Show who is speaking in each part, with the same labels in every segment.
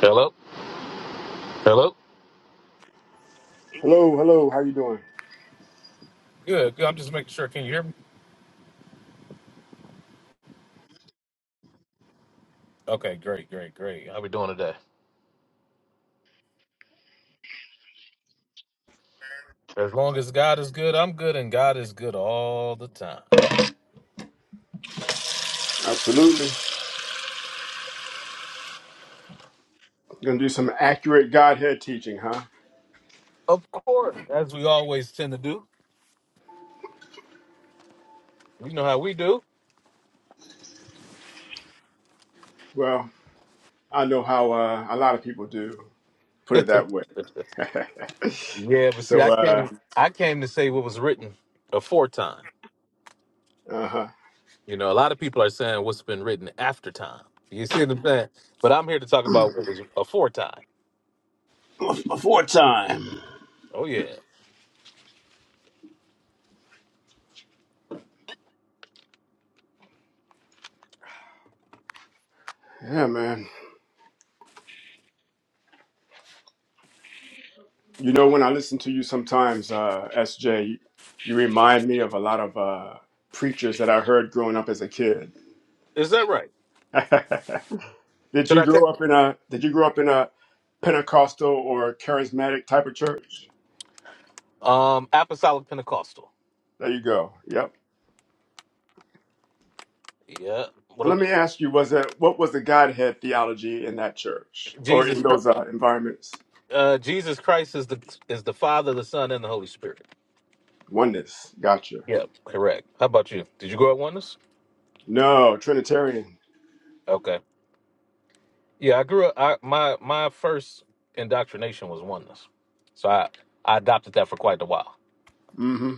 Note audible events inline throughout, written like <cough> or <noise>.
Speaker 1: Hello? Hello?
Speaker 2: Hello, hello. How you doing?
Speaker 1: Good. good. I'm just making sure. Can you hear me? Okay, great, great, great. How we doing today? As long as God is good, I'm good, and God is good all the time.
Speaker 2: Absolutely. Gonna do some accurate Godhead teaching, huh?
Speaker 1: Of course. As we always tend to do. You know how we do.
Speaker 2: Well, I know how uh, a lot of people do.
Speaker 1: <laughs>
Speaker 2: Put
Speaker 1: yeah,
Speaker 2: it that way. <laughs>
Speaker 1: but see,
Speaker 2: so,
Speaker 1: I came
Speaker 2: uh,
Speaker 1: I came to say what was written afore time.
Speaker 2: uh-huh.
Speaker 1: You know, a lot of people are saying what's been written after time. You see what I'm saying? But I'm here to talk about what was afore time.
Speaker 2: Before time.
Speaker 1: Oh yeah.
Speaker 2: yeah, man. You know, when I listen to you sometimes, uh, SJ, you, remind me of a lot of uh, preachers that I heard growing up as a kid.
Speaker 1: Is that right?
Speaker 2: <laughs> did
Speaker 1: Should
Speaker 2: you
Speaker 1: I take
Speaker 2: grow up in a Did you grow up in a Pentecostal or charismatic type of church?
Speaker 1: um apostolic Pentecostal?
Speaker 2: There you go. Yep.
Speaker 1: Yeah.
Speaker 2: So let
Speaker 1: What?
Speaker 2: me ask you: Was it what was the Godhead theology in that church or in
Speaker 1: Jesus, Chr-
Speaker 2: those uh, environments?
Speaker 1: uh, Jesus Christ is the is the Father, the Son, and the Holy Spirit.
Speaker 2: Oneness. Gotcha.
Speaker 1: Yeah, correct. How about you? Did you grow up oneness?
Speaker 2: No, Trinitarian.
Speaker 1: Okay. Yeah, I grew up. I, my my first indoctrination was oneness, so I I adopted that for quite a while.
Speaker 2: Mm-hmm.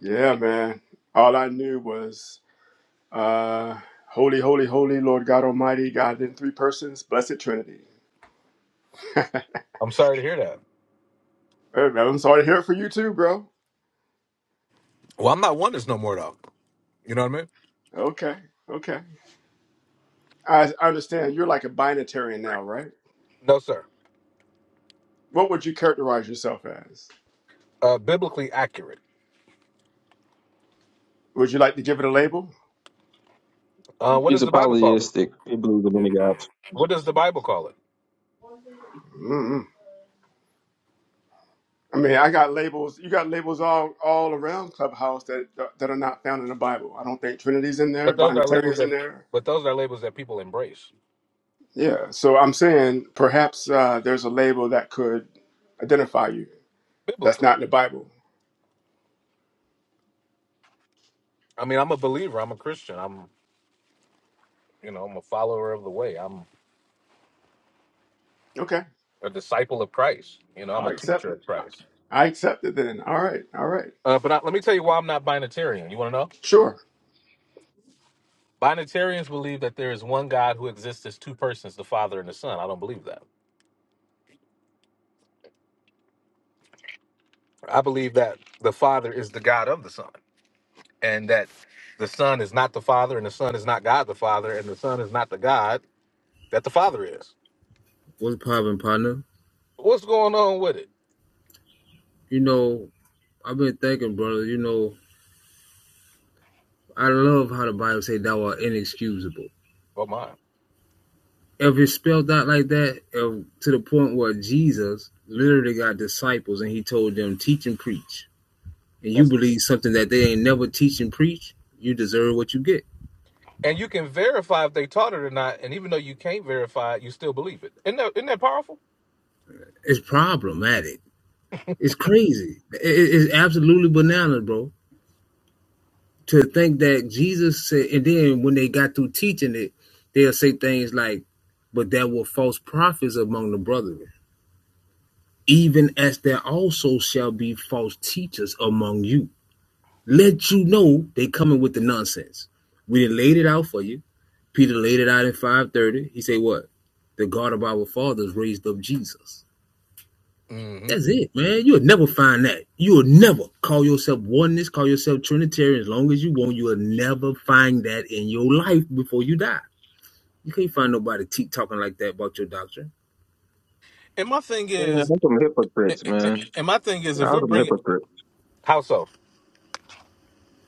Speaker 2: Yeah, man. All I knew was uh, holy, holy, holy, Lord God Almighty, God in three persons, blessed Trinity.
Speaker 1: I'm sorry to hear that.
Speaker 2: Hey, man, I'm sorry to hear it for you too, bro.
Speaker 1: Well, I'm not oneness no more though. You know what I mean?
Speaker 2: Okay, okay. I, I understand. You're like a binitarian now, right?
Speaker 1: No, sir.
Speaker 2: What would you characterize yourself as?
Speaker 1: Uh, biblically accurate.
Speaker 2: Would you like to give it a label?
Speaker 1: Uh, what
Speaker 3: He's
Speaker 1: does the Bible call it?
Speaker 3: apologistic. He believes in many gods.
Speaker 1: What does the Bible call it?
Speaker 2: Mm I mean, I got labels. You got labels all all around Clubhouse that that are not found in the Bible. I don't think Trinity's in there,
Speaker 1: But those are labels
Speaker 2: Binitarian's
Speaker 1: that,
Speaker 2: in there.
Speaker 1: but those are labels that people embrace.
Speaker 2: Yeah. So I'm saying perhaps uh, there's a label that could identify you that's
Speaker 1: Biblical.
Speaker 2: not in the Bible.
Speaker 1: I mean, I'm a believer. I'm a Christian. You know, I'm a follower of the way. I'm
Speaker 2: Okay,
Speaker 1: a disciple of Christ. You know, I'm
Speaker 2: I'll
Speaker 1: a
Speaker 2: accept
Speaker 1: teacher
Speaker 2: it.
Speaker 1: of Christ.
Speaker 2: I accept it then. All right. All right.
Speaker 1: Uh, but I, let me tell you why I'm not binitarian. You want to know?
Speaker 2: Sure.
Speaker 1: Binitarians believe that there is one God who exists as two persons, the Father and the Son. I don't believe that. I believe that the Father is the God of the Son, and that the Son is not the Father, and the Son is not God the Father, and the Son is not the God that the Father is.
Speaker 4: What's poppin', partner?
Speaker 1: What's going on with it?
Speaker 4: You know, I've been thinking, brother. You know, I love how the Bible say thou art inexcusable.
Speaker 1: Well, mine.
Speaker 4: If it's spelled out like that, if, to the point where Jesus literally got disciples and he told them, teach and preach, and you
Speaker 1: That's
Speaker 4: believe something that they ain't never teach and preach, you deserve what you get.
Speaker 1: and you can verify if they taught it or not. And even though you can't verify it, you still believe it. Isn't that, isn't that powerful?
Speaker 4: It's problematic. It's crazy. It- it's absolutely bananas, bro. to think that Jesus said, and then when they got through teaching it, they'll say things like, But there were false prophets among the brethren, even as there also shall be false teachers among you. Let you know they coming with the nonsense. We done laid it out for you. Peter laid it out in 530. He said, What? The God of our fathers raised up Jesus.
Speaker 1: Mm-hmm.
Speaker 4: That's it, man. You'll never find that. You'll never call yourself oneness, call yourself Trinitarian as long as you want. You'll never find that in your life before you die. You can't find nobody te- talking like that about your doctrine.
Speaker 1: And my thing
Speaker 3: Man,
Speaker 1: is,
Speaker 3: I'm some hypocrites, man.
Speaker 1: and my thing is, if
Speaker 3: I'm
Speaker 1: we're
Speaker 3: some
Speaker 1: bringing
Speaker 3: hypocrite.
Speaker 1: how so?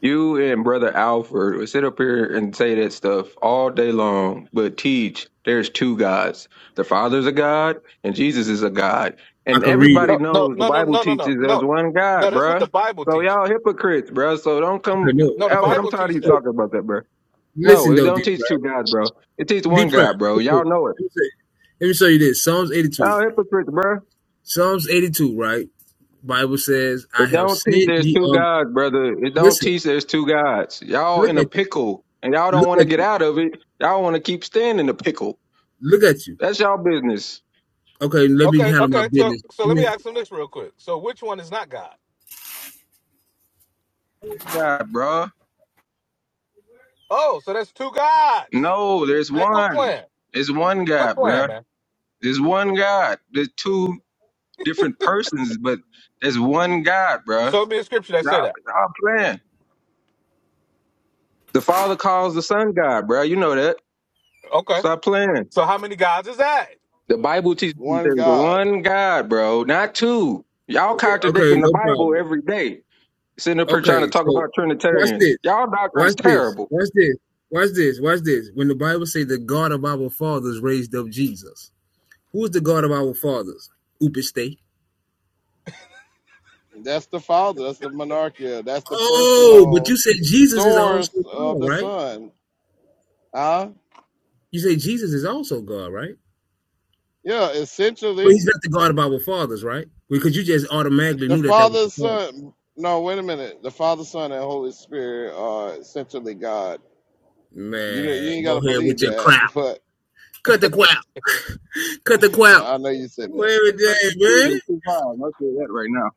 Speaker 3: You and Brother Alfred would sit up here and say that stuff all day long, but teach there's two gods. The Father's a God and Jesus is a God.
Speaker 4: I
Speaker 3: And
Speaker 4: can read it.
Speaker 3: everybody
Speaker 1: No, no,
Speaker 3: knows the
Speaker 1: no, no,
Speaker 3: Bible
Speaker 1: no, no, no, no.
Speaker 3: teaches there's one
Speaker 1: No,
Speaker 3: God,
Speaker 1: that's what the
Speaker 3: bruh.
Speaker 1: Bible
Speaker 3: So
Speaker 1: teaches.
Speaker 3: y'all hypocrites, bruh. So don't
Speaker 4: Okay, no.
Speaker 3: come
Speaker 1: No, the
Speaker 3: Alfred,
Speaker 4: So,
Speaker 3: I'm
Speaker 1: Bible
Speaker 3: tired of
Speaker 1: teaches
Speaker 3: you
Speaker 4: so
Speaker 1: that.
Speaker 3: talking about that, bruh. No,
Speaker 4: listen
Speaker 3: it
Speaker 4: though,
Speaker 3: don't
Speaker 4: deep
Speaker 3: teach two
Speaker 4: right,
Speaker 3: gods, bro. It teaches one
Speaker 4: deep right.
Speaker 3: God,
Speaker 4: Let
Speaker 3: bro.
Speaker 4: me, show
Speaker 3: Y'all know it.
Speaker 4: let, me show you, let me show you this. Psalms eighty-two.
Speaker 3: Y'all hypocrites, bruh.
Speaker 4: Psalms eighty-two. Right. Bible says, "I
Speaker 3: It
Speaker 4: have
Speaker 3: don't teach
Speaker 4: sent
Speaker 3: there's
Speaker 4: ye."
Speaker 3: two
Speaker 4: Of,
Speaker 3: gods, brother. It don't
Speaker 4: listen.
Speaker 3: teach there's two gods. Y'all
Speaker 4: Look
Speaker 3: in a
Speaker 4: at you.
Speaker 3: pickle, and y'all don't
Speaker 4: Look
Speaker 3: want to
Speaker 4: at
Speaker 3: get
Speaker 4: you.
Speaker 3: out of it. Y'all want to keep staying in the pickle.
Speaker 4: Look at you.
Speaker 3: That's y'all business.
Speaker 4: Okay. Let me
Speaker 1: Okay,
Speaker 4: handle my
Speaker 1: okay. So,
Speaker 4: business.
Speaker 1: so
Speaker 4: Let
Speaker 1: let me
Speaker 4: me
Speaker 1: ask them this real quick. So, which one is not God?
Speaker 3: One God, bruh.
Speaker 1: Oh, so that's two gods.
Speaker 3: No, there's
Speaker 1: Man, quit
Speaker 3: one.
Speaker 1: playing.
Speaker 3: There's one
Speaker 1: Quit
Speaker 3: God,
Speaker 1: playing,
Speaker 3: bruh.
Speaker 1: man.
Speaker 3: There's one God. There's two different persons, but there's one God, bruh.
Speaker 1: Show me a scripture that
Speaker 3: Y'all,
Speaker 1: say that.
Speaker 3: y'all playing. The Father calls the Son God, bruh. You know that.
Speaker 1: Okay.
Speaker 3: Stop playing.
Speaker 1: So, how many gods is that?
Speaker 3: The Bible teaches
Speaker 5: one
Speaker 3: there's
Speaker 5: God.
Speaker 3: one God, bro, not two. Y'all
Speaker 4: Okay,
Speaker 3: contradicting the
Speaker 4: no
Speaker 3: Bible
Speaker 4: problem.
Speaker 3: every day. Sitting up here trying to
Speaker 4: Okay,
Speaker 3: talk
Speaker 4: so
Speaker 3: about
Speaker 4: watch
Speaker 3: Trinitarians.
Speaker 4: this.
Speaker 3: Y'all doctrine is
Speaker 4: Watch this.
Speaker 3: terrible.
Speaker 4: Watch this. Watch this. Watch this. When the Bible say the God of our fathers raised up Jesus, who is the God of our fathers? Upiste.
Speaker 5: That's the Father. That's the monarchia. That's the
Speaker 4: Oh, but
Speaker 5: personal
Speaker 4: you said Jesus is
Speaker 5: source
Speaker 4: also
Speaker 5: of
Speaker 4: God,
Speaker 5: the
Speaker 4: right?
Speaker 5: Son. Huh?
Speaker 4: You say Jesus is also God, right?
Speaker 5: Yeah,
Speaker 4: But he's
Speaker 5: essentially,
Speaker 4: not the God of our fathers, right? Because you just automatically
Speaker 5: the
Speaker 4: knew that that was
Speaker 5: Father,
Speaker 4: the Father.
Speaker 5: Son. No, wait a minute. The Father, Son, and Holy Spirit are essentially God. You don't- you
Speaker 4: Man,
Speaker 5: ain't gotta
Speaker 4: go ahead
Speaker 5: believe
Speaker 4: with your
Speaker 5: that,
Speaker 4: crap.
Speaker 5: <laughs> but
Speaker 4: Cut the crap. Cut the crap.
Speaker 5: I know you said that.
Speaker 4: Every
Speaker 3: That's better
Speaker 4: day,
Speaker 3: than believing
Speaker 4: man.
Speaker 3: in two gods. I'll say that right now.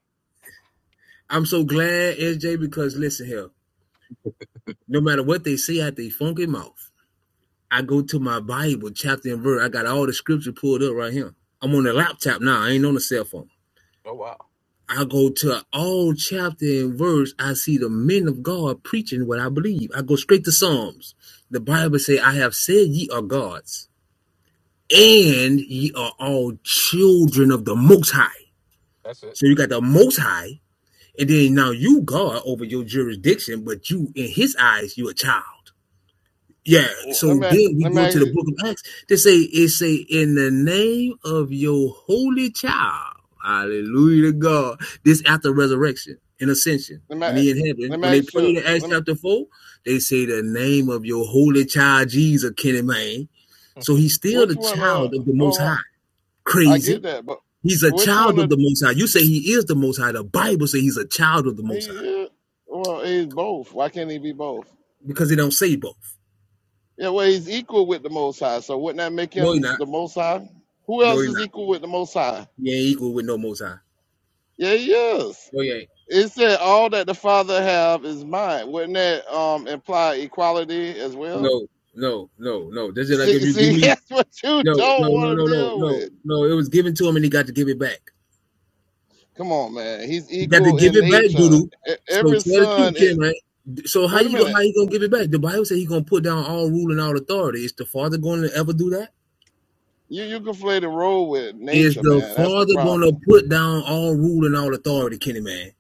Speaker 4: I'm so glad, SJ, because listen here. No matter what they say out their funky mouth, I go to my Bible chapter and verse. I got all the scripture pulled up right here. I'm on the laptop now. I ain't on the cell phone.
Speaker 1: Oh wow,
Speaker 4: I go to all chapter and verse. I see the men of God preaching what I believe. I go straight to Psalms. The Bible say, "I have said ye are gods, and ye are all children of the Most High."
Speaker 1: that's it.
Speaker 4: So you got the Most High, and then now you God over your jurisdiction, but you in His eyes you a child. Yeah.
Speaker 5: Well,
Speaker 4: So
Speaker 5: Let me
Speaker 4: then we
Speaker 5: let me
Speaker 4: go to the book of Acts They say it say in the name of your holy child. Hallelujah to God. This after resurrection and ascension.
Speaker 5: let
Speaker 4: When
Speaker 5: me
Speaker 4: he in heaven,
Speaker 5: let me
Speaker 4: when they
Speaker 5: ask you.
Speaker 4: prayed in Acts
Speaker 5: Let me,
Speaker 4: chapter four, they say the name of your holy child Jesus, Kenny Man. So
Speaker 1: <laughs>
Speaker 4: he's still
Speaker 5: which
Speaker 4: the
Speaker 5: one? Uh,
Speaker 4: child of the most high.
Speaker 5: oh, I get
Speaker 4: Crazy.
Speaker 5: that, but
Speaker 4: He's a
Speaker 5: which one?
Speaker 4: child of
Speaker 5: Of,
Speaker 4: the most high. You say he is the most high. The Bible says he's a child of the most high.
Speaker 5: he? uh, Well, he's both. Why can't he be both?
Speaker 4: Because it don't say both.
Speaker 5: Yeah, well, he's equal with the Most High, so wouldn't that make
Speaker 4: No, he
Speaker 5: him
Speaker 4: not.
Speaker 5: the Most High? Who
Speaker 4: No,
Speaker 5: else
Speaker 4: he
Speaker 5: is
Speaker 4: not.
Speaker 5: equal with the Most High?
Speaker 4: He ain't equal with no most high.
Speaker 5: Yeah, he is.
Speaker 4: No, he ain't.
Speaker 5: It said all that the Father have is mine. Wouldn't that um, imply equality as well?
Speaker 4: No, no, no, no. That's it. Like
Speaker 5: See,
Speaker 4: if you
Speaker 5: see,
Speaker 4: give
Speaker 5: <laughs>
Speaker 4: me
Speaker 5: that's what you
Speaker 4: no, no,
Speaker 5: don't
Speaker 4: no,
Speaker 5: want
Speaker 4: no,
Speaker 5: to
Speaker 4: no,
Speaker 5: deal
Speaker 4: no,
Speaker 5: with.
Speaker 4: no. It was given to him, and he got to give it back.
Speaker 5: Come on, man. He's
Speaker 4: He got to
Speaker 5: equal
Speaker 4: give
Speaker 5: in
Speaker 4: it back,
Speaker 5: nature.
Speaker 4: doodle.
Speaker 5: E-
Speaker 4: So
Speaker 5: Every
Speaker 4: tell the
Speaker 5: son
Speaker 4: truth,
Speaker 5: is.
Speaker 4: Ken. Right. So how
Speaker 5: Wait a
Speaker 4: you go?
Speaker 5: minute.
Speaker 4: How you gonna give it back? The Bible says he gonna put down all rule and all authority. Is the Father going to ever do that?
Speaker 5: You you conflated role with
Speaker 4: Is
Speaker 5: nature,
Speaker 4: the
Speaker 5: man. That's the
Speaker 4: Father gonna
Speaker 5: problem.
Speaker 4: put down all rule and all authority, Kenny man?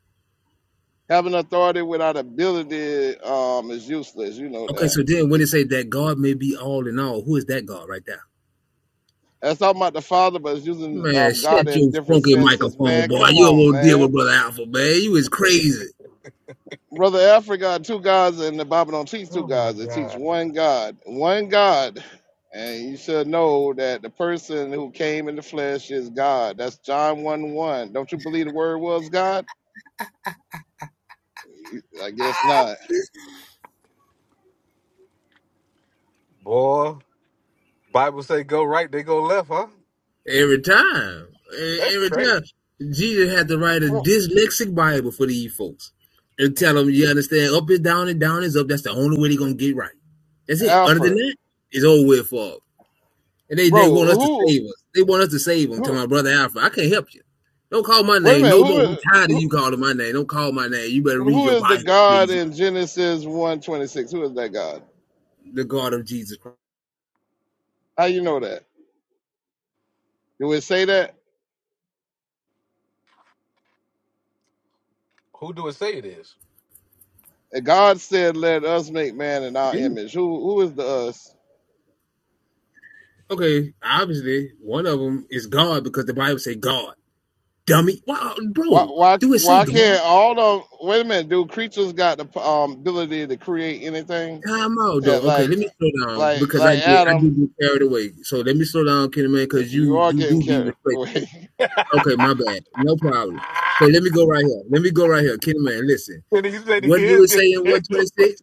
Speaker 5: Having authority without ability um, is useless. You know
Speaker 4: Okay,
Speaker 5: that.
Speaker 4: so then when it say that God may be all in all, who is that God right there?
Speaker 5: That's talking about the Father, but it's using
Speaker 4: Man,
Speaker 5: um, God
Speaker 4: shut your
Speaker 5: in different
Speaker 4: funky
Speaker 5: senses.
Speaker 4: microphone,
Speaker 5: Man,
Speaker 4: boy.
Speaker 5: come
Speaker 4: You
Speaker 5: on,
Speaker 4: won't deal
Speaker 5: man.
Speaker 4: with Brother Alpha, man. You is crazy.
Speaker 5: Brother Alfred got two gods, and the Bible don't teach two
Speaker 1: oh my
Speaker 5: gods. It teach
Speaker 1: God,
Speaker 5: one God, one God. And you should know that the person who came in the flesh is God. That's John 1 1. Don't you believe the word was God? I guess not.
Speaker 1: boy. Bible say go right, they go left, huh?
Speaker 4: Every time. E-
Speaker 1: That's
Speaker 4: Every
Speaker 1: crazy.
Speaker 4: time. Jesus had to write a
Speaker 5: Who-
Speaker 4: dyslexic Bible for these folks and tell them, you understand, up is down and down is up. That's the only way they're going to get right. That's it. Other than
Speaker 5: Alfred,
Speaker 4: that, it's over with for 'em. And they, they
Speaker 5: bro,
Speaker 4: want us to
Speaker 5: who,
Speaker 4: save us. They want us to save them. Tell
Speaker 5: who,
Speaker 4: my brother Alpha, I can't help you. Don't call my
Speaker 5: wait a
Speaker 4: name
Speaker 5: minute,
Speaker 4: no more. I'm tired
Speaker 5: who,
Speaker 4: of you calling my name. Don't call my name. You better
Speaker 5: who,
Speaker 4: read
Speaker 5: who
Speaker 4: your
Speaker 5: is the
Speaker 4: Bible,
Speaker 5: God
Speaker 4: crazy.
Speaker 5: in Genesis 1 twenty six? Who is that God?
Speaker 4: The God of Jesus Christ.
Speaker 5: How you know that? Do it say that?
Speaker 1: Who do it say it is?
Speaker 5: And God said, "Let us make man in our
Speaker 4: Yeah.
Speaker 5: image." Who who is the us?
Speaker 4: Okay, obviously, one of them is God because the Bible say God. Dummy. Wow,
Speaker 5: Why
Speaker 4: bro,
Speaker 5: why
Speaker 4: do it say
Speaker 5: why
Speaker 4: God?
Speaker 5: can't all the wait a minute? Do creatures got the um, ability to create anything?
Speaker 4: Time out
Speaker 5: Yeah,
Speaker 4: though. Okay,
Speaker 5: like
Speaker 4: let me slow down
Speaker 5: like
Speaker 4: because I
Speaker 5: like
Speaker 4: get I do
Speaker 5: Adam,
Speaker 4: get carried away. So let me slow down, Kenny man, because
Speaker 5: you
Speaker 4: you
Speaker 5: are
Speaker 4: you
Speaker 5: getting
Speaker 4: do be
Speaker 5: carried
Speaker 4: respectful.
Speaker 5: away. <laughs>
Speaker 4: Okay, my
Speaker 1: <laughs>
Speaker 4: bad. No problem. So
Speaker 1: Ah!
Speaker 4: let me go right here. Let me go right here, Kenny man. Listen,
Speaker 1: And he said he
Speaker 4: what do
Speaker 1: is
Speaker 4: it say
Speaker 1: getting
Speaker 4: in
Speaker 1: carried
Speaker 4: one twenty
Speaker 1: away.
Speaker 4: six?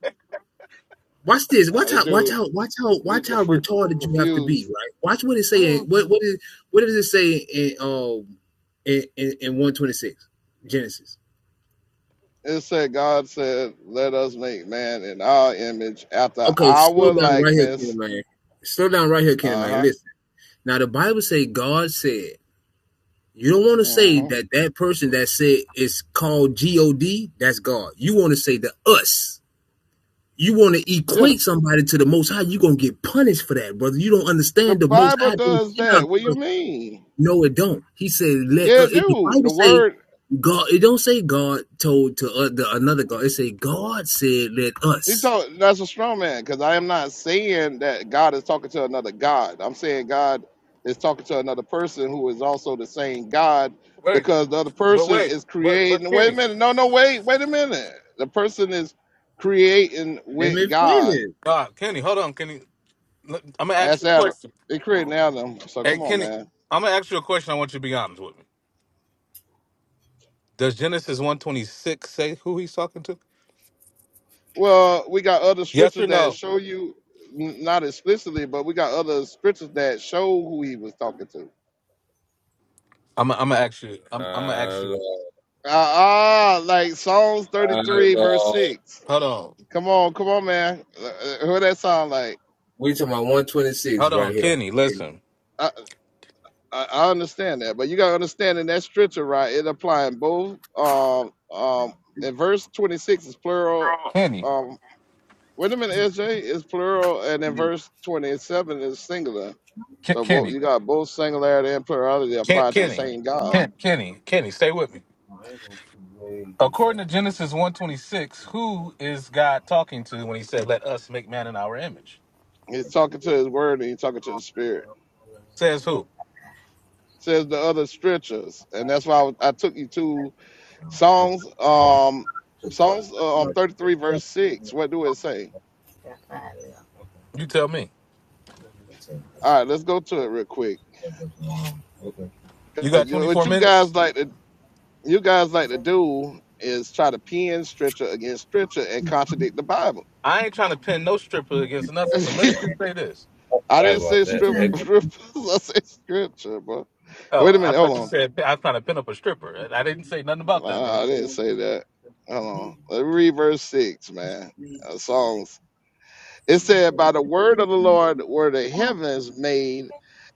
Speaker 4: Watch this.
Speaker 5: Nah,
Speaker 4: Watch
Speaker 5: the
Speaker 4: how watch
Speaker 5: dude
Speaker 4: how watch how watch
Speaker 5: dude
Speaker 4: how
Speaker 5: confr-
Speaker 4: retarded you have to
Speaker 1: Ooh.
Speaker 4: be.
Speaker 5: confused.
Speaker 4: Right. Watch what it say.
Speaker 1: Oh,
Speaker 4: In, what
Speaker 1: God.
Speaker 4: what is what does it say in um in in, in one twenty six Genesis?
Speaker 5: It said God said, "Let us make man in our image, after
Speaker 4: Okay,
Speaker 5: our
Speaker 4: slow down right here, Kenny
Speaker 5: likeness."
Speaker 4: man. Slow down right here, Kenny
Speaker 5: Uh
Speaker 4: man.
Speaker 5: huh.
Speaker 4: Listen. Now the Bible say God said. You don't want to say
Speaker 5: Mm-hmm.
Speaker 4: that that person that said it's called God, that's God. You want to say the us. You want to
Speaker 5: Yeah, the,
Speaker 4: equate somebody to the Most High. You're going to get punished for that, brother. You don't
Speaker 5: the
Speaker 4: understand the Most
Speaker 5: Bible
Speaker 4: High.
Speaker 5: does that. What do you mean?
Speaker 4: No, it don't. He said, let
Speaker 5: Yeah,
Speaker 4: uh,
Speaker 5: it
Speaker 4: it, the
Speaker 5: do. The
Speaker 4: Bible say
Speaker 5: word
Speaker 4: God. It don't say God told to uh, the, another God. It say God said, let
Speaker 5: He
Speaker 4: us.
Speaker 5: told that's a strong man because I am not saying that God is talking to another God. I'm saying God is talking to another person who is also the same God
Speaker 1: <laughs> Wait,
Speaker 5: because the other
Speaker 1: but
Speaker 5: person
Speaker 1: wait,
Speaker 5: is
Speaker 1: but but
Speaker 5: creating. Wait a
Speaker 1: Kenny,
Speaker 5: minute. No, no, wait, wait a minute. The person is creating
Speaker 4: Let
Speaker 5: with
Speaker 4: me
Speaker 5: God
Speaker 4: finish.
Speaker 1: uh, Kenny, hold on, Kenny. Look, I'm gonna ask
Speaker 5: as
Speaker 1: you a
Speaker 5: Adam.
Speaker 1: question.
Speaker 5: They creating Adam. So
Speaker 1: Hey,
Speaker 5: come on,
Speaker 1: Kenny,
Speaker 5: man.
Speaker 1: I'm gonna ask you a question. I want you to be honest with me. Does Genesis 126 say who he's talking to?
Speaker 5: Well, we got other
Speaker 1: Yes
Speaker 5: scriptures
Speaker 1: or
Speaker 5: that
Speaker 1: no?
Speaker 5: show you n- not explicitly, but we got other scriptures that show who he was talking to.
Speaker 1: I'm I'm gonna ask you. I'm I'm gonna
Speaker 4: Uh,
Speaker 1: ask you.
Speaker 4: Lord,
Speaker 5: Uh, Ah, uh, like Psalms
Speaker 4: uh,
Speaker 5: 33, verse
Speaker 4: Lord.
Speaker 5: 6.
Speaker 1: Hold on,
Speaker 5: Come on, come on, man. Uh, uh, Who that sound like?
Speaker 4: We talking about 126
Speaker 1: hold
Speaker 4: right
Speaker 1: on,
Speaker 4: here.
Speaker 1: Kenny. Listen,
Speaker 5: I, I, I understand that, but you gotta understand in that scripture, right? It applying both. Um, um, in verse 26 is plural.
Speaker 1: Kenny,
Speaker 5: Um, wait a minute, SJ is plural, and in verse 27 is singular.
Speaker 1: Ken,
Speaker 5: So both you
Speaker 1: Kenny,
Speaker 5: got both singularity and plurality
Speaker 1: Ken,
Speaker 5: applied to the
Speaker 1: Kenny,
Speaker 5: same God.
Speaker 1: Ken, Kenny, Kenny. Stay with me. According to Genesis 126, who is God talking to when he said, Let us make man in our image?
Speaker 5: He's talking to His Word and he's talking to the Spirit.
Speaker 1: Says
Speaker 4: Yeah.
Speaker 1: who?
Speaker 5: Says the other scriptures, and that's why I, was- I took you to.
Speaker 4: Oh,
Speaker 5: Songs,
Speaker 4: oh,
Speaker 5: um,
Speaker 4: two five.
Speaker 5: Songs uh, um, 33, verse
Speaker 4: Yeah.
Speaker 5: 6. What do
Speaker 4: Oh,
Speaker 5: it say?
Speaker 1: You tell me.
Speaker 5: All right, let's go to it real quick.
Speaker 4: Okay,
Speaker 1: You
Speaker 5: 'Cause
Speaker 1: got
Speaker 5: you- What
Speaker 1: 24
Speaker 5: you guys
Speaker 1: minutes?
Speaker 5: like to you guys like to do is try to pin scripture against scripture and contradict the Bible.
Speaker 1: I ain't trying to pin no stripper against
Speaker 5: <laughs>
Speaker 1: nothing, but let me
Speaker 5: I
Speaker 1: just say this.
Speaker 5: didn't say
Speaker 4: okay.
Speaker 5: strip, strip. <laughs> I said scripture, bro. Wait
Speaker 1: Oh,
Speaker 5: a
Speaker 1: I
Speaker 5: minute,
Speaker 1: thought
Speaker 5: hold
Speaker 1: you
Speaker 5: on.
Speaker 1: said I was trying to pin up a stripper. I I didn't say nothing about that, bro.
Speaker 5: Nah, I didn't say that. Hold on. Let me read verse six, man. Uh, Songs. It said, By the word of the Lord were the heavens made,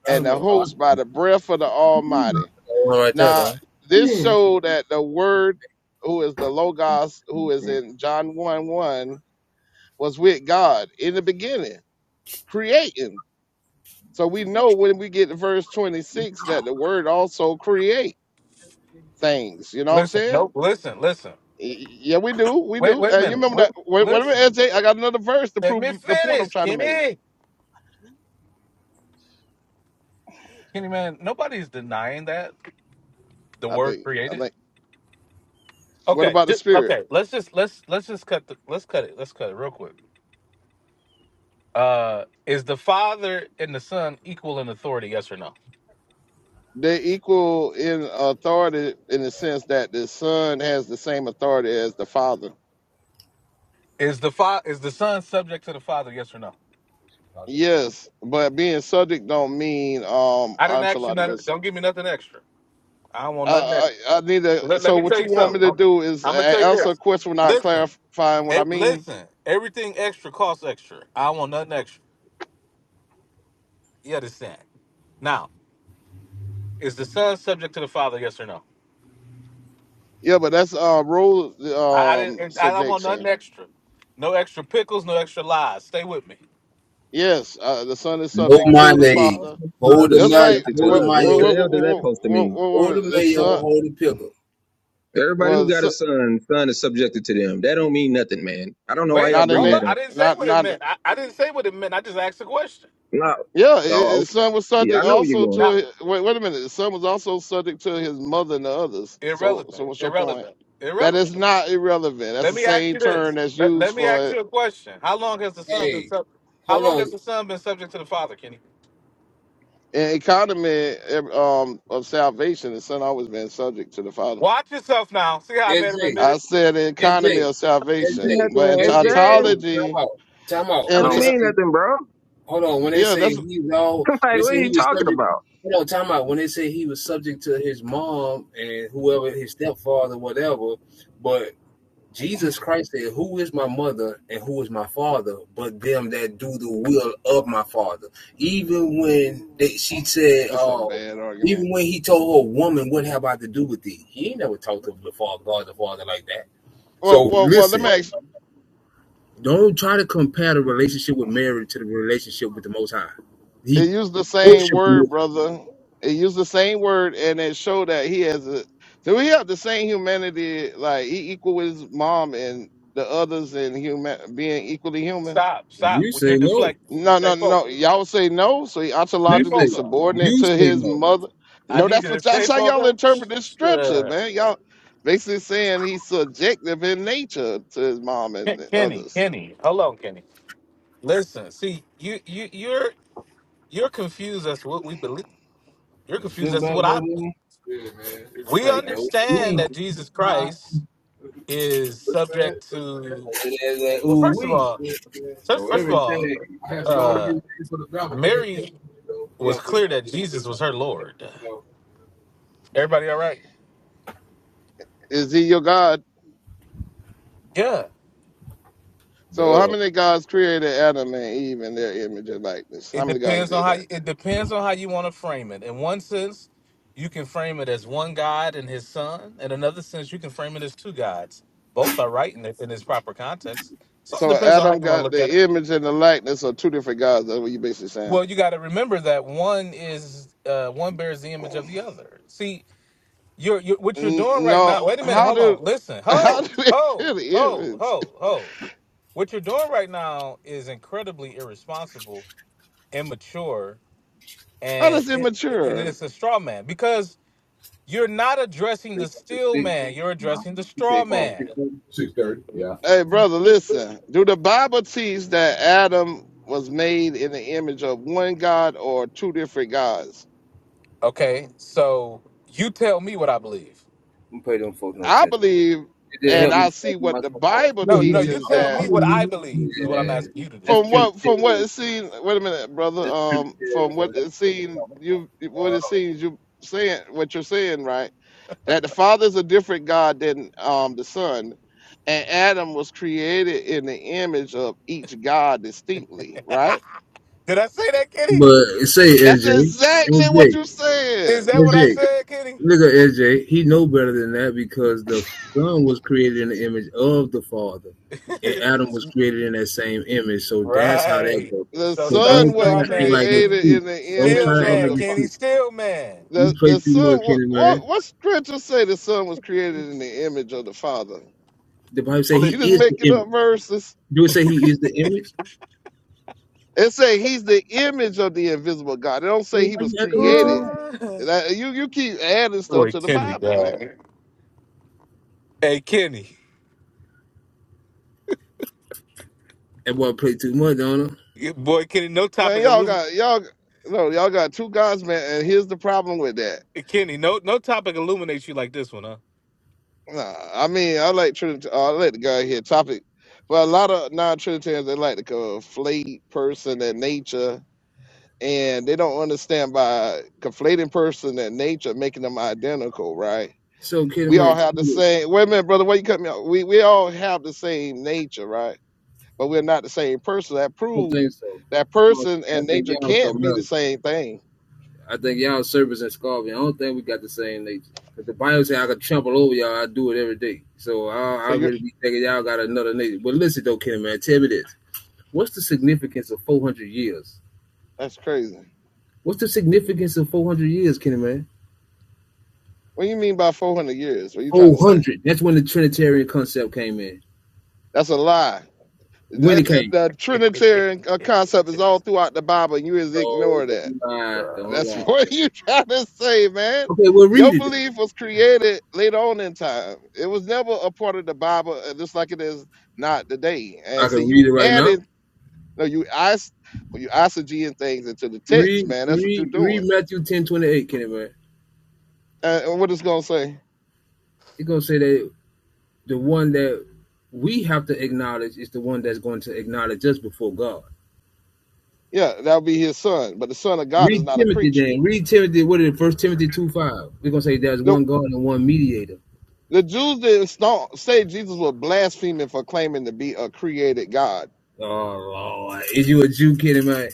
Speaker 5: and the
Speaker 4: okay. Oh,
Speaker 5: host by the breath of the Almighty.
Speaker 4: one right there,
Speaker 5: Now,
Speaker 4: though.
Speaker 5: this showed that the word, who is the Logos, who is in John 1 1, was with God in the beginning, creating. So we know when we get to verse 26 that the word also create things. You know what I'm
Speaker 1: Listen, nope.
Speaker 5: saying?
Speaker 1: Listen, listen.
Speaker 5: Y- Yeah, we do. We
Speaker 1: Wait,
Speaker 5: do.
Speaker 1: wait a
Speaker 5: And you
Speaker 1: minute.
Speaker 5: remember
Speaker 1: Wait,
Speaker 5: that. Wait, wait a minute, S
Speaker 1: listen.
Speaker 5: J. I got another verse to
Speaker 1: Let
Speaker 5: prove
Speaker 1: me
Speaker 5: the point I'm
Speaker 1: finish,
Speaker 5: trying to make.
Speaker 1: Kenny. Kenny, man, nobody's denying that the
Speaker 5: I
Speaker 1: word
Speaker 5: think. I
Speaker 1: created.
Speaker 5: think. What
Speaker 1: Okay,
Speaker 5: about the
Speaker 1: just,
Speaker 5: spirit?
Speaker 1: okay. Let's just let's let's just cut the let's cut it. Let's cut it real quick. Uh, is the father and the son equal in authority? Yes or no?
Speaker 5: They're equal in authority in the sense that the son has the same authority as the father.
Speaker 1: Is the fa- is the son subject to the father? Yes or no?
Speaker 4: Chicago for
Speaker 5: Yes, but being subject don't mean um
Speaker 1: I didn't ask you nothing.
Speaker 5: ontological.
Speaker 1: Don't give me nothing extra. I don't want
Speaker 5: I,
Speaker 1: nothing extra.
Speaker 5: I I need to.
Speaker 1: Let, let
Speaker 5: So
Speaker 1: me
Speaker 5: what
Speaker 1: tell
Speaker 5: you
Speaker 1: you
Speaker 5: want me
Speaker 1: something.
Speaker 5: to
Speaker 1: I'm,
Speaker 5: do is
Speaker 1: gonna tell
Speaker 5: a-
Speaker 1: you
Speaker 5: answer a
Speaker 1: this.
Speaker 5: question without
Speaker 1: Listen,
Speaker 5: clarifying what
Speaker 1: e-
Speaker 5: I mean.
Speaker 1: listen. Everything extra costs extra. I don't want nothing extra. You understand? Now, is the son subject to the father? Yes or no?
Speaker 5: Yeah, but that's uh rule
Speaker 1: I, I
Speaker 5: um
Speaker 1: didn't. I don't want
Speaker 5: subjection.
Speaker 1: nothing extra. No extra pickles. No extra lies. Stay with me.
Speaker 5: Yes, uh, the son is
Speaker 4: No
Speaker 5: subject to the
Speaker 4: money.
Speaker 3: All
Speaker 5: father,
Speaker 3: the
Speaker 4: Hold
Speaker 3: sons
Speaker 4: the
Speaker 3: are
Speaker 5: just
Speaker 4: mayo.
Speaker 5: like
Speaker 3: subjected to
Speaker 4: Hold the
Speaker 5: what
Speaker 3: us. What
Speaker 5: what
Speaker 4: mayo.
Speaker 3: the
Speaker 5: what
Speaker 3: hell
Speaker 5: what,
Speaker 3: did that
Speaker 5: what,
Speaker 3: supposed to
Speaker 5: what,
Speaker 3: mean?
Speaker 5: what,
Speaker 4: Hold
Speaker 5: what
Speaker 4: the
Speaker 5: the
Speaker 4: mayo.
Speaker 5: son
Speaker 4: Hold the pickle.
Speaker 3: Everybody who
Speaker 5: was
Speaker 3: got a son, son is subjected to them. That don't mean nothing, man. I don't know why
Speaker 1: Wait,
Speaker 3: y'all
Speaker 5: not in
Speaker 3: bring
Speaker 1: hold
Speaker 5: it.
Speaker 3: that
Speaker 1: up. I
Speaker 3: up.
Speaker 1: didn't say
Speaker 5: Not
Speaker 1: what it
Speaker 5: not
Speaker 1: meant. I, I didn't say what it meant. I just asked a question.
Speaker 3: No.
Speaker 5: Yeah, i- i- the
Speaker 3: Oh,
Speaker 5: son was
Speaker 3: yeah, I
Speaker 5: subject
Speaker 3: know where you're
Speaker 5: also
Speaker 3: going.
Speaker 1: Now,
Speaker 5: to. Wait, wait a minute. The son was also subject to his mother and the others. So, so
Speaker 1: irrelevant,
Speaker 5: what's your point?
Speaker 1: irrelevant,
Speaker 5: That is
Speaker 1: irrelevant.
Speaker 5: not irrelevant. That's
Speaker 1: Let
Speaker 5: the
Speaker 1: me ask
Speaker 5: same
Speaker 1: you
Speaker 5: term
Speaker 1: this.
Speaker 5: that's
Speaker 1: Let,
Speaker 5: used
Speaker 1: let me
Speaker 5: for
Speaker 1: ask you a question. How long has the son been
Speaker 4: Hey,
Speaker 1: sub? How
Speaker 4: hold
Speaker 1: long
Speaker 4: on.
Speaker 1: has the son been subject to the father, Kenny?
Speaker 5: an economy ev- um, of salvation. The son always been subject to the father.
Speaker 1: Watch yourself now. See how I made him
Speaker 4: SJ.
Speaker 1: admit
Speaker 5: I
Speaker 1: it.
Speaker 5: said the economy
Speaker 4: SJ.
Speaker 5: of salvation,
Speaker 4: SJ.
Speaker 3: That's
Speaker 5: but
Speaker 3: what
Speaker 5: in
Speaker 3: it
Speaker 4: SJ. Hold
Speaker 3: says.
Speaker 4: on. Time
Speaker 5: ontology,
Speaker 4: out. Time out.
Speaker 3: That
Speaker 4: When
Speaker 5: and
Speaker 3: don't
Speaker 4: they
Speaker 3: mean
Speaker 4: say
Speaker 3: nothing, bro.
Speaker 4: Hold on. When they
Speaker 5: yeah,
Speaker 4: say
Speaker 5: that's
Speaker 4: he was
Speaker 3: <laughs>
Speaker 4: all,
Speaker 3: like, what
Speaker 4: when they
Speaker 3: are
Speaker 4: say
Speaker 3: you
Speaker 4: he was
Speaker 3: talking
Speaker 4: subject,
Speaker 3: about?
Speaker 4: hold on, time out. When they say he was subject to his mom and whoever his stepfather, whatever, but Jesus Christ said, "Who is my mother and who is my father? But them that do the will of my father." Even when they, she said,
Speaker 5: that's a
Speaker 4: "Oh." uh,
Speaker 5: bad argument.
Speaker 4: Even when he told her, "Woman, what have I to do with thee?" He ain't never talked to the father, God, the father like that.
Speaker 5: Well,
Speaker 4: So
Speaker 5: well, well. Let
Speaker 4: listen.
Speaker 5: me ask
Speaker 4: Don't try to compare the relationship with Mary to the relationship with the Most High.
Speaker 5: it
Speaker 4: He
Speaker 5: used the same
Speaker 4: worshiped the
Speaker 5: word,
Speaker 4: Most
Speaker 5: brother. It used the same word, and it showed that he has a. So we have the same humanity, like he equal with his mom and the others, and human being equally human.
Speaker 1: Stop,
Speaker 4: High.
Speaker 1: stop.
Speaker 4: You
Speaker 1: When you're
Speaker 4: say no.
Speaker 1: deflecting,
Speaker 5: No,
Speaker 1: stay
Speaker 5: no, no.
Speaker 1: focused.
Speaker 5: Y'all say no, so he
Speaker 1: Stay
Speaker 4: You say
Speaker 5: ontologically
Speaker 1: focused.
Speaker 5: subordinate
Speaker 4: you
Speaker 5: to
Speaker 4: say
Speaker 5: his
Speaker 4: no.
Speaker 5: mother.
Speaker 1: I
Speaker 5: No,
Speaker 1: need
Speaker 5: that's
Speaker 1: you to
Speaker 5: what that's
Speaker 1: stay
Speaker 5: how y'all
Speaker 1: focused.
Speaker 5: interpret this stretcher,
Speaker 1: Sure.
Speaker 5: man. Y'all basically saying he's subjective in nature to his mom and
Speaker 1: Ken-
Speaker 5: the
Speaker 1: Kenny,
Speaker 5: others.
Speaker 1: Kenny, hello, Kenny. Listen, see, you, you, you're, you're confused as to what we believe. You're confused
Speaker 4: Shoot
Speaker 1: as to
Speaker 4: back,
Speaker 1: what I.
Speaker 4: Bodine. Yeah, man.
Speaker 1: We
Speaker 5: Right?
Speaker 4: No,
Speaker 1: understand
Speaker 4: we.
Speaker 1: that Jesus Christ is subject to
Speaker 4: It is
Speaker 1: well
Speaker 4: ooh
Speaker 1: first of
Speaker 4: we.
Speaker 1: all so
Speaker 4: Oh,
Speaker 1: first of all
Speaker 4: everything. I have to go and get
Speaker 1: uh
Speaker 4: ready for the drama game. Yeah,
Speaker 1: mary
Speaker 4: you yeah
Speaker 1: was
Speaker 4: for sure.
Speaker 1: clear that
Speaker 4: For
Speaker 1: jesus was her
Speaker 4: sure.
Speaker 1: lord
Speaker 4: Yeah,
Speaker 1: Everybody all right?
Speaker 5: Is he your god?
Speaker 1: yeah
Speaker 4: for
Speaker 5: So how
Speaker 4: sure. Duh.
Speaker 5: many gods created Adam and Eve in their image and likeness? How
Speaker 1: it
Speaker 5: many gods
Speaker 1: depends on
Speaker 5: did
Speaker 1: how
Speaker 5: that?
Speaker 1: you, it depends on how you want to frame it in one sense you can frame it as one god and his son in another sense you can frame it as two gods both are right in, it- in its proper context so it
Speaker 5: So
Speaker 1: depends on how
Speaker 5: Adam
Speaker 1: you want to
Speaker 5: got
Speaker 1: look at
Speaker 5: the
Speaker 1: it
Speaker 5: image and the likeness of two different gods. That's what you basically saying.
Speaker 1: well you got to remember that one is uh one bears the image of the other see You're, you're what you're
Speaker 5: N-
Speaker 1: doing right
Speaker 5: no,
Speaker 1: now. Wait a minute.
Speaker 5: how
Speaker 1: Hold
Speaker 5: do
Speaker 1: on. Listen.
Speaker 5: <laughs> how
Speaker 1: Ho,
Speaker 5: do they feel
Speaker 1: ho,
Speaker 5: the
Speaker 1: ho,
Speaker 5: image?
Speaker 1: ho, ho. What you're doing right now is incredibly irresponsible, immature,
Speaker 5: How
Speaker 1: and
Speaker 5: does it
Speaker 1: it, and
Speaker 5: mature?
Speaker 1: it's a straw man because you're not addressing the
Speaker 4: Three up to
Speaker 1: steel
Speaker 4: six.
Speaker 1: man. You're
Speaker 4: Uh-huh.
Speaker 1: addressing the
Speaker 4: You
Speaker 1: straw
Speaker 4: said come on six
Speaker 1: man.
Speaker 4: thirty. Six thirty. Yeah.
Speaker 5: Hey brother, listen. Do the Bible teach that Adam was made in the image of one God or two different gods?
Speaker 1: Okay. So you tell me what I believe.
Speaker 4: I'm gonna pay them folks no
Speaker 5: I
Speaker 4: attention.
Speaker 5: believe,
Speaker 4: It did
Speaker 5: and
Speaker 4: help
Speaker 5: I
Speaker 4: me
Speaker 5: see
Speaker 4: with
Speaker 5: what
Speaker 4: my
Speaker 5: the
Speaker 4: score.
Speaker 5: Bible
Speaker 1: No, no. You
Speaker 5: teaches
Speaker 1: tell
Speaker 5: that
Speaker 1: me what I believe is what I'm
Speaker 4: Yeah,
Speaker 1: asking you to do.
Speaker 4: that's
Speaker 5: From
Speaker 4: true.
Speaker 5: what from what it seemed wait a minute, brother.
Speaker 4: That's true.
Speaker 5: Um from what it seemed you what it seems you saying what you're saying, right? That the father's a different God than um the son. And Adam was created in the image of each God distinctly,
Speaker 1: <laughs>
Speaker 5: right?
Speaker 1: Did I say that, Kitty?
Speaker 4: But say
Speaker 5: That's
Speaker 4: LJ,
Speaker 5: exactly what
Speaker 4: LJ,
Speaker 5: you
Speaker 1: Is
Speaker 5: said.
Speaker 1: that what I
Speaker 4: LJ,
Speaker 1: said, Kitty?
Speaker 4: look at LJ. He know better than that because the son was created in the image of the father,
Speaker 1: <laughs>
Speaker 4: and Adam was created in that same image. So that's how that
Speaker 1: Right.
Speaker 4: goes.
Speaker 5: the
Speaker 1: So
Speaker 4: So
Speaker 1: stop
Speaker 5: son
Speaker 4: don't try to
Speaker 5: wasn't
Speaker 1: straw
Speaker 4: act
Speaker 1: man and
Speaker 4: like it's
Speaker 1: Kenny.
Speaker 5: created
Speaker 4: too. do
Speaker 5: in the
Speaker 4: Don't try
Speaker 1: Steel
Speaker 5: image
Speaker 4: to act
Speaker 5: of
Speaker 1: man,
Speaker 4: like
Speaker 5: the
Speaker 4: it's
Speaker 5: fa-
Speaker 1: Kenny,
Speaker 4: too.
Speaker 1: steel man.
Speaker 4: You
Speaker 5: the
Speaker 4: play
Speaker 5: the
Speaker 4: too
Speaker 5: son.
Speaker 4: much,
Speaker 5: What,
Speaker 4: Kenny man.
Speaker 5: what what scripture say the son was created in the image of the father?
Speaker 4: The Bible say
Speaker 1: Well,
Speaker 5: You
Speaker 4: he
Speaker 1: it-
Speaker 5: just
Speaker 4: is the
Speaker 5: making
Speaker 4: image.
Speaker 5: up verses.
Speaker 4: Do it say he is the image?
Speaker 5: It say he's the image of the invisible God. It don't say he was created.
Speaker 1: <laughs>
Speaker 5: That- you you keep adding stuff
Speaker 1: Boy,
Speaker 5: to the
Speaker 1: Kenny,
Speaker 5: Bible,
Speaker 1: dog.
Speaker 5: man.
Speaker 1: Hey, Kenny.
Speaker 4: That boy play too much, don't it?
Speaker 1: Yeah, Boy, Kenny, no
Speaker 5: Man,
Speaker 1: topic
Speaker 5: y'all
Speaker 1: illuminates
Speaker 5: got y'all no, y'all got two gods, man. And here's the problem with that.
Speaker 1: Kenny, no no topic illuminates you like this one, huh?
Speaker 5: Nah, I mean, I like Trinity. I like the guy here topic, but a lot of non-Trinitarians they like to conflate person and nature, and they don't understand by conflating person and nature, making them identical, right?
Speaker 4: So Kenny
Speaker 5: We
Speaker 4: man,
Speaker 5: all have
Speaker 4: tell me
Speaker 5: the same. Wait a minute, brother. Why you cut me off? We we all have the same nature, right? but we're not the same person. That
Speaker 4: I don't
Speaker 5: prove
Speaker 4: think so.
Speaker 5: that
Speaker 4: I don't think
Speaker 5: person
Speaker 4: I
Speaker 5: and
Speaker 4: think
Speaker 5: nature
Speaker 4: y'all
Speaker 5: can't
Speaker 4: something
Speaker 5: be
Speaker 4: else.
Speaker 5: the same thing.
Speaker 4: I think y'all servers and Scorpion. I don't think we got the same nature. Cause the Bible say I could trample over y'all. I do it every day. So I, I
Speaker 5: So you're
Speaker 4: really be thinking y'all got another nature. But listen though, Ken man, tell me this: What's the significance of four hundred years?
Speaker 5: that's crazy.
Speaker 4: What's the significance of four hundred years, Kenny man?
Speaker 5: What do you mean by 400 years? What are you trying
Speaker 4: Four
Speaker 5: to say?
Speaker 4: hundred. That's when the Trinitarian concept came in.
Speaker 5: That's a lie. The,
Speaker 4: When it
Speaker 5: the,
Speaker 4: came.
Speaker 5: the Trinitarian uh, concept is all throughout the Bible, and you just
Speaker 4: No,
Speaker 5: ignore that.
Speaker 4: don't lie. Don't
Speaker 5: That's <laughs>
Speaker 4: lie.
Speaker 5: what you trying to say, man.
Speaker 4: Okay, well
Speaker 5: Your
Speaker 4: read it.
Speaker 5: belief was created later on in time. It was never a part of the Bible, uh, just like it is not today.
Speaker 4: I
Speaker 5: And see,
Speaker 4: can read
Speaker 5: you
Speaker 4: it right now.
Speaker 5: added, no, you is- well, you isogeeing things into the text,
Speaker 4: Read,
Speaker 5: man. That's what you're
Speaker 4: read, read
Speaker 5: doing.
Speaker 4: Matthew ten twenty eight, Kenny man.
Speaker 5: Uh, and what it's gonna say?
Speaker 4: It's gonna say that the one that we have to acknowledge is the one that's going to acknowledge us before God.
Speaker 5: Yeah, that'll be his son. But the son of God is
Speaker 4: Read
Speaker 5: not a
Speaker 4: Timothy
Speaker 5: creature.
Speaker 4: then. Read Timothy. What is it? First Timothy two five. We're gonna say there's
Speaker 5: Nope.
Speaker 4: one God and one mediator.
Speaker 5: The Jews didn't sta- say Jesus was blaspheming for claiming to be a created God.
Speaker 4: Oh Lord, is you a Jew kidding man?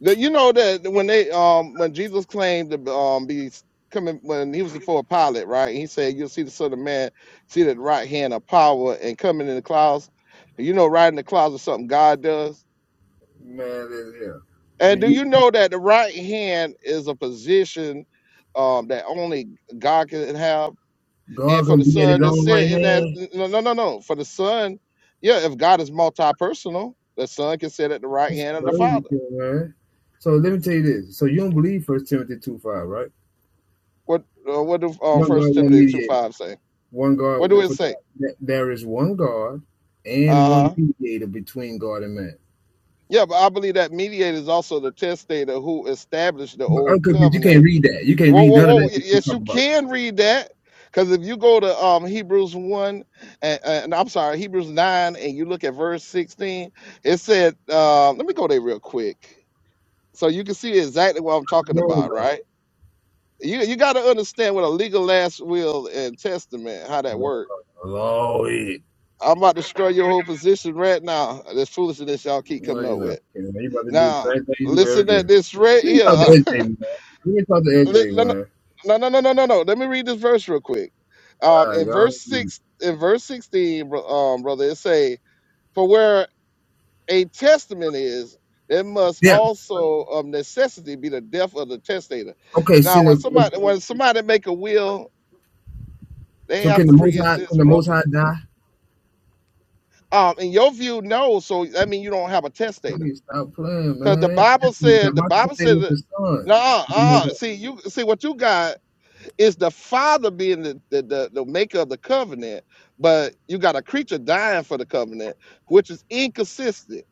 Speaker 5: The, you know that when they um when Jesus claimed to um be coming when he was before Pilate, right? He said, "You'll see the Son of Man seated at the right hand of power and coming in the clouds." You know, riding the clouds is something God does.
Speaker 4: Man, this here. Do
Speaker 5: And do
Speaker 4: you
Speaker 5: you know that the right hand is a position um, that only God can have? and
Speaker 4: God
Speaker 5: for
Speaker 4: gonna
Speaker 5: the
Speaker 4: be at His
Speaker 5: son that
Speaker 4: own right
Speaker 5: said in that
Speaker 4: hand?
Speaker 5: no no no no for the son yeah if god is multi-personal the son can sit at the right
Speaker 4: That's
Speaker 5: hand of the
Speaker 4: crazy,
Speaker 5: father
Speaker 4: kid, man. So let me tell you this. So you don't believe First Timothy two five, right?
Speaker 5: what uh, what do uh,
Speaker 4: One God,
Speaker 5: first
Speaker 4: one
Speaker 5: timothy 2
Speaker 4: mediator.
Speaker 5: 5 say
Speaker 4: One guard
Speaker 5: what do it
Speaker 4: for
Speaker 5: say
Speaker 4: that, there is one guard and one
Speaker 5: uh-huh
Speaker 4: mediator between God and man.
Speaker 5: yeah but i believe that mediator is also the testator who established the
Speaker 4: But
Speaker 5: old
Speaker 4: okay, but you can't
Speaker 5: covenant
Speaker 4: read that. You can't
Speaker 5: whoa
Speaker 4: read
Speaker 5: whoa
Speaker 4: none of
Speaker 5: whoa
Speaker 4: that
Speaker 5: y-
Speaker 4: you
Speaker 5: yes
Speaker 4: talk
Speaker 5: you
Speaker 4: about.
Speaker 5: can read that because if you go to um, Hebrews 1 and, and I'm sorry, Hebrews 9, and you look at verse 16, it said, uh, let me go there real quick So you can see exactly what I'm talking
Speaker 4: No,
Speaker 5: about,
Speaker 4: no,
Speaker 5: right? You you got to understand what a legal last will and testament, how that
Speaker 4: no,
Speaker 5: work.
Speaker 4: no, no, it.
Speaker 5: I'm about to destroy your whole position right now. This foolishness y'all keep
Speaker 4: No,
Speaker 5: coming up
Speaker 4: you're not.
Speaker 5: with.
Speaker 4: You about to do the
Speaker 5: Now,
Speaker 4: same thing you do every
Speaker 5: listen
Speaker 4: day.
Speaker 5: at this right
Speaker 4: Let me
Speaker 5: here.
Speaker 4: talk to
Speaker 5: <laughs>
Speaker 4: LJ, man. Let me talk to
Speaker 5: Li-
Speaker 4: LJ,
Speaker 5: no,
Speaker 4: man.
Speaker 5: no, no, no, no, no, no. no. Let me read this verse real quick. Um,
Speaker 4: All right,
Speaker 5: in verse
Speaker 4: God.
Speaker 5: six, in verse sixteen, bro- um, brother, it say, "For where." a testament is there must
Speaker 4: Yeah.
Speaker 5: also of necessity be the death of the testator.
Speaker 4: Okay.
Speaker 5: Now, when
Speaker 4: so,
Speaker 5: somebody when somebody make a will, they
Speaker 4: so
Speaker 5: have
Speaker 4: can
Speaker 5: to
Speaker 4: the Most High? Can
Speaker 5: pre-exist,
Speaker 4: the Most
Speaker 5: brother.
Speaker 4: High die?
Speaker 5: Um, in your view, no. So that mean you don't have a
Speaker 4: Tell
Speaker 5: testator,
Speaker 4: me stop playing,
Speaker 5: because the
Speaker 4: man.
Speaker 5: Bible
Speaker 4: That's, that
Speaker 5: said the
Speaker 4: my
Speaker 5: Bible said
Speaker 4: statement
Speaker 5: that.
Speaker 4: to son
Speaker 5: No, uh,
Speaker 4: is the son.
Speaker 5: uh, see you see what you got is the father being the, the the the maker of the covenant, but you got a creature dying for the covenant, which is inconsistent.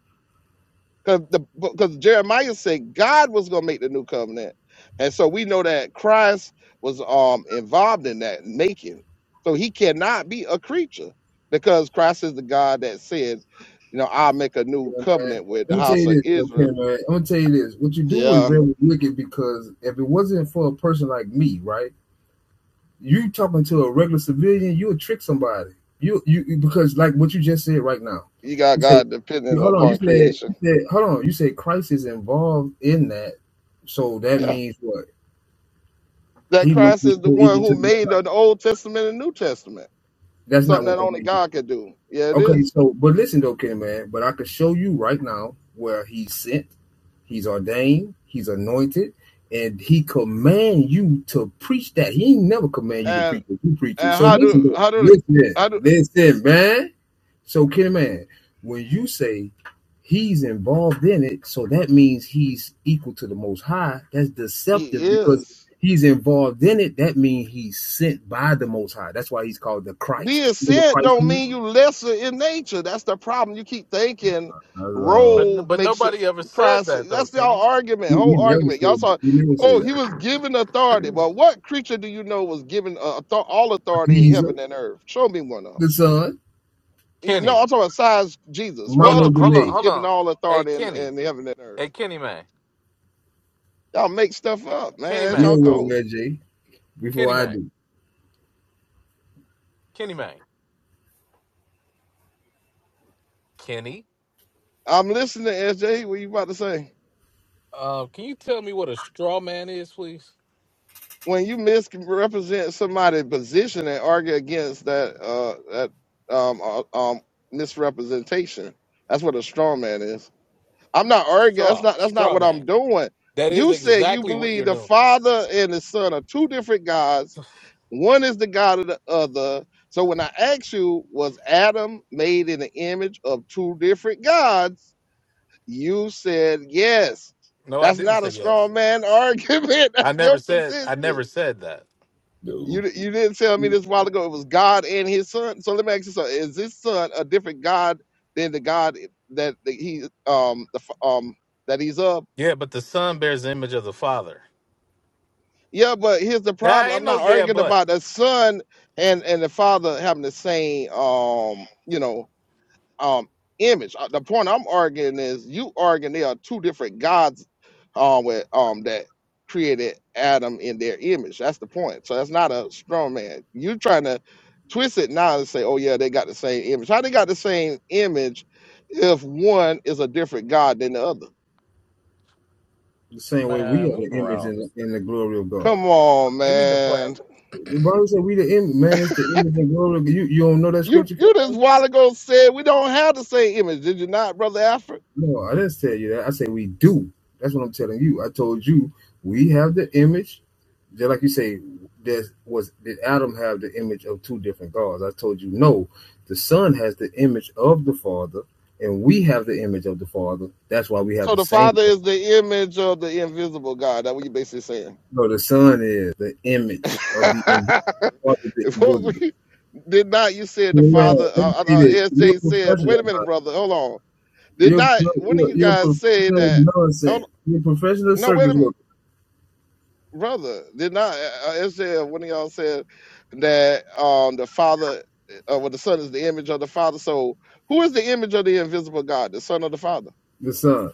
Speaker 5: because the because Jeremiah said God was going to make the new covenant, and so we know that Christ was um involved in that making. So he cannot be a creature because Christ is the God that said, you know, I'll make a new
Speaker 4: man.
Speaker 5: covenant with
Speaker 4: Let
Speaker 5: the
Speaker 4: me tell
Speaker 5: house
Speaker 4: you
Speaker 5: of
Speaker 4: this,
Speaker 5: Israel.
Speaker 4: okay, man. I'm gonna tell you this. What you do is
Speaker 5: Yeah,
Speaker 4: very wicked because if it wasn't for a person like me, right? You talking to a regular civilian, you would trick somebody. You you because like what you just said right now.
Speaker 5: you
Speaker 4: You
Speaker 5: got
Speaker 4: say,
Speaker 5: God
Speaker 4: you,
Speaker 5: dependent
Speaker 4: hold on. You
Speaker 5: upon
Speaker 4: said you
Speaker 5: creation.
Speaker 4: said hold on. You said Christ is involved in that, so that
Speaker 5: Yeah,
Speaker 4: means what?
Speaker 5: that
Speaker 4: He must
Speaker 5: Christ
Speaker 4: be
Speaker 5: is the one
Speaker 4: co-equal
Speaker 5: who
Speaker 4: to the Most
Speaker 5: made
Speaker 4: High.
Speaker 5: the Old Testament and New Testament,
Speaker 4: That's not
Speaker 5: something
Speaker 4: what
Speaker 5: that
Speaker 4: that
Speaker 5: only
Speaker 4: means.
Speaker 5: God could do. Yeah, it
Speaker 4: Okay,
Speaker 5: is.
Speaker 4: so but listen, though, okay, man. But I could show you right now where he sent He's ordained, he's anointed, and he command you to preach that. He ain't never command you to
Speaker 5: And
Speaker 4: preach it. You preach it.
Speaker 5: and
Speaker 4: So
Speaker 5: how do
Speaker 4: listen,
Speaker 5: how do
Speaker 4: listen,
Speaker 5: how do
Speaker 4: listen, man. So Kenny man, when you say he's involved in it, so that means he's equal to the most high. That's
Speaker 5: he
Speaker 4: deceptive because
Speaker 5: is.
Speaker 4: he's involved in it. That means he's sent by the most high. That's why he's called the Christ.
Speaker 5: being
Speaker 4: You know what
Speaker 5: said
Speaker 4: Christ
Speaker 5: don't
Speaker 4: means?
Speaker 5: mean you lesser in nature. That's the problem. You keep thinking
Speaker 4: Uh,
Speaker 5: role
Speaker 1: But but
Speaker 5: makes you
Speaker 1: nobody ever said
Speaker 5: Christ.
Speaker 1: that though,
Speaker 5: That's y'all
Speaker 1: Kenny.
Speaker 5: argument,
Speaker 4: we, we
Speaker 5: whole
Speaker 4: never
Speaker 5: argument. Y'all
Speaker 4: say
Speaker 5: saw,
Speaker 4: we never say
Speaker 5: oh, he
Speaker 4: that.
Speaker 5: was given authority. Well, what creature do you know was given uh, author- all authority in heaven
Speaker 4: Jesus,
Speaker 5: and earth? Show me one of them.
Speaker 4: the Son.
Speaker 5: You no, know,
Speaker 1: Kenny.
Speaker 5: I'm talking about size Jesus. What
Speaker 1: Hold
Speaker 5: other
Speaker 4: Armando
Speaker 1: on, hold
Speaker 5: creature
Speaker 1: on,
Speaker 5: was
Speaker 4: Grenade,
Speaker 1: hold
Speaker 5: given
Speaker 1: on.
Speaker 5: all
Speaker 1: Hey
Speaker 5: authority in,
Speaker 1: Kenny.
Speaker 5: in heaven and earth?
Speaker 1: Hey Kenny man.
Speaker 5: Y'all make stuff up, man,
Speaker 1: Kenny
Speaker 5: as y'all
Speaker 1: Mang.
Speaker 4: deal with him,
Speaker 5: go.
Speaker 4: AJ, before
Speaker 1: Kenny
Speaker 4: I
Speaker 1: Mang.
Speaker 4: do.
Speaker 1: Kenny Mang. Kenny.
Speaker 5: I'm listening, SJ. What you about to say?
Speaker 1: Uh, can you tell me what a straw man is, please?
Speaker 5: when you misrepresent somebody's position and argue against that uh that um uh, um misrepresentation that's what a strong man is i'm not arguing that's
Speaker 1: Straw.
Speaker 5: not that's not
Speaker 1: Straw
Speaker 5: what
Speaker 1: man.
Speaker 5: i'm doing
Speaker 1: That is
Speaker 5: you said you
Speaker 1: exactly what
Speaker 5: believe
Speaker 1: you're
Speaker 5: the
Speaker 1: doing.
Speaker 5: father and the son are two different gods one is the god of the other so when i asked you was adam made in the image of two different gods you said yes
Speaker 1: No, I
Speaker 5: that's
Speaker 1: didn't
Speaker 5: not
Speaker 1: say
Speaker 5: a
Speaker 1: yes.
Speaker 5: strong man argument <laughs>
Speaker 1: I
Speaker 5: that's
Speaker 1: never
Speaker 5: your
Speaker 1: said I
Speaker 5: position
Speaker 1: never said that.
Speaker 5: you
Speaker 4: No.
Speaker 5: di- you didn't tell me this a while ago. It was God and His Son. So let me ask you something: Is this Son a different God than the God that the, He um the f- um that He's of?
Speaker 1: Yeah, but the son bears the image of the father.
Speaker 5: Yeah, but here's the
Speaker 1: Nah,
Speaker 5: problem. I'm
Speaker 1: ain't no
Speaker 5: not
Speaker 1: yeah,
Speaker 5: arguing
Speaker 1: but
Speaker 5: about the Son and and the Father having the same um you know um image. Uh, The point I'm arguing is you arguing there are two different gods um with um that created Adam in their image. That's the point. So that's not a strong man. You're trying to twist it now and say, oh yeah, they got the same image. How they got the same image if one is a different god than the other?
Speaker 4: The same way we
Speaker 1: man,
Speaker 4: are
Speaker 1: move
Speaker 4: the image
Speaker 1: around.
Speaker 4: and the, and the glory of God.
Speaker 5: Come on,
Speaker 1: Give me the brat.
Speaker 5: man.
Speaker 4: The Bible said we the image, man. It's the image and glory. Of, God. you you don't know that
Speaker 5: You
Speaker 4: scripture, Ken,
Speaker 5: you just while ago said we don't have the same image, did you not, brother Alfred?
Speaker 4: No, I didn't tell you that. I said we do. That's what I'm telling you. I told you we have the image. Just like you say, there was did Adam have the image of two different gods? I told you no. The Son has the image of the Father, and we have the image of the Father. That's why we have
Speaker 5: So
Speaker 4: the
Speaker 5: the
Speaker 4: same
Speaker 5: father is the image of the invisible God. That what you basically saying?
Speaker 4: No, the Son is the
Speaker 5: <laughs>
Speaker 4: image of the invisible, part
Speaker 5: What we- did not you said the
Speaker 4: Man,
Speaker 5: father?
Speaker 4: let me
Speaker 5: Uh,
Speaker 4: tell
Speaker 5: uh,
Speaker 4: you this: you're a
Speaker 5: SJ said, "Wait
Speaker 4: professional,
Speaker 5: a minute,
Speaker 4: man.
Speaker 5: brother. Hold on. Did
Speaker 4: You're,
Speaker 5: not
Speaker 4: you're
Speaker 5: one of
Speaker 4: you're
Speaker 5: you
Speaker 4: a
Speaker 5: guys say
Speaker 4: professional
Speaker 5: that? Oh
Speaker 4: nonsense. You're a professional
Speaker 5: no, wait
Speaker 4: circus
Speaker 5: a minute,
Speaker 4: worker.
Speaker 5: brother. Did not uh, SJ? or One of y'all said that um the father, uh, well, the son is the image of the father. So who is the image of the invisible God? The son of the father.
Speaker 4: The Son,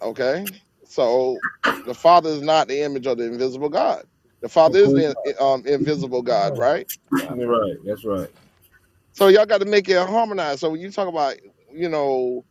Speaker 5: Okay. So the father is not the image of the invisible God. The father
Speaker 4: of
Speaker 5: is
Speaker 4: course,
Speaker 5: the
Speaker 4: not.
Speaker 5: um, invisible God,
Speaker 1: Oh my
Speaker 5: right?
Speaker 1: god.
Speaker 4: You're right. That's right.
Speaker 5: So y'all got to make it harmonized. So when you talk about, you know,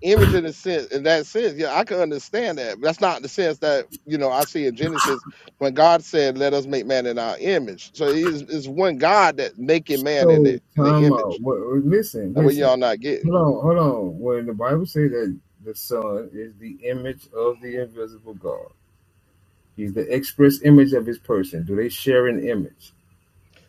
Speaker 5: image in a sense, in that sense, yeah, I can understand that. But that's not the sense that you know I see in Genesis when God said, "Let us make man in our image." So it is, it's one God that making man in the,
Speaker 4: So,
Speaker 5: in the
Speaker 4: time out.
Speaker 5: image.
Speaker 4: listen,
Speaker 5: That's what
Speaker 4: listen.
Speaker 5: y'all not getting.
Speaker 4: Hold on, hold on. When the Bible says that the Son is the image of the invisible God, He's the express image of His person. Do they share an image?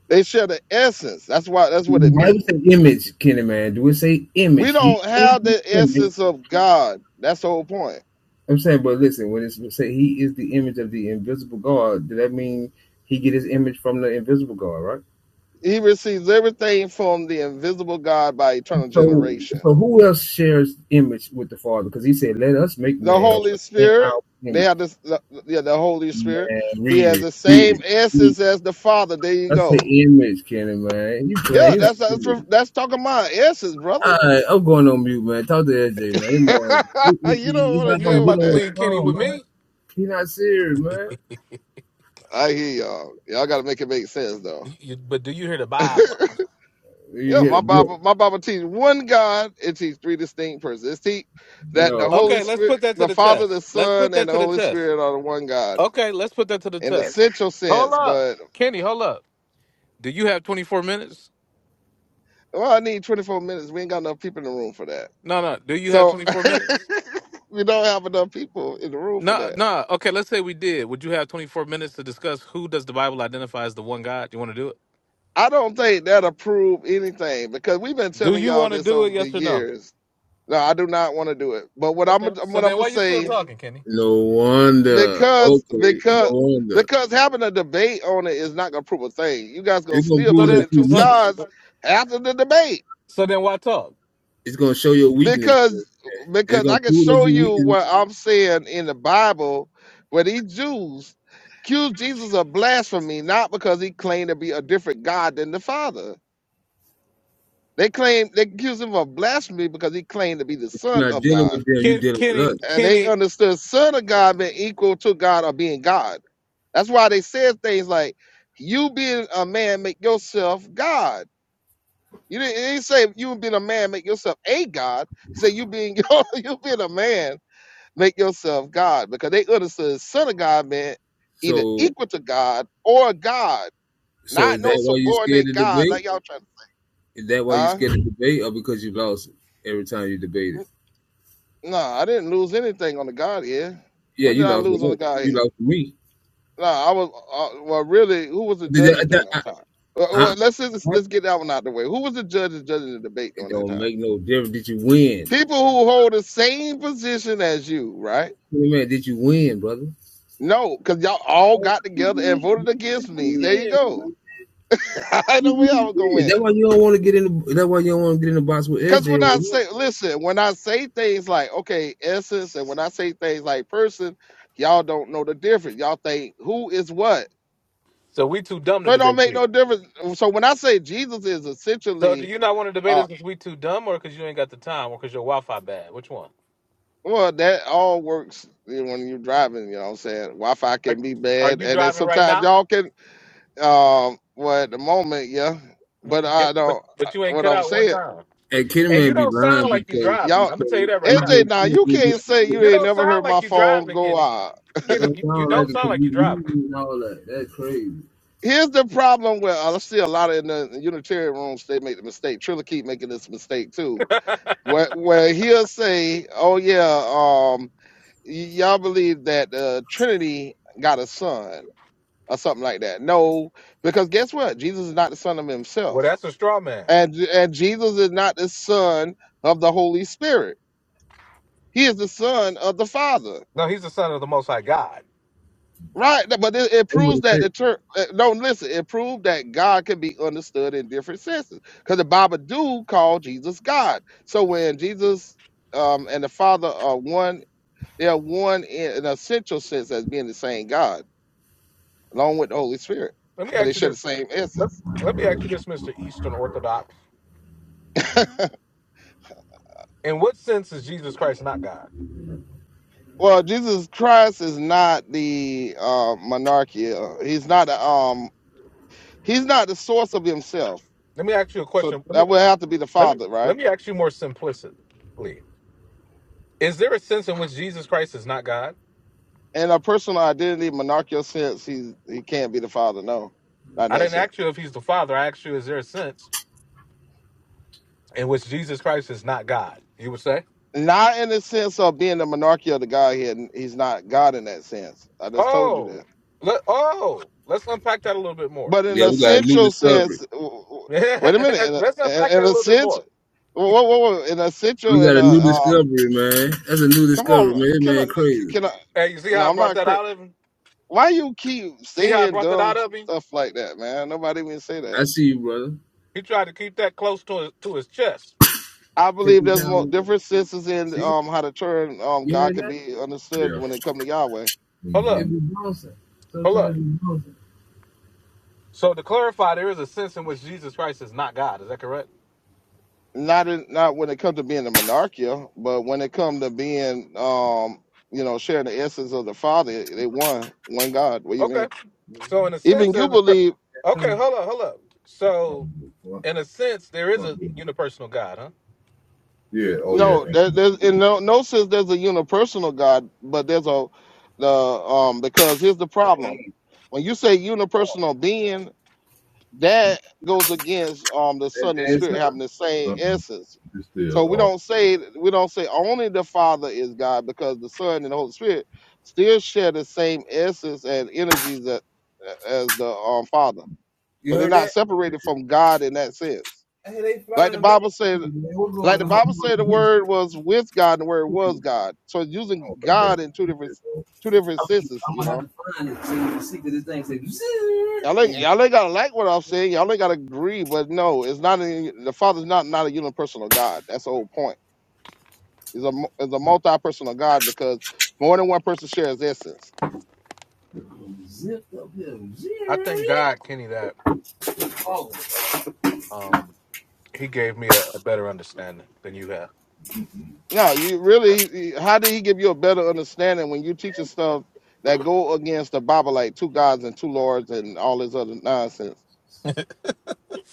Speaker 5: They share the essence. That's why. That's what
Speaker 4: The
Speaker 5: it
Speaker 4: Bible
Speaker 5: means.
Speaker 4: say image, Kenny man. Do we say
Speaker 5: We
Speaker 4: image?
Speaker 5: don't
Speaker 4: He is
Speaker 5: have the
Speaker 4: the image.
Speaker 5: essence of God. That's the whole point.
Speaker 4: I'm saying, but listen, when it's say he is the image of the invisible God, does that mean he get his image from the invisible God, right?
Speaker 5: He receives everything from the invisible God by eternal
Speaker 4: So,
Speaker 5: generation.
Speaker 4: so who else shares image with the Father? Because he said, "Let us make
Speaker 5: the
Speaker 4: man
Speaker 5: Holy
Speaker 4: in
Speaker 5: Spirit.
Speaker 4: our
Speaker 5: They have
Speaker 4: image."
Speaker 5: this, the, yeah, the Holy
Speaker 4: Man,
Speaker 5: Spirit. He
Speaker 4: read
Speaker 5: has
Speaker 4: it,
Speaker 5: the
Speaker 4: read
Speaker 5: same
Speaker 4: it. Read it.
Speaker 5: essence as the Father. There you
Speaker 4: That's
Speaker 5: go.
Speaker 4: the image, Kenny man. You playing?
Speaker 5: Yeah,
Speaker 4: You not
Speaker 5: that's that's,
Speaker 4: serious.
Speaker 5: that's talking about essence, brother.
Speaker 4: All right, I'm going on mute, man. Talk to AJ, man. This
Speaker 5: <laughs>
Speaker 4: man,
Speaker 5: you don't
Speaker 4: he's
Speaker 5: want to
Speaker 1: Man,
Speaker 4: not
Speaker 1: you ain't
Speaker 4: gonna
Speaker 5: deal
Speaker 4: get
Speaker 5: with
Speaker 1: about to
Speaker 4: on the
Speaker 5: that.
Speaker 1: leave Kenny with
Speaker 4: phone, man.
Speaker 1: me.
Speaker 4: He not serious, man.
Speaker 5: I hear y'all. Y'all got to make it make sense, though.
Speaker 1: You- you- but do you hear the Bible?
Speaker 5: <laughs>
Speaker 4: You
Speaker 5: yeah,
Speaker 4: hit
Speaker 5: my
Speaker 4: a book.
Speaker 5: Bible, my Bible teaches one God. It teaches three distinct persons. It teaches that the
Speaker 4: No,
Speaker 5: Holy
Speaker 1: Okay, let's
Speaker 5: Spirit,
Speaker 1: put that to
Speaker 5: the
Speaker 1: the
Speaker 5: Father, the
Speaker 1: test. Let's
Speaker 5: Son,
Speaker 1: put
Speaker 5: and
Speaker 1: that
Speaker 5: the
Speaker 1: to the
Speaker 5: Holy
Speaker 1: test.
Speaker 5: Spirit are the one God
Speaker 1: Okay, let's put that to the
Speaker 5: in the
Speaker 1: test.
Speaker 5: central
Speaker 1: Hold
Speaker 5: sense.
Speaker 1: up.
Speaker 5: But
Speaker 1: Kenny, hold up. Do you have 24 minutes?
Speaker 5: well, I need 24 minutes. We ain't got enough people in the room for that.
Speaker 1: No, no. Do you have
Speaker 5: So
Speaker 1: 24
Speaker 5: <laughs>
Speaker 1: minutes?
Speaker 5: we don't have enough people in the room for
Speaker 1: No,
Speaker 5: that.
Speaker 1: no. Okay, let's say we did. Would you have 24 minutes to discuss who does the Bible identify as the one God? You want to do it?
Speaker 5: I don't think that'll prove anything because we've been
Speaker 1: Do
Speaker 5: telling
Speaker 1: you
Speaker 5: y'all
Speaker 1: want to
Speaker 5: this
Speaker 1: do it?
Speaker 5: over the
Speaker 1: Yes or no?
Speaker 5: years. No, I do not want to do it. But what I'm
Speaker 1: Okay.
Speaker 5: gonna-
Speaker 1: So
Speaker 5: what I'm
Speaker 1: then
Speaker 5: gonna
Speaker 1: why you still
Speaker 5: say
Speaker 1: talking, Kenny?
Speaker 4: no wonder.
Speaker 5: because
Speaker 4: Okay, no
Speaker 5: because
Speaker 4: wonder.
Speaker 5: because having a debate on it is not gonna prove a thing. You guys gonna
Speaker 4: It's gonna
Speaker 5: still
Speaker 1: So
Speaker 4: prove
Speaker 5: believe
Speaker 4: that
Speaker 1: then
Speaker 5: in
Speaker 4: you
Speaker 5: two
Speaker 1: so,
Speaker 4: weak.
Speaker 5: gods
Speaker 1: so
Speaker 5: after the debate.
Speaker 1: so then why talk?
Speaker 4: It's gonna show your weakness.
Speaker 5: because
Speaker 4: It's
Speaker 5: because
Speaker 4: gonna
Speaker 5: I can
Speaker 4: prove that
Speaker 5: show
Speaker 4: you
Speaker 5: you
Speaker 4: weak,
Speaker 5: what I'm saying in the Bible where these Jews accused Jesus of blasphemy not because he claimed to be a different God than the Father. They claim they accused him of blasphemy because he claimed to be the
Speaker 4: but you're
Speaker 5: Son
Speaker 4: not
Speaker 5: of
Speaker 4: dealing
Speaker 5: God,
Speaker 4: with them. You're
Speaker 1: Ken,
Speaker 4: dealing with
Speaker 1: Kenny,
Speaker 4: us.
Speaker 5: and they
Speaker 1: Kenny.
Speaker 5: understood Son of God being equal to God or being God. That's why they said things like, "You being a man, make yourself God." You didn't, it didn't say you being a man, make yourself a God. It said you being <laughs> you being a man make yourself God, because they understood son of God meant either
Speaker 4: So,
Speaker 5: equal to God or God,
Speaker 4: so
Speaker 5: not
Speaker 4: is
Speaker 5: no
Speaker 4: that why you scared
Speaker 5: subordinate
Speaker 4: to
Speaker 5: God like
Speaker 4: debate?
Speaker 5: y'all trying.
Speaker 4: Is that why you scared
Speaker 5: Huh?
Speaker 4: to debate, or because you lost every time you debated?
Speaker 5: No, I didn't lose anything on the God here.
Speaker 4: Yeah,
Speaker 5: When
Speaker 4: you
Speaker 5: did I
Speaker 4: lost with
Speaker 5: lose on the
Speaker 4: us.
Speaker 5: God
Speaker 4: You
Speaker 5: here?
Speaker 4: lost with me.
Speaker 5: No, I was uh, well. Really, who was the
Speaker 4: Did
Speaker 5: judges
Speaker 4: that-
Speaker 5: during
Speaker 4: that-
Speaker 5: that time? Well, well,
Speaker 4: I-
Speaker 5: let's just,
Speaker 4: huh?
Speaker 5: let's get that one out the way. Who was the judges judging the debate
Speaker 4: It
Speaker 5: during that
Speaker 4: don't
Speaker 5: time?
Speaker 4: make no difference. Did you win?
Speaker 5: People who hold the same position as you, right?
Speaker 4: Man, did you win, brother?
Speaker 5: No, because y'all all got together and voted against me. There you go. <laughs> I know where I was
Speaker 4: Yeah,
Speaker 5: going.
Speaker 4: that's why you don't want to get in. The, that's why you don't want to get in the box with
Speaker 5: Because
Speaker 4: SJ.
Speaker 5: when I
Speaker 4: right now.
Speaker 5: say, listen, when I say things like, okay, essence, and when I say things like person, y'all don't know the difference. Y'all think who is what.
Speaker 1: So we too dumb
Speaker 5: So
Speaker 1: to
Speaker 5: it don't
Speaker 1: debate
Speaker 5: make
Speaker 1: you.
Speaker 5: no difference. So when I say Jesus is
Speaker 1: So do
Speaker 5: essentially,
Speaker 1: you not want to debate
Speaker 5: uh,
Speaker 1: us because we too dumb or because you ain't got the time or because your Wi-Fi bad? Which one?
Speaker 5: well, that all works you know, when you're driving, you know what I'm saying? Wi Fi
Speaker 1: Are,
Speaker 5: can be
Speaker 1: are
Speaker 5: bad.
Speaker 1: you
Speaker 5: And then
Speaker 1: driving right
Speaker 5: sometimes
Speaker 1: now?
Speaker 5: y'all can, um, well, at the moment, yeah.
Speaker 1: What-
Speaker 5: But
Speaker 1: But,
Speaker 5: I
Speaker 1: but
Speaker 5: don't, uh,
Speaker 1: but you ain't
Speaker 5: what
Speaker 1: cut
Speaker 5: I'm
Speaker 1: out one
Speaker 5: saying,
Speaker 1: time,
Speaker 4: And
Speaker 1: and you
Speaker 4: Kidman be
Speaker 1: don't
Speaker 4: lying
Speaker 1: sound like you
Speaker 4: because
Speaker 1: driving. I'm
Speaker 5: y'all,
Speaker 1: gonna
Speaker 4: because
Speaker 1: tell you that
Speaker 4: he
Speaker 1: right now.
Speaker 5: AJ,
Speaker 4: just
Speaker 5: now you can't
Speaker 4: like
Speaker 5: say
Speaker 4: a
Speaker 5: you
Speaker 4: kid.
Speaker 1: You
Speaker 5: ain't
Speaker 1: don't
Speaker 5: never
Speaker 1: sound
Speaker 5: heard
Speaker 1: like
Speaker 5: my
Speaker 1: you
Speaker 5: phone
Speaker 1: driving,
Speaker 5: go
Speaker 1: Kenny.
Speaker 5: out.
Speaker 4: It
Speaker 1: Kenny,
Speaker 4: don't
Speaker 1: you, you
Speaker 4: sound like
Speaker 1: don't
Speaker 4: it
Speaker 1: sound
Speaker 4: because
Speaker 1: like you
Speaker 4: you
Speaker 1: driving.
Speaker 4: reading and all that. That's crazy.
Speaker 5: Here's the problem where I see a lot of in the Unitarian rooms they make the mistake. Triller keep making this mistake too,
Speaker 1: <laughs>
Speaker 5: where where he'll say, "Oh yeah, um, y- y'all believe that uh, Trinity got a son or something like that." No, because guess what? Jesus is not the son of
Speaker 1: well,
Speaker 5: himself,
Speaker 1: that's a straw man.
Speaker 5: and and Jesus is not the son of the Holy Spirit. He is the son of the Father.
Speaker 1: No, he's the son of the Most High God.
Speaker 5: Right, th- but it, it
Speaker 4: They would
Speaker 5: proves
Speaker 4: have
Speaker 5: that
Speaker 4: said,
Speaker 5: the church. Uh, no, listen, it proved that God can be understood in different senses because the Bible do call Jesus God. So when Jesus um, and the Father are one, they are one in an essential sense as being the same God, along with the Holy Spirit,
Speaker 1: Let me
Speaker 5: because they
Speaker 1: ask you
Speaker 5: share the
Speaker 1: this.
Speaker 5: same
Speaker 1: Let,
Speaker 5: essence.
Speaker 1: let me ask you this, Mister Eastern Orthodox.
Speaker 5: <laughs>
Speaker 1: In what sense is Jesus Christ not God?
Speaker 5: well, Jesus Christ is not the uh, monarchy. uh, He's not. a, Um, he's not the source of himself.
Speaker 1: Let me ask you a
Speaker 5: So
Speaker 1: question. Let
Speaker 5: that
Speaker 1: me
Speaker 5: would have to be the
Speaker 1: let me
Speaker 5: Father, right?
Speaker 1: let me ask you more simplistically. Is there a sense in which Jesus Christ is not God?
Speaker 5: in a personal identity monarchical sense, he he can't be the father. No, not in
Speaker 1: I
Speaker 5: that
Speaker 1: didn't
Speaker 5: sense.
Speaker 1: ask you if he's the Father. I asked you, is there a sense? in which Jesus Christ is not God. You would say,
Speaker 5: Not in the sense of being the monarchy of the Godhead. He's not God in that sense. I just told you
Speaker 1: oh,
Speaker 5: that.
Speaker 1: let, oh, let's unpack that a little bit more.
Speaker 5: But in
Speaker 4: "Yeah,
Speaker 5: an
Speaker 4: we got a new
Speaker 5: essential sense,
Speaker 4: discovery.
Speaker 5: w- w-
Speaker 1: <laughs>
Speaker 5: wait a minute. In a,
Speaker 1: let's unpack
Speaker 5: in, in
Speaker 1: that a
Speaker 5: a
Speaker 1: little bit
Speaker 5: sense,
Speaker 1: more.
Speaker 5: whoa, whoa, whoa, in essential,
Speaker 4: We
Speaker 5: in
Speaker 4: got
Speaker 5: a
Speaker 4: a new
Speaker 5: uh,
Speaker 4: discovery, man. That's a new
Speaker 5: come
Speaker 4: discovery,
Speaker 5: on,
Speaker 4: man. This
Speaker 5: can
Speaker 4: Man,
Speaker 5: I?
Speaker 4: crazy.
Speaker 5: Can I?
Speaker 1: Hey, you see how
Speaker 5: No,
Speaker 1: I
Speaker 5: I'm
Speaker 1: brought
Speaker 5: not.
Speaker 1: that
Speaker 5: cra-
Speaker 1: out of him?
Speaker 5: Why you keep
Speaker 1: See how I
Speaker 5: saying
Speaker 1: brought that
Speaker 5: dumb
Speaker 1: out of him?
Speaker 5: stuff like that, man? Nobody even say that.
Speaker 4: I see you, brother.
Speaker 1: He tried to keep that close to his, to his chest.
Speaker 5: I
Speaker 4: Take
Speaker 5: believe
Speaker 4: your
Speaker 5: there's
Speaker 4: time.
Speaker 5: more
Speaker 4: with it.
Speaker 5: different senses in
Speaker 4: See,
Speaker 5: um how to turn um
Speaker 4: you
Speaker 5: God
Speaker 4: hear
Speaker 5: can
Speaker 4: that?
Speaker 5: be understood
Speaker 4: Yeah.
Speaker 5: when it come to Yahweh.
Speaker 4: It
Speaker 1: Hold
Speaker 4: Mm-hmm. It
Speaker 1: up,
Speaker 4: be bouncing.
Speaker 1: hold up.
Speaker 4: Sometimes it be bouncing.
Speaker 1: So to clarify, there is a sense in which Jesus Christ is not God. Is that correct?
Speaker 5: Not in, not when it comes to being a monarchia, but when it comes to being um you know sharing the essence of the Father, they one one God. What do you
Speaker 1: Okay.
Speaker 5: mean?
Speaker 1: So in a sense,
Speaker 5: Even you
Speaker 1: there's a.
Speaker 5: believe
Speaker 1: Okay, hold up, hold up. So in a sense, there is a unipersonal God, huh?
Speaker 4: Yeah. Oh yeah.
Speaker 5: no,
Speaker 4: And
Speaker 5: there, there's in no no sense there's a unipersonal God, but there's a the um because here's the problem. When you say unipersonal being, that goes against um the son and spirit having the same
Speaker 4: Uh-uh.
Speaker 5: essence
Speaker 4: It's
Speaker 5: so
Speaker 4: still
Speaker 5: we
Speaker 4: off.
Speaker 5: don't say we don't say only the father is god because the son and the holy spirit still share the same essence and energies that, as the um, father
Speaker 4: You
Speaker 5: so they're
Speaker 4: heard
Speaker 5: not
Speaker 4: that? It-
Speaker 5: separated from god in that sense
Speaker 4: Hey, they
Speaker 5: like the
Speaker 4: flying back.
Speaker 5: bible said
Speaker 4: Man, what's
Speaker 5: like
Speaker 4: going
Speaker 5: the
Speaker 4: on?
Speaker 5: bible
Speaker 4: I
Speaker 5: said the word was with god and the word was god so it's using
Speaker 4: don't think
Speaker 5: god
Speaker 4: that's
Speaker 5: in two different
Speaker 4: it, though.
Speaker 5: two different senses you know Y'all ain't, y'all ain't gotta like what I'm saying. Y'all ain't gotta agree, but no, it's not a, the Father's not not a unipersonal God. That's the whole point. It's a mu- it's a multi-personal God because more than one person shares essence.
Speaker 1: I thank God, Kenny, that. Um, he gave me a, a better understanding than you have.
Speaker 5: No, you really. you- How did he give you a better understanding when you teaching stuff that go against the Bible, like two gods and two lords and all this other nonsense?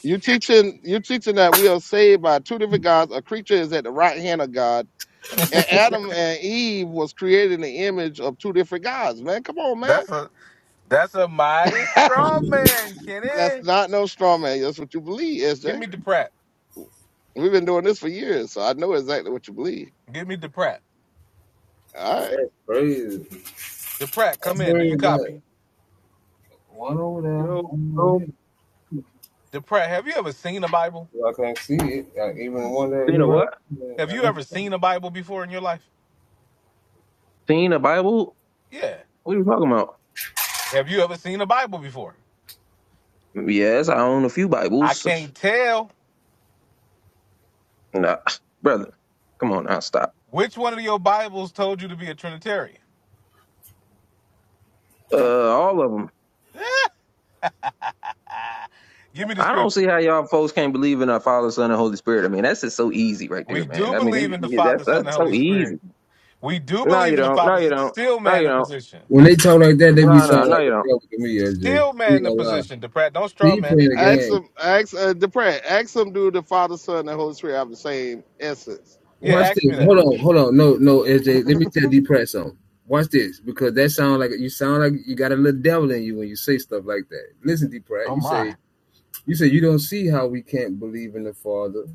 Speaker 5: You teaching you teaching that we are saved by two different gods. A creature is at the right hand of God, and Adam and Eve was created in the image of two different gods. Man, come on, man
Speaker 1: That's a that's a mighty
Speaker 5: <laughs>
Speaker 1: strong man,
Speaker 5: That's
Speaker 1: Kenny.
Speaker 5: not no straw man. That's what you believe,
Speaker 1: Get
Speaker 5: SJ.
Speaker 1: me DePratt.
Speaker 5: We've been doing this for years, so I know exactly what you believe.
Speaker 1: Get me DePratt.
Speaker 5: All right.
Speaker 4: That's crazy.
Speaker 1: DePratt, come in. Do you
Speaker 4: We got
Speaker 1: copy?
Speaker 4: one over there, one
Speaker 3: Yo.
Speaker 4: over here.
Speaker 1: DePratt, have you ever seen a Bible?
Speaker 4: So I can't see it. Like, even one that
Speaker 3: Seen
Speaker 4: here
Speaker 3: a
Speaker 4: right
Speaker 3: what?
Speaker 4: there,
Speaker 1: Have you ever seen a Bible before in your life?
Speaker 3: Seen a Bible?
Speaker 1: Yeah.
Speaker 3: What are you talking about?
Speaker 1: Have you ever seen a Bible before?
Speaker 3: Yes, I own a few
Speaker 1: I
Speaker 3: Bibles.
Speaker 1: can't tell
Speaker 3: Nah, brother, come on now, stop.
Speaker 1: which one of your Bibles told you to be a Trinitarian.
Speaker 3: Uh, all of them.
Speaker 1: <laughs> Give me the
Speaker 3: I don't
Speaker 1: script.
Speaker 3: see how y'all folks can't believe in our Father, Son, and Holy Spirit. I mean, that's just so easy right there,
Speaker 1: We do
Speaker 3: man. I
Speaker 1: believe
Speaker 3: mean,
Speaker 1: in the
Speaker 3: they, that's
Speaker 1: Father, Son, and
Speaker 3: that's so
Speaker 1: Holy Spirit.
Speaker 3: easy.
Speaker 1: We do
Speaker 3: No, you
Speaker 1: believe in the
Speaker 3: don't.
Speaker 1: Father.
Speaker 3: No, you don't.
Speaker 1: Still
Speaker 3: No,
Speaker 1: man
Speaker 3: you
Speaker 1: the
Speaker 3: don't.
Speaker 1: position.
Speaker 4: When they talk like that, they be
Speaker 3: No, no,
Speaker 4: sounding
Speaker 3: no,
Speaker 4: like
Speaker 3: you don't.
Speaker 4: a joke to me, SJ.
Speaker 1: Still
Speaker 4: I ain't
Speaker 1: man
Speaker 4: gonna
Speaker 1: the
Speaker 4: lie.
Speaker 1: position, to Pratt. Don't
Speaker 4: See,
Speaker 1: straw
Speaker 4: you
Speaker 1: man
Speaker 4: playing
Speaker 1: it.
Speaker 4: the
Speaker 5: Ask
Speaker 4: game.
Speaker 5: him, ask, uh, Depre, ask him, do the Father, Son, and Holy Spirit have the same essence?
Speaker 1: Yeah,
Speaker 4: Watch
Speaker 1: ask
Speaker 4: this.
Speaker 1: me that.
Speaker 4: Hold on, hold on. No, no, SJ. Let me tell D Pratt something. Watch this, because that sound like you sound like you got a little devil in you when you say stuff like that. Listen, D Pratt,
Speaker 1: Oh
Speaker 4: you
Speaker 1: my.
Speaker 4: say You said you don't see how we can't believe in the Father,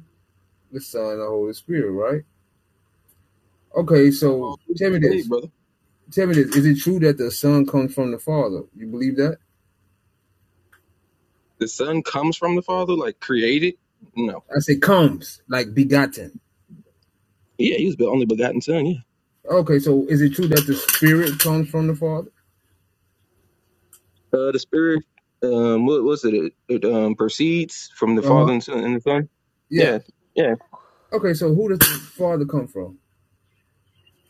Speaker 4: the Son, and the Holy Spirit, right? Okay,
Speaker 3: Have
Speaker 4: so
Speaker 3: all things
Speaker 4: tell me
Speaker 3: to say,
Speaker 4: this.
Speaker 3: brother.
Speaker 4: Tell me this. Is it true that the Son comes from the Father? You believe that?
Speaker 3: The Son comes from the Father, like created. No.
Speaker 4: I say comes, like begotten.
Speaker 3: Yeah, he was the only begotten Son. Yeah.
Speaker 4: Okay, so is it true that the Spirit comes from the Father?
Speaker 3: Uh, the spirit, um, what was it? It, it um, proceeds from the
Speaker 4: Uh huh.
Speaker 3: Father and Son. And the Son.
Speaker 4: Yeah.
Speaker 3: Yeah, yeah.
Speaker 4: Okay, so who does the Father come from?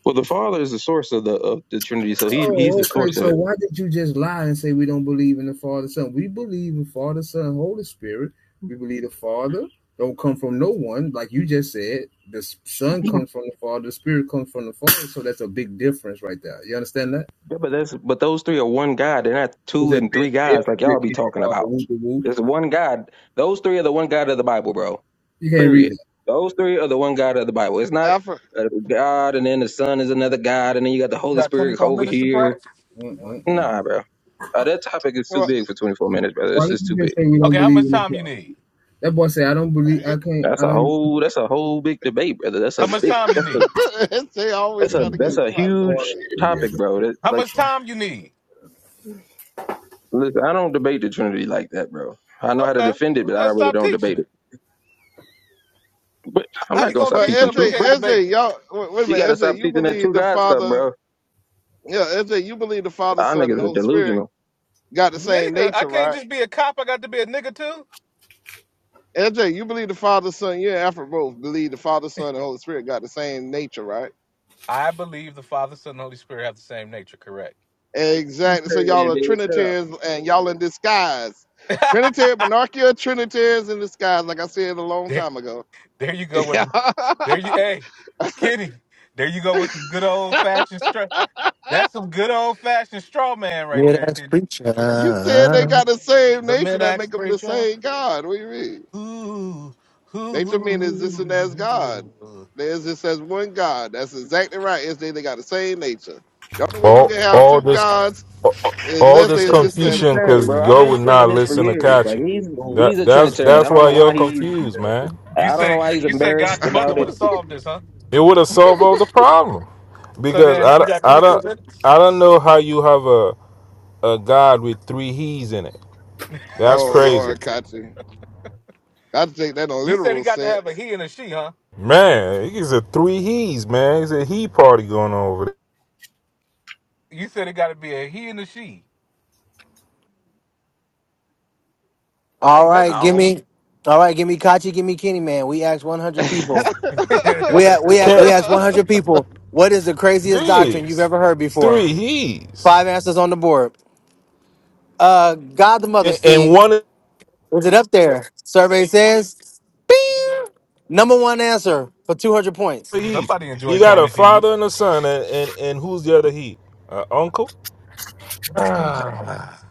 Speaker 3: Well, the Father is the source of the of the Trinity, so he he's
Speaker 4: Oh,
Speaker 3: the
Speaker 4: okay.
Speaker 3: source of
Speaker 4: So
Speaker 3: it.
Speaker 4: why did you just lie and say we don't believe in the Father, Son? We believe in Father, Son, Holy Spirit. We believe the Father don't come from no one, like you just said. The Son comes from the Father. The Spirit comes from the Father. So that's a big difference right there. You understand that?
Speaker 3: Yeah, but that's but those three are one God. They're not
Speaker 4: It's
Speaker 3: two
Speaker 4: a
Speaker 3: and
Speaker 4: big
Speaker 3: three gods like y'all be
Speaker 4: difference.
Speaker 3: talking
Speaker 4: Uh,
Speaker 3: about. There's one God. Those three are the one God of the Bible, bro.
Speaker 4: You can't read
Speaker 3: Period.
Speaker 4: that.
Speaker 3: Those three are the one God of the Bible. It's not
Speaker 5: Alfred,
Speaker 3: a God and then the Son is another God and then you got the
Speaker 1: You
Speaker 3: Holy
Speaker 1: got
Speaker 3: Spirit
Speaker 1: 24
Speaker 3: over
Speaker 1: minutes to
Speaker 3: here.
Speaker 1: Pratt?
Speaker 4: Mm-mm-mm.
Speaker 3: Nah, bro. Uh, that topic is too
Speaker 5: well,
Speaker 3: big for 24 minutes, brother. It's
Speaker 4: Why did
Speaker 3: just
Speaker 4: you
Speaker 3: too big.
Speaker 4: just say we don't
Speaker 1: Okay, how
Speaker 4: believe
Speaker 1: much
Speaker 4: in
Speaker 1: time
Speaker 4: the
Speaker 1: you
Speaker 4: Father?
Speaker 1: need?
Speaker 4: That boy said I don't believe. I
Speaker 5: <laughs>
Speaker 4: can't.
Speaker 3: That's
Speaker 4: I
Speaker 3: a whole. That's a whole big debate, brother. That's
Speaker 1: How
Speaker 3: a
Speaker 1: much
Speaker 3: big.
Speaker 1: time you
Speaker 3: That's a.
Speaker 1: need?
Speaker 5: SJ always
Speaker 3: That's a.
Speaker 5: trying to
Speaker 3: That's
Speaker 5: get
Speaker 3: a
Speaker 5: somebody to
Speaker 3: huge
Speaker 5: pay.
Speaker 3: topic, bro. That
Speaker 1: How
Speaker 3: like,
Speaker 1: much time you need?
Speaker 3: listen, I don't debate the Trinity like that, bro. I know how to
Speaker 1: Okay.
Speaker 3: defend it,
Speaker 1: Well
Speaker 3: but I
Speaker 1: then
Speaker 3: really
Speaker 1: stop
Speaker 3: don't
Speaker 1: teaching
Speaker 3: debate it.
Speaker 1: it.
Speaker 3: But I'm
Speaker 1: How
Speaker 3: not
Speaker 1: you
Speaker 3: gonna
Speaker 1: gonna
Speaker 3: stop
Speaker 5: But
Speaker 1: teach
Speaker 3: teaching
Speaker 1: something you
Speaker 5: SJ,
Speaker 3: truth, bro.
Speaker 1: can't debate?
Speaker 5: SJ, y'all, wait, wait a
Speaker 3: You gotta
Speaker 5: minute, SJ,
Speaker 3: stop
Speaker 5: you
Speaker 3: teaching that
Speaker 5: believe
Speaker 3: two
Speaker 5: the
Speaker 3: God stuff,
Speaker 5: Father,
Speaker 3: bro.
Speaker 5: yeah, SJ, you believe the Father,
Speaker 3: Our
Speaker 5: Son, and
Speaker 3: niggas are
Speaker 5: Holy Spirit
Speaker 3: delusional.
Speaker 5: got the same
Speaker 1: Nigga, I
Speaker 5: nature,
Speaker 1: can't
Speaker 5: right?
Speaker 1: just be a cop, I got to be a nigga too.
Speaker 5: LJ, you believe the Father, Son, you and Alfred both believe the Father, Son, and Holy Spirit got the same nature, right?
Speaker 1: I believe the Father, Son, and Holy Spirit have the same nature, correct?
Speaker 3: Right, you
Speaker 5: Exactly. So y'all
Speaker 3: Trinitarian,
Speaker 5: are
Speaker 3: nigga, shut up.
Speaker 5: Trinitarians and y'all in disguise.
Speaker 1: <laughs>
Speaker 5: Trinitarian, monarchy are Trinitarians in disguise, like I said a long
Speaker 1: there,
Speaker 5: time ago. <laughs>
Speaker 1: there you go
Speaker 5: Yeah.
Speaker 1: with there you hey, Kitty. There you go with some good old fashioned straw. That's some good old fashioned straw man right
Speaker 6: Yeah,
Speaker 1: there,
Speaker 6: that's
Speaker 1: Kitty.
Speaker 5: you said they
Speaker 6: preacher.
Speaker 5: got the same
Speaker 1: The
Speaker 5: nature that
Speaker 1: Midax
Speaker 5: make them the
Speaker 1: preacher.
Speaker 5: same God. What do you mean?
Speaker 1: Ooh, ooh,
Speaker 5: Nature mean existing as
Speaker 1: ooh,
Speaker 5: God.
Speaker 1: ooh.
Speaker 5: They exist as one God. That's exactly right. It's they, they got the same nature. The only way you
Speaker 7: All
Speaker 5: can have
Speaker 7: all
Speaker 5: two
Speaker 7: this
Speaker 5: gods is
Speaker 7: all
Speaker 5: unless
Speaker 3: That
Speaker 7: this
Speaker 5: they
Speaker 3: shit is
Speaker 5: exist as
Speaker 7: confusion
Speaker 3: Trinitarian,
Speaker 7: because
Speaker 3: bro. I've
Speaker 7: y'all
Speaker 3: been
Speaker 7: would
Speaker 3: saying
Speaker 7: not
Speaker 3: this for
Speaker 7: listen to
Speaker 3: years. Like
Speaker 7: Kachi.
Speaker 3: he's he's
Speaker 4: don't.
Speaker 7: That
Speaker 3: a
Speaker 7: that's
Speaker 3: Trinitarian. I
Speaker 7: that's
Speaker 3: don't
Speaker 7: why
Speaker 3: know
Speaker 7: y'all
Speaker 3: why he.
Speaker 7: confused, man.
Speaker 1: You
Speaker 3: I don't know
Speaker 1: say
Speaker 3: why he's
Speaker 1: you say God
Speaker 3: embarrassed
Speaker 1: the mother
Speaker 3: about
Speaker 1: would
Speaker 3: it.
Speaker 1: have solved this, huh?
Speaker 7: It would have solved all the problem
Speaker 1: So
Speaker 7: because
Speaker 1: then
Speaker 7: I,
Speaker 1: you
Speaker 7: don't-
Speaker 1: got
Speaker 7: I
Speaker 1: 24
Speaker 7: don't
Speaker 1: minutes.
Speaker 7: I don't know how you have a a God with three he's in it. That's
Speaker 5: Oh
Speaker 7: crazy,
Speaker 5: Lord, Kachi. I take that in a
Speaker 1: You said he
Speaker 5: literal
Speaker 1: got to have a
Speaker 5: sense.
Speaker 1: he and a she, huh?
Speaker 7: man. He's a three he's man. It's a he party going on over there.
Speaker 1: You said it got to be a he and a she. I
Speaker 6: All
Speaker 1: ain't never
Speaker 6: right,
Speaker 5: I
Speaker 6: give
Speaker 1: seen.
Speaker 6: me. All right, give me Kachi, give me Kenny, man. We asked 100
Speaker 5: don't. <laughs>
Speaker 6: people. We a-
Speaker 1: <laughs>
Speaker 6: we a- we
Speaker 7: Can't,
Speaker 6: asked
Speaker 5: uh,
Speaker 6: 100 people. What is the craziest doctrine you've
Speaker 7: jeez,
Speaker 6: ever heard before?
Speaker 7: three he's
Speaker 6: Five answers on the board. Uh, God the Mother,
Speaker 7: and, and
Speaker 6: Steve.
Speaker 7: one.
Speaker 6: Is it up there? Survey says. Bing! Number one answer for 200 points.
Speaker 7: he?
Speaker 1: Somebody enjoy
Speaker 7: You got a
Speaker 1: Family Feud.
Speaker 7: father
Speaker 1: <sighs>
Speaker 7: and a son, and and, and who's the other he? Uh, uncle?
Speaker 3: They came to
Speaker 1: Ah.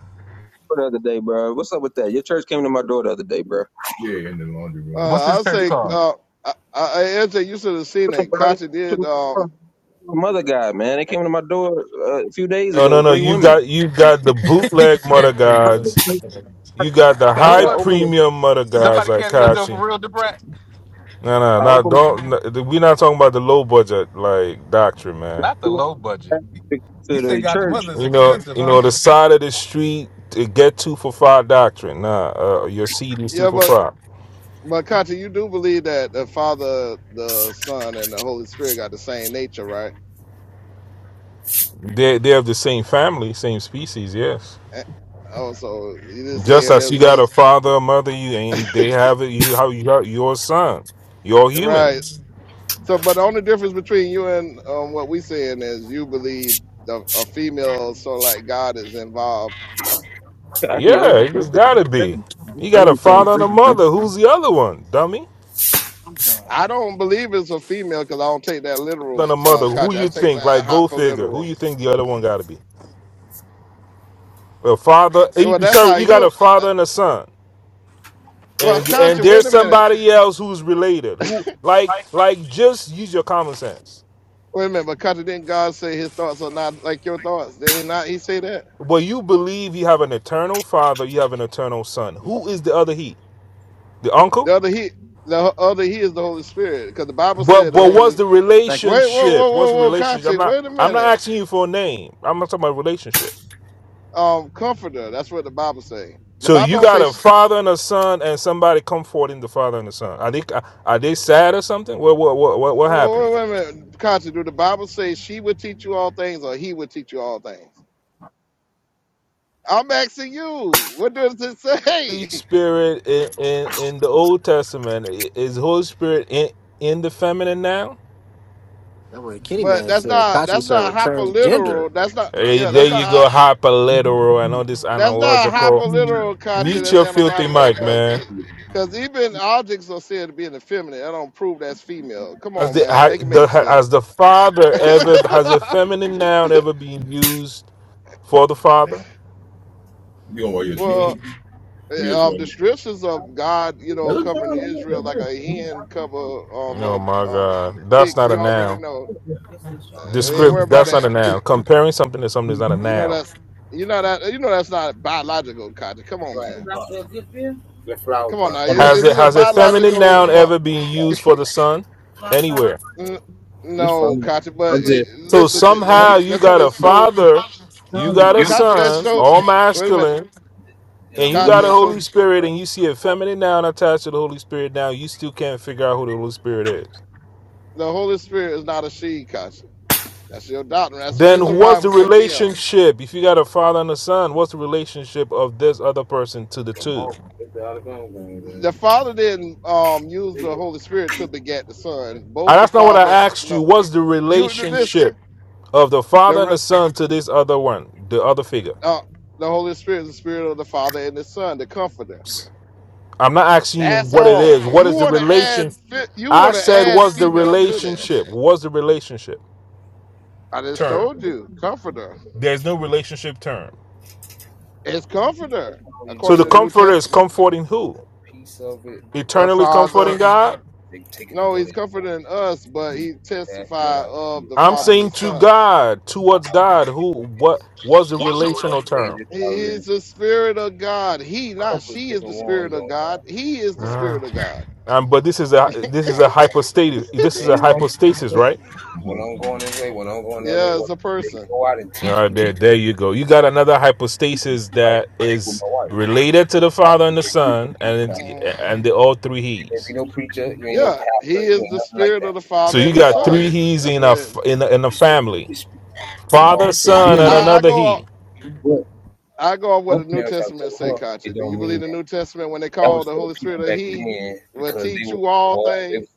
Speaker 3: the door the other day, bro. What's up with that? Your church came to my door the other day, bro.
Speaker 4: Yeah, in the laundry room.
Speaker 1: What's this
Speaker 5: I
Speaker 1: church
Speaker 5: say,
Speaker 4: You
Speaker 1: called?
Speaker 5: uh, I, I, L J, you should have seen that.
Speaker 3: bro. They
Speaker 5: Kachi did.
Speaker 3: came to
Speaker 5: Um,
Speaker 3: the- my Mother guy, man. They came to my door uh, a few days
Speaker 7: No,
Speaker 3: ago.
Speaker 7: no, no.
Speaker 3: Three
Speaker 7: You
Speaker 3: women.
Speaker 7: got you got the
Speaker 1: <laughs> he
Speaker 7: bootleg
Speaker 1: said
Speaker 7: mother
Speaker 1: three women.
Speaker 7: gods. You got the
Speaker 3: <laughs>
Speaker 1: Who
Speaker 3: Actually,
Speaker 7: high
Speaker 3: I
Speaker 1: was it?
Speaker 3: opened.
Speaker 7: premium mother gods
Speaker 1: Somebody
Speaker 7: like
Speaker 1: came to your door
Speaker 7: Kachi.
Speaker 1: for real, Debrat?
Speaker 7: No, no,
Speaker 3: I
Speaker 7: no.
Speaker 3: opened
Speaker 7: Don't. No, we're not talking about the low budget like doctrine, man.
Speaker 1: Not the
Speaker 3: the
Speaker 1: low budget. You you
Speaker 3: door to
Speaker 1: said
Speaker 3: the
Speaker 1: God the
Speaker 3: church.
Speaker 1: mother is
Speaker 7: You know,
Speaker 1: expensive,
Speaker 7: you know
Speaker 1: huh?
Speaker 7: the side of the street to get two for five doctrine. Nah, uh, your seed is two
Speaker 5: yeah,
Speaker 7: for
Speaker 5: but
Speaker 7: five.
Speaker 5: but Kachi, you do believe that the Father, the Son, and the Holy Spirit got the same nature, right?
Speaker 7: They they have the same family, same species. Yes.
Speaker 5: Eh, Oh, so you just
Speaker 7: Just
Speaker 5: saying
Speaker 7: as you
Speaker 5: there's
Speaker 7: got
Speaker 5: on
Speaker 7: a father, a mother, you and they have it. You how you got your sons. You're human.
Speaker 5: right. So, but the only difference between you and um, what we saying is you believe the, a female, so like God is involved
Speaker 3: I, yo,
Speaker 7: Yeah, you
Speaker 3: that's
Speaker 7: just
Speaker 3: the-
Speaker 7: gotta
Speaker 3: that's
Speaker 7: be.
Speaker 3: the- this
Speaker 7: You got a
Speaker 3: lady came
Speaker 7: father and a
Speaker 3: through. man.
Speaker 7: mother. Who's the other one, dummy?
Speaker 1: I'm done.
Speaker 5: I don't believe it's a female because I don't take that literal,
Speaker 7: Than a
Speaker 5: uh,
Speaker 7: mother. Who
Speaker 5: Katya. I
Speaker 7: you
Speaker 5: take
Speaker 7: think?
Speaker 5: that
Speaker 7: Like go figure. Who
Speaker 5: hyperliteral.
Speaker 7: you think the other one gotta be? A father. eh,
Speaker 5: Well, that's how
Speaker 7: Sorry, you got a
Speaker 5: you. Uh,
Speaker 7: father and a son.
Speaker 5: well,
Speaker 7: And and
Speaker 5: Katya, wait
Speaker 7: there's
Speaker 5: a minute.
Speaker 7: somebody else who's related. Who like
Speaker 1: Right?
Speaker 7: like just use your common sense.
Speaker 5: Wait a minute, but Katya, didn't God say His thoughts are not like your thoughts? Did He not? He say that
Speaker 7: Well, you believe you have an eternal father. You have an eternal son. Who is the other he? The uncle?
Speaker 5: the other He, the ho- other He is the Holy Spirit because the Bible
Speaker 7: But
Speaker 5: said the
Speaker 7: but what's
Speaker 5: Holy.
Speaker 7: the
Speaker 1: Thank you.
Speaker 5: Wait, whoa, whoa,
Speaker 7: relationship? What's
Speaker 5: whoa,
Speaker 7: the
Speaker 5: whoa,
Speaker 7: relationship? I'm
Speaker 5: Katya,
Speaker 7: not
Speaker 5: wait a
Speaker 7: I'm not
Speaker 5: minute.
Speaker 7: asking you for a name. I'm not talking about relationship.
Speaker 5: Um, Comforter, that's what the Bible say. The
Speaker 7: So
Speaker 5: Bible
Speaker 7: you
Speaker 5: don't
Speaker 7: got
Speaker 5: say.
Speaker 7: a
Speaker 5: sh-
Speaker 7: father and a son, and somebody comforting the father and the son. Are they are they sad or something? What what what what, what
Speaker 5: Wait,
Speaker 7: happened?
Speaker 5: wait, wait a minute, Katya. Do the Bible say she would teach you all things or He would teach you all things? I'm asking you, what does it
Speaker 7: Holy
Speaker 5: say? <laughs>
Speaker 7: Spirit in, in in the Old Testament i- is Holy Spirit in in the feminine now?
Speaker 6: That what Kenny
Speaker 5: But
Speaker 6: man
Speaker 5: that's
Speaker 6: said.
Speaker 5: not
Speaker 6: Kachi
Speaker 5: that's
Speaker 6: server
Speaker 5: not hyperliteral.
Speaker 6: transgender.
Speaker 5: That's not
Speaker 7: Hey,
Speaker 5: yeah.
Speaker 7: there
Speaker 5: That's not
Speaker 7: you go,
Speaker 5: hy-
Speaker 7: hyperliteral and all this
Speaker 5: that's not
Speaker 7: analogical.
Speaker 5: hyperliteral culture.
Speaker 7: Mute
Speaker 5: That's
Speaker 7: your filthy
Speaker 5: analogical
Speaker 7: mic,
Speaker 5: because
Speaker 7: man.
Speaker 5: because even objects are said to be in the feminine. That don't prove that's female. Come
Speaker 7: Has
Speaker 5: on,
Speaker 7: the,
Speaker 5: man,
Speaker 7: ha-
Speaker 5: make it
Speaker 7: the
Speaker 5: make sense.
Speaker 7: has the father ever
Speaker 5: <laughs>
Speaker 7: has a feminine noun ever been used for the father?
Speaker 4: gonna wear your
Speaker 5: well,
Speaker 4: jeans?
Speaker 5: eh,
Speaker 4: We just
Speaker 5: um,
Speaker 4: wearing
Speaker 5: descriptions of God, you
Speaker 4: That
Speaker 5: know,
Speaker 4: looks
Speaker 5: covering
Speaker 4: fine like that.
Speaker 5: Israel
Speaker 4: That's
Speaker 5: like
Speaker 4: real.
Speaker 5: a hen cover um,
Speaker 7: Oh
Speaker 5: uh,
Speaker 7: my
Speaker 5: um
Speaker 7: God, that's
Speaker 5: chicks.
Speaker 7: not a
Speaker 5: You already
Speaker 7: noun.
Speaker 5: know. Uh, ain't worry
Speaker 7: Descript
Speaker 5: about
Speaker 7: that's
Speaker 5: that.
Speaker 7: not a noun. Comparing something to something is not a
Speaker 5: You know
Speaker 7: noun.
Speaker 5: that's you know that you know that's not biological, Katya. Come on,
Speaker 4: She's
Speaker 5: man.
Speaker 4: a good bill. The flower
Speaker 5: Come on
Speaker 4: pot.
Speaker 5: now. Is,
Speaker 4: Hold
Speaker 7: Has
Speaker 5: is
Speaker 7: it
Speaker 5: it a
Speaker 7: has a feminine
Speaker 5: biological?
Speaker 7: noun
Speaker 5: Well,
Speaker 7: ever been
Speaker 4: up.
Speaker 7: used for the son anywhere?
Speaker 5: n-
Speaker 4: It's
Speaker 5: no,
Speaker 4: fun.
Speaker 5: Katya.
Speaker 4: I
Speaker 5: But it,
Speaker 4: just
Speaker 7: So
Speaker 5: listen, the, the, he,
Speaker 7: somehow you
Speaker 5: that's
Speaker 7: got
Speaker 5: only
Speaker 7: a
Speaker 5: show.
Speaker 7: father, you got a
Speaker 5: Katya, that
Speaker 7: son,
Speaker 5: show.
Speaker 7: all
Speaker 5: Wait a minute,
Speaker 7: masculine,
Speaker 4: You know, am
Speaker 7: and you got a
Speaker 5: Katya. It shows
Speaker 7: Holy Spirit,
Speaker 4: right
Speaker 7: and you see a
Speaker 4: for
Speaker 7: feminine noun attached to the Holy Spirit. Now you still can't figure out who the Holy Spirit is.
Speaker 5: the Holy Spirit is not a she, Katya. That's your doctrine. That's the reason
Speaker 7: Then
Speaker 5: why it
Speaker 7: what's the
Speaker 5: was condemned.
Speaker 7: relationship? If you got a father and a son, what's the relationship of this other person to the two?
Speaker 4: It's the Alabama game,
Speaker 5: The
Speaker 4: man.
Speaker 5: Father didn't um, use the Holy Spirit to beget the Son.
Speaker 7: And
Speaker 5: Both the
Speaker 7: that's not what I
Speaker 5: Father,
Speaker 7: asked you.
Speaker 5: no.
Speaker 7: What's the
Speaker 5: You listen.
Speaker 7: relationship of the
Speaker 5: The
Speaker 7: father and
Speaker 5: re-
Speaker 7: the son to this other one, the other figure?
Speaker 5: uh, the Holy Spirit is the Spirit of the Father and the Son, the Comforter
Speaker 7: I'm not asking you
Speaker 5: That's
Speaker 7: what it
Speaker 5: all.
Speaker 7: is. What
Speaker 5: You
Speaker 7: is the
Speaker 5: want to add
Speaker 7: relation?
Speaker 5: fe- you
Speaker 7: I
Speaker 5: want to
Speaker 7: said,
Speaker 5: add
Speaker 7: what's the
Speaker 5: female to that.
Speaker 7: relationship? What's the relationship
Speaker 5: I just
Speaker 7: term?
Speaker 5: told you, comforter.
Speaker 7: There's no relationship term.
Speaker 5: It's
Speaker 4: That's
Speaker 5: comforter
Speaker 4: all you
Speaker 7: So
Speaker 5: according
Speaker 7: the
Speaker 5: to the
Speaker 4: do with
Speaker 5: New
Speaker 7: comforter is
Speaker 5: Testament.
Speaker 7: comforting who?
Speaker 4: a piece of it.
Speaker 5: The
Speaker 7: Eternally
Speaker 5: Father.
Speaker 7: comforting God?
Speaker 4: They take it and
Speaker 5: No,
Speaker 4: go
Speaker 5: he's
Speaker 4: to
Speaker 5: comforting us, but he
Speaker 4: That's what
Speaker 5: testified
Speaker 4: I
Speaker 5: of
Speaker 4: see.
Speaker 5: the
Speaker 7: I'm
Speaker 4: I,
Speaker 5: Father and
Speaker 4: I,
Speaker 5: the
Speaker 7: saying to
Speaker 5: Son.
Speaker 7: God,
Speaker 4: I
Speaker 7: towards God,
Speaker 4: read it
Speaker 7: who what
Speaker 4: because
Speaker 7: was a
Speaker 4: I'll
Speaker 7: relational
Speaker 4: say
Speaker 7: term.
Speaker 4: this. I
Speaker 5: He
Speaker 4: was in
Speaker 5: is the Spirit of God. He,
Speaker 4: a
Speaker 5: not
Speaker 4: couple of
Speaker 5: she, is
Speaker 4: different
Speaker 5: the Spirit
Speaker 4: ones
Speaker 5: of
Speaker 4: on
Speaker 5: God.
Speaker 4: that.
Speaker 5: He is
Speaker 4: You
Speaker 5: the
Speaker 7: Uh,
Speaker 5: Spirit
Speaker 4: know,
Speaker 5: of God.
Speaker 7: um, but this is a this is a
Speaker 4: on-
Speaker 7: hypostasis. This
Speaker 4: the
Speaker 7: is a
Speaker 4: thing, like you
Speaker 7: hypostasis, right?
Speaker 4: When hmm I'm going this way, when I'm going that way,
Speaker 5: Yeah, it's
Speaker 4: what,
Speaker 5: a
Speaker 4: they
Speaker 5: person.
Speaker 4: go out and
Speaker 7: All
Speaker 4: teach
Speaker 7: right,
Speaker 4: people.
Speaker 7: there, there you go. You got another hypostasis
Speaker 4: Like
Speaker 7: that
Speaker 4: with
Speaker 7: is
Speaker 4: my wife,
Speaker 7: related to the
Speaker 4: I
Speaker 7: Father and the Son, and it,
Speaker 5: Mhm.
Speaker 7: and they all three
Speaker 4: You ain't
Speaker 7: He's.
Speaker 4: be no preacher. You ain't no
Speaker 5: Yeah, he
Speaker 4: pastor. You
Speaker 5: is
Speaker 4: ain't
Speaker 5: the
Speaker 4: nothing like
Speaker 5: Spirit of
Speaker 4: that
Speaker 5: the
Speaker 7: So
Speaker 5: Father
Speaker 7: you
Speaker 5: and the
Speaker 4: at
Speaker 7: got
Speaker 4: all.
Speaker 7: three
Speaker 5: Son.
Speaker 7: He's
Speaker 5: That's
Speaker 7: in a
Speaker 5: where
Speaker 7: f- in a, in a
Speaker 4: It,
Speaker 7: family:
Speaker 4: it speaks uh,
Speaker 7: Father, Son, and
Speaker 4: severely against
Speaker 5: I, I
Speaker 7: another
Speaker 5: go.
Speaker 7: He.
Speaker 4: what
Speaker 5: I go off what
Speaker 4: her
Speaker 5: the New
Speaker 4: parents have
Speaker 5: Testament
Speaker 4: told
Speaker 5: say,
Speaker 4: her.
Speaker 5: Katya.
Speaker 4: It
Speaker 5: Do you
Speaker 4: don't mean
Speaker 5: believe the
Speaker 4: that.
Speaker 5: New Testament when they
Speaker 4: That
Speaker 5: call
Speaker 4: was
Speaker 5: the
Speaker 4: for the
Speaker 5: Holy Spirit
Speaker 4: people
Speaker 5: a
Speaker 4: back
Speaker 5: He
Speaker 4: then
Speaker 5: will
Speaker 4: because they
Speaker 5: teach
Speaker 4: were
Speaker 5: you all
Speaker 4: involved. They
Speaker 5: things?
Speaker 4: was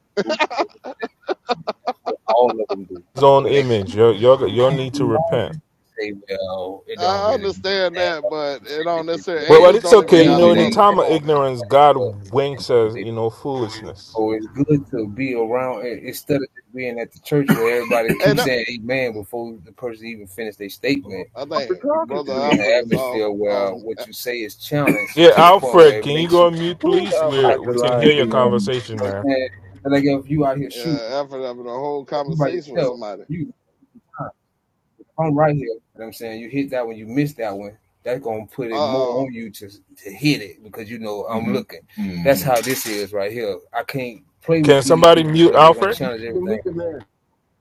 Speaker 4: That's what all of them do.
Speaker 7: His own
Speaker 4: When they
Speaker 7: image.
Speaker 4: when
Speaker 7: You you you
Speaker 4: something
Speaker 7: need to repent.
Speaker 4: they say, well, it don't
Speaker 5: I
Speaker 4: really mean
Speaker 5: understand
Speaker 4: that.
Speaker 5: that,
Speaker 4: That
Speaker 5: but
Speaker 4: was
Speaker 5: it don't
Speaker 4: specifically
Speaker 5: necessarily.
Speaker 4: for
Speaker 7: But
Speaker 4: this
Speaker 7: but
Speaker 5: Angels
Speaker 4: or
Speaker 7: it's
Speaker 5: don't even
Speaker 7: okay,
Speaker 4: whatever.
Speaker 7: you
Speaker 5: got
Speaker 4: Mm-hmm.
Speaker 5: a
Speaker 7: know.
Speaker 4: It
Speaker 7: In the
Speaker 5: mother.
Speaker 4: ain't,
Speaker 7: time
Speaker 5: Come
Speaker 4: it
Speaker 7: of
Speaker 5: on,
Speaker 4: don't
Speaker 5: man.
Speaker 4: mean
Speaker 7: ignorance,
Speaker 4: that.
Speaker 7: God
Speaker 4: But, and
Speaker 7: winks
Speaker 4: that's what
Speaker 7: us,
Speaker 4: they do.
Speaker 7: you know, foolishness.
Speaker 4: So it's good to be around instead of just being at the church where everybody <laughs>
Speaker 5: And
Speaker 4: keeps
Speaker 5: that,
Speaker 4: saying amen before the person even finished their
Speaker 3: Who
Speaker 4: statement
Speaker 5: I
Speaker 3: was
Speaker 5: think
Speaker 3: I
Speaker 4: you
Speaker 3: talking
Speaker 4: put to
Speaker 5: Brother
Speaker 4: be
Speaker 3: to?
Speaker 4: in an
Speaker 5: Alfred is off
Speaker 4: atmosphere
Speaker 5: off.
Speaker 4: where what you say is challenged
Speaker 7: Yeah,
Speaker 4: to the point where
Speaker 7: Alfred,
Speaker 4: it
Speaker 7: can you
Speaker 4: makes
Speaker 7: go
Speaker 4: you
Speaker 7: on mute,
Speaker 3: Who
Speaker 4: think
Speaker 3: was
Speaker 7: please?
Speaker 3: I up
Speaker 7: We
Speaker 4: precise.
Speaker 3: back the
Speaker 7: we can hear
Speaker 3: line to,
Speaker 7: your
Speaker 3: man?
Speaker 4: Mm-hmm. You know
Speaker 7: conversation,
Speaker 4: what
Speaker 7: man.
Speaker 4: I'm saying? And like if you out here
Speaker 5: Uh,
Speaker 4: shooting,
Speaker 5: Alfred having a whole
Speaker 4: if you by
Speaker 5: conversation with
Speaker 4: yourself,
Speaker 5: somebody.
Speaker 4: you I'm right here. You know what I'm saying? You hit that one, you miss that one. That's gonna put it more
Speaker 5: Uh,
Speaker 4: on you to to hit it because you know I'm Mhm. looking. Mm-hmm. That's how this is right here. I can't play with
Speaker 7: Can
Speaker 4: these
Speaker 7: somebody
Speaker 4: people
Speaker 7: mute
Speaker 4: because they're
Speaker 3: Hey,
Speaker 4: gonna
Speaker 7: Alfred?
Speaker 3: man, you
Speaker 4: challenge
Speaker 3: gotta
Speaker 4: everything.
Speaker 3: meet the man.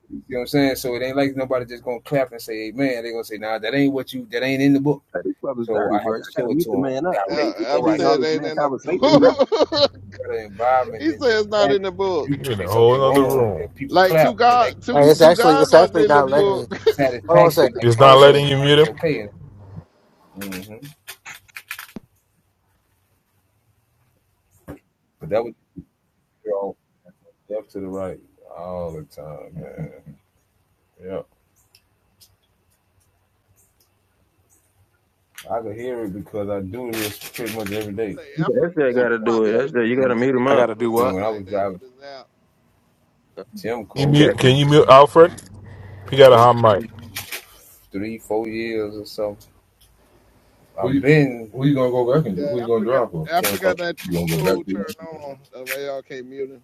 Speaker 4: You know what I'm saying? So it ain't like nobody just gonna clap and say, hey, "Man, They're gonna say, "Nah, that ain't what you. That ain't in the book."
Speaker 3: Hey, this brother's
Speaker 4: So
Speaker 3: dirty,
Speaker 4: I had
Speaker 3: bro. I
Speaker 4: to
Speaker 3: gotta
Speaker 4: show it
Speaker 3: meet
Speaker 4: to
Speaker 3: the
Speaker 4: him
Speaker 3: man up. He,
Speaker 4: direct.
Speaker 5: Al-
Speaker 3: he
Speaker 4: Go
Speaker 3: can't
Speaker 5: Alfred
Speaker 3: be
Speaker 4: right
Speaker 3: in
Speaker 4: here.
Speaker 3: all
Speaker 5: said it
Speaker 3: this
Speaker 5: ain't
Speaker 3: man
Speaker 5: in the
Speaker 3: conversation, bro.
Speaker 5: book.
Speaker 4: Better
Speaker 5: <laughs>
Speaker 4: environment
Speaker 5: he
Speaker 4: than
Speaker 5: said
Speaker 4: just
Speaker 5: it's not
Speaker 4: clap.
Speaker 5: in the
Speaker 4: If
Speaker 5: book.
Speaker 4: you
Speaker 7: You're in
Speaker 4: say
Speaker 7: a whole
Speaker 4: something
Speaker 7: other
Speaker 4: wrong,
Speaker 7: room.
Speaker 4: if people
Speaker 5: Like two
Speaker 4: clap, then they give
Speaker 5: God, two
Speaker 6: Hey,
Speaker 4: you
Speaker 6: it's
Speaker 5: two
Speaker 6: actually
Speaker 5: guys
Speaker 6: it's
Speaker 5: aren't
Speaker 6: actually
Speaker 5: in the
Speaker 6: not letting
Speaker 5: book
Speaker 6: me. Hold on a
Speaker 4: satisfaction,
Speaker 6: second.
Speaker 4: like
Speaker 7: It's
Speaker 6: Hold on a
Speaker 7: not
Speaker 4: like,
Speaker 7: letting you
Speaker 4: like
Speaker 6: second.
Speaker 7: mute
Speaker 4: it's
Speaker 7: him.
Speaker 4: okay. hmm But that was all left to the right all the time, man. Yeah, I could hear it because I do this pretty much every day.
Speaker 5: say Africa,
Speaker 3: That's that gotta
Speaker 5: Africa might
Speaker 3: do
Speaker 5: be
Speaker 3: it. That's
Speaker 5: using
Speaker 3: that. You
Speaker 5: a
Speaker 3: gotta
Speaker 5: cheat
Speaker 3: meet him
Speaker 1: I got
Speaker 3: up.
Speaker 1: to
Speaker 5: code or
Speaker 1: do
Speaker 4: Then
Speaker 1: what?
Speaker 5: something
Speaker 4: when I
Speaker 5: like
Speaker 4: was
Speaker 5: that for
Speaker 4: driving
Speaker 5: this app.
Speaker 7: You
Speaker 4: Timco,
Speaker 7: mute? Can you mute Alfred? He got a
Speaker 4: it's
Speaker 7: hot mic.
Speaker 4: three, four years or so. Who you, been who you gonna go back and do? who
Speaker 5: Yeah,
Speaker 4: you gonna
Speaker 5: Africa,
Speaker 4: drive for? Tim
Speaker 5: Africa got
Speaker 4: Cook.
Speaker 5: that
Speaker 4: You
Speaker 5: cheat
Speaker 4: gonna go back
Speaker 5: code
Speaker 4: to him?
Speaker 5: turned on. That way y'all can't mute him.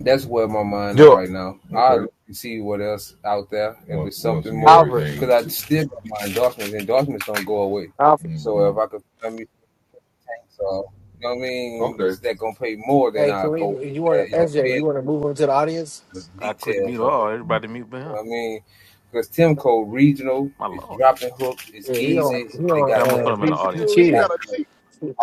Speaker 4: That's where my mind at
Speaker 7: Yo,
Speaker 4: right now. Okay. I'll see what else out there if Once, it's something more.
Speaker 6: Alfred.
Speaker 4: Because I still got my endorsements. Endorsements don't go away. Mm-hmm. So if Mhm. I could find me things, uh, you know what I mean, okay, that gonna pay more than
Speaker 6: Hey,
Speaker 4: I go with
Speaker 6: Kareem, you
Speaker 4: that.
Speaker 6: want to
Speaker 4: It okay,
Speaker 6: SJ? You
Speaker 4: depends
Speaker 6: want
Speaker 4: on
Speaker 6: to move him to the audience?
Speaker 4: the
Speaker 1: I click mute
Speaker 4: details of
Speaker 1: all.
Speaker 4: it.
Speaker 1: Everybody
Speaker 4: Mm-hmm.
Speaker 1: mute me.
Speaker 4: You know
Speaker 1: huh?
Speaker 4: what I mean? Because Timco Regional
Speaker 1: My
Speaker 4: is
Speaker 1: lord.
Speaker 4: dropping hook. It's
Speaker 6: Yeah, he don't.
Speaker 4: easy.
Speaker 6: He
Speaker 4: They
Speaker 6: don't.
Speaker 1: Yeah, I'm
Speaker 4: got
Speaker 1: gonna
Speaker 4: the
Speaker 1: put
Speaker 6: Uh,
Speaker 1: them in
Speaker 5: I
Speaker 1: the
Speaker 6: he,
Speaker 5: tell
Speaker 6: he
Speaker 5: you,
Speaker 4: they
Speaker 1: audience.
Speaker 5: he got
Speaker 6: cheating.
Speaker 5: a
Speaker 4: got
Speaker 5: cheat.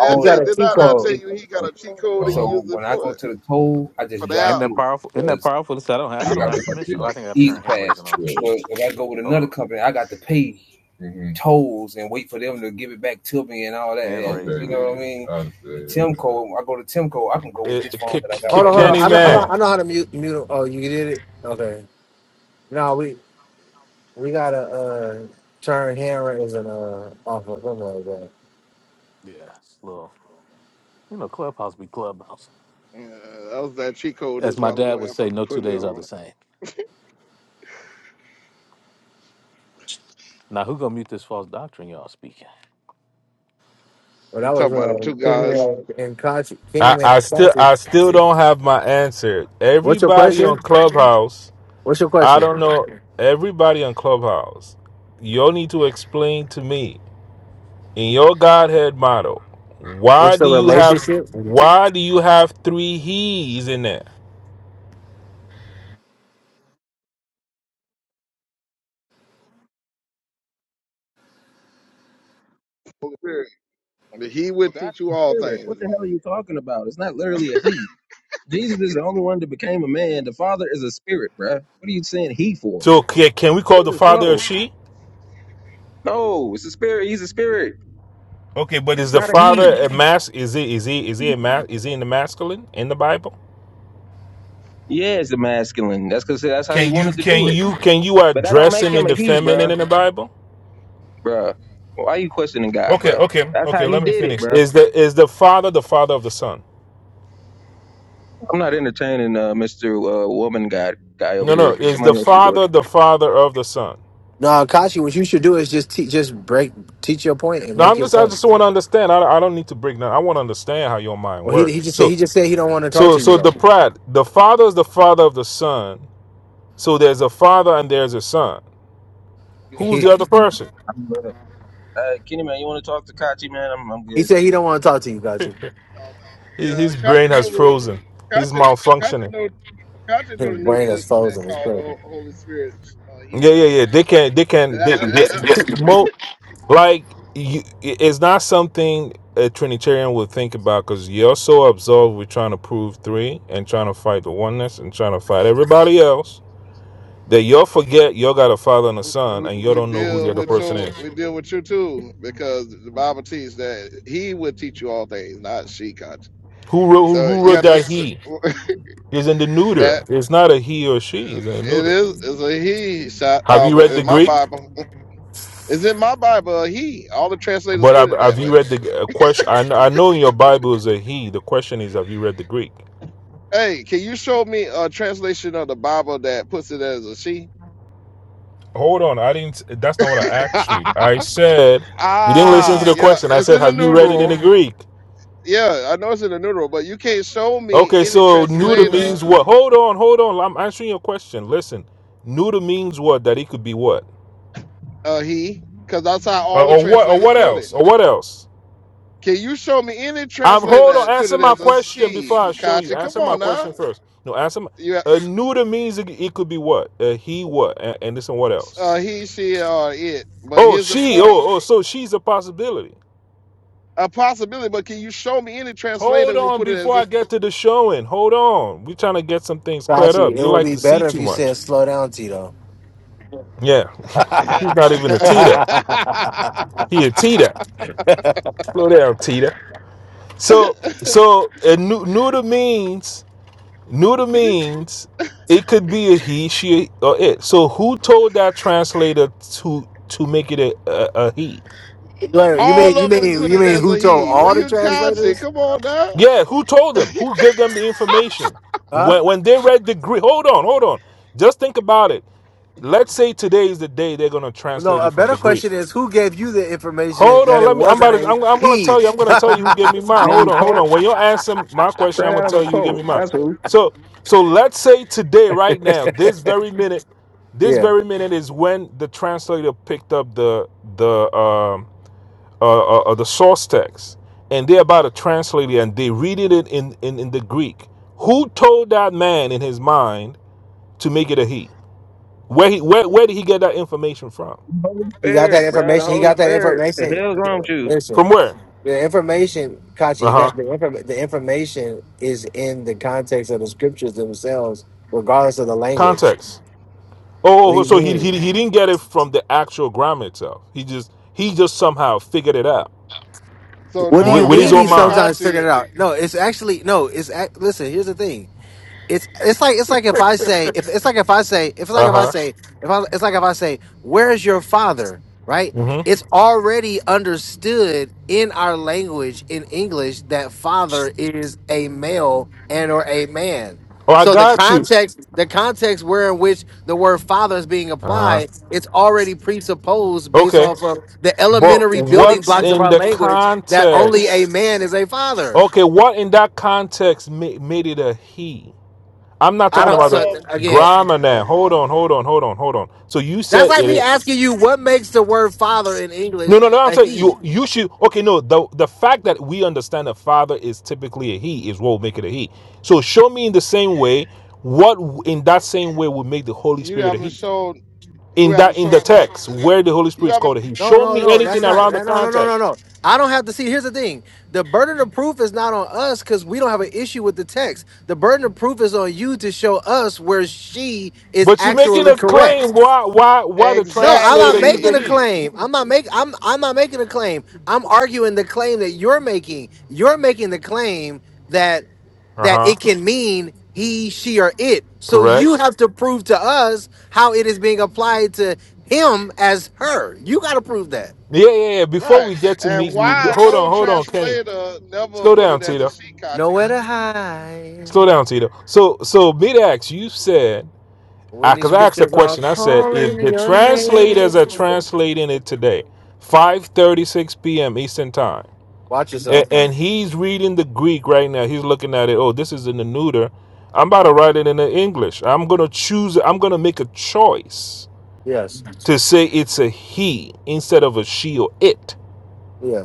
Speaker 5: I
Speaker 6: got
Speaker 5: say,
Speaker 6: a
Speaker 4: the
Speaker 5: did
Speaker 6: cheat
Speaker 5: not I tell
Speaker 6: code.
Speaker 5: you
Speaker 4: accommodations
Speaker 5: he
Speaker 4: for
Speaker 5: got
Speaker 4: you.
Speaker 5: a cheat code
Speaker 4: Uh-huh.
Speaker 5: he
Speaker 4: So
Speaker 5: using
Speaker 4: when I go
Speaker 5: for
Speaker 4: to the toll, I
Speaker 5: for
Speaker 4: just
Speaker 5: the
Speaker 1: Ain't
Speaker 4: drive
Speaker 5: app?
Speaker 1: that
Speaker 4: through
Speaker 1: powerful? Isn't that
Speaker 4: because
Speaker 1: powerful? This- I don't have.
Speaker 4: I
Speaker 1: I don't
Speaker 4: got
Speaker 1: have
Speaker 4: the the
Speaker 1: permission. Oh, I think I got to
Speaker 4: easy
Speaker 1: turn hand
Speaker 4: pass.
Speaker 1: raising on.
Speaker 4: Yeah. But if I go with
Speaker 1: Hold
Speaker 4: another
Speaker 1: on.
Speaker 4: company, I got to pay Mm-hmm. tolls and wait for them to give it back to me and all that.
Speaker 1: Hand
Speaker 4: And, Okay. you
Speaker 1: raising.
Speaker 4: know yeah. what I Yeah. mean? I Timco, I go to Timco, I can go with
Speaker 7: it,
Speaker 4: this phone
Speaker 7: kick,
Speaker 4: that I got
Speaker 6: Hold
Speaker 7: kick,
Speaker 4: right
Speaker 6: on, hold
Speaker 4: now.
Speaker 6: on.
Speaker 7: Kenny,
Speaker 4: To
Speaker 6: I
Speaker 4: be
Speaker 6: know. I know.
Speaker 7: man.
Speaker 6: I
Speaker 4: honest,
Speaker 6: know how to mute. Mute. Him. Oh, you did it. Okay. No, we we gotta uh, turn Hammer as an uh, off or something like that.
Speaker 1: Yeah, it's a little. You know, clubhouse be clubhouse.
Speaker 5: Yeah, that was that cheat code
Speaker 1: As
Speaker 5: this
Speaker 1: my
Speaker 5: while ago.
Speaker 1: dad would say,
Speaker 5: Africa
Speaker 1: no two
Speaker 5: put it
Speaker 1: days are the
Speaker 5: on.
Speaker 1: same. Now, who gonna mute this false doctrine y'all speaking?
Speaker 6: But
Speaker 5: I'm
Speaker 6: that was
Speaker 5: talking about them
Speaker 6: uh,
Speaker 5: two guys.
Speaker 6: Kingman and Kachi.
Speaker 7: I,
Speaker 6: Kingman
Speaker 7: I
Speaker 6: and
Speaker 7: still
Speaker 6: Kachi.
Speaker 7: I still don't have my answer.
Speaker 6: What's your
Speaker 7: Everybody on
Speaker 6: question?
Speaker 7: Clubhouse,
Speaker 6: What's your
Speaker 7: I
Speaker 6: question?
Speaker 7: don't know. Everybody on Clubhouse, you all need to explain to me. in your Godhead model,
Speaker 6: What's
Speaker 7: why
Speaker 6: the
Speaker 7: do you have
Speaker 6: relationship?
Speaker 7: why do you have three he's in there?
Speaker 5: Holy Spirit. He
Speaker 3: Well,
Speaker 5: would
Speaker 3: God
Speaker 5: teach you
Speaker 3: is a
Speaker 5: all
Speaker 3: spirit. What
Speaker 5: things.
Speaker 3: the hell are you talking about? It's not literally a he. Jesus is the only one that became a man. The Father is a spirit, bruh. What are you saying he for?
Speaker 7: So can, can we call
Speaker 3: Dude,
Speaker 7: the
Speaker 3: it's
Speaker 7: father a
Speaker 3: slow.
Speaker 7: she?
Speaker 3: No, it's a spirit. He's a spirit.
Speaker 7: Okay, but is
Speaker 3: It's
Speaker 7: the
Speaker 3: not a
Speaker 7: father
Speaker 3: he.
Speaker 7: a mas? Is he is he is he a mas? Is he in the masculine in the Bible?
Speaker 3: Yeah, it's a masculine. That's because that's how he
Speaker 7: Can you
Speaker 3: wanted to do
Speaker 7: can
Speaker 3: it.
Speaker 7: you can you
Speaker 3: But that don't
Speaker 7: address
Speaker 3: make
Speaker 7: him in
Speaker 3: him a
Speaker 7: the
Speaker 3: he,
Speaker 7: feminine
Speaker 3: bruh.
Speaker 7: in the Bible?
Speaker 3: Bruh. Well, Why you questioning God,
Speaker 7: Okay,
Speaker 3: bruh?
Speaker 7: okay,
Speaker 3: That's how
Speaker 7: okay.
Speaker 3: he
Speaker 7: Let me
Speaker 3: did it,
Speaker 7: finish.
Speaker 3: bruh.
Speaker 7: Is the is the father the father of the son?
Speaker 3: I'm not entertaining uh, Mr. Uh, woman guy guy over
Speaker 7: No, no.
Speaker 3: here.
Speaker 7: Is the
Speaker 3: Somebody else can do it.
Speaker 7: father the father of the son?
Speaker 6: No, Kashi. What you should do is just te- just break, teach your point and
Speaker 7: No,
Speaker 6: make
Speaker 7: I'm
Speaker 6: your
Speaker 7: just I
Speaker 6: point.
Speaker 7: just want to understand. I, I don't need to break down. I want to understand how your mind
Speaker 6: Well, he he
Speaker 7: works.
Speaker 6: just said
Speaker 7: So
Speaker 6: he just said he don't want to talk
Speaker 7: So
Speaker 6: to you
Speaker 7: so
Speaker 6: though.
Speaker 7: the pride, the father is the father of the son. So there's a father and there's a son.
Speaker 3: Good.
Speaker 7: Who's
Speaker 6: He,
Speaker 7: the other
Speaker 3: Kachi.
Speaker 7: person?
Speaker 3: I'm good. Uh, Kenny, man, you want to talk to Kachi, man? I'm, I'm
Speaker 6: he
Speaker 3: good.
Speaker 6: said he don't want to talk to you, Kachi.
Speaker 5: Um,
Speaker 7: His,
Speaker 5: yeah,
Speaker 7: his brain
Speaker 5: Kachi
Speaker 7: has
Speaker 5: know what
Speaker 7: frozen. He's
Speaker 5: Kachi Kachi
Speaker 7: malfunctioning.
Speaker 5: know Kachi know the
Speaker 6: His
Speaker 5: New
Speaker 6: brain is
Speaker 5: Testament
Speaker 6: frozen. It's
Speaker 5: called the Ho-
Speaker 6: perfect.
Speaker 5: Holy Spirit. Uh, he,
Speaker 7: Yeah, yeah,
Speaker 5: not a
Speaker 7: yeah. They
Speaker 5: she.
Speaker 7: can they can
Speaker 5: that-
Speaker 7: they,
Speaker 5: uh,
Speaker 6: And
Speaker 7: they
Speaker 6: this, this,
Speaker 7: mo like you, it's not something a Trinitarian would think about because you're so absorbed with trying to prove three and trying to fight the oneness and trying to fight everybody else that you'll forget you got a father and a son
Speaker 5: we,
Speaker 7: and you
Speaker 5: we
Speaker 7: don't know who the
Speaker 5: deal
Speaker 7: other
Speaker 5: with
Speaker 7: person
Speaker 5: you.
Speaker 7: is.
Speaker 5: We deal with you too, because the Bible teaches that He will teach you all things, not she, Kachi.
Speaker 7: Who wrote
Speaker 5: So
Speaker 7: who
Speaker 5: you
Speaker 7: wrote
Speaker 5: got to
Speaker 7: that
Speaker 5: s-
Speaker 7: he?
Speaker 5: <laughs>
Speaker 7: is in the neuter.
Speaker 5: that
Speaker 7: It's not a he or she.
Speaker 5: uh,
Speaker 7: It's in the
Speaker 5: it
Speaker 7: neuter.
Speaker 5: is is a he shot
Speaker 7: Have
Speaker 5: um,
Speaker 7: you read the
Speaker 5: in my
Speaker 7: Greek?
Speaker 5: Bible. <laughs> It's in my Bible a he. All the translators
Speaker 7: But
Speaker 5: put
Speaker 7: have,
Speaker 5: it that
Speaker 7: have
Speaker 5: way.
Speaker 7: you read the uh, question? I, kn- I know in your Bible is a he. The question is, have you read the Greek?
Speaker 5: Hey, can you show me a translation of the Bible that puts it as a she?
Speaker 7: Hold on, I didn't. That's not what I
Speaker 5: <laughs>
Speaker 7: asked you. I said you didn't listen to
Speaker 5: ah,
Speaker 7: the
Speaker 5: yeah,
Speaker 7: question. I
Speaker 5: it's
Speaker 7: said,
Speaker 5: in the
Speaker 7: have you read it in the
Speaker 5: noodle.
Speaker 7: Greek?
Speaker 5: Yeah, I know it's in the noodle, but you can't show me
Speaker 7: Okay,
Speaker 5: any
Speaker 7: so neuter
Speaker 5: translator,
Speaker 7: means what? Hold on, hold on. I'm answering your question. Listen, neuter means what? That it could be what?
Speaker 5: uh, he, because that's how
Speaker 7: Or,
Speaker 5: all the
Speaker 7: or what? Or
Speaker 5: translators
Speaker 7: what
Speaker 5: put it.
Speaker 7: else? Or what else?
Speaker 5: Can you show me any
Speaker 7: I'm
Speaker 5: translator
Speaker 7: hold on.
Speaker 5: that put
Speaker 7: Answer
Speaker 5: it
Speaker 7: my
Speaker 5: as a
Speaker 7: question before I
Speaker 5: she?
Speaker 7: show you.
Speaker 5: Kachi, come
Speaker 7: Answer my
Speaker 5: on now.
Speaker 7: question first. No, answer my.
Speaker 5: You, have-
Speaker 7: Uh, neuter means it, it could be what? Uh, he what? And, and this and what
Speaker 5: uh,
Speaker 7: else?
Speaker 5: he, she, or it. But
Speaker 7: Oh,
Speaker 5: here's the
Speaker 7: she.
Speaker 5: point:
Speaker 7: Oh, oh. So she's a possibility.
Speaker 5: a possibility. But can you show me any translator
Speaker 7: Hold
Speaker 5: who
Speaker 7: on
Speaker 5: put it
Speaker 7: before I
Speaker 5: as
Speaker 7: get to the showing. Hold on. We're trying to get some things cleared up.
Speaker 6: Kachi, it
Speaker 7: You
Speaker 6: would
Speaker 7: like
Speaker 6: be
Speaker 7: to see
Speaker 6: better if
Speaker 7: too
Speaker 6: you
Speaker 7: much.
Speaker 6: said slow down, Tito.
Speaker 7: Yeah.
Speaker 6: <laughs>
Speaker 7: <laughs> He's not even a Tito. He a Tita. Slow down, Tita. So,
Speaker 5: a?
Speaker 7: so a nu- neuter means Neuter
Speaker 5: <laughs>
Speaker 7: means it could be a he, she, or it. So who told that translator to to make it a, a, a he?
Speaker 6: Larry, you mean
Speaker 5: All
Speaker 6: you
Speaker 5: of
Speaker 6: mean
Speaker 5: them put
Speaker 6: you
Speaker 5: it
Speaker 6: mean
Speaker 5: as
Speaker 6: who
Speaker 5: a
Speaker 6: told
Speaker 5: he. Well,
Speaker 6: all the
Speaker 5: you're Kachi.
Speaker 6: translators?
Speaker 5: Come on now.
Speaker 7: Yeah, who told them? Who gave them the information?
Speaker 6: Huh?
Speaker 7: When when they read the Greek, hold on, hold on. Just think about it. Let's say today is the day they're gonna
Speaker 6: Well, no,
Speaker 7: translate
Speaker 6: a
Speaker 7: it from the
Speaker 6: better
Speaker 7: Greek.
Speaker 6: question is who gave you the information
Speaker 7: Hold
Speaker 6: that
Speaker 7: on,
Speaker 6: it
Speaker 7: let me. I'm
Speaker 6: wasn't
Speaker 7: about to.
Speaker 6: a
Speaker 7: I'm, I'm gonna
Speaker 6: he?
Speaker 7: tell you. I'm
Speaker 6: <laughs>
Speaker 7: gonna tell you who gave me mine. Hold
Speaker 3: Man,
Speaker 7: on, hold
Speaker 3: Colt,
Speaker 7: on. When you answer my question,
Speaker 3: straight
Speaker 7: I'm gonna
Speaker 3: out of
Speaker 7: tell
Speaker 3: a
Speaker 7: you who gave me
Speaker 3: coat.
Speaker 7: mine.
Speaker 3: That's who.
Speaker 7: So, so let's say today, right now, this very minute, this
Speaker 6: yeah.
Speaker 7: very minute is when the translator picked up the the um uh, uh, uh the source text, and they're about to translate it, and they read it in in in, in the Greek. Who told that man in his mind to make it a he? Where he where where did he get that information from?
Speaker 3: Holy
Speaker 6: He got that
Speaker 3: Spirit, bro. The
Speaker 6: information. He
Speaker 3: Holy
Speaker 6: got that
Speaker 3: Spirit. The
Speaker 6: information.
Speaker 3: hell's wrong with you?
Speaker 7: From
Speaker 6: Listen.
Speaker 7: where?
Speaker 6: The information, Kachi,
Speaker 7: Uh
Speaker 6: you
Speaker 7: huh.
Speaker 6: got the inform- the information is in the context of the scriptures themselves, regardless of the language.
Speaker 7: Context.
Speaker 6: What
Speaker 7: Oh,
Speaker 6: do
Speaker 7: oh, oh,
Speaker 6: you
Speaker 7: so he, he
Speaker 6: mean?
Speaker 7: he didn't get it from the actual grammar itself. He just he just somehow figured it out
Speaker 5: So
Speaker 6: What do
Speaker 7: with,
Speaker 6: you
Speaker 5: now,
Speaker 7: with his
Speaker 6: mean?
Speaker 5: according
Speaker 6: He
Speaker 7: own
Speaker 5: to
Speaker 6: sometimes
Speaker 7: mind.
Speaker 5: Kachi,
Speaker 6: figured it out. No, it's actually no. It's act- listen. Here's the thing. it's it's like it's like if I say if it's like if I say if it's like
Speaker 7: Uh
Speaker 6: if I
Speaker 7: huh.
Speaker 6: say if I it's like if I say where's your father right
Speaker 7: hmm
Speaker 6: it's already understood in our language in English that father is a male and or a man
Speaker 7: Oh, I
Speaker 6: so the
Speaker 7: got you.
Speaker 6: context the context where in which the word father is being
Speaker 7: Uh huh.
Speaker 6: applied it's already presupposed based
Speaker 7: Okay,
Speaker 6: off of the
Speaker 7: but
Speaker 6: elementary building
Speaker 7: what's
Speaker 6: blocks of
Speaker 7: in
Speaker 6: our
Speaker 7: the
Speaker 6: language that only a
Speaker 7: context?
Speaker 6: man is a father
Speaker 7: Okay, what in that context ma- made it a he? I'm not
Speaker 6: I
Speaker 7: talking
Speaker 6: don't
Speaker 5: all
Speaker 7: about the
Speaker 6: so
Speaker 5: of
Speaker 6: again
Speaker 7: grammar
Speaker 5: oh
Speaker 7: now. Hold
Speaker 5: Lord,
Speaker 7: on, hold on, hold on, hold on. So you
Speaker 6: That's
Speaker 7: said
Speaker 6: like me
Speaker 7: it.
Speaker 6: asking you what makes the word father in
Speaker 7: No,
Speaker 6: English
Speaker 7: no, no. I'm
Speaker 6: a
Speaker 7: saying
Speaker 6: he.
Speaker 7: you you should okay, no, the the fact that we understand a father is typically a he is what will make it a he. So show me in the same way what in that same way would make the Holy
Speaker 5: you
Speaker 7: Spirit a
Speaker 5: haven't
Speaker 7: he.
Speaker 5: shown you
Speaker 7: In
Speaker 5: haven't
Speaker 7: that in the
Speaker 5: shown uh,
Speaker 7: text where the Holy
Speaker 5: you
Speaker 7: Spirit is
Speaker 5: haven't
Speaker 7: called a he.
Speaker 6: No,
Speaker 7: Show
Speaker 6: no,
Speaker 7: me
Speaker 6: no. That's
Speaker 7: anything
Speaker 5: you
Speaker 6: not.
Speaker 7: around the
Speaker 6: that- No, no, no, no,
Speaker 7: context.
Speaker 6: no. I don't have to see. Here's the thing: the burden of proof is not on us because we don't have an issue with the text. The burden of proof is on you to show us where she is
Speaker 7: But you're making
Speaker 6: actually
Speaker 7: a claim
Speaker 6: correct.
Speaker 7: why why why the
Speaker 6: No, I'm not
Speaker 7: translator used
Speaker 6: making
Speaker 7: the
Speaker 6: a
Speaker 5: exactly
Speaker 7: he.
Speaker 6: claim. I'm not make I'm I'm not making a claim. I'm arguing the claim that you're making. You're making the claim that that
Speaker 7: Uh-huh.
Speaker 6: it can mean he, she, or it. So you
Speaker 7: Correct?
Speaker 6: have to prove to us how it is being applied to him as her. You gotta prove that.
Speaker 7: Yeah, yeah, yeah. Before
Speaker 5: right.
Speaker 7: we get to
Speaker 5: And
Speaker 7: meet we,
Speaker 5: why
Speaker 7: hold
Speaker 5: no
Speaker 7: on, hold on, Kenny.
Speaker 5: translator never
Speaker 7: Slow
Speaker 5: put it
Speaker 7: down,
Speaker 5: as a
Speaker 7: Tito.
Speaker 5: she, Kachi?
Speaker 6: Nowhere to hide
Speaker 7: Slow down, Tito. So so Midax, you said
Speaker 6: when
Speaker 7: I
Speaker 6: these
Speaker 7: because I asked a
Speaker 6: scriptures are
Speaker 7: question. I said, if
Speaker 6: calling
Speaker 7: the
Speaker 6: your name.
Speaker 7: translators are translating it today, 5:36 p.m. Eastern time,
Speaker 6: Watch
Speaker 7: and,
Speaker 6: yourself.
Speaker 7: and he's reading the Greek right now. He's looking at it. Oh, this is in the neuter. I'm about to write it in the English. I'm gonna choose. I'm gonna make a choice
Speaker 6: Yes.
Speaker 7: to say it's a he instead of a she or it.
Speaker 6: Yeah.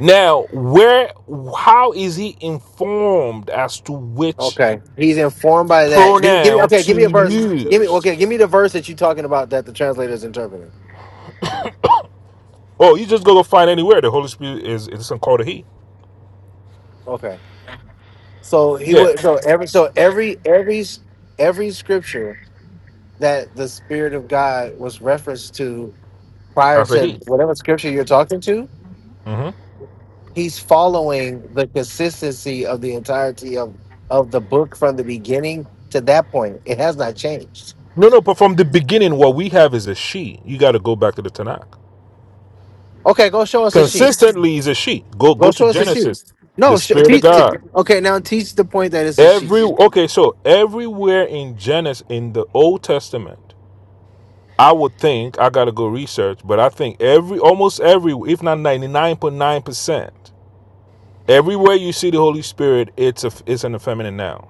Speaker 7: Now, where, how is he informed as to which
Speaker 6: Okay, he's informed by that. Give me, give me.
Speaker 7: pronoun
Speaker 6: Okay,
Speaker 7: to
Speaker 6: give me a verse. Give me.
Speaker 7: use?
Speaker 6: Okay, give me the verse that you're talking about that the translator is interpreting.
Speaker 7: Oh, you just go go find anywhere. The Holy Spirit is it's called a he.
Speaker 6: Okay, so he
Speaker 7: Yeah,
Speaker 5: Man,
Speaker 6: would. So
Speaker 5: Kachi,
Speaker 6: every. So every every every scripture that the Spirit of God was referenced to prior
Speaker 7: that's a
Speaker 6: to
Speaker 7: he.
Speaker 6: whatever scripture you're talking to,
Speaker 7: hmm
Speaker 6: he's following the consistency of the entirety of of the book from the beginning to that point. It has not changed.
Speaker 7: No, no, but from the beginning, what we have is a she. You got to go back to the Tanakh.
Speaker 6: Okay, go show us a sheep.
Speaker 7: Consistently is a she. Go
Speaker 6: Go
Speaker 7: go to
Speaker 6: show us the sheep.
Speaker 7: Genesis. The
Speaker 6: No, show,
Speaker 7: Spirit of
Speaker 6: teach it.
Speaker 7: God.
Speaker 6: Okay, now teach the point that it's a sheep.
Speaker 7: Every okay, so everywhere in Genesis in the Old Testament, I would think I got to go research, but I think every almost every, if not ninety nine point nine percent, everywhere you see the Holy Spirit, it's a it's an effeminate noun.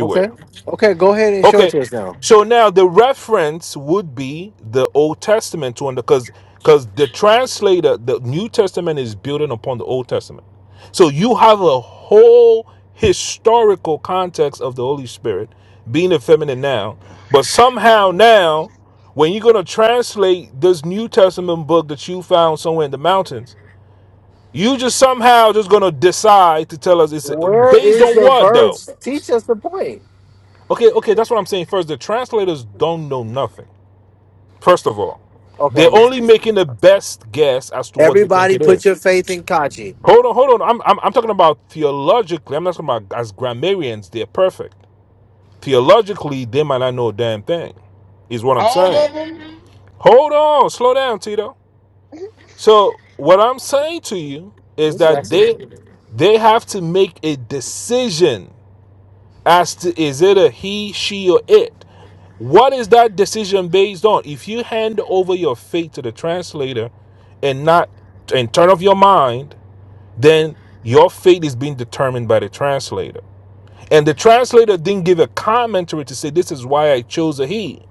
Speaker 6: Okay. Okay, go ahead and show it
Speaker 7: Okay.
Speaker 6: to us now.
Speaker 7: So now the reference would be the Old Testament to under because because the translator, the New Testament is building upon the Old Testament. So you have a whole historical context of the Holy Spirit being a feminine noun, but somehow
Speaker 5: Lord
Speaker 7: now
Speaker 5: Jesus,
Speaker 7: when you're gonna translate this New Testament book that you found somewhere in the mountains, you just somehow just gonna decide to tell us it's
Speaker 6: Where
Speaker 7: based
Speaker 6: is
Speaker 7: on
Speaker 6: the
Speaker 7: what though?
Speaker 6: verse? Teach us the point.
Speaker 7: Okay, okay, that's what I'm saying. First, the translators don't know nothing. First of all,
Speaker 6: Okay,
Speaker 7: they're
Speaker 6: we,
Speaker 7: only making the best guess as to what they think
Speaker 6: everybody
Speaker 7: it
Speaker 6: put
Speaker 7: is.
Speaker 6: your faith in Kachi.
Speaker 7: Hold on, hold on. I'm, I'm, I'm talking about theologically. I'm not talking about as grammarians. They're perfect. Theologically, they might not know a damn thing, is what I'm
Speaker 5: all of
Speaker 7: saying.
Speaker 5: them.
Speaker 7: Hold on, slow down, Tito. So what I'm saying to you is
Speaker 6: This is
Speaker 7: that
Speaker 6: actually
Speaker 7: they they have to make a decision as to is it a he, she, or it. What is that decision based on? If you hand over your faith to the translator and not and turn off your mind, then your fate is being determined by the translator. And the translator didn't give a commentary to say this is why I chose a he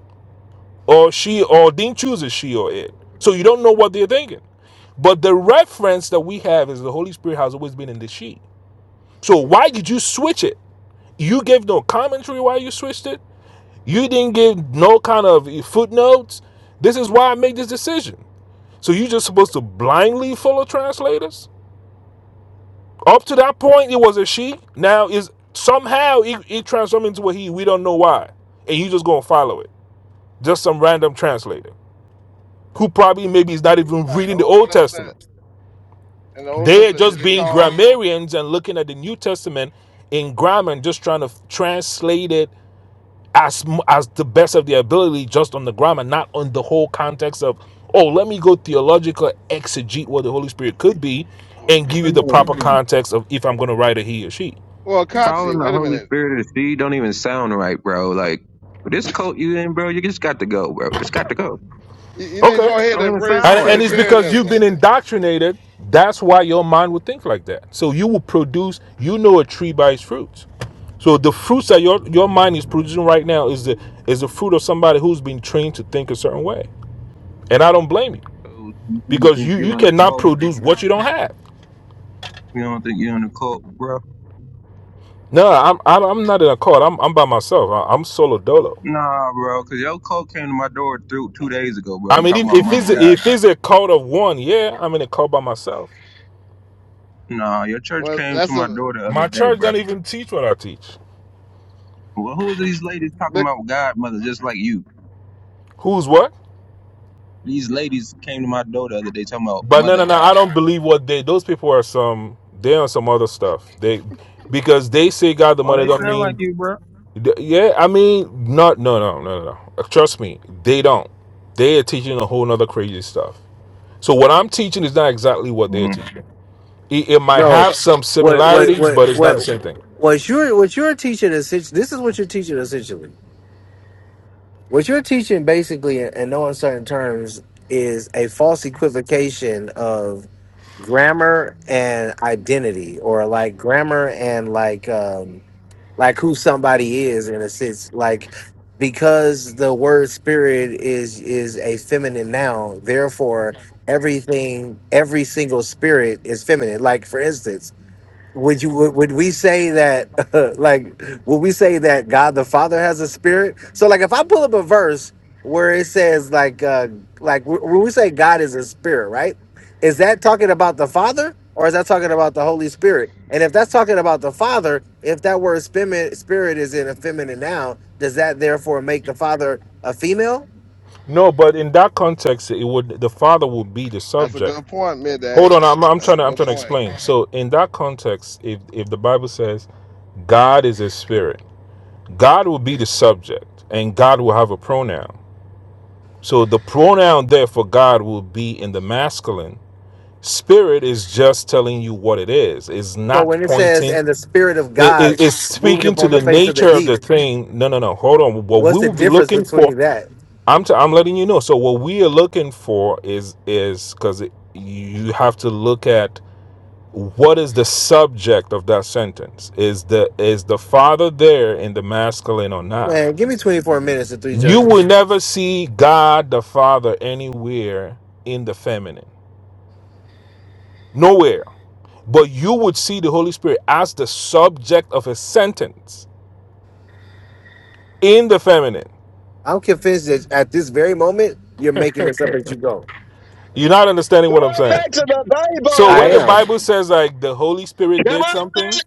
Speaker 7: or she or didn't choose a she or it. So you don't know what they're thinking. But the reference that we have is the Holy Spirit has always been in the she. So why did you switch it? You gave no commentary why you switched it. You didn't give no kind of footnotes. This is why I made this decision. So you just supposed to blindly follow translators? Up to that point, it was a she. Now is somehow it, it transformed into a he. We don't know why, and you just gonna follow it. Just some random translator who probably maybe is not
Speaker 5: in
Speaker 7: even
Speaker 5: the
Speaker 7: reading the
Speaker 5: Old
Speaker 7: Old
Speaker 5: Testament,
Speaker 7: Testament.
Speaker 5: in the Old
Speaker 7: They're
Speaker 5: Testament, did
Speaker 7: just
Speaker 5: they
Speaker 7: being
Speaker 5: call?
Speaker 7: grammarians and looking at the New Testament in grammar and just trying to translate it as as the best of their ability just on the grammar not on the whole context of oh let me go theological exegete what the holy spirit could be
Speaker 5: Oh
Speaker 7: and give you the
Speaker 5: Jesus.
Speaker 3: Oh,
Speaker 7: proper Mm-mm. context of if i'm going to write a he or she
Speaker 5: Well, Kachi,
Speaker 3: Calling the
Speaker 5: wait a
Speaker 3: Holy
Speaker 5: minute.
Speaker 3: Spirit of the seed don't even sound right, bro. Like with this coat you in, bro. You just got to go, bro. Just got to go.
Speaker 5: You, you need to
Speaker 7: okay
Speaker 5: go ahead
Speaker 3: Don't
Speaker 5: and
Speaker 3: even
Speaker 5: embrace
Speaker 7: and,
Speaker 3: sound right,
Speaker 7: and it's
Speaker 3: bro.
Speaker 7: because you've
Speaker 5: Trinitarianism.
Speaker 7: been indoctrinated that's why your mind would think like that so you will produce you know a tree by its fruits so the fruits that your your mind is producing right now is the is the fruit of somebody who's been trained to think a certain way. And I don't blame you
Speaker 3: So, you don't
Speaker 7: because
Speaker 3: think
Speaker 7: you you
Speaker 3: you're in a
Speaker 7: cannot
Speaker 3: cult?
Speaker 7: produce what you don't have.
Speaker 3: You don't think you're in a cult, bro?
Speaker 7: No, I'm I'm, I'm not in a cult. I'm I'm by myself. I, I'm solo dolo.
Speaker 3: Nah, bro. Cause your cult came to my door through two days ago,
Speaker 7: I
Speaker 3: bro.
Speaker 7: mean,
Speaker 3: Talking
Speaker 7: if,
Speaker 3: about
Speaker 7: if
Speaker 3: mother
Speaker 7: it's
Speaker 3: God.
Speaker 7: if it's a cult of one, yeah, I'm in a cult by myself.
Speaker 3: Nah, your church
Speaker 5: Well,
Speaker 3: came to
Speaker 5: that's
Speaker 3: my
Speaker 5: a
Speaker 3: door the other
Speaker 7: My
Speaker 3: day,
Speaker 7: church
Speaker 3: bro.
Speaker 7: don't even teach what I teach.
Speaker 3: Well, who's these ladies talking
Speaker 5: big,
Speaker 3: about God, mother, just like you?
Speaker 7: Who's what?
Speaker 3: These ladies came to my door the other day talking about
Speaker 7: But no,
Speaker 3: mother
Speaker 7: no, no. I
Speaker 3: God.
Speaker 7: don't believe what they. Those people are some. They're on some other stuff. They because they say God the
Speaker 3: Oh,
Speaker 7: Mother
Speaker 3: they
Speaker 7: don't
Speaker 3: sound like
Speaker 7: mean.
Speaker 3: you, bro.
Speaker 7: Yeah, I mean, not no, no, no, no, no. Trust me, they don't. They are teaching a whole nother crazy stuff. So what I'm teaching is not exactly what they're
Speaker 3: Mhm.
Speaker 7: teaching. it, it might
Speaker 6: no.
Speaker 5: so-
Speaker 7: have some
Speaker 6: What what
Speaker 7: similarities,
Speaker 6: what
Speaker 7: but it's not the
Speaker 6: what
Speaker 7: same thing.
Speaker 6: what you're what you're teaching essentially this is what you're teaching essentially. What you're teaching basically in, in no uncertain terms is a false equivocation of. grammar and identity or like grammar and like um like who somebody is in a sense like because the word spirit is is a feminine noun therefore everything every single spirit is feminine like for instance would you would, would we say that <laughs> like would we say that god the father has a spirit so like if i pull up a verse where it says like uh like wh- when we say god is a spirit right is that talking about the father or is that talking about the holy spirit and if that's talking about the father if that word spimi- spirit is in a feminine noun does that therefore make the father a female
Speaker 7: No, but in that context, it would the father would be the
Speaker 5: that's a
Speaker 7: subject.
Speaker 5: good point,
Speaker 7: Hold on,
Speaker 5: Midax.
Speaker 7: I'm, I'm
Speaker 5: That's
Speaker 7: trying
Speaker 5: a
Speaker 7: to I'm
Speaker 5: good
Speaker 7: trying to
Speaker 5: point.
Speaker 7: explain. So in that context, if if the Bible says God is a spirit, God will be the subject, and God will have a pronoun. So the pronoun there for God will be in the masculine. Spirit is just telling you what it is. It's
Speaker 6: so
Speaker 7: not
Speaker 6: when it says
Speaker 7: pointing.
Speaker 6: and the spirit of
Speaker 7: It,
Speaker 6: god
Speaker 7: it- it's
Speaker 6: moved
Speaker 7: speaking to
Speaker 6: upon the
Speaker 7: the
Speaker 6: face of the
Speaker 7: nature of the
Speaker 6: deep
Speaker 7: thing. No, no, no. Hold on. What
Speaker 6: what's
Speaker 7: we
Speaker 6: the
Speaker 7: will be
Speaker 6: difference
Speaker 7: looking
Speaker 6: between
Speaker 7: for.
Speaker 6: that
Speaker 7: I'm t- I'm letting you know. So what we are looking for is is because you have to look at what is the subject of that sentence. Is the is the Father there in the masculine or not?
Speaker 6: Man, give me 24 minutes and three
Speaker 7: You will
Speaker 6: judges.
Speaker 7: never see God the Father anywhere in the feminine, nowhere. But you would see the Holy Spirit as the subject of a sentence in the feminine.
Speaker 6: I'm convinced that at this very moment, you're making this up as you go.
Speaker 7: You're not understanding
Speaker 8: Come
Speaker 7: what I'm
Speaker 8: on
Speaker 7: saying.
Speaker 8: back to the
Speaker 7: So when
Speaker 6: I
Speaker 7: the
Speaker 8: Bible.
Speaker 6: am.
Speaker 7: Bible says like the Holy Spirit
Speaker 8: Come
Speaker 7: did
Speaker 8: on.
Speaker 7: something.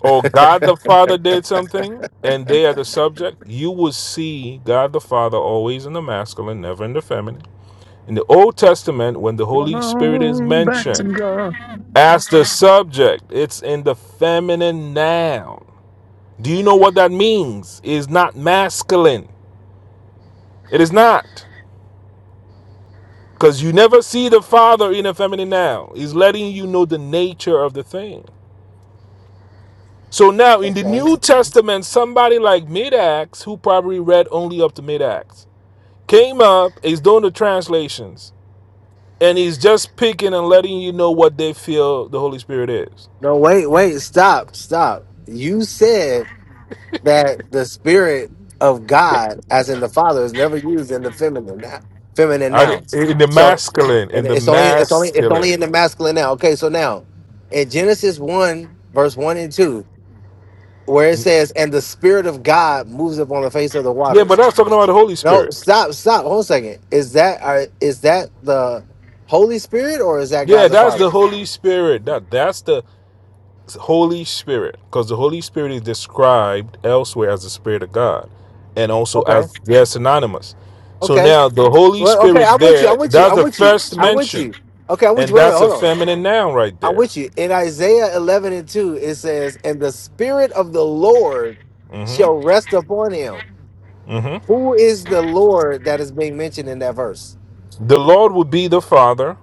Speaker 7: or God the Father did something and they are the subject, you will see God the Father always in the masculine, never in the feminine. In the Old Testament, when the
Speaker 8: Come
Speaker 7: Holy Spirit is
Speaker 8: on back to
Speaker 7: mentioned
Speaker 8: God.
Speaker 7: as the subject, it's in the feminine noun. Do you know what that means? It is not masculine. It is not. Because you never see the Father in a feminine noun. He's letting you know the nature of the thing. So now in the
Speaker 6: Okay.
Speaker 7: New Testament, somebody like Mid-Acts, who probably read only up to Mid-Acts, came up, he's doing the translations, and he's just picking and letting you know what they feel the Holy Spirit is.
Speaker 6: No, wait, wait, stop, stop. You said that the spirit of God, as in the Father, is never used in the feminine na- feminine
Speaker 7: I-
Speaker 6: nouns.
Speaker 7: in the
Speaker 6: So
Speaker 7: masculine,
Speaker 6: and
Speaker 7: in the
Speaker 6: it's only it's only it's only
Speaker 7: masculine.
Speaker 6: in the masculine now. Okay, so now in Genesis 1, verse 1 and 2, where it says, And the spirit of God moves upon the face of the
Speaker 7: Yeah, but
Speaker 6: waters.
Speaker 7: that's talking about the Holy
Speaker 6: No,
Speaker 7: Spirit.
Speaker 6: stop, stop. Hold on a second. Is that are, is that the Holy Spirit or is that God
Speaker 7: Yeah,
Speaker 6: the
Speaker 7: that's
Speaker 6: Father?
Speaker 7: the Holy Spirit. That that's the Holy Spirit, because the Holy Spirit is described elsewhere as the Spirit of God, and also
Speaker 6: Okay.
Speaker 7: as they're synonymous. So
Speaker 6: Okay.
Speaker 7: now the Holy
Speaker 6: Well, okay.
Speaker 7: Spirit
Speaker 6: I'm with you. I'm
Speaker 7: there,
Speaker 6: with you.
Speaker 7: that's
Speaker 6: I'm
Speaker 7: the
Speaker 6: with you.
Speaker 7: first
Speaker 6: I'm with
Speaker 7: mention,
Speaker 6: you. Okay. I'm with
Speaker 7: and
Speaker 6: you. Wait, wait.
Speaker 7: that's a
Speaker 6: Hold on.
Speaker 7: feminine noun right
Speaker 6: I'm
Speaker 7: there.
Speaker 6: with you. In Isaiah 11 and 2, it says, "And the Spirit of the Lord shall
Speaker 7: Mm-hmm.
Speaker 6: rest upon him."
Speaker 7: Mm-hmm.
Speaker 6: Who is the Lord that is being mentioned in that verse?
Speaker 7: The Lord will be the Father,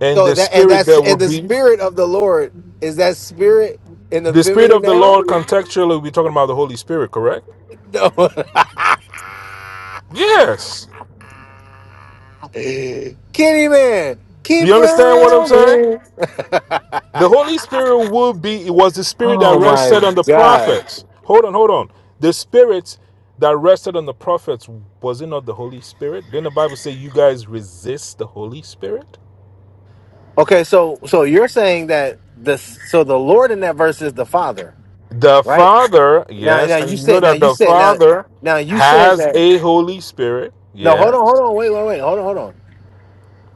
Speaker 7: and
Speaker 6: So
Speaker 7: the
Speaker 6: that and
Speaker 7: Spirit
Speaker 6: that's
Speaker 7: that will
Speaker 6: and the
Speaker 7: be.
Speaker 6: Spirit of the Lord is that Spirit in the
Speaker 7: The Spirit
Speaker 6: feminine
Speaker 7: of the
Speaker 6: now? <laughs>
Speaker 7: Lord, contextually, we're talking about the Holy Spirit, correct?
Speaker 6: No. <laughs>
Speaker 7: Yes.
Speaker 6: Kenny man, keep
Speaker 7: You understand what I'm saying?
Speaker 6: running.
Speaker 7: The Holy Spirit will be, it was the Spirit that
Speaker 6: Oh my
Speaker 7: rested on the
Speaker 6: God.
Speaker 7: prophets. Hold on, hold on. The Spirit that rested on the prophets, was it not the Holy Spirit? Didn't the Bible say you guys resist the Holy Spirit?
Speaker 6: Okay, so so you're saying that the so the Lord in that verse is the Father,
Speaker 7: The
Speaker 6: right?
Speaker 7: Father,
Speaker 6: Now
Speaker 7: yes,
Speaker 6: now
Speaker 7: and
Speaker 6: you
Speaker 7: you know
Speaker 6: said now
Speaker 7: that
Speaker 6: you
Speaker 7: the
Speaker 6: said now
Speaker 7: Father
Speaker 6: now you said
Speaker 7: has
Speaker 6: that
Speaker 7: a Holy Spirit,
Speaker 6: no hold on hold
Speaker 7: yes.
Speaker 6: on wait wait wait hold on hold on.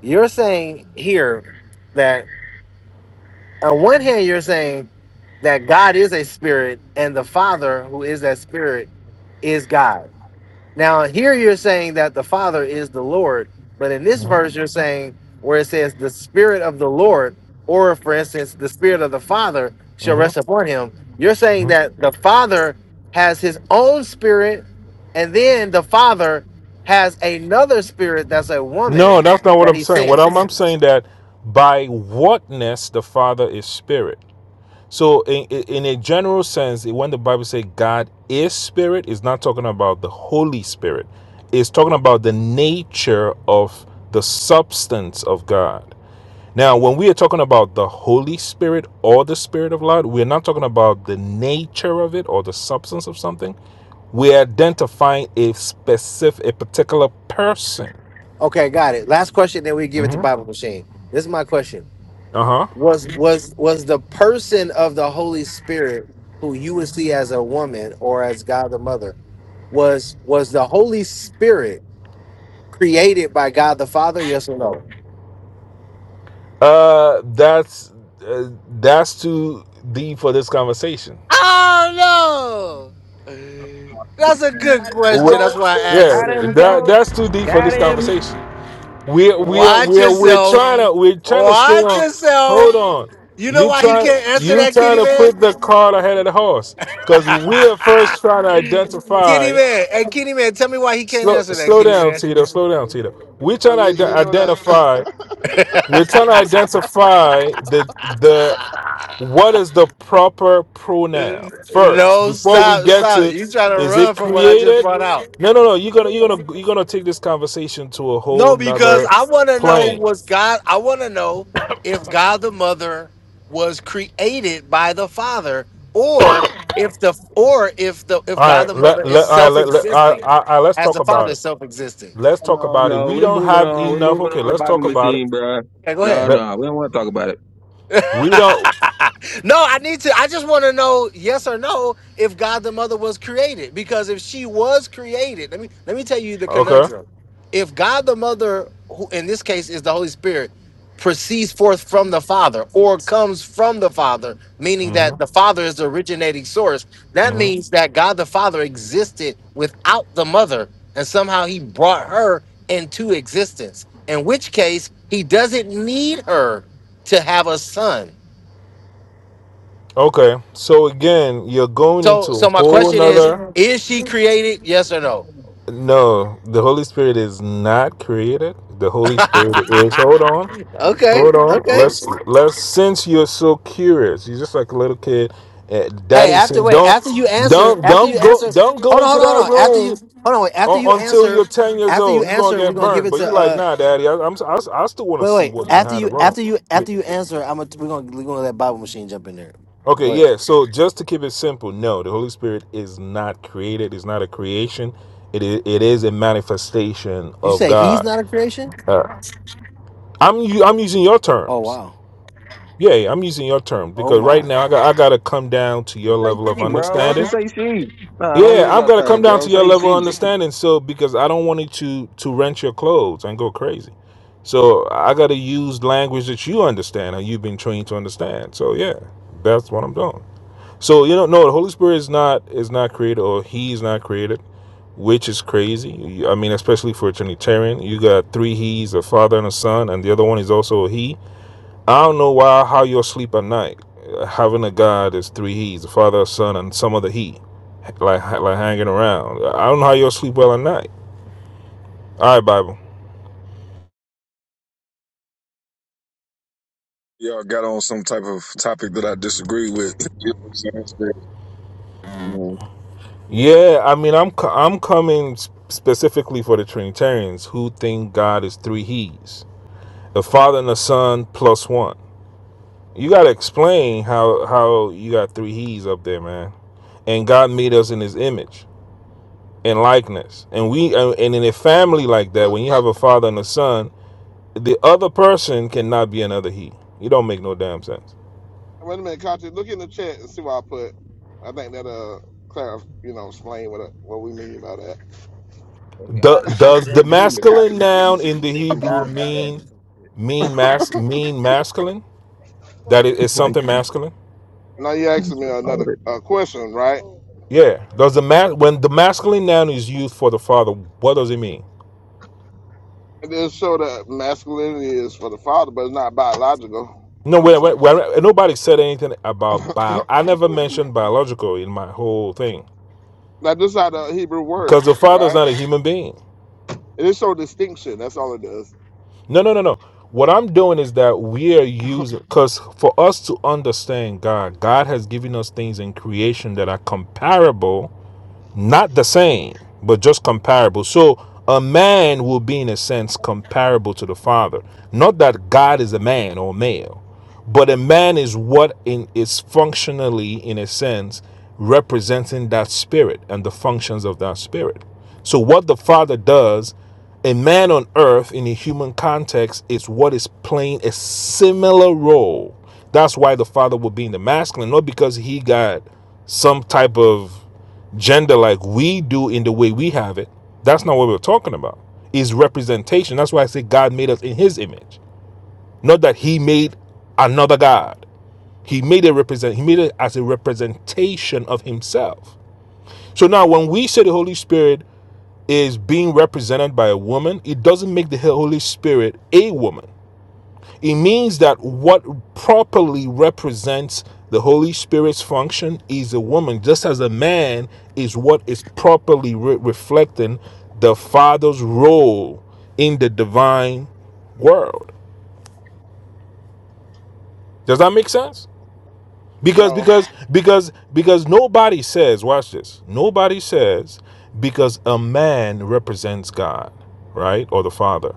Speaker 6: You're saying here that on one hand you're saying that God is a spirit and the Father who is that spirit is God. Now, here you're saying that the Father is the Lord, but in this verse, you're saying where it says the Spirit of the Lord, or for instance, the Spirit of the Father shall
Speaker 7: Mhm.
Speaker 6: rest upon him. You're saying that the Father has his own spirit, and then the Father has another spirit that's a
Speaker 7: No,
Speaker 6: woman
Speaker 7: that's not what
Speaker 6: that
Speaker 7: I'm
Speaker 6: he
Speaker 7: saying. What I'm,
Speaker 6: sends.
Speaker 7: I'm saying that by whatness the Father is spirit. So in, in a general sense, when the Bible says God is spirit, it's not talking about the Holy Spirit. It's talking about the nature of the substance of God. Now, when we are talking about the Holy Spirit or the Spirit of God, we're not talking about the nature of it or the substance of something. We're identifying a specific, a particular person.
Speaker 6: Okay, got it. Last question, then we give it to
Speaker 7: Uh
Speaker 6: Bible Machine. This is my question.
Speaker 7: huh.
Speaker 6: was was was the person of the Holy Spirit who you would see as a woman or as God the Mother was was the Holy Spirit created by God the Father? Yes or no?
Speaker 7: Uh, that's uh, that's too deep for this conversation.
Speaker 6: Oh no! That's a
Speaker 8: Man,
Speaker 6: good
Speaker 3: Got him,
Speaker 7: we
Speaker 6: question. That's
Speaker 3: coach.
Speaker 6: why I asked
Speaker 7: yeah,
Speaker 3: Got
Speaker 6: it.
Speaker 3: him,
Speaker 7: that
Speaker 3: coach.
Speaker 7: that's too deep for
Speaker 3: Got
Speaker 7: this
Speaker 3: him.
Speaker 7: conversation. We're we're
Speaker 6: Watch
Speaker 7: we're we're
Speaker 6: yourself.
Speaker 7: trying to we're trying to stay
Speaker 6: Watch
Speaker 7: on.
Speaker 6: yourself.
Speaker 7: Hold on,
Speaker 6: You know
Speaker 7: you
Speaker 6: why he
Speaker 7: try
Speaker 6: can't answer
Speaker 7: you
Speaker 6: that,
Speaker 7: trying
Speaker 6: Kitty
Speaker 7: to
Speaker 6: Man?
Speaker 7: put the cart ahead of the horse because we're first trying to
Speaker 6: <laughs> Kitty
Speaker 7: identify.
Speaker 6: Man. Hey, Kitty Man, tell me why he can't
Speaker 7: Slow
Speaker 6: answer that,
Speaker 7: slow
Speaker 6: Kitty
Speaker 7: down,
Speaker 6: Man.
Speaker 7: Tito. Slow down, Tito. We're trying
Speaker 5: Cause
Speaker 7: to ide-
Speaker 5: he, he know that.
Speaker 7: identify.
Speaker 6: <laughs>
Speaker 7: We're trying to identify the the What is the proper pronoun
Speaker 6: <laughs>
Speaker 7: first
Speaker 6: No,
Speaker 7: before we
Speaker 6: stop,
Speaker 7: get
Speaker 6: stop.
Speaker 7: to
Speaker 6: You trying to
Speaker 7: is it
Speaker 6: run from what I just
Speaker 7: created?
Speaker 6: brought out.
Speaker 7: No, no, no. You're gonna you're gonna you're gonna take this conversation to a whole
Speaker 6: No, because
Speaker 7: nother
Speaker 6: I want to know
Speaker 7: plane.
Speaker 6: was God, I want to know if God the Mother was created by the Father or if the or if the if
Speaker 7: All
Speaker 6: God
Speaker 7: right,
Speaker 6: the Mother
Speaker 7: let let all
Speaker 6: is
Speaker 7: right, let, let all right,
Speaker 6: self-existing
Speaker 7: all right, let's
Speaker 6: as
Speaker 7: talk
Speaker 6: the Father
Speaker 7: about it.
Speaker 6: is self-existing.
Speaker 7: Let's talk
Speaker 3: No,
Speaker 7: about it.
Speaker 3: no,
Speaker 7: We
Speaker 3: we're
Speaker 7: don't
Speaker 3: moving
Speaker 7: have
Speaker 3: on. We're
Speaker 7: enough.
Speaker 3: moving
Speaker 7: Okay,
Speaker 3: on to
Speaker 7: let's
Speaker 3: Bible
Speaker 7: talk about it.
Speaker 3: machine, bro.
Speaker 6: Okay, go
Speaker 3: No,
Speaker 6: ahead.
Speaker 7: Let
Speaker 3: no, we don't want to talk about it.
Speaker 7: we don't.
Speaker 6: No, I need to. I just want to know yes or no if God the Mother was created. Because if she was created, let me let me tell you the
Speaker 7: Okay.
Speaker 6: conundrum. If God the Mother, who in this case is the Holy Spirit, proceeds forth from the Father or comes from the Father, meaning
Speaker 7: hmm
Speaker 6: that the Father is the originating source, that
Speaker 7: hmm
Speaker 6: means that God the Father existed without the Mother, and somehow He brought her into existence. In which case, He doesn't need her to have a son
Speaker 7: Okay. So again, you're going
Speaker 6: So
Speaker 7: into a
Speaker 6: so my
Speaker 7: whole
Speaker 6: question is,
Speaker 7: nother.
Speaker 6: is she created? Yes or no?
Speaker 7: No, the Holy Spirit is not created. The Holy Spirit is.
Speaker 6: <laughs>
Speaker 7: Hold on,
Speaker 6: Okay,
Speaker 7: hold on.
Speaker 6: okay.
Speaker 7: Let's let's. Since you're so curious, you're just like a little kid. eh,
Speaker 6: Hey,
Speaker 7: Daddy,
Speaker 6: after
Speaker 7: saying,
Speaker 6: wait,
Speaker 7: don't,
Speaker 6: after you answer,
Speaker 7: don't,
Speaker 6: after you
Speaker 7: don't
Speaker 6: answer,
Speaker 7: go, don't go
Speaker 6: hold on,
Speaker 7: into
Speaker 6: hold on, hold
Speaker 7: that
Speaker 6: on. After
Speaker 7: room
Speaker 6: you hold on, wait, after
Speaker 7: u-
Speaker 6: you
Speaker 7: until
Speaker 6: answer,
Speaker 7: you're ten years
Speaker 6: after you
Speaker 7: old. You're gonna
Speaker 6: answer, we're
Speaker 7: get
Speaker 6: gonna give
Speaker 7: burned.
Speaker 6: it
Speaker 7: But you're
Speaker 6: to
Speaker 7: like,
Speaker 6: uh
Speaker 7: nah, Daddy. I, I'm, I, I still want
Speaker 6: wait,
Speaker 7: to see
Speaker 6: wait.
Speaker 7: what's
Speaker 6: After
Speaker 7: behind the
Speaker 6: you
Speaker 7: room.
Speaker 6: after you after you answer, I'm gonna we're gonna we're gonna let Bible machine jump in there.
Speaker 7: Okay,
Speaker 6: Go ahead.
Speaker 7: yeah. So just to keep it simple, no, the Holy Spirit is not created. It's not a creation. It is, it is a manifestation
Speaker 6: You
Speaker 7: of
Speaker 6: say he's
Speaker 7: God.
Speaker 6: not a creation?
Speaker 7: Uh, I'm i I'm using your
Speaker 6: Oh
Speaker 7: terms.
Speaker 6: wow.
Speaker 7: Yeah, I'm using your terms
Speaker 6: Oh
Speaker 7: because right
Speaker 6: my.
Speaker 7: now I got I gotta come down to your
Speaker 3: Just
Speaker 7: level
Speaker 3: say
Speaker 7: of
Speaker 3: she, bro. Why don't you
Speaker 7: understanding.
Speaker 3: say she? Nah, don't
Speaker 7: Yeah,
Speaker 3: use
Speaker 7: I've
Speaker 3: our
Speaker 7: gotta come
Speaker 3: terms,
Speaker 7: down
Speaker 3: bro.
Speaker 7: to your
Speaker 3: Say
Speaker 7: level of
Speaker 3: she.
Speaker 7: understanding. So because I don't want you to to rent your clothes and go crazy. So I gotta use language that you understand and you've been trained to understand. So yeah, that's what I'm doing. So you don't know no, the Holy Spirit is not is not created or he's not created, which is crazy. I mean, especially for a Trinitarian, you got three he's a father and a son, and the other one is also a he I don't know why how you'll sleep at night. Uh, Having a God is three He's the Father, Son, and some other He, like like hanging around. I don't know how you'll sleep well at night. All right, Bible.
Speaker 8: Y'all got on some type of topic that I disagree with. <laughs> You know what I'm saying?
Speaker 7: Yeah, I mean, I'm I'm coming specifically for the Trinitarians who think God is three He's, the Father and the Son plus one. You gotta explain how how you got three He's up there, man. And God made us in His image and likeness, and we and in a family like
Speaker 5: <laughs>
Speaker 7: that,
Speaker 5: But
Speaker 7: when you have a father and a son The other person cannot be another he. It don't make no damn sense.
Speaker 5: wait a minute, Kachi, look in the chat and see what I put. I think that uh, clarify, you know, explain what what we mean by that.
Speaker 3: And
Speaker 7: Do,
Speaker 3: God is not a
Speaker 7: does the
Speaker 3: damn human,
Speaker 7: masculine
Speaker 3: Kachi.
Speaker 7: noun
Speaker 3: You
Speaker 7: in the
Speaker 3: thinking
Speaker 7: Hebrew
Speaker 3: God is like us
Speaker 7: mean
Speaker 3: or some shit.
Speaker 7: mean mas mean masculine? That it
Speaker 3: <laughs>
Speaker 7: is
Speaker 3: Like,
Speaker 7: something masculine?
Speaker 5: Now you asking
Speaker 3: that's
Speaker 5: me another
Speaker 3: retarded.
Speaker 5: uh, question, right?
Speaker 7: Yeah. Does the ma- when the masculine noun is used for the father, what does it mean?
Speaker 5: It does show that masculinity is for the father, but it's not biological.
Speaker 7: No,
Speaker 5: I would
Speaker 7: where,
Speaker 5: say.
Speaker 7: where, where- nobody said anything
Speaker 5: <laughs>
Speaker 7: about bio. I never mentioned biological in my whole thing
Speaker 5: now this is how the Hebrew word,
Speaker 7: because the father's
Speaker 5: right?
Speaker 7: not a human being.
Speaker 5: It is show distinction. That's all it does.
Speaker 7: No, no, no, no. What I'm doing is that we are using, because for us to understand God, God has given us things in creation that are comparable not the same, but just comparable. So a man will be, in a sense, comparable to the Father. Not that God is a man or male, but a man is what in, is functionally, in a sense, representing that spirit and the functions of that spirit. So what the Father does a man on earth in a human context is what is playing a similar role. That's why the father will be in the masculine, not because he got some type of gender like we do in the way we have it, that's not what we're talking about. Is representation. That's why I say God made us in his image. Not that he made another God. He made it represent he made it as a representation of himself. So now when we say the Holy Spirit is being represented by a woman, it doesn't make the Holy Spirit a woman. It means that what properly represents the Holy Spirit's function is a woman, just as a man is what is properly re- reflecting the Father's role in the divine world. Does that make sense? Because
Speaker 5: No,
Speaker 7: because because because nobody says, watch this. Nobody says because a man represents God, right? Or the Father.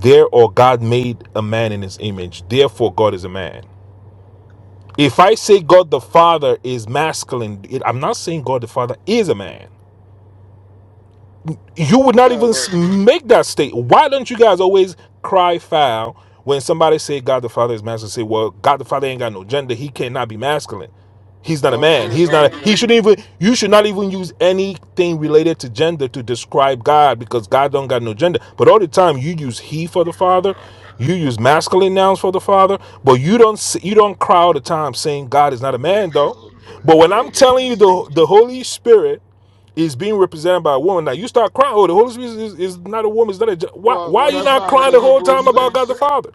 Speaker 7: There or God made a man in his image. Therefore God is a man. If I say God the Father is masculine, it, I'm not saying God the Father is a man you would not
Speaker 5: yeah,
Speaker 7: even
Speaker 5: but
Speaker 7: make that statement. Why don't you guys always cry foul when somebody say God the Father is masculine? Say, well, God the Father ain't got no gender. He cannot be masculine. He's
Speaker 5: The
Speaker 7: not a
Speaker 5: Holy
Speaker 7: man.
Speaker 5: Spirit
Speaker 7: He's
Speaker 5: don't
Speaker 7: not. A,
Speaker 5: either.
Speaker 7: he shouldn't even. You should not even use anything related to gender to describe God because God don't got no gender. But all the time you use he for the
Speaker 5: Oh
Speaker 7: Father,
Speaker 5: God,
Speaker 7: you use masculine nouns for the Father, but you don't. You don't cry all the time saying God is not a
Speaker 5: it's
Speaker 7: man though.
Speaker 5: so
Speaker 7: But
Speaker 5: it's
Speaker 7: when
Speaker 5: so
Speaker 7: I'm telling you
Speaker 5: distinction.
Speaker 7: the the Holy Spirit is being represented by a woman. Now you start crying. Oh, the Holy Spirit is, is not a woman. It's not a. Why?
Speaker 5: Well,
Speaker 7: Why
Speaker 5: well,
Speaker 7: are you
Speaker 5: that's
Speaker 7: not
Speaker 5: not what
Speaker 7: crying
Speaker 5: the
Speaker 7: the whole
Speaker 5: Hebrews
Speaker 7: time
Speaker 5: said.
Speaker 7: about God the Father?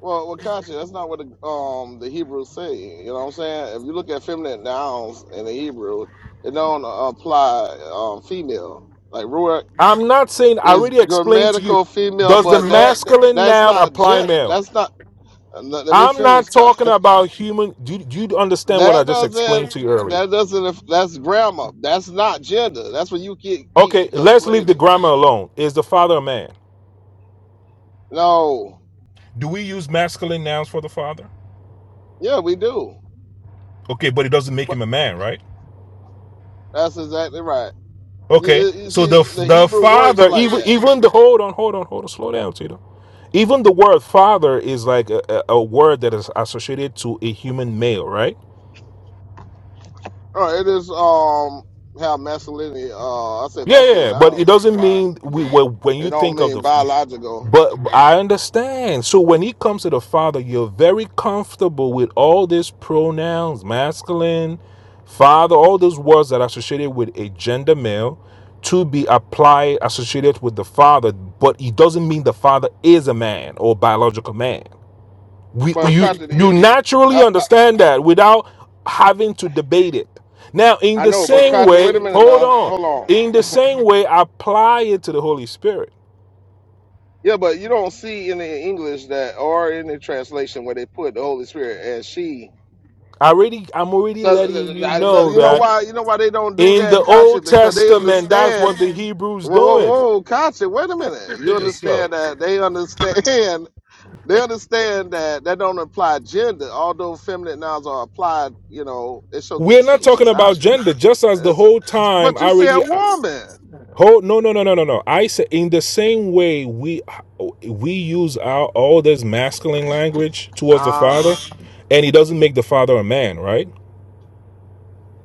Speaker 5: Well, well, Kachi, that's not what the um the Hebrews say. You know what I'm saying? If you look at feminine nouns in the Hebrew, it don't apply um female. Like ruach
Speaker 7: I'm not saying. I
Speaker 5: is
Speaker 7: already explained to you.
Speaker 5: grammatical female,
Speaker 7: Does the
Speaker 5: but that
Speaker 7: masculine
Speaker 5: that's
Speaker 7: noun
Speaker 5: not
Speaker 7: apply
Speaker 5: gent.
Speaker 7: male?
Speaker 5: That's not. Let let me
Speaker 7: I'm
Speaker 5: finish,
Speaker 7: not
Speaker 5: guys. <laughs>
Speaker 7: talking about human. Do you, do you understand what I
Speaker 5: That
Speaker 7: just
Speaker 5: doesn't.
Speaker 7: explained to you earlier?
Speaker 5: That doesn't. That's grammar. That's not gender. That's what you keep keep
Speaker 7: Okay, let's leave the
Speaker 5: conflating.
Speaker 7: grammar alone. Is the father a man?
Speaker 5: No.
Speaker 7: Do we use masculine nouns for the father?
Speaker 5: Yeah, we do.
Speaker 7: Okay, but it doesn't make
Speaker 5: But
Speaker 7: him a man, right?
Speaker 5: that's exactly right. You,
Speaker 7: Okay,
Speaker 5: you you
Speaker 7: so
Speaker 5: see,
Speaker 7: the
Speaker 5: the
Speaker 7: the
Speaker 5: Hebrew works
Speaker 7: father,
Speaker 5: like
Speaker 7: even
Speaker 5: that.
Speaker 7: even the hold on, hold on, hold on, slow down, Tito. Even the word father is like a, a word that is associated to a human male, right?
Speaker 5: Oh, it is um how masculinity. Uh, I said
Speaker 7: Yeah, yeah,
Speaker 5: masculine
Speaker 7: yeah, but it
Speaker 5: nouns
Speaker 7: doesn't
Speaker 5: apply.
Speaker 7: mean we when when
Speaker 5: It
Speaker 7: you
Speaker 5: don't
Speaker 7: think of
Speaker 5: mean
Speaker 7: the.
Speaker 5: biological.
Speaker 7: But I understand. So when he comes to the Father, you're very comfortable with all these pronouns, masculine, father, all those words that are associated with a gender male to be applied associated with the Father. But it doesn't mean the Father is a man or biological man we
Speaker 5: But
Speaker 7: you
Speaker 5: Katja,
Speaker 7: you
Speaker 5: it,
Speaker 7: naturally
Speaker 5: I, I
Speaker 7: understand that without having to debate it now in
Speaker 5: I
Speaker 7: the
Speaker 5: know. But
Speaker 7: same
Speaker 5: Katja,
Speaker 7: way
Speaker 5: wait a minute
Speaker 7: hold
Speaker 5: now.
Speaker 7: on
Speaker 5: Hold on.
Speaker 7: in the same way apply it to the holy spirit
Speaker 5: Yeah, but you don't see in the English that or in the translation where they put the Holy Spirit as she.
Speaker 7: I already i'm already
Speaker 5: So th-
Speaker 7: letting
Speaker 5: th-
Speaker 7: you
Speaker 5: th- but
Speaker 7: know
Speaker 5: you know
Speaker 7: that
Speaker 5: why? You know why they don't do
Speaker 7: in the
Speaker 5: that, Katja?
Speaker 7: old
Speaker 5: Because they
Speaker 7: testament that's what
Speaker 5: understand
Speaker 7: the hebrews
Speaker 5: Whoa, whoa,
Speaker 7: doing
Speaker 5: whoa, Kachi, wait a minute. You
Speaker 7: Take it slow.
Speaker 5: understand that they understand <laughs> they understand that that don't imply gender, although feminine nouns are applied, you know, it shows
Speaker 7: we're not talking
Speaker 5: distinction, not
Speaker 7: about gender just as the
Speaker 5: it's,
Speaker 7: whole time
Speaker 5: but
Speaker 7: i
Speaker 5: you say a
Speaker 7: already
Speaker 5: woman.
Speaker 7: Oh no no no no no no. I say in the same way we we use our all this masculine language towards the
Speaker 5: Uh,
Speaker 7: father, and he doesn't make the father a man, right?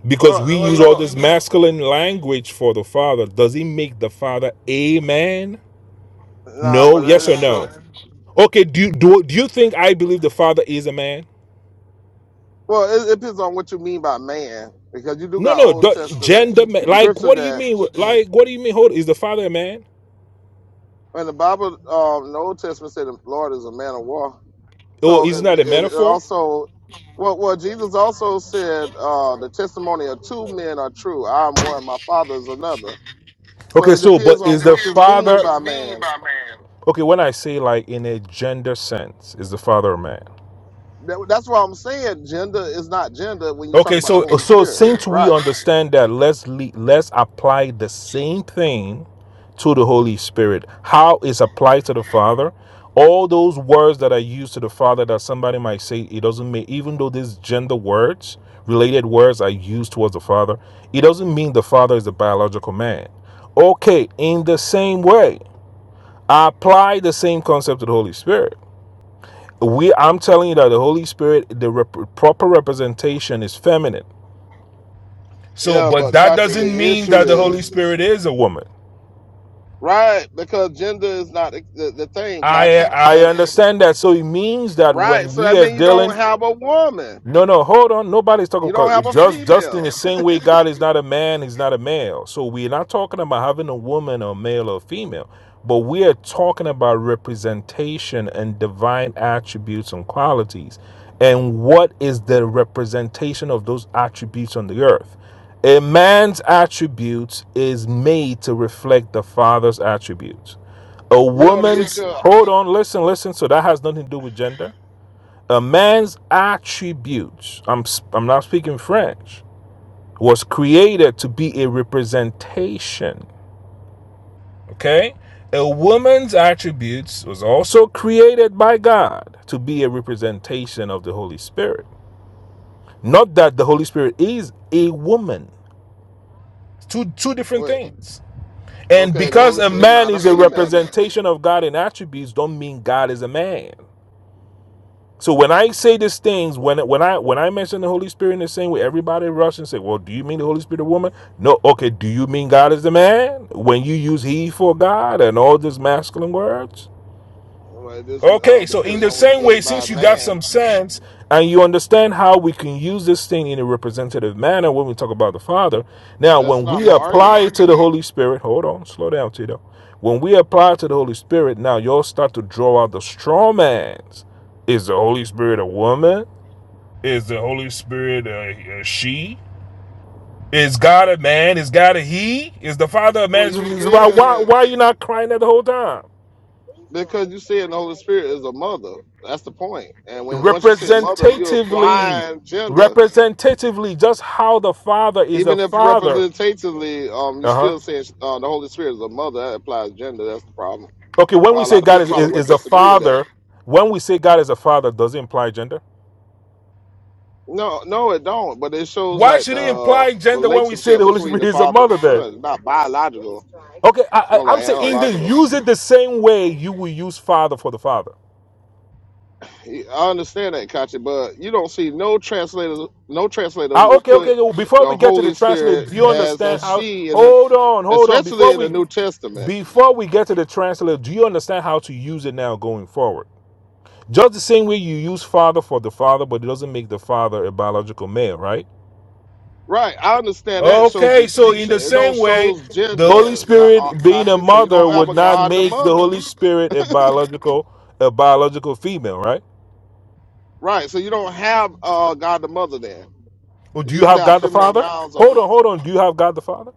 Speaker 7: Because we
Speaker 5: oh, oh,
Speaker 7: use all
Speaker 5: no,
Speaker 7: this masculine language for the father, does he make the father a man?
Speaker 5: nah, but
Speaker 7: No.
Speaker 5: that
Speaker 7: Yes or
Speaker 5: is show.
Speaker 7: no? Okay. Do you, do do you think I believe the father is a man?
Speaker 5: Well, it, it depends on what you mean by man, because you do
Speaker 7: No
Speaker 5: got
Speaker 7: no.
Speaker 5: Old
Speaker 7: The,
Speaker 5: Testament
Speaker 7: gender ma- like
Speaker 5: scripture
Speaker 7: what do you
Speaker 5: that
Speaker 7: mean? Like what do you mean? Hold is the father a man?
Speaker 5: when the Bible, um, the Old Testament said the Lord is a man of war.
Speaker 7: Or
Speaker 5: So
Speaker 7: is
Speaker 5: if
Speaker 7: that a
Speaker 5: you, it it
Speaker 7: metaphor?
Speaker 5: also, well, well, Jesus also said uh, the testimony of two men are true. I'm one, my father is another. So
Speaker 7: Okay,
Speaker 5: it
Speaker 7: so but
Speaker 5: depends on
Speaker 7: is the
Speaker 5: what you
Speaker 7: father
Speaker 5: mean by man.
Speaker 7: okay when I say like in a gender sense is the father a man?
Speaker 5: That, that's why I'm saying gender is not gender when you talk
Speaker 7: Okay,
Speaker 5: about the
Speaker 7: so
Speaker 5: Holy
Speaker 7: so Yeah,
Speaker 5: Spirit,
Speaker 7: since we
Speaker 5: right?
Speaker 7: understand that, let's le- let's apply the same thing to the Holy Spirit. How is applied to the Father? All those words that are used to the Father that somebody might say it doesn't mean, even though these gender words, related words are used towards the Father, it doesn't mean the Father is the biological man. Okay, in the same way. apply the same concept to the holy spirit we i'm telling you that the holy spirit the rep- proper representation is feminine so
Speaker 5: Yeah,
Speaker 7: but
Speaker 5: but
Speaker 7: that
Speaker 5: Kachi,
Speaker 7: doesn't
Speaker 5: the
Speaker 7: mean
Speaker 5: issue
Speaker 7: that the holy
Speaker 5: is
Speaker 7: spirit is a woman
Speaker 5: right because gender is not the, the, the thing,
Speaker 7: i
Speaker 5: Kachi,
Speaker 7: i
Speaker 5: and
Speaker 7: understand that so it means that
Speaker 5: right.
Speaker 7: when
Speaker 5: So
Speaker 7: we
Speaker 5: that
Speaker 7: are
Speaker 5: means you
Speaker 7: dealing
Speaker 5: don't have a woman,
Speaker 7: No, no, hold on. Nobody's talking
Speaker 5: you don't
Speaker 7: about
Speaker 5: have a
Speaker 7: just just in the
Speaker 5: female. <laughs>
Speaker 7: same way God is not a man, he's not a male. So we're not talking about having a woman or male or female, but we are talking about representation and divine attributes and qualities. And what is the representation of those attributes on the earth? A man's attributes is made to reflect the father's attributes. A
Speaker 5: You know the issue.
Speaker 7: woman's hold on, listen, listen. So that has nothing to do with gender. A man's attributes, I'm, i I'm not speaking French, was created to be a representation. Okay? A woman's attributes was also created by God to be a representation of the Holy Spirit. Not that the Holy Spirit is a woman. Two, two different
Speaker 5: Wait,
Speaker 7: things. And
Speaker 5: okay, the
Speaker 7: because
Speaker 5: Holy
Speaker 7: a
Speaker 5: Spirit is
Speaker 7: man
Speaker 5: not a
Speaker 7: is a
Speaker 5: female then
Speaker 7: representation of God in attributes, don't mean God is a man. So when I say these things, when when I when I mention the Holy Spirit in the same way, everybody rushes and say, "Well, do you mean the Holy Spirit, a woman?" No. Okay. Do you mean God is the man? When you use He for God and all these masculine words,
Speaker 5: Well, this uh,
Speaker 7: Okay, so in
Speaker 5: depends
Speaker 7: the
Speaker 5: on what you
Speaker 7: same way,
Speaker 5: mean by
Speaker 7: since you got some
Speaker 5: man.
Speaker 7: sense and you understand how we can use this thing in a representative manner when we talk about the Father, now
Speaker 5: That's
Speaker 7: when
Speaker 5: not
Speaker 7: we
Speaker 5: my
Speaker 7: apply
Speaker 5: argument.
Speaker 7: it to the Holy Spirit, hold on, slow down, Tito. When we apply it to the Holy Spirit, now you'll start to draw out the straw man's. Is the Holy Spirit a woman? Is the Holy Spirit a, a she? Is God a man? Is God a he? Is the Father a
Speaker 5: Well,
Speaker 7: man?
Speaker 5: you
Speaker 7: Why,
Speaker 5: saying
Speaker 7: why,
Speaker 5: that
Speaker 7: why are you not crying that the whole time?
Speaker 5: because you saying the Holy Spirit is a mother. That's the point. And when once you say mother, you're
Speaker 7: representatively
Speaker 5: applying gender.
Speaker 7: representatively just how the father is a
Speaker 5: Even if
Speaker 7: father
Speaker 5: representatively, um, you
Speaker 7: uh-huh
Speaker 5: still saying uh, the Holy Spirit is a mother. That applies gender. That's the problem.
Speaker 7: okay when we
Speaker 5: Well, a
Speaker 7: say
Speaker 5: lot of
Speaker 7: god
Speaker 5: people
Speaker 7: is,
Speaker 5: probably
Speaker 7: is,
Speaker 5: would
Speaker 7: is a
Speaker 5: disagree with that.
Speaker 7: father when we say god is a father does it imply gender
Speaker 5: No, no, it don't. But it shows
Speaker 7: why
Speaker 5: like
Speaker 7: should it
Speaker 5: the
Speaker 7: imply gender when we say
Speaker 5: relationship
Speaker 7: the holy
Speaker 5: between
Speaker 7: spirit
Speaker 5: the
Speaker 7: is a
Speaker 5: father and the
Speaker 7: mother then
Speaker 5: son. It's not biological.
Speaker 7: okay
Speaker 5: It's
Speaker 7: I,
Speaker 5: more
Speaker 7: I, i'm
Speaker 5: like
Speaker 7: saying in
Speaker 5: analogical.
Speaker 7: use it the same way you will use father for the father
Speaker 5: I understand that, Kachi, but you don't see no translator, no translator who
Speaker 7: Ah,
Speaker 5: will
Speaker 7: okay okay
Speaker 5: put
Speaker 7: okay, well, before we
Speaker 5: the
Speaker 7: get to the
Speaker 5: Holy
Speaker 7: translate
Speaker 5: Spirit
Speaker 7: do you
Speaker 5: as a
Speaker 7: understand how
Speaker 5: she, in the,
Speaker 7: hold on hold on
Speaker 5: especially
Speaker 7: before
Speaker 5: in the
Speaker 7: we
Speaker 5: New Testament.
Speaker 7: before we get to the translate do you understand how to use it now going forward Just the same way you use father for the father, but it doesn't make the father a biological male, right?
Speaker 5: Right, I understand that shows
Speaker 7: Okay, so in
Speaker 5: distinction.
Speaker 7: the
Speaker 5: It don't
Speaker 7: same way,
Speaker 5: shows
Speaker 7: the Holy
Speaker 5: gender, Ka- uh,
Speaker 7: Spirit being a
Speaker 5: Kachi. So you
Speaker 7: mother
Speaker 5: don't have
Speaker 7: would
Speaker 5: a
Speaker 7: not
Speaker 5: God the
Speaker 7: make the
Speaker 5: mother.
Speaker 7: Holy Spirit a biological a biological female, right?
Speaker 5: Right, so you don't have uh, God the mother then.
Speaker 7: Well, do
Speaker 5: You
Speaker 7: you
Speaker 5: just
Speaker 7: have
Speaker 5: have
Speaker 7: God the
Speaker 5: feminine
Speaker 7: Father?
Speaker 5: nouns
Speaker 7: Hold
Speaker 5: apply.
Speaker 7: on, hold on. Do you have God the Father?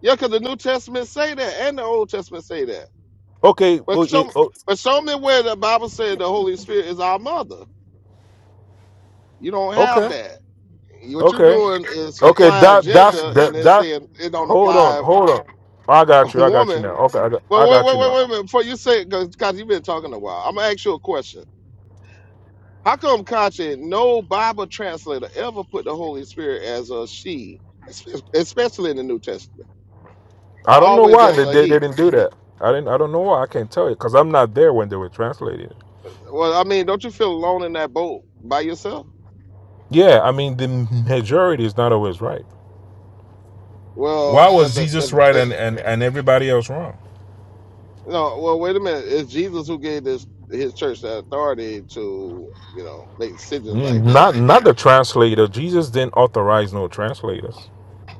Speaker 5: Yeah, because the New Testament say that, and the Old Testament say that.
Speaker 7: Okay,
Speaker 5: But
Speaker 7: well, it,
Speaker 5: show,
Speaker 7: oh,
Speaker 5: but show me where the Bible said the Holy Spirit is our mother. You don't have
Speaker 7: okay,
Speaker 5: that. What you're
Speaker 7: okay,
Speaker 5: doing is
Speaker 7: okay.
Speaker 5: applying
Speaker 7: That that's
Speaker 5: gender and
Speaker 7: that
Speaker 5: then
Speaker 7: that.
Speaker 5: saying it don't
Speaker 7: Hold on,
Speaker 5: apply
Speaker 7: hold on. I got
Speaker 5: <laughs>
Speaker 7: you. I got you
Speaker 5: woman.
Speaker 7: now. Okay, I got, I
Speaker 5: Well, wait,
Speaker 7: got you
Speaker 5: wait, wait,
Speaker 7: now.
Speaker 5: wait a minute. Before you say, because you've been talking a while, I'm going to ask you a question. How come, Kachi, no Bible translator ever put the Holy Spirit as a she, espe- especially in the New Testament, but
Speaker 7: I don't know
Speaker 5: always
Speaker 7: why
Speaker 5: as
Speaker 7: they,
Speaker 5: a
Speaker 7: they, they
Speaker 5: he?
Speaker 7: didn't do that. I didn't. I don't know why. I can't tell you because I'm not there when they were translating.
Speaker 5: Well, I mean, don't you feel alone in that boat by yourself?
Speaker 7: Yeah, I mean the majority is not always right.
Speaker 5: Well,
Speaker 7: Why
Speaker 5: if
Speaker 7: was
Speaker 5: the if,
Speaker 7: Jesus right
Speaker 5: if
Speaker 7: and and, and everybody else wrong?
Speaker 5: no, well, wait a minute. It's Jesus who gave this his church the authority to you know make decisions like
Speaker 7: Mm,
Speaker 5: that.
Speaker 7: Not not the translator. Jesus didn't authorize no translators.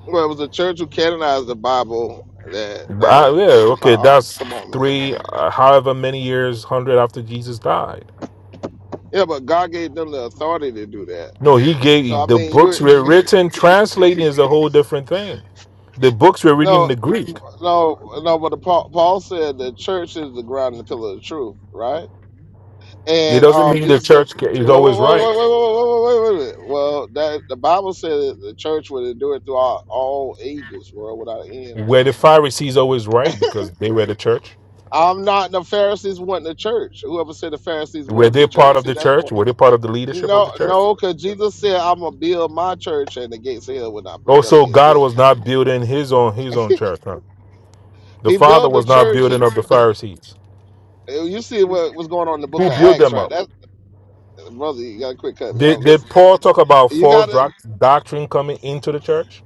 Speaker 5: Well, it was a church who canonized the Bible that
Speaker 7: I,
Speaker 5: um
Speaker 7: yeah,
Speaker 5: they
Speaker 7: okay,
Speaker 5: compiled.
Speaker 7: that's
Speaker 5: Come on, man.
Speaker 7: three, uh, however many years, hundred after Jesus died.
Speaker 5: Yeah, but God gave them the authority to do that.
Speaker 7: No, he
Speaker 5: So I
Speaker 7: gave the
Speaker 5: mean, you
Speaker 7: books were
Speaker 5: <laughs>
Speaker 7: written. Translating is a whole different thing. The books were written in
Speaker 5: no,
Speaker 7: the Greek.
Speaker 5: no, no. But the, Paul, Paul said the church is the ground and the pillar of the truth, right?
Speaker 7: It
Speaker 5: And
Speaker 7: doesn't
Speaker 5: um,
Speaker 7: mean the
Speaker 5: Jesus said,
Speaker 7: church ca- is
Speaker 5: wait, wait, wait,
Speaker 7: always right.
Speaker 5: wait, wait, wait, wait, wait, wait. wait. a minute. Well, that the Bible said that the church would endure throughout all, ages, world without end.
Speaker 7: Were the Pharisees always right because they were the church?
Speaker 5: I'm not the Pharisees were the church. Whoever said the Pharisees
Speaker 7: Were
Speaker 5: was the
Speaker 7: they part
Speaker 5: church.
Speaker 7: of
Speaker 5: See,
Speaker 7: the
Speaker 5: that's the point.
Speaker 7: church? Were they part of the leadership of the
Speaker 5: No,
Speaker 7: church?
Speaker 5: no, because Jesus said, "I'm gonna build my church, and the gates of hell will not prevail
Speaker 7: Also,
Speaker 5: against
Speaker 7: God
Speaker 5: it." <laughs>
Speaker 7: was not building His own His own church. huh? The
Speaker 5: He
Speaker 7: Father
Speaker 5: built the
Speaker 7: was not
Speaker 5: church. That,
Speaker 7: building up the Pharisees.
Speaker 5: uh, you see what was going on in the Book
Speaker 7: Who
Speaker 5: of
Speaker 7: built
Speaker 5: Acts,
Speaker 7: them
Speaker 5: right?
Speaker 7: up?
Speaker 5: That brother, you gotta quick cut me
Speaker 7: Did,
Speaker 5: off.
Speaker 7: did
Speaker 5: Listen,
Speaker 7: Paul talk about
Speaker 5: you
Speaker 7: false
Speaker 5: gotta,
Speaker 7: doc- doctrine coming into the church?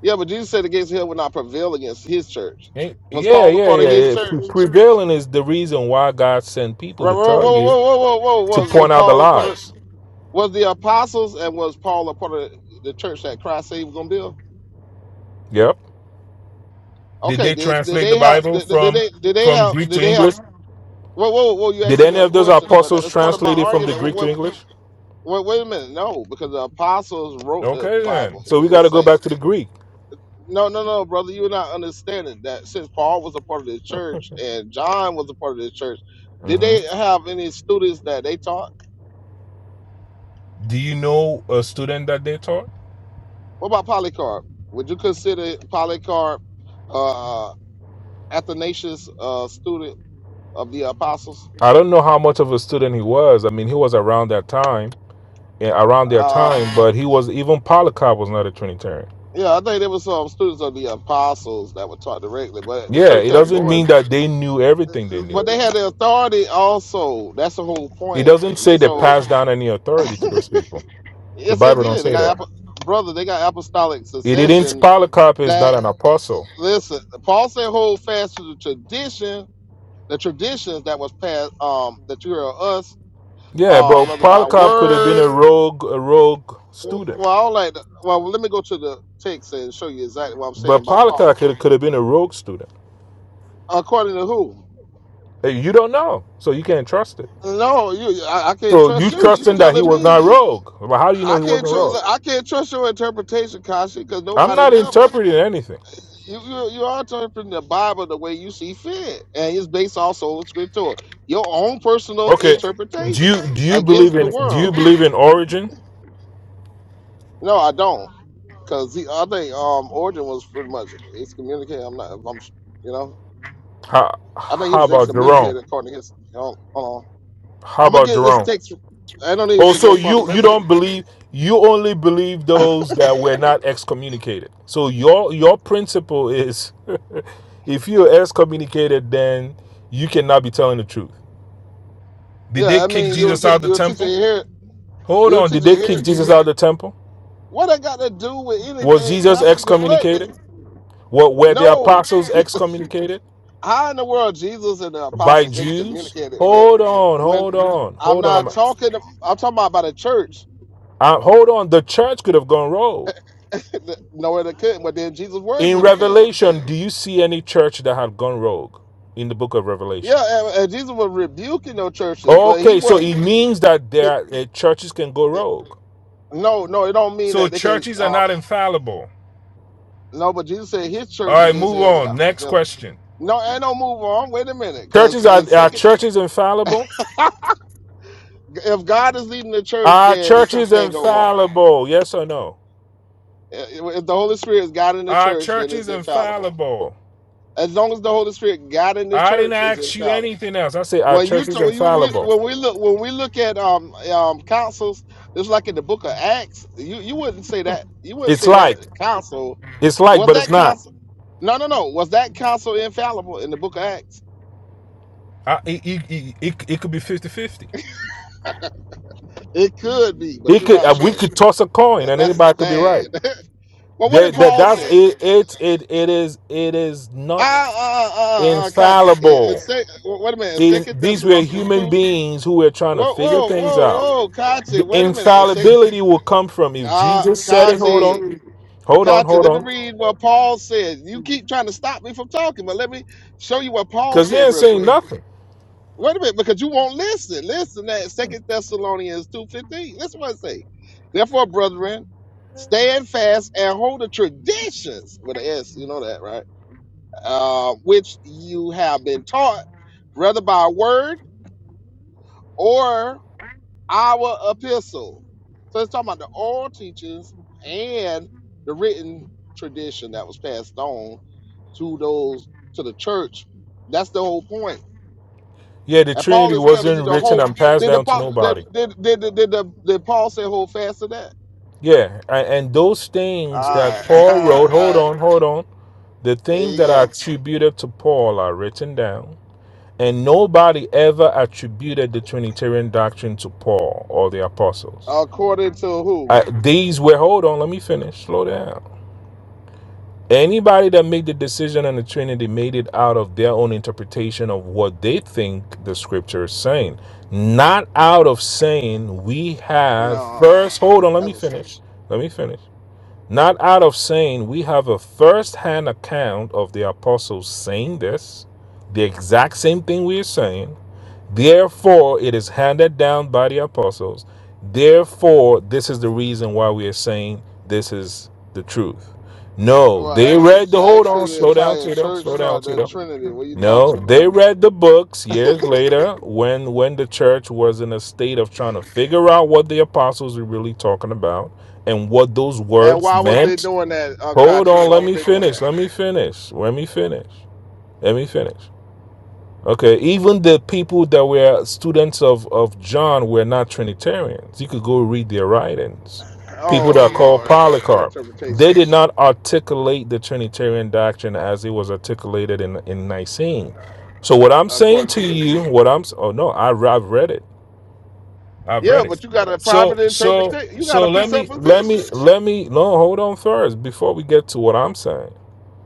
Speaker 5: yeah, but Jesus said the gates of hell will not prevail against his church.
Speaker 7: Eh,
Speaker 5: Was
Speaker 7: Yeah,
Speaker 5: Paul a
Speaker 7: yeah,
Speaker 5: part of
Speaker 7: yeah.
Speaker 5: his
Speaker 7: yeah. Pre-
Speaker 5: church?
Speaker 7: Prevailing is the reason why God sent people
Speaker 5: Whoa,
Speaker 7: to
Speaker 5: whoa,
Speaker 7: tell
Speaker 5: whoa,
Speaker 7: you
Speaker 5: whoa, whoa, whoa! whoa.
Speaker 7: to
Speaker 5: Was was
Speaker 7: point out the
Speaker 5: Paul a part of?
Speaker 7: lies.
Speaker 5: Was the apostles and was Paul a part of the church that Christ said he was gonna build?
Speaker 7: Yep. Did
Speaker 5: Okay,
Speaker 7: they
Speaker 5: did did
Speaker 7: translate the
Speaker 5: they have
Speaker 7: Bible
Speaker 5: did, did
Speaker 7: from
Speaker 5: they did they
Speaker 7: from
Speaker 5: have
Speaker 7: Greek
Speaker 5: did
Speaker 7: to
Speaker 5: they have
Speaker 7: English?
Speaker 5: Whoa, whoa, whoa! You
Speaker 7: Did
Speaker 5: asking me
Speaker 7: any
Speaker 5: a
Speaker 7: of those
Speaker 5: question, but
Speaker 7: apostles
Speaker 5: that's part of my
Speaker 7: translate it from the
Speaker 5: argument. Wait,
Speaker 7: Greek to
Speaker 5: wait,
Speaker 7: English?
Speaker 5: wait, wait a minute. No, because the apostles wrote the
Speaker 7: Okay,
Speaker 5: Bible.
Speaker 7: then. So
Speaker 5: We
Speaker 7: we
Speaker 5: would
Speaker 7: got to go
Speaker 5: say,
Speaker 7: back to the Greek.
Speaker 5: no, no, no, brother, you're not understanding that. Since Paul was a part of the church and John was a part of the church, did
Speaker 7: hmm
Speaker 5: they have any students that they taught?
Speaker 7: Do you know a student that they taught?
Speaker 5: What about Polycarp? Would you consider Polycarp uh, Athanasius uh, student of the apostles?
Speaker 7: I don't know how much of a student he was. I mean, he was around that time, eh, around their
Speaker 5: Uh,
Speaker 7: time, but he was even Polycarp was not a Trinitarian.
Speaker 5: yeah, I think there were some students of the apostles that were taught directly, but the
Speaker 7: Yeah,
Speaker 5: church
Speaker 7: it
Speaker 5: kept
Speaker 7: doesn't
Speaker 5: growing
Speaker 7: mean that they knew everything they
Speaker 5: but
Speaker 7: knew.
Speaker 5: they had the authority also. That's the whole
Speaker 7: It
Speaker 5: point.
Speaker 7: doesn't say
Speaker 5: And
Speaker 7: they
Speaker 5: So
Speaker 7: passed down any authority to those people. The
Speaker 5: yes, they
Speaker 7: Bible don't
Speaker 5: did. They
Speaker 7: say
Speaker 5: got
Speaker 7: that.
Speaker 5: apo- brother. They got apostolic
Speaker 7: It didn't.
Speaker 5: succession.
Speaker 7: Polycarp is
Speaker 5: That
Speaker 7: not an apostle.
Speaker 5: listen, Paul said, hold fast to the tradition, the traditions that was passed. Um, that you are us.
Speaker 7: Yeah, but
Speaker 5: Um, rather by
Speaker 7: Polycarp could have been
Speaker 5: word.
Speaker 7: a rogue, a rogue
Speaker 5: Well,
Speaker 7: student.
Speaker 5: all like. Well, let me go to the text and show you exactly what I'm saying
Speaker 7: But
Speaker 5: about
Speaker 7: Pollock
Speaker 5: Paul.
Speaker 7: could could have been a rogue student.
Speaker 5: According to who?
Speaker 7: Eh, You don't know, so you can't trust it.
Speaker 5: No, you. I, I can't
Speaker 7: So
Speaker 5: trust
Speaker 7: you
Speaker 5: you. You
Speaker 7: trusting that he
Speaker 5: telling
Speaker 7: was
Speaker 5: me?
Speaker 7: not rogue? Well, how do you know
Speaker 5: I
Speaker 7: he
Speaker 5: can't
Speaker 7: wasn't
Speaker 5: tr-
Speaker 7: rogue?
Speaker 5: look, I can't trust your interpretation, Kashi, because
Speaker 7: I'm
Speaker 5: nobody
Speaker 7: not
Speaker 5: never.
Speaker 7: interpreting anything.
Speaker 5: You, you you are interpreting the Bible the way you see fit, and it's based off sola scriptura, your own personal
Speaker 7: Okay, do
Speaker 5: interpretation
Speaker 7: you do you
Speaker 5: against
Speaker 7: believe
Speaker 5: the
Speaker 7: in do you
Speaker 5: world.
Speaker 7: believe in origin?
Speaker 5: No, I don't, because I think um Origin was pretty much excommunicated. I'm not. I'm you know
Speaker 7: How
Speaker 5: I think he
Speaker 7: how
Speaker 5: was
Speaker 7: about Jerome?
Speaker 5: excommunicated according to his. Hold hold
Speaker 7: How
Speaker 5: on, I'm gonna
Speaker 7: about
Speaker 5: get this
Speaker 7: Jerome?
Speaker 5: text. I don't need this
Speaker 7: Oh,
Speaker 5: to go
Speaker 7: so
Speaker 5: further.
Speaker 7: you
Speaker 5: Let
Speaker 7: you
Speaker 5: me.
Speaker 7: don't believe you only believe those that were not excommunicated. So your your principle is, <laughs> if you're excommunicated, then you cannot be telling the truth. Did they
Speaker 5: Yeah, I
Speaker 7: kick
Speaker 5: mean you was
Speaker 7: Jesus out of
Speaker 5: he-
Speaker 7: the
Speaker 5: you was teaching
Speaker 7: temple?
Speaker 5: here.
Speaker 7: Hold
Speaker 5: You was
Speaker 7: on. Did
Speaker 5: teaching
Speaker 7: they
Speaker 5: here.
Speaker 7: kick Jesus out of the temple?
Speaker 5: What I got to do with
Speaker 7: Was
Speaker 5: anything?
Speaker 7: Jesus
Speaker 5: Contra you deflecting?
Speaker 7: excommunicated? What were the
Speaker 5: No.
Speaker 7: apostles excommunicated
Speaker 5: How in the world Jesus and the
Speaker 7: by
Speaker 5: apostles
Speaker 7: Jews?
Speaker 5: excommunicated when
Speaker 7: Hold on,
Speaker 5: when
Speaker 7: hold on,
Speaker 5: I'm
Speaker 7: hold on.
Speaker 5: not
Speaker 7: I'm-
Speaker 5: talking I'm talking about, about a church.
Speaker 7: uh, hold on. The church could have gone rogue.
Speaker 5: <laughs> Nowhere they couldn't, but then Jesus' words
Speaker 7: In
Speaker 5: would have failed.
Speaker 7: Revelation, do you see any church that had gone rogue in the book of Revelation?
Speaker 5: Yeah, and, and Jesus was rebuking those churches, but he
Speaker 7: Okay, so it
Speaker 5: wasn't
Speaker 7: means that there
Speaker 5: he,
Speaker 7: are, uh, churches can go
Speaker 5: uh,
Speaker 7: rogue.
Speaker 5: no, no, it don't mean
Speaker 7: So
Speaker 5: that they could
Speaker 7: churches are
Speaker 5: um
Speaker 7: not infallible.
Speaker 5: no, but Jesus said his
Speaker 7: All
Speaker 5: church
Speaker 7: right,
Speaker 5: against the
Speaker 7: move
Speaker 5: hell would
Speaker 7: on.
Speaker 5: not
Speaker 7: Next
Speaker 5: prevail.
Speaker 7: question.
Speaker 5: No, and don't move on. Wait a minute, because
Speaker 7: Churches are,
Speaker 5: in
Speaker 7: are
Speaker 5: second,
Speaker 7: churches infallible?
Speaker 5: <laughs> if God is leading the church,
Speaker 7: Our
Speaker 5: then the
Speaker 7: church
Speaker 5: church
Speaker 7: is
Speaker 5: can't go wrong.
Speaker 7: infallible. Yes or no?
Speaker 5: Uh, If the Holy Spirit is God in the
Speaker 7: Our
Speaker 5: church, then
Speaker 7: church is
Speaker 5: it's infallible.
Speaker 7: infallible.
Speaker 5: As long as the Holy Spirit God in the
Speaker 7: I didn't
Speaker 5: church is
Speaker 7: ask you
Speaker 5: infallible.
Speaker 7: anything else. I said our
Speaker 5: When you
Speaker 7: church
Speaker 5: t-
Speaker 7: is
Speaker 5: when you
Speaker 7: infallible.
Speaker 5: when we look when we look at um um councils, just like in the Book of Acts, you you wouldn't say that you wouldn't
Speaker 7: It's
Speaker 5: say that
Speaker 7: like,
Speaker 5: council
Speaker 7: it's like,
Speaker 5: was
Speaker 7: but it's
Speaker 5: that
Speaker 7: not.
Speaker 5: council. No, no, no. Was that council infallible in the Book of Acts?
Speaker 7: I, it, it, it, it, it could be 50 50.
Speaker 5: It could be, but
Speaker 7: It
Speaker 5: you're
Speaker 7: could,
Speaker 5: not
Speaker 7: uh, we
Speaker 5: sure.
Speaker 7: could toss a coin
Speaker 5: That-
Speaker 7: and
Speaker 5: That's
Speaker 7: anybody could be
Speaker 5: bad.
Speaker 7: right.
Speaker 5: <laughs> well, what did
Speaker 7: That, that,
Speaker 5: Paul
Speaker 7: that's
Speaker 5: say?
Speaker 7: it, it, it, it is, it is
Speaker 5: Uh,
Speaker 7: not
Speaker 5: uh, uh, uh, Kachi. In, in
Speaker 7: infallible.
Speaker 5: sec- wait a minute. in
Speaker 7: These,
Speaker 5: Second
Speaker 7: these were
Speaker 5: Thessalonians
Speaker 7: human
Speaker 5: two
Speaker 7: beings who were trying to
Speaker 5: Whoa,
Speaker 7: figure
Speaker 5: whoa,
Speaker 7: things
Speaker 5: whoa,
Speaker 7: out.
Speaker 5: whoa, Kati,
Speaker 7: The
Speaker 5: wait a minute. It's a,
Speaker 7: infallibility will come from if
Speaker 5: uh,
Speaker 7: Jesus said it. Hold
Speaker 5: Kati,
Speaker 7: on, hold on,
Speaker 5: Kati,
Speaker 7: hold
Speaker 5: let me
Speaker 7: on.
Speaker 5: read what Paul says. You keep trying to stop me from talking, but let me show you what Paul
Speaker 7: Because he
Speaker 5: said
Speaker 7: ain't
Speaker 5: real
Speaker 7: saying
Speaker 5: quick.
Speaker 7: nothing.
Speaker 5: Wait a minute, because you won't listen. Listen, that Second Thessalonians 2.15. Listen what it say. Therefore, brethren, stand fast and hold the traditions, with an S, you know that, right? Uh, which you have been taught, whether by word or our epistle. So it's talking about the oral teachings and the written tradition that was passed on to those to the church. That's the whole point.
Speaker 7: Yeah, the
Speaker 5: And Paul
Speaker 7: Trinity
Speaker 5: is telling you
Speaker 7: wasn't
Speaker 5: the
Speaker 7: written
Speaker 5: whole.
Speaker 7: and passed
Speaker 5: Did the
Speaker 7: down to
Speaker 5: Paul did
Speaker 7: nobody.
Speaker 5: did did did, did, the, did Paul say hold fast to that?
Speaker 7: Yeah, a- and those things that
Speaker 5: All right, <laughs> all
Speaker 7: Paul wrote,
Speaker 5: right, all
Speaker 7: hold
Speaker 5: right. <laughs>
Speaker 7: on, hold on. The
Speaker 5: There
Speaker 7: things
Speaker 5: you
Speaker 7: that are
Speaker 5: go.
Speaker 7: attributed to Paul are written down, and nobody ever attributed the Trinitarian doctrine to Paul or the apostles.
Speaker 5: According to who?
Speaker 7: I, these were, hold on, let me finish, slow down. Anybody that made the decision on the Trinity made it out of their own interpretation of what they think the scripture is saying, not out of saying we have
Speaker 5: No,
Speaker 7: first. Hold on, let
Speaker 5: that
Speaker 7: me
Speaker 5: was
Speaker 7: finish. Let me finish. Not out of saying we have a first hand account of the apostles saying this, the exact same thing we are saying. Therefore, it is handed down by the apostles. Therefore, this is the reason why we are saying this is the truth. No,
Speaker 5: well.
Speaker 7: they
Speaker 5: Actually,
Speaker 7: read the hold on,
Speaker 5: actually, the
Speaker 7: slow down,
Speaker 5: entire
Speaker 7: Tito,
Speaker 5: church
Speaker 7: slow down,
Speaker 5: taught the
Speaker 7: Tito.
Speaker 5: Trinity. What are you
Speaker 7: No,
Speaker 5: talking about?
Speaker 7: they read the books years later when when the church was in a state of trying to figure out what the apostles were really talking about and what those
Speaker 5: And
Speaker 7: words
Speaker 5: why was they
Speaker 7: meant.
Speaker 5: doing that, uh,
Speaker 7: Hold
Speaker 5: Kachi?
Speaker 7: on,
Speaker 5: Why
Speaker 7: let
Speaker 5: was
Speaker 7: me
Speaker 5: they doing
Speaker 7: finish.
Speaker 5: that?
Speaker 7: Let me finish. Let me finish. Let me finish. Okay, even the people that were students of, of John were not Trinitarians. You could go read their writings. People that
Speaker 5: Oh
Speaker 7: are called
Speaker 5: Lord, that's your
Speaker 7: Polycarp, they
Speaker 5: interpretation,
Speaker 7: did not articulate the Trinitarian doctrine as it was articulated in, in Nicene. So what I'm saying
Speaker 5: according to
Speaker 7: to
Speaker 5: you.
Speaker 7: you, what I'm s- oh no, I, I've read it. I've
Speaker 5: Yeah,
Speaker 7: read it.
Speaker 5: but you got a private
Speaker 7: So so
Speaker 5: interpretation. You got
Speaker 7: so
Speaker 5: a
Speaker 7: let me let me
Speaker 5: presupposition.
Speaker 7: let me no hold on first before we get to what I'm saying.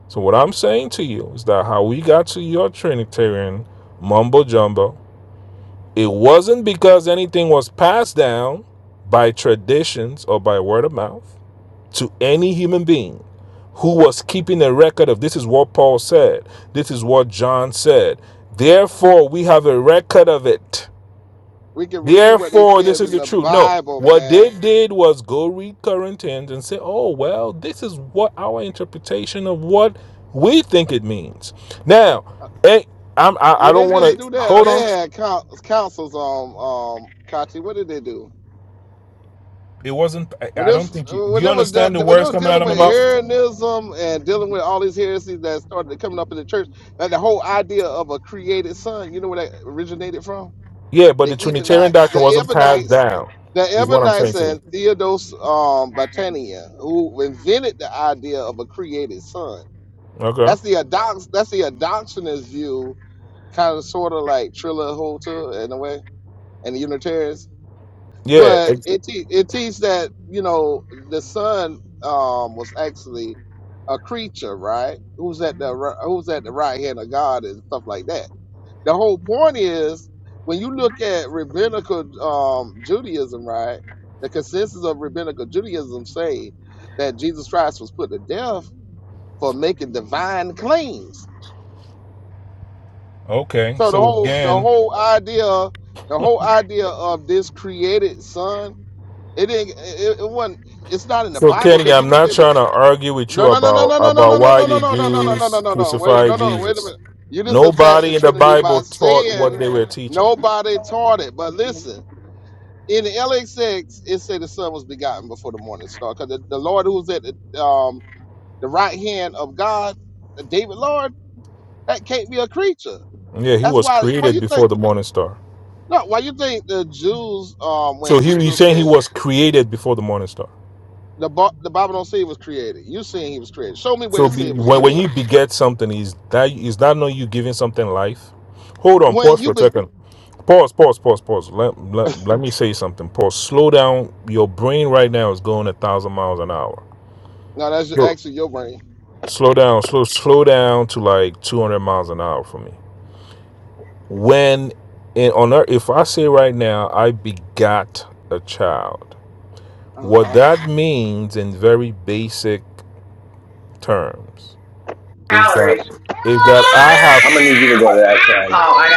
Speaker 7: So, what I'm saying to you is that how we got to your Trinitarian mumbo jumbo, it wasn't because anything was passed down by traditions or by word of mouth to any human being who was keeping a record of this is what Paul said, this is what John said. Therefore, we have a record of it.
Speaker 5: We can read what they
Speaker 7: Therefore, this
Speaker 5: said
Speaker 7: is
Speaker 5: in
Speaker 7: the
Speaker 5: the
Speaker 7: truth. No,
Speaker 5: Bible,
Speaker 7: what they
Speaker 5: man.
Speaker 7: did was go read Corinthians and say, oh, well, this is what our interpretation of what we think it means. Now, hey, I'm, I, I
Speaker 5: Did they
Speaker 7: don't want
Speaker 5: just
Speaker 7: to
Speaker 5: do that? Or
Speaker 7: hold
Speaker 5: they
Speaker 7: on.
Speaker 5: had coun- councils on um, Kachi. What did they do?
Speaker 7: It wasn't, I
Speaker 5: When
Speaker 7: I
Speaker 5: this,
Speaker 7: don't think you, do
Speaker 5: when
Speaker 7: you
Speaker 5: they was
Speaker 7: understand the
Speaker 5: de- when they
Speaker 7: words
Speaker 5: were
Speaker 7: coming out
Speaker 5: dealing
Speaker 7: of
Speaker 5: with
Speaker 7: my mouth?
Speaker 5: Arianism and dealing with all these heresies that started coming up in the church, like the whole idea of a created son, you know where that originated from?
Speaker 7: Yeah, but
Speaker 5: the
Speaker 7: the Trinitarian
Speaker 5: Ebonite, the
Speaker 7: doctrine wasn't passed
Speaker 5: Ebonites,
Speaker 7: down,
Speaker 5: the
Speaker 7: is what I'm
Speaker 5: Ebonites
Speaker 7: saying to you.
Speaker 5: and Theodos um, Batania, who invented the idea of a created son.
Speaker 7: Okay.
Speaker 5: That's the adox, that's the adoptionist view, kind of sort of like Trilla Holta in a way, and the Unitarians.
Speaker 7: Yeah.
Speaker 5: But
Speaker 7: ex-
Speaker 5: it te- it teaches that you know the son um, was actually a creature, right? Who's at the ri- who's at the right hand of God and stuff like that the whole point is when you look at rabbinical um, Judaism, right? The consensus of rabbinical Judaism say that Jesus Christ was put to death for making divine claims.
Speaker 7: Okay.
Speaker 5: So the
Speaker 7: So
Speaker 5: whole the
Speaker 7: again.
Speaker 5: whole idea the whole idea of this created son it didn't it, it wasn't it's not in the
Speaker 7: So
Speaker 5: Bible
Speaker 7: Kenny,
Speaker 5: because you
Speaker 7: I'm
Speaker 5: look
Speaker 7: not
Speaker 5: at the
Speaker 7: trying to argue with
Speaker 5: no
Speaker 7: you
Speaker 5: no no no
Speaker 7: about
Speaker 5: no no no no
Speaker 7: about
Speaker 5: no
Speaker 7: why
Speaker 5: no no
Speaker 7: the
Speaker 5: no no no no no no
Speaker 7: Jews
Speaker 5: no no wait a- no
Speaker 7: crucified
Speaker 5: no wait a
Speaker 7: Jesus.
Speaker 5: minute you just attacked the
Speaker 7: Nobody in the
Speaker 5: Trinity by
Speaker 7: Bible taught what
Speaker 5: saying
Speaker 7: they were teaching.
Speaker 5: nobody taught it but listen in the LXX, it said the Son was begotten before the morning star. Because the, the Lord who's at the, um, the right hand of God, the David Lord, that can't be a creature.
Speaker 7: Yeah, he
Speaker 5: That's
Speaker 7: was
Speaker 5: why. Why
Speaker 7: created
Speaker 5: you think?
Speaker 7: before the morning star.
Speaker 5: No, why you think the Jews, um,
Speaker 7: So
Speaker 5: when
Speaker 7: he, he's
Speaker 5: Jesus
Speaker 7: saying he
Speaker 5: said
Speaker 7: was created before the morning star.
Speaker 5: the Bi- the Bible don't say it was created. You saying he was created. Show me where
Speaker 7: So
Speaker 5: it said
Speaker 7: be,
Speaker 5: it was
Speaker 7: when, when
Speaker 5: created.
Speaker 7: you beget something, is that is that not you giving something life? Hold on,
Speaker 5: When
Speaker 7: pause
Speaker 5: you
Speaker 7: for a
Speaker 5: be
Speaker 7: second. Pause, pause, pause, pause. Let, let, let me say something. Pause. Slow down. Your brain right now is going a thousand miles an hour.
Speaker 5: no, that's
Speaker 7: Sure.
Speaker 5: actually your brain.
Speaker 7: slow down slow slow down to like 200 miles an hour for me when in, on earth if i say right now i begot a child
Speaker 5: Uh
Speaker 7: what
Speaker 5: huh.
Speaker 7: that means in very basic terms is that
Speaker 9: calories.
Speaker 7: is that i have
Speaker 9: I'm gonna need you to go to that Oh, side. Oh, I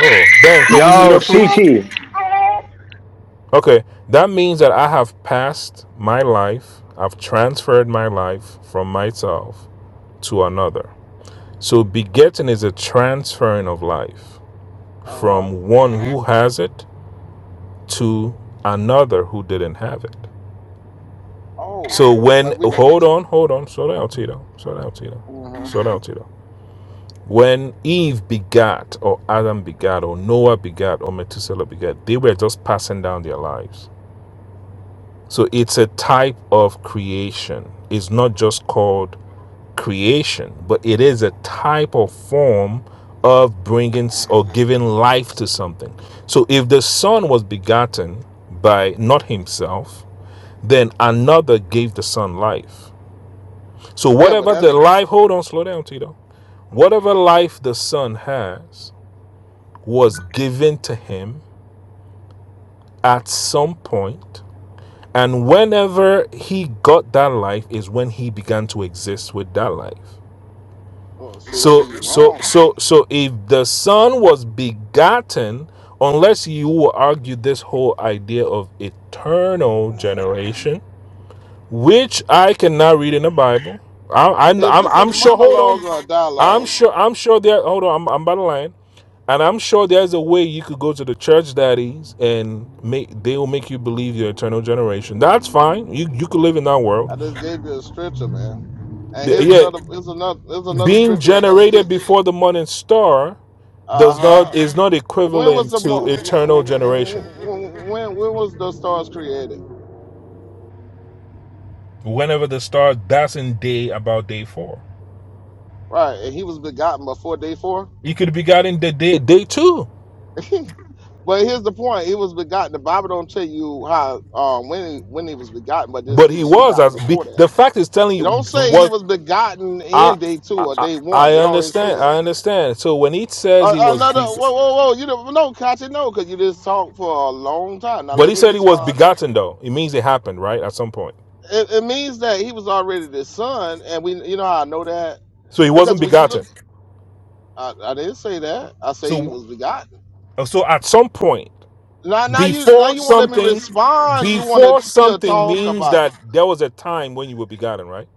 Speaker 7: oh ben
Speaker 9: gotta get
Speaker 7: can you meet up
Speaker 9: outside.
Speaker 7: please
Speaker 9: Yo, Cece.
Speaker 7: okay that means that i have passed my life i've transferred my life from myself to another so begetting is a transferring of life
Speaker 5: Uh huh.
Speaker 7: from one who has it to another who didn't have it. So
Speaker 5: Oh,
Speaker 7: when
Speaker 5: but we.
Speaker 7: hold on, hold on, slow down, Tito, slow down, Tito,
Speaker 5: Uh
Speaker 7: slow down, Tito. When Eve begat, or Adam begat, or Noah begat, or Methuselah begat, they were just passing down their lives. So it's a type of creation. It's not just called creation, but it is a type or form of bringing
Speaker 5: huh.
Speaker 7: or giving life to something. So if the Son was begotten by not himself, then another gave the Son life. So
Speaker 5: Yeah, but
Speaker 7: whatever
Speaker 5: that's.
Speaker 7: the life, hold on, slow down, Tito. Whatever life the Son has was given to him at some point, And whenever he got that life is when he began to exist with that life.
Speaker 5: Oh, see, that's
Speaker 7: So
Speaker 5: where you're
Speaker 7: so
Speaker 5: wrong.
Speaker 7: so so if the son was begotten, unless you will argue this whole idea of eternal generation, which I cannot read in the Bible. I'm I'm
Speaker 5: Is
Speaker 7: I'm,
Speaker 5: this a
Speaker 7: I'm sure. Hold on.
Speaker 5: monologue or a
Speaker 7: I'm
Speaker 5: dialogue?
Speaker 7: sure. I'm sure there. Hold on. I'm I'm by the line. And I'm sure there's a way you could go to the church daddies and make they will make you believe your eternal generation. That's fine. You you could live in that world.
Speaker 5: I just gave you a stretcher, man. And
Speaker 7: The-
Speaker 5: here's
Speaker 7: Yeah,
Speaker 5: another. Here's another. Here's another
Speaker 7: being
Speaker 5: stretcher that gonna kick.
Speaker 7: generated before the morning star
Speaker 5: Uh
Speaker 7: does not
Speaker 5: huh.
Speaker 7: is not
Speaker 5: When was
Speaker 7: equivalent
Speaker 5: the
Speaker 7: to
Speaker 5: mo-
Speaker 7: eternal
Speaker 5: w- w-
Speaker 7: generation.
Speaker 5: w- when when was the stars created?
Speaker 7: Whenever the star, that's in day about day four.
Speaker 5: Right, and he was begotten before day four.
Speaker 7: He could be gotten the day day two,
Speaker 5: <laughs> but here's the point: he was begotten. The Bible don't tell you how um, when he, when he was begotten, but this
Speaker 7: but
Speaker 5: he
Speaker 7: he
Speaker 5: was
Speaker 7: was
Speaker 5: begotten
Speaker 7: as be,
Speaker 5: before that.
Speaker 7: the fact is telling
Speaker 5: It
Speaker 7: you
Speaker 5: don't say he
Speaker 7: what
Speaker 5: was begotten
Speaker 7: I,
Speaker 5: in day
Speaker 7: I
Speaker 5: two or
Speaker 7: I
Speaker 5: day one. It don't even say
Speaker 7: understand.
Speaker 5: that.
Speaker 7: I understand. So when he says
Speaker 5: Uh,
Speaker 7: he was
Speaker 5: another
Speaker 7: beg,
Speaker 5: whoa whoa whoa! You don't know, Kachi, no, because you just talked for a long time. Now
Speaker 7: but
Speaker 5: let
Speaker 7: he
Speaker 5: me
Speaker 7: said he was
Speaker 5: respond.
Speaker 7: begotten though, it means it happened right at some point.
Speaker 5: It, it means that he was already the son, and we, you know, how I know that
Speaker 7: So he wasn't
Speaker 5: because when you look,
Speaker 7: begotten.
Speaker 5: I, I didn't say that. I say he
Speaker 7: So
Speaker 5: was begotten.
Speaker 7: so at some point.
Speaker 5: Now, now you, now
Speaker 7: Before
Speaker 5: you won't let me
Speaker 7: something,
Speaker 5: respond. You want to
Speaker 7: before
Speaker 5: still
Speaker 7: something
Speaker 5: talk
Speaker 7: means
Speaker 5: about?
Speaker 7: that there was a time when you were begotten, right?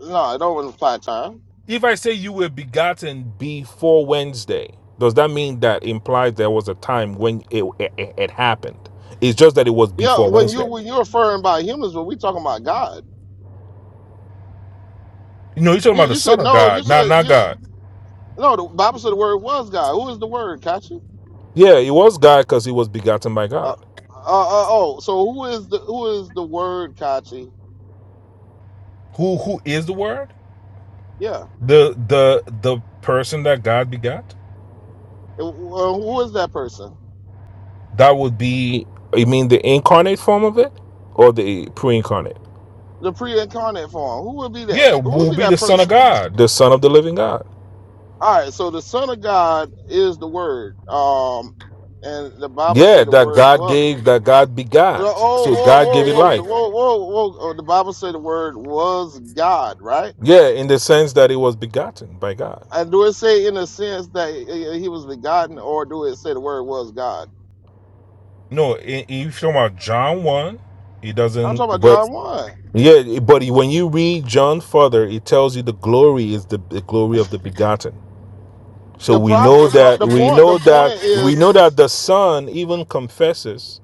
Speaker 5: No, it don't apply time.
Speaker 7: If I say you were begotten before Wednesday, does that mean that implies there was a time when it, it, it it happened? It's just that it was
Speaker 5: Yeah,
Speaker 7: before
Speaker 5: when you
Speaker 7: Wednesday.
Speaker 5: when you're referring by humans, but we talking about God.
Speaker 7: You know, you're talking
Speaker 5: You,
Speaker 7: about the
Speaker 5: you should
Speaker 7: Son of
Speaker 5: know. You
Speaker 7: God, not
Speaker 5: should
Speaker 7: not
Speaker 5: you
Speaker 7: God.
Speaker 5: no. The Bible said the word was God. Who is the word, Kachi?
Speaker 7: Yeah, it was God because he was begotten by
Speaker 5: Uh,
Speaker 7: God.
Speaker 5: uh, uh, oh, so who is the who is the word, Kachi?
Speaker 7: Who who is the Word?
Speaker 5: Yeah.
Speaker 7: The the the person that God begot.
Speaker 5: Uh, who is that person?
Speaker 7: That would be. You mean the incarnate form of it, or the pre-incarnate?
Speaker 5: the pre-incarnate form. Who would be
Speaker 7: Yeah,
Speaker 5: that? Who would
Speaker 7: will
Speaker 5: be
Speaker 7: be the
Speaker 5: that
Speaker 7: Son of
Speaker 5: person?
Speaker 7: God. the Son of the Living God.
Speaker 5: All right. So the Son of God is the Word. Um, and the Bible
Speaker 7: Yeah,
Speaker 5: said the
Speaker 7: that
Speaker 5: Word
Speaker 7: God
Speaker 5: what?
Speaker 7: gave, that God begot.
Speaker 5: Oh,
Speaker 7: So
Speaker 5: whoa,
Speaker 7: God
Speaker 5: whoa,
Speaker 7: gave it
Speaker 5: whoa, the
Speaker 7: life.
Speaker 5: whoa, whoa, whoa. Oh, the Bible said the Word was God, right?
Speaker 7: Yeah, in the sense that it was begotten by God.
Speaker 5: And do it say in a sense that he he was begotten, or do it say the Word was God?
Speaker 7: No, if you're talking about John 1, it
Speaker 5: I'm
Speaker 7: doesn't.
Speaker 5: talking about
Speaker 7: But
Speaker 5: John one.
Speaker 7: yeah, but when you read John further, it tells you the glory is the, the glory of the begotten. So
Speaker 5: The
Speaker 7: we
Speaker 5: problem,
Speaker 7: know
Speaker 5: the, pro,
Speaker 7: that
Speaker 5: the
Speaker 7: we
Speaker 5: point, the
Speaker 7: know that
Speaker 5: point
Speaker 7: we
Speaker 5: is,
Speaker 7: know that the Son even confesses.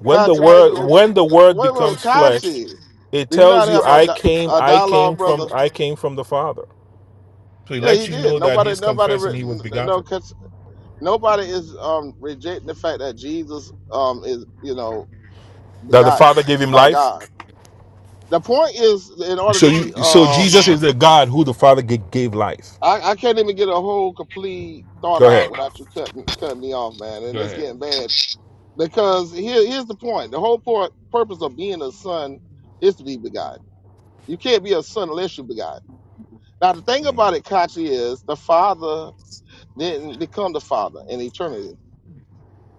Speaker 7: When the
Speaker 5: Kachi, why you?
Speaker 7: word
Speaker 5: over-
Speaker 7: when the word
Speaker 5: Wait, wait,
Speaker 7: becomes flesh,
Speaker 5: Kachi,
Speaker 7: it
Speaker 5: do you not
Speaker 7: tells you
Speaker 5: have a,
Speaker 7: I
Speaker 5: di-
Speaker 7: came
Speaker 5: a
Speaker 7: I
Speaker 5: dialogue,
Speaker 7: came from
Speaker 5: brother?
Speaker 7: I came from the Father. So he
Speaker 5: Yeah,
Speaker 7: lets
Speaker 5: he
Speaker 7: you
Speaker 5: did.
Speaker 7: know that
Speaker 5: Nobody,
Speaker 7: he's
Speaker 5: nobody,
Speaker 7: confessing
Speaker 5: re-
Speaker 7: he was
Speaker 5: n- n- no,
Speaker 7: begotten.
Speaker 5: cause nobody is um rejecting the fact that Jesus um is you know
Speaker 7: That the Father
Speaker 5: begotten
Speaker 7: gave him
Speaker 5: by
Speaker 7: life.
Speaker 5: God. The point is, in order
Speaker 7: So
Speaker 5: to be
Speaker 7: you so
Speaker 5: uh,
Speaker 7: Jesus is the God who the Father g- gave life.
Speaker 5: I, I can't even get a whole complete thought
Speaker 7: Go
Speaker 5: out
Speaker 7: ahead.
Speaker 5: without you cutting cutting me off, man, and
Speaker 7: Go
Speaker 5: it's
Speaker 7: ahead.
Speaker 5: getting bad because here here's the point. The whole point purpose of being a son is to be begotten. You can't be a son unless you begotten. Now the thing about it, Kachi, is the father didn't become the father in eternity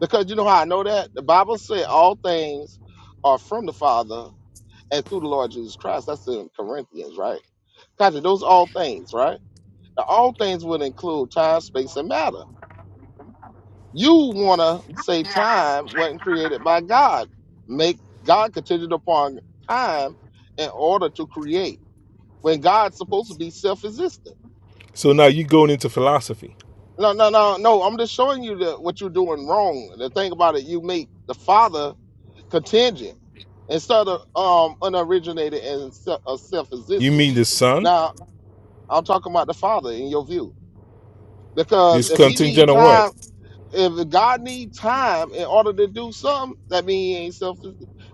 Speaker 5: Because you know how I know that? The Bible said all things are from the Father and through the Lord Jesus Christ. That's in Corinthians, right? Gotcha. Those all things, right? Now, all things would include time, space, and matter. You want to say time wasn't created by God. Make God contingent upon time in order to create when God's supposed to be self existent.
Speaker 7: So now you going into philosophy.
Speaker 5: No, no, no, no. I'm just showing you the, what you're doing wrong. The thing about it, you make the Father contingent. instead of um, unoriginated and se- uh,
Speaker 7: You
Speaker 5: self-existent.
Speaker 7: mean the Son
Speaker 5: Now I'm talking about the Father in your view, because
Speaker 7: is
Speaker 5: if He need
Speaker 7: contingent on what?
Speaker 5: time, if God need time in order to do something, that means He ain't self,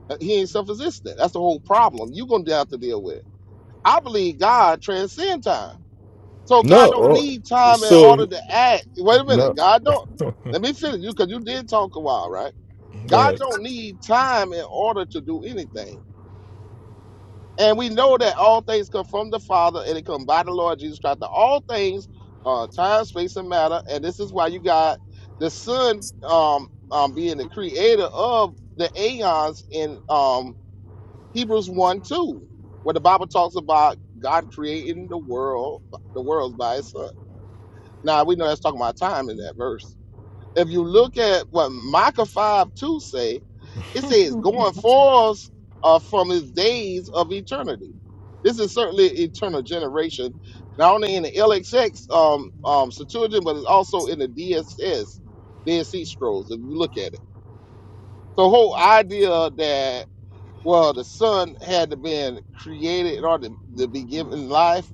Speaker 5: uh, He ain't self-existent. That's the whole problem. You gonna have to deal with. I believe God transcends time, so God
Speaker 7: No.
Speaker 5: don't
Speaker 7: oh,
Speaker 5: need time in order
Speaker 7: So
Speaker 5: to act. Wait a minute,
Speaker 7: no.
Speaker 5: God don't.
Speaker 7: <laughs> Go
Speaker 5: Let me finish you because you did talk a while, right? God
Speaker 7: ahead.
Speaker 5: don't need time in order to do anything. And we know that all things come from the Father and it come by the Lord Jesus Christ. Now, All things are time, space, and matter. And this is why you got the Son um, um, being the creator of the aeons in um, Hebrews 1 2, where the Bible talks about God creating the world, the worlds by his Son. Now, we know that's talking about time in that verse. If you look at what Micah 5 2 say, it says going forth uh, from his days of eternity. This is certainly eternal generation, not only in the LXX um, um, Septuagint, but it's also in the DSS, Dead Sea Scrolls, if you look at it. So whole idea that, well, the son had to been created in order to, to be given life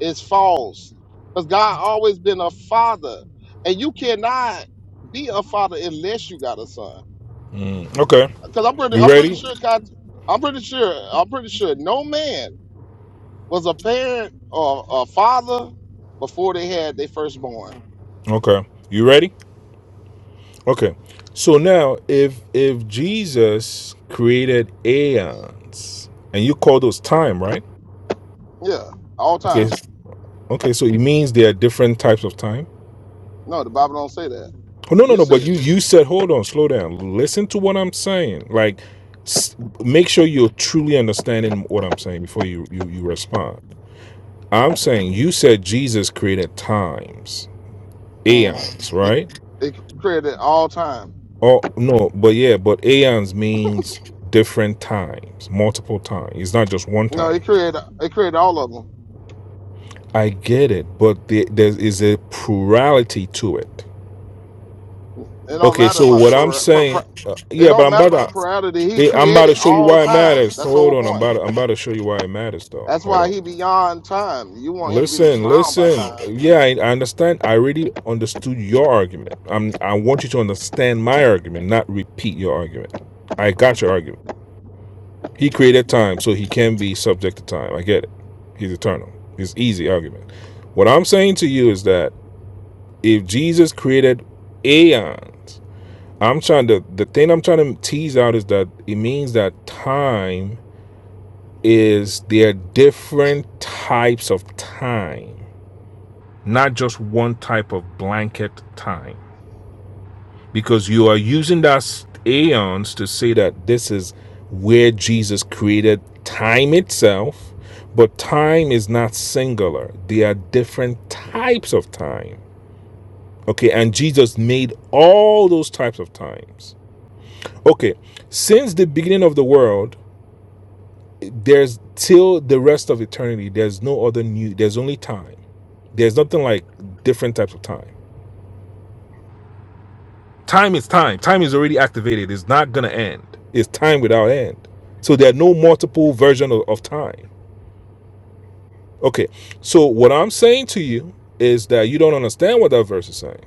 Speaker 5: is false. Because God always been a father. And you cannot be a father unless you got a son.
Speaker 7: Mm, okay.
Speaker 5: Because I'm pretty
Speaker 7: You
Speaker 5: I'm pretty
Speaker 7: ready?
Speaker 5: sure God, I'm pretty sure, I'm pretty sure no man was a parent or a father before they had their firstborn.
Speaker 7: Okay. You ready? Okay. So now if if Jesus created aeons and you call those time, right?
Speaker 5: Yeah. All time.
Speaker 7: Okay. Okay, so it means there are different types of time.
Speaker 5: No, the Bible don't say that.
Speaker 7: Oh no, no,
Speaker 5: You
Speaker 7: no, but
Speaker 5: saying
Speaker 7: you
Speaker 5: that.
Speaker 7: you said hold on, slow down. Listen to what I'm saying. Like s- make sure you're truly understanding what I'm saying before you you you respond. I'm saying you said Jesus created times,
Speaker 5: Mhm.
Speaker 7: aeons,
Speaker 5: It,
Speaker 7: right?
Speaker 5: it created all time.
Speaker 7: Oh no, but yeah, but aeons means different times, multiple times. It's not just one
Speaker 5: No,
Speaker 7: time.
Speaker 5: it created it created all of them.
Speaker 7: I get it, but the, there is a plurality to it.
Speaker 5: It don't
Speaker 7: Okay,
Speaker 5: matter
Speaker 7: so
Speaker 5: about the
Speaker 7: what I'm
Speaker 5: per, per,
Speaker 7: saying,
Speaker 5: per-
Speaker 7: uh,
Speaker 5: it
Speaker 7: yeah, but
Speaker 5: don't
Speaker 7: I'm
Speaker 5: matter about the
Speaker 7: about to,
Speaker 5: plurality. He
Speaker 7: eh, I'm about
Speaker 5: created
Speaker 7: to show you
Speaker 5: all
Speaker 7: why it
Speaker 5: time.
Speaker 7: matters.
Speaker 5: That's the
Speaker 7: Hold
Speaker 5: whole
Speaker 7: on, I'm
Speaker 5: point.
Speaker 7: about, to, I'm about to show you why it matters, though.
Speaker 5: That's
Speaker 7: Hold
Speaker 5: why he
Speaker 7: on.
Speaker 5: beyond time. You want him to be
Speaker 7: Listen,
Speaker 5: bound by
Speaker 7: listen.
Speaker 5: time.
Speaker 7: Yeah, I, I understand. I already understood your argument. I'm, I want you to understand my argument, not repeat your argument. I got your argument. He created time, so he can be subject to time. I get it. He's eternal. It's an easy argument. What I'm saying to you is that if Jesus created aeons, I'm trying to the thing I'm trying to tease out is that it means that time is there are different types of time, not just one type of blanket time. because you are using that aeons to say that this is where Jesus created time itself, but time is not singular. There are different types of time. Okay, and Jesus made all those types of times. Okay, since the beginning of the world, there's till the rest of eternity, there's no other new, there's only time. There's nothing like different types of time. Time is time. Time is already activated. It's not gonna end. It's time without end. So there are no multiple version of, of time. Okay. So what I'm saying to you is that you don't understand what that verse is saying.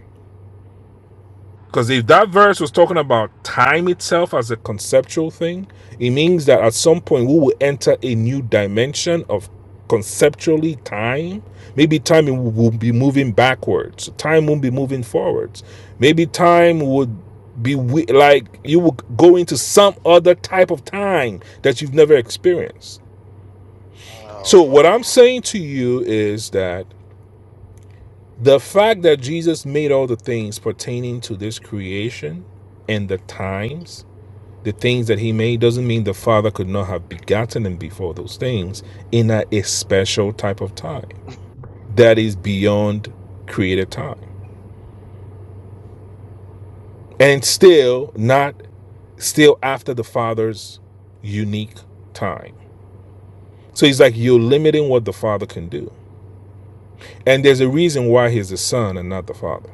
Speaker 7: Because if that verse was talking about time itself as a conceptual thing, it means that at some point we will enter a new dimension of conceptually time. Maybe time will be moving backwards, time won't be moving forwards. Maybe time would be we- like you will go into some other type of time that you've never experienced.
Speaker 5: Oh
Speaker 7: So, what
Speaker 5: Lord.
Speaker 7: I'm saying to you is that the fact that Jesus made all the things pertaining to this creation and the times, the things that he made, doesn't mean the Father could not have begotten him before those things in a, a special type of time that is beyond created time. And still not still after the Father's unique time. So he's like you're limiting what the Father can do. And there's a reason why he's the Son and not the Father.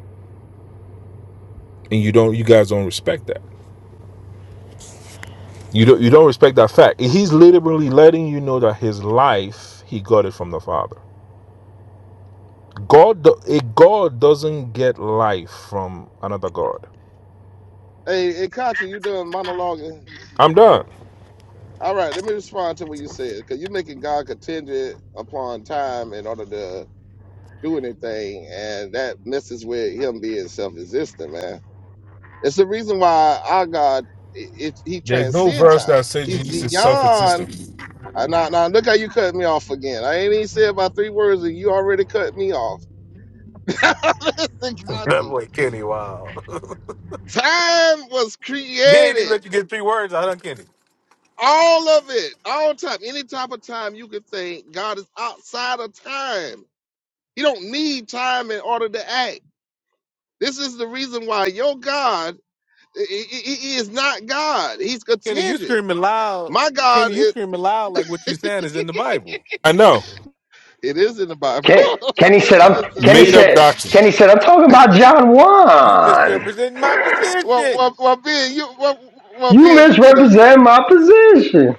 Speaker 7: And you don't you guys don't respect that. You don't you don't respect that fact. He's literally letting you know that his life he got it from the Father. God a God doesn't get life from another God.
Speaker 5: Hey, hey Kachi, you doing monologuing.
Speaker 7: I'm done.
Speaker 5: All right, let me respond to what you said, because you're making God contingent upon time in order to do anything, and that messes with him being self-existent, man. It's the reason why our God, it, it, he
Speaker 7: There's no
Speaker 5: transcends
Speaker 7: verse
Speaker 5: time.
Speaker 7: that says
Speaker 5: He's
Speaker 7: Jesus is
Speaker 5: beyond
Speaker 7: self-existent.
Speaker 5: I now now look how you cut me off again. I ain't even said about three words and you already cut me off. <laughs> Listen,
Speaker 1: <laughs> That
Speaker 5: Conti.
Speaker 1: boy Kenny, wow.
Speaker 5: Time was
Speaker 1: <laughs> he ain't even
Speaker 5: created.
Speaker 1: let you get three words out of Kenny.
Speaker 5: All of it. All time. Any type of time you could think God is outside of time. He don't need time in order to act. This is the reason why your God he, he he is not God. He's
Speaker 1: Kenny, you
Speaker 5: contingent.
Speaker 1: screaming loud.
Speaker 5: My
Speaker 1: Kenny,
Speaker 5: God
Speaker 1: you
Speaker 5: is
Speaker 1: screaming loud like what you saying is in the Bible.
Speaker 7: I know.
Speaker 5: it is in the Bible. <laughs>
Speaker 9: Ken, Kenny
Speaker 5: it
Speaker 9: said I'm
Speaker 5: is in the
Speaker 9: Kenny
Speaker 7: Made up
Speaker 9: said
Speaker 7: doctrine.
Speaker 9: Kenny said I'm talking about John
Speaker 1: You
Speaker 9: Juan.
Speaker 1: misrepresenting my
Speaker 5: well, well,
Speaker 1: position.
Speaker 5: well, Ben, you well, well,
Speaker 9: You
Speaker 5: Ben, you can agree.
Speaker 9: misrepresent my position.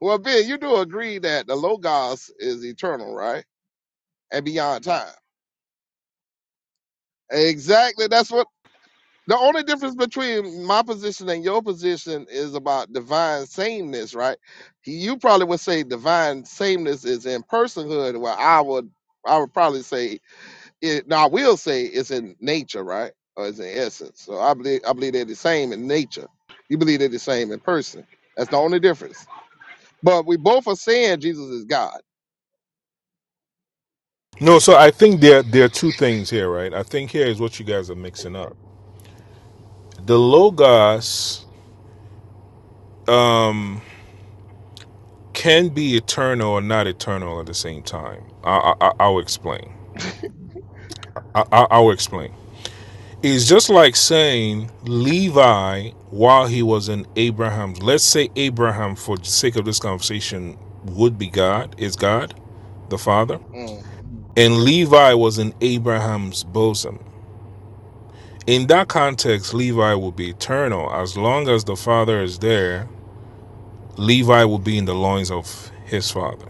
Speaker 5: Well, Ben, you do agree that the Logos is eternal, right? And beyond time. Exactly. That's what the only difference between my position and your position is about divine sameness, right? You probably would say divine sameness is in personhood, where I would I would probably say it no, I will say it's in nature, right? Or it's in essence. So I believe I believe they're the same in nature. You believe they're the same in person. That's the only difference. But we both are saying Jesus is God.
Speaker 7: No, so I think there there are two things here, right? I think here is what you guys are mixing up. The logos um can be eternal or not eternal at the same time. I I, I- I'll explain. I, I, I'll explain. It's just like saying Levi while he was in Abraham's. Let's say Abraham, for the sake of this conversation, would be God, is God, the Father,
Speaker 5: Mm.
Speaker 7: and Levi was in Abraham's bosom. In that context, Levi will be eternal. As long as the Father is there, Levi will be in the loins of his Father.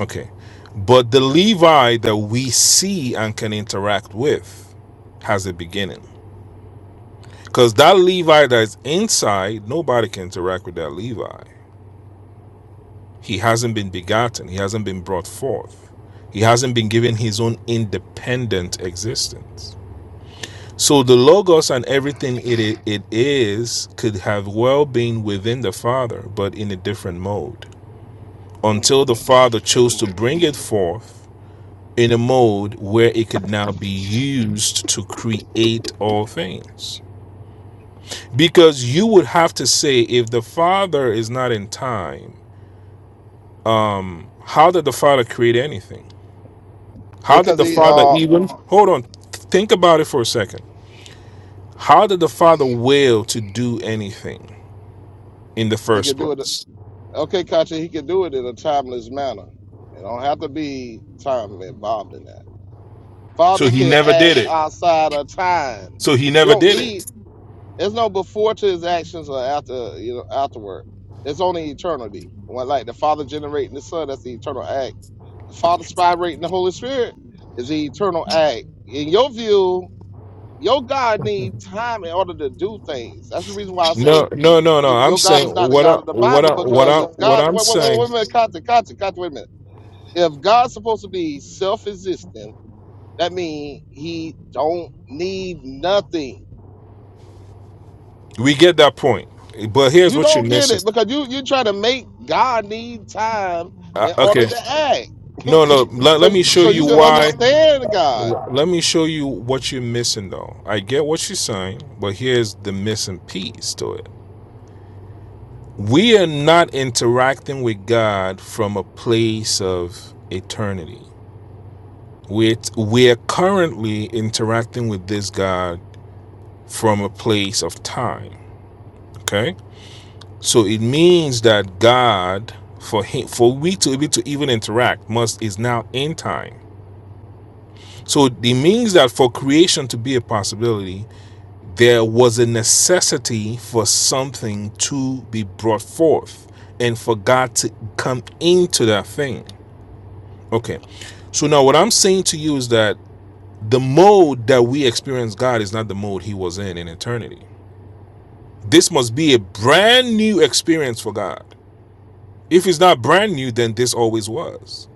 Speaker 7: Okay. But the Levi that we see and can interact with has a beginning. Because that Levi that's inside, nobody can interact with that Levi. He hasn't been begotten, he hasn't been brought forth, he hasn't been given his own independent existence. So the Logos and everything it, i- it is could have well been within the Father, but in a different mode. Until the Father chose to bring it forth in a mode where it could now be used to create all things. because you would have to say if the father is not in time um how did the father create anything how did
Speaker 5: Because
Speaker 7: the
Speaker 5: he
Speaker 7: father
Speaker 5: uh
Speaker 7: even hold on think about it for a second how did the father will to do anything in the
Speaker 5: he
Speaker 7: first
Speaker 5: could do it
Speaker 7: place
Speaker 5: okay, Kachi, he could do it in a timeless manner. It don't have to be time involved in that.
Speaker 7: so
Speaker 5: Father
Speaker 7: he
Speaker 5: can
Speaker 7: never
Speaker 5: act
Speaker 7: did it
Speaker 5: outside of time.
Speaker 7: so he
Speaker 5: You
Speaker 7: never
Speaker 5: don't
Speaker 7: did it
Speaker 5: need there's no before to his actions or after you know afterward. It's only eternity. When like the Father generating the Son, that's the eternal act. The Father spirating the Holy Spirit is the eternal act. In your view, Your God needs time in order to do things. That's the reason why I
Speaker 7: no
Speaker 5: say
Speaker 7: no no
Speaker 5: you,
Speaker 7: no i'm
Speaker 5: your God
Speaker 7: saying
Speaker 5: is not the
Speaker 7: what I,
Speaker 5: God of the
Speaker 7: what
Speaker 5: Bible
Speaker 7: I, what I,
Speaker 5: because if
Speaker 7: what
Speaker 5: God,
Speaker 7: i'm
Speaker 5: wait, wait, wait,
Speaker 7: saying
Speaker 5: wait a minute, Kata, Kata, Kata, wait a minute. If God's supposed to be self-existent, that means he don't need nothing.
Speaker 7: we get that point but here's
Speaker 5: You
Speaker 7: what you're
Speaker 5: don't get
Speaker 7: missing
Speaker 5: it because you you try to make God need time
Speaker 7: uh,
Speaker 5: in order
Speaker 7: okay
Speaker 5: to act.
Speaker 7: no no
Speaker 5: <laughs>
Speaker 7: let,
Speaker 5: so
Speaker 7: let me show
Speaker 5: so you
Speaker 7: you
Speaker 5: can
Speaker 7: why
Speaker 5: understand God.
Speaker 7: Let me show you what you're missing, though. I get what you're saying, but here's the missing piece to it. We are not interacting with God from a place of eternity. We're, we're currently interacting with this God from a place of time. Okay? So it means that God, for him, for we to be able to even interact, must is now in time. So it means that for creation to be a possibility, There was a necessity for something to be brought forth and for God to come into that thing. Okay. So now what I'm saying to you is that the mode that we experience God is not the mode he was in in eternity. This must be a brand new experience for God. If it's not brand new, then this always was.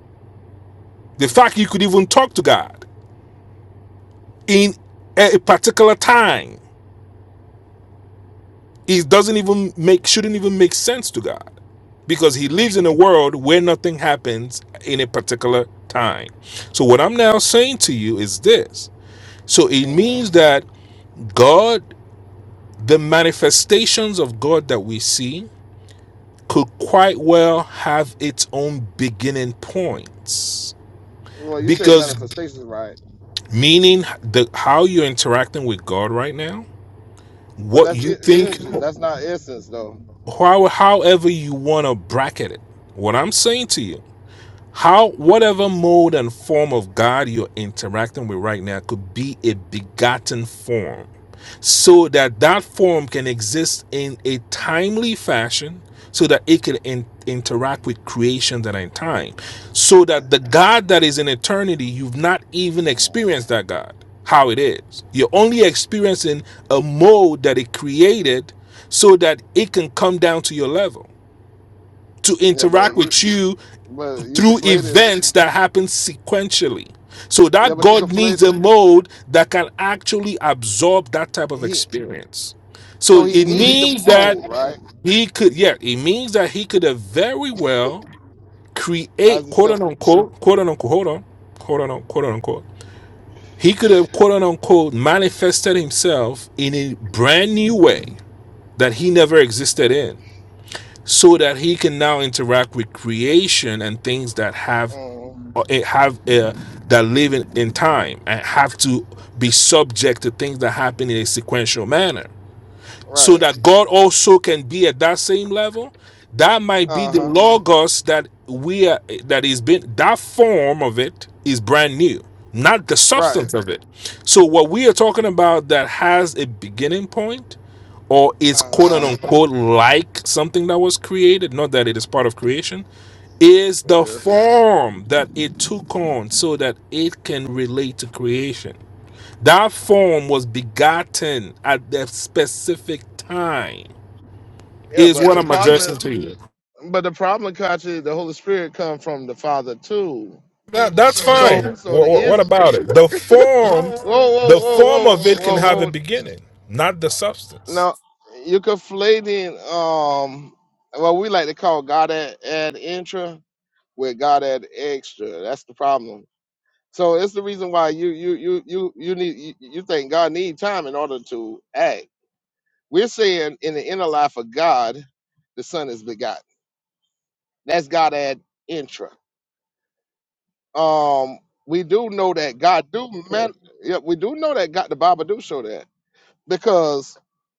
Speaker 7: The fact you could even talk to God in a particular time, it doesn't even make shouldn't even make sense to God. because he lives in a world where nothing happens in a particular time. So, what I'm now saying to you is this. So, it
Speaker 5: hmm
Speaker 7: means that God, the manifestations of God that we see, could quite well have its own beginning points.
Speaker 5: Well, you said
Speaker 7: Because,
Speaker 5: manifestations, right?
Speaker 7: meaning the how you're interacting with God right now,
Speaker 5: But
Speaker 7: what
Speaker 5: that's
Speaker 7: you
Speaker 5: i-
Speaker 7: think,
Speaker 5: images. That's not essence, though.
Speaker 7: how, however you want to bracket it. What I'm saying to you how whatever mode and form of God you're interacting with right now could be a begotten form so that that form can exist in a timely fashion so that it can in- interact with creation that are in time so that the God that is in eternity you've not even experienced that God how it is you're only experiencing a mode that it created so that it can come down to your level to
Speaker 5: Yeah, but
Speaker 7: interact
Speaker 5: you
Speaker 7: with you
Speaker 5: but you
Speaker 7: through
Speaker 5: conflating
Speaker 7: events that happen sequentially. So
Speaker 5: yeah,
Speaker 7: that
Speaker 5: but you
Speaker 7: God needs
Speaker 5: conflate
Speaker 7: a mode that can actually absorb that type of
Speaker 5: he
Speaker 7: experience. So
Speaker 5: so he
Speaker 7: it
Speaker 5: need the
Speaker 7: means that
Speaker 5: mold, right?
Speaker 7: he could, yeah, it means that he could have very well
Speaker 5: As
Speaker 7: create
Speaker 5: he
Speaker 7: quote
Speaker 5: said
Speaker 7: unquote, quote unquote, hold on, quote unquote, quote unquote. He could have quote unquote manifested himself in a brand new way that he never existed in so that he can now interact with creation and things that have
Speaker 5: mm,
Speaker 7: have uh, that live in, in time and have to be subject to things that happen in a sequential manner so
Speaker 5: right.
Speaker 7: that God also can be at that same level. That might be
Speaker 5: Uh
Speaker 7: the
Speaker 5: huh.
Speaker 7: logos that we are that is been that form of it is brand new, not the
Speaker 5: Right.
Speaker 7: substance of it. So what we are talking about that has a beginning point or is
Speaker 5: Uh
Speaker 7: quote
Speaker 5: huh.
Speaker 7: unquote like something that was created, not that it is part of creation, is
Speaker 5: It
Speaker 7: the
Speaker 5: is.
Speaker 7: form that it took on so that it can relate to creation. That form was begotten at that specific time,
Speaker 5: Yeah,
Speaker 7: is
Speaker 5: but
Speaker 7: what
Speaker 5: the
Speaker 7: I'm
Speaker 5: problem is
Speaker 7: addressing to you.
Speaker 5: but the problem Kachi, the Holy Spirit come from the Father too.
Speaker 7: That, that's
Speaker 5: So
Speaker 7: fine.
Speaker 5: so the
Speaker 7: What, what
Speaker 5: is
Speaker 7: about it? The form,
Speaker 5: whoa whoa
Speaker 7: the
Speaker 5: whoa
Speaker 7: form
Speaker 5: whoa
Speaker 7: of it can have
Speaker 5: whoa
Speaker 7: a
Speaker 5: whoa
Speaker 7: beginning, not the substance.
Speaker 5: no you conflating um what we like to call God at, at intra with God at extra. That's the problem So it's the reason why you you you you you need you, you think God need time in order to act. We're saying in the inner life of God, the Son is begotten. That's God ad intra. Um, we do know that God do man. Yeah, we do know that God. The Bible do show that because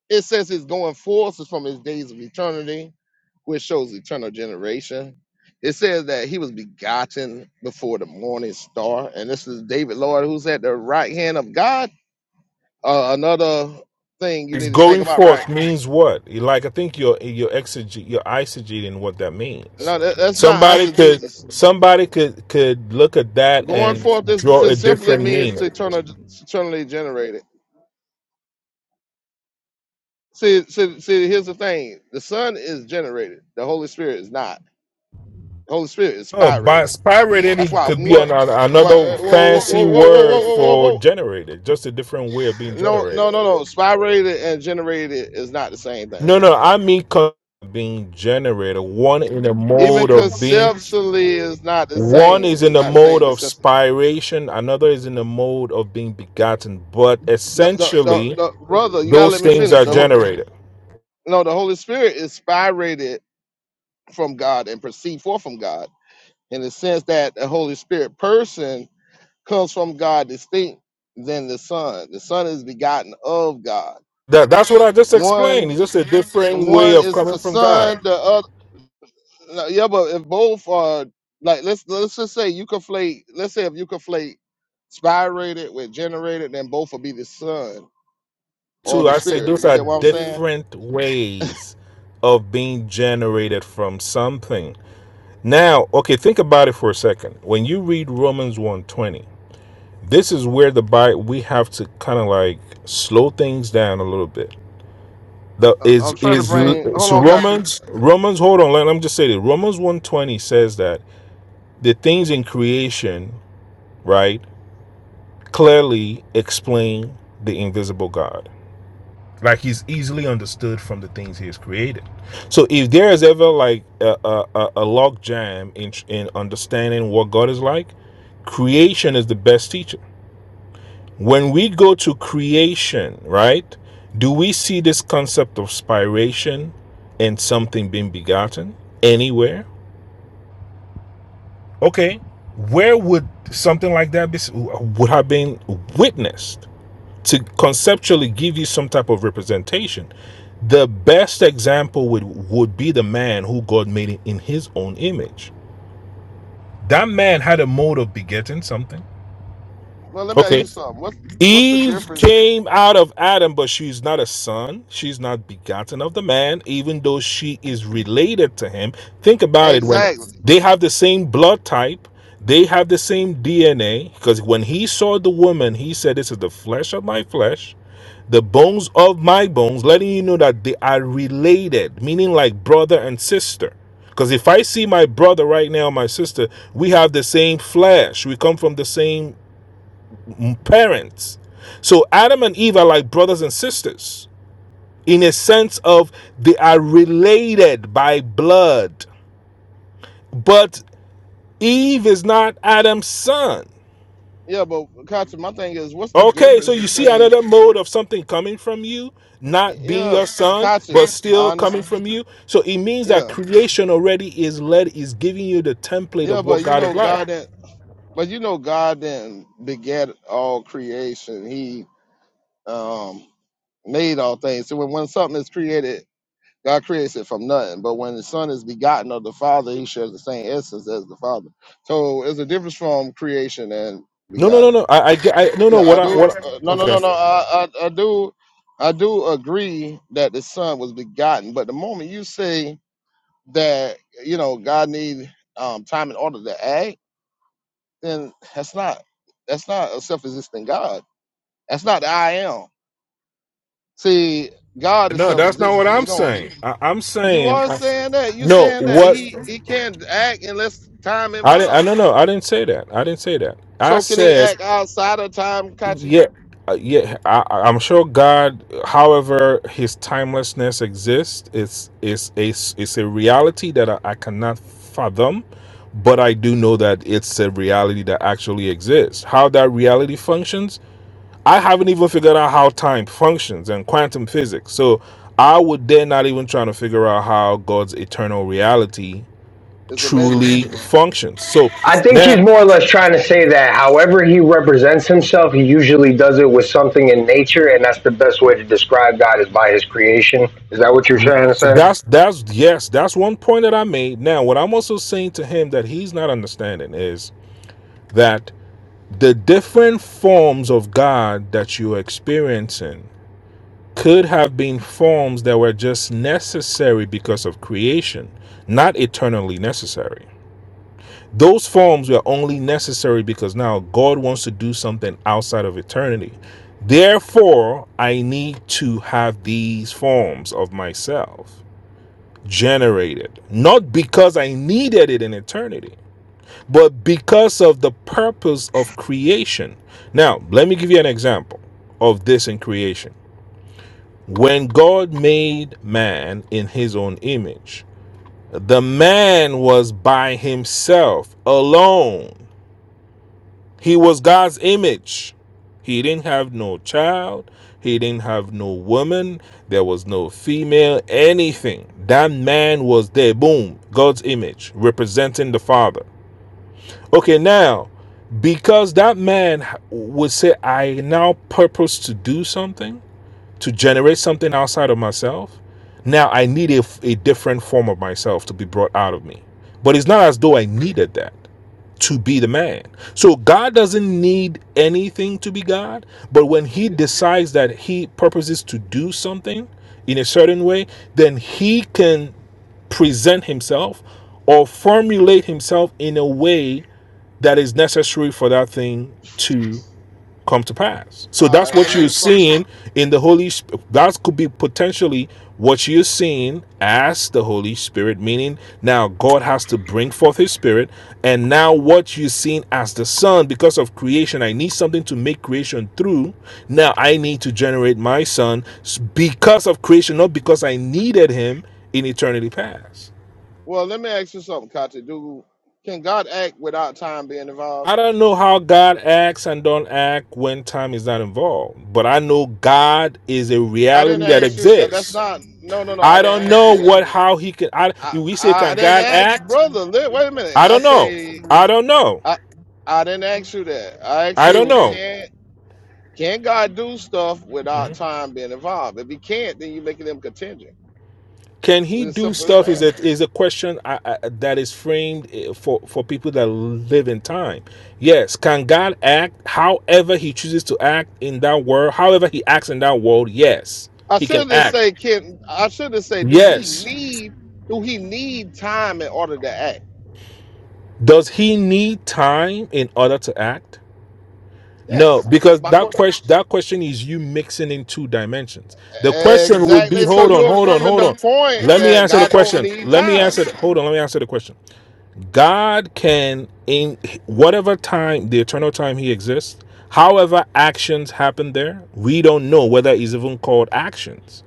Speaker 5: it says He's going forth is from His days of eternity, which shows eternal generation. It says that He was begotten before the morning star, and this is David, Lord, who's at the right hand of God Uh, another thing you
Speaker 7: It's
Speaker 5: need to think
Speaker 7: going
Speaker 5: about, right?
Speaker 7: forth means what? Like I think you're you're exeg- you're eisegeting what that means.
Speaker 5: No, that, that's not
Speaker 7: Somebody could
Speaker 5: eisegesis.
Speaker 7: somebody could could look at that
Speaker 5: Going
Speaker 7: and
Speaker 5: forth, this
Speaker 7: draw a
Speaker 5: just simply
Speaker 7: different
Speaker 5: means to
Speaker 7: meaning.
Speaker 5: eternal, eternally generated. See, see, see, here's the thing the Son is generated, the Holy Spirit is not. The Holy Spirit is
Speaker 7: Oh, by
Speaker 5: spirated.
Speaker 7: spirate Any
Speaker 5: That's why I
Speaker 7: could be an,
Speaker 5: want.
Speaker 7: an- another
Speaker 5: Whoa, whoa, whoa,
Speaker 7: fancy
Speaker 5: whoa, whoa, whoa,
Speaker 7: word
Speaker 5: whoa, whoa,
Speaker 7: for
Speaker 5: whoa.
Speaker 7: generated, just a different way of being
Speaker 5: No, no,
Speaker 7: generated.
Speaker 5: no, no. Spirated and generated is not the same thing,
Speaker 7: No, no,
Speaker 5: bro.
Speaker 7: I mean co- being generated. One in the
Speaker 5: Even
Speaker 7: mode of being,
Speaker 5: conceptually is not the
Speaker 7: one
Speaker 5: same.
Speaker 7: is in
Speaker 5: It's
Speaker 7: the
Speaker 5: not the
Speaker 7: mode
Speaker 5: same
Speaker 7: of
Speaker 5: conception.
Speaker 7: spiration, another is in the mode of being begotten. But
Speaker 5: No, no, no,
Speaker 7: essentially,
Speaker 5: no, brother, you gotta
Speaker 7: those
Speaker 5: let me
Speaker 7: things
Speaker 5: finish.
Speaker 7: are
Speaker 5: The,
Speaker 7: generated.
Speaker 5: No, the Holy Spirit is spirated from God and proceed forth from God in the sense that the Holy Spirit person comes from God distinct than the Son. The Son is begotten of God.
Speaker 7: That, that's what I just explained.
Speaker 5: One,
Speaker 7: It's just a
Speaker 5: the
Speaker 7: different way
Speaker 5: one
Speaker 7: of
Speaker 5: is
Speaker 7: coming
Speaker 5: the
Speaker 7: from God.
Speaker 5: Son. The other, no, yeah, but if both are like, let's let's just say you conflate. Let's say if you conflate spirated with generated, then both will be the Son or
Speaker 7: too.
Speaker 5: the
Speaker 7: I say
Speaker 5: Spirit.
Speaker 7: those
Speaker 5: You
Speaker 7: are
Speaker 5: get what I'm saying?
Speaker 7: different ways of being generated from something. Now, okay, think about it for a second. When you read Romans 120, this is where the Bible we have to kind of like slow things down a little bit. The
Speaker 5: I- I'm
Speaker 7: is
Speaker 5: trying to
Speaker 7: is
Speaker 5: bring. Hold
Speaker 7: so
Speaker 5: on, Kachi.
Speaker 7: Romans Romans hold on, let, let me just say this. Romans 120 says that the things in creation, right, clearly explain the invisible God like he's easily understood from the things he has created so if there is ever like a, a, a- a log jam in, in understanding what god is like creation is the best teacher when we go to creation right do we see this concept of spiration and something being begotten anywhere okay where would something like that be, would have been witnessed to conceptually give you some type of representation the best example would would be the man who god made in his own image that man had a mode of begetting something
Speaker 5: Well, let me ask you
Speaker 7: okay
Speaker 5: something. What's what's the
Speaker 7: Eve
Speaker 5: difference?
Speaker 7: came out of Adam, but she's not a son. She's not begotten of the man, even though she is related to him. Think about it when
Speaker 5: Exactly.
Speaker 7: they have the same blood type, they have the same DNA. Because when he saw the woman, he said, This is the flesh of my flesh, the bones of my bones, letting you know that they are related, meaning like brother and sister. Because if I see my brother right now, my sister, we have the same flesh. We come from the same parents. So Adam and Eve are like brothers and sisters in a sense of they are related by blood. But Eve is not Adam's son.
Speaker 5: Yeah, but Kachi, my thing is, what's the
Speaker 7: Okay, so
Speaker 5: difference
Speaker 7: you see
Speaker 5: between
Speaker 7: another mode of something coming from you, not being
Speaker 5: yeah,
Speaker 7: your son, but
Speaker 5: Kachi? I
Speaker 7: still coming
Speaker 5: understand.
Speaker 7: from you. So it means that
Speaker 5: Yeah,
Speaker 7: creation already is led is giving you the template
Speaker 5: yeah,
Speaker 7: of what
Speaker 5: but you
Speaker 7: God
Speaker 5: know,
Speaker 7: is like.
Speaker 5: God didn't. But you know, God didn't beget all creation. He um made all things. So when, when something is created, God creates it from nothing. But when the Son is begotten of the Father, He shares the same essence as the Father. So there's a difference from creation and
Speaker 7: No, no, no,
Speaker 5: begotten.
Speaker 7: no. I, I, I no, no.
Speaker 5: Yeah, I
Speaker 7: What I,
Speaker 5: do.
Speaker 7: what?
Speaker 5: Uh,
Speaker 7: I-
Speaker 5: no, no,
Speaker 7: okay.
Speaker 5: no, no. I, I, I do, I do agree that the Son was begotten. But the moment you say that, you know, God need um, time in order to act, then that's not that's not a self-existent God. That's not the I am. See, God is
Speaker 7: No, that's not what
Speaker 5: self-existent.
Speaker 7: I'm
Speaker 5: You don't.
Speaker 7: saying. I, I'm
Speaker 5: You
Speaker 7: saying
Speaker 5: are
Speaker 7: I-
Speaker 5: saying that. You
Speaker 7: no.
Speaker 5: saying that
Speaker 7: What
Speaker 5: he he can't act unless time
Speaker 7: I didn't. I
Speaker 5: involved.
Speaker 7: no no. I didn't say that. I didn't say that. I
Speaker 5: So can he
Speaker 7: said
Speaker 5: act outside of time, Kachi?
Speaker 7: yeah. uh, Yeah, I, I- I'm sure God, however His timelessness exists, It's it's a it's a reality that I, I cannot fathom, but I do know that it's a reality that actually exists. How that reality functions, I haven't even figured out how time functions and quantum physics. So I would dare not even try to figure out how God's eternal reality
Speaker 5: It's a
Speaker 7: truly
Speaker 5: measurement.
Speaker 7: functions. So
Speaker 9: I think he's
Speaker 7: now
Speaker 9: more or less trying to say that however he represents himself, he usually does it with something in nature, and that's the best way to describe God is by his creation. Is that what you're trying to say?
Speaker 7: that's that's yes, that's one point that I made. Now what I'm also saying to him that he's not understanding is that the different forms of God that you're experiencing could have been forms that were just necessary because of creation, not eternally necessary. Those forms were only necessary because now God wants to do something outside of eternity. Therefore, I need to have these forms of myself generated, not because I needed it in eternity, but because of the purpose of creation. Now, let me give you an example of this in creation. When God made man in his own image, the man was by himself, alone. He was God's image. He didn't have no child. He didn't have no woman. There was no female, anything. That man was there. Boom. God's image, representing the Father. Okay, now, because that man would say, I now purpose to do something, to generate something outside of myself. Now I need a, a different form of myself to be brought out of me. But it's not as though
Speaker 5: But
Speaker 7: I needed that to be the man. So God doesn't need anything to be God, but when he
Speaker 5: you-
Speaker 7: decides that he purposes to do something in a certain way, then he can present himself or formulate himself in a way that is necessary for that thing to come to pass. So
Speaker 5: all
Speaker 7: that's
Speaker 5: right, let
Speaker 7: what
Speaker 5: me
Speaker 7: you're
Speaker 5: respond.
Speaker 7: seeing in the Holy Spirit. That could be potentially what you're seeing as the Holy Spirit, meaning now God has to bring forth His Spirit. And now what you're seeing as the Son, because of creation, I need something to make creation through. Now I need to generate my Son because of creation, not because I needed Him in eternity past.
Speaker 5: Well, let me ask you something, Kati. Do can God act without time being involved?
Speaker 7: I don't know how God acts and don't act when time is not involved, but I know God is a
Speaker 5: I didn't
Speaker 7: reality that
Speaker 5: ask you. Uh, that's
Speaker 7: exists.
Speaker 5: not. No, no, no. I
Speaker 7: I don't
Speaker 5: didn't ask you
Speaker 7: know
Speaker 5: that.
Speaker 7: what how he can. I,
Speaker 5: I
Speaker 7: if we say
Speaker 5: I
Speaker 7: can
Speaker 5: didn't
Speaker 7: God
Speaker 5: ask,
Speaker 7: act?
Speaker 5: brother. li- Wait a minute.
Speaker 7: I
Speaker 5: I
Speaker 7: don't know.
Speaker 5: say
Speaker 7: I don't know.
Speaker 5: I I didn't ask you that. I asked
Speaker 7: I don't
Speaker 5: you
Speaker 7: know.
Speaker 5: can can God do stuff without
Speaker 7: Mhm.
Speaker 5: time being involved? If He can't, then you're making Him contingent.
Speaker 7: Can he
Speaker 5: It's as
Speaker 7: do
Speaker 5: simple as
Speaker 7: stuff? Is
Speaker 5: that.
Speaker 7: a is a question I, I, that is framed eh, for for people that live in time. Yes, can God act however He chooses to act in that world? However He acts in that world, yes,
Speaker 5: I
Speaker 7: He can
Speaker 5: should just
Speaker 7: act.
Speaker 5: say can I should just say do He
Speaker 7: Yes,
Speaker 5: need do He need time in order to act?
Speaker 7: Does he need time in order to act? No,
Speaker 5: Yes, that's
Speaker 7: because
Speaker 5: my
Speaker 7: that
Speaker 5: question.
Speaker 7: question that question is you mixing in two dimensions. The question would be
Speaker 5: Exactly. So
Speaker 7: hold on,
Speaker 5: you're
Speaker 7: hold on,
Speaker 5: affirming
Speaker 7: hold
Speaker 5: the
Speaker 7: on.
Speaker 5: point
Speaker 7: Let me
Speaker 5: that
Speaker 7: answer the
Speaker 5: God don't
Speaker 7: question.
Speaker 5: need
Speaker 7: Let me
Speaker 5: time.
Speaker 7: answer the, hold on, let me answer the question. God can in whatever time, the eternal time he exists, however actions happen there, we don't know whether it's even called actions.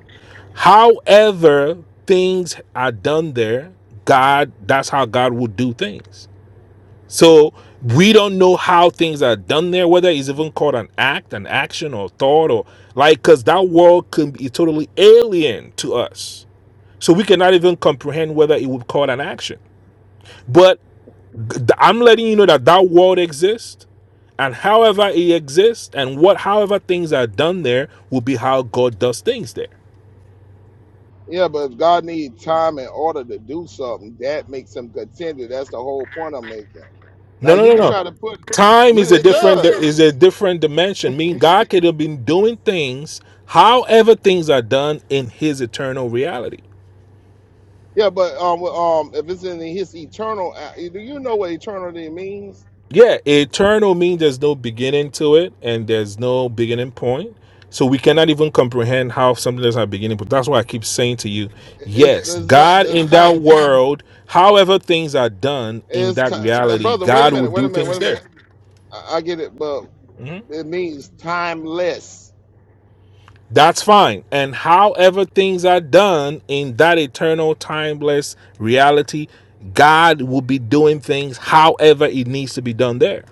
Speaker 7: However things are done there, God that's how God would do things. So we don't know how things are done there, whether it's even called an act, an action, or thought, or like, because that world can be totally alien to us. So we cannot even comprehend whether it would call an action. But i I'm letting you know that that world exists, and however it exists, and what however things are done there will be how God does things there.
Speaker 5: Yeah, but if God needs time in order to do something, that makes him continue. That's the whole point I'm making. Now
Speaker 7: No, no,
Speaker 5: you
Speaker 7: no,
Speaker 5: can
Speaker 7: no.
Speaker 5: try to put
Speaker 7: Time
Speaker 5: you
Speaker 7: is a
Speaker 5: it
Speaker 7: different
Speaker 5: does.
Speaker 7: is a different dimension. Mean God could have been doing things, however things are done in His eternal reality.
Speaker 5: Yeah, but um um if it's in his eternal uh, do you know what eternity means?
Speaker 7: Yeah, eternal means there's no beginning to it and there's no beginning point. So we cannot even comprehend how something doesn't have a beginning. But that's why I keep saying to you,
Speaker 5: It's
Speaker 7: yes,
Speaker 5: it's not
Speaker 7: God
Speaker 5: it's
Speaker 7: in that
Speaker 5: time
Speaker 7: world, however things are done in
Speaker 5: it's
Speaker 7: that
Speaker 5: time
Speaker 7: reality,
Speaker 5: brother, wait a
Speaker 7: God will
Speaker 5: minute, wait
Speaker 7: do
Speaker 5: a minute, wait
Speaker 7: things
Speaker 5: a
Speaker 7: there.
Speaker 5: minute. I, I get it, but
Speaker 7: Mm-hmm.
Speaker 5: it means timeless.
Speaker 7: That's fine. And however things are done in that eternal, timeless reality, God will be doing things however it needs to be done there.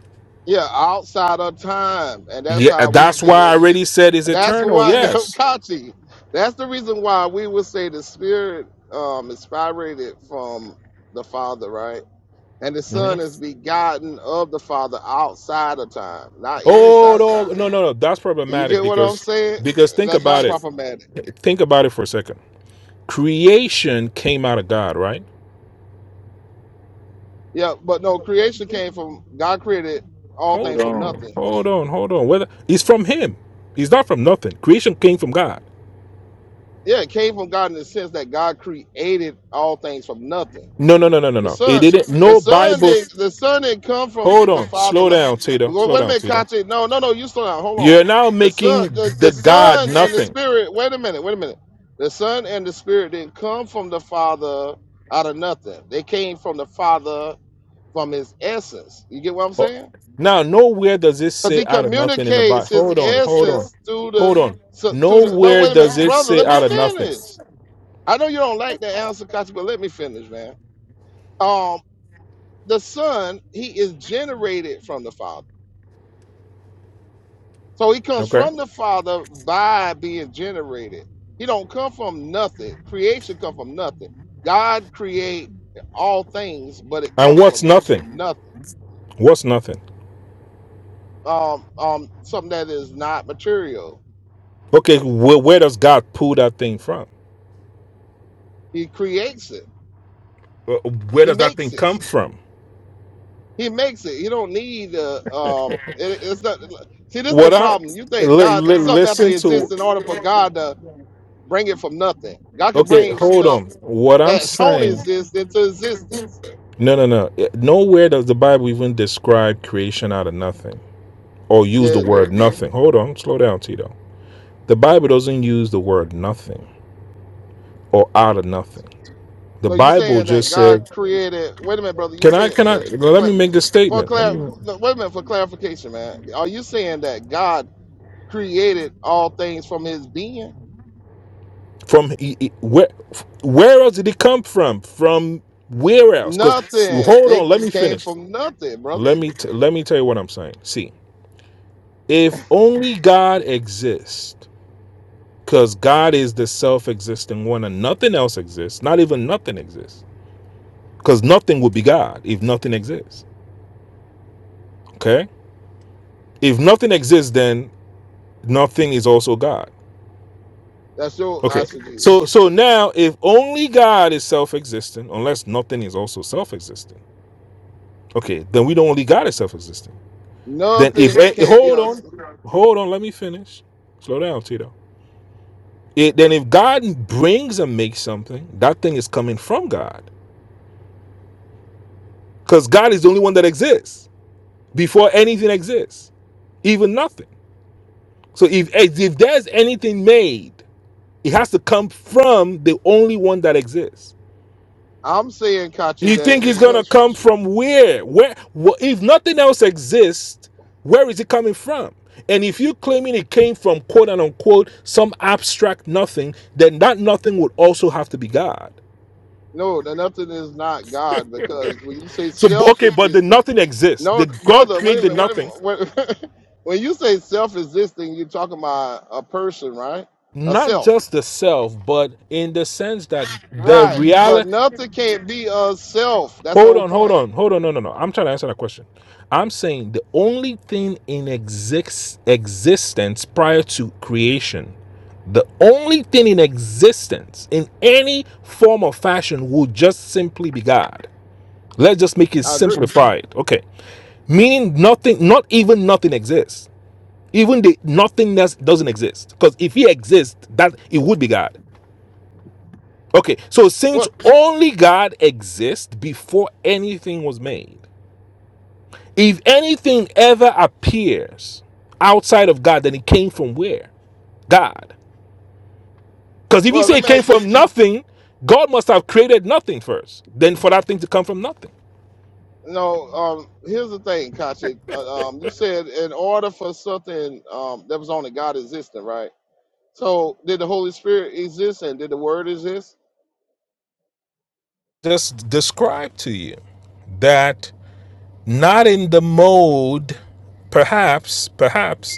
Speaker 5: Yeah, outside of time. And that's
Speaker 7: Yeah,
Speaker 5: how we
Speaker 7: that's
Speaker 5: see
Speaker 7: why I
Speaker 5: it
Speaker 7: already said it's
Speaker 5: That's
Speaker 7: eternal.
Speaker 5: what <laughs>
Speaker 7: Yes.
Speaker 5: Kachi. That's the reason why we would say the Spirit um, inspired it from the Father, right? And the Son
Speaker 7: Mhm.
Speaker 5: is begotten of the Father outside of time, not
Speaker 7: Oh
Speaker 5: inside of
Speaker 7: no,
Speaker 5: time.
Speaker 7: no, no, no. That's
Speaker 5: You
Speaker 7: problematic
Speaker 5: get what I'm
Speaker 7: because
Speaker 5: saying?
Speaker 7: because think
Speaker 5: That's
Speaker 7: about
Speaker 5: not
Speaker 7: it.
Speaker 5: problematic.
Speaker 7: Think about it for a second. Creation came out of God, right?
Speaker 5: Yeah, but no, creation came from God created all
Speaker 7: Hold
Speaker 5: things from
Speaker 7: on,
Speaker 5: nothing.
Speaker 7: hold on, hold on. Whether it's from Him, it's not from nothing. Creation came from God.
Speaker 5: Yeah, it came from God in the sense that God created all things from nothing.
Speaker 7: No, no, no, no, no,
Speaker 5: The
Speaker 7: no. It
Speaker 5: son,
Speaker 7: didn't.
Speaker 5: the
Speaker 7: No
Speaker 5: son
Speaker 7: Bible.
Speaker 5: didn't, the son didn't come
Speaker 7: Hold
Speaker 5: from the
Speaker 7: on.
Speaker 5: father.
Speaker 7: Slow
Speaker 5: li-
Speaker 7: down, Tito.
Speaker 5: Wait
Speaker 7: Slow
Speaker 5: wait a
Speaker 7: down,
Speaker 5: minute,
Speaker 7: Tito.
Speaker 5: Kachi. No, no, no. You slow down. Hold on.
Speaker 7: You're now
Speaker 5: The
Speaker 7: making
Speaker 5: son, the, the
Speaker 7: the God
Speaker 5: son and the
Speaker 7: nothing.
Speaker 5: spirit. Wait a minute. Wait a minute. The son and the spirit didn't come from the father out of nothing. They came from the father from his essence. You get what I'm
Speaker 7: Oh,
Speaker 5: saying?
Speaker 7: Now, nowhere does it
Speaker 5: Because
Speaker 7: say
Speaker 5: he
Speaker 7: out of nothing in the Bible.
Speaker 5: communicates his
Speaker 7: Hold on. Hold on.
Speaker 5: essence through the,
Speaker 7: Hold on.
Speaker 5: so- through the. No,
Speaker 7: Nowhere
Speaker 5: wait a minute,
Speaker 7: does it
Speaker 5: brother.
Speaker 7: say
Speaker 5: Let me
Speaker 7: out of nothing.
Speaker 5: finish. I know you don't like the answer, Kachi, but let me finish, man Um, the son he is generated from the father so he comes
Speaker 7: Okay.
Speaker 5: from the father by being generated he don't come from nothing creation come from nothing god create all things but it
Speaker 7: And
Speaker 5: comes
Speaker 7: what's
Speaker 5: from
Speaker 7: nothing?
Speaker 5: nothing
Speaker 7: What's nothing?
Speaker 5: um um something that is not material
Speaker 7: Okay. Where, where does God pull that thing from?
Speaker 5: he creates it
Speaker 7: Uh, Where
Speaker 5: he
Speaker 7: does that thing
Speaker 5: makes it
Speaker 7: come from?
Speaker 5: he makes it you don't need uh, um it, it's not see this is the
Speaker 7: What I
Speaker 5: problem you think
Speaker 7: li-
Speaker 5: god
Speaker 7: li-
Speaker 5: something have to
Speaker 7: listen
Speaker 5: exist
Speaker 7: to.
Speaker 5: in order for god to bring it from nothing god can
Speaker 7: Okay.
Speaker 5: bring
Speaker 7: Hold
Speaker 5: stuff
Speaker 7: on. What I'm
Speaker 5: that don't
Speaker 7: saying.
Speaker 5: exist into existence.
Speaker 7: No, no, no. It- Nowhere does the Bible even describe creation out of nothing or
Speaker 5: Yeah,
Speaker 7: use the
Speaker 5: it
Speaker 7: word
Speaker 5: do.
Speaker 7: nothing. Hold on, slow down, Tito. The Bible doesn't use the word nothing or out of nothing. The
Speaker 5: So you
Speaker 7: Bible
Speaker 5: saying that
Speaker 7: just
Speaker 5: God
Speaker 7: said,
Speaker 5: created? Wait a minute, brother. You
Speaker 7: "Can I? Can
Speaker 5: saying
Speaker 7: I?
Speaker 5: the- for
Speaker 7: Let
Speaker 5: cla-
Speaker 7: me make this
Speaker 5: for
Speaker 7: statement. Let
Speaker 5: clar-
Speaker 7: me
Speaker 5: no, wait a minute for clarification, man. Are you saying that God created all things from His being?
Speaker 7: from e- e- where? Where else did it come from? From where else? Because
Speaker 5: Nothing.
Speaker 7: hold
Speaker 5: They
Speaker 7: on, let me
Speaker 5: came
Speaker 7: finish.
Speaker 5: from nothing, brother.
Speaker 7: Let me t- let me tell you what I'm saying. See, if only God exists." Because God is the self existing one and nothing else exists. Not even nothing exists. Because nothing would be God if nothing exists. Okay? If nothing exists, then nothing is also God.
Speaker 5: That's your
Speaker 7: Okay.
Speaker 5: answer, Jesus.
Speaker 7: So so now if only God is self existent, unless nothing is also self existent, okay, then we don't only God is self existent. Then if
Speaker 5: Nothing
Speaker 7: eh,
Speaker 5: can't be
Speaker 7: hold
Speaker 5: us.
Speaker 7: on. Hold on, let me finish. Slow down, Tito. It, then if God brings and makes something, that thing is coming from God. Because God is the only one that exists. before anything exists, even nothing. So if if there's anything made, it has to come from the only one that exists.
Speaker 5: I'm saying, Kachi,
Speaker 7: You
Speaker 5: that
Speaker 7: think it's
Speaker 5: it
Speaker 7: gonna
Speaker 5: comes from.
Speaker 7: come from where? Where? wh- if nothing else exists, where is it coming from? And if you're claiming it came from quote and unquote some abstract nothing, then that nothing would also have to be God.
Speaker 5: No, that nothing is not God because when you say
Speaker 7: So b- okay, but the
Speaker 5: self-existing,
Speaker 7: nothing exists.
Speaker 5: No,
Speaker 7: The God
Speaker 5: brother, wait a
Speaker 7: created the
Speaker 5: minute. Wait a
Speaker 7: nothing,
Speaker 5: minute. Wait, <laughs> when you say self existing, you're talking about a person, right? A
Speaker 7: not
Speaker 5: self.
Speaker 7: just the self, but in the sense that the
Speaker 5: Right. But
Speaker 7: reality.
Speaker 5: nothing can't be a self. That's the
Speaker 7: Hold
Speaker 5: whole
Speaker 7: on, hold
Speaker 5: point.
Speaker 7: on, hold on. No, no, no. I'm trying to answer that question. I'm saying the only thing in exist, existence prior to creation, the only thing in existence in any form or fashion will just simply be God. Let's just make it
Speaker 5: I agree.
Speaker 7: simplified. Okay. Meaning nothing, not even nothing exists. Even the nothingness doesn't exist. Because if he exists, that it would be God. Okay. So since
Speaker 5: Well,
Speaker 7: only God exists before anything was made. If anything ever appears outside of God, then it came from where? God. Because if you
Speaker 5: well,
Speaker 7: say
Speaker 5: let
Speaker 7: it
Speaker 5: me
Speaker 7: came
Speaker 5: ask you.
Speaker 7: from nothing, God must have created nothing first. Then for that thing to come from nothing.
Speaker 5: No, um, here's the thing, Kachi. Uh, um, you said in order for something um, that was only God existing, right? So did the Holy Spirit exist and did the Word exist?
Speaker 7: Just describe to you that not in the mode, perhaps, perhaps,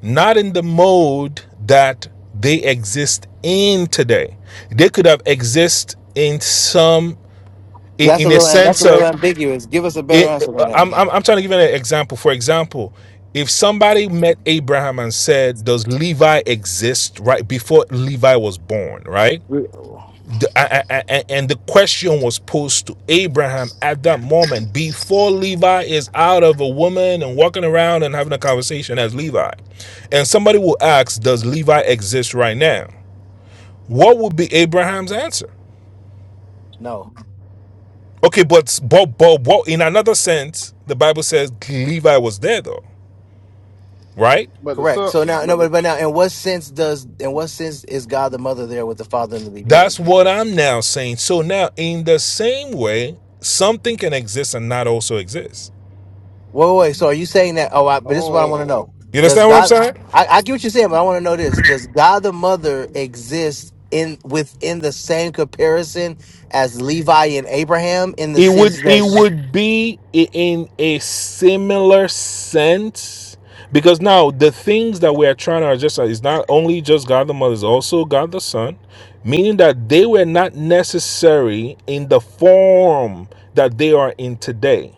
Speaker 7: not in the mode that they exist in today. They could have exist in some in,
Speaker 6: That's a
Speaker 7: in a
Speaker 6: little that's
Speaker 7: sense
Speaker 6: a
Speaker 7: of
Speaker 6: little ambiguous. Give us a better
Speaker 7: It,
Speaker 6: answer than that.
Speaker 7: I'm, I'm, I'm trying to give you an example. For example, if somebody met Abraham and said, "Does Levi exist?" right before Levi was born, right?
Speaker 6: We-
Speaker 7: The- a- a- a- and the question was posed to Abraham at that moment, before Levi is out of a woman and walking around and having a conversation as Levi, and somebody will ask, "Does Levi exist right now?" What would be Abraham's answer?
Speaker 6: No.
Speaker 7: Okay, but but but, but in another sense, the Bible says Levi was there though, right?
Speaker 5: But the
Speaker 6: Correct.
Speaker 5: Son,
Speaker 6: So now,
Speaker 5: but
Speaker 6: no,
Speaker 5: the,
Speaker 6: but, but now, in what sense does, in what sense is God the Mother there with the Father in the beginning?
Speaker 7: That's what I'm now saying. So now, in the same way, something can exist and not also exist.
Speaker 6: Wait, wait. wait, So are you saying that? Oh, I, but this is what I want to know.
Speaker 5: oh,
Speaker 7: You
Speaker 6: Does
Speaker 7: understand what I'm
Speaker 6: God?
Speaker 7: saying?
Speaker 6: I, I get what you're saying, but I want to know this: Does God the Mother exist in within the same comparison as Levi and Abraham in the
Speaker 7: It would
Speaker 6: sense
Speaker 7: it
Speaker 6: that sh-
Speaker 7: would be in a similar sense because now the things that we are trying to adjust are- is not only just God the Mother, is also God the Son, meaning that they were not necessary in the form that they are in today.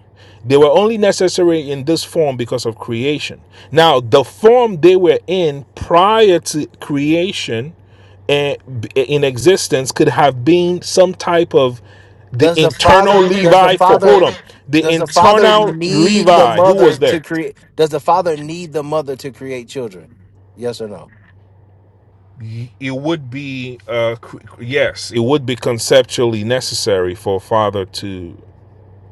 Speaker 7: They were only necessary in this form because of creation. Now, the form they were in prior to creation and in existence could have been some type of the
Speaker 6: does the
Speaker 7: internal
Speaker 6: Father? Does the
Speaker 7: Levi for hold
Speaker 6: Father?
Speaker 7: on. The
Speaker 6: Does the Father
Speaker 5: is it,
Speaker 7: internal
Speaker 6: need the
Speaker 7: Levi who
Speaker 6: Mother
Speaker 7: was
Speaker 6: to
Speaker 7: there.
Speaker 6: create? Does the Father need the Mother to create children? Yes or no?
Speaker 7: It would be uh cr- yes, it would be conceptually necessary for a father to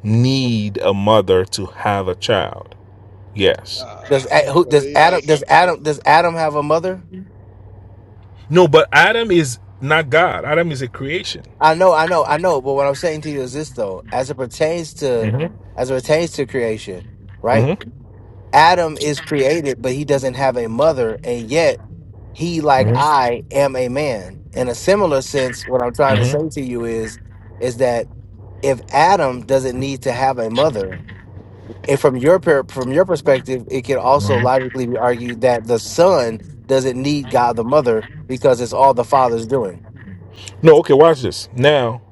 Speaker 7: need a mother to have a child. Yes.
Speaker 5: uh,
Speaker 6: Does A- who
Speaker 5: well,
Speaker 6: does
Speaker 5: they not
Speaker 6: Adam does
Speaker 5: self existing.
Speaker 6: Adam does Adam have a mother?
Speaker 7: No, but Adam is not God. Adam is a creation.
Speaker 6: I know, I know, I know. But what I'm saying to you is this though, as it pertains to
Speaker 7: hmm
Speaker 6: as it pertains to creation, right?
Speaker 7: hmm
Speaker 6: Adam is created, but he doesn't have a mother, and yet he, like
Speaker 7: hmm
Speaker 6: I, am a man. In a similar sense, what I'm trying to say
Speaker 7: hmm
Speaker 6: to you is, is that if Adam doesn't need to have a mother, and from your per- from your perspective, it can also logically be argued that the son doesn't need God the mother because it's all the father's doing.
Speaker 7: No, okay, watch this. Now,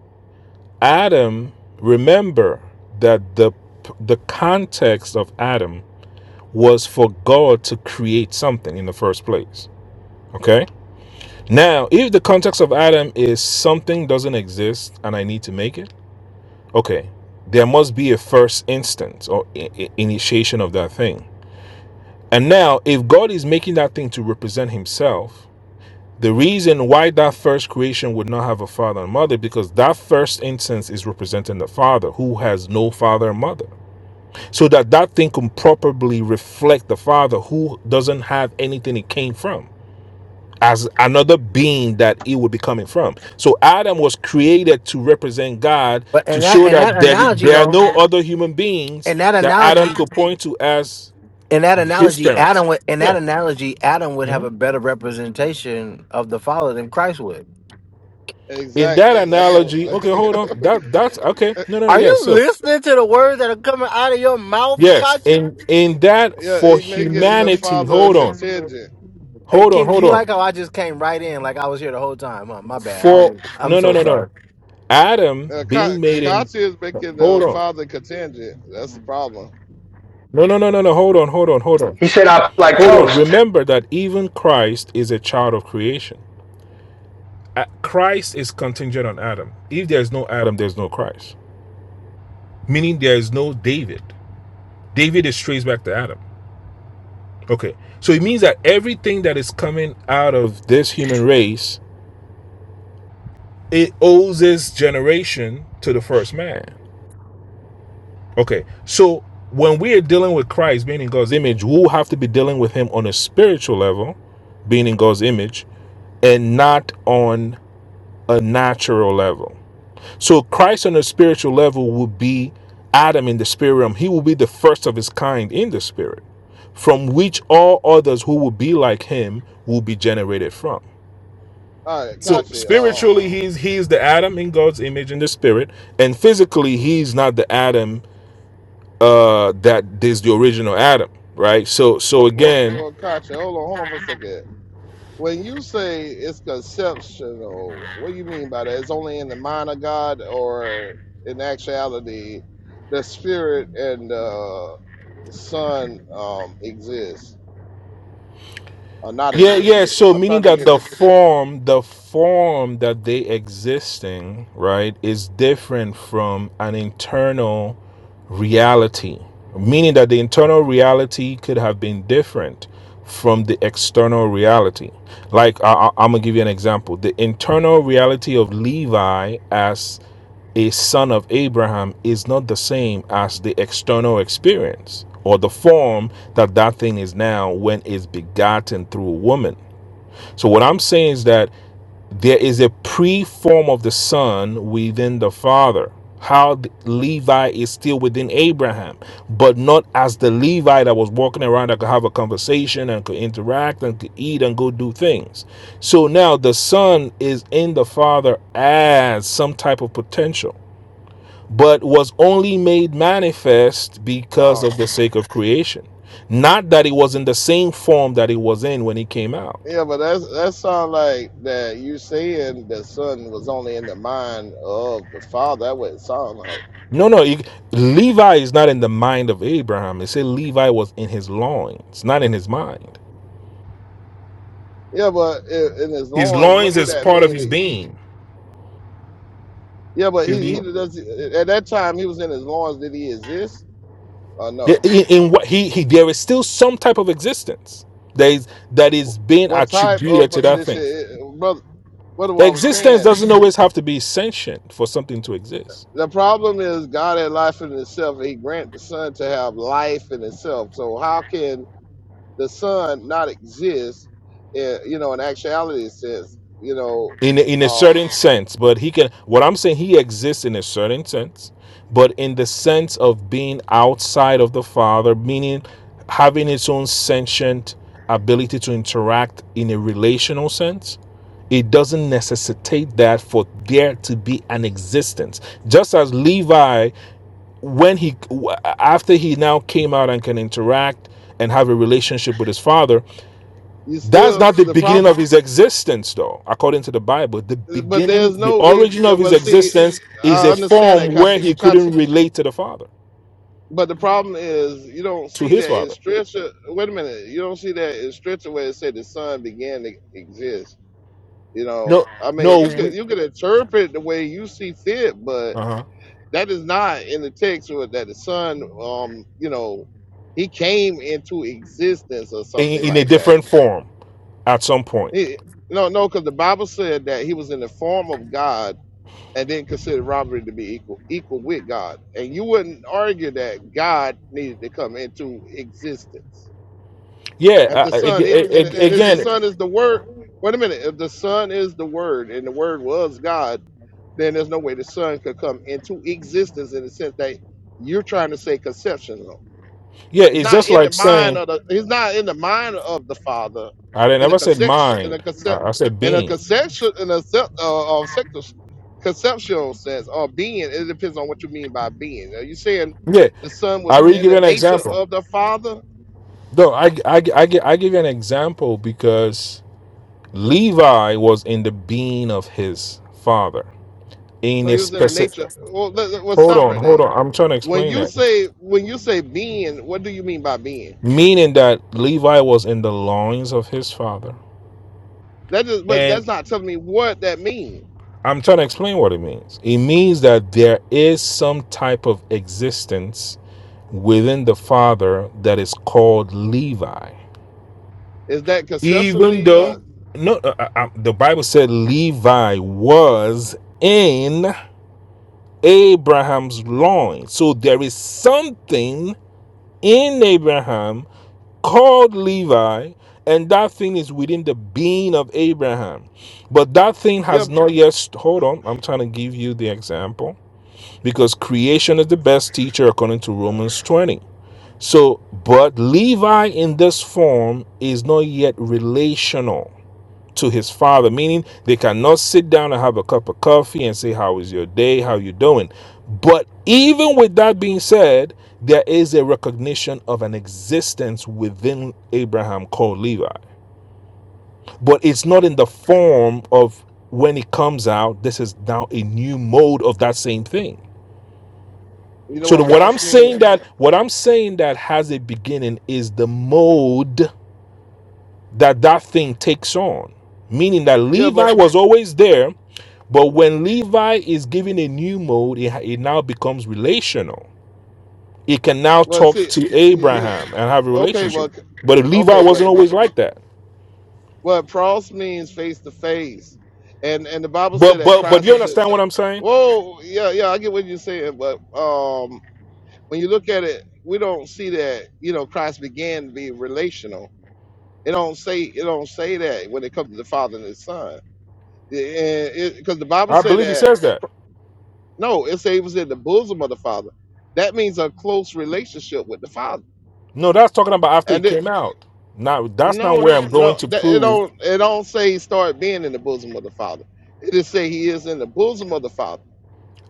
Speaker 7: Adam, remember that the the context of Adam was for God to create something in the first place. Okay? Now, if the context of Adam is something doesn't exist and I need to make it, okay, there must be a first instance or i- i- initiation of that thing. And now, if God is making that thing to represent Himself, the reason why that first creation would not have a father and mother because that first instance is representing the father who has no father and mother so that that thing can properly reflect the father who doesn't have anything it came from as another being that it would be coming from so adam was created to represent god
Speaker 6: But
Speaker 7: to
Speaker 6: in that
Speaker 7: show
Speaker 6: in that
Speaker 7: that there,
Speaker 6: analogy
Speaker 7: there are
Speaker 6: though,
Speaker 7: no other human beings
Speaker 6: in that
Speaker 7: that adam
Speaker 6: analogy,
Speaker 7: could point to as
Speaker 6: in that
Speaker 7: his
Speaker 6: analogy,
Speaker 7: parents
Speaker 6: Adam would in
Speaker 7: yeah
Speaker 6: that analogy, Adam would have a
Speaker 7: Mhm.
Speaker 6: better representation of the Father than Christ would.
Speaker 7: in that
Speaker 5: Exactly. That's the
Speaker 7: analogy okay hold on that that's okay
Speaker 5: <laughs>
Speaker 7: no no no
Speaker 6: Are
Speaker 7: yes
Speaker 6: you
Speaker 7: so
Speaker 6: listening to the words that are coming out of your mouth,
Speaker 7: yes
Speaker 6: Kachi?
Speaker 7: in in that
Speaker 5: yeah.
Speaker 7: for
Speaker 5: He making the
Speaker 7: humanity
Speaker 5: father
Speaker 7: hold on
Speaker 5: contingent.
Speaker 6: Hey
Speaker 7: hold on
Speaker 6: Kenny,
Speaker 7: hold
Speaker 6: you like
Speaker 7: on
Speaker 6: how I just came right in like I was here the whole time. Huh? My bad. I don't
Speaker 7: for
Speaker 6: even, I'm
Speaker 7: no no
Speaker 6: so
Speaker 7: no no
Speaker 6: sorry.
Speaker 7: Adam
Speaker 5: Uh, Ka-
Speaker 7: being made in
Speaker 5: Kachi is making
Speaker 7: hold
Speaker 5: the
Speaker 7: on.
Speaker 5: father contingent. That's the problem.
Speaker 7: No, no, no, no, no. Hold on, hold on, hold on.
Speaker 9: He said I feel like
Speaker 7: Hold on.
Speaker 9: toast.
Speaker 7: Remember that even Christ is a child of creation. Uh, Christ is contingent on Adam. If there's no Adam, there's no Christ. Meaning there is no David. David is traced back to Adam. Okay. So it means that everything that is coming out of this human race, it owes its generation to the first man. Okay, so when we are dealing with Christ being in God's image, we'll have to be dealing with Him on a spiritual level, being in God's image, and not on a natural level. So Christ on a spiritual level will be Adam in the spirit realm. He will be the first of his kind in the spirit, from which all others who will be like him will be generated from.
Speaker 5: All right,
Speaker 7: So
Speaker 5: Kachi. Um,
Speaker 7: spiritually, he's he's the Adam in God's image in the spirit, and physically, he's not the Adam uh that is the original adam right so so
Speaker 5: well, well,
Speaker 7: again
Speaker 5: well, Kachi, hold on, hold on for a second. When you say it's conceptional, what do you mean by that? It's only in the mind of God, or in actuality, the spirit and the son um exist or not
Speaker 7: yeah yeah
Speaker 5: exist.
Speaker 7: so
Speaker 5: I'm
Speaker 7: meaning
Speaker 5: trying to
Speaker 7: that
Speaker 5: get
Speaker 7: the
Speaker 5: it.
Speaker 7: form the form that they existing right is different from an internal reality meaning that the internal reality could have been different from the external reality like I, I, i'm gonna give you an example the internal reality of levi as a son of Abraham is not the same as the external experience or the form that that thing is now when it's begotten through a woman. So, what I'm saying is that there is a pre form of the son within the father. How Levi is still within Abraham, but not as the Levi that was walking around that could have a conversation and could interact and could eat and go do things. So now the son is in the father as some type of potential but was only made manifest because
Speaker 5: um,
Speaker 7: of the sake of creation. Not that it was in the same form that it was in when he came out.
Speaker 5: Yeah, but that's that sound like that you saying the son was only in the mind of the father. That what it sound like.
Speaker 7: No, no, it- Levi is not in the mind of Abraham. It said Levi was in his loins, not in his mind.
Speaker 5: Yeah, but in, in his
Speaker 7: His
Speaker 5: loins, what
Speaker 7: loins
Speaker 5: do
Speaker 7: is
Speaker 5: that
Speaker 7: part of
Speaker 5: mean?
Speaker 7: his
Speaker 5: That,
Speaker 7: being.
Speaker 5: yeah, but he he does at that time he was in his loins. Did he exist or no?
Speaker 7: in- in what he, he there is still some type of existence that is that is being
Speaker 5: What type of
Speaker 7: attributed to that
Speaker 5: position,
Speaker 7: thing.
Speaker 5: i- brother? What do I'm
Speaker 7: Existence
Speaker 5: saying?
Speaker 7: doesn't always have to be sentient for something to exist.
Speaker 5: The problem is God had life in itself, and He grant the Son to have life in itself. So how can the son not exist, eh, you know, in actuality sense. you know,
Speaker 7: in in a
Speaker 5: um,
Speaker 7: certain sense but he can what i'm saying he exists in a certain sense but in the sense of being outside of the father meaning having its own sentient ability to interact in a relational sense it doesn't necessitate that for there to be an existence just as levi when he after he now came out and can interact and have a relationship with his father
Speaker 5: you
Speaker 7: that's
Speaker 5: still
Speaker 7: not the
Speaker 5: the
Speaker 7: beginning
Speaker 5: problem,
Speaker 7: of his existence, though, according to the Bible. The
Speaker 5: but
Speaker 7: beginning,
Speaker 5: there's
Speaker 7: the
Speaker 5: no, eh,
Speaker 7: origin of his
Speaker 5: but see, eh,
Speaker 7: existence is
Speaker 5: I
Speaker 7: a
Speaker 5: understand that,
Speaker 7: form where
Speaker 5: Kachi,
Speaker 7: he couldn't
Speaker 5: Kachi.
Speaker 7: relate to the Father,
Speaker 5: But the problem is you don't
Speaker 7: to
Speaker 5: see
Speaker 7: his
Speaker 5: that in
Speaker 7: Father.
Speaker 5: scripture. Wait a minute, you don't see that in scripture where it said the son began to exist. You know,
Speaker 7: No,
Speaker 5: I mean,
Speaker 7: no,
Speaker 5: you
Speaker 7: we,
Speaker 5: could you could interpret the way you see fit, but
Speaker 7: uh-huh.
Speaker 5: that is not in the text or that the son um you know he came into existence or something
Speaker 7: in, in a
Speaker 5: like that
Speaker 7: different form at some point.
Speaker 5: he, no no because the bible said that he was in the form of god and didn't consider robbery to be equal equal with god and you wouldn't argue that god needed to come into existence
Speaker 7: Yeah,
Speaker 5: if
Speaker 7: uh,
Speaker 5: the
Speaker 7: uh, ag-
Speaker 5: son is,
Speaker 7: ag-
Speaker 5: and,
Speaker 7: ag-
Speaker 5: and if the
Speaker 7: again,
Speaker 5: son is the word wait a minute if the son is the word and the word was god then there's no way the son could come into existence in the sense that you're trying to say conceptional.
Speaker 7: yeah,
Speaker 5: It's
Speaker 7: it's
Speaker 5: not
Speaker 7: just
Speaker 5: in the
Speaker 7: like
Speaker 5: mind
Speaker 7: saying,
Speaker 5: of the. It's not in the mind of the father,
Speaker 7: I didn't
Speaker 5: in the
Speaker 7: ever said
Speaker 5: conception, in the
Speaker 7: mind, I,
Speaker 5: concept,
Speaker 7: I said
Speaker 5: in a
Speaker 7: being.
Speaker 5: conception, in a se- uh, uh, sector, conceptual sense or being. It depends on what you mean by being. Are you saying
Speaker 7: Yeah,
Speaker 5: the son
Speaker 7: I
Speaker 5: was
Speaker 7: really
Speaker 5: in
Speaker 7: give you
Speaker 5: the
Speaker 7: an
Speaker 5: nature
Speaker 7: example.
Speaker 5: of the father?
Speaker 7: No, I, I, I, gi- I give you an example because Levi was in the being of his father. In
Speaker 5: So
Speaker 7: a
Speaker 5: he was in the nature.
Speaker 7: specific
Speaker 5: Well, let, let, well
Speaker 7: hold
Speaker 5: stop
Speaker 7: on,
Speaker 5: right
Speaker 7: hold
Speaker 5: there.
Speaker 7: on. I'm trying to
Speaker 5: When
Speaker 7: explain
Speaker 5: you
Speaker 7: that.
Speaker 5: say when you say being, what do you mean by being?
Speaker 7: Meaning that Levi was in the loins of his father.
Speaker 5: That just, but
Speaker 7: And
Speaker 5: that's not telling me what that means.
Speaker 7: I'm trying to explain what it means. It means that there is some type of existence within the father that is called Levi.
Speaker 5: Is that
Speaker 7: Even
Speaker 5: conceptually? Uh,
Speaker 7: though no, uh, uh, uh, the Bible said Levi was in Abraham's loins. So there is something in Abraham called Levi, and that thing is within the being of Abraham. But that thing
Speaker 5: yeah,
Speaker 7: has not yet, hold on, I'm trying to give you the example because creation is the best teacher according to Romans 20. So, but Levi in this form is not yet relational to his father meaning they cannot sit down and have a cup of coffee and say how is your day how you doing but even with that being said there is a recognition of an existence within abraham called levi but it's not in the form of when it comes out this is now a new mode of that same thing
Speaker 5: you know
Speaker 7: so the,
Speaker 5: what
Speaker 7: what i'm
Speaker 5: cross mean?
Speaker 7: saying that what i'm saying that has a beginning is the mode that that thing takes on meaning that
Speaker 5: Yeah,
Speaker 7: levi
Speaker 5: but
Speaker 7: was always there But when Levi is given a new mode, it, it now becomes relational. It can now
Speaker 5: but
Speaker 7: talk
Speaker 5: see,
Speaker 7: to
Speaker 5: you, you,
Speaker 7: Abraham and have a
Speaker 5: okay, well,
Speaker 7: relationship.
Speaker 5: c-
Speaker 7: But if Levi
Speaker 5: okay, but
Speaker 7: wasn't
Speaker 5: the, Bi-
Speaker 7: always like that.
Speaker 5: well, prompts means face to face, and and the Bible said
Speaker 7: But
Speaker 5: that
Speaker 7: but but
Speaker 5: Christ
Speaker 7: you
Speaker 5: was at.
Speaker 7: understand what I'm saying?
Speaker 5: Whoa, yeah, yeah, I get what you're saying, but um, when you look at it, we don't see that you know Christ began to be relational. It don't say it don't say that when it comes to the Father and the Son, because the Bible
Speaker 7: I
Speaker 5: said
Speaker 7: believe he
Speaker 5: that.
Speaker 7: says that.
Speaker 5: No, it says it was in the bosom of the Father. That means a close relationship with the Father.
Speaker 7: No, that's talking about after
Speaker 5: And
Speaker 7: it
Speaker 5: it
Speaker 7: came out. Now that's not
Speaker 5: no,
Speaker 7: where
Speaker 5: that
Speaker 7: I'm going
Speaker 5: no,
Speaker 7: to
Speaker 5: that it
Speaker 7: prove.
Speaker 5: don't it don't say he start being in the bosom of the Father. It just say he is in the bosom of the Father.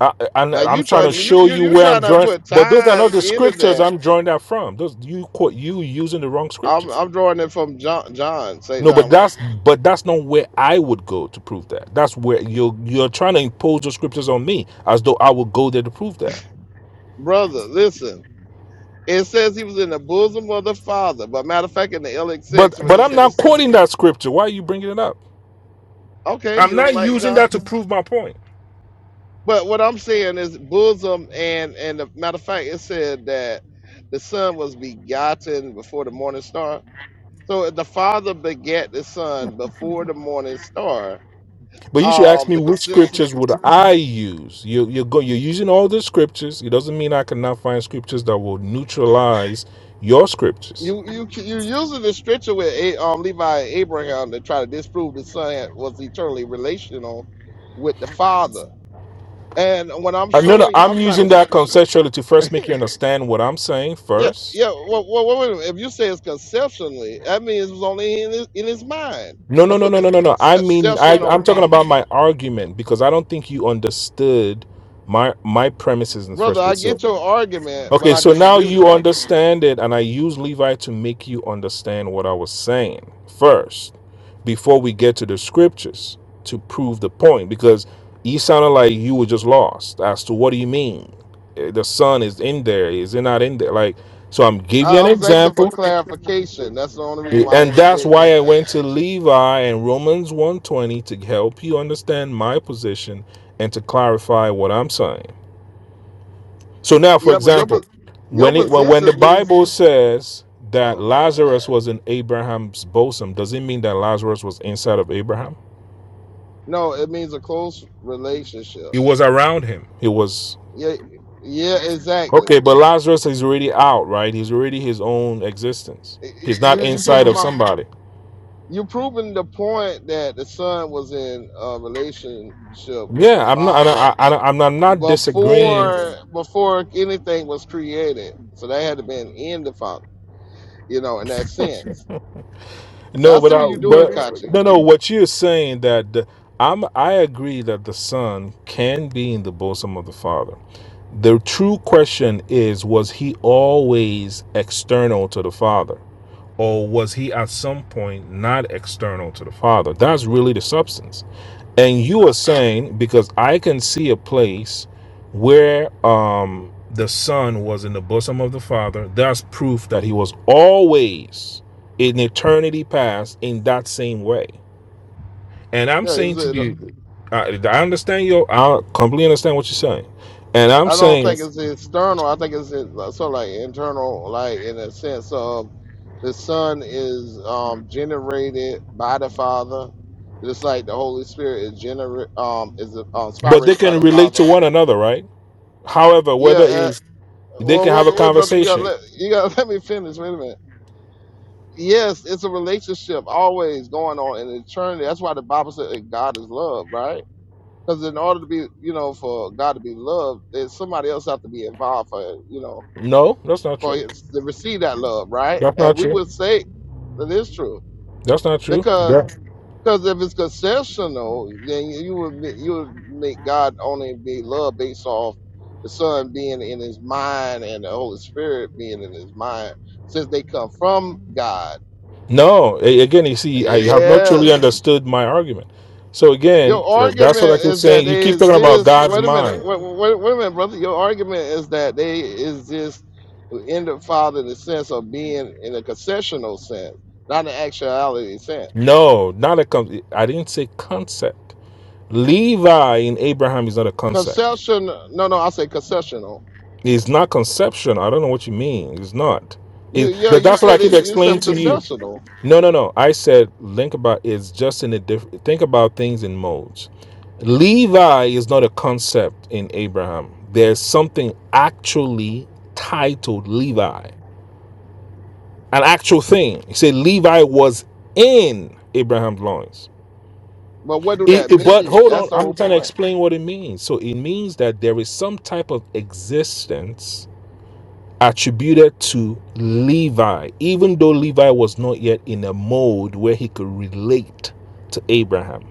Speaker 7: I, and
Speaker 5: Now
Speaker 7: I'm
Speaker 5: you
Speaker 7: trying
Speaker 5: try
Speaker 7: to
Speaker 5: to you
Speaker 7: show
Speaker 5: you
Speaker 7: you
Speaker 5: you
Speaker 7: where I'm
Speaker 5: trying to
Speaker 7: drawing,
Speaker 5: put
Speaker 7: but those are not
Speaker 5: time
Speaker 7: the
Speaker 5: into
Speaker 7: scriptures
Speaker 5: that.
Speaker 7: I'm drawing that from. Those you quote you using the wrong
Speaker 5: I'm
Speaker 7: scriptures.
Speaker 5: I'm drawing it from John John St.
Speaker 7: No, but
Speaker 5: John one.
Speaker 7: that's but that's not where I would go to prove that. That's where you're you're trying to impose the scriptures on me as though I would go there to prove that.
Speaker 5: Brother, listen. It says he was in the bosom of the Father. But matter of fact, in the
Speaker 7: But
Speaker 5: LXX when
Speaker 7: but
Speaker 5: it
Speaker 7: I'm
Speaker 5: said the
Speaker 7: not
Speaker 5: son,
Speaker 7: quoting that scripture. Why are you bringing it up?
Speaker 5: okay,
Speaker 7: I'm
Speaker 5: you don't
Speaker 7: not
Speaker 5: like
Speaker 7: using
Speaker 5: John.
Speaker 7: that to prove my point.
Speaker 5: But what I'm saying is bosom and and the matter of fact, it said that the son was begotten before the morning star. So if the father begat the son before the morning star.
Speaker 7: But you should ask
Speaker 5: Um,
Speaker 7: me
Speaker 5: the
Speaker 7: which
Speaker 5: consensus
Speaker 7: scriptures would I use. You you're go, you're using all the scriptures. It doesn't mean I cannot find scriptures that will neutralize your scriptures.
Speaker 5: you you you using the scripture with A- um Levi and Abraham to try to disprove the son had- was eternally relational with the father. And what I'm
Speaker 7: I No, no,
Speaker 5: showing,
Speaker 7: I'm
Speaker 5: I'm trying to
Speaker 7: using that conceptually to first make you understand what I'm saying
Speaker 5: Yeah,
Speaker 7: first
Speaker 5: yeah. Well, well, well wait a minute. If you say it's conceptionally, that means it was only in his, in his mind.
Speaker 7: No, no,
Speaker 5: That's
Speaker 7: no,
Speaker 5: what
Speaker 7: no, no, no, no. I mean, I,
Speaker 5: conceptional
Speaker 7: I'm talking
Speaker 5: means,
Speaker 7: about my argument because I don't think you understood my my premises in the
Speaker 5: brother.
Speaker 7: first
Speaker 5: I
Speaker 7: place. So
Speaker 5: get your argument, but
Speaker 7: Okay,
Speaker 5: I
Speaker 7: so now
Speaker 5: disagree with
Speaker 7: you
Speaker 5: your argument.
Speaker 7: understand it, and I use Levi to make you understand what I was saying first, before we get to the scriptures to prove the point, because you sounded like you were just lost as to what do you mean? Eh, The son is in there, is it not in there? Like, so I'm giving you
Speaker 5: I,
Speaker 7: an
Speaker 5: I was asking for
Speaker 7: example,
Speaker 5: clarification. That's the only reason
Speaker 7: eh,
Speaker 5: why I
Speaker 7: and that's
Speaker 5: interject that
Speaker 7: why I went
Speaker 5: action.
Speaker 7: to Levi and Romans 120 to help you understand my position and to clarify what I'm saying. So now, for
Speaker 5: Yeah, but your
Speaker 7: example,
Speaker 5: po- your
Speaker 7: when it when, when the
Speaker 5: position leads.
Speaker 7: Bible says that
Speaker 5: oh God,
Speaker 7: Lazarus was in Abraham's bosom, does it mean that Lazarus was inside of Abraham?
Speaker 5: no, it means a close relationship.
Speaker 7: It was around him. He was
Speaker 5: Yeah, yeah, exactly.
Speaker 7: okay, but Lazarus is already out, right? He's already his own existence. He's not
Speaker 5: You you
Speaker 7: inside
Speaker 5: proving
Speaker 7: of
Speaker 5: my
Speaker 7: somebody.
Speaker 5: You're proving the point that the son was in a relationship with the
Speaker 7: Yeah, I'm not. I,
Speaker 5: father
Speaker 7: I, I, I'm not I'm not disagreeing.
Speaker 5: before before anything was created. So they had to been in the father, you know, in that sense. So
Speaker 7: No,
Speaker 5: I
Speaker 7: but
Speaker 5: see
Speaker 7: I,
Speaker 5: what you're doing,
Speaker 7: but
Speaker 5: Kachi.
Speaker 7: no, no. What you're saying that the, I'm I agree that the son can be in the bosom of the father. The true question is was he always external to the Father? Or was he at some point not external to the Father? That's really the substance. And you
Speaker 5: Uh,
Speaker 7: are saying, because I can see a place where um, the Son was in the bosom of the Father, that's proof that he was always in eternity past in that same way. And I'm
Speaker 5: yeah, it's
Speaker 7: saying to
Speaker 5: a,
Speaker 7: you, I, I understand your, I completely understand what you're saying. And I'm
Speaker 5: I don't
Speaker 7: saying
Speaker 5: think it's external. I think it's in- uh, sort of like internal, like in a sense of the son is um, generated by the father. Just like the Holy Spirit is gener um, is uh,
Speaker 7: but they
Speaker 5: inspired by
Speaker 7: can
Speaker 5: the
Speaker 7: relate
Speaker 5: Father
Speaker 7: to one another, right? However,
Speaker 5: Yeah.
Speaker 7: whether it
Speaker 5: Uh,
Speaker 7: is they can
Speaker 5: well,
Speaker 7: have a
Speaker 5: wait, wait, brother, you gotta
Speaker 7: conversation.
Speaker 5: let you gotta <laughs> let me finish. Wait a minute. Yes, it's a relationship always going on in eternity. That's why the Bible said that God is love, right? Because in order to be, you know, for God to be loved, there's somebody else have to be involved for, you know,
Speaker 7: No, that's not
Speaker 5: for
Speaker 7: true.
Speaker 5: his, to receive that love, right?
Speaker 7: That's
Speaker 5: And
Speaker 7: not
Speaker 5: we
Speaker 7: true.
Speaker 5: would say that is true
Speaker 7: That's not true.
Speaker 5: because
Speaker 7: That-
Speaker 5: Because if it's concessional, then you you would be, you would make God only be love based off the Son being in His mind and the Holy Spirit being in His mind, since they come from God.
Speaker 7: no, a- again, you see, I, you have not truly
Speaker 5: Yes,
Speaker 7: understood my argument. So again,
Speaker 5: your
Speaker 7: tha- that's what I
Speaker 5: argument
Speaker 7: keep
Speaker 5: is that
Speaker 7: saying. You
Speaker 5: they
Speaker 7: keep talking about
Speaker 5: exist.
Speaker 7: God's
Speaker 5: Wait a minute,
Speaker 7: mind.
Speaker 5: wait, wait, wait a minute, brother. Your argument is that they exist in the Father in the sense of being in a concessional sense, not an actuality sense.
Speaker 7: No, not a con- I didn't say concept. Levi in Abraham is not a concept.
Speaker 5: Concession, no, no, I say concessional
Speaker 7: It's not conception. I don't know what you mean. It's not.
Speaker 5: You
Speaker 7: It,
Speaker 5: yeah,
Speaker 7: but
Speaker 5: you
Speaker 7: that's what I
Speaker 5: said
Speaker 7: keep
Speaker 5: it you said
Speaker 7: explaining to you.
Speaker 5: concessional,
Speaker 7: No, no, no. I said think about it's just in a different. Think about things in modes. Levi is not a concept in Abraham. There's something actually titled Levi, an actual thing. He said Levi was in Abraham's loins.
Speaker 5: but what do
Speaker 7: It-
Speaker 5: that
Speaker 7: it- but
Speaker 5: mean?
Speaker 7: hold on,
Speaker 5: That's the
Speaker 7: I'm
Speaker 5: whole
Speaker 7: trying to
Speaker 5: point.
Speaker 7: explain what it means. So it means that there is some type of existence attributed to Levi, even though Levi was not yet in a mode where he could relate to Abraham.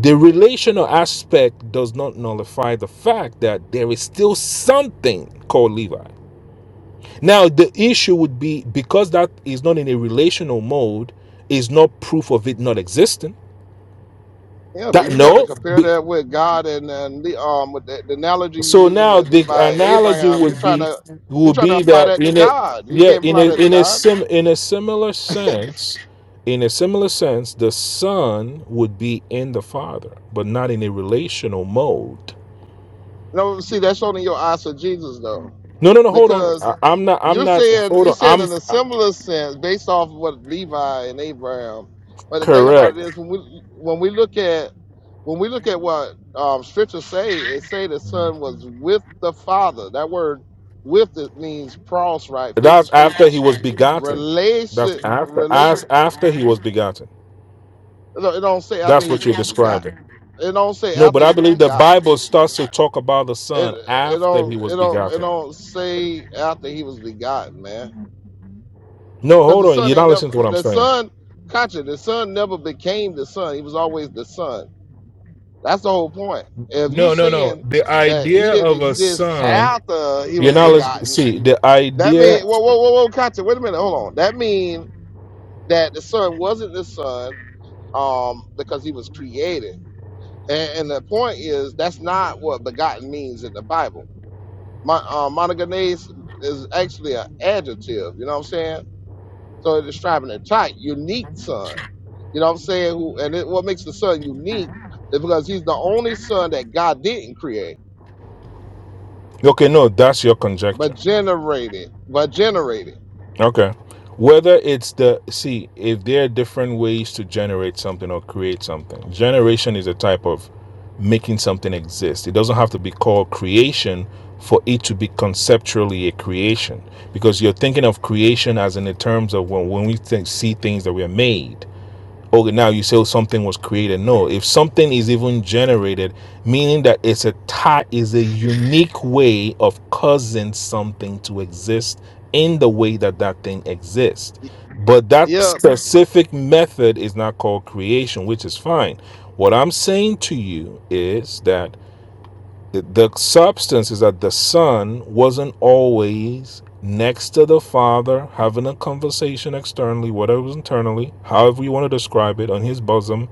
Speaker 7: The relational aspect does not nullify the fact that there is still something called Levi. Now, the issue would be because that is not in a relational mode, is not proof of it not existing.
Speaker 5: Yeah, but
Speaker 7: That
Speaker 5: you gotta
Speaker 7: no,
Speaker 5: compare
Speaker 7: be-
Speaker 5: that with God and, and Le- um with the, the analogy
Speaker 7: So
Speaker 5: you're using
Speaker 7: now
Speaker 5: with
Speaker 7: the
Speaker 5: Levi and
Speaker 7: analogy
Speaker 5: Abraham, you're
Speaker 7: would
Speaker 5: trying
Speaker 7: be
Speaker 5: to you're
Speaker 7: would
Speaker 5: trying to
Speaker 7: be
Speaker 5: apply
Speaker 7: that
Speaker 5: that to
Speaker 7: in a
Speaker 5: God. You
Speaker 7: yeah
Speaker 5: can't
Speaker 7: in
Speaker 5: apply
Speaker 7: a
Speaker 5: that to
Speaker 7: in a
Speaker 5: God.
Speaker 7: sim in a similar sense, in a similar sense, the son would be in the father, but not in a relational mode.
Speaker 5: No, see, that's only your eyes for Jesus though,
Speaker 7: No, no, no. Hold on.
Speaker 5: because
Speaker 7: I, I'm not. I'm
Speaker 5: you're
Speaker 7: not.
Speaker 5: saying
Speaker 7: Hold
Speaker 5: you're
Speaker 7: on.
Speaker 5: saying
Speaker 7: I'm
Speaker 5: in a similar sense based off of what Levi and Abraham. But the thing about
Speaker 7: correct.
Speaker 5: it is when we when we look at when we look at what um, scriptures say, it say the son was with the father. That word with it means cross right, face to
Speaker 7: That's
Speaker 5: face
Speaker 7: after he was begotten. That's
Speaker 5: relation
Speaker 7: after
Speaker 5: relation.
Speaker 7: as after he was begotten.
Speaker 5: It don't it don't say after
Speaker 7: That's
Speaker 5: he
Speaker 7: what you're
Speaker 5: was begotten.
Speaker 7: describing.
Speaker 5: It don't say
Speaker 7: No,
Speaker 5: after
Speaker 7: but
Speaker 5: he
Speaker 7: I
Speaker 5: was
Speaker 7: believe the
Speaker 5: begotten.
Speaker 7: Bible starts to talk about the
Speaker 5: it
Speaker 7: son
Speaker 5: it
Speaker 7: after he
Speaker 5: don't
Speaker 7: was
Speaker 5: it don't it
Speaker 7: begotten.
Speaker 5: don't say after he was begotten, man.
Speaker 7: No,
Speaker 5: Because the
Speaker 7: hold on.
Speaker 5: son
Speaker 7: You're
Speaker 5: ain't
Speaker 7: not
Speaker 5: never
Speaker 7: listening to what I'm
Speaker 5: the
Speaker 7: saying.
Speaker 5: son. Gotcha. The son never became the son. He was always the son. That's the whole point. If you
Speaker 7: No, no, no.
Speaker 5: saying
Speaker 7: The
Speaker 5: that he
Speaker 7: idea
Speaker 5: didn't
Speaker 7: of a
Speaker 5: exist
Speaker 7: son,
Speaker 5: after he
Speaker 7: you're
Speaker 5: was
Speaker 7: not listening.
Speaker 5: begotten,
Speaker 7: See, the
Speaker 5: that mean
Speaker 7: idea.
Speaker 5: whoa whoa whoa whoa Gotcha. Wait a minute. Hold on. That mean that the son wasn't the son um because he was created. And, and the point is that's not what begotten means in the Bible Mon- uh, monogenes is actually an adjective. You know what I'm saying? So it's describing a type, unique son. You know what I'm saying? Who and it, what makes the son unique is because he's the only son that God didn't create,
Speaker 7: Okay, no, that's your
Speaker 5: but
Speaker 7: conjecture.
Speaker 5: generated, but generated.
Speaker 7: Okay. Whether it's the. See, if there are different ways to generate something or create something, generation is a type of making something exist. It doesn't have to be called creation for it to be conceptually a creation because you're thinking of creation as in the terms of when, when we think, see things that we are made okay now you say something was created no if something is even generated meaning that it's a tie is a unique way of causing something to exist in the way that that thing exists
Speaker 5: Y-
Speaker 7: but that
Speaker 5: Yeah,
Speaker 7: specific method is not called creation which is fine what i'm saying to you is that the substance is that the son wasn't always next to the father, having a conversation externally, whatever it was internally, however you want to describe it, on his bosom,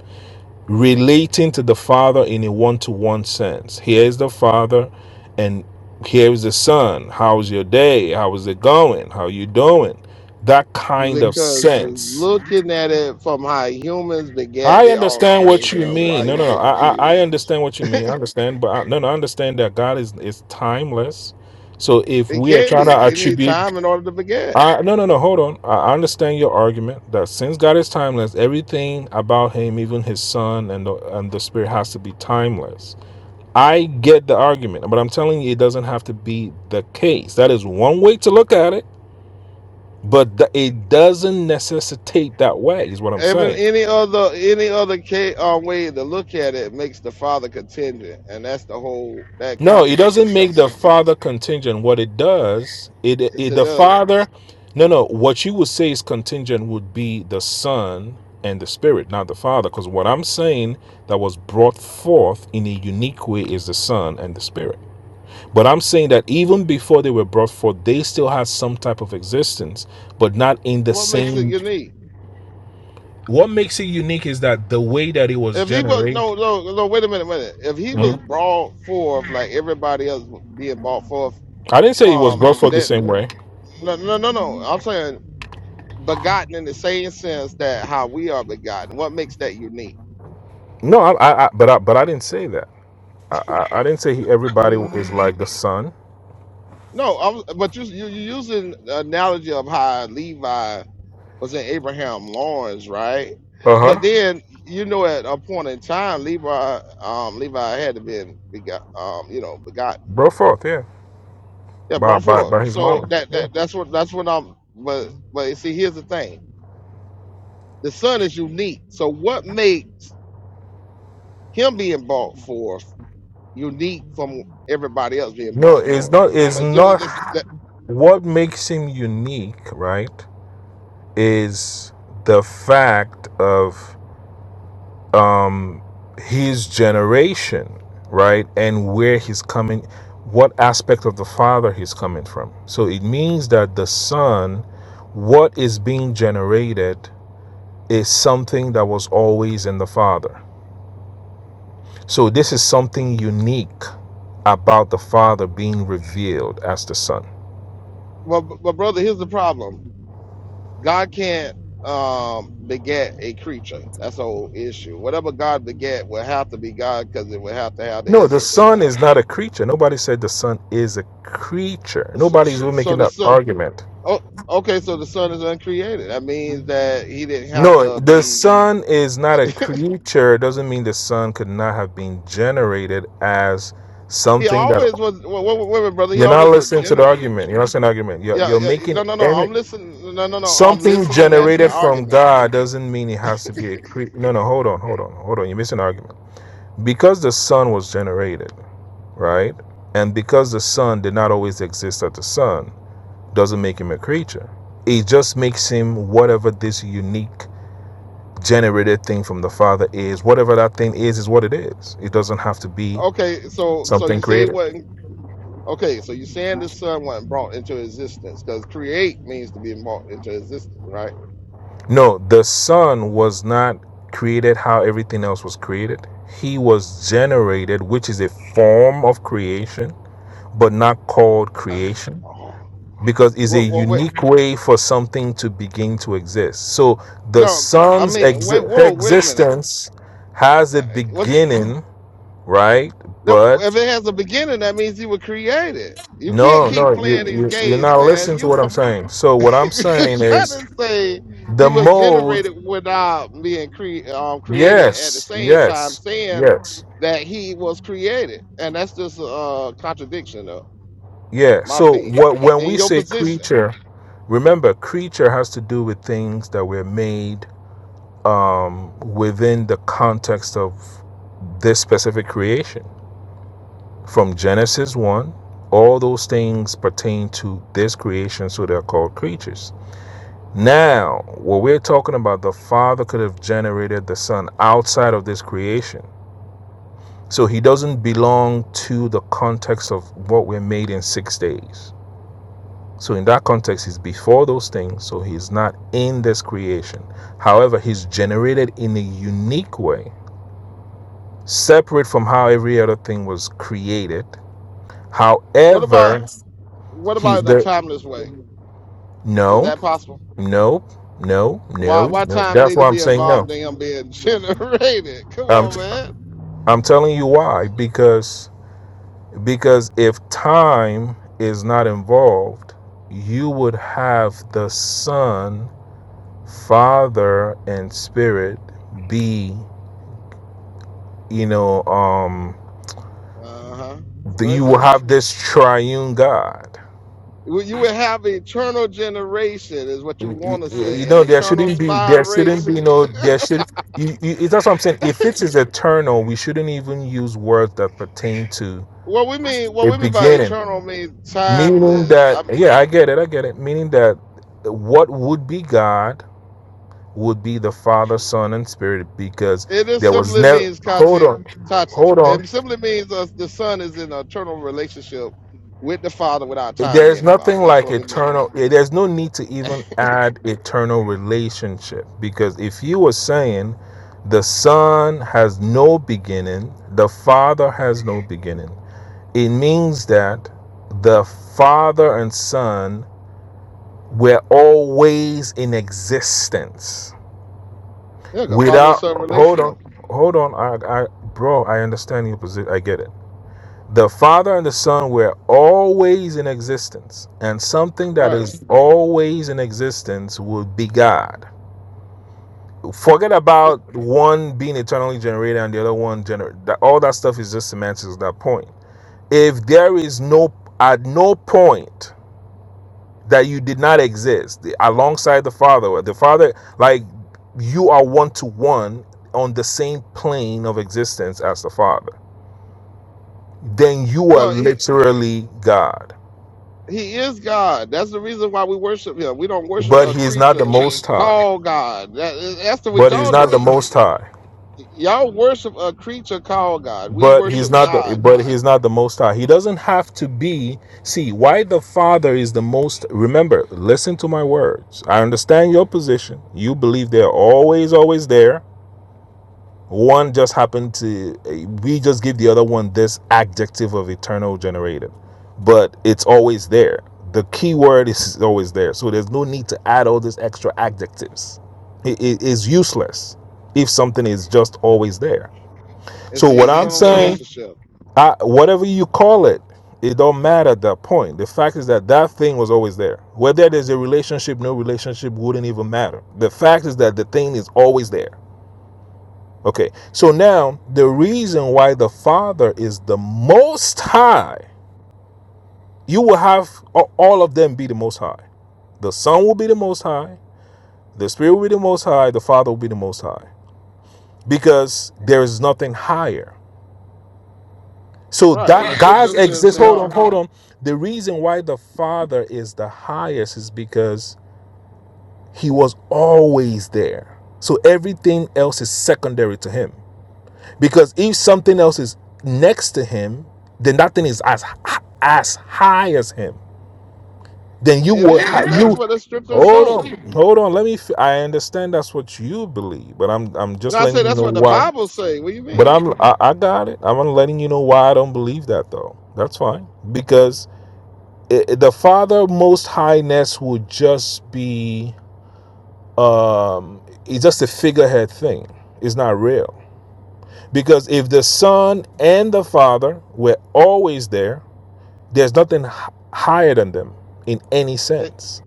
Speaker 7: relating to the father in a one to one sense. Here is the father, and here is the son. How's your day? How is it going? How you doing? That kind of
Speaker 5: because you're
Speaker 7: sense
Speaker 5: looking at it from how humans beget
Speaker 7: I
Speaker 5: their
Speaker 7: understand
Speaker 5: offspring,
Speaker 7: what you
Speaker 5: so why
Speaker 7: mean. No,
Speaker 5: you
Speaker 7: no, no.
Speaker 5: get
Speaker 7: I, I, I
Speaker 5: confused?
Speaker 7: understand what you mean. I understand, but I, no, no. I understand that God is is timeless. So if
Speaker 5: It
Speaker 7: we are
Speaker 5: can
Speaker 7: trying to
Speaker 5: be any
Speaker 7: attribute,
Speaker 5: time in order to beget.
Speaker 7: I no, no, no. Hold on. I I understand your argument that since God is timeless, everything about Him, even His Son and the, and the Spirit, has to be timeless. I get the argument, but I'm telling you, it doesn't have to be the case. That is one way to look at it, but th- it doesn't necessitate that way. Is what I'm
Speaker 5: Even
Speaker 7: saying.
Speaker 5: any other any other ca- uh, way to look at it makes the father contingent, and that's the whole that
Speaker 7: No, it
Speaker 5: contradicts
Speaker 7: doesn't
Speaker 5: itself.
Speaker 7: make
Speaker 5: as
Speaker 7: the father contingent. What it does, it,
Speaker 5: Yes,
Speaker 7: it
Speaker 5: it
Speaker 7: the
Speaker 5: does.
Speaker 7: father. No, no. What you would say is contingent would be the son and the spirit, not the father. Because what I'm saying that was brought forth in a unique way is the son and the spirit. But I'm saying that even before they were brought forth, they still had some type of existence, but not in the
Speaker 5: What makes it
Speaker 7: same.
Speaker 5: unique?
Speaker 7: What makes it unique is that the way that it was
Speaker 5: If he was
Speaker 7: generated.
Speaker 5: no no no wait a minute minute. If he was
Speaker 7: Mhm.
Speaker 5: brought forth like everybody else being brought forth
Speaker 7: I didn't say it was
Speaker 5: from
Speaker 7: brought forth the
Speaker 5: that
Speaker 7: same way.
Speaker 5: no no no no. I'm saying begotten in the same sense that how we are begotten. What makes that unique?
Speaker 7: No, I, I, I but I, but I didn't say that. I, I, I didn't say he, everybody is
Speaker 5: Mm,
Speaker 7: like the son.
Speaker 5: No, I'm, but you you you using the analogy of how Levi was in Abraham Lawrence, right?
Speaker 7: Uh huh.
Speaker 5: But then you know, at a point in time, Levi, um, Levi had to be, begot, um, you know, begotten.
Speaker 7: Brought forth, yeah,
Speaker 5: Yeah,
Speaker 7: by
Speaker 5: brought
Speaker 7: by
Speaker 5: forth.
Speaker 7: by his
Speaker 5: So
Speaker 7: mother.
Speaker 5: that
Speaker 7: Yeah.
Speaker 5: that that's what that's what I'm. But but you see, here's the thing: the son is unique. So what makes him being brought forth unique from everybody else being
Speaker 7: No,
Speaker 5: brought
Speaker 7: it's
Speaker 5: forth?
Speaker 7: not. It's
Speaker 5: But just,
Speaker 7: not.
Speaker 5: that,
Speaker 7: What makes him unique, right, is the fact of um his generation, right, and where he's coming, what aspect of the father he's coming from. So it means that the son, what is being generated, is something that was always in the father So this is something unique about the Father being revealed as the Son.
Speaker 5: well, b- but brother, here's the problem God can't um beget a creature. That's the whole issue. Whatever God beget will have to be God because it will have to have the
Speaker 7: No, the
Speaker 5: essence of
Speaker 7: Son
Speaker 5: God.
Speaker 7: is not a creature. Nobody said the Son is a creature.
Speaker 5: So,
Speaker 7: Nobody's
Speaker 5: so
Speaker 7: making
Speaker 5: the
Speaker 7: that
Speaker 5: son.
Speaker 7: argument.
Speaker 5: Oh, okay. So the son is uncreated. That means that he didn't have
Speaker 7: No,
Speaker 5: to
Speaker 7: the
Speaker 5: be.
Speaker 7: Son is not a creature. It doesn't mean the Son could not have been generated as
Speaker 5: He
Speaker 7: something that
Speaker 5: always was. Wait, wait, wait, wait, brother. He
Speaker 7: you're not
Speaker 5: always was
Speaker 7: listening to the
Speaker 5: general.
Speaker 7: argument. You're not saying argument. You're,
Speaker 5: Yeah,
Speaker 7: you're
Speaker 5: yeah.
Speaker 7: making
Speaker 5: No, no, no.
Speaker 7: any
Speaker 5: I'm listening. No, no, no. I'm
Speaker 7: something
Speaker 5: listening at the
Speaker 7: generated from
Speaker 5: argument.
Speaker 7: God doesn't mean it has to be a creature. No, no, hold on, hold on, hold on. You're missing an argument because the sun was generated, right? And because the sun did not always exist as the sun, doesn't make him a creature. It just makes him whatever this unique generated thing from the Father is. Whatever that thing is, is what it is. It doesn't have to be
Speaker 5: Okay. So, so you
Speaker 7: something
Speaker 5: say
Speaker 7: created.
Speaker 5: what? Okay. So you saying the son wasn't brought into existence because create means to be brought into existence, right?
Speaker 7: No, the sun was not created how everything else was created. He was generated, which is a form of creation, but not called
Speaker 5: <sighs> Uh,
Speaker 7: creation
Speaker 5: oh,
Speaker 7: because it's a
Speaker 5: well, well, wait.
Speaker 7: unique way for something to begin to exist. So the
Speaker 5: No, I
Speaker 7: sun's
Speaker 5: mean,
Speaker 7: ex
Speaker 5: wait. Whoa, wait a minute.
Speaker 7: existence has a
Speaker 5: Uh, What's,
Speaker 7: beginning, right?
Speaker 5: that-
Speaker 7: But
Speaker 5: if it has a beginning, that means you were created. You can't
Speaker 7: no, no,
Speaker 5: keep
Speaker 7: you,
Speaker 5: playing these
Speaker 7: you, you're
Speaker 5: games,
Speaker 7: not
Speaker 5: man.
Speaker 7: listening to
Speaker 5: You
Speaker 7: what I'm saying. So what
Speaker 5: <laughs>
Speaker 7: I'm
Speaker 5: you're
Speaker 7: saying
Speaker 5: trying
Speaker 7: is
Speaker 5: to say he
Speaker 7: the
Speaker 5: was
Speaker 7: mode,
Speaker 5: generated without being cre- um, created at the
Speaker 7: yes,
Speaker 5: same time,
Speaker 7: yes,
Speaker 5: saying
Speaker 7: yes,
Speaker 5: that he was created, and that's just a uh, contradiction, of
Speaker 7: yeah.
Speaker 5: my
Speaker 7: So
Speaker 5: opinion.
Speaker 7: what when
Speaker 5: In
Speaker 7: we
Speaker 5: your
Speaker 7: say
Speaker 5: position,
Speaker 7: creature, remember creature has to do with things that were made um, within the context of this specific creation. From Genesis 1, all those things pertain to this creation, so they're called creatures. Now, what we're talking about, the Father could have generated the Son outside of this creation. So he doesn't belong to the context of what we're made in six days. So, in that context, he's before those things, so he's not in this creation. However, he's generated in a unique way separate from how every other thing was created.
Speaker 5: what about
Speaker 7: However,
Speaker 5: what
Speaker 7: he
Speaker 5: about in a
Speaker 7: the
Speaker 5: timeless way? Is
Speaker 7: no,
Speaker 5: that possible?
Speaker 7: no, no,
Speaker 5: Why
Speaker 7: no,
Speaker 5: why
Speaker 7: no.
Speaker 5: time
Speaker 7: That's
Speaker 5: need to
Speaker 7: why I'm
Speaker 5: be
Speaker 7: saying no.
Speaker 5: involved in him being <laughs> generated? Come
Speaker 7: I'm
Speaker 5: on,
Speaker 7: t-
Speaker 5: man.
Speaker 7: I'm telling you why because because if time is not involved, you would have the Son, Father, and Spirit be you know um
Speaker 5: Uh huh. Go ahead and
Speaker 7: you
Speaker 5: say
Speaker 7: will
Speaker 5: it.
Speaker 7: have this triune God.
Speaker 5: You you will have eternal generation is what you
Speaker 7: y- y-
Speaker 5: want to
Speaker 7: you
Speaker 5: say, an
Speaker 7: know there
Speaker 5: eternal
Speaker 7: shouldn't be there shouldn't be
Speaker 5: spiration.
Speaker 7: no there should you, you, it's that's what I'm saying. If it is eternal, we shouldn't even use words that pertain to
Speaker 5: What we mean, what
Speaker 7: a
Speaker 5: we mean by
Speaker 7: beginning.
Speaker 5: eternal means
Speaker 7: Meaning
Speaker 5: timeless.
Speaker 7: that
Speaker 5: i
Speaker 7: yeah, I get it, I get it. Meaning that what would be God would be the Father, Son, and Spirit because
Speaker 5: it just
Speaker 7: there was
Speaker 5: simply
Speaker 7: never
Speaker 5: means
Speaker 7: hold
Speaker 5: kachi
Speaker 7: on,
Speaker 5: tachi.
Speaker 7: hold on.
Speaker 5: It simply means us, the son is in an eternal relationship with the father without time
Speaker 7: There's
Speaker 5: being involved.
Speaker 7: nothing
Speaker 5: That's
Speaker 7: like
Speaker 5: what we mean.
Speaker 7: eternal. yeah, There's no need to even add eternal relationship because if you were saying the Son has no beginning, the Father has no beginning, it means that the Father and Son were always in existence
Speaker 5: Yeah, 'cause father and
Speaker 7: without.
Speaker 5: son
Speaker 7: Hold on,
Speaker 5: relational.
Speaker 7: hold on, I, I, bro, I understand your position. I get it the Father and the Son were always in existence, and something that
Speaker 5: Right.
Speaker 7: is always in existence would be God. Forget about one being eternally generated and the other one generated. All that stuff is just semantics at that point. If there is no, at no point that you did not exist alongside the Father, the Father, like you are one to one on the same plane of existence as the Father, then you are
Speaker 5: Well, he-
Speaker 7: literally God
Speaker 5: He is God. That's the reason why we worship Him. We don't worship
Speaker 7: But
Speaker 5: a
Speaker 7: he's not the
Speaker 5: creature
Speaker 7: most high.
Speaker 5: called God. That, that's the, what
Speaker 7: But he's
Speaker 5: y'all
Speaker 7: not the
Speaker 5: do.
Speaker 7: most high.
Speaker 5: Y'all worship a creature called God. We
Speaker 7: But he's
Speaker 5: worship
Speaker 7: not the
Speaker 5: God
Speaker 7: but he's not the most high. He doesn't have to be see why the Father is the most remember, listen to my words. I understand your position. You believe they're always, always there. One just happened to, eh, we just give the other one this adjective of eternal generated, but it's always there. The key word is always there. So there's no need to add all these extra adjectives. It, it is useless if something is just always there.
Speaker 5: as
Speaker 7: So
Speaker 5: the
Speaker 7: what I'm <laughs>
Speaker 5: eternal
Speaker 7: saying,
Speaker 5: relationship.
Speaker 7: I, whatever you call it, it don't matter at that point. The fact is that that thing was always there. Whether there's a relationship, no relationship wouldn't even matter. The fact is that the thing is always there Okay, so now the reason why the Father is the Most High, you will have all of them be the Most High. The Son will be the Most High, the Spirit will be the Most High, the Father will be the Most High, because there is nothing higher. So
Speaker 5: Right. In a
Speaker 7: that God's
Speaker 5: central sense,
Speaker 7: exists.
Speaker 5: they
Speaker 7: Hold on,
Speaker 5: are.
Speaker 7: hold on. The reason why the Father is the highest is because He was always there. So everything else is secondary to Him. Because if something else is next to him, then that thing is as as high as him. Then you
Speaker 5: It
Speaker 7: will
Speaker 5: is. That's
Speaker 7: you
Speaker 5: what the scriptures
Speaker 7: hold
Speaker 5: show.
Speaker 7: on, hold on. Let me. I understand that's what you believe, but I'm I'm
Speaker 5: You know,
Speaker 7: just
Speaker 5: I say
Speaker 7: letting you
Speaker 5: that's
Speaker 7: know
Speaker 5: what the
Speaker 7: why.
Speaker 5: Bible say. What do you
Speaker 7: But
Speaker 5: mean?
Speaker 7: I'm I, I got it. I'm letting you know why I don't believe that though. That's fine because i the Father Most Highness would just be um. It's just a figurehead thing. It's not real Because if the Son and the Father were always there, there's nothing h- higher than them in any sense.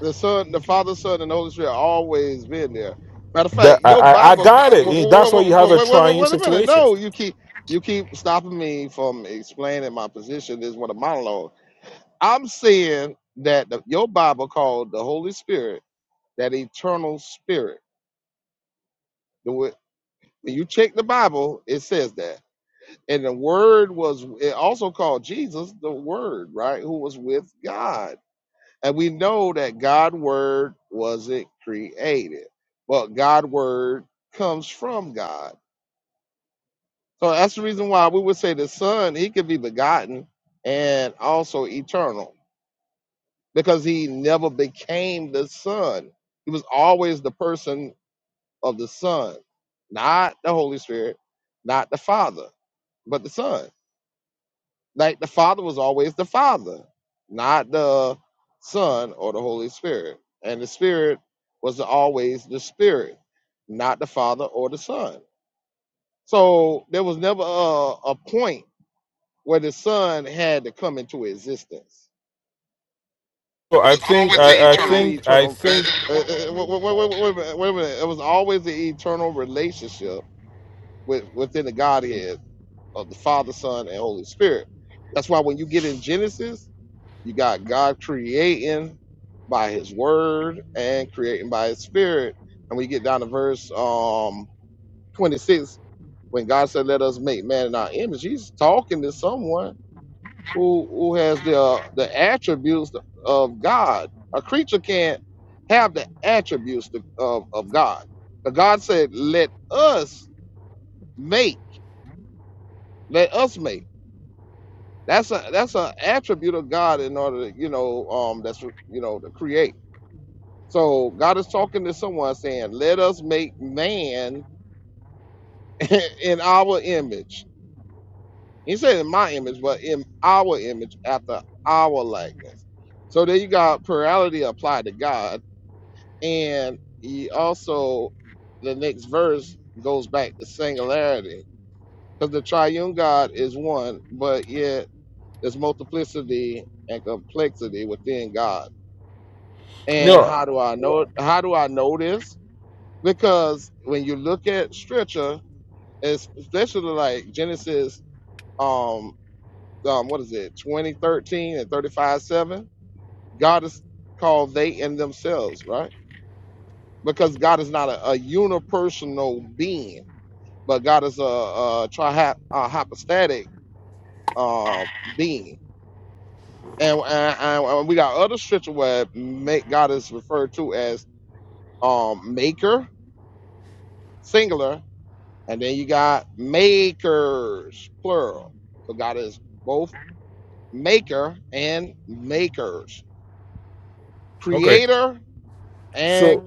Speaker 5: The Son, the Father, Son, and the Holy Spirit have always been there. Matter of fact,
Speaker 7: That I,
Speaker 5: your
Speaker 7: I, I
Speaker 5: Bible.
Speaker 7: got it. Eh, That's why you have
Speaker 5: Wait, wait,
Speaker 7: a
Speaker 5: wait, wait, wait
Speaker 7: triune
Speaker 5: wait a minute.
Speaker 7: situation.
Speaker 5: No, you keep you keep stopping me from explaining my position. This is what a monologue. I'm saying that the, your Bible called the Holy Spirit that eternal spirit. The wo- When you check the Bible, it says that. And the Word was it also called Jesus the Word, right? Who was with God And we know that God word wasn't created, but God word comes from God. So that's the reason why we would say the Son, he could be begotten and also eternal because he never became the Son. He was always the person of the Son, not the Holy Spirit, not the Father, but the Son. Like the Father was always the Father, not the Son or the Holy Spirit. And the Spirit was always the Spirit, not the Father or the Son. So there was never a, a point where the Son had to come into existence.
Speaker 7: So I think
Speaker 5: It was
Speaker 7: I, I
Speaker 5: always the
Speaker 7: think I
Speaker 5: eternal.
Speaker 7: think
Speaker 5: uh, uh, uh, wait, wait, wait, wait, a minute, wait a minute. It was always the eternal relationship with, within the Godhead of the Father, Son, and Holy Spirit. That's why when you get in Genesis, You got God creating by his word and creating by his spirit. And we get down to verse um 26, when God said, Let us make man in our image, he's talking to someone who who has the uh, the attributes of God. A creature can't have the attributes to- of, of God. But God said, Let us make, let us make. That's a that's an attribute of God in order to, you know, um that's you know to create. So God is talking to someone saying, "Let us make man <laughs> in our image." He said, "In my image, but in our image, after our likeness." So there you got plurality applied to God, and he also the next verse goes back to singularity because the triune God is one, but yet there's multiplicity and complexity within God. And
Speaker 7: no.
Speaker 5: how do I know? How do I know this? because when you look at scripture, es- especially like Genesis, um, um, what is it, twenty thirteen and thirty five seven, God is called they and themselves, right? Because God is not a, a unipersonal being, but God is a, a, trihy- a hypostatic um, being. And, and, and and we got other scripture where make God is referred to as um, maker, singular, And then you got makers, plural. So God is both maker and makers,
Speaker 7: Okay.
Speaker 5: creator and
Speaker 7: So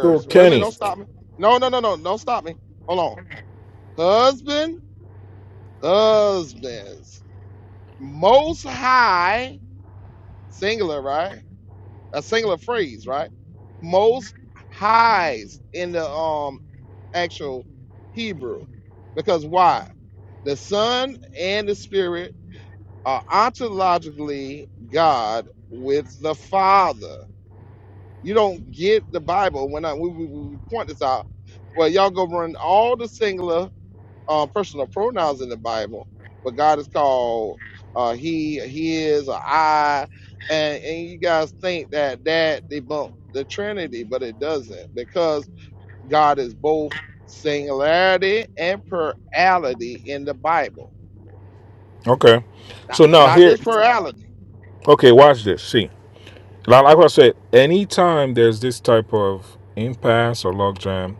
Speaker 7: so
Speaker 5: Wait a minute,
Speaker 7: Kenny.
Speaker 5: don't stop me. No, no, no, no, don't stop me. Hold on. Husband, husbands. Most high, singular, right? A singular phrase, right? Most highs in the um actual Hebrew. Because why? The Son and the Spirit are ontologically God with the Father. You don't get the Bible when I we, we, we point this out. Well, y'all go run all the singular uh, personal pronouns in the Bible, but God is called uh, He, His, or I, and and you guys think that that debunk the Trinity, but it doesn't because God is both singularity and plurality in the Bible.
Speaker 7: Okay.
Speaker 5: Not
Speaker 7: So now
Speaker 5: not
Speaker 7: here.
Speaker 5: this plurality.
Speaker 7: Okay. Watch this. See. Now, Like I said, anytime there's this type of impasse or logjam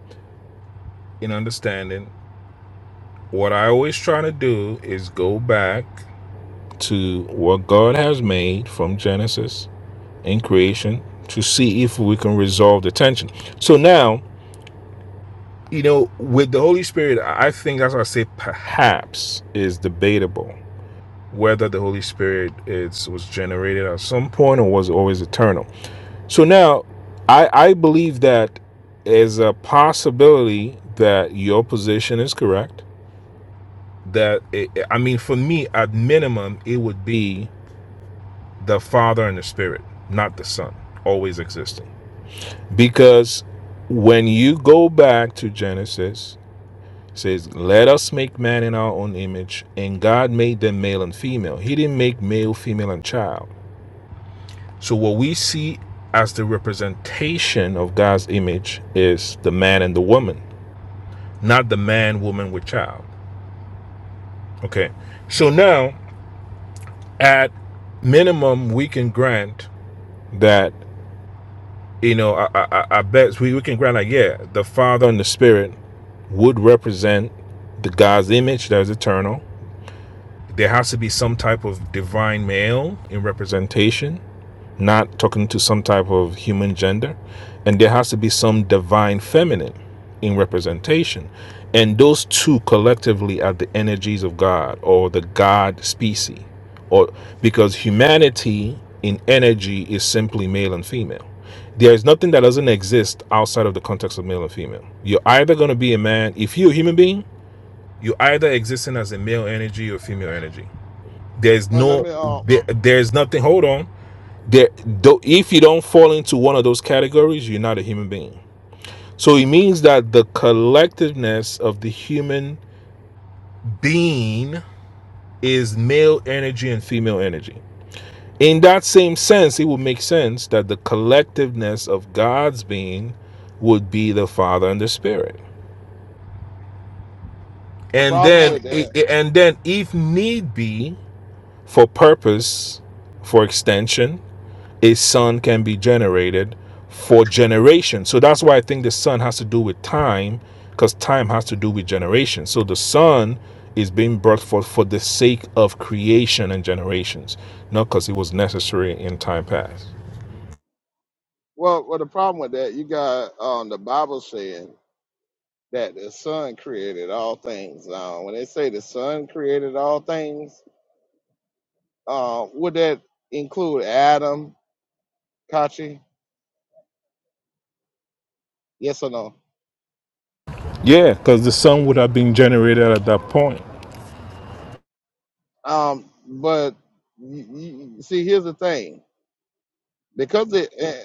Speaker 7: in understanding, what I always try to do is go back to what God has made from Genesis in creation to see if we can resolve the tension. So now, you know, with the Holy Spirit, I think that's why I say perhaps is debatable whether the Holy Spirit is was generated at some point or was always eternal. So now, I I believe that is a possibility that your position is correct. That it, I mean, for me, at minimum, it would be the Father and the Spirit, not the Son, always existing. Because when you go back to Genesis, it says, Let us make man in our own image, and God made them male and female. He didn't make male, female, and child. So what we see as the representation of God's image is the man and the woman, not the man, woman with child. Okay. So now at minimum we can grant that you know, I, I, I bet we, we can grant like, yeah, the Father and the Spirit would represent the God's image that is eternal. There has to be some type of divine male in representation not talking to some type of human gender. And there has to be some divine feminine in representation. And those two collectively are the energies of God or the God species. Or because humanity in energy is simply male and female. There is nothing that doesn't exist outside of the context of male and female. You're either going to be a man, if you're a human being, you're either existing as a male energy or female energy. There's
Speaker 5: Well, let
Speaker 7: no,
Speaker 5: me um
Speaker 7: there, there's nothing, hold on there though if you don't fall into one of those categories you're not a human being so it means that the collectiveness of the human being is male energy and female energy in that same sense it would make sense that the collectiveness of god's being would be the father and the spirit
Speaker 5: The
Speaker 7: and
Speaker 5: problem
Speaker 7: then
Speaker 5: with that,
Speaker 7: and then if need be for purpose for extension a son can be generated for generation. So that's why I think the son has to do with time, because time has to do with generation. So the son is being brought forth for the sake of creation and generations, not because it was necessary in time past.
Speaker 5: well, well, the problem with that, you got um, the Bible saying that the Son created all things. Uh, when they say the Son created all things, uh, would that include Adam, Kachi? Yes or no?
Speaker 7: Yeah, because the son would have been generated at that point.
Speaker 5: Um, but you, you, see, here's the thing: because it, eh,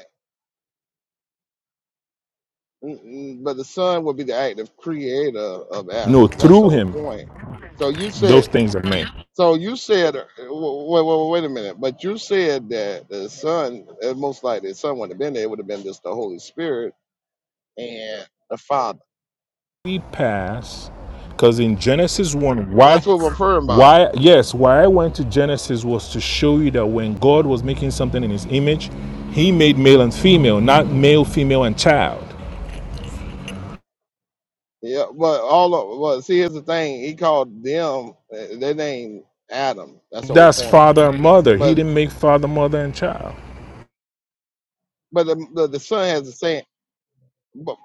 Speaker 5: mm, mm, but the Son would be the active creator of
Speaker 7: No,
Speaker 5: Adam. That's the
Speaker 7: through
Speaker 5: whole
Speaker 7: him,
Speaker 5: point. So you said
Speaker 7: those things are made.
Speaker 5: So you said, uh, wait, wait, wait a minute, but you said that the Son, uh, most likely the Son wouldn't have been there. It would have been just the Holy Spirit and the Father.
Speaker 7: we pass because in genesis 1 why
Speaker 5: That's what we're referring about.
Speaker 7: why yes why i went to genesis was to show you that when god was making something in his image he made male and female not male female and child
Speaker 5: Yeah, but all of, well, see, here's the thing. He called them, uh, they named Adam. That's the whole
Speaker 7: that's
Speaker 5: point.
Speaker 7: father and mother he
Speaker 5: But
Speaker 7: didn't make father mother and child
Speaker 5: but the, the, the Son has the same, but,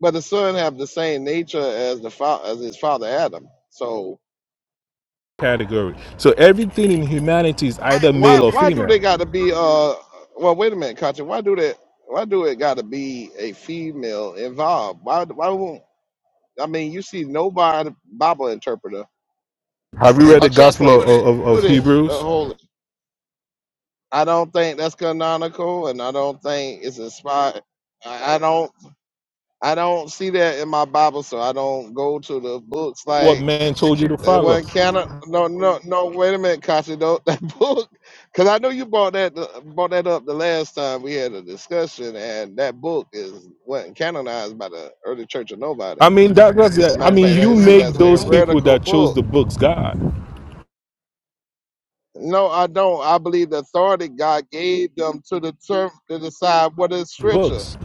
Speaker 5: but the Son have the same nature as the fa- as his father Adam. So
Speaker 7: category so everything in humanity is either
Speaker 5: why
Speaker 7: male or
Speaker 5: why do they
Speaker 7: female
Speaker 5: gotta be uh well wait a minute Katya, why do that why do it gotta be a female involved why why won't i mean you see nobody bible interpreter
Speaker 7: have you read
Speaker 5: or
Speaker 7: the gospel of,
Speaker 5: translator
Speaker 7: of,
Speaker 5: put
Speaker 7: of
Speaker 5: it a
Speaker 7: hebrews
Speaker 5: whole i don't think that's canonical and i don't think it's inspired i I don't i don't see that in my bible so i don't go to the books
Speaker 7: what
Speaker 5: like
Speaker 7: man told you to
Speaker 5: It
Speaker 7: follow
Speaker 5: wasn't canon. No, no, no. Wait a minute, Kashi. Don't <laughs> that book? Because I know you brought that uh, brought that up the last time we had a discussion, and that book is wasn't canonized by the early Church of Nobody.
Speaker 7: i mean that was
Speaker 5: As a
Speaker 7: i
Speaker 5: matter of
Speaker 7: mean
Speaker 5: fact,
Speaker 7: you
Speaker 5: I see
Speaker 7: make
Speaker 5: that's a
Speaker 7: those people
Speaker 5: heretical
Speaker 7: that chose
Speaker 5: book.
Speaker 7: the books god
Speaker 5: No, I don't. I believe the authority God gave them to the church to decide what is scripture.
Speaker 7: books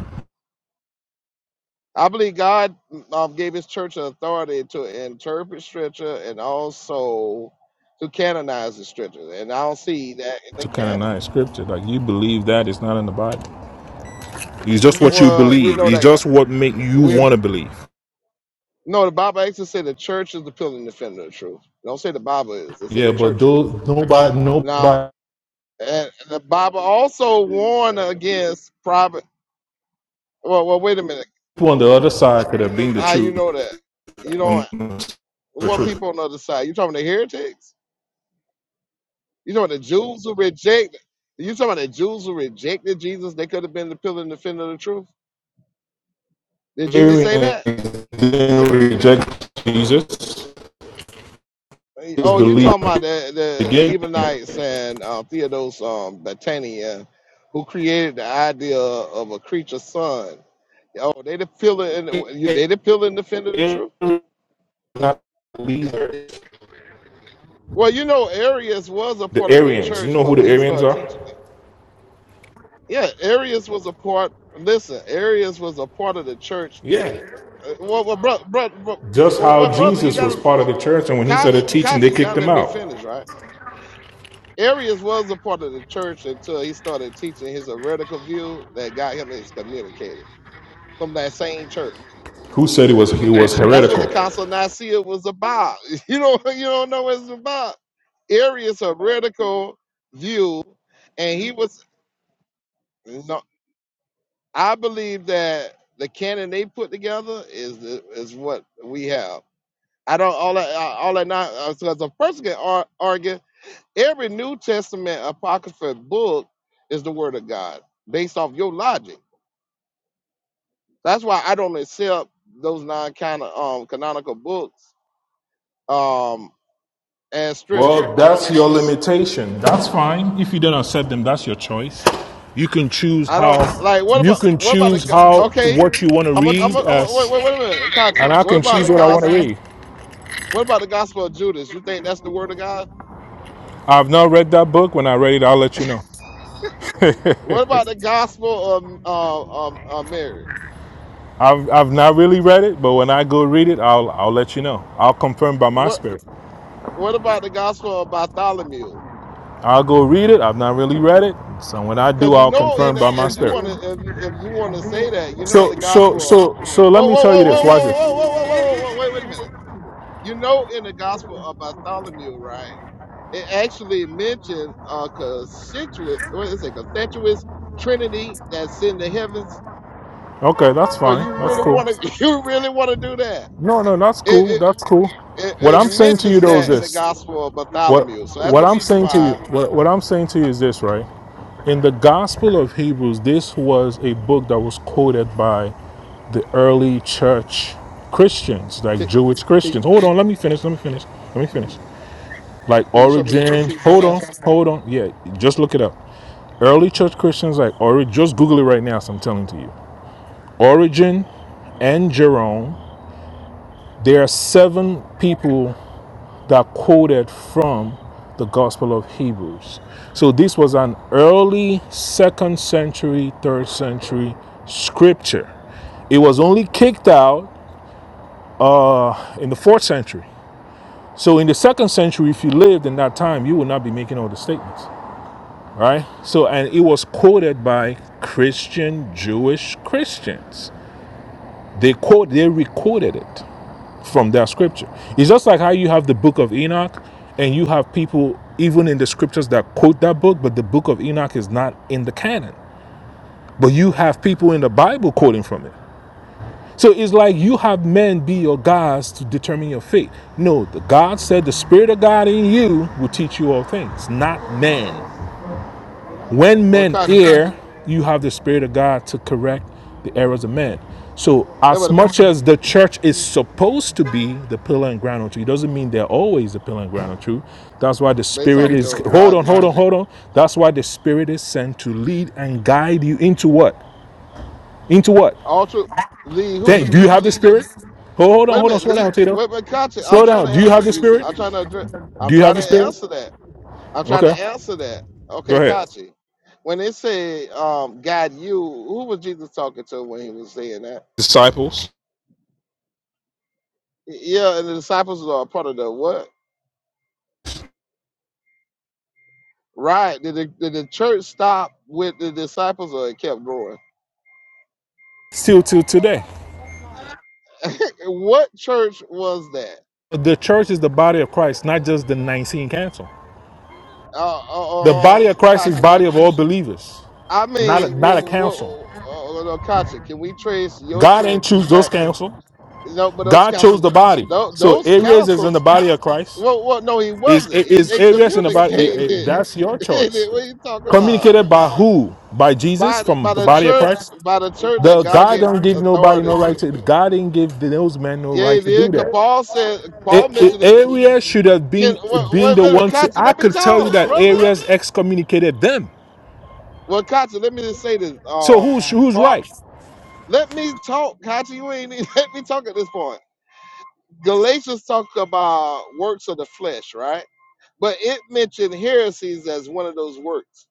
Speaker 5: I believe God um, gave His church authority to interpret scripture and also to canonize the scripture, and I don't see that in
Speaker 7: It's
Speaker 5: the
Speaker 7: kind of
Speaker 5: canon.
Speaker 7: non-scripted. Like you believe that it's not in the Bible. It's just what you
Speaker 5: Well, we
Speaker 7: believe.
Speaker 5: know
Speaker 7: It's
Speaker 5: that God,
Speaker 7: just what make you
Speaker 5: we
Speaker 7: want to believe.
Speaker 5: no. The Bible actually say the church is the pillar and defender of truth. They don't say the Bible is. They say
Speaker 7: Yeah,
Speaker 5: the
Speaker 7: but
Speaker 5: church is.
Speaker 7: those nobody,
Speaker 5: Now,
Speaker 7: nobody
Speaker 5: and the Bible also warned against private. Well, well, wait a minute.
Speaker 7: people on the other side could have been the
Speaker 5: How you
Speaker 7: truth.
Speaker 5: know that? You know
Speaker 7: On the
Speaker 5: what
Speaker 7: truth,
Speaker 5: people on the other side? You talking the heretics? You talking the Jews who reject? You talking about the Jews who rejected Jesus? They could have been the pillar and defender of the truth. Did Jesus say
Speaker 7: Arians
Speaker 5: that?
Speaker 7: didn't reject Jesus.
Speaker 5: Hey,
Speaker 7: Just
Speaker 5: Oh, you talking about the
Speaker 7: the
Speaker 5: the, the
Speaker 7: beginning.
Speaker 5: Ebonites and uh, Theodos um, Batania, who created the idea of a creature sun? Oh, they didn't feel it. And, they didn't feel it and defended the
Speaker 7: Arians
Speaker 5: truth. Well, you know, Arius was a
Speaker 7: The
Speaker 5: part of the
Speaker 7: Arians. You
Speaker 5: church,
Speaker 7: know
Speaker 5: but
Speaker 7: who the
Speaker 5: when he
Speaker 7: Arians
Speaker 5: started
Speaker 7: are?
Speaker 5: teaching, yeah, Arius was a part. Listen, Arius was a part of the church.
Speaker 7: Yeah.
Speaker 5: Uh, Well, well, bro, bro,
Speaker 7: Just
Speaker 5: bro, well
Speaker 7: how
Speaker 5: brother, you
Speaker 7: Jesus was
Speaker 5: got
Speaker 7: part of the church, and when he
Speaker 5: to,
Speaker 7: started teaching,
Speaker 5: Kati,
Speaker 7: they
Speaker 5: you got
Speaker 7: kicked
Speaker 5: to
Speaker 7: him
Speaker 5: let me
Speaker 7: out.
Speaker 5: finish, right? Arius was a part of the church until he started teaching his heretical view that got him excommunicated from that same church.
Speaker 7: Who said he was he was
Speaker 5: That's what the
Speaker 7: heretical?
Speaker 5: Council of Nicaea was about. <laughs> You don't you don't know what it's about. Arius heretical view, and he was no. I believe that the canon they put together is the- is what we have. I don't all that all that not because a person can ar- argue Every New Testament apocrypha book is the word of God based off your logic. That's why I don't accept those non um, canonical books um, as scripture.
Speaker 7: Well,
Speaker 5: I don't.
Speaker 7: that's
Speaker 5: ac-
Speaker 7: your limitation. That's fine. If you don't accept them, that's your choice. You can choose
Speaker 5: I
Speaker 7: how
Speaker 5: don't like. What
Speaker 7: you
Speaker 5: about
Speaker 7: can
Speaker 5: what about the?
Speaker 7: choose
Speaker 5: go-
Speaker 7: how
Speaker 5: Okay,
Speaker 7: what you want to
Speaker 5: I'm. A, I'm.
Speaker 7: read
Speaker 5: A, I'm a, wait,
Speaker 7: as
Speaker 5: wait. Wait a minute,
Speaker 7: and
Speaker 5: Conte.
Speaker 7: I
Speaker 5: What
Speaker 7: can
Speaker 5: about
Speaker 7: choose
Speaker 5: the
Speaker 7: what I want to
Speaker 5: gospel?
Speaker 7: read.
Speaker 5: What about the gospel of Judas? You think that's the word of God?
Speaker 7: I've not read that book. When I read it, I'll let you know. <laughs>
Speaker 5: What about the gospel of uh, um, uh, Mary?
Speaker 7: I've I've not really read it, but when I go read it, I'll I'll let you know. I'll confirm by my
Speaker 5: What
Speaker 7: spirit.
Speaker 5: What about the gospel of Bartholomew?
Speaker 7: I'll go read it. I've not really read it. So when I do,
Speaker 5: because you
Speaker 7: I'll
Speaker 5: know, in
Speaker 7: confirm
Speaker 5: the,
Speaker 7: by my
Speaker 5: if you want to,
Speaker 7: spirit.
Speaker 5: if you, if you want to say that, you know, in the
Speaker 7: So so
Speaker 5: gospel, of,
Speaker 7: so so let
Speaker 5: whoa,
Speaker 7: me
Speaker 5: whoa,
Speaker 7: tell
Speaker 5: whoa,
Speaker 7: you
Speaker 5: whoa,
Speaker 7: this.
Speaker 5: whoa,
Speaker 7: Watch
Speaker 5: whoa,
Speaker 7: this.
Speaker 5: whoa, whoa, whoa, whoa, whoa, wait, wait a minute. You know, in the gospel of Bartholomew, right? It actually mentioned a constituent, what is it, constituous Trinity that's in the heavens.
Speaker 7: Okay, that's
Speaker 5: So
Speaker 7: fine.
Speaker 5: you
Speaker 7: That's
Speaker 5: really
Speaker 7: cool.
Speaker 5: want to, <laughs> you really want to do that?
Speaker 7: No, no, that's
Speaker 5: It,
Speaker 7: cool.
Speaker 5: it
Speaker 7: That's cool.
Speaker 5: it
Speaker 7: What
Speaker 5: it
Speaker 7: I'm saying to you
Speaker 5: mentions
Speaker 7: though is
Speaker 5: that in the
Speaker 7: this.
Speaker 5: gospel of
Speaker 7: What
Speaker 5: Bartholomew. So that's
Speaker 7: what
Speaker 5: the
Speaker 7: I'm
Speaker 5: reason
Speaker 7: saying to you
Speaker 5: why.
Speaker 7: what, what I'm saying to you is this, right? In the Gospel of Hebrews, this was a book that was quoted by the early church Christians, like
Speaker 5: Can,
Speaker 7: Jewish
Speaker 5: can
Speaker 7: Christians. Hold on, let me finish. Let me finish. Let me finish. Like
Speaker 5: you show me some
Speaker 7: Origin.
Speaker 5: receipts on
Speaker 7: Hold
Speaker 5: that?
Speaker 7: on. Hold on. Yeah, just look it up. Early church Christians like Origin. Just Google it right now. So I'm telling to you. Origin and Jerome. There are seven people that quoted from the Gospel of Hebrews. So this was an early second century, third century scripture. It was only kicked out uh, in the fourth century. So in the second century, if you lived in that time, you would not be making all the statements, right? So and it was quoted by Christian Jewish Christians. They quote, they recorded it. from that scripture. It's just like how you have the book of Enoch and you have people even in the scriptures that quote that book, but the book of Enoch is not in the canon. But you have people in the Bible quoting from it. So it's like you have men be your gods to determine your fate. No, the God said the Spirit of God in you will teach you all things, not man. When
Speaker 5: Well,
Speaker 7: men
Speaker 5: contra-
Speaker 7: err, you have the Spirit of God to correct the errors of men. So,
Speaker 5: yeah,
Speaker 7: as
Speaker 5: but
Speaker 7: much as the church is supposed to be the pillar and ground of truth, it doesn't mean they're always the pillar and ground of truth. That's why the
Speaker 5: based
Speaker 7: Spirit
Speaker 5: off
Speaker 7: is,
Speaker 5: your
Speaker 7: hold on,
Speaker 5: logic.
Speaker 7: hold on, hold on. That's why the Spirit is sent to lead and guide you into what? Into what?
Speaker 5: Ultra lead who,
Speaker 7: Then, do
Speaker 5: who
Speaker 7: you have the
Speaker 5: lead who-
Speaker 7: Spirit? Hold hold on,
Speaker 5: wait a
Speaker 7: hold on,
Speaker 5: minute,
Speaker 7: slow
Speaker 5: lead
Speaker 7: down, Tito.
Speaker 5: wait wait Kachi, I'm
Speaker 7: Slow
Speaker 5: trying to
Speaker 7: down. Do you
Speaker 5: answer
Speaker 7: have the
Speaker 5: you.
Speaker 7: Spirit?
Speaker 5: I'm trying to address I'm
Speaker 7: Do you
Speaker 5: trying
Speaker 7: have the
Speaker 5: to
Speaker 7: Spirit?
Speaker 5: answer that. I'm trying
Speaker 7: Okay,
Speaker 5: to answer that.
Speaker 7: go
Speaker 5: Okay,
Speaker 7: ahead.
Speaker 5: Kachi. When it said um God," you, who was Jesus talking to when he was saying that?
Speaker 7: Disciples.
Speaker 5: Yeah, and the disciples are a part of the what? Right. Did the, did the church stop with the disciples or it kept growing?
Speaker 7: Still till today.
Speaker 5: What church was that?
Speaker 7: The church is the body of Christ, not just the Nicene Council.
Speaker 5: Uh,
Speaker 7: The
Speaker 5: uh, uh, uh
Speaker 7: body of Christ is
Speaker 5: Kachi, what?
Speaker 7: body of all believers,
Speaker 5: I
Speaker 7: not a,
Speaker 5: mean,
Speaker 7: not
Speaker 5: what,
Speaker 7: a council.
Speaker 5: what, uh, Akacha, can we trace your
Speaker 7: God ain't
Speaker 5: church
Speaker 7: choose those
Speaker 5: back?
Speaker 7: council.
Speaker 5: No, but those
Speaker 7: God chose
Speaker 5: councils,
Speaker 7: the
Speaker 5: uh,
Speaker 7: body.
Speaker 5: tho-
Speaker 7: So
Speaker 5: those
Speaker 7: areas is in
Speaker 5: councils.
Speaker 7: the body of Christ.
Speaker 5: Well, well, no, he
Speaker 7: Is
Speaker 5: wasn't. He was
Speaker 7: is areas in the body? eh, eh,
Speaker 5: excommunicated.
Speaker 7: That's your
Speaker 5: <laughs> what
Speaker 7: choice.
Speaker 5: are you talking about?
Speaker 7: Communicated by who? By Jesus
Speaker 5: By the-
Speaker 7: from
Speaker 5: by
Speaker 7: the
Speaker 5: the
Speaker 7: body of
Speaker 5: church,
Speaker 7: Christ.
Speaker 5: by the church that
Speaker 7: The
Speaker 5: God
Speaker 7: God
Speaker 5: gave
Speaker 7: don't give nobody
Speaker 5: authority
Speaker 7: no right
Speaker 5: to.
Speaker 7: to. God didn't give those men no
Speaker 5: Yeah, he
Speaker 7: right to do
Speaker 5: did. 'Cause
Speaker 7: that.
Speaker 5: Paul said.
Speaker 7: A-
Speaker 5: Paul mentioned
Speaker 7: a-
Speaker 5: it. Can
Speaker 7: Areas should have been
Speaker 5: wait, wait
Speaker 7: being
Speaker 5: a
Speaker 7: the
Speaker 5: minute,
Speaker 7: ones. To,
Speaker 5: Kacha,
Speaker 7: I
Speaker 5: let me
Speaker 7: could tell you
Speaker 5: talk,
Speaker 7: that
Speaker 5: brother.
Speaker 7: areas excommunicated them.
Speaker 5: Well, Kacha, let me just say this.
Speaker 7: So
Speaker 5: Um,
Speaker 7: who's who's
Speaker 5: Paul,
Speaker 7: right?
Speaker 5: let me talk, Kachi. You ain't <laughs> let me talk at this point. Galatians talked about works of the flesh, right? But it mentioned heresies as one of those works.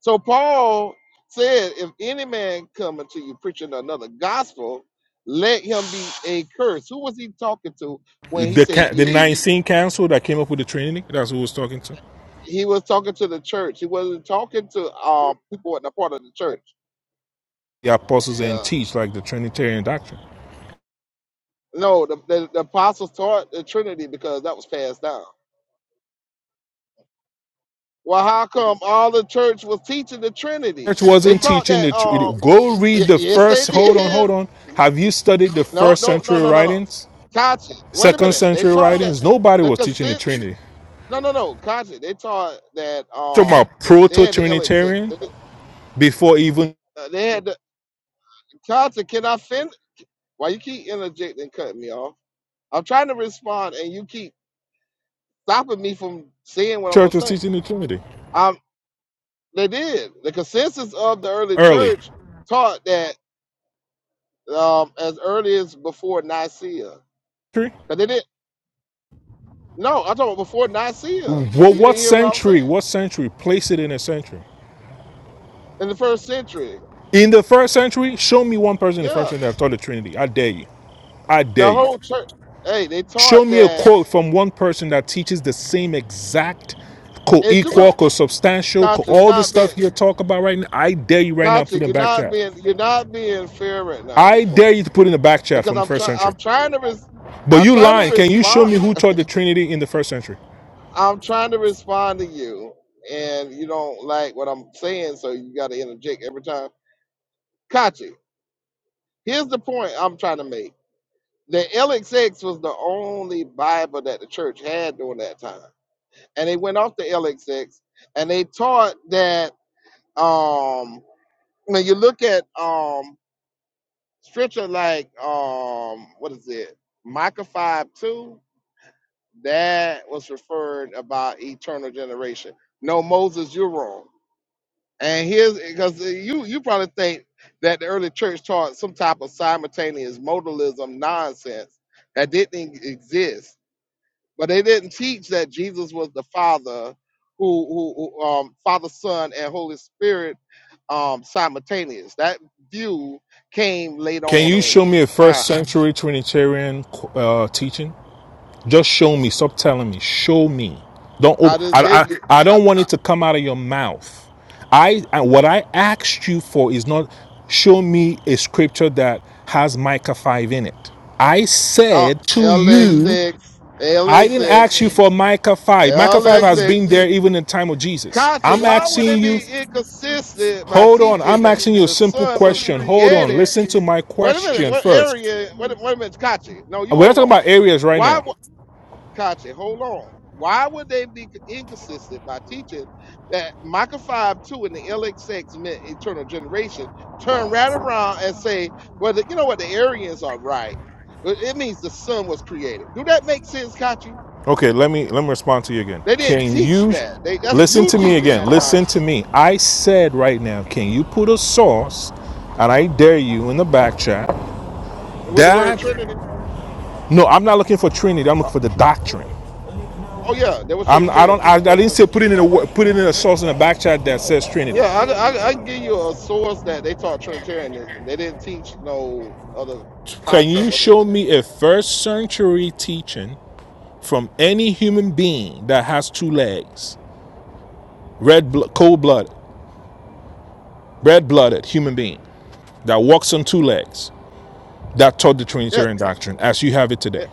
Speaker 5: So Paul said, if any man come unto you preaching another gospel, let him be a curse. Who was he talking to when he
Speaker 7: The
Speaker 5: said
Speaker 7: ca- the
Speaker 5: you?
Speaker 7: Nicene Council that came up with the Trinity. That's who I was talking to
Speaker 5: He was talking to the church. He wasn't talking to uh, people in the part of the church.
Speaker 7: the apostles didn't
Speaker 5: Yeah.
Speaker 7: teach like the Trinitarian doctrine.
Speaker 5: No, the, the, the apostles taught the Trinity because that was passed down. Well, how come all the church was teaching the Trinity?
Speaker 7: Church
Speaker 5: They
Speaker 7: wasn't
Speaker 5: taught
Speaker 7: teaching
Speaker 5: that.
Speaker 7: the. Tr-
Speaker 5: um,
Speaker 7: it- Go
Speaker 5: Y-
Speaker 7: read the
Speaker 5: yes, they
Speaker 7: first. Hold on,
Speaker 5: did.
Speaker 7: hold on. Have you studied the
Speaker 5: No,
Speaker 7: first
Speaker 5: no, no,
Speaker 7: century
Speaker 5: no, no, no.
Speaker 7: writings?
Speaker 5: Kachi, wait a
Speaker 7: Second
Speaker 5: minute. They
Speaker 7: century
Speaker 5: taught that
Speaker 7: writings? Nobody
Speaker 5: the
Speaker 7: was teaching the
Speaker 5: consent.
Speaker 7: Trinity.
Speaker 5: No, no, no. Kachi, they taught that
Speaker 7: Talking
Speaker 5: um
Speaker 7: about
Speaker 5: they, they
Speaker 7: proto
Speaker 5: had the LXX.
Speaker 7: Trinitarian
Speaker 5: They,
Speaker 7: before even
Speaker 5: uh, they had the Kachi. Can I finish? Why you keep interjecting, and cutting me off? I'm trying to respond, and you keep stopping me from saying what I'm gonna
Speaker 7: church was
Speaker 5: say.
Speaker 7: teaching the Trinity
Speaker 5: Um, they did. The consensus of the early
Speaker 7: early.
Speaker 5: church taught that um as early as before Nicaea. 'Cause they did. No, I'm talking about before Nicaea.
Speaker 7: Well,
Speaker 5: You didn't
Speaker 7: what
Speaker 5: hear what I was saying?
Speaker 7: century? What century? Place it in a century.
Speaker 5: In the first century.
Speaker 7: In the first century, show me one person in the
Speaker 5: Yeah.
Speaker 7: first century that taught the Trinity. I dare you. I dare
Speaker 5: The
Speaker 7: you.
Speaker 5: whole church hey, they
Speaker 7: Show
Speaker 5: taught
Speaker 7: me a
Speaker 5: that
Speaker 7: quote from one person that teaches the same exact,
Speaker 5: hey, is you're gonna
Speaker 7: co-equal, co-substantial, co-
Speaker 5: Kachi. you're
Speaker 7: all the
Speaker 5: not being
Speaker 7: stuff you talk about right now. I dare you right now. to
Speaker 5: Kachi.
Speaker 7: Put in the
Speaker 5: you're
Speaker 7: back
Speaker 5: not
Speaker 7: chat.
Speaker 5: being you're not being fair right now at
Speaker 7: I
Speaker 5: this
Speaker 7: dare
Speaker 5: point.
Speaker 7: you to put in the back chat
Speaker 5: Because
Speaker 7: from the
Speaker 5: I'm
Speaker 7: first
Speaker 5: trying
Speaker 7: century.
Speaker 5: I'm trying to res-
Speaker 7: But
Speaker 5: I'm
Speaker 7: you
Speaker 5: trying to
Speaker 7: lying. Can you show
Speaker 5: respond
Speaker 7: me who taught the Trinity in the first century?
Speaker 5: I'm trying to respond to you and you don't like what I'm saying, so you gotta interject every time. Kachi, here's the point I'm trying to make. The LXX was the only Bible that the church had during that time and they went off the LXX and they taught that um when you look at um scripture like um what is it Micah five two that was referred about eternal generation. No Moses, you're wrong. And here's because you you probably think that the early church taught some type of simultaneous modalism nonsense that didn't exist but they didn't teach that Jesus was the Father, who, who who, um, Father, Son, and Holy Spirit um, simultaneous. That view came late
Speaker 7: Can
Speaker 5: on
Speaker 7: you
Speaker 5: in
Speaker 7: show me a
Speaker 5: time.
Speaker 7: first century Trinitarian uh, teaching? Just show me. Stop telling me. Show me. Don't.
Speaker 5: I
Speaker 7: Op-
Speaker 5: just
Speaker 7: I,
Speaker 5: gave you
Speaker 7: I. I
Speaker 5: uh,
Speaker 7: don't want it to come out of your mouth. I. I what I asked you for is not. Show me a scripture that has Micah five in it. I
Speaker 5: uh,
Speaker 7: said to you.
Speaker 5: lx
Speaker 7: I didn't ask you for Micah five. Micah five has been there even in the time of Jesus.
Speaker 5: Kachi,
Speaker 7: I'm
Speaker 5: why would they
Speaker 7: asking you.
Speaker 5: be inconsistent by
Speaker 7: Hold on.
Speaker 5: teaching
Speaker 7: I'm
Speaker 5: that
Speaker 7: asking you a
Speaker 5: the
Speaker 7: simple
Speaker 5: Son was
Speaker 7: question. Hold on.
Speaker 5: created?
Speaker 7: Listen to my
Speaker 5: Wait a minute,
Speaker 7: question
Speaker 5: what
Speaker 7: first.
Speaker 5: area? Wait, a- wait a minute, Kachi. No, you
Speaker 7: We're not
Speaker 5: hold
Speaker 7: talking
Speaker 5: on.
Speaker 7: about areas right
Speaker 5: Why?
Speaker 7: now.
Speaker 5: Kachi, hold on. Why would they be inconsistent by teaching that Micah 5 2 in the LXX meant eternal generation? Turn right around and say, well, the, you know what? The Arians are right. It it means the sun was created. Do that make sense, Kachi?
Speaker 7: Okay, let me let me respond to you again.
Speaker 5: They didn't
Speaker 7: Can
Speaker 5: teach
Speaker 7: you
Speaker 5: that. They That's
Speaker 7: listen
Speaker 5: you
Speaker 7: to me
Speaker 5: teaching
Speaker 7: again?
Speaker 5: that
Speaker 7: Listen
Speaker 5: nonsense.
Speaker 7: to me. I said right now, can you put a sauce? And I dare you in the back chat.
Speaker 5: And with the word
Speaker 7: That
Speaker 5: Trinity?
Speaker 7: no, I'm not looking for Trinity. I'm
Speaker 5: Oh,
Speaker 7: looking for the doctrine.
Speaker 5: oh, yeah, there was
Speaker 7: I'm I don't
Speaker 5: Trinitarians in
Speaker 7: I, I
Speaker 5: the first
Speaker 7: didn't say
Speaker 5: century.
Speaker 7: put it in a put it in a sauce in the back chat that says Trinity.
Speaker 5: Yeah, I, I, I can give you a source that they taught Trinitarianism. They didn't teach no other
Speaker 7: Can
Speaker 5: concept
Speaker 7: you
Speaker 5: other
Speaker 7: show
Speaker 5: than
Speaker 7: me a first century teaching from any human being that has two legs, red blo- cold blooded, red blooded human being that walks on two legs? that taught the
Speaker 5: that.
Speaker 7: Trinitarian doctrine as you have it
Speaker 5: Yeah,
Speaker 7: today.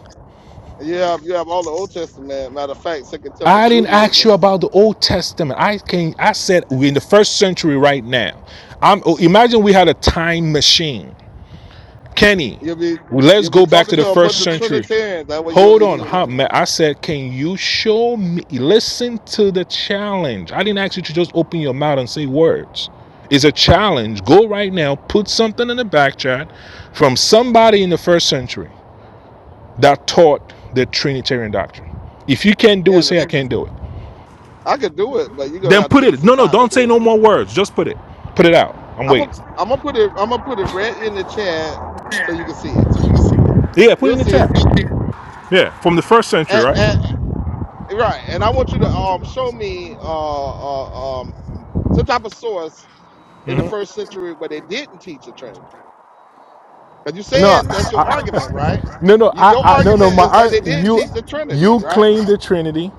Speaker 5: Yeah, You have you have all the Old Testament. Matter of fact, Second Temple
Speaker 7: I didn't ask
Speaker 5: Judaism.
Speaker 7: you about the Old Testament. I can I said we're in the first century right now. I'm oh, imagine we had a time machine. Kenny,
Speaker 5: You'll be
Speaker 7: let's
Speaker 5: you'll be
Speaker 7: go back
Speaker 5: talking
Speaker 7: to the
Speaker 5: to a bunch
Speaker 7: first
Speaker 5: of
Speaker 7: century.
Speaker 5: Trinitarians. That's what you'll
Speaker 7: Hold
Speaker 5: be
Speaker 7: on, huh,
Speaker 5: doing.
Speaker 7: I said, can you show me? Listen to the challenge. I didn't ask you to just open your mouth and say words. It's a challenge. Go right now, put something in the back chat from somebody in the first century. that taught the Trinitarian doctrine. If you can't do
Speaker 5: Yeah,
Speaker 7: it,
Speaker 5: And if,
Speaker 7: say I can't do it.
Speaker 5: I could do it, but you're gonna
Speaker 7: Then
Speaker 5: have to
Speaker 7: put
Speaker 5: give me
Speaker 7: it.
Speaker 5: some
Speaker 7: No, no,
Speaker 5: time to
Speaker 7: don't say
Speaker 5: do it.
Speaker 7: no more words. Just put it. Put it out. I'm
Speaker 5: I'm gonna
Speaker 7: waiting.
Speaker 5: I'm gonna put it I'm gonna put it right in the chat so you can see it.
Speaker 7: Yeah, put it
Speaker 5: You'll
Speaker 7: in the
Speaker 5: see
Speaker 7: chat.
Speaker 5: it.
Speaker 7: Yeah, from the first century,
Speaker 5: And,
Speaker 7: right?
Speaker 5: and right. And I want you to um show me uh, uh um some type of source in the
Speaker 7: hmm
Speaker 5: first century where they didn't teach the Trinity. Because you're
Speaker 7: No,
Speaker 5: saying that's your
Speaker 7: I,
Speaker 5: argument, right?
Speaker 7: <laughs> I, no, no,
Speaker 5: Y- Your
Speaker 7: I, I, no, no.
Speaker 5: argument
Speaker 7: My
Speaker 5: is that they didn't
Speaker 7: you,
Speaker 5: teach the Trinity,
Speaker 7: you
Speaker 5: right?
Speaker 7: claim the Trinity.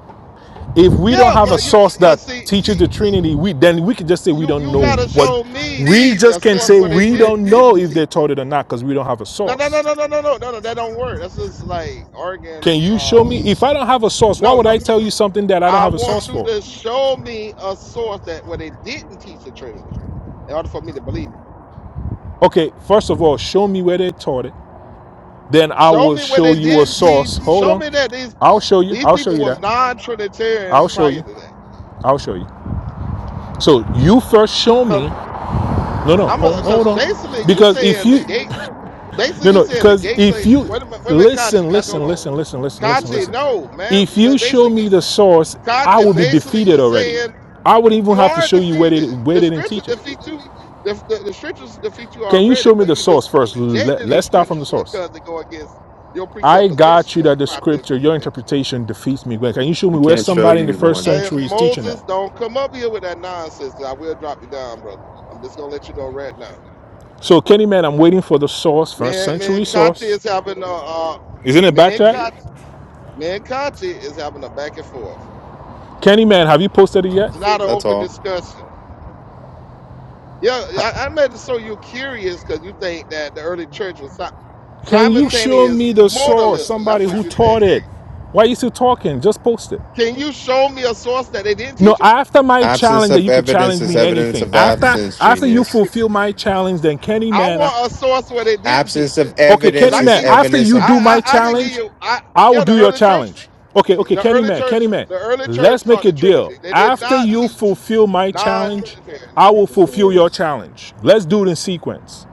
Speaker 7: If we don't
Speaker 5: Yeah,
Speaker 7: have a
Speaker 5: but you
Speaker 7: source
Speaker 5: but
Speaker 7: that
Speaker 5: see,
Speaker 7: teaches the Trinity, we then we can just say we
Speaker 5: you
Speaker 7: don't
Speaker 5: you
Speaker 7: know
Speaker 5: gotta
Speaker 7: what.
Speaker 5: show me
Speaker 7: We
Speaker 5: a a
Speaker 7: just can
Speaker 5: source
Speaker 7: say
Speaker 5: where they
Speaker 7: we don't
Speaker 5: didn't teach
Speaker 7: know if
Speaker 5: it.
Speaker 7: they taught it or not because we don't have a
Speaker 5: No, no, no,
Speaker 7: source.
Speaker 5: no, no, no, no, no, no. That don't work. That's just like Oregon.
Speaker 7: Can you show
Speaker 5: Um,
Speaker 7: me? If I don't have a source, why
Speaker 5: no,
Speaker 7: would
Speaker 5: no.
Speaker 7: I tell you something that I don't
Speaker 5: I
Speaker 7: have a source
Speaker 5: want you
Speaker 7: for?
Speaker 5: to show me a source that where they didn't teach the Trinity in order for me to believe you.
Speaker 7: Okay, first of all, show me where they taught it. Then I
Speaker 5: Show
Speaker 7: will
Speaker 5: me where
Speaker 7: show
Speaker 5: they
Speaker 7: you a
Speaker 5: didn't
Speaker 7: source.
Speaker 5: teach.
Speaker 7: Hold
Speaker 5: Show me that these
Speaker 7: on. I'll show you.
Speaker 5: these
Speaker 7: I'll show
Speaker 5: people
Speaker 7: you
Speaker 5: was
Speaker 7: that.
Speaker 5: non-Trinitarians
Speaker 7: I'll show
Speaker 5: prior
Speaker 7: you.
Speaker 5: to that.
Speaker 7: I'll show you. So you first show
Speaker 5: Because
Speaker 7: me. No, no,
Speaker 5: I'm
Speaker 7: hold, hold
Speaker 5: because basically
Speaker 7: on.
Speaker 5: you
Speaker 7: Because if
Speaker 5: saying the
Speaker 7: you,
Speaker 5: gate. Basically,
Speaker 7: no,
Speaker 5: you're
Speaker 7: no,
Speaker 5: saying the
Speaker 7: because
Speaker 5: gates
Speaker 7: if
Speaker 5: say,
Speaker 7: you,
Speaker 5: wait a minute, wait a minute, Kachi,
Speaker 7: listen,
Speaker 5: Kachi, hold
Speaker 7: listen,
Speaker 5: on.
Speaker 7: listen, listen, listen, listen,
Speaker 5: Kachi,
Speaker 7: listen.
Speaker 5: no, man.
Speaker 7: If
Speaker 5: But
Speaker 7: you show
Speaker 5: basically, you,
Speaker 7: me the source, I
Speaker 5: Kachi,
Speaker 7: will be
Speaker 5: basically, you
Speaker 7: defeated already.
Speaker 5: saying
Speaker 7: I would even
Speaker 5: you
Speaker 7: have to
Speaker 5: are
Speaker 7: show you where they,
Speaker 5: defeated.
Speaker 7: where
Speaker 5: The
Speaker 7: they didn't
Speaker 5: scriptures
Speaker 7: teach it.
Speaker 5: defeat you. The, the, the scriptures defeat you
Speaker 7: Can you
Speaker 5: already,
Speaker 7: show me
Speaker 5: but
Speaker 7: the
Speaker 5: you just
Speaker 7: source first? Let,
Speaker 5: rejecting the
Speaker 7: us start from the
Speaker 5: scriptures
Speaker 7: source.
Speaker 5: because they go against your
Speaker 7: I got
Speaker 5: presupposition,
Speaker 7: you
Speaker 5: your
Speaker 7: that the
Speaker 5: proper
Speaker 7: scripture, your
Speaker 5: interpretation.
Speaker 7: interpretation defeats me. Well, can you show me
Speaker 10: We
Speaker 7: where
Speaker 10: can't show
Speaker 7: somebody in the
Speaker 10: you
Speaker 7: first
Speaker 10: one.
Speaker 5: And
Speaker 7: century is teaching
Speaker 5: Moses,
Speaker 7: that?
Speaker 5: don't come up here with that nonsense. 'cause I will drop you down, brother. I'm just gonna let you know right now. man.
Speaker 7: So, Kenny Man, I'm waiting for the source, first
Speaker 5: Man,
Speaker 7: century
Speaker 5: Kachi
Speaker 7: source.
Speaker 5: is having a, uh,
Speaker 7: Isn't it
Speaker 5: man,
Speaker 7: back chat?
Speaker 5: Kachi. Me and Conti is having a back and forth.
Speaker 7: Kenny Man, have you posted it yet?
Speaker 5: It's not an
Speaker 10: That's
Speaker 5: open
Speaker 10: all.
Speaker 5: discussion. Yeah, I, I made it so you're curious because you think that the early church was si-
Speaker 7: Can you show
Speaker 5: simultaneous
Speaker 7: me the source,
Speaker 5: modalism. That's
Speaker 7: somebody who
Speaker 5: what you think.
Speaker 7: taught it? Why are you still talking? Just post it.
Speaker 5: Can you show me a source that they didn't
Speaker 7: No,
Speaker 5: teach it?
Speaker 7: after my
Speaker 10: Absence
Speaker 7: challenge, that
Speaker 10: of
Speaker 7: you could
Speaker 10: evidence
Speaker 7: challenge
Speaker 10: is
Speaker 7: me in
Speaker 10: evidence
Speaker 7: anything.
Speaker 10: of
Speaker 7: After
Speaker 10: absence,
Speaker 7: after you
Speaker 10: genius.
Speaker 7: fulfill my challenge, then Kenny
Speaker 5: I
Speaker 7: Man, I,
Speaker 5: want a source where they didn't
Speaker 10: Absence
Speaker 5: teach
Speaker 10: of
Speaker 5: it.
Speaker 7: Okay,
Speaker 5: Because
Speaker 7: Kenny
Speaker 10: evidence
Speaker 5: I can
Speaker 10: is
Speaker 5: give
Speaker 7: Man,
Speaker 5: you,
Speaker 7: after
Speaker 10: evidence
Speaker 7: you
Speaker 10: of.
Speaker 7: do
Speaker 5: I,
Speaker 7: my
Speaker 5: I, I can give
Speaker 7: challenge,
Speaker 5: you, I,
Speaker 7: I will
Speaker 5: yeah, the
Speaker 7: do your
Speaker 5: early church,
Speaker 7: challenge. Okay, okay,
Speaker 5: the
Speaker 7: Kenny
Speaker 5: early
Speaker 7: Man, Kenny
Speaker 5: church,
Speaker 7: Man,
Speaker 5: the early church
Speaker 7: let's make
Speaker 5: taught
Speaker 7: a
Speaker 5: the
Speaker 7: deal.
Speaker 5: Trinity. They did
Speaker 7: After
Speaker 5: not
Speaker 7: you
Speaker 5: teach
Speaker 7: fulfill my challenge, I
Speaker 5: non-Trinitarianism.
Speaker 7: will fulfill your challenge. Let's do it in sequence.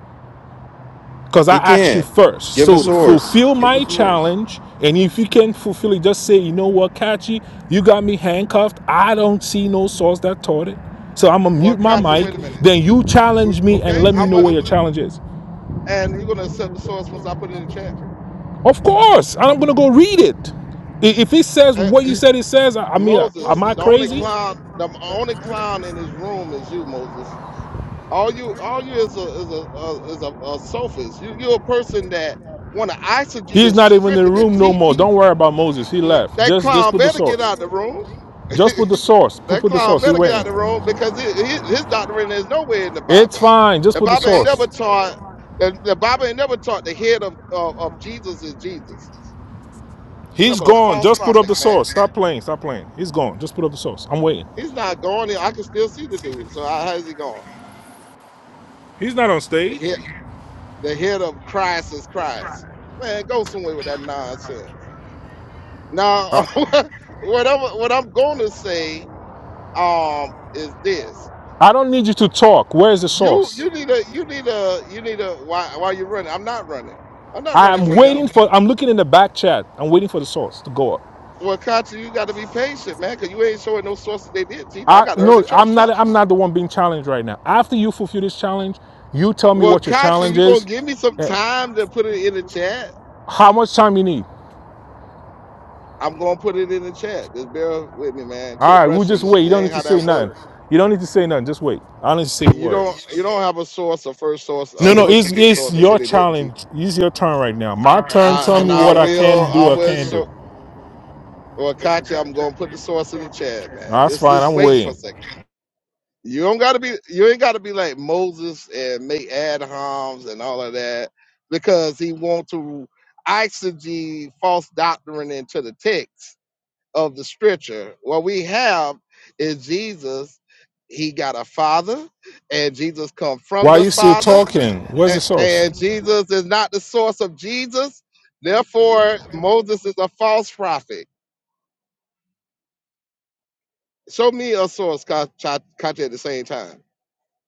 Speaker 7: Because I
Speaker 10: He
Speaker 7: asked you
Speaker 10: can't.
Speaker 7: first.
Speaker 10: Give a
Speaker 7: So
Speaker 10: source.
Speaker 7: fulfill my challenge. And if you can fulfill it, just say, you know what, Kachi, you got me handcuffed. I don't see no source that taught it. So I'm gonna
Speaker 5: Well,
Speaker 7: mute my
Speaker 5: Katya,
Speaker 7: mic.
Speaker 5: wait a minute.
Speaker 7: Then you
Speaker 5: We-
Speaker 7: challenge me and
Speaker 5: Okay,
Speaker 7: let me
Speaker 5: I'm
Speaker 7: know
Speaker 5: a,
Speaker 7: what your challenge is.
Speaker 5: and you're gonna accept the source once I put it in the chat.
Speaker 7: Of course, and I'm gonna go read it. I- If it says
Speaker 5: Eh,
Speaker 7: what you said it says, I I mean, uh,
Speaker 5: Moses,
Speaker 7: am I
Speaker 5: the only
Speaker 7: crazy?
Speaker 5: clown, the only clown in his room is you, Moses. All you, all you is a is a, a is a, a sophist. You you're a person that want to eisegete
Speaker 7: He's
Speaker 5: this
Speaker 7: not even in the
Speaker 5: scripture to
Speaker 7: room no
Speaker 5: teach.
Speaker 7: more. Don't worry about Moses. He left.
Speaker 5: That
Speaker 7: Just, just
Speaker 5: clown
Speaker 7: put the
Speaker 5: better get
Speaker 7: source.
Speaker 5: out the room. <laughs>
Speaker 7: Just put the source. Put,
Speaker 5: that
Speaker 7: put the
Speaker 5: clown
Speaker 7: source. He
Speaker 5: better get out
Speaker 7: waiting.
Speaker 5: the room because his, his, his doctrine is nowhere in the
Speaker 7: It's
Speaker 5: Bible.
Speaker 7: fine. Just
Speaker 5: The
Speaker 7: put the
Speaker 5: Bible ain't never
Speaker 7: source.
Speaker 5: taught. The, the Bible ain't never taught the head of, of, of Jesus is Jesus. No,
Speaker 7: He's
Speaker 5: but a
Speaker 7: gone.
Speaker 5: false
Speaker 7: Just put up
Speaker 5: prophet,
Speaker 7: the
Speaker 5: man
Speaker 7: source. Stop playing. Stop playing. He's gone. Just put up the source. I'm waiting.
Speaker 5: He's not going. I can still see the dude. So how, how's he going?
Speaker 7: He's not on
Speaker 5: The
Speaker 7: stage.
Speaker 5: head, the head of Christ is Christ. Man, go somewhere with that nonsense. Now,
Speaker 7: Uh,
Speaker 5: <laughs> what I'm what I'm going to say um is this:
Speaker 7: I don't need you to talk. Where is the
Speaker 5: you
Speaker 7: source?
Speaker 5: you need a you need a you need a why why you running? I'm not running. I'm not running
Speaker 7: I'm
Speaker 5: from him.
Speaker 7: waiting for. I'm looking in the back chat. I'm waiting for the source to go up.
Speaker 5: Well, Kachi, you got to be patient, man, because you ain't showing no sources they did teach. I
Speaker 7: I
Speaker 5: got early
Speaker 7: no,
Speaker 5: church
Speaker 7: I'm not.
Speaker 5: fathers.
Speaker 7: I'm not the one being challenged right now. After you fulfill this challenge, you tell me
Speaker 5: Well,
Speaker 7: what your
Speaker 5: Kachi,
Speaker 7: challenge
Speaker 5: you gonna
Speaker 7: is,
Speaker 5: give me some
Speaker 7: and
Speaker 5: time to put it in the chat?
Speaker 7: how much time you need.
Speaker 5: I'm gonna put it in the chat. Just bear with me, man.
Speaker 7: All
Speaker 5: Quit
Speaker 7: right, we'll
Speaker 5: rushing
Speaker 7: just
Speaker 5: me.
Speaker 7: wait. You
Speaker 5: That
Speaker 7: don't need
Speaker 5: ain't
Speaker 7: to
Speaker 5: how
Speaker 7: say
Speaker 5: that
Speaker 7: nothing.
Speaker 5: work.
Speaker 7: You don't need to say nothing. Just wait. I don't need to say a
Speaker 5: You
Speaker 7: word.
Speaker 5: don't you don't have a source, a first source,
Speaker 7: No,
Speaker 5: a
Speaker 7: no,
Speaker 5: first
Speaker 7: it's
Speaker 5: century
Speaker 7: it's
Speaker 5: source that
Speaker 7: your
Speaker 5: said they didn't teach. it.
Speaker 7: challenge. It's your turn right now. My turn.
Speaker 5: I,
Speaker 7: Tell
Speaker 5: and
Speaker 7: me
Speaker 5: I
Speaker 7: what I
Speaker 5: will,
Speaker 7: can
Speaker 5: I
Speaker 7: do or
Speaker 5: will
Speaker 7: can't do.
Speaker 5: show. Well, Katya, I'm gonna put the source in the chat, man.
Speaker 7: Nah, That's
Speaker 5: This
Speaker 7: fine.
Speaker 5: just
Speaker 7: I'm
Speaker 5: wait for a
Speaker 7: waiting.
Speaker 5: second. You don't gotta be, you ain't gotta be like Moses and make Adams and all of that because he want to exegete false doctrine into the text of the scripture. What we have is Jesus, he got a father, and Jesus come
Speaker 7: Why
Speaker 5: from
Speaker 7: are
Speaker 5: the
Speaker 7: you still
Speaker 5: father,
Speaker 7: talking? Where's the
Speaker 5: a-
Speaker 7: source?
Speaker 5: and Jesus is not the source of Jesus. Therefore, Moses is a false prophet. Show me a source, Ka- Cha- Kachi, at the same time.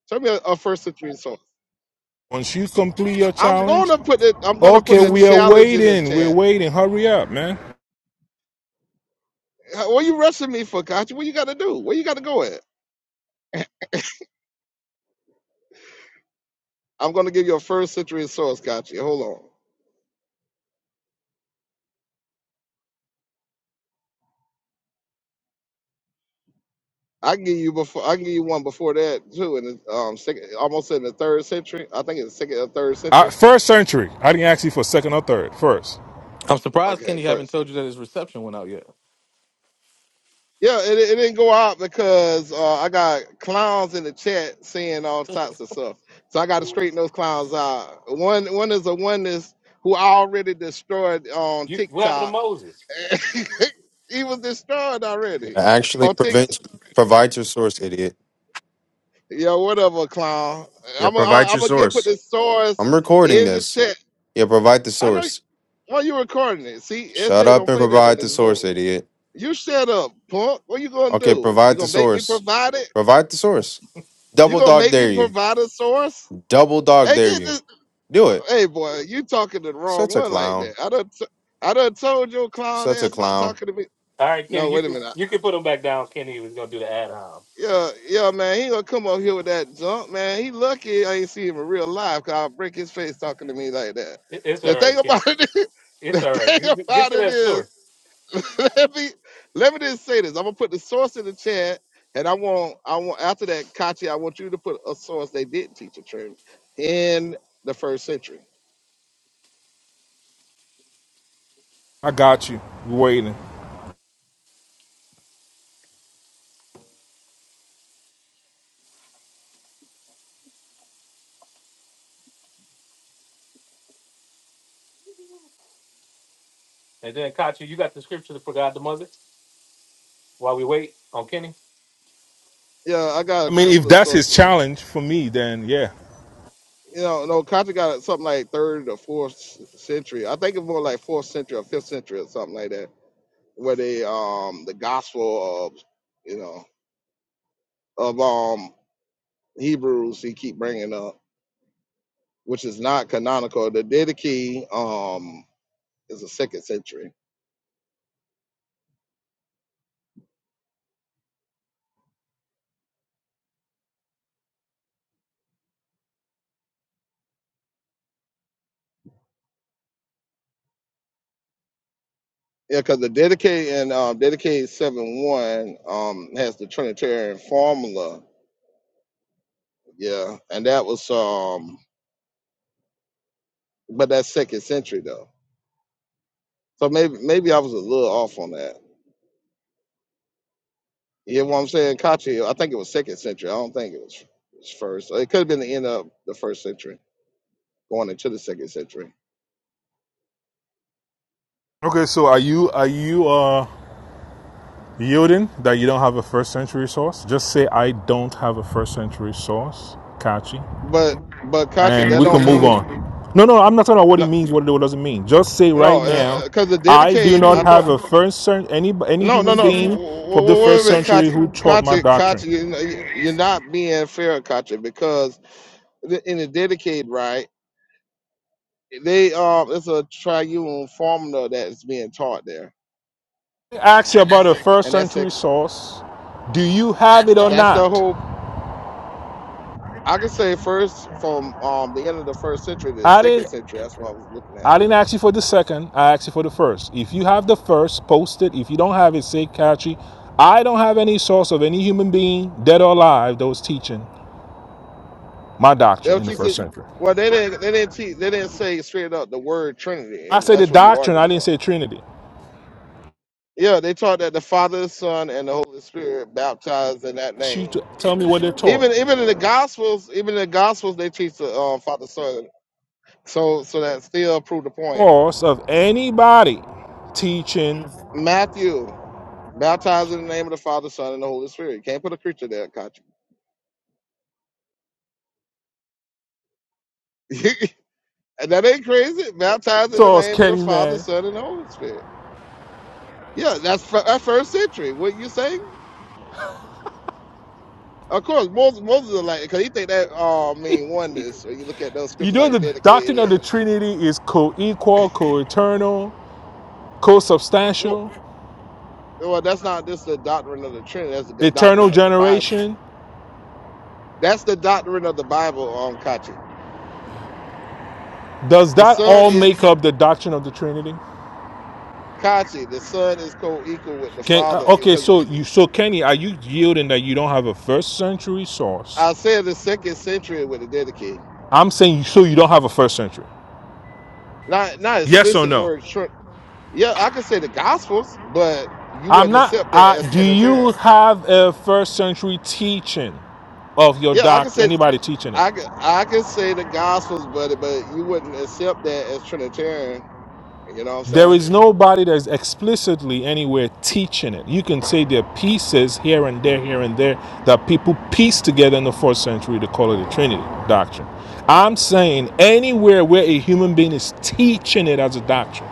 Speaker 5: Show me a, a first century source.
Speaker 7: Once you complete your
Speaker 5: I'm
Speaker 7: challenge,
Speaker 5: gonna put it. I'm gonna put
Speaker 7: okay,
Speaker 5: a
Speaker 7: we are
Speaker 5: challenge in the
Speaker 7: waiting. We're
Speaker 5: chat.
Speaker 7: waiting. Hurry up, man.
Speaker 5: Uh, What you rushing me for, Kachi? What you got to do? Where you got to go at? I'm gonna give you a first century source, Kachi. Hold on. I can give you before I can give you one before that too, in the um second, almost in the third century. I think it's second or third
Speaker 7: I,
Speaker 5: century.
Speaker 7: first century. I didn't ask you for second or third. First.
Speaker 1: I'm surprised
Speaker 5: Okay,
Speaker 1: Kenny haven't
Speaker 5: first.
Speaker 1: told you that his reception went out yet.
Speaker 5: Yeah, it, it didn't go out because uh, I got clowns in the chat saying all types of stuff. So I got to straighten
Speaker 1: You
Speaker 5: those clowns out. One one is a oneness who I already destroyed on
Speaker 1: what happened to
Speaker 5: TikTok.
Speaker 1: Moses?
Speaker 5: <laughs> he was destroyed already
Speaker 10: Actually,
Speaker 5: on TikTok.
Speaker 10: prevent, provide your source, idiot.
Speaker 5: Yeah, whatever, clown.
Speaker 10: Yeah,
Speaker 5: I'm gonna
Speaker 10: provide
Speaker 5: I'm
Speaker 10: your
Speaker 5: gonna get put
Speaker 10: source.
Speaker 5: the source
Speaker 10: I'm recording
Speaker 5: in the
Speaker 10: this.
Speaker 5: chat.
Speaker 10: Yeah, provide the
Speaker 5: I know
Speaker 10: source.
Speaker 5: Why you recording it? See,
Speaker 10: Shut
Speaker 5: SJ
Speaker 10: up
Speaker 5: don't
Speaker 10: and
Speaker 5: play that in
Speaker 10: provide the
Speaker 5: this
Speaker 10: source,
Speaker 5: room.
Speaker 10: idiot.
Speaker 5: You shut up, punk. What you gonna
Speaker 10: Okay,
Speaker 5: do? You
Speaker 10: provide the
Speaker 5: gonna make me
Speaker 10: source.
Speaker 5: provide it?
Speaker 10: Provide the source.
Speaker 5: You
Speaker 10: Double
Speaker 5: gonna
Speaker 10: dog
Speaker 5: make me
Speaker 10: dare you.
Speaker 5: provide a source?
Speaker 10: Double dog
Speaker 5: Hey,
Speaker 10: dare
Speaker 5: get
Speaker 10: you.
Speaker 5: this.
Speaker 10: Do it.
Speaker 5: Hey, boy, you talking to the wrong
Speaker 10: Such a
Speaker 5: one like
Speaker 10: clown.
Speaker 5: that. I done, t- I done told your clown
Speaker 10: Such a
Speaker 5: ass not
Speaker 10: clown.
Speaker 5: talking to me.
Speaker 1: All right,
Speaker 5: No,
Speaker 1: Kenny, you
Speaker 5: wait a
Speaker 1: can
Speaker 5: minute.
Speaker 1: you can put him back down. Kenny was gonna do the ad hom.
Speaker 5: yeah, yeah, man, he gonna come up here with that junk, man. He lucky I ain't see him in real life, cause I'll break his face talking to me like that.
Speaker 1: It, it's all
Speaker 5: The thing
Speaker 1: right, Kenny.
Speaker 5: about it, <laughs> the
Speaker 1: It's all right.
Speaker 5: thing
Speaker 1: You- you- Get
Speaker 5: about
Speaker 1: to
Speaker 5: it
Speaker 1: that
Speaker 5: is.
Speaker 1: source.
Speaker 5: <laughs> let me let me just say this. I'm gonna put the source in the chat, and I want I want after that, Kachi, I want you to put a source they did teach a trinity in the first century.
Speaker 7: I got you. You waiting.
Speaker 1: And then Kachi, you got the scripture for God the mother while we wait on Kenny?
Speaker 5: Yeah, I got a
Speaker 7: I mean,
Speaker 5: couple
Speaker 7: if
Speaker 5: of
Speaker 7: that's
Speaker 5: sources.
Speaker 7: his challenge for me, then yeah.
Speaker 5: You know, no, Kachi got something like third or fourth c- century. I think it's more like fourth century or fifth century or something like that, where they um the gospel of you know of um Hebrews he keep bringing up, which is not canonical. The Didache um is the second century Yeah, because the dedicated and um, dedicated seven one um has the Trinitarian formula. Yeah, and that was um, but that's second century though. So maybe maybe I was a little off on that. You hear what I'm saying, Kachi? I think it was second century. I don't think it was, was first. It could have been the end of the first century, going into the second century.
Speaker 7: Okay, so are you are you uh yielding that you don't have a first century source? Just say I don't have a first century source, Kachi,
Speaker 5: But but Kachi,
Speaker 7: and
Speaker 5: that
Speaker 7: we
Speaker 5: don't
Speaker 7: can
Speaker 5: mean
Speaker 7: move
Speaker 5: it.
Speaker 7: on. No, no, I'm not talking about what he
Speaker 5: No,
Speaker 7: means, what it doesn't mean. Just say right
Speaker 5: no,
Speaker 7: now,
Speaker 5: because the
Speaker 7: I do
Speaker 5: dedicated.
Speaker 7: not
Speaker 5: I thought
Speaker 7: have a first cent any any
Speaker 5: No, no,
Speaker 7: human
Speaker 5: no.
Speaker 7: being from
Speaker 5: Wait,
Speaker 7: the
Speaker 5: wait, wait a
Speaker 7: first
Speaker 5: minute,
Speaker 7: century
Speaker 5: Katya.
Speaker 7: who taught my
Speaker 5: Katya,
Speaker 7: doctrine.
Speaker 5: Katya, you know, you- you're not being fair, Katya, because the- in the dedicated right, they um, it's a triune formula that's being taught there,
Speaker 7: Ask you about a first
Speaker 5: and that's it.
Speaker 7: century source. Do you have it or
Speaker 5: That's the whole.
Speaker 7: not?
Speaker 5: I can say first from um the end of the first century to the
Speaker 7: I
Speaker 5: second
Speaker 7: didn't
Speaker 5: century. That's what I was looking at.
Speaker 7: I didn't ask you for the second, I asked you for the first. If you have the first, post it. If you don't have it, say catchy. I don't have any source of any human being, dead or alive, that was teaching my doctrine
Speaker 5: They'll
Speaker 7: in the
Speaker 5: teach
Speaker 7: first
Speaker 5: it.
Speaker 7: century.
Speaker 5: Well, they didn't. They didn't teach. They didn't say straight up the word Trinity,
Speaker 7: I
Speaker 5: and
Speaker 7: said the
Speaker 5: that's what you
Speaker 7: doctrine,
Speaker 5: arguing
Speaker 7: I didn't
Speaker 5: for.
Speaker 7: say Trinity. I
Speaker 5: Yeah, they taught that the Father, the Son, and the Holy Spirit baptized in that
Speaker 7: asked you
Speaker 5: name
Speaker 7: to tell me what they taught.
Speaker 5: even even in the gospels even in the gospels they teach the uh, father son so so that still prove the point
Speaker 7: Source of anybody teaching
Speaker 5: matthew baptized in the name of the father son and the holy spirit you can't put a creature there got you <laughs> and that ain't crazy baptized in the
Speaker 7: source,
Speaker 5: name of the
Speaker 7: Kenny
Speaker 5: father
Speaker 7: man.
Speaker 5: son and the holy spirit yeah that's fir- that first century what you saying of course moses moses is like because he think that all uh, mean oneness so you look at those
Speaker 7: You
Speaker 5: scriptures
Speaker 7: know
Speaker 5: like the
Speaker 7: the doctrine of
Speaker 5: dedicated
Speaker 7: the
Speaker 5: uh,
Speaker 7: Trinity is co-equal, co-eternal
Speaker 5: well,
Speaker 7: co-substantial,
Speaker 5: well that's not just the doctrine of the trinity that's the
Speaker 7: eternal
Speaker 5: doctrine of the bible
Speaker 7: generation.
Speaker 5: That's the doctrine of the Bible on Kachi.
Speaker 7: Does
Speaker 5: The
Speaker 7: that
Speaker 5: son
Speaker 7: all
Speaker 5: is
Speaker 7: make up the doctrine of the Trinity?
Speaker 5: Kachi. The son is co-equal with the
Speaker 7: Can, uh,
Speaker 5: father
Speaker 7: okay,
Speaker 5: because
Speaker 7: so you so Kenny, are you yielding that you don't have a first century source?
Speaker 5: I said the second century with the dedicate.
Speaker 7: I'm saying so you don't have a first century.
Speaker 5: Not not
Speaker 7: Yes or
Speaker 5: explicit
Speaker 7: no?
Speaker 5: words. Trin- yeah, I could say the Gospels, but you
Speaker 7: I'm
Speaker 5: wouldn't
Speaker 7: not.
Speaker 5: accept that
Speaker 7: Uh,
Speaker 5: as
Speaker 7: do you
Speaker 5: Trinitarian.
Speaker 7: have a first century teaching of your
Speaker 5: Yeah, I could
Speaker 7: doctrine?
Speaker 5: say
Speaker 7: Anybody teaching it?
Speaker 5: I could I could say the Gospels, but but you wouldn't accept that as Trinitarian. You know what I'm
Speaker 7: There
Speaker 5: saying?
Speaker 7: is nobody that's explicitly anywhere teaching it. You can say there are pieces here and there, here and there, that people piece together in the fourth century to call it the Trinity doctrine. I'm saying anywhere where a human being is teaching it as a doctrine.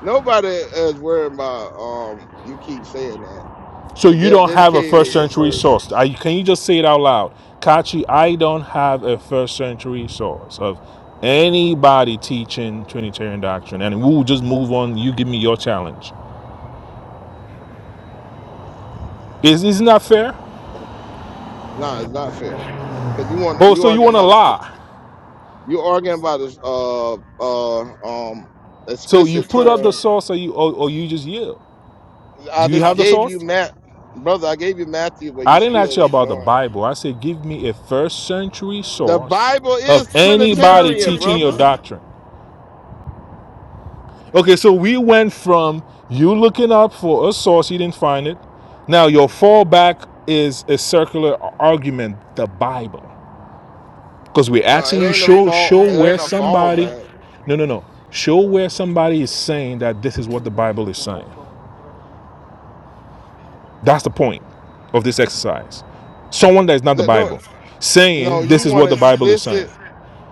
Speaker 5: Nobody is worried about um. You keep saying that.
Speaker 7: So you
Speaker 5: The
Speaker 7: don't have a
Speaker 5: dedicated
Speaker 7: first
Speaker 5: is the
Speaker 7: century
Speaker 5: first.
Speaker 7: source. Are can you just say it out loud? Kachi, I don't have a first century source of anybody teaching Trinitarian doctrine. And we'll just move on. You give me your challenge. Is, isn't that fair?
Speaker 5: No, it's not fair. Cause you want
Speaker 7: Oh,
Speaker 5: you
Speaker 7: so you
Speaker 5: arguing
Speaker 7: want to
Speaker 5: about this
Speaker 7: lie?
Speaker 5: you arguing about this uh uh um
Speaker 7: So you
Speaker 5: explicit
Speaker 7: put up the
Speaker 5: term.
Speaker 7: source, or you or, or you just yield?
Speaker 5: I
Speaker 7: Do you
Speaker 5: just
Speaker 7: have the
Speaker 5: gave you
Speaker 7: source?
Speaker 5: Matt brother, I gave you Matthew, but you
Speaker 7: I didn't ask
Speaker 5: still
Speaker 7: you about the
Speaker 5: ignoring.
Speaker 7: Bible. I said, give me a first century
Speaker 5: The
Speaker 7: source
Speaker 5: Bible
Speaker 7: of
Speaker 5: is
Speaker 7: anybody
Speaker 5: Trinitarian,
Speaker 7: teaching your
Speaker 5: brother.
Speaker 7: doctrine. Okay, so we went from you looking up for a source, you didn't find it. Now your fallback is a circular argument, the Bible, because we're
Speaker 5: No,
Speaker 7: asking
Speaker 5: it
Speaker 7: you
Speaker 5: ain't a
Speaker 7: show
Speaker 5: fall
Speaker 7: show
Speaker 5: it
Speaker 7: where
Speaker 5: ain't a
Speaker 7: somebody,
Speaker 5: fallback.
Speaker 7: no no no, show where somebody is saying that this is what the Bible is saying. That's the point of this exercise. Someone that is not the
Speaker 5: That- No
Speaker 7: Bible
Speaker 5: no,
Speaker 7: saying
Speaker 5: you
Speaker 7: this is
Speaker 5: want
Speaker 7: what the Bible is saying.
Speaker 5: explicit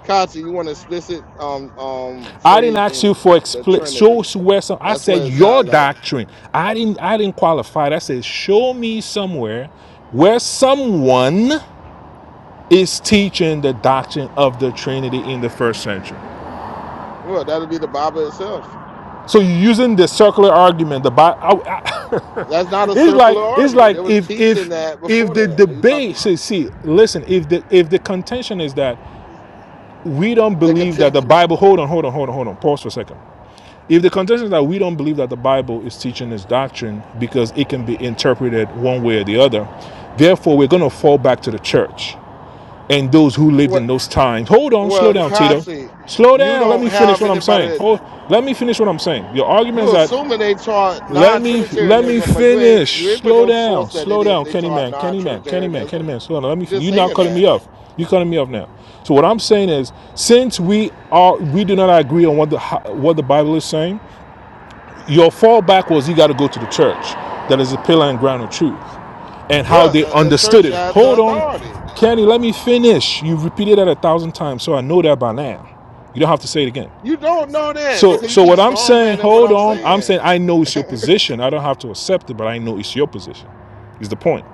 Speaker 5: Kachi, you want explicit um um
Speaker 7: I didn't
Speaker 5: phrase
Speaker 7: ask you
Speaker 5: in
Speaker 7: for
Speaker 5: the
Speaker 7: expl- show
Speaker 5: Trinity.
Speaker 7: us where some. I
Speaker 5: That's what
Speaker 7: said
Speaker 5: it
Speaker 7: your
Speaker 5: sounds like.
Speaker 7: doctrine. I didn't. I didn't qualify. I said show me somewhere where someone is teaching the doctrine of the Trinity in the first century.
Speaker 5: Well, that'll be the Bible itself.
Speaker 7: So you're using the circular argument. The Bi- I-
Speaker 5: That's not
Speaker 7: I- <laughs>
Speaker 5: a
Speaker 7: it's like
Speaker 5: circular
Speaker 7: it's
Speaker 5: argument. They
Speaker 7: like
Speaker 5: was
Speaker 7: if
Speaker 5: teaching
Speaker 7: if
Speaker 5: that
Speaker 7: if
Speaker 5: before
Speaker 7: the
Speaker 5: that. What are you talking
Speaker 7: debate
Speaker 5: about?
Speaker 7: see, see listen if the if the contention is that we don't
Speaker 5: They could
Speaker 7: believe
Speaker 5: t-
Speaker 7: that the Bible, hold on, hold on, hold on, hold on, pause for a second. If the contention is that we don't believe that the Bible is teaching this doctrine because it can be interpreted one way or the other, therefore we're going to fall back to the church and those who lived
Speaker 5: what?
Speaker 7: in those times. Hold on, slow
Speaker 5: Well,
Speaker 7: down, Tito.
Speaker 5: Kachi,
Speaker 7: Slow
Speaker 5: you
Speaker 7: down. Let
Speaker 5: don't
Speaker 7: me finish
Speaker 5: have
Speaker 7: what I'm
Speaker 5: anybody.
Speaker 7: saying.
Speaker 5: That,
Speaker 7: Hold, let me finish what I'm saying. Your argument is
Speaker 5: you
Speaker 7: that
Speaker 5: assuming they taught
Speaker 7: let me let me
Speaker 5: non-Trinitarianism, but you ain't you
Speaker 7: finish.
Speaker 5: ain't put
Speaker 7: Slow
Speaker 5: no source
Speaker 7: down.
Speaker 5: that they
Speaker 7: Slow
Speaker 5: did.
Speaker 7: down,
Speaker 5: They
Speaker 7: Kenny
Speaker 5: taught
Speaker 7: man. Kenny man. Kenny man. Kenny
Speaker 5: non-Trinitarianism.
Speaker 7: man. Slow down. Let
Speaker 5: You're
Speaker 7: me.
Speaker 5: just
Speaker 7: You're not
Speaker 5: saying
Speaker 7: cutting me
Speaker 5: that.
Speaker 7: off. You're cutting me off now. So what I'm saying is, since we are we do not agree on what the what the Bible is saying, your fallback was you got to go to the church that is a pillar and ground of truth, and how
Speaker 5: Yeah,
Speaker 7: they
Speaker 5: the, the
Speaker 7: understood
Speaker 5: church
Speaker 7: it.
Speaker 5: has the
Speaker 7: Hold on,
Speaker 5: authority.
Speaker 7: Kenny. Let me finish. You've repeated that a thousand times, so I know that by now. You don't have to say it again.
Speaker 5: You don't know that
Speaker 7: So,
Speaker 5: because you
Speaker 7: so
Speaker 5: keep
Speaker 7: what I'm saying,
Speaker 5: strongmanning what
Speaker 7: hold
Speaker 5: I'm
Speaker 7: on. I'm
Speaker 5: saying.
Speaker 7: saying I know it's your position. I don't have to accept it, but I know it's your position. Is the point?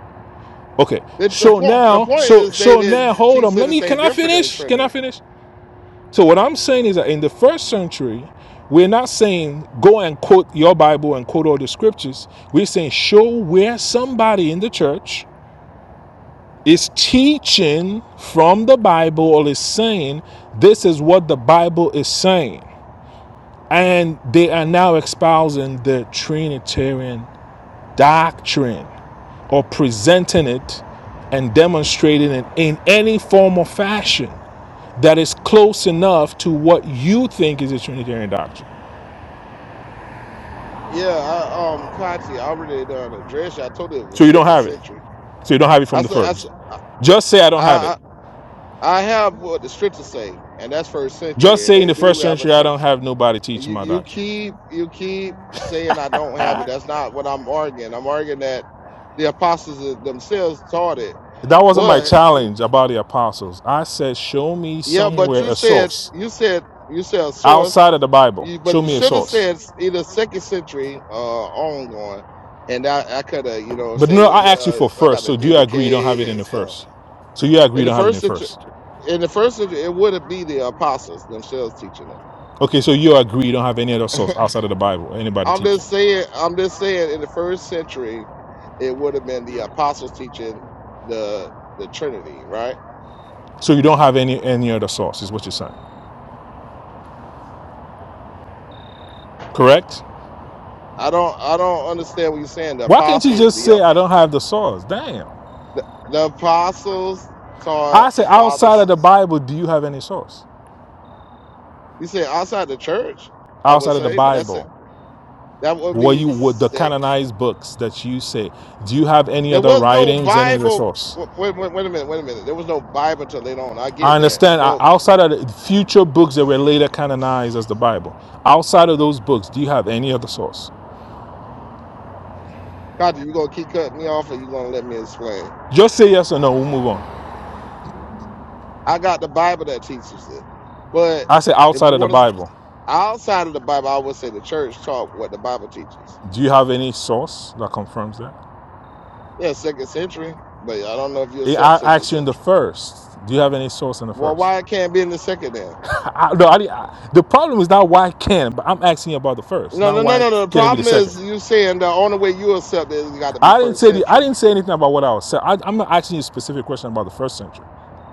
Speaker 7: Okay.
Speaker 5: The, the
Speaker 7: So
Speaker 5: point the
Speaker 7: now,
Speaker 5: point
Speaker 7: so
Speaker 5: is they
Speaker 7: so now,
Speaker 5: didn't
Speaker 7: hold on.
Speaker 5: teach
Speaker 7: Let me.
Speaker 5: anything
Speaker 7: Can I
Speaker 5: different than the
Speaker 7: finish? Can
Speaker 5: Trinity.
Speaker 7: I finish? So what I'm saying is that in the first century, we're not saying go and quote your Bible and quote all the scriptures. We're saying show where somebody in the church is teaching from the Bible or is saying this is what the Bible is saying. And they are now espousing the Trinitarian doctrine or presenting it and demonstrating it in any form or fashion that is close enough to what you think is a Trinitarian doctrine.
Speaker 5: Yeah, I, um, Kati already done addressed you. I told you it was
Speaker 7: So you don't
Speaker 5: second
Speaker 7: have it.
Speaker 5: century.
Speaker 7: So you don't have it
Speaker 5: I
Speaker 7: from the
Speaker 5: said, I,
Speaker 7: first.
Speaker 5: said- I,
Speaker 7: Just say I don't have it.
Speaker 5: I I have what the scriptures say, and that's first
Speaker 7: Just
Speaker 5: century, and
Speaker 7: say
Speaker 5: they
Speaker 7: in the
Speaker 5: do
Speaker 7: first
Speaker 5: have a
Speaker 7: century I
Speaker 5: church.
Speaker 7: don't have nobody
Speaker 5: And
Speaker 7: teaching
Speaker 5: You,
Speaker 7: my
Speaker 5: you
Speaker 7: doctrine.
Speaker 5: keep, you keep saying I don't have it. That's not what I'm arguing. I'm arguing that the apostles themselves taught it,
Speaker 7: That wasn't my
Speaker 5: but you,
Speaker 7: challenge about the apostles. I said, show me
Speaker 5: yeah, but
Speaker 7: somewhere
Speaker 5: you
Speaker 7: a
Speaker 5: said,
Speaker 7: source
Speaker 5: you said, you said a source.
Speaker 7: outside of the Bible.
Speaker 5: You, but
Speaker 7: Show
Speaker 5: you
Speaker 7: me a
Speaker 5: should have
Speaker 7: source.
Speaker 5: said either second century uh, ongoing, and I, I could have, you know,
Speaker 7: But
Speaker 5: say,
Speaker 7: no,
Speaker 5: well,
Speaker 7: I asked you
Speaker 5: yeah,
Speaker 7: for
Speaker 5: I got
Speaker 7: first.
Speaker 5: to
Speaker 7: So do you agree you don't have
Speaker 5: dedicate
Speaker 7: it in
Speaker 5: and
Speaker 7: the
Speaker 5: stuff.
Speaker 7: first? So you agree
Speaker 5: In
Speaker 7: you
Speaker 5: the
Speaker 7: don't have it
Speaker 5: first
Speaker 7: in
Speaker 5: century,
Speaker 7: first.
Speaker 5: in the first century, it wouldn't be the apostles themselves teaching it.
Speaker 7: Okay, so you agree you don't have any other source outside of the Bible, anybody
Speaker 5: I'm
Speaker 7: teaching.
Speaker 5: just saying, I'm just saying, in the first century, it would have been the apostles teaching the the Trinity, right?
Speaker 7: So you don't have any any other source, is what you're saying. Correct?
Speaker 5: I don't, I don't understand what you're saying. The
Speaker 7: Why can't you
Speaker 5: apostles,
Speaker 7: just
Speaker 5: the
Speaker 7: say
Speaker 5: ap-
Speaker 7: I don't have the source? Damn.
Speaker 5: the, the apostles
Speaker 7: I
Speaker 5: taught
Speaker 7: said
Speaker 5: the Father,
Speaker 7: outside of the Bible, do you have any source?
Speaker 5: You said outside the church, I would
Speaker 7: Outside of the
Speaker 5: say, but that's it.
Speaker 7: Bible.
Speaker 5: That would
Speaker 7: What
Speaker 5: be
Speaker 7: you what the
Speaker 5: sick.
Speaker 7: canonized books that you say, do you have any
Speaker 5: There
Speaker 7: other
Speaker 5: was no
Speaker 7: writings, any other
Speaker 5: Bible.
Speaker 7: source?
Speaker 5: Wait, wait, wait a minute, wait a minute. There was no Bible until later on. I
Speaker 7: I
Speaker 5: get that.
Speaker 7: understand. uh,
Speaker 5: But
Speaker 7: Outside of the future books that were later canonized as the Bible, outside of those books, do you have any other source?
Speaker 5: Kaji, you gonna keep cutting me off, or you gonna let me explain?
Speaker 7: Just say yes or no. We'll move on.
Speaker 5: I got the Bible that teaches it. But
Speaker 7: I say
Speaker 5: if
Speaker 7: outside
Speaker 5: you
Speaker 7: of the
Speaker 5: want to
Speaker 7: Bible,
Speaker 5: outside of the Bible, I would say the church taught what the Bible teaches.
Speaker 7: do you have any source that confirms that?
Speaker 5: Yeah, second century, but I don't know if you
Speaker 7: I
Speaker 5: accept second
Speaker 7: asked you in the
Speaker 5: century.
Speaker 7: first. Do you have any source in the
Speaker 5: Well,
Speaker 7: first?
Speaker 5: why it can't be in the second then?
Speaker 7: I, I- no, I, I, the problem is not why I can, but I'm asking you about the first,
Speaker 5: No, no,
Speaker 7: not
Speaker 5: no,
Speaker 7: why
Speaker 5: no. no. The
Speaker 7: can it be the
Speaker 5: problem
Speaker 7: second.
Speaker 5: is you saying the only way you accept it is got to be
Speaker 7: I didn't
Speaker 5: first
Speaker 7: say the, I
Speaker 5: century.
Speaker 7: didn't say anything about what I was. I, I'm not asking you a specific question about the first century,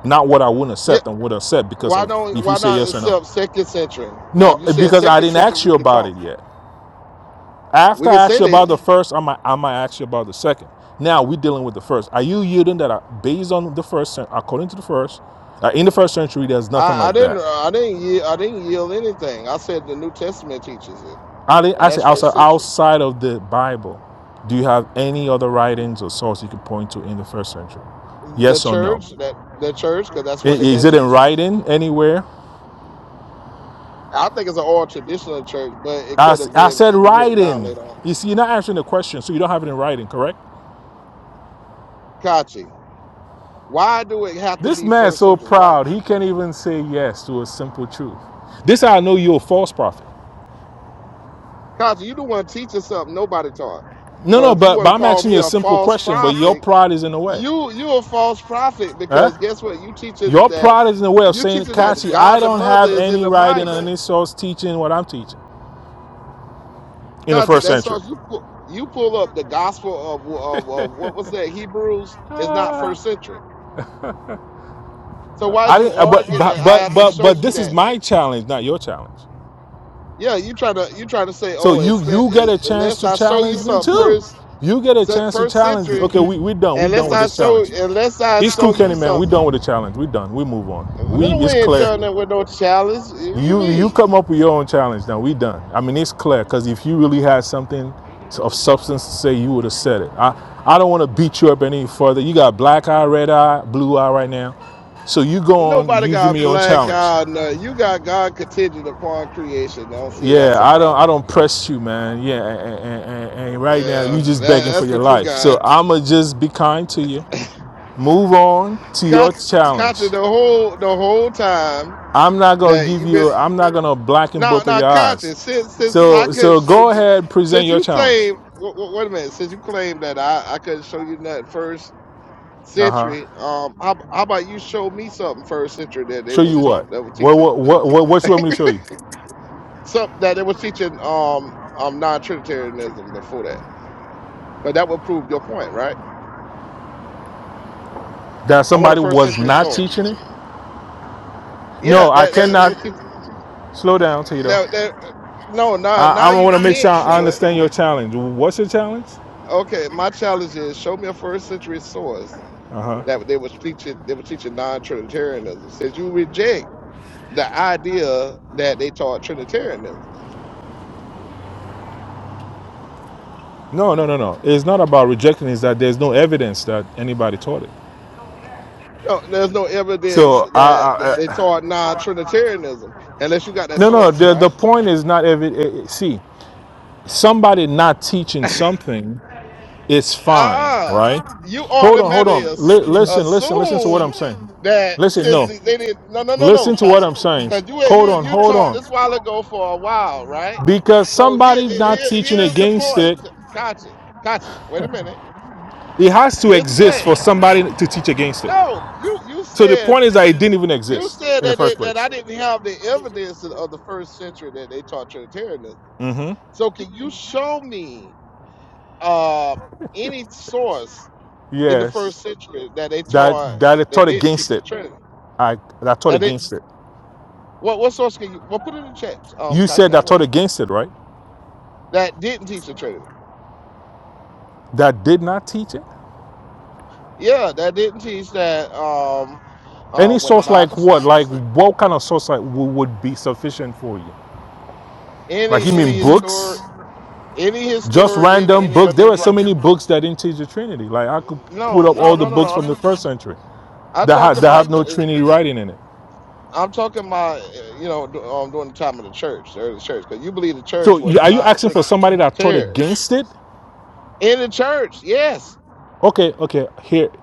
Speaker 7: not what I wouldn't
Speaker 5: Yeah.
Speaker 7: accept and would accept because
Speaker 5: Why
Speaker 7: of
Speaker 5: don't?
Speaker 7: if you
Speaker 5: Why
Speaker 7: say
Speaker 5: not
Speaker 7: yes or no.
Speaker 5: accept second century? Now, if
Speaker 7: No,
Speaker 5: you said
Speaker 7: because I
Speaker 5: second
Speaker 7: didn't
Speaker 5: century,
Speaker 7: ask
Speaker 5: we
Speaker 7: you
Speaker 5: can
Speaker 7: about
Speaker 5: talk.
Speaker 7: it yet.
Speaker 5: We
Speaker 7: After
Speaker 5: can
Speaker 7: I asked
Speaker 5: say
Speaker 7: you about
Speaker 5: that.
Speaker 7: the first, I might I might ask you about the second. Now we're dealing with the first. Are you yielding that are based on the first cen- according to the first? Uh, in the first century, there's nothing
Speaker 5: I, I
Speaker 7: like
Speaker 5: didn't.
Speaker 7: that.
Speaker 5: uh, I didn't. Yield, I didn't yield anything. I said the New Testament teaches it,
Speaker 7: I didn't,
Speaker 5: and
Speaker 7: I
Speaker 5: that's
Speaker 7: say
Speaker 5: first
Speaker 7: outside
Speaker 5: century.
Speaker 7: outside of the Bible. Do you have any other writings or source you could point to in the first century?
Speaker 5: The
Speaker 7: Yes or no?
Speaker 5: church that the church, because that's
Speaker 7: I-
Speaker 5: what they've
Speaker 7: Is
Speaker 5: been
Speaker 7: it in
Speaker 5: teaching.
Speaker 7: writing anywhere?
Speaker 5: I think it's an old traditional church, but it
Speaker 7: I,
Speaker 5: could
Speaker 7: s-
Speaker 5: have
Speaker 7: I
Speaker 5: been
Speaker 7: said
Speaker 5: written down
Speaker 7: writing.
Speaker 5: later on.
Speaker 7: You see, you're not answering the question, so you don't have it in writing, correct?
Speaker 5: Kachi, why do it have to
Speaker 7: This
Speaker 5: be
Speaker 7: man's
Speaker 5: first
Speaker 7: so
Speaker 5: century? Why?
Speaker 7: proud, he can't even say yes to a simple truth. This how I know you're a false prophet.
Speaker 5: Cause you the one teaching something nobody taught.
Speaker 7: No,
Speaker 5: So
Speaker 7: no,
Speaker 5: if you
Speaker 7: but,
Speaker 5: want to
Speaker 7: but I'm
Speaker 5: call
Speaker 7: asking
Speaker 5: me
Speaker 7: you a
Speaker 5: a
Speaker 7: simple
Speaker 5: false
Speaker 7: question, but your
Speaker 5: prophet,
Speaker 7: pride is in the way.
Speaker 5: you you a false prophet
Speaker 7: Huh?
Speaker 5: because guess what? You teaching
Speaker 7: Your
Speaker 5: that
Speaker 7: pride is in the way of
Speaker 5: you
Speaker 7: saying,
Speaker 5: teaching that
Speaker 7: Kachi, I
Speaker 5: God the
Speaker 7: don't
Speaker 5: Mother
Speaker 7: have
Speaker 5: is in
Speaker 7: any
Speaker 5: the
Speaker 7: right in
Speaker 5: Bible.
Speaker 7: any source teaching what I'm teaching in the
Speaker 5: Conte,
Speaker 7: first
Speaker 5: that
Speaker 7: century.
Speaker 5: starts you pull you pull up the Gospel of, of of what was that Hebrews is not first century. So why
Speaker 7: I
Speaker 5: is you
Speaker 7: didn't, but,
Speaker 5: arguing
Speaker 7: but,
Speaker 5: that I
Speaker 7: but,
Speaker 5: have to
Speaker 7: but,
Speaker 5: show
Speaker 7: but
Speaker 5: you
Speaker 7: this is
Speaker 5: that?
Speaker 7: my challenge, not your challenge.
Speaker 5: Yeah, you trying to you trying to say
Speaker 7: So
Speaker 5: oh
Speaker 7: you
Speaker 5: it's,
Speaker 7: you get a chance
Speaker 5: unless
Speaker 7: to
Speaker 5: I show you
Speaker 7: challenge me
Speaker 5: something
Speaker 7: too.
Speaker 5: first
Speaker 7: You get a
Speaker 5: se-
Speaker 7: chance to
Speaker 5: first
Speaker 7: challenge me.
Speaker 5: century
Speaker 7: Okay, we we done. We
Speaker 5: unless
Speaker 7: done with
Speaker 5: I
Speaker 7: this
Speaker 5: show
Speaker 7: challenge.
Speaker 5: unless I
Speaker 7: It's
Speaker 5: show
Speaker 7: cool,
Speaker 5: you
Speaker 7: Kenny man. We
Speaker 5: something.
Speaker 7: done with the challenge. We done. We move on. We
Speaker 5: Little we
Speaker 7: it's
Speaker 5: ain't
Speaker 7: clear.
Speaker 5: done that with no challenge. What you
Speaker 7: You you
Speaker 5: mean?
Speaker 7: come up with your own challenge now. We done. I mean it's clear because if you really had something of substance to say, you would have said it. I I don't want to beat you up any further. You got black eye, red eye, blue eye right now. So you go on.
Speaker 5: Nobody
Speaker 7: You give
Speaker 5: got
Speaker 7: me your own
Speaker 5: black
Speaker 7: challenge.
Speaker 5: eye. or You got God contingent upon creation. I don't see
Speaker 7: Yeah,
Speaker 5: that's a
Speaker 7: I don't I
Speaker 5: problem.
Speaker 7: don't press you, man. Yeah, and, and, and, and right now
Speaker 5: Yeah,
Speaker 7: you just
Speaker 5: that,
Speaker 7: begging for
Speaker 5: that's
Speaker 7: your
Speaker 5: what you
Speaker 7: life.
Speaker 5: got.
Speaker 7: So I'ma just be kind to you. Move on to your
Speaker 5: Conti,
Speaker 7: challenge.
Speaker 5: Conti, the whole the whole time
Speaker 7: I'm not gonna
Speaker 5: that
Speaker 7: give
Speaker 5: you been
Speaker 7: you. I'm not gonna blacken
Speaker 5: now
Speaker 7: both of
Speaker 5: now
Speaker 7: your eyes.
Speaker 5: Conti, since since I
Speaker 7: So
Speaker 5: couldn't
Speaker 7: so
Speaker 5: show
Speaker 7: go
Speaker 5: you
Speaker 7: ahead, present
Speaker 5: since
Speaker 7: your
Speaker 5: you
Speaker 7: challenge.
Speaker 5: claim w- w- wait a minute since you claim that I I couldn't show you nothing first
Speaker 7: Uh huh.
Speaker 5: Century, um, how, how about you show me something first century that they
Speaker 7: Show
Speaker 5: was
Speaker 7: you
Speaker 5: taught
Speaker 7: what?
Speaker 5: that was
Speaker 7: What
Speaker 5: teaching
Speaker 7: what what what what you want me to show you?
Speaker 5: some that they was teaching um um non Trinitarianism before that because that would prove your point, right?
Speaker 7: That
Speaker 5: I want a
Speaker 7: somebody
Speaker 5: first
Speaker 7: was
Speaker 5: century
Speaker 7: not
Speaker 5: source.
Speaker 7: teaching it?
Speaker 5: Yeah,
Speaker 7: No, I
Speaker 5: that, that it
Speaker 7: cannot.
Speaker 5: was teach,
Speaker 7: Slow down, Tito.
Speaker 5: that that no now
Speaker 7: I
Speaker 5: now
Speaker 7: I
Speaker 5: you
Speaker 7: want to make sure
Speaker 5: can't
Speaker 7: I
Speaker 5: show it.
Speaker 7: understand your challenge. What's your challenge?
Speaker 5: Okay, my challenge is show me a first century source
Speaker 7: Uh huh.
Speaker 5: that they was teaching they were teaching non Trinitarianism. Since you reject the idea that they taught Trinitarianism.
Speaker 7: No, no, no, no. It's not about rejecting. It's that there's no evidence that anybody taught it.
Speaker 5: No, there's no evidence
Speaker 7: So,
Speaker 5: that th-
Speaker 7: I,
Speaker 5: they
Speaker 7: I, I,
Speaker 5: taught non-Trinitarianism unless you got that
Speaker 7: no, no.
Speaker 5: source,
Speaker 7: The
Speaker 5: right?
Speaker 7: the point is not evi- eh, eh, See, somebody not teaching something is fine,
Speaker 5: Ah,
Speaker 7: right?
Speaker 5: you
Speaker 7: Hold on, hold
Speaker 5: automatically
Speaker 7: on.
Speaker 5: as-
Speaker 7: Li- listen, listen, listen to what I'm
Speaker 5: assume
Speaker 7: saying.
Speaker 5: that
Speaker 7: Listen,
Speaker 5: since
Speaker 7: no.
Speaker 5: they they didn't. No, no, no, no,
Speaker 7: Listen to what
Speaker 5: Kachi,
Speaker 7: I'm saying.
Speaker 5: because you had-
Speaker 7: Hold on,
Speaker 5: you you
Speaker 7: hold
Speaker 5: taught
Speaker 7: on.
Speaker 5: this while ago for a while, right?
Speaker 7: Because
Speaker 5: So here,
Speaker 7: somebody not
Speaker 5: here
Speaker 7: teaching
Speaker 5: here's the
Speaker 7: against
Speaker 5: point,
Speaker 7: it,
Speaker 5: Kachi. Kachi, wait a minute.
Speaker 7: it has to
Speaker 5: Here's the
Speaker 7: exist
Speaker 5: thing.
Speaker 7: for somebody to teach against it.
Speaker 5: No, you you
Speaker 7: So the
Speaker 5: said
Speaker 7: point is that it didn't even
Speaker 5: you
Speaker 7: exist
Speaker 5: said
Speaker 7: in the
Speaker 5: that
Speaker 7: first
Speaker 5: it, that
Speaker 7: place.
Speaker 5: I didn't have the evidence of the first century that they taught Trinitarianism.
Speaker 7: Mm-hmm.
Speaker 5: So, can you show me uh, any source in the first
Speaker 7: Yes.
Speaker 5: century that they taught
Speaker 7: That that it
Speaker 5: that
Speaker 7: taught
Speaker 5: didn't
Speaker 7: against
Speaker 5: teach the
Speaker 7: it.
Speaker 5: Trinity?
Speaker 7: I that taught
Speaker 5: That it
Speaker 7: against it.
Speaker 5: what what source can you? Well, put it in the chat. Um,
Speaker 7: You
Speaker 5: Kachi,
Speaker 7: said
Speaker 5: I'll
Speaker 7: that taught
Speaker 5: wait.
Speaker 7: against it, right?
Speaker 5: That didn't teach the Trinity.
Speaker 7: That did not teach it?
Speaker 5: Yeah, that didn't teach that. Um,
Speaker 7: Any
Speaker 5: um, when the
Speaker 7: source
Speaker 5: Bible
Speaker 7: like
Speaker 5: said
Speaker 7: what? Like what kind of source like wo- would be sufficient for you? Like
Speaker 5: any
Speaker 7: you
Speaker 5: any
Speaker 7: mean
Speaker 5: historic
Speaker 7: books?
Speaker 5: any
Speaker 7: Just
Speaker 5: historian
Speaker 7: random
Speaker 5: any
Speaker 7: books.
Speaker 5: of
Speaker 7: There
Speaker 5: their
Speaker 7: were
Speaker 5: ri-
Speaker 7: so many books that didn't teach the Trinity. Like I could put
Speaker 5: no
Speaker 7: up
Speaker 5: no
Speaker 7: all the
Speaker 5: no no
Speaker 7: books
Speaker 5: no. I'm
Speaker 7: from the first century
Speaker 5: I'm
Speaker 7: that have,
Speaker 5: talking
Speaker 7: that have
Speaker 5: about
Speaker 7: no
Speaker 5: uh,
Speaker 7: Trinity writing in it.
Speaker 5: I'm talking about uh, you know du- um, during the time of the church, the early church, because you believe the church
Speaker 7: So you,
Speaker 5: was
Speaker 7: are you asking
Speaker 5: non-Trinitarian.
Speaker 7: for somebody that taught
Speaker 5: tears
Speaker 7: against it?
Speaker 5: in the church. Yes,
Speaker 7: Okay, okay. Here,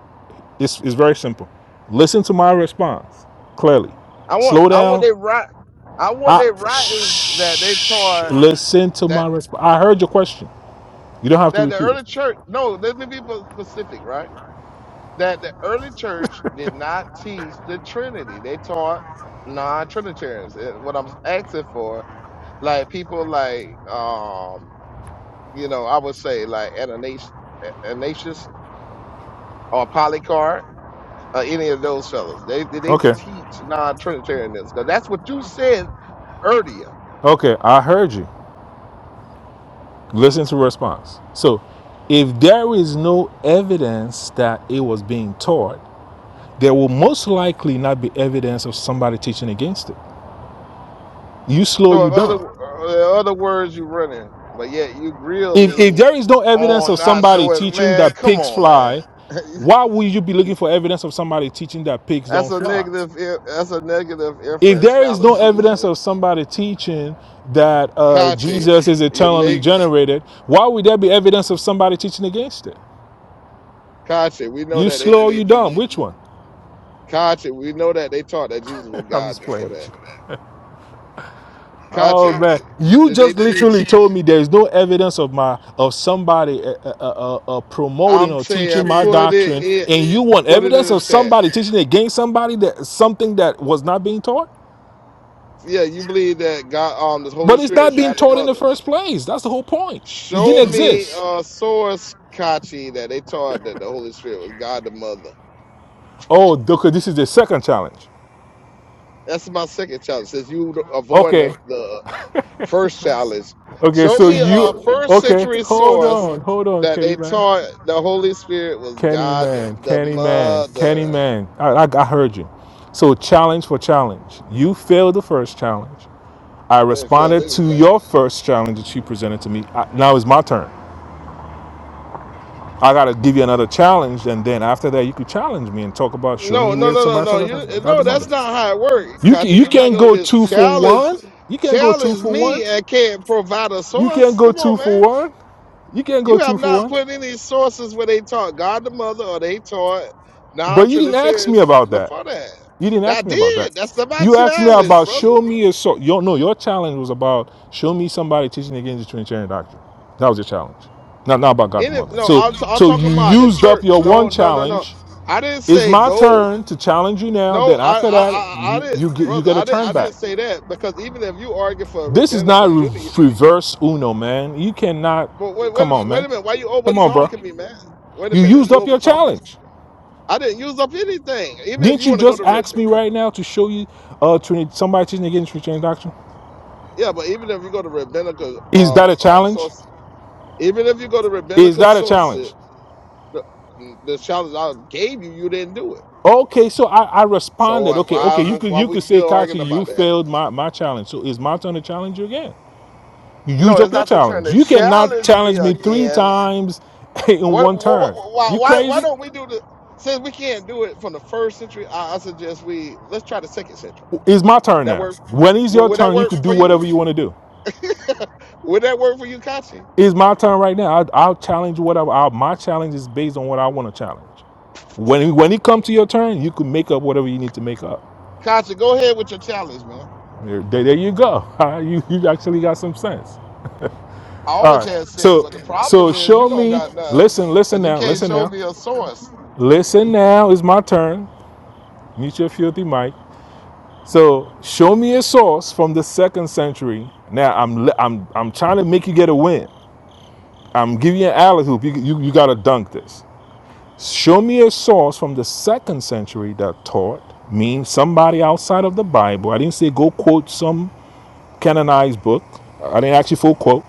Speaker 7: It's, it's very simple. Listen to my response clearly.
Speaker 5: I want
Speaker 7: Slow
Speaker 5: I want they
Speaker 7: down.
Speaker 5: write. I want
Speaker 7: I
Speaker 5: they writings that they
Speaker 7: shh,
Speaker 5: taught
Speaker 7: listen to
Speaker 5: that
Speaker 7: my response. I heard your question. You don't have to
Speaker 5: that the
Speaker 7: repeat
Speaker 5: early
Speaker 7: it.
Speaker 5: church. No, let me be pa- specific, right? That the early church did not teach the Trinity. They taught non-Trinitarians. And What I'm asking for, like people like um, you know, I would say like Ananias, Ananias or Polycarp. Or any of those fellas, they they
Speaker 7: Okay.
Speaker 5: teach non-Trinitarianism because that's what you said earlier.
Speaker 7: Okay. I heard you. Listen to response. So, if there is no evidence that it was being taught, there will most likely not be evidence of somebody teaching against it. You slow
Speaker 5: So
Speaker 7: you
Speaker 5: in other
Speaker 7: down.
Speaker 5: uh, in other words, you running, but yet you grill
Speaker 7: If if
Speaker 5: me
Speaker 7: there is no evidence
Speaker 5: on
Speaker 7: of
Speaker 5: not
Speaker 7: somebody
Speaker 5: showing.
Speaker 7: teaching
Speaker 5: Man,
Speaker 7: that
Speaker 5: come
Speaker 7: pigs
Speaker 5: on, man.
Speaker 7: fly,
Speaker 5: <laughs>
Speaker 7: why would you be looking for evidence of somebody teaching that pigs
Speaker 5: that's
Speaker 7: don't
Speaker 5: a
Speaker 7: fly?
Speaker 5: negative. i- That's a negative
Speaker 7: If
Speaker 5: inference
Speaker 7: there is no
Speaker 5: fallacy. You
Speaker 7: evidence
Speaker 5: know,
Speaker 7: of somebody teaching that uh,
Speaker 5: Kachi,
Speaker 7: Jesus is
Speaker 5: you
Speaker 7: eternally
Speaker 5: make
Speaker 7: generated, why would there be evidence of somebody teaching against it?
Speaker 5: Kachi. We know
Speaker 7: You
Speaker 5: that they
Speaker 7: slow, or you
Speaker 5: believe Jesus.
Speaker 7: dumb. Which one?
Speaker 5: Kachi, we know that they taught that Jesus was
Speaker 7: <laughs> I'm
Speaker 5: God
Speaker 7: just
Speaker 5: before
Speaker 7: playing with
Speaker 5: that.
Speaker 7: you. Oh
Speaker 5: Kachi,
Speaker 7: man, you
Speaker 5: did they
Speaker 7: just
Speaker 5: teach?
Speaker 7: literally told me there's no evidence of my of somebody uh, uh, uh, uh, uh, promoting
Speaker 5: I'm
Speaker 7: or
Speaker 5: saying,
Speaker 7: teaching my
Speaker 5: put it
Speaker 7: doctrine,
Speaker 5: in,
Speaker 7: and you want
Speaker 5: put it in
Speaker 7: evidence
Speaker 5: the
Speaker 7: of
Speaker 5: chat.
Speaker 7: somebody teaching against somebody that something that was not being taught.
Speaker 5: Yeah, you believe that God, um, the Holy
Speaker 7: But it's
Speaker 5: Spirit,
Speaker 7: not being
Speaker 5: God the
Speaker 7: taught in the
Speaker 5: Mother.
Speaker 7: first place. That's the whole point. It
Speaker 5: Show
Speaker 7: didn't
Speaker 5: me
Speaker 7: exist.
Speaker 5: uh source Kachi that they taught that the Holy Spirit was God the Mother.
Speaker 7: Oh, okay. This is the second challenge.
Speaker 5: That's my second challenge. Since you avoid
Speaker 7: Okay,
Speaker 5: the, the first challenge,
Speaker 7: okay.
Speaker 5: show
Speaker 7: So
Speaker 5: me a
Speaker 7: you
Speaker 5: first
Speaker 7: okay?
Speaker 5: century
Speaker 7: Hold
Speaker 5: source
Speaker 7: on, hold on,
Speaker 5: that they
Speaker 7: Kenny man.
Speaker 5: taught the Holy Spirit was
Speaker 7: Kenny
Speaker 5: God
Speaker 7: Man,
Speaker 5: the
Speaker 7: Kenny Man, Kenny
Speaker 5: Mother.
Speaker 7: Man. I, I, I heard you. So, challenge for challenge. You failed the first challenge. I
Speaker 5: I didn't feel
Speaker 7: responded to
Speaker 5: anything.
Speaker 7: your first challenge that you presented to me. I, now it's my turn. I got to give you another challenge, and then after that, you could challenge me and talk about show
Speaker 5: No,
Speaker 7: me
Speaker 5: no,
Speaker 7: where
Speaker 5: no, no,
Speaker 7: somebody
Speaker 5: no.
Speaker 7: talking about
Speaker 5: You no,
Speaker 7: the
Speaker 5: that's
Speaker 7: mother.
Speaker 5: not how it works,
Speaker 7: You can,
Speaker 5: Kachi.
Speaker 7: you
Speaker 5: You're not
Speaker 7: can't
Speaker 5: gonna
Speaker 7: go
Speaker 5: just
Speaker 7: two for
Speaker 5: challenge
Speaker 7: one. You can't go two
Speaker 5: challenge
Speaker 7: for
Speaker 5: me
Speaker 7: one.
Speaker 5: and can't provide a
Speaker 7: You can't
Speaker 5: source.
Speaker 7: go
Speaker 5: Come on,
Speaker 7: two for
Speaker 5: man.
Speaker 7: one. You can't
Speaker 5: You
Speaker 7: go
Speaker 5: have
Speaker 7: two for
Speaker 5: not
Speaker 7: one.
Speaker 5: put any sources where they taught God the Mother or they taught
Speaker 7: But you didn't ask me
Speaker 5: non-Trinitarians
Speaker 7: about that.
Speaker 5: before that.
Speaker 7: You didn't
Speaker 5: I
Speaker 7: ask me about that.
Speaker 5: did. That's not my
Speaker 7: You asked me
Speaker 5: challenge,
Speaker 7: about
Speaker 5: brother.
Speaker 7: show me a so your no, your challenge was about show me somebody teaching against the Trinitarian doctrine. That was your challenge. Not not about God the
Speaker 5: Any,
Speaker 7: Mother.
Speaker 5: no,
Speaker 7: So
Speaker 5: I'm, t- I'm
Speaker 7: so
Speaker 5: talking
Speaker 7: you
Speaker 5: about the
Speaker 7: used up
Speaker 5: church.
Speaker 7: your one
Speaker 5: No, no, no, no.
Speaker 7: challenge.
Speaker 5: I didn't
Speaker 7: It's
Speaker 5: say
Speaker 7: my
Speaker 5: go.
Speaker 7: turn to challenge you now.
Speaker 5: No,
Speaker 7: Then
Speaker 5: I,
Speaker 7: after
Speaker 5: I,
Speaker 7: that,
Speaker 5: I, I
Speaker 7: you,
Speaker 5: didn't,
Speaker 7: you get you
Speaker 5: brother.
Speaker 7: get a
Speaker 5: I didn't,
Speaker 7: turn
Speaker 5: I
Speaker 7: back.
Speaker 5: didn't say that because even if you argue for
Speaker 7: This is not
Speaker 5: rabbinical Judaism,
Speaker 7: re- reverse Uno, man. You cannot
Speaker 5: but wait, wait,
Speaker 7: come
Speaker 5: a-
Speaker 7: on,
Speaker 5: wait
Speaker 7: man.
Speaker 5: a minute. Why you over
Speaker 7: Come on, bro.
Speaker 5: talking me, man? Wait a
Speaker 7: You
Speaker 5: minute.
Speaker 7: used
Speaker 5: You
Speaker 7: up
Speaker 5: over
Speaker 7: your
Speaker 5: talking me.
Speaker 7: challenge.
Speaker 5: I didn't use up anything. Even if
Speaker 7: Didn't
Speaker 5: you
Speaker 7: you
Speaker 5: want to go
Speaker 7: just
Speaker 5: to rabbinical.
Speaker 7: ask me right now to show you uh Trinity, somebody teaching against Trinitarian doctrine?
Speaker 5: Yeah, but even if you go to rabbinical
Speaker 7: Is that
Speaker 5: um,
Speaker 7: a
Speaker 5: um
Speaker 7: challenge?
Speaker 5: source, even if you go to
Speaker 7: Is
Speaker 5: rabbinical
Speaker 7: that a
Speaker 5: sources,
Speaker 7: challenge?
Speaker 5: the, the challenge I gave you, you didn't do it.
Speaker 7: Okay, so I, I
Speaker 5: So
Speaker 7: responded.
Speaker 5: why
Speaker 7: Okay,
Speaker 5: why
Speaker 7: okay, you could
Speaker 5: why
Speaker 7: you
Speaker 5: we
Speaker 7: could say,
Speaker 5: still arguing
Speaker 7: Kachi, you
Speaker 5: about that?
Speaker 7: failed my, my challenge. So it's my turn to challenge you again. You
Speaker 5: No,
Speaker 7: use up
Speaker 5: it's
Speaker 7: your
Speaker 5: not your turn
Speaker 7: challenge.
Speaker 5: to
Speaker 7: You cannot
Speaker 5: challenge me
Speaker 7: challenge me three
Speaker 5: again.
Speaker 7: times <laughs> in
Speaker 5: What,
Speaker 7: one
Speaker 5: what
Speaker 7: turn.
Speaker 5: why
Speaker 7: You
Speaker 5: why why
Speaker 7: crazy?
Speaker 5: don't we do the since we can't do it from the first century? I, I suggest we let's try the second century.
Speaker 7: It's my
Speaker 5: Would
Speaker 7: turn
Speaker 5: that
Speaker 7: now.
Speaker 5: work?
Speaker 7: When it's
Speaker 5: Would,
Speaker 7: your
Speaker 5: would that
Speaker 7: turn, you
Speaker 5: work
Speaker 7: could
Speaker 5: for
Speaker 7: do
Speaker 5: you?
Speaker 7: whatever you want to do.
Speaker 5: Would that work for you, Kachi?
Speaker 7: It's my turn right now. I, I'll challenge whatever. I, my challenge is based on what I want to challenge. When when it comes to your turn, you can make up whatever you need to make up.
Speaker 5: Kachi, go ahead with your challenge, man.
Speaker 7: There, there you go. <laughs> All right, You, you actually got some sense.
Speaker 5: I
Speaker 7: All
Speaker 5: always
Speaker 7: right.
Speaker 5: had sense,
Speaker 7: So
Speaker 5: but the
Speaker 7: so
Speaker 5: problem is you
Speaker 7: show
Speaker 5: don't
Speaker 7: me.
Speaker 5: got none,
Speaker 7: Listen,
Speaker 5: and
Speaker 7: listen
Speaker 5: you
Speaker 7: now.
Speaker 5: can't
Speaker 7: Listen
Speaker 5: show
Speaker 7: now.
Speaker 5: me a source.
Speaker 7: Listen now. It's my turn. Meet your filthy mic. So show me a source from the second century. Now I'm I'm I'm trying to make you get a win. I'm giving you an alley hoop. You, you, you got to dunk this. Show me a source from the second century that taught means somebody outside of the Bible. I didn't say go quote some canonized book. I didn't actually full quote.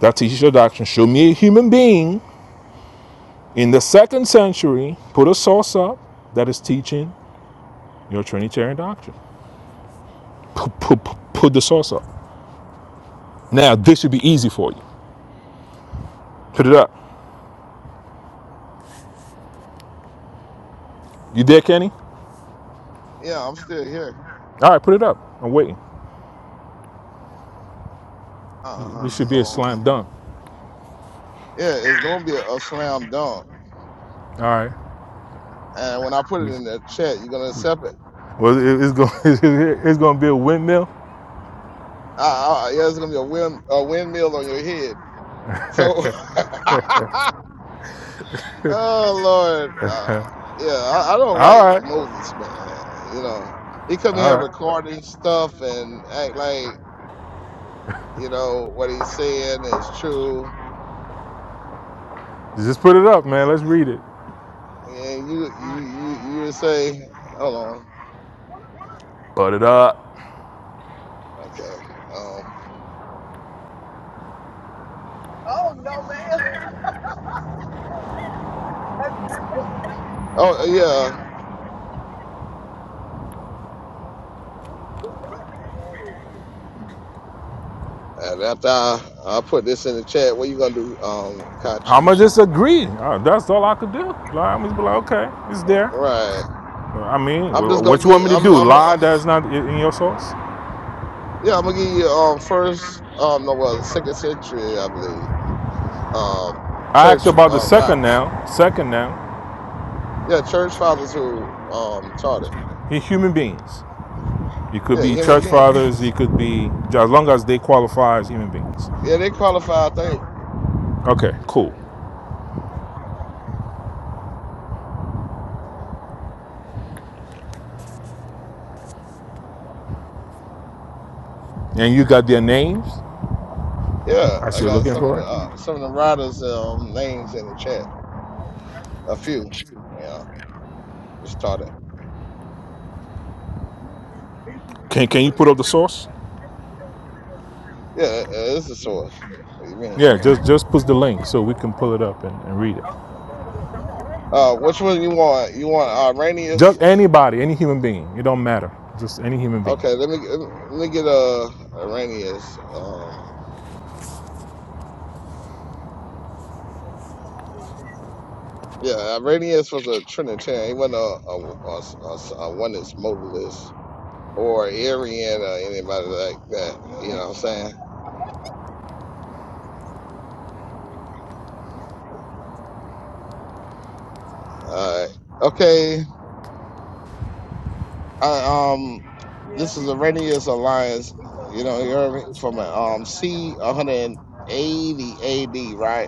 Speaker 7: that teaches your doctrine. Show me a human being in the second century, put a source up that is teaching your Trinitarian doctrine. Put, put, put the source up. Now, this should be easy for you. Put it up. You there, Kenny?
Speaker 5: Yeah, I'm still here.
Speaker 7: All right, put it up. I'm waiting.
Speaker 5: Uh huh.
Speaker 7: This should be a
Speaker 5: Hold on.
Speaker 7: slam dunk.
Speaker 5: Yeah, it's gonna be a, a slam dunk,
Speaker 7: All right.
Speaker 5: and when I put it in the chat, you're gonna accept it.
Speaker 7: Well, it's going <laughs> it's going to be a windmill.
Speaker 5: Uh, uh, yeah, it's gonna be a wind a windmill on your head. So, <laughs> oh Lord, uh, yeah, I, I don't like
Speaker 7: All right,
Speaker 5: Moses, man. You know, he come
Speaker 7: all
Speaker 5: here
Speaker 7: right.
Speaker 5: recording stuff and act like you know what he's saying is true
Speaker 7: Just put it up, man. Let's read it.
Speaker 5: And you you you you would say, hold on,
Speaker 7: Put it up.
Speaker 5: okay. Um, oh yeah. And after I, I put this in the chat, what you gonna do, um, Kachi?
Speaker 7: I'ma just agree. Uh, that's all I could do. i am just be like, okay, it's there.
Speaker 5: Right.
Speaker 7: Well, I mean,
Speaker 5: I'm just gonna
Speaker 7: what you
Speaker 5: get.
Speaker 7: want me to
Speaker 5: I'm.
Speaker 7: do?
Speaker 5: I'm. Uh,
Speaker 7: Lie that's not in your source?
Speaker 5: yeah. I'm gonna give you um first. Um. No. Well, second century, I believe. Um.
Speaker 7: I asked
Speaker 5: Church.
Speaker 7: about the
Speaker 5: Uh. Right.
Speaker 7: second now. Second now,
Speaker 5: Yeah. Church fathers who um taught it.
Speaker 7: he human beings. You could
Speaker 5: Yeah.
Speaker 7: be
Speaker 5: Human
Speaker 7: church
Speaker 5: beings.
Speaker 7: fathers. You could be as long as they qualify as human beings.
Speaker 5: Yeah. They qualify. I think.
Speaker 7: Okay, cool. And you got their names
Speaker 5: Yeah.
Speaker 7: as
Speaker 5: I
Speaker 7: you're
Speaker 5: got
Speaker 7: looking
Speaker 5: some of
Speaker 7: for
Speaker 5: the
Speaker 7: it.
Speaker 5: uh, some of the writers' um names in the chat. A few. yeah. started.
Speaker 7: Can Can you put up the source?
Speaker 5: Yeah, it it is the source. What you mean?
Speaker 7: Yeah, just just put the link so we can pull it up and, and read it.
Speaker 5: Uh, which one you want? You want Iranius?
Speaker 7: Just anybody, any human being. It don't matter. Just any human being.
Speaker 5: Okay, let me let me get uh Iranius. Um, yeah, Iranius was a Trinitarian. He wasn't a a, a, a, a oneness modalist or Arian or anybody like that. You know what I'm saying? All right. Okay. I, um, this is Iranius Alliance. You know, you heard me from uh, um C 180 AD, right?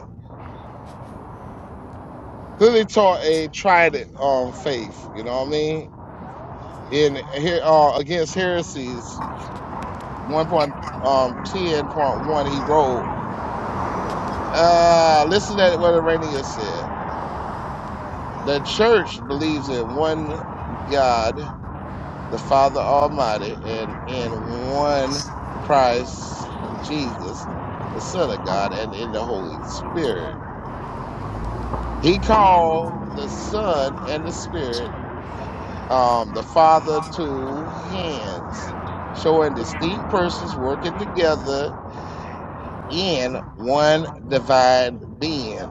Speaker 5: clearly taught a tried um faith. You know what I mean? In here uh, against heresies, one point um ten point one, he wrote. Uh, listen to what Arrhenius said. The church believes in one God, the Father Almighty, and in one Christ Jesus, the Son of God, and in the Holy Spirit. He called the Son and the Spirit um, the father two hands, showing distinct persons working together in one divine being,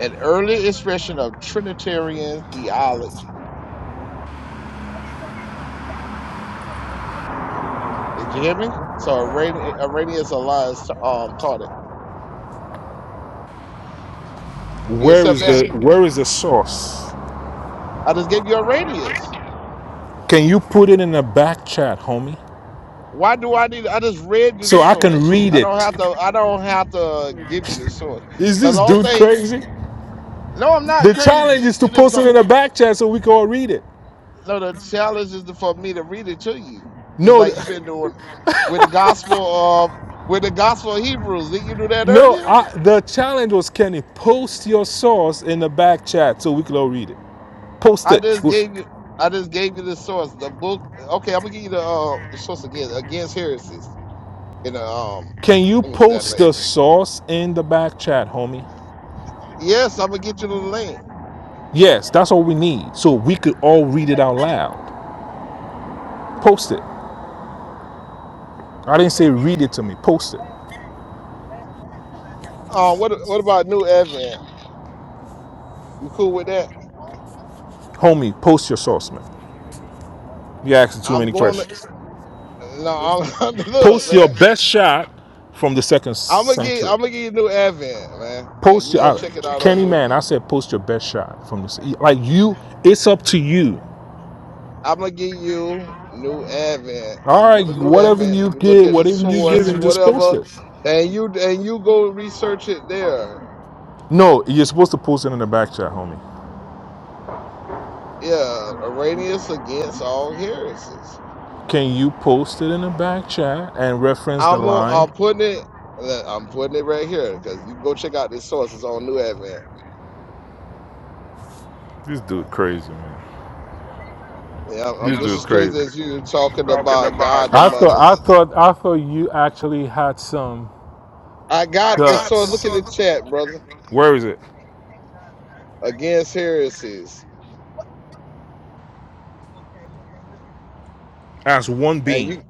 Speaker 5: an early expression of Trinitarian theology. Did you hear me? So Iran- Arrhenius Elias um, taught it. You
Speaker 7: Where
Speaker 5: accept
Speaker 7: is
Speaker 5: that?
Speaker 7: the Where is the source?
Speaker 5: I just gave you Arrhenius.
Speaker 7: Can you put it in the back chat, homie?
Speaker 5: Why do I need? I just read you the
Speaker 7: so I can
Speaker 5: source.
Speaker 7: read
Speaker 5: I don't
Speaker 7: it.
Speaker 5: have to. I don't have to give you the source.
Speaker 7: Is
Speaker 5: Cause the
Speaker 7: this
Speaker 5: only
Speaker 7: dude
Speaker 5: thing.
Speaker 7: crazy?
Speaker 5: No, I'm not
Speaker 7: The challenge
Speaker 5: crazy.
Speaker 7: is to
Speaker 5: You just
Speaker 7: post
Speaker 5: don't.
Speaker 7: it in the back chat so we can all read it.
Speaker 5: No, the challenge is for me to read it to you. It's
Speaker 7: No,
Speaker 5: like you've been doing with the gospel of with the gospel of Hebrews. Didn't you do that
Speaker 7: no,
Speaker 5: earlier?
Speaker 7: I, the challenge was can you post your source in the back chat so we can all read it. Post
Speaker 5: I
Speaker 7: it.
Speaker 5: just gave you I just gave you the source. The book okay, I'm gonna give you the uh the source again against heresies in the um
Speaker 7: Can you
Speaker 5: let me get that
Speaker 7: post
Speaker 5: link.
Speaker 7: the source in the back chat, homie?
Speaker 5: Yes, I'm gonna get you the link.
Speaker 7: Yes, that's all we need so we could all read it out loud. Post it. I didn't say read it to me, post it.
Speaker 5: Um what what about new Advent? You cool with that?
Speaker 7: Homie, post your source, man. You're asking too
Speaker 5: I'm
Speaker 7: many
Speaker 5: going to
Speaker 7: questions.
Speaker 5: no I'm, <laughs> look
Speaker 7: Post your
Speaker 5: man.
Speaker 7: best shot from the second
Speaker 5: I'm gonna get
Speaker 7: century.
Speaker 5: I'm gonna give you new Advent, man. And
Speaker 7: Post
Speaker 5: you
Speaker 7: your
Speaker 5: go
Speaker 7: I,
Speaker 5: check it out on
Speaker 7: Kenny
Speaker 5: new
Speaker 7: Man. I said post your best shot from this. Like you, it's up to you.
Speaker 5: I'm gonna give you New Advent.
Speaker 7: All
Speaker 5: You
Speaker 7: right,
Speaker 5: go to New
Speaker 7: whatever
Speaker 5: Advent
Speaker 7: you
Speaker 5: and you look
Speaker 7: get,
Speaker 5: at the
Speaker 7: whatever you give,
Speaker 5: source,
Speaker 7: and just post
Speaker 5: whatever,
Speaker 7: it.
Speaker 5: and you and you go research it there.
Speaker 7: No, you're supposed to post it in the back chat, homie.
Speaker 5: Yeah, Arrhenius against all heresies.
Speaker 7: Can you post it in the back chat and reference the
Speaker 5: I'm gonna-
Speaker 7: line?
Speaker 5: I'm putting it. look, I'm putting it right here because you go check out this source. It's on New Advent.
Speaker 7: This dude crazy, man.
Speaker 5: Yeah, I'm I'm
Speaker 7: This
Speaker 5: just
Speaker 7: dude
Speaker 5: as
Speaker 7: crazy.
Speaker 5: crazy as you talking about
Speaker 7: I
Speaker 5: God the
Speaker 7: God. thought
Speaker 5: Mother.
Speaker 7: I thought I thought you actually had some
Speaker 5: I got the
Speaker 7: guts.
Speaker 5: source. Look in the chat, brother.
Speaker 7: Where is it?
Speaker 5: Against heresies,
Speaker 7: as one
Speaker 5: and
Speaker 7: being.
Speaker 5: you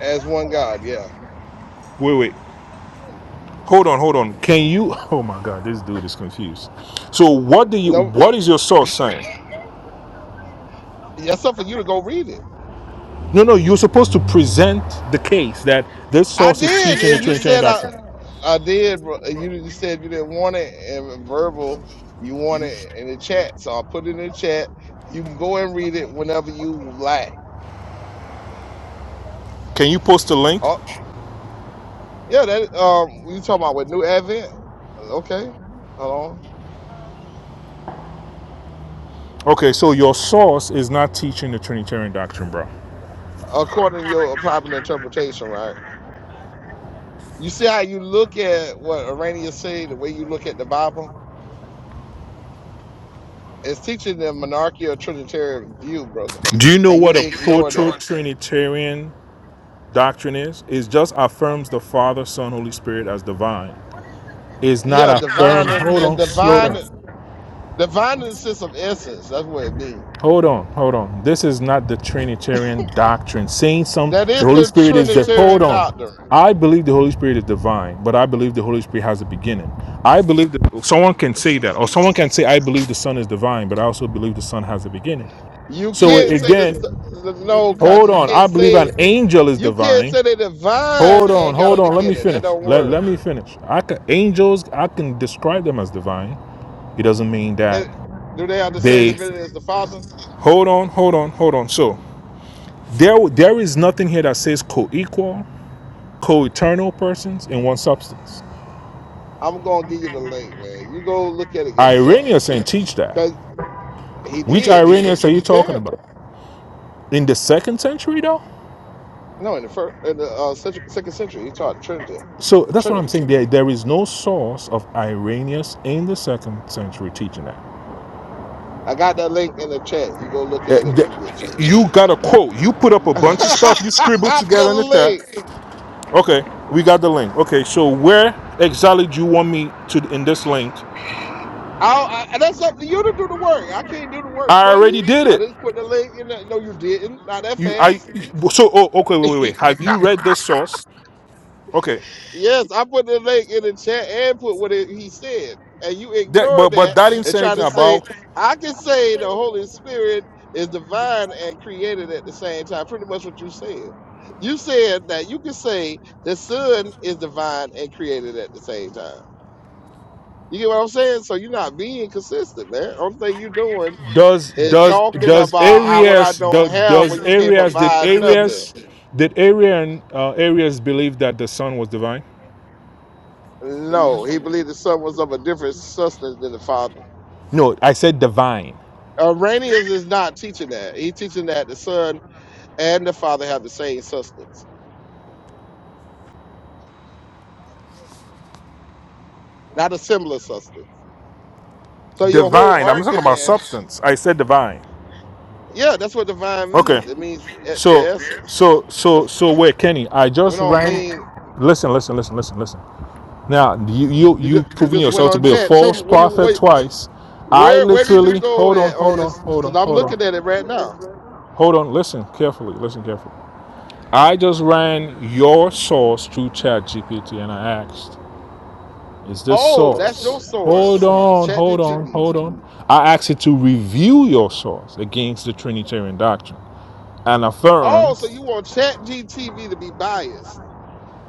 Speaker 5: as one God. Yeah.
Speaker 7: Wait, wait. Hold on, hold on. Can you <laughs> Oh my god, this dude is confused. So what do you
Speaker 5: No,
Speaker 7: what is your source saying?
Speaker 5: that's up for you to go read it.
Speaker 7: No, no, you're supposed to present the case that this
Speaker 5: I
Speaker 7: source is
Speaker 5: did,
Speaker 7: teaching the
Speaker 5: and you
Speaker 7: Trinitarian
Speaker 5: said I,
Speaker 7: doctrine.
Speaker 5: I did. bro. You you said you didn't want it in verbal. You want it in the chat, so I put it in the chat. You can go and read it whenever you like.
Speaker 7: Can you post a link?
Speaker 5: Oh, yeah. That um, you talking about with new advent? Okay, hold on.
Speaker 7: Okay, so your source is not teaching the Trinitarian doctrine, bro.
Speaker 5: According to your private interpretation, right? You see how you look at what Arrhenius say, the way you look at the Bible. It's teaching the monarchical trinitarian view, brother,
Speaker 7: Do you know
Speaker 5: and you
Speaker 7: what a
Speaker 5: ignore that.
Speaker 7: proto-Trinitarian doctrine is? It just affirms the Father, Son, Holy Spirit as divine. It's not
Speaker 5: Yeah,
Speaker 7: affirm.
Speaker 5: divine and,
Speaker 7: Hold
Speaker 5: and
Speaker 7: on, slow
Speaker 5: divine.
Speaker 7: down.
Speaker 5: Divine in The violence of essence, that's what it means.
Speaker 7: Hold on, hold on. This is not the Trinitarian doctrine. Saying some,
Speaker 5: That
Speaker 7: the
Speaker 5: is
Speaker 7: Holy
Speaker 5: the
Speaker 7: Spirit is the. Hold
Speaker 5: Trinitarian
Speaker 7: on.
Speaker 5: doctrine.
Speaker 7: I believe the Holy Spirit is divine, but I believe the Holy Spirit has a beginning. I believe that someone can say that, or someone can say, I believe the Son is divine, but I also believe the Son has a beginning.
Speaker 5: You
Speaker 7: So
Speaker 5: can't say this
Speaker 7: again,
Speaker 5: the no Kachi.
Speaker 7: hold
Speaker 5: You
Speaker 7: on. I
Speaker 5: can't
Speaker 7: believe an
Speaker 5: say
Speaker 7: angel is
Speaker 5: you can't say
Speaker 7: divine.
Speaker 5: the divine
Speaker 7: Hold on,
Speaker 5: ain't got a
Speaker 7: hold on. Let me
Speaker 5: beginning. That
Speaker 7: finish.
Speaker 5: don't
Speaker 7: Let,
Speaker 5: work.
Speaker 7: let me finish. I can, angels, I can describe them as divine. It doesn't mean that
Speaker 5: It, do they have the same
Speaker 7: they.
Speaker 5: divinity as the Father?
Speaker 7: Hold on, hold on, hold on. So There, there is nothing here that says co-equal, co-eternal persons in one substance.
Speaker 5: I'm gonna give you the link, man. You go look at it yourself.
Speaker 7: Irenaeus ain't teach that.
Speaker 5: Cause he
Speaker 7: Which
Speaker 5: did. He was a
Speaker 7: Irenaeus are you talking
Speaker 5: Trinitarian.
Speaker 7: about? In the second century, though.
Speaker 5: No, in the first in the uh, century, second century, he taught the Trinity.
Speaker 7: So
Speaker 5: The
Speaker 7: that's what I'm
Speaker 5: Trinity.
Speaker 7: saying. There, there is no source of Irenaeus in the second century teaching that.
Speaker 5: I got that link in the chat. You go look
Speaker 7: Uh,
Speaker 5: at it when you get a chance.
Speaker 7: You got a quote. You put up a
Speaker 5: <laughs>
Speaker 7: bunch of stuff. You
Speaker 5: I
Speaker 7: scribbled
Speaker 5: got the
Speaker 7: together in the chat.
Speaker 5: link.
Speaker 7: Okay, we got the link. Okay, so where exactly do you want me to in this link?
Speaker 5: I, I and that's up to you to do the work. I can't do the work
Speaker 7: I
Speaker 5: for
Speaker 7: already
Speaker 5: you.
Speaker 7: did
Speaker 5: I
Speaker 7: it.
Speaker 5: just put the link in. The, no, you didn't. Not that
Speaker 7: You I
Speaker 5: fast.
Speaker 7: so oh okay wait wait wait. Have
Speaker 5: <laughs>
Speaker 7: you read the source? Okay,
Speaker 5: yes, I put the link in the chat and put what it, he said, and you
Speaker 7: that,
Speaker 5: ignore
Speaker 7: but but
Speaker 5: that
Speaker 7: that didn't
Speaker 5: and
Speaker 7: say
Speaker 5: try
Speaker 7: anything
Speaker 5: to say
Speaker 7: about
Speaker 5: I can say the Holy Spirit is divine and created at the same time. Pretty much what you said. You said that you can say the Son is divine and created at the same time. You get what I'm saying? So you're not being consistent, man. Only thing you're doing
Speaker 7: does
Speaker 5: is
Speaker 7: does
Speaker 5: talking
Speaker 7: does
Speaker 5: about I, what I
Speaker 7: Arias
Speaker 5: don't
Speaker 7: does,
Speaker 5: have
Speaker 7: does
Speaker 5: when you can't
Speaker 7: Arias did
Speaker 5: provide nothing.
Speaker 7: Arias did Arian uh, Arias believe that the Son was divine?
Speaker 5: No, he believed the son was of a different substance than the father.
Speaker 7: No, I said divine.
Speaker 5: Arrhenius is not teaching that. He's teaching that the son and the father have the same substance, not a similar substance. So your whole
Speaker 7: Divine. I'm not talking about
Speaker 5: argument,
Speaker 7: substance. I said divine.
Speaker 5: yeah, that's what divine
Speaker 7: Okay.
Speaker 5: means. It means e- the
Speaker 7: So
Speaker 5: essence.
Speaker 7: so so
Speaker 5: The-
Speaker 7: so wait, Kenny. I
Speaker 5: We
Speaker 7: just
Speaker 5: don't
Speaker 7: ran.
Speaker 5: mean
Speaker 7: Listen listen listen listen listen. Now you you
Speaker 5: you.
Speaker 7: you
Speaker 5: Just, you
Speaker 7: proving
Speaker 5: just went
Speaker 7: yourself to
Speaker 5: on
Speaker 7: be a
Speaker 5: chat. Show
Speaker 7: false
Speaker 5: me where you
Speaker 7: prophet
Speaker 5: wait.
Speaker 7: twice. I
Speaker 5: Where where did you
Speaker 7: literally
Speaker 5: go
Speaker 7: hold on,
Speaker 5: at on
Speaker 7: hold on,
Speaker 5: this?
Speaker 7: hold on,
Speaker 5: Because I'm
Speaker 7: hold
Speaker 5: looking at it
Speaker 7: on,
Speaker 5: right now.
Speaker 7: hold on. Listen carefully, listen carefully. I just ran your source through Chat GPT and I asked, is this
Speaker 5: Oh, that's your
Speaker 7: source? Hold
Speaker 5: source.
Speaker 7: on,
Speaker 5: ChatGTV.
Speaker 7: hold on, hold on. I asked it to review your source against the Trinitarian doctrine and
Speaker 5: Oh,
Speaker 7: affirm
Speaker 5: so you want ChatGTV to be biased.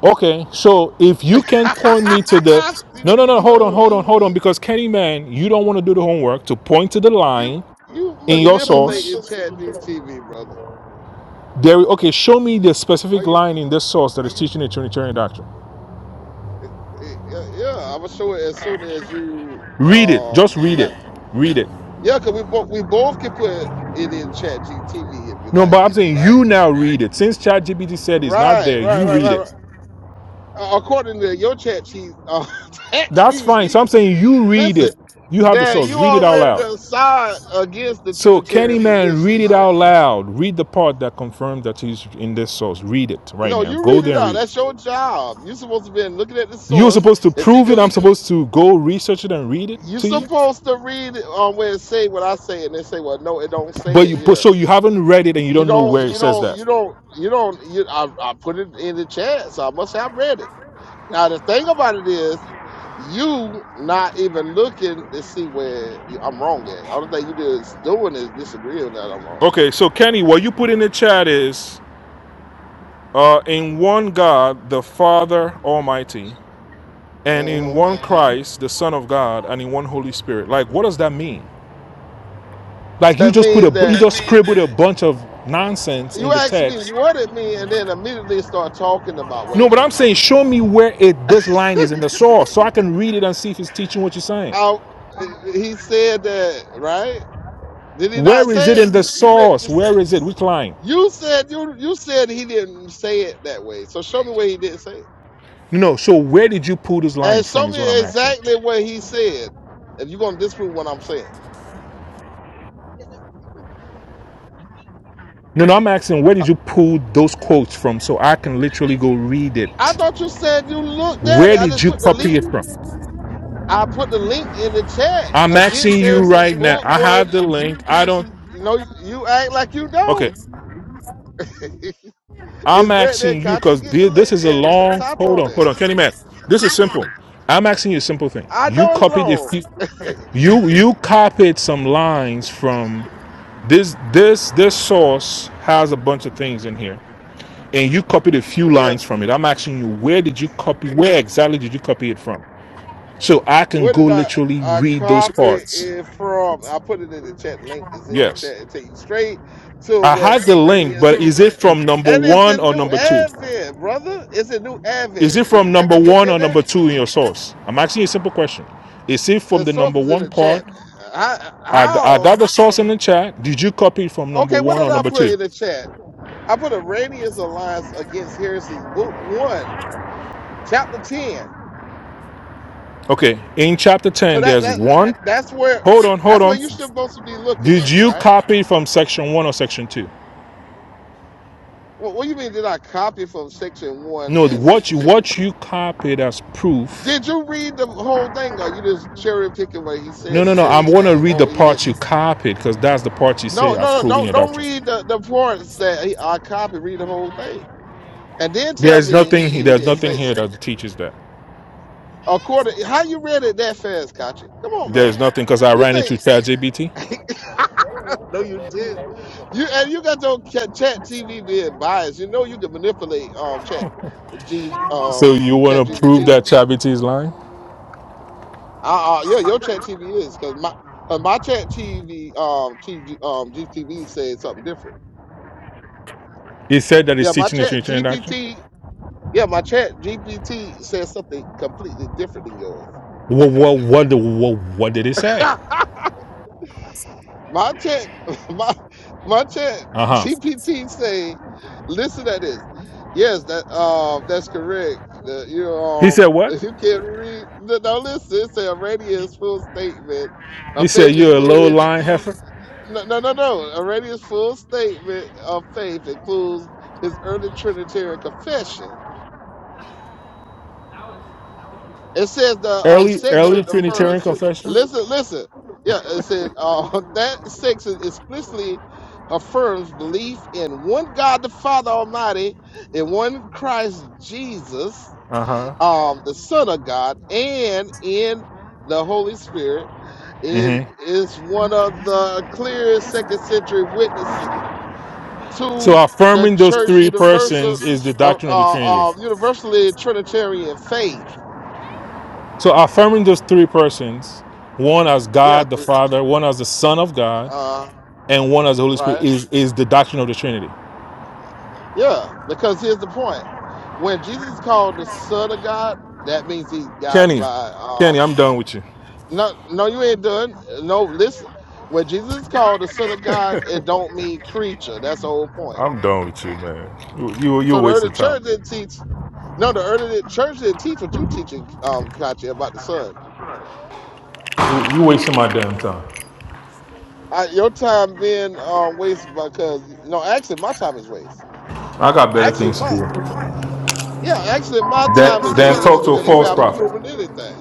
Speaker 7: Okay, so if you
Speaker 5: <laughs>
Speaker 7: can point me to the
Speaker 5: I see
Speaker 7: no,
Speaker 5: what
Speaker 7: no,
Speaker 5: you're
Speaker 7: no, hold on,
Speaker 5: doing.
Speaker 7: hold on, hold on, because Kenny man, you don't want to do the homework to point to the
Speaker 5: You
Speaker 7: line
Speaker 5: you
Speaker 7: in your source.
Speaker 5: manipulating ChatGTV, brother.
Speaker 7: There, okay, show me the
Speaker 5: Why
Speaker 7: specific
Speaker 5: you
Speaker 7: line in this source that is teaching the Trinitarian doctrine.
Speaker 5: eh, eh, yeah, I'm gonna show it as soon as you
Speaker 7: Read it, just
Speaker 5: um
Speaker 7: read it,
Speaker 5: not
Speaker 7: read it.
Speaker 5: yeah, cause we both we both can put it in ChatGTV if you
Speaker 7: No,
Speaker 5: like,
Speaker 7: but I'm saying
Speaker 5: right?
Speaker 7: you now read it. Since ChatGPT said it's not
Speaker 5: Right,
Speaker 7: there,
Speaker 5: right,
Speaker 7: you
Speaker 5: right,
Speaker 7: read
Speaker 5: right, right.
Speaker 7: it.
Speaker 5: Uh, According to your chat, G, uh, <laughs>
Speaker 7: That's
Speaker 5: chat
Speaker 7: fine. So I'm saying you read
Speaker 5: listen,
Speaker 7: it. You have the
Speaker 5: that
Speaker 7: source.
Speaker 5: you
Speaker 7: Read it out
Speaker 5: already
Speaker 7: loud.
Speaker 5: done signed against the
Speaker 7: So
Speaker 5: Trinitarian
Speaker 7: Candyman,
Speaker 5: position,
Speaker 7: read it
Speaker 5: right?
Speaker 7: out loud. Read the part that confirms that he's in this source. Read it right
Speaker 5: No,
Speaker 7: now.
Speaker 5: you
Speaker 7: Go
Speaker 5: read it
Speaker 7: there and
Speaker 5: out.
Speaker 7: read it.
Speaker 5: That's your job. You're supposed to be looking at the
Speaker 7: You're
Speaker 5: source
Speaker 7: supposed to
Speaker 5: and see
Speaker 7: prove it.
Speaker 5: the.
Speaker 7: I'm supposed to go research it and read it
Speaker 5: You're
Speaker 7: to you.
Speaker 5: supposed to read it on where it say what I say, and they say, "Well, no, it don't say
Speaker 7: But
Speaker 5: it
Speaker 7: you but
Speaker 5: here."
Speaker 7: so you haven't read it and you
Speaker 5: You
Speaker 7: don't know
Speaker 5: don't.
Speaker 7: where it
Speaker 5: You
Speaker 7: says
Speaker 5: don't. You
Speaker 7: that.
Speaker 5: don't. You don't. You, I, I put it in the chat, so I must have read it. Now the thing about it is, you not even looking to see where you- I'm wrong at. All the thing you just doing is disagreeing that I'm wrong.
Speaker 7: Okay, so Kenny, what you put in the chat is uh, in one God, the Father Almighty, and in
Speaker 5: Mm-hmm.
Speaker 7: one Christ, the Son of God, and in one Holy Spirit. Like, what does that mean? Like you
Speaker 5: That
Speaker 7: just put
Speaker 5: means
Speaker 7: a, you
Speaker 5: that
Speaker 7: just scribbled a bunch of nonsense in
Speaker 5: you
Speaker 7: the
Speaker 5: ask me
Speaker 7: text.
Speaker 5: what it means and then immediately start talking about what
Speaker 7: No,
Speaker 5: it
Speaker 7: but I'm
Speaker 5: means.
Speaker 7: saying show me where it this line is in the source, so I can read it and see if it's teaching what you're saying.
Speaker 5: I, he said that, right? Did he not
Speaker 7: Where is it
Speaker 5: say it?
Speaker 7: in the
Speaker 5: You read, you,
Speaker 7: source?
Speaker 5: sa-
Speaker 7: Where is it? Which line?
Speaker 5: you said you you said he didn't say it that way. So show me where he didn't say it,
Speaker 7: No, no, so where did you pull this line
Speaker 5: and show
Speaker 7: from? Is what
Speaker 5: me
Speaker 7: I'm asking.
Speaker 5: exactly what he said. If you're gonna disprove what I'm saying,
Speaker 7: No, no, I'm asking where
Speaker 5: I,
Speaker 7: did you pull those quotes from, so I can literally go read
Speaker 5: I
Speaker 7: it.
Speaker 5: thought you said you looked at
Speaker 7: Where
Speaker 5: it. I
Speaker 7: did
Speaker 5: just
Speaker 7: you
Speaker 5: put the
Speaker 7: copy
Speaker 5: link.
Speaker 7: it from?
Speaker 5: I put the link in the chat
Speaker 7: I'm
Speaker 5: against
Speaker 7: asking you
Speaker 5: Harrison's
Speaker 7: right now.
Speaker 5: book
Speaker 7: I have
Speaker 5: one.
Speaker 7: the link. I don't.
Speaker 5: No, you act like you don't.
Speaker 7: Okay.
Speaker 5: <laughs>
Speaker 7: I'm
Speaker 5: It's right there.
Speaker 7: asking you
Speaker 5: Katya,
Speaker 7: because
Speaker 5: get the
Speaker 7: this
Speaker 5: link
Speaker 7: is a
Speaker 5: and t-
Speaker 7: long.
Speaker 5: type
Speaker 7: Hold
Speaker 5: on
Speaker 7: on,
Speaker 5: it.
Speaker 7: hold on, Kenny Matt. This is simple. I'm asking you a simple thing.
Speaker 5: I
Speaker 7: You
Speaker 5: know it's
Speaker 7: copied a
Speaker 5: long.
Speaker 7: few. You you copied some lines from this this this source has a bunch of things in here, and you copied a few
Speaker 5: Yeah.
Speaker 7: lines from it. I'm asking you, where did you copy? Where exactly did you copy it from? So I can
Speaker 5: Where
Speaker 7: go
Speaker 5: did I,
Speaker 7: literally
Speaker 5: I
Speaker 7: read those
Speaker 5: copy
Speaker 7: parts.
Speaker 5: it from? I put it in the chat. Link is in the
Speaker 7: Yes,
Speaker 5: chat. It take you straight to
Speaker 7: I
Speaker 5: what
Speaker 7: have the link, but
Speaker 5: Arrhenius.
Speaker 7: is it from number
Speaker 5: And it's
Speaker 7: one
Speaker 5: in
Speaker 7: or
Speaker 5: New
Speaker 7: number two?
Speaker 5: Advent, brother. It's in New
Speaker 7: Is it
Speaker 5: Advent. Did
Speaker 7: from
Speaker 5: you take a
Speaker 7: number
Speaker 5: look
Speaker 7: one or
Speaker 5: at
Speaker 7: number
Speaker 5: that?
Speaker 7: two in your source? I'm asking you a simple question. Is it from
Speaker 5: The
Speaker 7: the
Speaker 5: source
Speaker 7: number
Speaker 5: was in
Speaker 7: one
Speaker 5: the chat,
Speaker 7: part?
Speaker 5: man. How?
Speaker 7: I I got
Speaker 5: how
Speaker 7: the source in the chat. Did you copy it from number
Speaker 5: okay, what
Speaker 7: one
Speaker 5: did
Speaker 7: or
Speaker 5: I
Speaker 7: number
Speaker 5: put
Speaker 7: two?
Speaker 5: in the chat? I put Arrhenius Alliance Against Heresies, Book 1, Chapter 10.
Speaker 7: Okay. In chapter
Speaker 5: So
Speaker 7: 10,
Speaker 5: that,
Speaker 7: there's
Speaker 5: that, that
Speaker 7: one.
Speaker 5: that's where
Speaker 7: Hold on, hold
Speaker 5: that's where
Speaker 7: on.
Speaker 5: you're supposed to be looking
Speaker 7: Did
Speaker 5: at,
Speaker 7: you
Speaker 5: right?
Speaker 7: copy from section one or section two?
Speaker 5: Well, what do you mean? Did I copy from section one
Speaker 7: No,
Speaker 5: and
Speaker 7: what
Speaker 5: section
Speaker 7: you
Speaker 5: two?
Speaker 7: what you copied as proof.
Speaker 5: Did you read the whole thing, or you just cherry picking what he
Speaker 7: No,
Speaker 5: said to
Speaker 7: no, no. I
Speaker 5: say
Speaker 7: want to
Speaker 5: no?
Speaker 7: read
Speaker 5: Oh,
Speaker 7: the
Speaker 5: he
Speaker 7: parts
Speaker 5: didn't.
Speaker 7: you copied because that's the part you
Speaker 5: No,
Speaker 7: say are
Speaker 5: no, no.
Speaker 7: proving
Speaker 5: Don't
Speaker 7: your
Speaker 5: don't
Speaker 7: doctrine.
Speaker 5: read the the parts that he, I copied. Read the whole thing, and then tell
Speaker 7: There's
Speaker 5: me
Speaker 7: nothing.
Speaker 5: he
Speaker 7: There's
Speaker 5: didn't say
Speaker 7: nothing
Speaker 5: it.
Speaker 7: here that teaches that.
Speaker 5: According, how you read it that fast, Kachi? Come on, man.
Speaker 7: There's nothing because I
Speaker 5: You
Speaker 7: ran into ChatGPT.
Speaker 5: think? <laughs> No, you did. You and you got your chat, chat TV being biased. You know you can manipulate um chat G
Speaker 7: So
Speaker 5: um
Speaker 7: you
Speaker 5: chat
Speaker 7: want to prove
Speaker 5: GBT.
Speaker 7: that Chavity is lying?
Speaker 5: Uh, uh yeah, your chat TV is because my cause my chat TV um TV um GTV said something different.
Speaker 7: He said that he's
Speaker 5: Yeah, my
Speaker 7: teaching the
Speaker 5: chat
Speaker 7: Trinitarian doctrine.
Speaker 5: GPT. Yeah, my chat GPT says something completely different than yours.
Speaker 7: What, what, what, what, what did he say?
Speaker 5: <laughs> My chat, <laughs> my my chat
Speaker 7: Uh huh.
Speaker 5: GPT say, listen to this. Yes, that um that's correct. The, you
Speaker 7: He
Speaker 5: um
Speaker 7: said what?
Speaker 5: if you can't read. No, no, listen. It say a full statement
Speaker 7: He
Speaker 5: of
Speaker 7: said
Speaker 5: faith
Speaker 7: you're a low
Speaker 5: included.
Speaker 7: lying heifer.
Speaker 5: No, no, no, no. A full statement of faith includes his early Trinitarian confession It says the um
Speaker 7: Early,
Speaker 5: sex in
Speaker 7: early
Speaker 5: the
Speaker 7: Trinitarian
Speaker 5: first.
Speaker 7: confession.
Speaker 5: Listen, listen. Yeah, it said uh, <laughs> that section explicitly affirms belief in one God the Father Almighty, in one Christ Jesus,
Speaker 7: Uh huh.
Speaker 5: um, the Son of God, and in the Holy Spirit. It
Speaker 7: Mm-hmm.
Speaker 5: is one of the clearest second century witnesses to
Speaker 7: So
Speaker 5: the
Speaker 7: affirming those
Speaker 5: church
Speaker 7: three
Speaker 5: universal,
Speaker 7: persons is the
Speaker 5: uh,
Speaker 7: doctrine of the Trinity.
Speaker 5: uh, uh, universally Trinitarian faith.
Speaker 7: So affirming those three persons, one as
Speaker 5: Yeah,
Speaker 7: God the
Speaker 5: three.
Speaker 7: Father, one as the Son of God,
Speaker 5: uh,
Speaker 7: and one as the Holy Spirit
Speaker 5: right?
Speaker 7: is is the doctrine of the Trinity.
Speaker 5: Yeah, because here's the point: when Jesus is called the Son of God, that means he's God
Speaker 7: Kenny,
Speaker 5: by um.
Speaker 7: Kenny, I'm done with you.
Speaker 5: No, no, you ain't doing. No, listen. When Jesus is called the Son of God, it don't mean creature. That's the whole point.
Speaker 7: I'm done with you, man. You you you a
Speaker 5: So the
Speaker 7: waste
Speaker 5: early
Speaker 7: of time.
Speaker 5: church didn't teach. No, the early church didn't teach what you teaching, um, Kachi, about the Son.
Speaker 7: You, you wasting my damn time.
Speaker 5: I, your time being um, wasted because no, actually my time is waste.
Speaker 7: I got better
Speaker 5: Actually,
Speaker 7: things to
Speaker 5: my
Speaker 7: do
Speaker 5: yeah, actually my time
Speaker 7: than
Speaker 5: is
Speaker 7: than
Speaker 5: waste
Speaker 7: talk to a
Speaker 5: because you
Speaker 7: false
Speaker 5: haven't
Speaker 7: prophet.
Speaker 5: proven anything.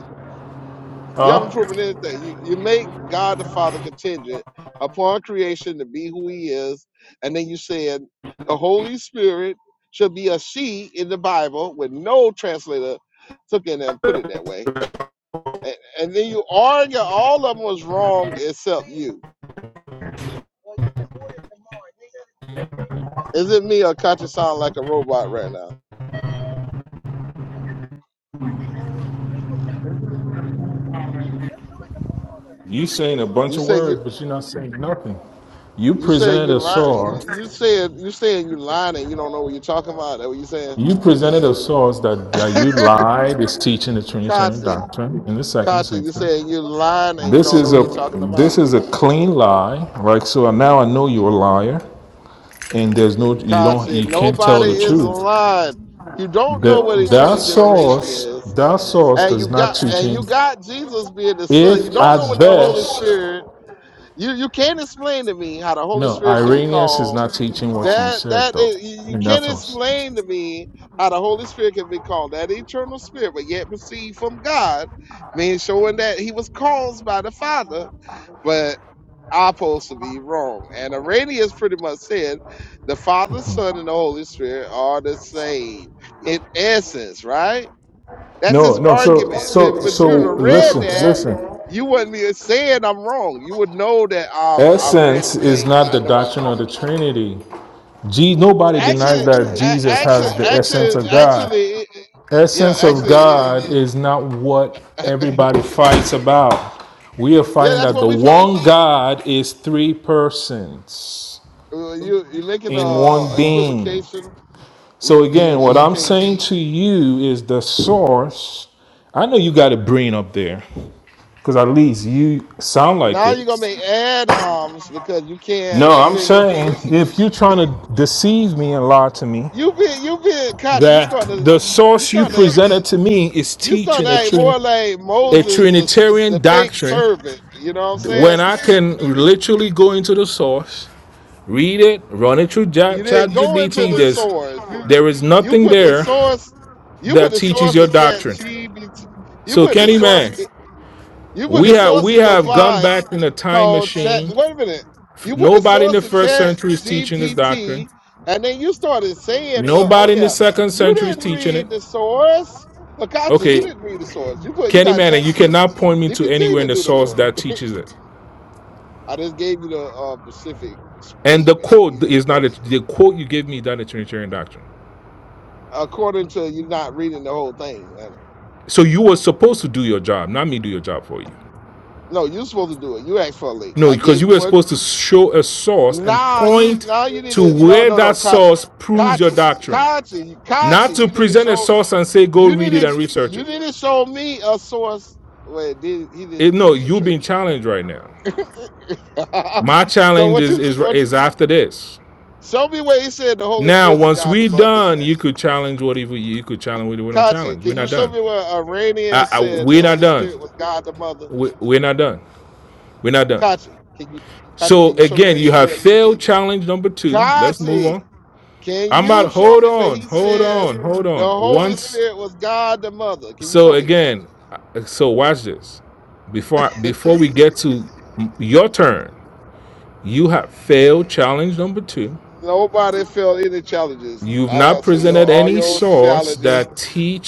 Speaker 5: You haven't
Speaker 7: Huh?
Speaker 5: proven anything. You, you make God the Father contingent upon creation to be who He is, and then you said the Holy Spirit should be a she in the Bible, with no translator took in and put it that way. And, and then you argue all of them was wrong except you. Is it me or Katya sound like a robot right now?
Speaker 7: You saying a
Speaker 5: You
Speaker 7: bunch of
Speaker 5: say you
Speaker 7: words, but you're not saying nothing. You
Speaker 5: you say
Speaker 7: presented
Speaker 5: you
Speaker 7: a
Speaker 5: lie you,
Speaker 7: source.
Speaker 5: you said you saying you lying and you don't know what you're talking about. That what you saying?
Speaker 7: You presented a source that, that
Speaker 5: <laughs>
Speaker 7: you lied is teaching the Trinitarian
Speaker 5: Katya.
Speaker 7: doctrine in the second
Speaker 5: God said, you
Speaker 7: century.
Speaker 5: saying you're lying and you
Speaker 7: This
Speaker 5: don't know
Speaker 7: is
Speaker 5: what
Speaker 7: a
Speaker 5: you're talking
Speaker 7: this
Speaker 5: about.
Speaker 7: is a clean lie, right? So now I know you're a liar, and there's no you
Speaker 5: God
Speaker 7: don't
Speaker 5: said,
Speaker 7: you can't tell
Speaker 5: nobody
Speaker 7: the
Speaker 5: is
Speaker 7: truth.
Speaker 5: lying. You don't
Speaker 7: The,
Speaker 5: know what eternal
Speaker 7: that
Speaker 5: generation
Speaker 7: source,
Speaker 5: is.
Speaker 7: that source
Speaker 5: And you
Speaker 7: is not
Speaker 5: got and
Speaker 7: teaching.
Speaker 5: you got Jesus being the Son. You
Speaker 7: If
Speaker 5: don't
Speaker 7: at
Speaker 5: know when the Holy
Speaker 7: best,
Speaker 5: Spirit. You you can't explain to me how the Holy
Speaker 7: no,
Speaker 5: Spirit can be
Speaker 7: Irenaeus is
Speaker 5: called.
Speaker 7: not teaching what you
Speaker 5: That
Speaker 7: said
Speaker 5: that
Speaker 7: though.
Speaker 5: is, you you
Speaker 7: In that
Speaker 5: can't
Speaker 7: source.
Speaker 5: explain to me how the Holy Spirit can be called that eternal spirit, but yet proceed from God, meaning showing that he was caused by the Father. but. I'm supposed to be wrong. And Arrhenius pretty much said the Father, Son, and the Holy Spirit are the same in essence, right? That's his
Speaker 7: No, no. So,
Speaker 5: argument. Said,
Speaker 7: so,
Speaker 5: but
Speaker 7: so.
Speaker 5: you'd have read
Speaker 7: Listen,
Speaker 5: that,
Speaker 7: listen.
Speaker 5: you wouldn't be saying I'm wrong. You would know that um I've read
Speaker 7: Essence
Speaker 5: the
Speaker 7: is
Speaker 5: thing and
Speaker 7: not
Speaker 5: I
Speaker 7: the
Speaker 5: know what I'm
Speaker 7: doctrine of the
Speaker 5: talking about.
Speaker 7: Trinity. Je- nobody denies
Speaker 5: Actually,
Speaker 7: that
Speaker 5: a-
Speaker 7: Jesus
Speaker 5: actually,
Speaker 7: has the essence
Speaker 5: actually,
Speaker 7: of God.
Speaker 5: actually, yeah,
Speaker 7: Essence of
Speaker 5: actually it
Speaker 7: God is not what
Speaker 5: is. <laughs>
Speaker 7: everybody fights about. We are
Speaker 5: Yeah,
Speaker 7: fighting
Speaker 5: that's
Speaker 7: that
Speaker 5: what
Speaker 7: the
Speaker 5: we find.
Speaker 7: one God is three persons.
Speaker 5: Uh, You you're making
Speaker 7: in
Speaker 5: a
Speaker 7: one being.
Speaker 5: equivocation. You
Speaker 7: So
Speaker 5: you
Speaker 7: again, what I'm
Speaker 5: equivocate
Speaker 7: saying to you is the source. I know you got a brain up there, because at least you sound like
Speaker 5: Now you're
Speaker 7: it.
Speaker 5: gonna make ad homs because you
Speaker 7: No,
Speaker 5: can't
Speaker 7: I'm
Speaker 5: defend your
Speaker 7: saying
Speaker 5: position.
Speaker 7: if you're trying to deceive me and lie to me,
Speaker 5: You being you being conscious. You
Speaker 7: that
Speaker 5: starting to
Speaker 7: the
Speaker 5: you
Speaker 7: source you
Speaker 5: starting to
Speaker 7: presented to me is
Speaker 5: you starting to
Speaker 7: teaching a
Speaker 5: act more
Speaker 7: trinity.
Speaker 5: like
Speaker 7: A
Speaker 5: Moses the s- the
Speaker 7: Trinitarian
Speaker 5: fake
Speaker 7: doctrine
Speaker 5: servant. You know what I'm saying?
Speaker 7: when
Speaker 5: <laughs>
Speaker 7: I can literally go into the source, read it, run it through
Speaker 5: You
Speaker 7: Chat
Speaker 5: didn't go into
Speaker 7: GBT.
Speaker 5: the
Speaker 7: There's
Speaker 5: source. You
Speaker 7: there is
Speaker 5: you
Speaker 7: nothing
Speaker 5: put the
Speaker 7: there
Speaker 5: source you put
Speaker 7: that
Speaker 5: the
Speaker 7: teaches
Speaker 5: source
Speaker 7: your
Speaker 5: in chat
Speaker 7: doctrine.
Speaker 5: GPT. You
Speaker 7: So
Speaker 5: put the
Speaker 7: Kenny
Speaker 5: source
Speaker 7: man,
Speaker 5: in- you put
Speaker 7: we
Speaker 5: the
Speaker 7: have
Speaker 5: source
Speaker 7: we
Speaker 5: in your
Speaker 7: have gone back in a time
Speaker 5: called Chat.
Speaker 7: machine.
Speaker 5: Wait a minute. You put the
Speaker 7: Nobody in
Speaker 5: source
Speaker 7: the
Speaker 5: in
Speaker 7: first
Speaker 5: Chat
Speaker 7: century is teaching this doctrine.
Speaker 5: GPT, and then you started saying, "Well, oh
Speaker 7: Nobody in the
Speaker 5: yeah,
Speaker 7: second
Speaker 5: you
Speaker 7: century is
Speaker 5: didn't
Speaker 7: teaching it.
Speaker 5: read the source, Makati. You
Speaker 7: Okay,
Speaker 5: didn't read the source. You put you
Speaker 7: Kenny
Speaker 5: got
Speaker 7: man, and
Speaker 5: Chat
Speaker 7: you
Speaker 5: G-
Speaker 7: cannot point me to
Speaker 5: GPT
Speaker 7: anywhere in
Speaker 5: to
Speaker 7: the
Speaker 5: do the
Speaker 7: source
Speaker 5: work.
Speaker 7: that teaches it.
Speaker 5: <laughs> I just gave you the uh, specific
Speaker 7: And the
Speaker 5: statement. You
Speaker 7: quote is not
Speaker 5: ignored
Speaker 7: a,
Speaker 5: it.
Speaker 7: the quote you gave me is not a Trinitarian doctrine.
Speaker 5: According to you, not reading the whole thing. And-
Speaker 7: So you were supposed to do your job, not me do your job for you.
Speaker 5: No, you're supposed to do it. You asked for a link.
Speaker 7: No,
Speaker 5: I gave
Speaker 7: because
Speaker 5: you
Speaker 7: you were
Speaker 5: one.
Speaker 7: supposed to show a source and
Speaker 5: Nah, you
Speaker 7: point
Speaker 5: now you need
Speaker 7: to
Speaker 5: to no
Speaker 7: where
Speaker 5: no no
Speaker 7: that
Speaker 5: Kachi,
Speaker 7: source proves your
Speaker 5: Kachi,
Speaker 7: doctrine.
Speaker 5: Kachi,
Speaker 7: Not
Speaker 5: Kachi.
Speaker 7: to
Speaker 5: You need to
Speaker 7: present a
Speaker 5: show.
Speaker 7: source and say, go
Speaker 5: You
Speaker 7: read it
Speaker 5: didn't
Speaker 7: and research
Speaker 5: you
Speaker 7: it.
Speaker 5: didn't show me a source where it did he
Speaker 7: It-
Speaker 5: didn't
Speaker 7: no,
Speaker 5: teach a
Speaker 7: you've
Speaker 5: Trinity.
Speaker 7: been challenged right now.
Speaker 5: <laughs>
Speaker 7: My
Speaker 5: so
Speaker 7: challenge
Speaker 5: what
Speaker 7: is,
Speaker 5: you
Speaker 7: is
Speaker 5: what
Speaker 7: is after this.
Speaker 5: show me where he said the Holy
Speaker 7: Now,
Speaker 5: Spirit was
Speaker 7: once
Speaker 5: God the
Speaker 7: we are
Speaker 5: mother in
Speaker 7: done,
Speaker 5: that.
Speaker 7: you could challenge What whatever you could challenge. what We don't
Speaker 5: Kachi,
Speaker 7: challenge.
Speaker 5: can
Speaker 7: We're
Speaker 5: you
Speaker 7: not
Speaker 5: show
Speaker 7: done.
Speaker 5: me where Iranian
Speaker 7: I, I,
Speaker 5: said the
Speaker 7: we're not
Speaker 5: Holy
Speaker 7: done.
Speaker 5: Spirit was God the mother?
Speaker 7: We, we're not done. We're not done.
Speaker 5: Kachi, can you Kachi,
Speaker 7: So
Speaker 5: can you show me
Speaker 7: again,
Speaker 5: where
Speaker 7: you
Speaker 5: he
Speaker 7: have
Speaker 5: said
Speaker 7: failed challenge number two. Let's move
Speaker 5: Kachi,
Speaker 7: on.
Speaker 5: can
Speaker 7: I'm about.
Speaker 5: you show
Speaker 7: Hold
Speaker 5: me where
Speaker 7: on.
Speaker 5: he
Speaker 7: Hold
Speaker 5: said
Speaker 7: on. Hold
Speaker 5: the
Speaker 7: on.
Speaker 5: Holy
Speaker 7: Once.
Speaker 5: Spirit was God the mother? Can you
Speaker 7: So
Speaker 5: show me that?
Speaker 7: again. uh, So watch this. Before before we get to your turn, You have failed challenge number two.
Speaker 5: Nobody felt any challenges.
Speaker 7: You've
Speaker 5: I
Speaker 7: not
Speaker 5: answer your
Speaker 7: presented
Speaker 5: all
Speaker 7: any
Speaker 5: your
Speaker 7: source
Speaker 5: challenges
Speaker 7: that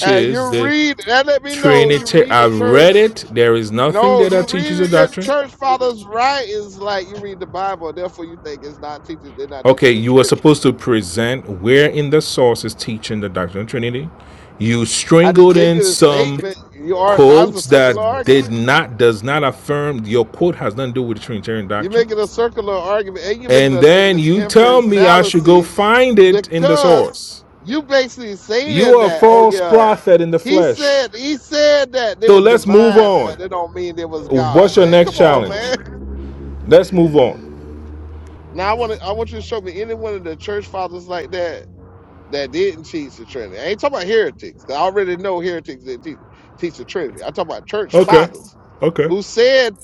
Speaker 5: And you
Speaker 7: the
Speaker 5: read that let me know you
Speaker 7: Trinity.
Speaker 5: read the
Speaker 7: I've read
Speaker 5: church.
Speaker 7: it. There is nothing
Speaker 5: No,
Speaker 7: there
Speaker 5: you
Speaker 7: that
Speaker 5: read
Speaker 7: teaches the
Speaker 5: it, the
Speaker 7: doctrine.
Speaker 5: church fathers right is like you read the Bible, therefore you think it's not teaching they're not teaching
Speaker 7: Okay,
Speaker 5: the
Speaker 7: you were
Speaker 5: Trinity.
Speaker 7: supposed to present where in the source is teaching the doctrine of Trinity. You
Speaker 5: I just
Speaker 7: strangled
Speaker 5: gave
Speaker 7: in
Speaker 5: you the
Speaker 7: some
Speaker 5: statement. You are now it's a
Speaker 7: quotes
Speaker 5: circular
Speaker 7: that did
Speaker 5: argument.
Speaker 7: not does not affirm your quote has nothing to do with the Trinitarian
Speaker 5: You're
Speaker 7: doctrine.
Speaker 5: making a circular argument and you're making
Speaker 7: And
Speaker 5: a
Speaker 7: then
Speaker 5: negative
Speaker 7: you tell
Speaker 5: inference
Speaker 7: me I should go
Speaker 5: fallacy
Speaker 7: find it in the
Speaker 5: because
Speaker 7: source.
Speaker 5: you basically saying
Speaker 7: You are a
Speaker 5: that, oh
Speaker 7: false
Speaker 5: yeah,
Speaker 7: prophet in the
Speaker 5: he
Speaker 7: flesh.
Speaker 5: said he said that they
Speaker 7: So
Speaker 5: was
Speaker 7: let's move
Speaker 5: divine,
Speaker 7: on.
Speaker 5: but it don't mean they was God,
Speaker 7: What's your
Speaker 5: man. Come
Speaker 7: next
Speaker 5: on, man.
Speaker 7: challenge? Let's move on.
Speaker 5: Now I want to I want you to show me any one of the church fathers like that that didn't teach the Trinity. I ain't talking about heretics. I already know heretics didn't teach, teach the Trinity. I'm talking about church
Speaker 7: Okay.
Speaker 5: fathers
Speaker 7: Okay.
Speaker 5: who said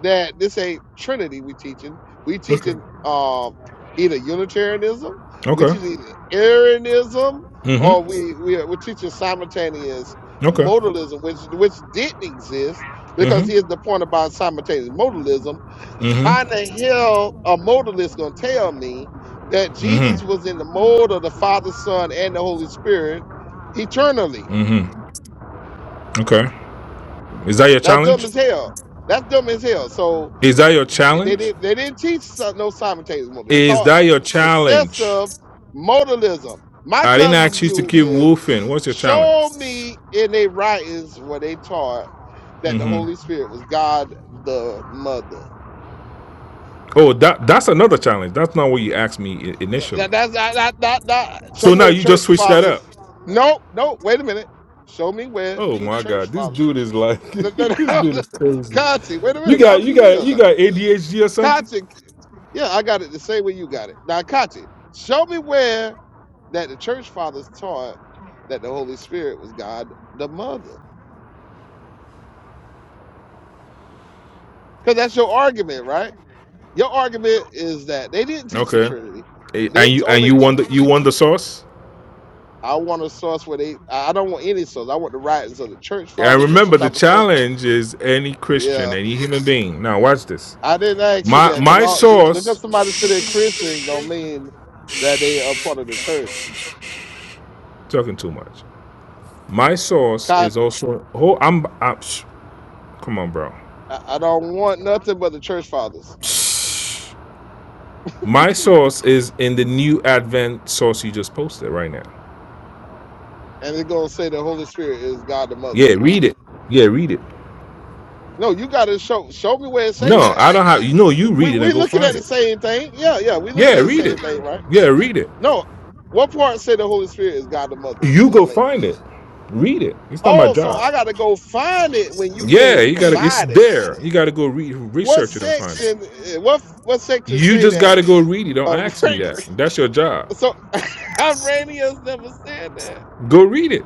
Speaker 5: that this ain't Trinity we teaching. We
Speaker 7: Okay.
Speaker 5: teaching um either Unitarianism, we
Speaker 7: Okay.
Speaker 5: teaching either Arianism, or
Speaker 7: Mm-hmm.
Speaker 5: we we are, we're teaching simultaneous
Speaker 7: Okay.
Speaker 5: modalism, which which didn't exist because
Speaker 7: Mm-hmm.
Speaker 5: here's the point about simultaneous modalism. How in
Speaker 7: Mm-hmm.
Speaker 5: the hell a modalist gonna tell me that Jesus was
Speaker 7: Mm-hmm.
Speaker 5: in the mold of the Father, Son, and the Holy Spirit eternally?
Speaker 7: Mm-hmm. Okay. Is that your
Speaker 5: That's dumb
Speaker 7: challenge?
Speaker 5: as hell. That's dumb as hell. So
Speaker 7: Is that your
Speaker 5: they
Speaker 7: challenge?
Speaker 5: didn't they didn't teach some- no simultaneous modalism. They
Speaker 7: Is
Speaker 5: taught
Speaker 7: that your challenge?
Speaker 5: successive modalism. My
Speaker 7: I didn't
Speaker 5: challenge to
Speaker 7: ask you to
Speaker 5: you
Speaker 7: keep
Speaker 5: is
Speaker 7: woofing. What's your challenge?
Speaker 5: show me in their writings where they taught that the
Speaker 7: Mm-hmm.
Speaker 5: Holy Spirit was God the Mother.
Speaker 7: Oh, that that's another challenge. That's not what you asked me
Speaker 5: That,
Speaker 7: initially.
Speaker 5: that's that, that, that, that. Show
Speaker 7: So
Speaker 5: me where
Speaker 7: now
Speaker 5: the
Speaker 7: you
Speaker 5: church
Speaker 7: just switch that
Speaker 5: fathers.
Speaker 7: up.
Speaker 5: No, no, wait a minute. Show me where
Speaker 7: Oh
Speaker 5: the
Speaker 7: my
Speaker 5: church
Speaker 7: god, this
Speaker 5: fathers.
Speaker 7: dude is like
Speaker 5: No, no,
Speaker 7: <laughs> this
Speaker 5: no.
Speaker 7: dude
Speaker 5: <laughs>
Speaker 7: is crazy.
Speaker 5: Kachi, wait a
Speaker 7: You
Speaker 5: minute. Now
Speaker 7: got you
Speaker 5: be
Speaker 7: got
Speaker 5: real
Speaker 7: you
Speaker 5: now.
Speaker 7: got ADHD or something?
Speaker 5: Kachi, yeah, I got it the same way you got it. Now, Kachi, show me where that the church fathers taught that the Holy Spirit was God the Mother. Because that's your argument, right? Your argument is that they didn't teach the
Speaker 7: Okay.
Speaker 5: Trinity.
Speaker 7: Eh, And
Speaker 5: They t-
Speaker 7: you and
Speaker 5: only
Speaker 7: you
Speaker 5: taught.
Speaker 7: won the you won the sauce?
Speaker 5: I want a source where they. I I don't want any source. I want the writings of the church
Speaker 7: And
Speaker 5: fathers or
Speaker 7: remember
Speaker 5: some
Speaker 7: the
Speaker 5: type of source.
Speaker 7: challenge is any Christian,
Speaker 5: Yeah,
Speaker 7: any human being. Now watch this.
Speaker 5: I didn't ask you
Speaker 7: My
Speaker 5: that because
Speaker 7: my
Speaker 5: all th-
Speaker 7: sauce
Speaker 5: because somebody said they're Christians don't mean that they are part of the church.
Speaker 7: talking too much. My sauce
Speaker 5: God,
Speaker 7: is also oh I'm, I'm psh, come on bro.
Speaker 5: I, I don't want nothing but the church fathers,
Speaker 7: My sauce is in the new Advent sauce you just posted right now.
Speaker 5: and it's gonna say the Holy Spirit is God the Mother.
Speaker 7: Yeah, read it. Yeah, read it.
Speaker 5: No, you gotta show show me where it say
Speaker 7: No,
Speaker 5: that.
Speaker 7: I don't have. You know, you
Speaker 5: We
Speaker 7: read it
Speaker 5: we
Speaker 7: and go
Speaker 5: looking at
Speaker 7: find
Speaker 5: the
Speaker 7: it.
Speaker 5: same thing. Yeah, yeah, we
Speaker 7: Yeah,
Speaker 5: looking at the
Speaker 7: read it.
Speaker 5: same thing, right?
Speaker 7: Yeah, read it.
Speaker 5: No, what part say the Holy Spirit is God the Mother
Speaker 7: You
Speaker 5: in the
Speaker 7: go
Speaker 5: link?
Speaker 7: find it. Read it. It's not my
Speaker 5: Oh, so
Speaker 7: job.
Speaker 5: I gotta go find it when you
Speaker 7: Yeah,
Speaker 5: can't
Speaker 7: you gotta. It's
Speaker 5: provide it.
Speaker 7: there. You gotta go read,
Speaker 5: What
Speaker 7: research it, and find it.
Speaker 5: section? eh, What what section
Speaker 7: You
Speaker 5: say
Speaker 7: just
Speaker 5: that?
Speaker 7: gotta go read it. Don't
Speaker 5: Uh,
Speaker 7: ask me that. That's your job.
Speaker 5: <laughs> so <laughs> Iranians never said that.
Speaker 7: Go read it.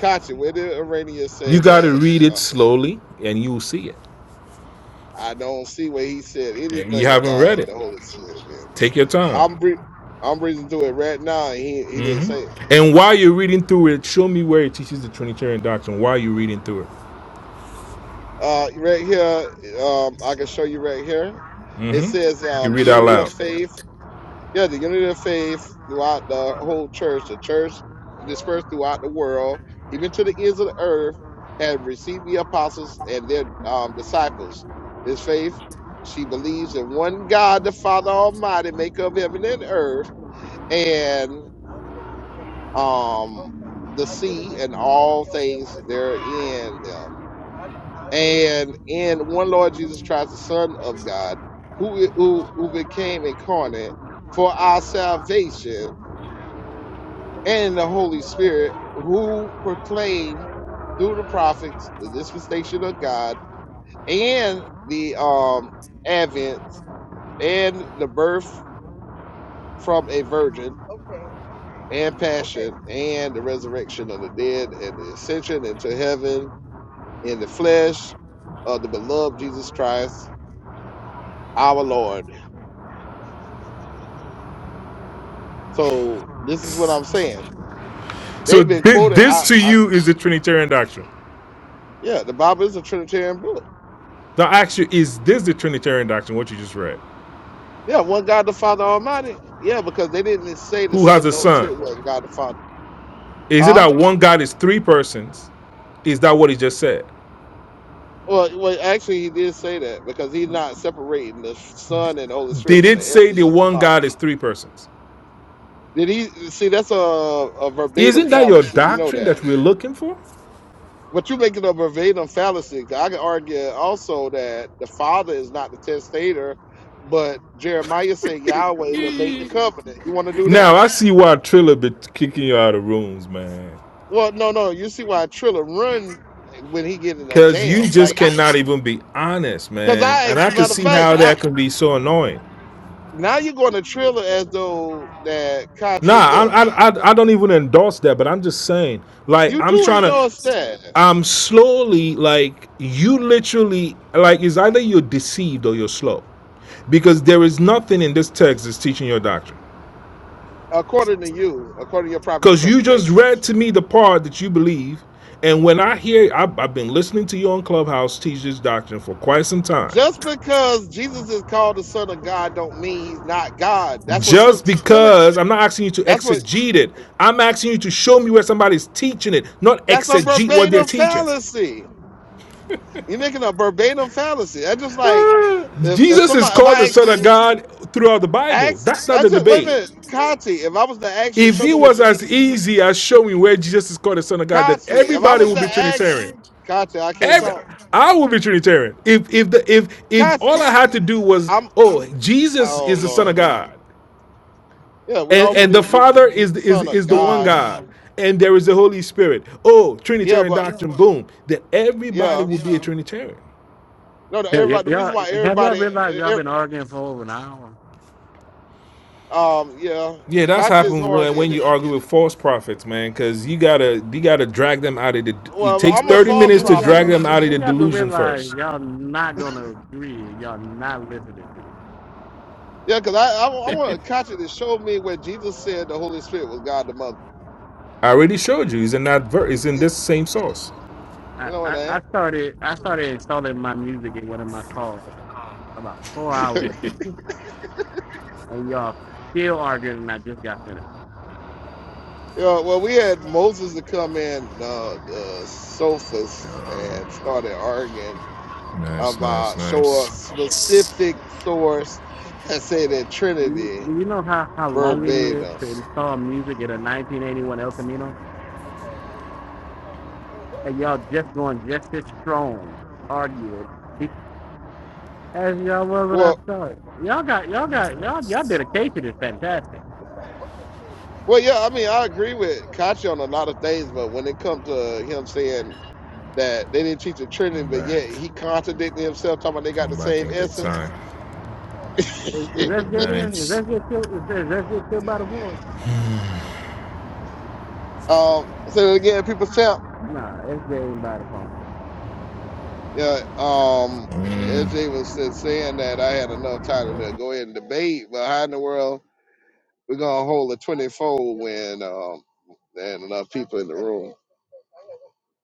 Speaker 5: Kachi, when did Iranians say
Speaker 7: You gotta
Speaker 5: that?
Speaker 7: read it
Speaker 5: Uh,
Speaker 7: slowly, and you'll see it.
Speaker 5: I don't see where he said
Speaker 7: And you
Speaker 5: anything
Speaker 7: haven't
Speaker 5: about
Speaker 7: read it.
Speaker 5: the Holy Spirit, man.
Speaker 7: Take your time.
Speaker 5: I'm re- I'm reading through it right now, and he he didn't
Speaker 7: hmm
Speaker 5: say it.
Speaker 7: And while you're reading through it, show me where it teaches the Trinitarian doctrine. While you're reading through it,
Speaker 5: Uh, right here, um, I can show you right here. It
Speaker 7: hmm
Speaker 5: says
Speaker 7: you
Speaker 5: um, the
Speaker 7: read out
Speaker 5: unity of
Speaker 7: loud.
Speaker 5: faith Yeah, the unity of faith throughout the whole church. The church dispersed throughout the world, even to the ends of the earth, had received the apostles and their um, disciples. This faith, she believes in one God, the Father Almighty, maker of heaven and earth, and um, the sea and all things therein them, and in one Lord Jesus Christ, the Son of God, who who, who became incarnate for our salvation and the Holy Spirit, who proclaim through the prophets the dispensation of God and the um, advent and the birth from a virgin and passion and the resurrection of the dead and the ascension into heaven in the flesh of the beloved Jesus Christ, our Lord. So this is what I'm saying.
Speaker 7: So
Speaker 5: They've been
Speaker 7: this,
Speaker 5: quoted. I,
Speaker 7: this to
Speaker 5: I
Speaker 7: you is the Trinitarian doctrine.
Speaker 5: yeah, the Bible is a Trinitarian book
Speaker 7: Now, actually, is this the Trinitarian doctrine? What you just read?
Speaker 5: Yeah, one God the Father Almighty. Yeah, because they didn't say the
Speaker 7: Who
Speaker 5: Son
Speaker 7: has
Speaker 5: and
Speaker 7: a
Speaker 5: the Holy
Speaker 7: son?
Speaker 5: Spirit wasn't God the Father.
Speaker 7: Is it
Speaker 5: Huh?
Speaker 7: that one God is three persons? Is that what he just said?
Speaker 5: Well, well, actually, he did say that because he's not separating the Son and the Holy Spirit
Speaker 7: Did
Speaker 5: from
Speaker 7: it
Speaker 5: the
Speaker 7: say
Speaker 5: essence
Speaker 7: the
Speaker 5: of the
Speaker 7: one
Speaker 5: Father.
Speaker 7: God is three persons?
Speaker 5: Did he see? That's a, a verbatim
Speaker 7: Isn't that your
Speaker 5: fallacy. You know
Speaker 7: doctrine that
Speaker 5: that.
Speaker 7: we're looking for?
Speaker 5: But you making a verbatim fallacy. I can argue also that the Father is not the testator, but Jeremiah said Yahweh will make the covenant. You want to do
Speaker 7: Now
Speaker 5: that?
Speaker 7: I see why Triller be kicking you out of rooms, man.
Speaker 5: Well, no, no. You see why Trilla run when he get in a
Speaker 7: Cause you
Speaker 5: jam.
Speaker 7: just
Speaker 5: Like I,
Speaker 7: cannot even be honest,
Speaker 5: Cause
Speaker 7: man.
Speaker 5: I
Speaker 7: And I
Speaker 5: asked,
Speaker 7: can
Speaker 5: matter of
Speaker 7: see
Speaker 5: fact,
Speaker 7: how
Speaker 5: I,
Speaker 7: that can be so annoying.
Speaker 5: now you're going to trill as though that
Speaker 7: Nah,
Speaker 5: Kachi, look,
Speaker 7: I I I don't even endorse that, but I'm just saying, like
Speaker 5: you
Speaker 7: I'm
Speaker 5: do
Speaker 7: trying to.
Speaker 5: endorse that,
Speaker 7: I'm slowly like you literally like it's either you're deceived or you're slow. Because there is nothing in this text that's teaching your doctrine.
Speaker 5: according to you, according to your proper
Speaker 7: Because you just
Speaker 5: interpretation.
Speaker 7: read to me the part that you believe. And when I hear, I've, I've been listening to you on Clubhouse teach this doctrine for quite some time.
Speaker 5: Just because Jesus is called the Son of God, don't mean he's not God. That's what son,
Speaker 7: Just
Speaker 5: son of,
Speaker 7: because I'm not asking you to
Speaker 5: that's what
Speaker 7: exegete it, I'm asking you to show me where somebody's teaching it, not
Speaker 5: that's a
Speaker 7: exegete what they're
Speaker 5: verbatim
Speaker 7: teaching. <laughs>
Speaker 5: fallacy. You're making a verbatim fallacy. I just like
Speaker 7: Ah,
Speaker 5: if, if
Speaker 7: Jesus is
Speaker 5: somebody if
Speaker 7: called the
Speaker 5: I ask
Speaker 7: Son of
Speaker 5: you,
Speaker 7: God throughout the Bible.
Speaker 5: ask
Speaker 7: That's not
Speaker 5: I
Speaker 7: the
Speaker 5: just wait a
Speaker 7: debate.
Speaker 5: minute, Kachi, if I was to ask you,
Speaker 7: If
Speaker 5: show
Speaker 7: it
Speaker 5: me what
Speaker 7: was
Speaker 5: Jesus.
Speaker 7: as easy as showing where Jesus is called the Son of God, then
Speaker 5: Kachi, if I
Speaker 7: everybody
Speaker 5: was
Speaker 7: would
Speaker 5: to
Speaker 7: be
Speaker 5: ask
Speaker 7: Trinitarian.
Speaker 5: Kachi, I can't
Speaker 7: Every
Speaker 5: talk.
Speaker 7: I would be Trinitarian. If if the if if all
Speaker 5: Kachi,
Speaker 7: I had to do was,
Speaker 5: I'm
Speaker 7: oh, Jesus
Speaker 5: oh
Speaker 7: is the Son
Speaker 5: Lord.
Speaker 7: of God,
Speaker 5: Yeah, we
Speaker 7: and
Speaker 5: all
Speaker 7: and the
Speaker 5: believe
Speaker 7: Father
Speaker 5: Jesus
Speaker 7: is the, is
Speaker 5: son of
Speaker 7: is the one
Speaker 5: God.
Speaker 7: God, and there is the Holy Spirit. Oh,
Speaker 5: Yeah,
Speaker 7: Trinitarian
Speaker 5: but
Speaker 7: doctrine. Boom. Then everybody
Speaker 5: yeah.
Speaker 7: would be a Trinitarian.
Speaker 5: No, no,
Speaker 11: Yeah, y-
Speaker 5: everybody the
Speaker 11: y'all,
Speaker 5: reason why
Speaker 11: have y'all
Speaker 5: everybody
Speaker 11: realized y'all
Speaker 5: eh, eh,
Speaker 11: been arguing for over an hour?
Speaker 5: um yeah,
Speaker 7: Yeah, that's
Speaker 5: Kachi is
Speaker 7: happened
Speaker 5: hard
Speaker 7: when when
Speaker 5: headed.
Speaker 7: you argue with false prophets, man. Because you gotta you gotta drag them out of the. It
Speaker 5: Well,
Speaker 7: takes
Speaker 5: I'm
Speaker 11: Where,
Speaker 5: a
Speaker 7: thirty
Speaker 11: where, do-
Speaker 5: false
Speaker 7: minutes
Speaker 11: where do
Speaker 7: to
Speaker 11: y'all
Speaker 5: prophet.
Speaker 7: drag
Speaker 11: go?
Speaker 7: them
Speaker 11: Where,
Speaker 7: out of
Speaker 11: where
Speaker 7: the
Speaker 11: y'all gonna
Speaker 7: delusion
Speaker 11: realize
Speaker 7: first.
Speaker 11: y'all not gonna agree and y'all not listening to each
Speaker 5: Yeah, because I, I I want Kachi to show me where Jesus said the Holy Spirit was God the Mother.
Speaker 7: I already showed you. It's in that ver- it's in
Speaker 5: Eh,
Speaker 7: this same source.
Speaker 11: other?
Speaker 5: No,
Speaker 11: I,
Speaker 5: it
Speaker 11: I, I
Speaker 5: ain't.
Speaker 11: started I started installing my music in one of my cars about four hours ago, and y'all still arguing, and I just got finished.
Speaker 5: Yeah, well, we had Moses to come in uh, the sofas and started arguing
Speaker 7: Nice,
Speaker 5: of
Speaker 7: nice,
Speaker 5: uh, show a
Speaker 7: nice.
Speaker 5: specific source that say that
Speaker 11: Do you, do
Speaker 5: Trinity
Speaker 11: you know how, how long it is
Speaker 5: verbatim.
Speaker 11: to install music in a 1981 El Camino? And y'all just going just as strong arguing as y'all was when I
Speaker 5: Well,
Speaker 11: started. Y'all got y'all got y'all y'all
Speaker 7: Nice.
Speaker 11: dedication is fantastic.
Speaker 5: well, yeah, I mean, I agree with Kachi on a lot of things, but when it comes to him saying that they didn't teach the Trinity,
Speaker 7: Come
Speaker 5: but yet
Speaker 7: back.
Speaker 5: he contradicted himself, talking about they got the
Speaker 7: Come back
Speaker 5: same
Speaker 7: in good
Speaker 5: essence.
Speaker 7: time.
Speaker 11: Is,
Speaker 5: <laughs>
Speaker 11: is SJ there? Is
Speaker 7: Nice.
Speaker 11: SJ still is, is SJ still by the phone?
Speaker 5: um, so again, people champ.
Speaker 11: Nah, SJ ain't by the phone.
Speaker 5: Yeah, um,
Speaker 7: Mm.
Speaker 5: SJ was saying that I had enough time to go ahead and debate, but how in the world We're gonna hold a 24 when um and enough people in the room.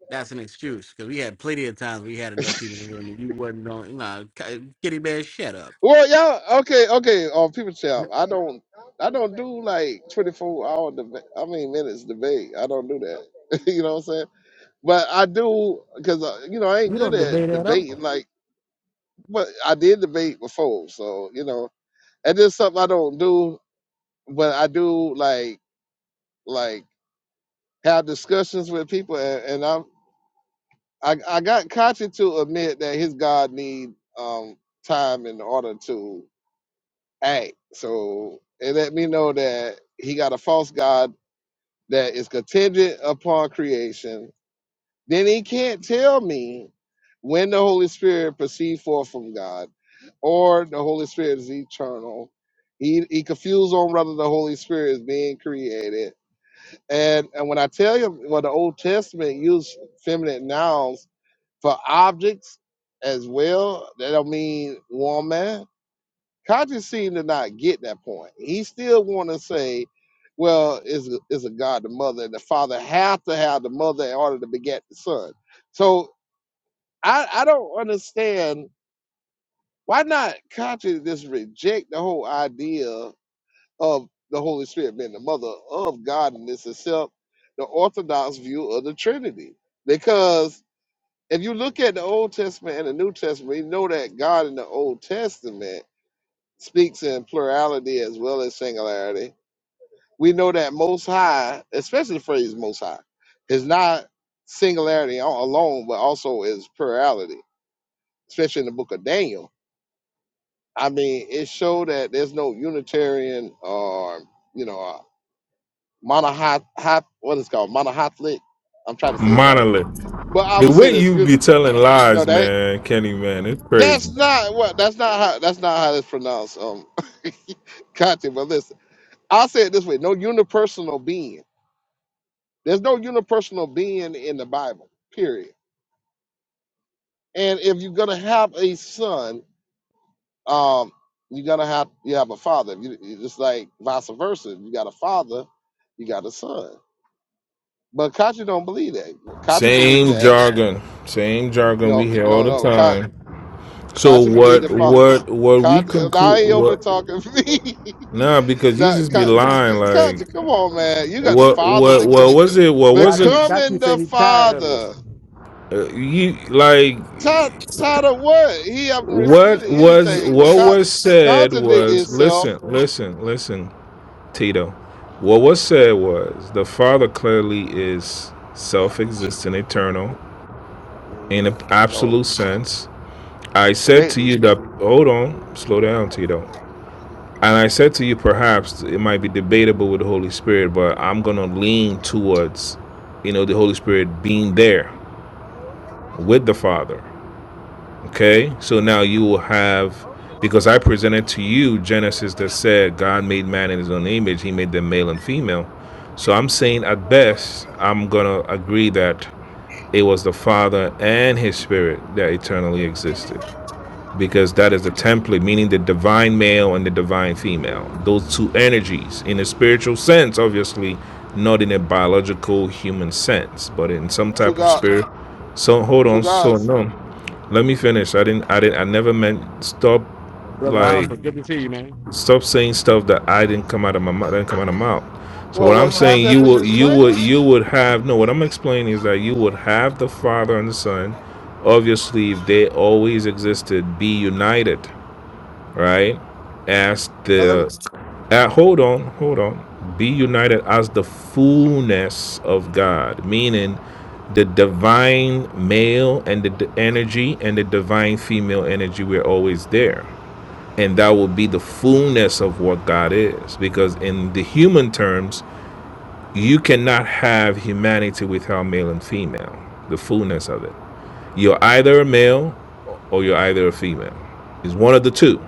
Speaker 11: That's an excuse because we had plenty of times we had enough people in here and you wasn't on. Nah, Ki- Kitty Bear, shut up.
Speaker 5: Well, yeah. okay, okay. Uh, people chat. I don't, I don't do like twenty four hour debate. I mean minutes debate. I don't do that. <laughs> you know what I'm saying? But I do because uh, you know I ain't
Speaker 11: You
Speaker 5: good
Speaker 11: don't
Speaker 5: at
Speaker 11: debate at all.
Speaker 5: debating. Like, but I did debate before, so you know, and this something I don't do. But I do like like have discussions with people, and, I'm. I, I got Kachi to admit that his God need um time in order to act. So it let me know that he got a false God that is contingent upon creation. Then he can't tell me when the Holy Spirit proceed forth from God or the Holy Spirit is eternal. He he confused on whether the Holy Spirit is being created. And and when I tell you well the Old Testament use feminine nouns for objects as well. That don't mean woman. Conscious seemed to not get that point. He still want to say, well, is is a God the mother and the father have to have the mother in order to beget the son. So I I don't understand why not conscious just reject the whole idea of the Holy Spirit being the mother of God and this itself the orthodox view of the Trinity because if you look at the Old Testament and the New Testament, you know that God in the Old Testament speaks in plurality as well as singularity. We know that Most High, especially the phrase Most High, is not singularity al- alone, but also is plurality, especially in the book of Daniel. I mean, it showed that there's no Unitarian or, you know, uh, monohot, hot, what is it called, monohotlic. I'm trying to say it right.
Speaker 7: Monolith.
Speaker 5: But I
Speaker 7: The
Speaker 5: would say
Speaker 7: way
Speaker 5: this,
Speaker 7: you
Speaker 5: you,
Speaker 7: be telling
Speaker 5: no,
Speaker 7: lies,
Speaker 5: that
Speaker 7: man, Kenny, man, it's crazy.
Speaker 5: That's not what. That's not how. That's not how it's pronounced. Um, <laughs> Conte. But listen, I'll say it this way: no unipersonal being. There's no unipersonal being in the Bible. Period. And if you're gonna have a son, um, you're gonna have you have a father. You, you- just like vice versa. If you got a father, you got a son. But Kachi don't believe that. Kachi believe
Speaker 7: Same
Speaker 5: that.
Speaker 7: jargon, same jargon we
Speaker 5: No,
Speaker 7: hear all
Speaker 5: no,
Speaker 7: the
Speaker 5: no. Kachi
Speaker 7: time. So
Speaker 5: believe
Speaker 7: what,
Speaker 5: the father.
Speaker 7: what, what we
Speaker 5: Kachi, now
Speaker 7: conclude,
Speaker 5: he over
Speaker 7: what?
Speaker 5: talking <laughs> me.
Speaker 7: Nah, because you
Speaker 5: That
Speaker 7: just be lying.
Speaker 5: Con- Conti,
Speaker 7: Like
Speaker 5: come on, man. You got the
Speaker 7: what,
Speaker 5: father
Speaker 7: what,
Speaker 5: become,
Speaker 7: what was it? What was it?
Speaker 11: Tati,
Speaker 5: becoming
Speaker 11: Tati
Speaker 5: the
Speaker 11: said he's tired of it.
Speaker 5: father.
Speaker 7: Uh, you like
Speaker 5: Tired, tired of what? He haven't
Speaker 7: what
Speaker 5: refuted
Speaker 7: was
Speaker 5: anything. But
Speaker 7: what
Speaker 5: con-
Speaker 7: was said
Speaker 5: contradict
Speaker 7: was
Speaker 5: itself.
Speaker 7: listen, listen, listen, Tito. What was said was the Father clearly is self-existent, eternal, in an
Speaker 5: Mm, No,
Speaker 7: absolute sense. I said
Speaker 5: can't
Speaker 7: to
Speaker 5: be.
Speaker 7: you that hold on, slow down, Tito. And I said to you, perhaps it might be debatable with the Holy Spirit, but I'm gonna lean towards, you know, the Holy Spirit being there with the Father. Okay, so now you will have, because I presented to you Genesis that said God made man in his own image, he made them male and female. So I'm saying at best, I'm going to agree that it was the Father and his Spirit that eternally existed, because that is the template, meaning the divine male and the divine female. Those two energies, in a spiritual sense, obviously, not in a biological human sense, but in some
Speaker 5: Two
Speaker 7: type of
Speaker 5: God,
Speaker 7: spirit. So hold
Speaker 5: two
Speaker 7: on, so
Speaker 5: gods.
Speaker 7: no. Let me finish. I didn't. I didn't. I never meant stop.
Speaker 11: Brother
Speaker 7: Like
Speaker 11: Alpha, good to see you, man.
Speaker 7: stop saying stuff that I didn't come out of my mouth. Didn't come out of my mouth. So
Speaker 5: Well,
Speaker 7: what
Speaker 5: well,
Speaker 7: I'm saying,
Speaker 5: contrast
Speaker 7: you
Speaker 5: when you
Speaker 7: would, you
Speaker 5: explain
Speaker 7: would,
Speaker 5: it,
Speaker 7: you would have no. What I'm explaining is that you would have the Father and the Son. Obviously, if they always existed, be united right? As
Speaker 5: and then
Speaker 7: the uh, hold on, hold on. Be united as the fullness of God, meaning the divine male and the d- energy and the divine female energy were always there. And that will be the fullness of what God is. Because in the human terms, you cannot have humanity without male and female, the fullness of it. You're either a male or you're either a female. It's one of the two.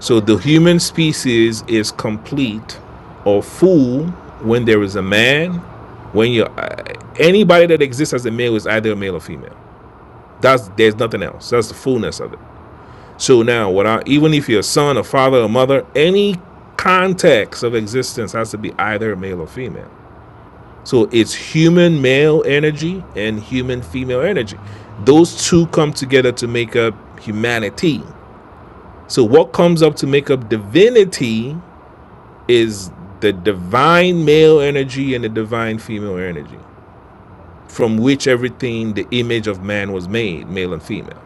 Speaker 7: So the human species is complete or full when there is a man, when you anybody that exists as a male is either a male or female. That's there's nothing else. That's the fullness of it. So now, without even if you're a son, a father, a mother, any context of existence has to be either male or female. So it's human male energy and human female energy. Those two come together to make up humanity. So what comes up to make up divinity is the divine male energy and the divine female energy from which everything the image of man was made male and female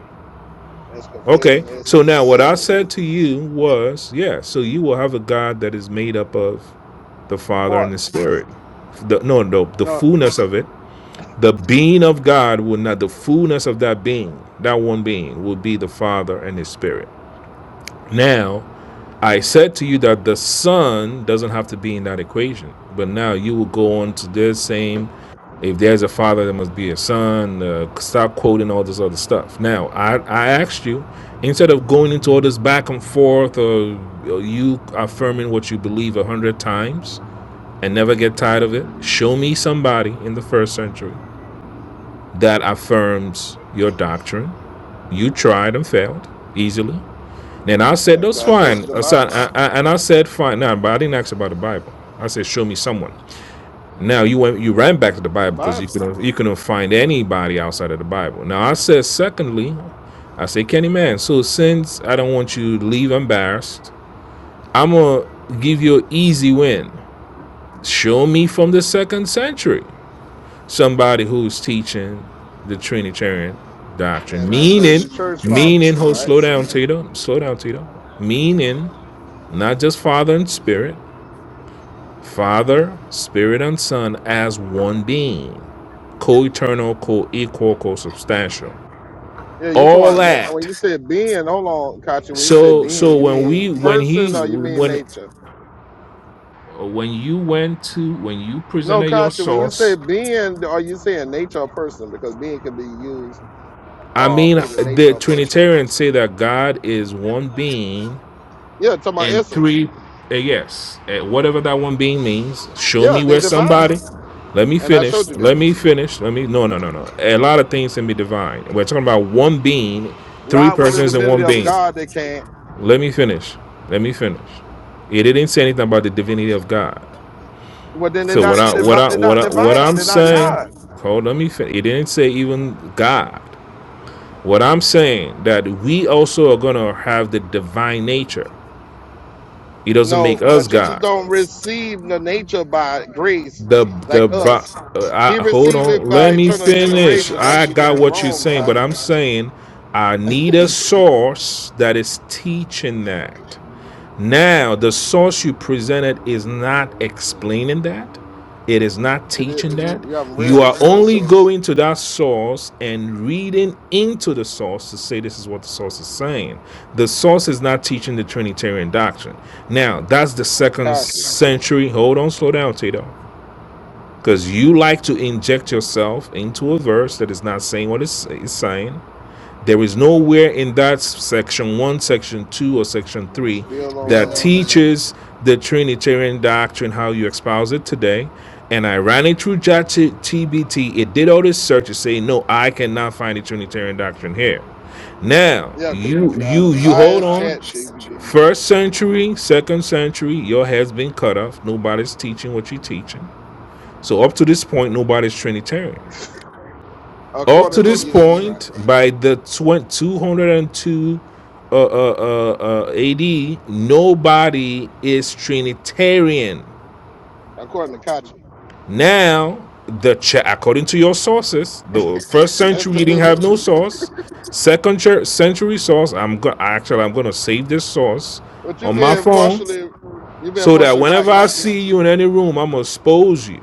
Speaker 5: that's
Speaker 7: okay
Speaker 5: conflating
Speaker 7: so
Speaker 5: essence
Speaker 7: now
Speaker 5: and
Speaker 7: what i
Speaker 5: images
Speaker 7: said to you was yeah so you will have a god that is made up of the father and the
Speaker 5: parts.
Speaker 7: spirit the, no no the
Speaker 5: No,
Speaker 7: fullness of it the being of god will not the fullness of that being that one being will be the father and his spirit now I said to you that the son doesn't have to be in that equation, but now you will go on to this same. If there's a father, there must be a son. Uh, stop quoting all this other stuff. Now, I, I asked you, instead of going into all this back and forth, or, or you affirming what you believe a hundred times and never get tired of it, show me somebody in the first century that affirms your doctrine. You tried and failed easily. And I
Speaker 5: you
Speaker 7: said,
Speaker 5: know,
Speaker 7: that's
Speaker 5: 'cause I showed
Speaker 7: fine.
Speaker 5: you the
Speaker 7: I said-
Speaker 5: Bible,
Speaker 7: I- I- and I said, fine. Now, but I didn't ask about the Bible. I said, show me someone. Now you went, you ran back to the
Speaker 5: the
Speaker 7: Bible because you
Speaker 5: Bible,
Speaker 7: couldn't, you couldn't find anybody outside of the Bible. Now I said, secondly, I say, Kenny man. So since I don't want you to leave embarrassed, I'm gonna give you an easy win. Show me from the second century somebody who's teaching the Trinitarian doctrine,
Speaker 5: and I showed
Speaker 7: meaning,
Speaker 5: you church
Speaker 7: meaning.
Speaker 5: fathers,
Speaker 7: Hold,
Speaker 5: right?
Speaker 7: slow down, Tito. Slow down, Tito. Meaning not just Father and Spirit, Father, Spirit, and Son as one being, co eternal, co equal, co substantial.
Speaker 5: Yeah, you
Speaker 7: All
Speaker 5: talking about na- when
Speaker 7: that.
Speaker 5: you said being. Hold on, Kachi. When you say
Speaker 7: So, so
Speaker 5: being, you
Speaker 7: when we,
Speaker 5: mean
Speaker 7: when he,
Speaker 5: person or you mean
Speaker 7: when,
Speaker 5: nature?
Speaker 7: when you went to, when you
Speaker 5: No,
Speaker 7: presented your
Speaker 5: Kachi. When you say
Speaker 7: source,
Speaker 5: being, are you saying nature or person? Because being can be used
Speaker 7: I
Speaker 5: um
Speaker 7: mean,
Speaker 5: either nature
Speaker 7: the
Speaker 5: or person.
Speaker 7: Trinitarians say that God is one being
Speaker 5: Yeah, talking about
Speaker 7: and
Speaker 5: essence.
Speaker 7: three uh, yes uh, whatever that one being means show
Speaker 5: Yeah,
Speaker 7: me
Speaker 5: they're
Speaker 7: where
Speaker 5: divine,
Speaker 7: somebody let me
Speaker 5: and I
Speaker 7: finish
Speaker 5: showed you that.
Speaker 7: let me finish let me no no no no a lot of things can be divine we're talking about one being three
Speaker 5: Not with the
Speaker 7: persons in
Speaker 5: divinity
Speaker 7: one
Speaker 5: of
Speaker 7: being
Speaker 5: God, they can't.
Speaker 7: let me finish let me finish it didn't say anything about the divinity of god
Speaker 5: Well, then they're
Speaker 7: so what
Speaker 5: not
Speaker 7: i what
Speaker 5: divi-
Speaker 7: i
Speaker 5: They're
Speaker 7: what
Speaker 5: not
Speaker 7: i what
Speaker 5: divine.
Speaker 7: i'm
Speaker 5: They're not
Speaker 7: saying
Speaker 5: God.
Speaker 7: hold let me finish it didn't say even god what i'm saying that we also are going to have the divine nature It doesn't make
Speaker 5: No, but
Speaker 7: us
Speaker 5: Jesus
Speaker 7: god
Speaker 5: don't receive the nature by grace
Speaker 7: The
Speaker 5: like
Speaker 7: the box.
Speaker 5: us. He
Speaker 7: I hold
Speaker 5: received
Speaker 7: on.
Speaker 5: it by
Speaker 7: Let me
Speaker 5: eternal
Speaker 7: finish.
Speaker 5: generation. That when
Speaker 7: I
Speaker 5: you get it
Speaker 7: got what you're
Speaker 5: wrong,
Speaker 7: saying, but
Speaker 5: Kachi.
Speaker 7: I'm saying I need a source that is teaching that. Now, the source you presented is not explaining that. It is not
Speaker 5: It is
Speaker 7: teaching that.
Speaker 5: you haven't read
Speaker 7: You
Speaker 5: the
Speaker 7: are
Speaker 5: source,
Speaker 7: only going to that source and reading into the source to say this is what the source is saying. The source is not teaching the Trinitarian doctrine. Now, that's the second
Speaker 5: Kachi.
Speaker 7: century. Hold on, slow down, Tito because you like to inject yourself into a verse that is not saying what it's, it's saying. There is nowhere in that section one, section two, or section
Speaker 5: You
Speaker 7: three
Speaker 5: still on
Speaker 7: that
Speaker 5: that.
Speaker 7: teaches the Trinitarian doctrine how you espouse it today. And I ran it through JAT TBT. It did all this search to say, no, I cannot find the Trinitarian doctrine here. Now
Speaker 5: Yeah, because
Speaker 7: you
Speaker 5: you got a
Speaker 7: you you hold
Speaker 5: biased
Speaker 7: on.
Speaker 5: chat GBD.
Speaker 7: First century, second century, your head's been cut off. Nobody's teaching what you're teaching. So up to this point, nobody's Trinitarian. Up to
Speaker 5: According to
Speaker 7: this
Speaker 5: you, right?
Speaker 7: point, by the tw- 202 uh, uh, uh, uh, AD, nobody is Trinitarian.
Speaker 5: According to Kachi.
Speaker 7: Now, the ch- according to your sources, the first century you didn't
Speaker 5: <laughs>
Speaker 7: have no source. Second ch- century source, I'm go- actually I'm gonna save this source
Speaker 5: but you
Speaker 7: on my
Speaker 5: being
Speaker 7: phone
Speaker 5: partially you being
Speaker 7: so that
Speaker 5: partially right,
Speaker 7: whenever I
Speaker 5: Kachi.
Speaker 7: see you in any room, I'm gonna expose you.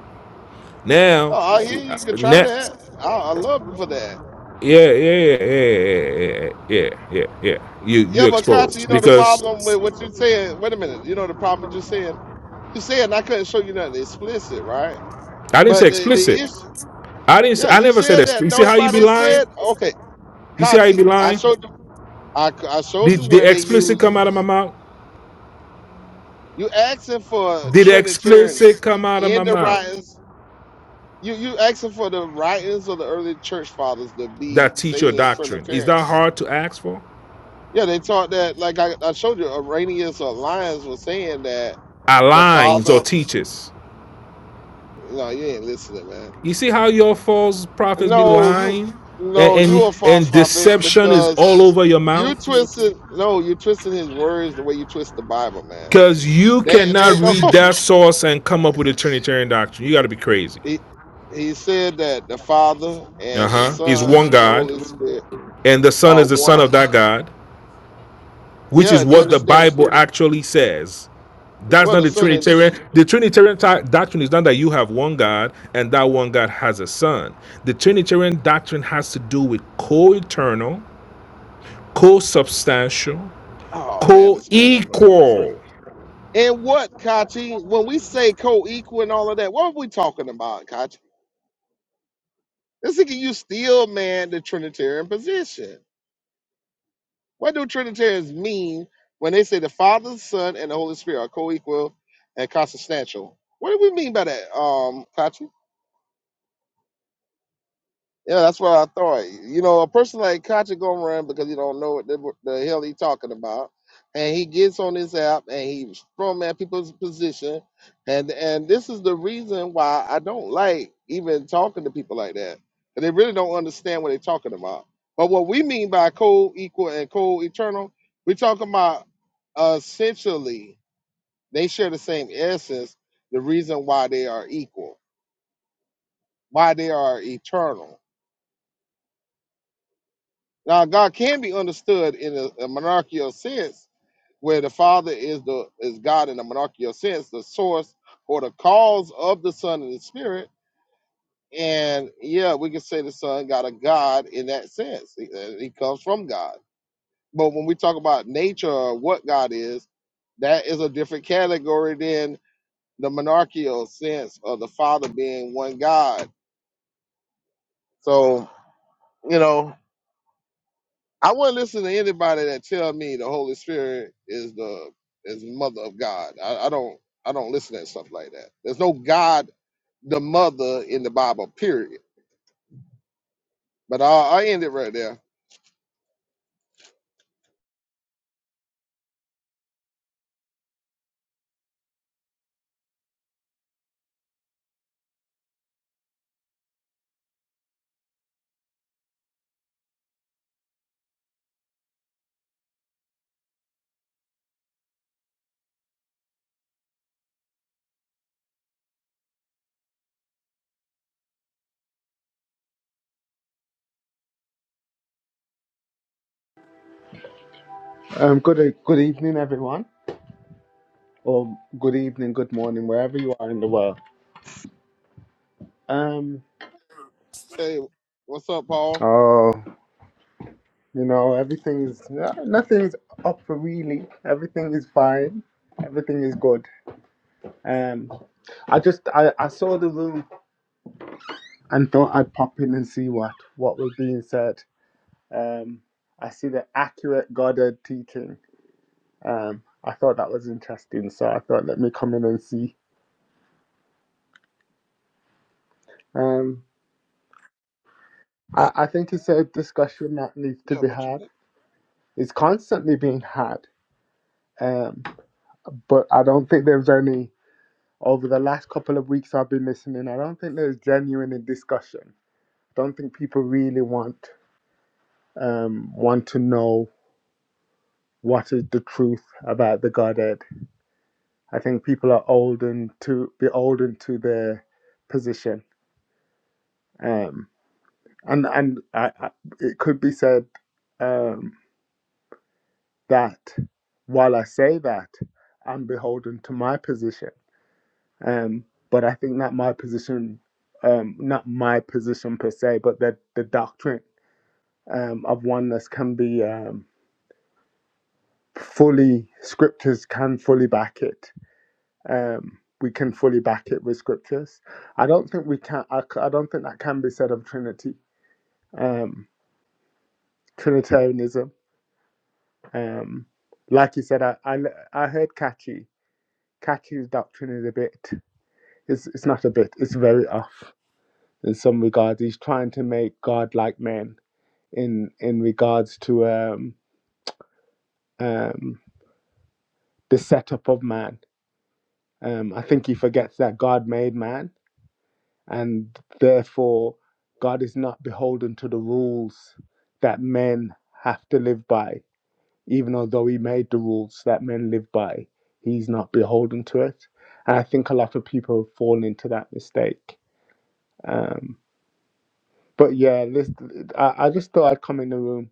Speaker 7: Now,
Speaker 5: Oh, I hear you can try
Speaker 7: now
Speaker 5: that. I, I love you for that.
Speaker 7: Yeah, yeah, yeah, yeah, yeah, yeah, yeah. yeah, yeah, yeah. You
Speaker 5: Yeah,
Speaker 7: you
Speaker 5: but Katya, you
Speaker 7: exposed
Speaker 5: know the
Speaker 7: because
Speaker 5: problem with what you said. Wait a minute. You know the problem with you saying. You saying I couldn't show you nothing explicit, right?
Speaker 7: I didn't say
Speaker 5: But the the
Speaker 7: explicit.
Speaker 5: issue,
Speaker 7: I didn't. s-
Speaker 5: yeah,
Speaker 7: I
Speaker 5: you
Speaker 7: never said
Speaker 5: said
Speaker 7: explicit.
Speaker 5: that
Speaker 7: You see how you be
Speaker 5: nobody
Speaker 7: lying?
Speaker 5: said. Okay,
Speaker 7: You see how you be
Speaker 5: Katya, I
Speaker 7: lying?
Speaker 5: showed you. I, I showed
Speaker 7: Did
Speaker 5: you where
Speaker 7: the
Speaker 5: they
Speaker 7: explicit
Speaker 5: use.
Speaker 7: come out of my mouth?
Speaker 5: You asking for
Speaker 7: Did the
Speaker 5: Trinitarianism
Speaker 7: explicit come out of
Speaker 5: in
Speaker 7: my
Speaker 5: the
Speaker 7: mouth?
Speaker 5: writings. You you asking for the writings of the early church fathers to be
Speaker 7: That teach your
Speaker 5: saying
Speaker 7: doctrine. Is
Speaker 5: Trinitarian.
Speaker 7: that hard to ask for?
Speaker 5: Yeah, they taught that. Like I, I showed you, Arrhenius or Lyons was saying that the
Speaker 7: Aligns or
Speaker 5: Father.
Speaker 7: teaches.
Speaker 5: No, you ain't listening, man.
Speaker 7: You see how your false prophets be
Speaker 5: No, you
Speaker 7: lying, and
Speaker 5: no, you
Speaker 7: and,
Speaker 5: a false
Speaker 7: and
Speaker 5: prophet
Speaker 7: deception is
Speaker 5: because
Speaker 7: all over your
Speaker 5: you
Speaker 7: mouth.
Speaker 5: twisted no, you twisting his words the way you twist the Bible, man.
Speaker 7: Because you
Speaker 5: They
Speaker 7: cannot
Speaker 5: they no.
Speaker 7: read
Speaker 5: <laughs>
Speaker 7: that source and come up with a Trinitarian doctrine. You got to be crazy.
Speaker 5: he, he said that the Father
Speaker 7: Uh
Speaker 5: and the
Speaker 7: huh. Is
Speaker 5: Son
Speaker 7: one
Speaker 5: and the
Speaker 7: God,
Speaker 5: Holy Spirit
Speaker 7: and the Son
Speaker 5: are
Speaker 7: is the Son
Speaker 5: one.
Speaker 7: of that God, which
Speaker 5: Yeah,
Speaker 7: is
Speaker 5: if you
Speaker 7: what the
Speaker 5: understand it.
Speaker 7: Bible actually says. That's
Speaker 5: Well
Speaker 7: not
Speaker 5: the
Speaker 7: the
Speaker 5: Son and the Son.
Speaker 7: Trinitarian. The Trinitarian ti- doctrine is not that you have one God and that one God has a Son. The Trinitarian doctrine has to do with co eternal, co substantial,
Speaker 5: Oh man,
Speaker 7: co
Speaker 5: this man don't know what
Speaker 7: equal.
Speaker 5: trinity. And what, Kachi? When we say co-equal and all of that, what are we talking about, Kachi? This nigga, you still man the Trinitarian position. What do Trinitarians mean when they say the Father, the Son, and the Holy Spirit are co-equal and consubstantial? What do we mean by that, um, Kachi? Yeah, that's what I thought. You know, a person like Kachi gonna run because he don't know what the, the hell he talking about, and he gets on this app and he from at people's position, and and this is the reason why I don't like even talking to people like that, and they really don't understand what they're talking about. But what we mean by co equal and co eternal, we're talking about uh, essentially they share the same essence. The reason why they are equal, why they are eternal Now, God can be understood in a, a monarchical sense, where the Father is the is God in a monarchical sense, the source or the cause of the Son and the Spirit. And yeah, we can say the Son got a God in that sense. He, uh, he comes from God. But when we talk about nature or what God is, that is a different category than the monarchical sense of the Father being one God. So you know. I wouldn't listen to anybody that tell me the Holy Spirit is the is mother of God. I, I don't I don't listen to stuff like that. There's no God the mother in the Bible, period. But I I end it right there.
Speaker 12: Um, good uh, good evening, everyone, or good evening, good morning, wherever you are in the world. Um,
Speaker 5: Hey, what's up, Paul?
Speaker 12: oh, you know, everything's uh, nothing's up for really. Everything is fine. Everything is good. Um, I just I, I saw the room and thought I'd pop in and see what what was being said. Um, I see the accurate Goddard teaching. Um, I thought that was interesting, so I thought let me come in and see. Um, I, I think it's a discussion that needs to
Speaker 5: Yeah,
Speaker 12: be
Speaker 5: but you
Speaker 12: had It's constantly being had, um, but I don't think there's any. Over the last couple of weeks, I've been listening. I don't think there's genuine discussion. I don't think people really want um, want to know what is the truth about the Godhead. I think people are olden to beholden to their position, um, and and I, I, it could be said um, that while I say that, I'm beholden to my position. Um, but I think not my position, um, not my position per se, but that the doctrine um, of oneness can be um, fully, scriptures can fully back it. Um, we can fully back it with scriptures. I don't think we can, I c- I don't think that can be said of Trinity, um, Trinitarianism. Um, like you said, I I I heard Kachi. Kachi's doctrine is a bit, it's, it's not a bit, it's very off in some regards. He's trying to make God like men in in regards to um, um, the setup of man. Um, I think he forgets that God made man, and therefore God is not beholden to the rules that men have to live by. Even although He made the rules that men live by, He's not beholden to it. And I think a lot of people fall into that mistake. Um, but yeah, this, I, I just thought I'd come in the room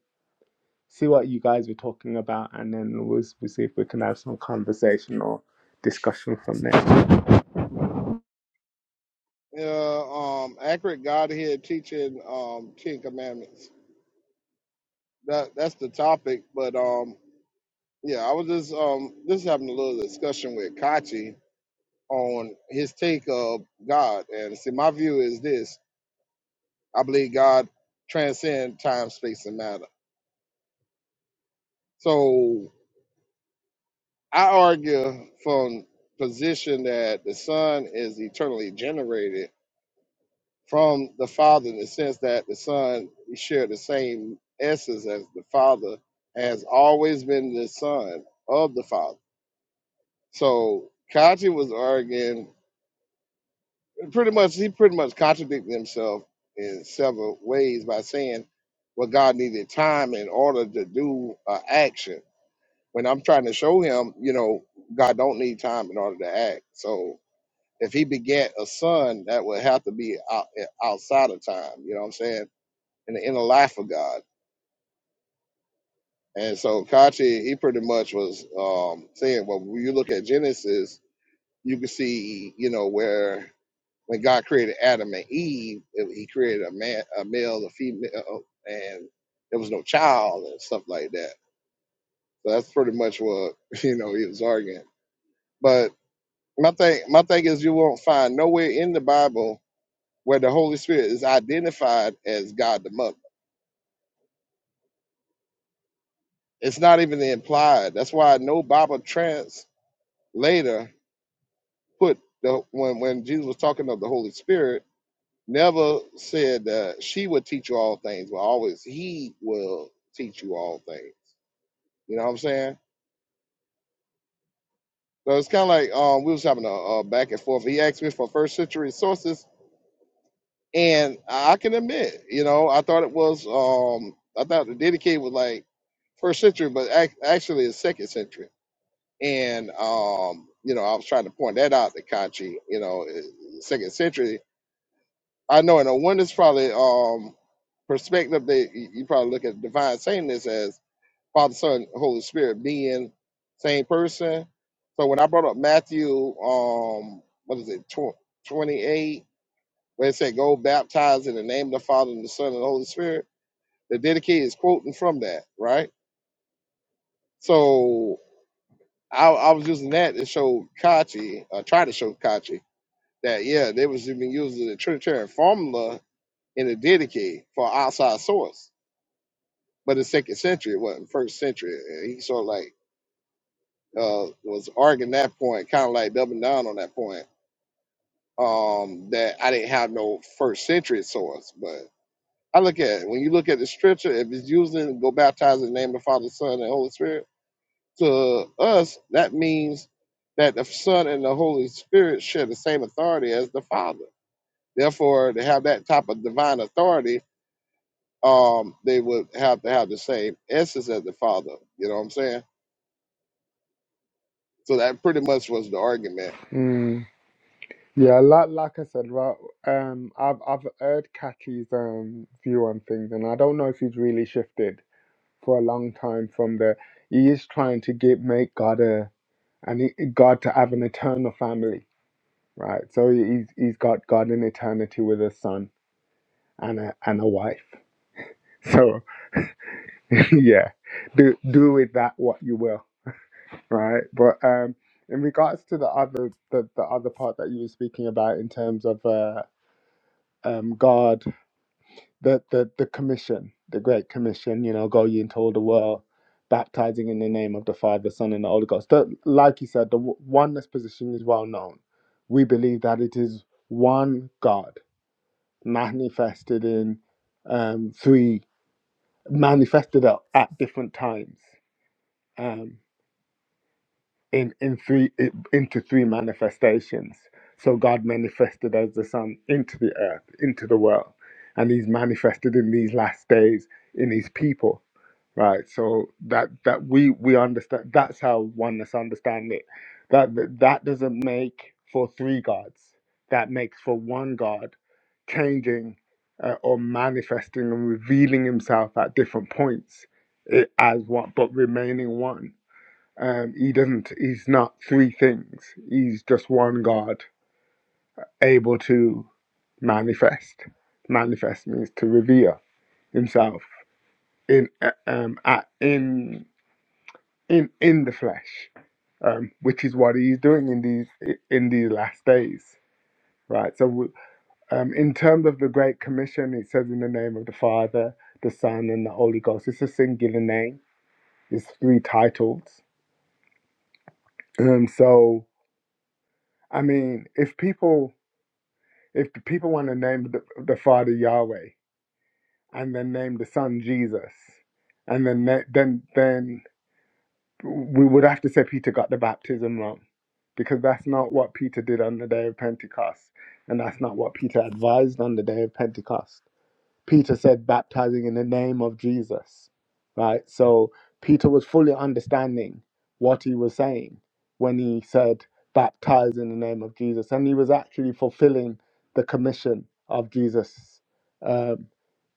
Speaker 12: see what you guys were talking about, and then we'll, we'll see if we can have some conversation or discussion from there.
Speaker 5: yeah, um accurate Godhead teaching um Ten Commandments. That that's the topic, but um yeah, I was just um just having a little discussion with Kachi on his take of God. And see my view is this I believe God transcends time, space, and matter. So I argue from position that the Son is eternally generated from the Father in the sense that the Son shared the same essence as the Father, has always been the Son of the Father. So Kachi was arguing pretty much he pretty much contradicted himself in several ways by saying well God needed time in order to do an action when I'm trying to show him, you know, God don't need time in order to act. So if he begat a son, that would have to be out, outside of time. You know what I'm saying? In the inner life of God. And so Kachi, he pretty much was um, saying, well, when you look at Genesis, you can see, you know, where when God created Adam and Eve, it- he created a man, a male, a female, and there was no child and stuff like that. So that's pretty much what <laughs> you know he was arguing. But my thing my thing is you won't find nowhere in the bible where the holy spirit is identified as god the mother it's not even implied that's why no bible translator put the when when jesus was talking of the holy spirit never said uh, she would teach you all things but always he will teach you all things you know what i'm saying so it's kind of like um, we was having a, a back and forth he asked me for first century sources And I can admit, you know, I thought it was, um, I thought the dedicate was like first century, but ac- actually it's second century. And, um, you know, I was trying to point that out to Kanchi, you know, i- second century. I know in a one is probably um, perspective, that you you probably look at divine sameness as Father, Son, Holy Spirit being same person. So when I brought up Matthew, um, what is it, tw- 28? Where it said go baptize in the name of the Father and the Son and the Holy Spirit, the dedicate is quoting from that, right? So I, I was using that to show Kachi, uh, try to show Kachi that yeah, they was even using the Trinitarian formula in the dedicate for outside source, but in second century, what in first century, and he sort of like uh, was arguing that point, kind of like doubling down on that point um that I didn't have no first century source, I look at it, when you look at the scripture, if it's using go baptize in the name of the Father, Son, and Holy Spirit, to us, that means that the Son and the Holy Spirit share the same authority as the Father. Therefore, to have that type of divine authority, um, they would have to have the same essence as the Father. You know what I'm saying? So that pretty much was the argument.
Speaker 12: Mm. Yeah, like like I said, right. Um, I've I've heard Kathy's um view on things, and I don't know if he's really shifted for a long time from the. He is trying to get make God a and he, God to have an eternal family, right? So he's he's got God in eternity with a son and a and a wife. So <laughs> yeah, do do with that what you will. right? But um, in regards to the other the, the other part that you were speaking about in terms of uh, um, God, the, the the commission, the Great Commission, you know, go ye into all the world, baptizing in the name of the Father, Son, and the Holy Ghost. The, like you said, the w- oneness position is well known. We believe that it is one God manifested in um, three manifested at, at different times. Um, in in three into three manifestations. So God manifested as the Son into the earth, into the world, and He's manifested in these last days in His people, right? So that that we we understand that's how oneness understand it. That that, that doesn't make for three gods. That makes for one God, changing uh, or manifesting and revealing Himself at different points eh, as one, but remaining one um, he doesn't. He's not three things. He's just one God, able to manifest. Manifest means to reveal Himself in uh, um at, in in in the flesh, um, which is what He's doing in these in these last days, right? So, um, in terms of the Great Commission, it says in the name of the Father, the Son, and the Holy Ghost. It's a singular name. It's three titles. Um, so I mean, if people If the people want to name the, the Father Yahweh and then name the Son Jesus, and then na- then then we would have to say Peter got the baptism wrong, because that's not what Peter did on the day of Pentecost, and that's not what Peter advised on the day of Pentecost. Peter said, baptizing in the name of Jesus, right? So Peter was fully understanding what he was saying when he said, baptize in the name of Jesus. And he was actually fulfilling the commission of Jesus um,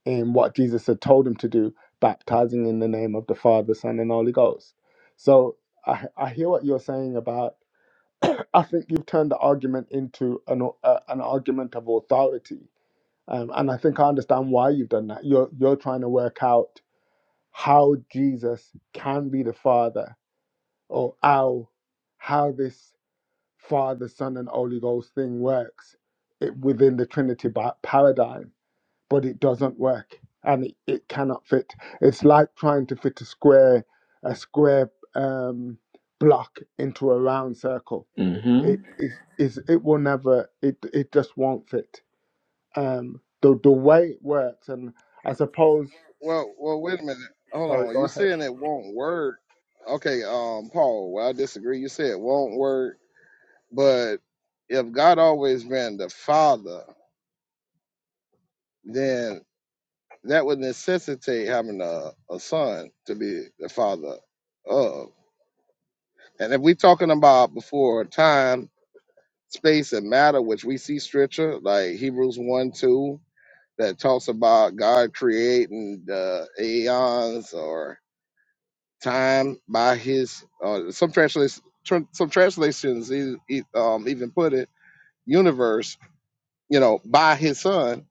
Speaker 12: in what Jesus had told him to do, baptizing in the name of the Father, Son, and Holy Ghost. So I, I hear what you're saying about, <coughs> <clears throat> I think you've turned the argument into an, au- uh, an argument of authority um, and I think I understand why you've done that. You're you're trying to work out how Jesus can be the Father, or how how this Father, Son, and Holy Ghost thing works it, within the Trinity ba- paradigm. But it doesn't work, and it, it cannot fit. It's like trying to fit a square a square um, block into a round circle.
Speaker 13: hmm
Speaker 12: It is is it will never it it just won't fit um, the the way it works, and I suppose.
Speaker 5: Well, well, wait a minute.
Speaker 12: Sorry,
Speaker 5: Hold on.
Speaker 12: go
Speaker 5: you
Speaker 12: ahead.
Speaker 5: saying it won't work. Okay, um, Paul, well, I disagree. You said it won't work But if God always been the father, then that would necessitate having a, a son to be the father of. And if we're talking about before time, space, and matter, which we see scripture, like Hebrews 1 2, that talks about God creating the aeons or time by his, uh, some translations. tr- Some translations e- e- um, even put it universe, you know, by his son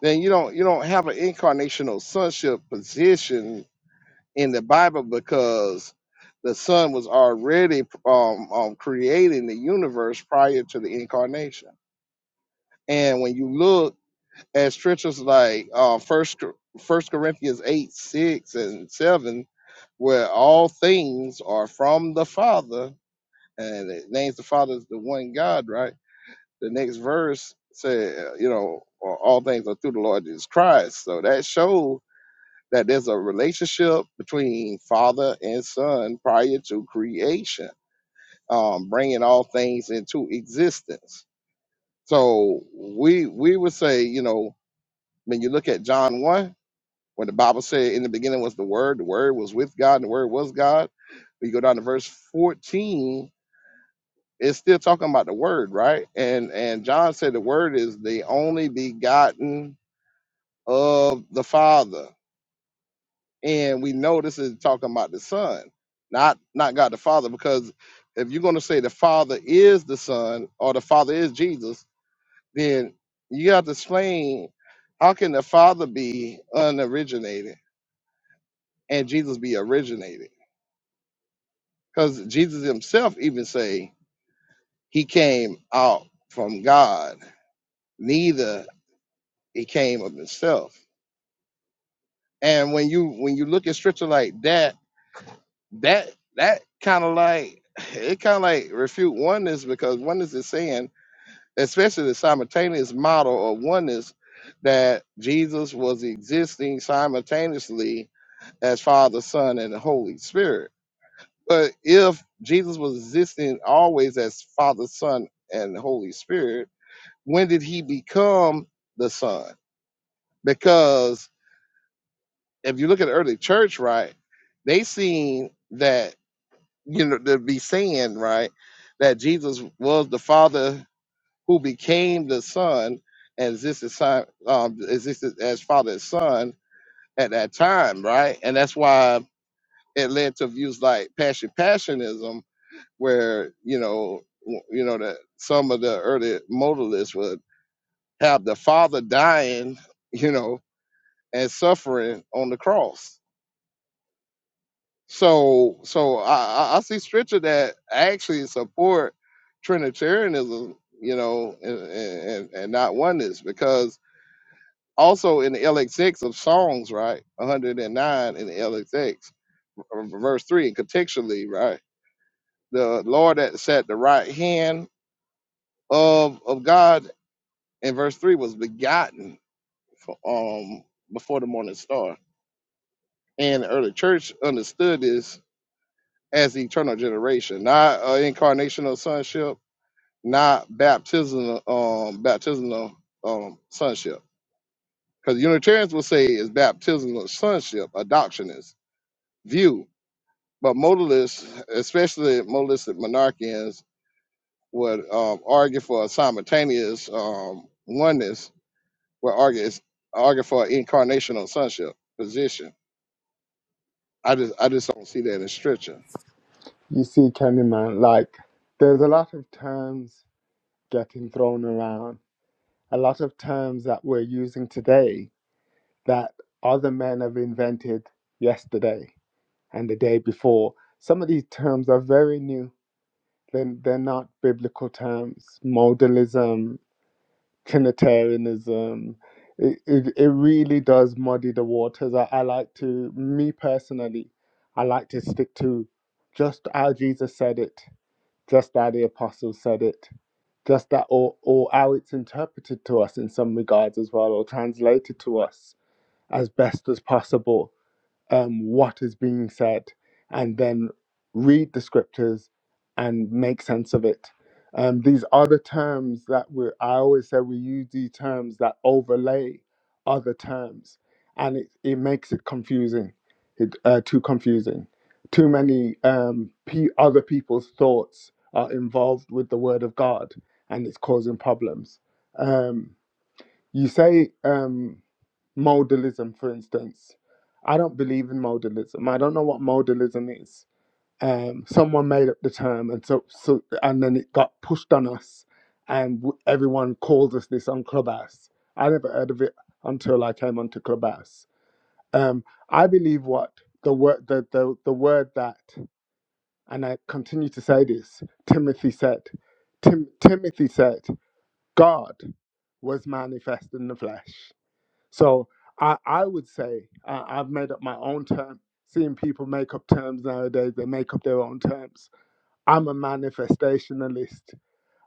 Speaker 5: then you don't you don't have an incarnational sonship position in the Bible because the Son was already um, um, creating the universe prior to the incarnation. And when you look at scriptures like uh, First Cor- First Corinthians eight six and seven, where all things are from the Father, and it names the Father as the one God, right? The next verse said, you know, all things are through the Lord Jesus Christ. So that shows that there's a relationship between father and son prior to creation, um, bringing all things into existence. So we we would say, you know, when you look at John one, when the Bible said, "In the beginning was the Word, the Word was with God, and the Word was God." We go down to verse fourteen. It's still talking about the Word, right? And and John said the Word is the only begotten of the Father and we know this is talking about the son not not god the father because if you're going to say the father is the son or the father is jesus then you have to explain how can the father be unoriginated and jesus be originated because jesus himself even say he came out from god neither he came of himself and when you when you look at scripture like that that that kind of like it kind of like refute oneness because oneness is saying, especially the simultaneous model of oneness, that Jesus was existing simultaneously as Father, Son, and the Holy Spirit. But if Jesus was existing always as Father, Son, and the Holy Spirit, when did he become the Son? Because if you look at the early church, right, they seen that you know, to be saying, right, that Jesus was the Father who became the Son, and this is son, um, existed as Father and Son at that time, right? And that's why it led to views like passion, passionism, where you know, w- you know that some of the early modalists would have the Father dying, you know, and suffering on the cross So, so I, I I see scripture that actually support Trinitarianism, you know, and, and, and not oneness, because also in the LXX of Psalms, right, 109 in the LXX, verse three, contextually, right, the Lord that sat the right hand of of God in verse three was begotten for, um before the morning star, and the early church understood this as eternal generation, not uh, incarnational sonship not baptismal um baptismal um sonship. Because Unitarians will say it's baptismal sonship, adoptionist view. But modalists, especially modalistic monarchians, would um, argue for a simultaneous um, oneness, would argue it's, argue for an incarnational sonship position. I just I just don't see that in scripture.
Speaker 12: You see, Kenny man, like there's a lot of terms getting thrown around, a lot of terms that we're using today that other men have invented yesterday and the day before. Some of these terms are very new. Then they're, they're not biblical terms. Modalism, Trinitarianism. It, it, it really does muddy the waters. I, I like to, me personally, I like to stick to just how Jesus said it, just how the apostles said it, just that, or, or how it's interpreted to us in some regards as well, or translated to us as best as possible um, what is being said and then read the scriptures and make sense of it. Um, these are the terms that we I always say we use these terms that overlay other terms and it, it makes it confusing, it, uh, too confusing. Too many um, pe other people's thoughts are involved with the word of God and it's causing problems. Um, you say, um, modalism, for instance. I don't believe in modalism. I don't know what modalism is. Um, someone made up the term, and so, so and then it got pushed on us, and w- everyone calls us this on Clubhouse. I never heard of it until I came onto Clubhouse. Um, I believe what the word the, the the word that, and I continue to say this. Timothy said, Tim, Timothy said, God was manifest in the flesh. So I, I would say uh, I've made up my own term. Seeing people make up terms nowadays, they make up their own terms. I'm a manifestationalist.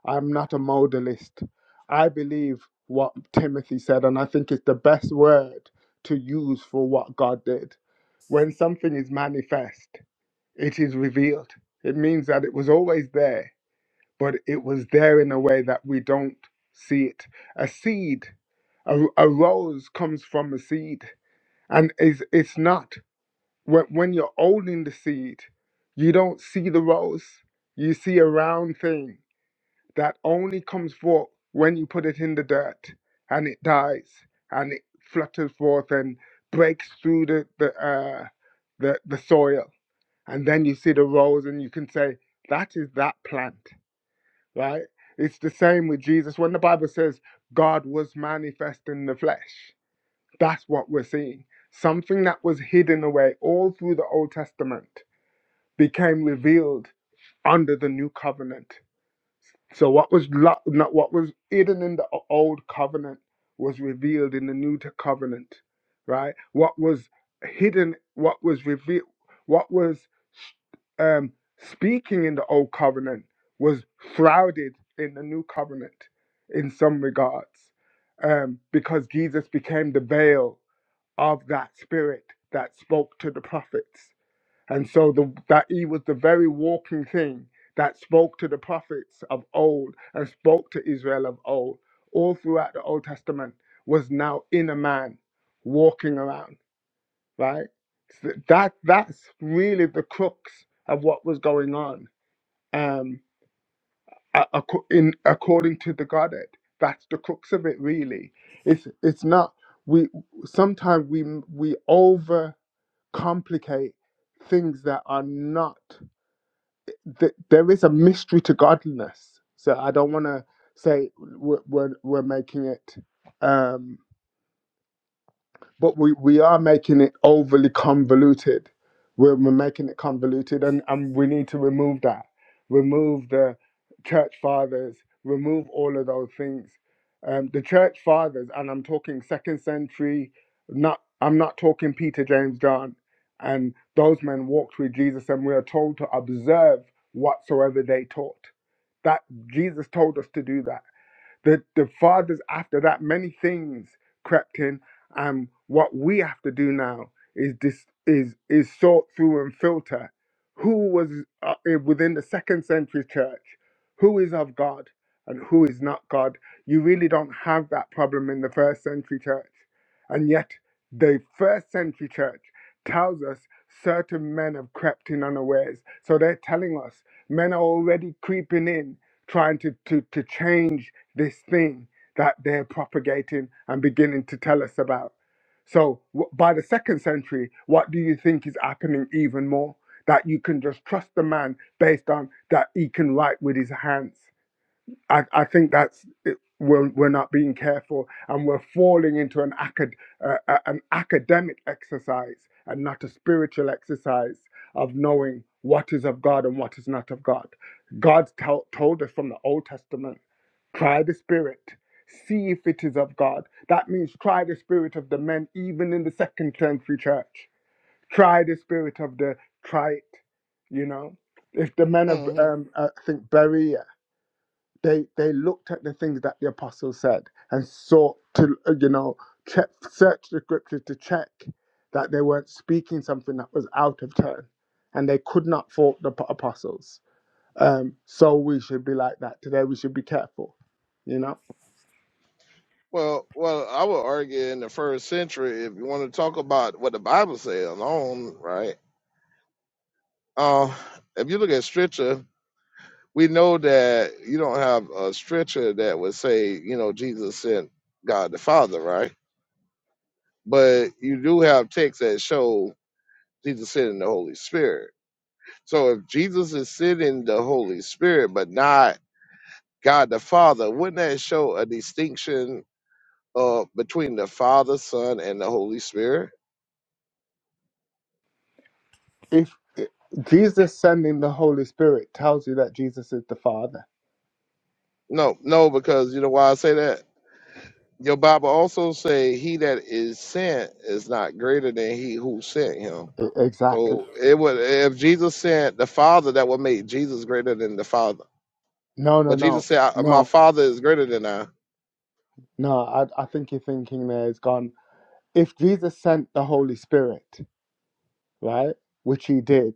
Speaker 12: I'm not a modalist. I believe what Timothy said, and I think it's the best word to use for what God did. When something is manifest, it is revealed. It means that it was always there, but it was there in a way that we don't see it. A seed, a, a rose comes from a seed and it's it's not when when you're holding the seed you don't see the rose you see a round thing that only comes forth when you put it in the dirt and it dies and it flutters forth and breaks through the the uh, the, the soil and then you see the rose and you can say that is that plant right it's the same with jesus when the bible says god was manifest in the flesh that's what we're seeing. Something that was hidden away all through the Old Testament became revealed under the new covenant. So what was lo- not what was hidden in the o- old covenant was revealed in the new t- covenant, right? What was hidden, what was revealed, what was um, speaking in the old covenant was shrouded in the new covenant, in some regards, um, because Jesus became the veil of that spirit that spoke to the prophets. And so the, that he was the very walking thing that spoke to the prophets of old and spoke to Israel of old, all throughout the Old Testament, was now in a man walking around, right? So that that's really the crux of what was going on. Um, a- acco- in according to the Godhead, that's the crux of it. Really, it's it's not we sometimes we we over complicate things that are not th- there is a mystery to godliness so i don't want to say we're, we're, we're making it um but we, we are making it overly convoluted. We're, we're making it convoluted, and, and we need to remove that. Remove the church fathers, remove all of those things. Um, the church fathers, and I'm talking second century, not I'm not talking Peter, James, John, and those men walked with Jesus, and we are told to observe whatsoever they taught. That Jesus told us to do that the, the fathers after that, many things crept in. And what we have to do now is dis, is is sort through and filter who was uh, within the second century church, who is of God and who is not God. You really don't have that problem in the first century church. And yet, the first century church tells us certain men have crept in unawares. So they're telling us men are already creeping in, trying to, to, to change this thing that they're propagating and beginning to tell us about. So, w- by the second century, what do you think is happening even more? That you can just trust the man based on that he can write with his hands. I, I think that's it, we're, we're not being careful and we're falling into an, acad, uh, uh, an academic exercise and not a spiritual exercise of knowing what is of God and what is not of God. God tell told us from the Old Testament Try the spirit. See if it is of God. That means try the spirit of the men, even in the second century church. Try the spirit of the, try it, you know. If the men of,
Speaker 5: hmm
Speaker 12: um, uh, I think, Berea, they, they looked at the things that the apostles said and sought to, uh, you know, check, search the scriptures to check that they weren't speaking something that was out of turn. And they could not fault the p- apostles. Um, so we should be like that today. We should be careful, you know.
Speaker 5: Well, well, I would argue in the first century, if you want to talk about what the Bible says alone, right? Uh, if you look at Scripture, we know that you don't have a Scripture that would say, you know, Jesus sent God the Father, right? But you do have texts that show Jesus sending the Holy Spirit. So if Jesus is sending the Holy Spirit, but not God the Father, wouldn't that show a distinction uh, between the Father, Son, and the Holy Spirit?
Speaker 12: if if Jesus sending the Holy Spirit tells you that Jesus is the Father,
Speaker 5: No, no, because you know why I say that? Your Bible also say he that is sent is not greater than he who sent him.
Speaker 12: E- exactly.
Speaker 5: So it would if Jesus sent the Father, that would make Jesus greater than the Father.
Speaker 12: No, no,
Speaker 5: But Jesus
Speaker 12: no,
Speaker 5: said, "I- "My
Speaker 12: no,
Speaker 5: Father is greater than I."
Speaker 12: no. I, I think you're thinking there is gone. If Jesus sent the Holy Spirit, right, which he did,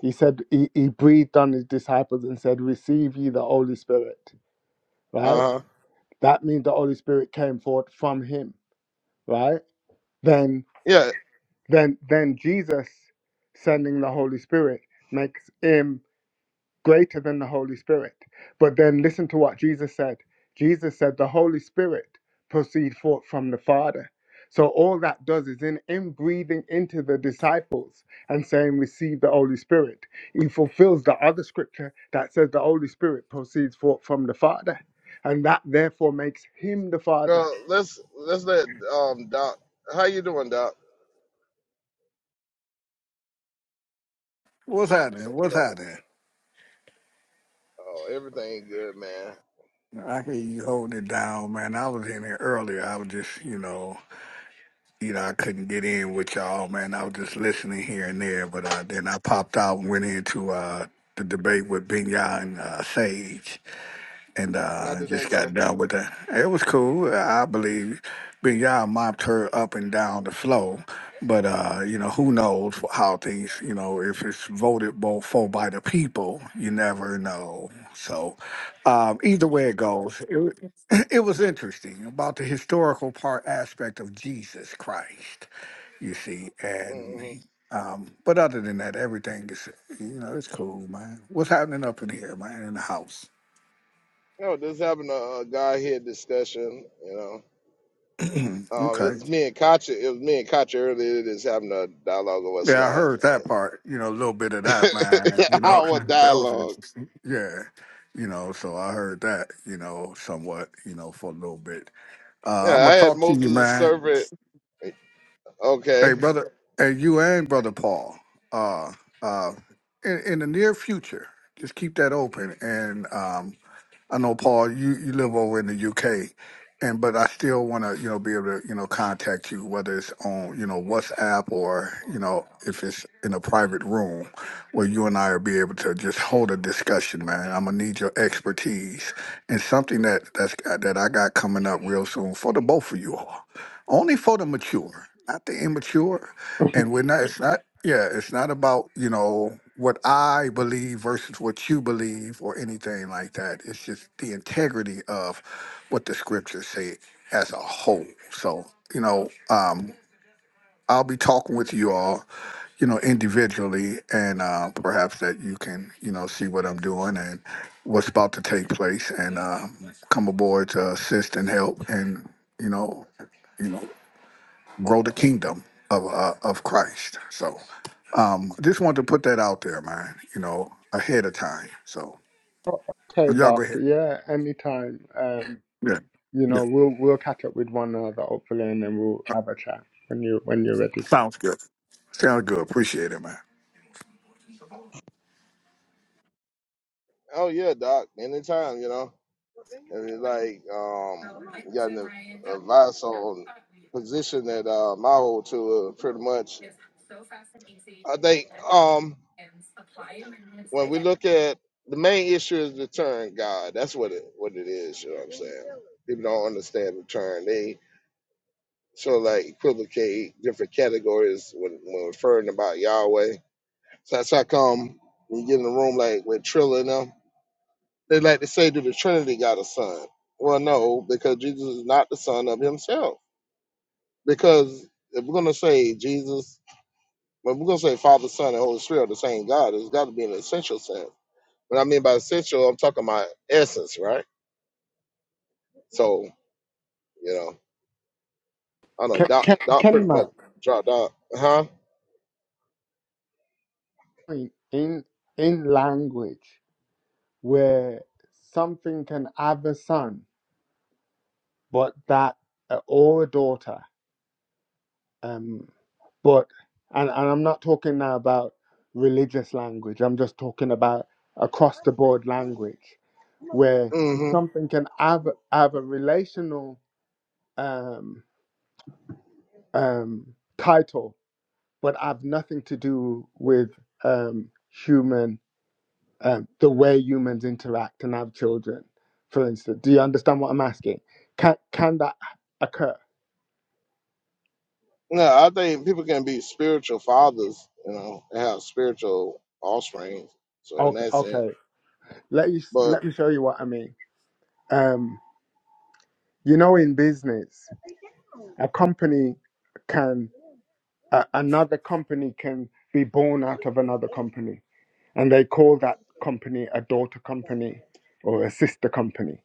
Speaker 12: he said he, he breathed on his disciples and said, "Receive ye the Holy Spirit," right?
Speaker 5: Uh huh.
Speaker 12: That means the Holy Spirit came forth from him, right? Then,
Speaker 5: Yeah.
Speaker 12: then, then Jesus sending the Holy Spirit makes him greater than the Holy Spirit. But then listen to what Jesus said. Jesus said, The Holy Spirit proceed forth from the Father. So all that does is in, in breathing into the disciples and saying, Receive the Holy Spirit. He fulfills the other scripture that says the Holy Spirit proceeds forth from the Father. And that therefore makes him the Father.
Speaker 5: Uh, let's let's let um Doc. How you doing, Doc?
Speaker 14: What's happening?
Speaker 5: Say
Speaker 14: What's
Speaker 5: something.
Speaker 14: happening?
Speaker 5: Oh, everything good, man.
Speaker 14: I hear you holding it down, man. I was in here earlier. I was just, you know, you know, I couldn't get in with y'all, man. I was just listening here and there, but uh, then I popped out and went into uh, the debate with Binya and uh, Sage. and
Speaker 5: How
Speaker 14: uh,
Speaker 5: did that
Speaker 14: just
Speaker 5: go?
Speaker 14: got done with that. It was cool. I believe Big Y'all mopped her up and down the floor, but uh, you know who knows how things. You know if it's voted bo- for by the people, you never know. So um, either way it goes, it, wa- <laughs> it was interesting about the historical part aspect of Jesus Christ. You see, and
Speaker 5: hmm
Speaker 14: um, but other than that, everything is you know it's cool, man. What's happening up in here, man, in the house?
Speaker 5: No, just having a, a guy here discussion, you know.
Speaker 14: <clears throat>
Speaker 5: Um, it
Speaker 14: okay.
Speaker 5: was me and Katya. It was me and Katya earlier. Just having a dialogue or what's
Speaker 14: Yeah, I
Speaker 5: not.
Speaker 14: heard that part. You know, a little bit of that, man. You
Speaker 5: <laughs>
Speaker 14: know, <laughs>
Speaker 5: Our
Speaker 14: that was
Speaker 5: dialogue.
Speaker 14: interesting. Yeah, you know, so I heard that. You know, somewhat. You know, for a little bit.
Speaker 5: Yeah,
Speaker 14: Uh, I'm
Speaker 5: I
Speaker 14: gonna
Speaker 5: had
Speaker 14: talk to you,
Speaker 5: Moses'
Speaker 14: man.
Speaker 5: servant.
Speaker 14: Hey,
Speaker 5: Okay.
Speaker 14: brother. Hey, you and brother Paul. Uh, uh, in, in the near future, just keep that open, and um, I know Paul, you, you live over in the UK, and but I still want to you know be able to you know contact you whether it's on you know WhatsApp or you know if it's in a private room where you and I are be able to just hold a discussion, man. I'm gonna need your expertise and something that that's that I got coming up real soon for the both of you all, only for the mature, not the immature
Speaker 12: <laughs>
Speaker 14: and we're not it's not yeah it's not about you know what i believe versus what you believe or anything like that it's just the integrity of what the scriptures say as a whole so you know um i'll be talking with you all you know individually and uh perhaps that you can you know see what i'm doing and what's about to take place and uh come aboard to assist and help and you know you know grow the kingdom of uh, of Christ. So um just wanted to put that out there, man, you know, ahead of time. So
Speaker 12: Okay,
Speaker 14: y'all go
Speaker 12: doctor.
Speaker 14: ahead.
Speaker 12: Yeah, anytime. Um,
Speaker 14: Yeah.
Speaker 12: you
Speaker 14: Yeah.
Speaker 12: know, we'll we'll catch up with one another hopefully and then we'll have a chat when you when you're ready.
Speaker 14: Sounds good. Sounds good. Appreciate it, man.
Speaker 5: Oh yeah, Doc. Anytime, you know. And it's like, um, you got an advice on position that um, I hold to uh, pretty much. I think. Um, when we look at the main issue is return God. That's what it what it is. You know what I'm saying? People don't understand return. They sort of like equivocate different categories when, when referring about Yahweh. So that's how come when you get in the room like with Trilla and them, they like to say, "Do the Trinity got a son?" Well, no, because Jesus is not the son of Himself. Because if we're gonna say Jesus, well, we're gonna say Father, Son, and Holy Spirit are the same God. It's got to be an essential sense What I mean by essential, I'm talking about essence, right? So, you know, I don't know,
Speaker 12: Can
Speaker 5: Doc,
Speaker 12: can
Speaker 5: Doc pretty much
Speaker 12: Kelima,
Speaker 5: dropped out. Huh?
Speaker 12: in in in language where something can have a son, but that uh, or a daughter, um, but and and I'm not talking now about religious language. I'm just talking about across the board language where
Speaker 5: Mm-hmm.
Speaker 12: something can have have a relational um, um, title, but have nothing to do with um, human um, the way humans interact and have children, for instance. Do you understand what I'm asking? Can can that occur?
Speaker 5: No, I think people can be spiritual fathers, you know, and have spiritual offspring. So in
Speaker 12: Okay,
Speaker 5: that sense,
Speaker 12: okay. Let you
Speaker 5: but
Speaker 12: let me show you what I mean. Um, you know, in business, a company can uh, another company can be born out of another company, and they call that company a daughter company or a sister company.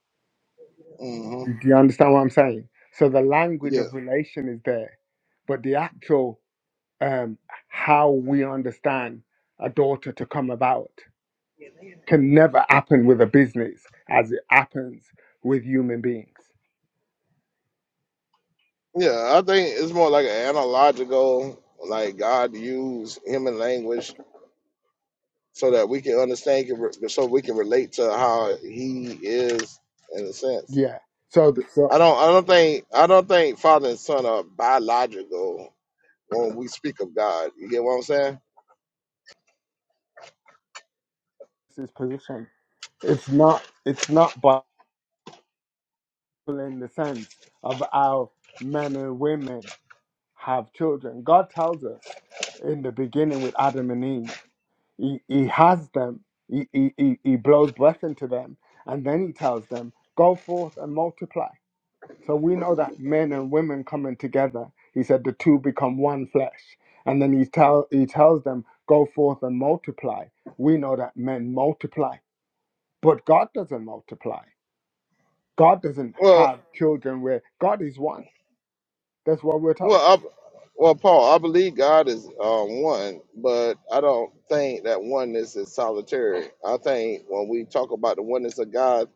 Speaker 5: hmm
Speaker 12: Do you understand what I'm saying? So the language
Speaker 5: yeah,
Speaker 12: of relation is there, but the actual um, how we understand a daughter to come about can never happen with a business as it happens with human beings.
Speaker 5: yeah, I think it's more like an analogical, like God used human language so that we can understand, so we can relate to how He is in a sense.
Speaker 12: Yeah. So, th- so
Speaker 5: I don't I don't think I don't think father and son are biological when we speak of God. You get what I'm saying?
Speaker 12: this position. It's not. It's not Bible in the sense of how men and women have children. God tells us in the beginning with Adam and Eve, He, he has them. He, he, he he blows breath into them, and then He tells them, "Go forth and multiply." So we know that men and women coming together, he said the two become one flesh. And then he tell he tells them, go forth and multiply. We know that men multiply, but God doesn't multiply. God doesn't
Speaker 5: Well
Speaker 12: have children where God is one. That's what we're taught.
Speaker 5: well I, well Paul, I believe God is um one, but I don't think that oneness is solitary. I think when we talk about the oneness of God,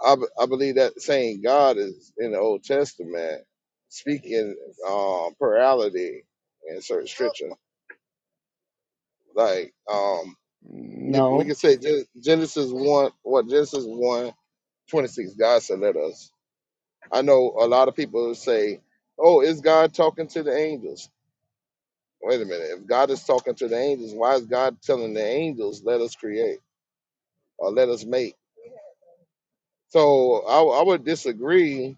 Speaker 5: I, b- I believe that saying God is in the Old Testament speaking um plurality in certain scripture. Like um you- we
Speaker 12: No.
Speaker 5: can say Gen- Genesis one what Genesis one 26 god said let us i know a lot of people say oh is god talking to the angels wait a minute if god is talking to the angels why is god telling the angels let us create or let us make so I I would disagree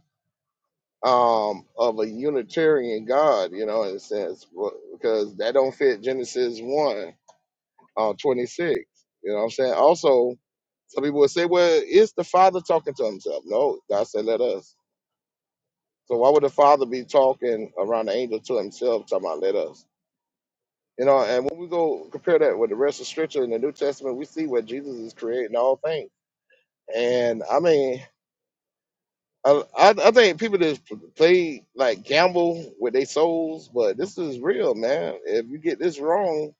Speaker 5: um, of a unitarian god you know in a sense wh- because that don't fit genesis 1 uh, 26 you know what i'm saying also some people would say well is the father talking to himself no god said let us So why would the Father be talking around the angel to himself, talking about let us? You know, and when we go compare that with the rest of Scripture in the New Testament, we see where Jesus is creating all things. And I mean, I, I, I think people just play like gamble with their souls, but this is real, man. If you get this wrong,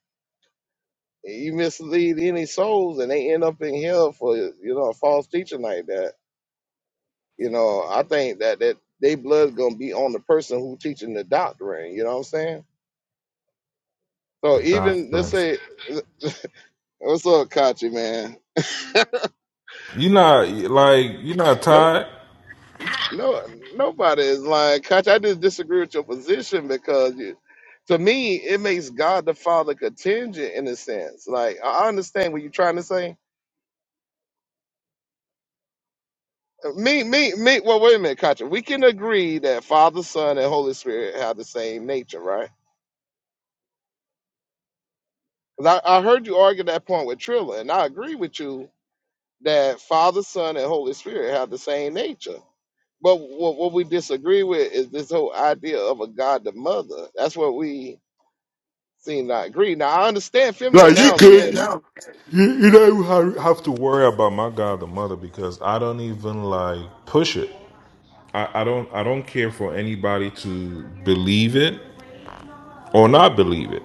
Speaker 5: you mislead any souls, and they end up in hell for you know a false teaching like that. You know, I think that that they blood gonna be on the person who teaching the doctrine. You know what I'm saying? So even let's
Speaker 7: doctrine.
Speaker 5: say, what's up, Kachi, man?
Speaker 7: You're not like you're not
Speaker 5: No,
Speaker 7: tired.
Speaker 5: no, nobody is lying, Kachi. I just disagree with your position because you, to me, it makes God the Father contingent in a sense. Like I understand what you're trying to say. Me, me, me. Well, wait a minute, Kachi. We can agree that Father, Son, and Holy Spirit have the same nature, right? Because I, I heard you argue that point with Trilla, and I agree with you that Father, Son, and Holy Spirit have the same nature. But what, what we disagree with is this whole idea of a God the mother. That's what we seem to agree. Now I understand feminine nouns can.
Speaker 7: worry about my god the mother because i don't even like push it I, I don't i don't care for anybody to believe it or not believe it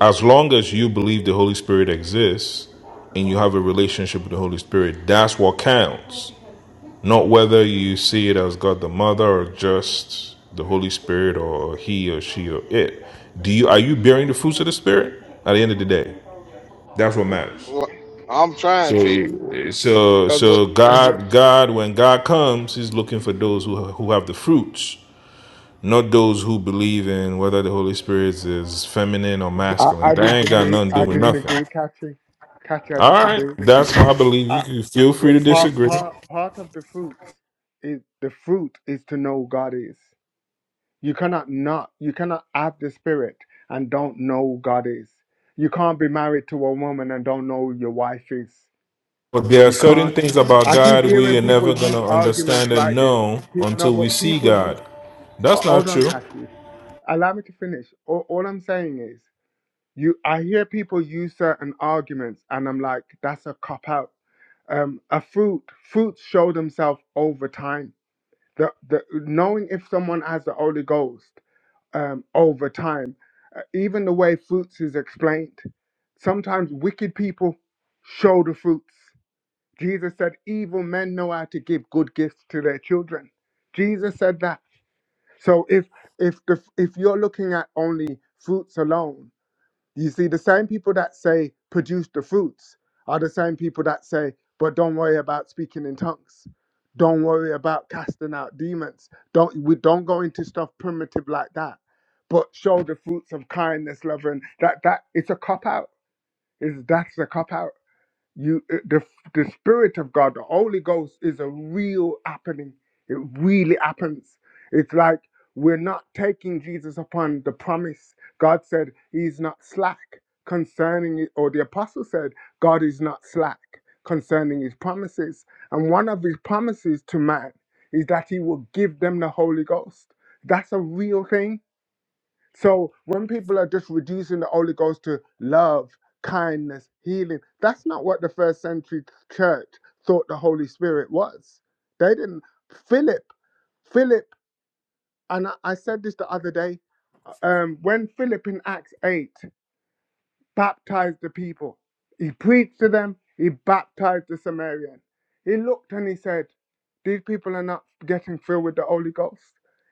Speaker 7: as long as you believe the holy spirit exists and you have a relationship with the holy spirit that's what counts not whether you see it as god the mother or just the holy spirit or he or she or it do you are you bearing the fruits of the spirit at the end of the day that's what matters
Speaker 5: Well, I'm trying to,
Speaker 7: So, so,
Speaker 5: because
Speaker 7: so God, God, when God comes, He's looking for those who who have the fruits, not those who believe in whether the Holy Spirit is feminine or
Speaker 12: I,
Speaker 7: masculine.
Speaker 12: I
Speaker 7: That ain't got
Speaker 12: disagree.
Speaker 7: nothing to do
Speaker 12: I
Speaker 7: with nothing.
Speaker 12: disagree, Katri. Katri, I
Speaker 7: All right,
Speaker 12: disagree.
Speaker 7: that's my belief. You
Speaker 12: I,
Speaker 7: can feel
Speaker 12: the
Speaker 7: free to
Speaker 12: part,
Speaker 7: disagree,
Speaker 12: part, part of the fruits is the fruit is to know who God is. You cannot not, you cannot have the spirit and don't know who God is. You can't be married to a woman and don't know who your wife is.
Speaker 7: but there are
Speaker 12: You
Speaker 7: certain
Speaker 12: can't.
Speaker 7: things about
Speaker 12: I keep
Speaker 7: God we
Speaker 12: hearing
Speaker 7: are
Speaker 12: people
Speaker 7: never
Speaker 12: use
Speaker 7: gonna
Speaker 12: arguments
Speaker 7: understand and
Speaker 12: like this.
Speaker 7: know
Speaker 12: Pe- No,
Speaker 7: until we
Speaker 12: but
Speaker 7: see
Speaker 12: people use.
Speaker 7: God. That's
Speaker 12: oh,
Speaker 7: not
Speaker 12: Hold on,
Speaker 7: true.
Speaker 12: Kathy. Allow me to finish. All, all I'm saying is, you. I hear people use certain arguments, and I'm like, that's a cop out. Um, a fruit. Fruits show themselves over time. The, the knowing if someone has the Holy Ghost um, over time. Uh, even the way fruits is explained, sometimes wicked people show the fruits. Jesus said, evil men know how to give good gifts to their children. Jesus said that. So if if the, if you're looking at only fruits alone, you see, the same people that say produce the fruits are the same people that say, but don't worry about speaking in tongues. Don't worry about casting out demons. Don't we don't go into stuff primitive like that. But show the fruits of kindness, love, and that that it's a cop out. Is that's a cop out you it- the the spirit of god the holy ghost is a real happening it really happens it's like we're not taking jesus upon the promise god said he's not slack concerning it or the apostle said god is not slack concerning his promises and one of his promises to man is that he will give them the holy ghost that's a real thing so when people are just reducing the Holy Ghost to love, kindness, healing, that's not what the first century church thought the Holy Spirit was. They didn't. Philip, Philip, and I, I said this the other day. Um, when Philip in Acts eight baptized the people. He preached to them, he baptized the Samaritan. He looked and he said, These people are not getting filled with the Holy Ghost.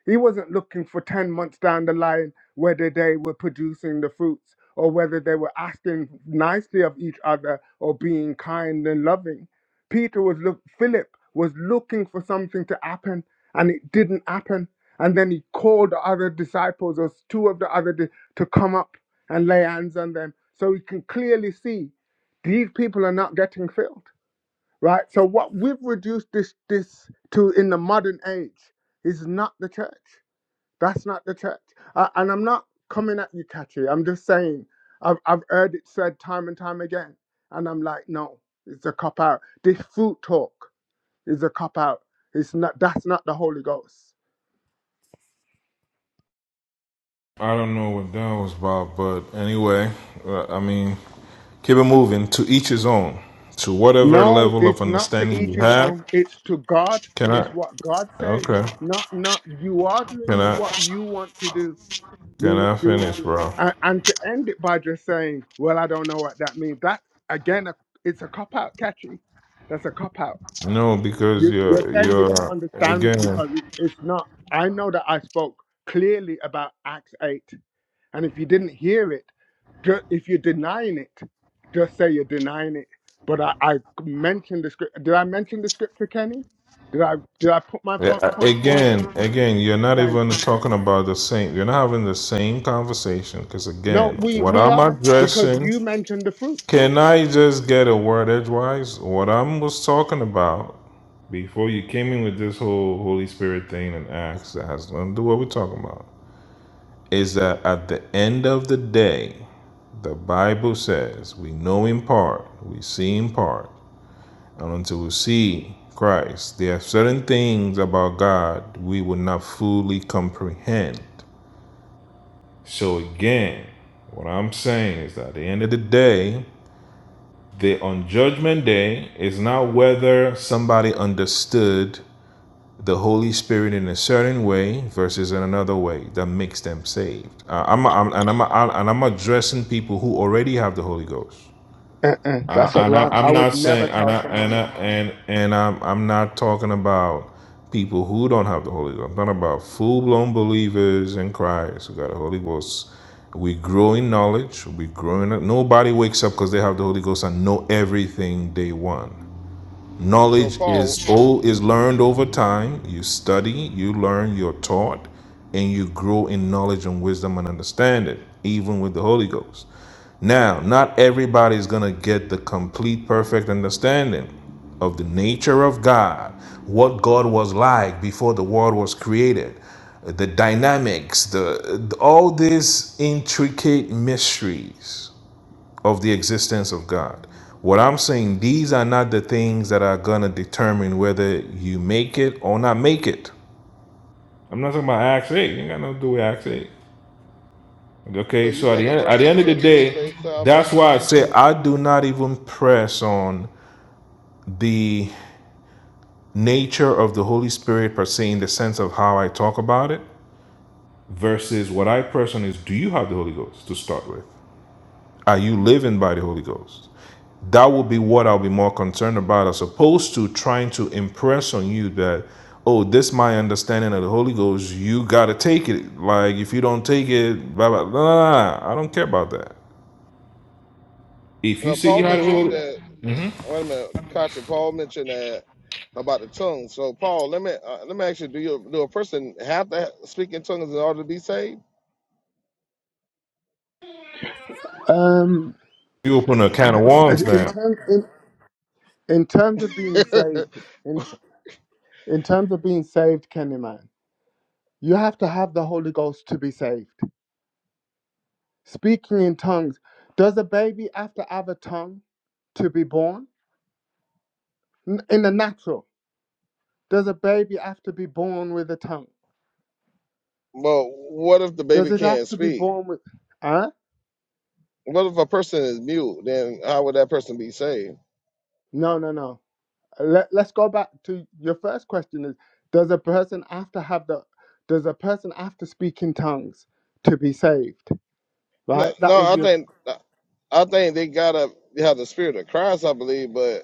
Speaker 12: He wasn't looking for 10 months down the line whether they were producing the fruits or whether they were asking nicely of each other or being kind and loving. Peter was look Philip was looking for something to happen and it didn't happen. And then he called the other disciples or two of the other di- to come up and lay hands on them so we can clearly see these people are not getting filled right so what we've reduced this this to in the modern age is not the church that's not the church Uh, and i'm not coming at you Kachi. i'm just saying I've, I've heard it said time and time again and i'm like no it's a cop out this fruit talk is a cop out it's not that's not the holy ghost
Speaker 7: I don't know what that was about, but anyway, uh, I mean. Keep it moving. To each his own. To whatever
Speaker 12: No,
Speaker 7: level of
Speaker 12: it's not to
Speaker 7: understanding
Speaker 12: each
Speaker 7: you
Speaker 12: his
Speaker 7: have.
Speaker 12: own. It's to God.
Speaker 7: Can I?
Speaker 12: It's what God says.
Speaker 7: Okay.
Speaker 12: Not, not you are
Speaker 7: Can
Speaker 12: doing
Speaker 7: I?
Speaker 12: what you want to do. You're
Speaker 7: Can
Speaker 12: not
Speaker 7: I
Speaker 12: doing
Speaker 7: finish,
Speaker 12: it.
Speaker 7: bro?
Speaker 12: And, and to end it by just saying, "Well, I don't know what that means." That again, a- it's a cop out, catchy. That's a cop out.
Speaker 7: No, because
Speaker 12: You, you're
Speaker 7: you're
Speaker 12: saying you don't
Speaker 7: you're
Speaker 12: understand me
Speaker 7: again,
Speaker 12: because it, it's not. I know that I spoke clearly about Acts eight. And if you didn't hear it, ju- if you're denying it, just say you're denying it. But I, I mentioned the script. Did I mention the scripture, Kenny? Did I did I put my fo-
Speaker 7: a-
Speaker 12: point forward?
Speaker 7: again, again. You're not
Speaker 12: Thank
Speaker 7: even
Speaker 12: you.
Speaker 7: talking about the same. You're not having the same conversation. Because
Speaker 12: No,
Speaker 7: again,
Speaker 12: we
Speaker 7: what
Speaker 12: we
Speaker 7: I'm
Speaker 12: are because
Speaker 7: addressing.
Speaker 12: you mentioned the fruits.
Speaker 7: Can I just get a word edgewise? What I was talking about before you came in with this whole Holy Spirit thing and acts that has nothing to do with what we're talking about. is that at the end of the day, the Bible says we know in part, we see in part, and until we see Christ, there are certain things about God we will not fully comprehend. So, again, what I'm saying is that at the end of the day, the on judgment day is not whether somebody understood the Holy Spirit in a certain way versus in another way that makes them saved. Uh, I'm, I'm and I'm and I'm addressing people who already have the Holy Ghost.
Speaker 12: Uh-uh, that's a
Speaker 7: I, and I,
Speaker 12: wrong. I
Speaker 7: I'm
Speaker 12: would
Speaker 7: not
Speaker 12: never
Speaker 7: saying and
Speaker 12: tell
Speaker 7: I, and
Speaker 12: someone
Speaker 7: I,
Speaker 12: that.
Speaker 7: and and I'm I'm not talking about people who don't have the Holy Ghost. I'm talking about full blown believers in Christ who got the Holy Ghost. We grow in knowledge. We grow in. Nobody wakes up because they have the Holy Ghost and know everything day one.
Speaker 5: so
Speaker 7: Knowledge
Speaker 5: Paul.
Speaker 7: is old is learned over time. You study, you learn, you're taught, and you grow in knowledge and wisdom and understanding, even with the Holy Ghost. Now, not everybody is gonna get the complete perfect understanding of the nature of God, what God was like before the world was created, the dynamics, the all these intricate mysteries of the existence of God. What I'm saying, these are not the things that are gonna determine whether you make it or not make it. I'm not talking about Acts 8. You ain't got nothing to do with Acts 8.
Speaker 5: So
Speaker 7: Okay,
Speaker 5: you
Speaker 7: so at
Speaker 5: think
Speaker 7: the
Speaker 5: a
Speaker 7: end at the
Speaker 5: person
Speaker 7: end of the
Speaker 5: can lose
Speaker 7: day,
Speaker 5: their
Speaker 7: that's
Speaker 5: salvation?
Speaker 7: why I say I do not even press on the nature of the Holy Spirit per se in the sense of how I talk about it versus what I press on is do you have the Holy Ghost to start with? Are you living by the Holy Ghost? that would be what I'll be more concerned about as opposed to trying to impress on you that, oh, this is my understanding of the Holy Ghost, you gotta take it. Like if you don't take it, blah blah blah. blah, I don't care about that. If you
Speaker 5: Well,
Speaker 7: say you
Speaker 5: Paul
Speaker 7: had the
Speaker 5: mentioned
Speaker 7: Holy Ghost,
Speaker 5: that. Wait a minute, Katya, Paul mentioned that about the tongue. So, Paul, let me uh, let me ask you: Do you do a person have to ha- speak in tongues in order to be saved?
Speaker 12: Um,
Speaker 7: you open a can of
Speaker 12: as-
Speaker 7: worms
Speaker 12: in
Speaker 7: now.
Speaker 12: terms in, in terms of
Speaker 5: <laughs>
Speaker 12: being saved, in t- in terms of being saved, Kenny man, you have to have the Holy Ghost to be saved. Speaking in tongues. Does a baby have to have a tongue to be born? N- In the natural, does a baby have to be born with a tongue?
Speaker 5: but what if the
Speaker 12: Does
Speaker 5: baby
Speaker 12: it have
Speaker 5: can't
Speaker 12: to be
Speaker 5: speak?
Speaker 12: born with. Huh?
Speaker 5: What if a person is mute? Then how would that person be saved?
Speaker 12: No, no, no. Let, let's go back to your first question is does a person have to have the does a person have to speak in tongues to be saved
Speaker 5: No,
Speaker 12: right that
Speaker 5: no.
Speaker 12: was
Speaker 5: I
Speaker 12: your
Speaker 5: think I think they gotta have the spirit of Christ. I believe, but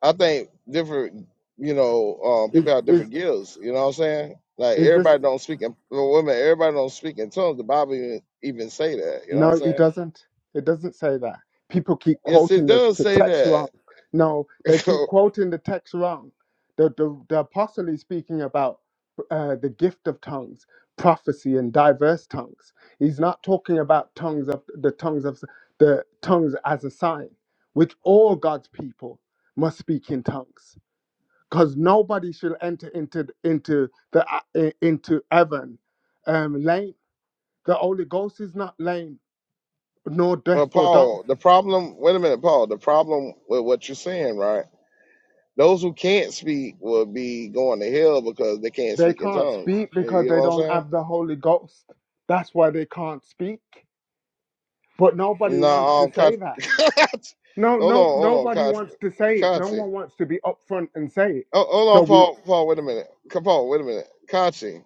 Speaker 5: I think different. You know, um,
Speaker 12: is
Speaker 5: people have
Speaker 12: is
Speaker 5: different gifts. You know what I'm saying? Like
Speaker 12: is this
Speaker 5: everybody don't speak in well, women. Everybody don't speak in tongues. The Bible even, even say that. You know what
Speaker 12: No,
Speaker 5: I'm
Speaker 12: it
Speaker 5: saying?
Speaker 12: doesn't. It doesn't say that. People keep
Speaker 5: Yes, it
Speaker 12: quoting the,
Speaker 5: does
Speaker 12: the
Speaker 5: say
Speaker 12: text
Speaker 5: that.
Speaker 12: wrong. No, they keep
Speaker 5: <laughs>
Speaker 12: quoting the text wrong. The, the, the apostle is speaking about uh, the gift of tongues, prophecy, and diverse tongues. He's not talking about tongues of the tongues of the tongues as a sign, which all God's people must speak in tongues, because nobody shall enter into into the into heaven um, lame. The Holy Ghost is not lame nor
Speaker 5: uh,
Speaker 12: deaf or dumb.
Speaker 5: Paul, the problem. Wait a minute, Paul. The problem with what you're saying, right? Those who can't speak will be going to hell because they can't
Speaker 12: They
Speaker 5: speak in
Speaker 12: can't
Speaker 5: tongues.
Speaker 12: speak because
Speaker 5: You know
Speaker 12: they
Speaker 5: what I'm
Speaker 12: don't
Speaker 5: saying?
Speaker 12: have the Holy Ghost. That's why they can't speak. But nobody
Speaker 5: No,
Speaker 12: wants to
Speaker 5: um,
Speaker 12: say
Speaker 5: Kat-
Speaker 12: that.
Speaker 5: <laughs>
Speaker 12: No,
Speaker 5: hold on,
Speaker 12: no,
Speaker 5: hold on,
Speaker 12: nobody
Speaker 5: Kat-
Speaker 12: wants to say it. No
Speaker 5: Katsi.
Speaker 12: one wants to be upfront and say it.
Speaker 5: Oh, hold
Speaker 12: So
Speaker 5: on,
Speaker 12: we
Speaker 5: Paul. Paul, wait a minute. Come, Paul, wait a minute. Katsi.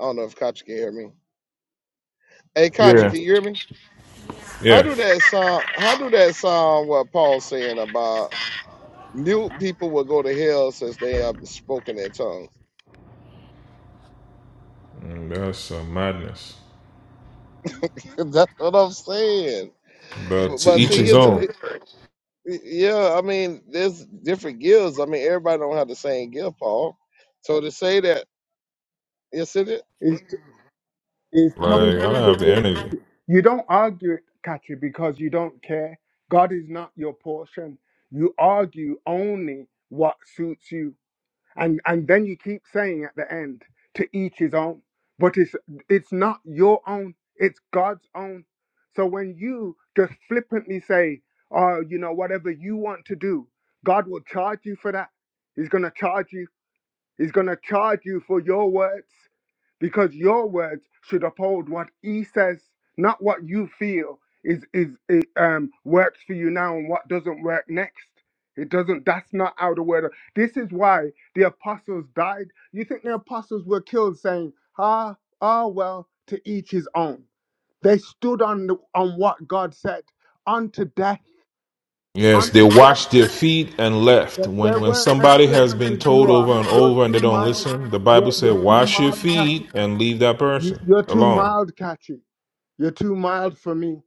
Speaker 5: I don't know if Katsi can hear me. Hey, Katsi,
Speaker 7: Yeah.
Speaker 5: can you hear me? How
Speaker 7: Yeah.
Speaker 5: do that sound? How do that sound? What Paul's saying about mute people will go to hell since they have spoken in tongues?
Speaker 7: Mm, That's uh, madness.
Speaker 5: <laughs> That's what I'm saying.
Speaker 7: But
Speaker 5: But,
Speaker 7: to
Speaker 5: but
Speaker 7: each
Speaker 5: see,
Speaker 7: his
Speaker 5: here's
Speaker 7: own.
Speaker 5: the Y- Yeah, I mean, there's different gills. I mean, everybody don't have the same gift, Paul. So to say that, yes, it is.
Speaker 12: is is
Speaker 7: Like I
Speaker 12: tongues
Speaker 7: don't
Speaker 12: just a
Speaker 7: have the
Speaker 12: gift.
Speaker 7: energy.
Speaker 12: You don't argue it, Katri, because you don't care. God is not your portion. You argue only what suits you and and then you keep saying at the end to each his own but it's it's not your own it's god's own so when you just flippantly say oh you know whatever you want to do god will charge you for that he's going to charge you he's going to charge you for your words because your words should uphold what he says, not what you feel is is it, um works for you now and what doesn't work next. It doesn't. That's not how the word. This is why the apostles died. You think the apostles were killed saying, "Ah, ah, well, to each his own." They stood on the, on what God said, unto death,
Speaker 7: Yes, they
Speaker 12: unto death.
Speaker 7: washed their feet and left.
Speaker 12: They, they
Speaker 7: When when
Speaker 12: weren't as
Speaker 7: somebody has
Speaker 12: flippant
Speaker 7: been
Speaker 12: as
Speaker 7: told
Speaker 12: you are.
Speaker 7: over and
Speaker 12: You're
Speaker 7: over and they
Speaker 12: too
Speaker 7: don't
Speaker 12: mild.
Speaker 7: listen, the Bible
Speaker 12: You're
Speaker 7: said,
Speaker 12: you're too
Speaker 7: "Wash your
Speaker 12: mild,
Speaker 7: feet
Speaker 12: Kathy.
Speaker 7: and leave that
Speaker 12: You,
Speaker 7: person
Speaker 12: you're too
Speaker 7: alone."
Speaker 12: mild, Kachi. You're too mild for me.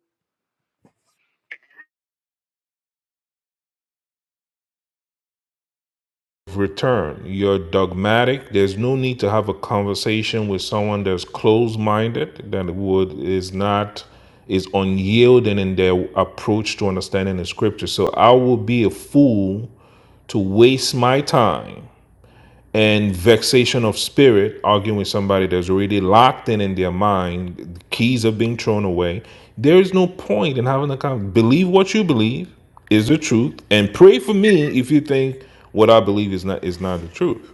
Speaker 7: Return. You're dogmatic. There's no need to have a conversation with someone that's closed-minded that would is not is unyielding in their approach to understanding the scripture. So I will be a fool to waste my time and vexation of spirit, arguing with somebody that's already locked in in their mind, the keys are being thrown away. There is no point in having a conversation. Believe what you believe is the truth, and pray for me if you think what I believe is not is not the truth.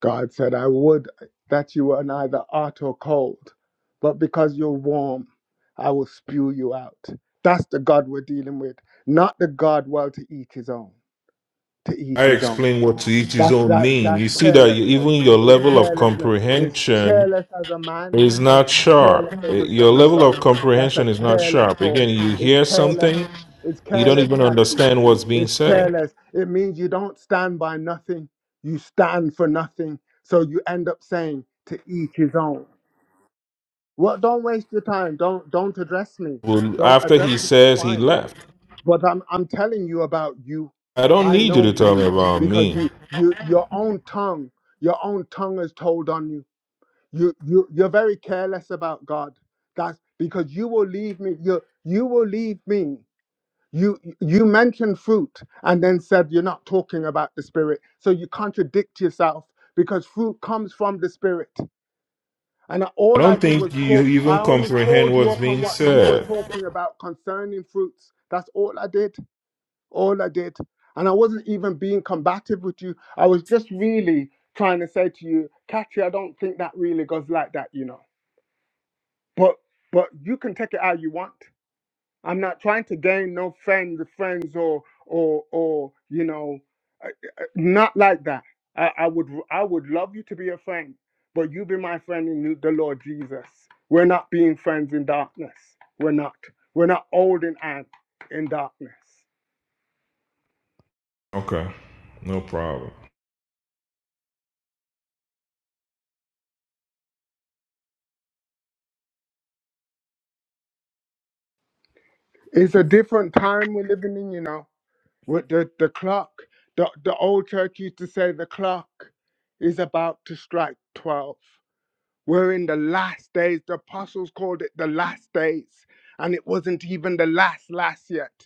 Speaker 12: God said, I would that you were neither hot or cold, but because you're warm, I will spew you out. That's the God we're dealing with, not the God well to eat his own, to eat
Speaker 7: I
Speaker 12: his own.
Speaker 7: explain what to each his
Speaker 12: That's
Speaker 7: own
Speaker 12: that
Speaker 7: mean.
Speaker 12: that's
Speaker 7: You see that you-
Speaker 12: carelessness.
Speaker 7: even your
Speaker 12: It's
Speaker 7: level of
Speaker 12: carelessness. It's
Speaker 7: comprehension
Speaker 12: careless as a man
Speaker 7: is
Speaker 12: and
Speaker 7: not
Speaker 12: it's
Speaker 7: sharp.
Speaker 12: careless as
Speaker 7: Eh,
Speaker 12: a
Speaker 7: Your
Speaker 12: son of
Speaker 7: level
Speaker 12: God.
Speaker 7: of
Speaker 12: That's a
Speaker 7: comprehension is not
Speaker 12: careless
Speaker 7: sharp.
Speaker 12: talk.
Speaker 7: Again, you
Speaker 12: It's
Speaker 7: hear
Speaker 12: careless.
Speaker 7: something,
Speaker 12: It's
Speaker 7: you don't
Speaker 12: careless,
Speaker 7: even
Speaker 12: Kathy.
Speaker 7: understand what's being
Speaker 12: It's
Speaker 7: said.
Speaker 12: careless. It means you don't stand by nothing. You stand for nothing. So you end up saying to each his own. Well, don't waste your time. Don't don't address me.
Speaker 7: Well,
Speaker 12: Don't
Speaker 7: after
Speaker 12: address
Speaker 7: he
Speaker 12: me.
Speaker 7: says he
Speaker 12: Fine
Speaker 7: left,
Speaker 12: but I'm I'm telling you about you.
Speaker 7: I don't
Speaker 12: I
Speaker 7: need you
Speaker 12: know
Speaker 7: to tell me
Speaker 12: you
Speaker 7: about
Speaker 12: because
Speaker 7: me.
Speaker 12: you
Speaker 7: I
Speaker 12: you your own tongue, your own tongue is told on you. You you you're very careless about God. That's because you will leave me. You you will leave me. You you mentioned fruit and then said you're not talking about the spirit. So you contradict yourself because fruit comes from the spirit. And all I
Speaker 7: don't
Speaker 12: did
Speaker 7: think
Speaker 12: was
Speaker 7: you
Speaker 12: call. I
Speaker 7: even
Speaker 12: only
Speaker 7: comprehend
Speaker 12: called you
Speaker 7: what's
Speaker 12: up on
Speaker 7: being
Speaker 12: what you were
Speaker 7: said.
Speaker 12: talking about concerning fruits. That's all I did all I did. And I wasn't even being combative with you. I was just really trying to say to you, Katri, I don't think that really goes like that, you know. But but you can take it how you want. I'm not trying to gain no friends, friends or or or you know, uh, uh, not like that. I, I would I would love you to be a friend, but you be my friend in the Lord Jesus. We're not being friends in darkness. We're not. We're not holding hands in darkness.
Speaker 7: Okay, no problem.
Speaker 12: It's a different time we're living in, you know, with the, the clock. The, the old church used to say the clock is about to strike 12. We're in the last days. The apostles called it the last days, and it wasn't even the last, last yet.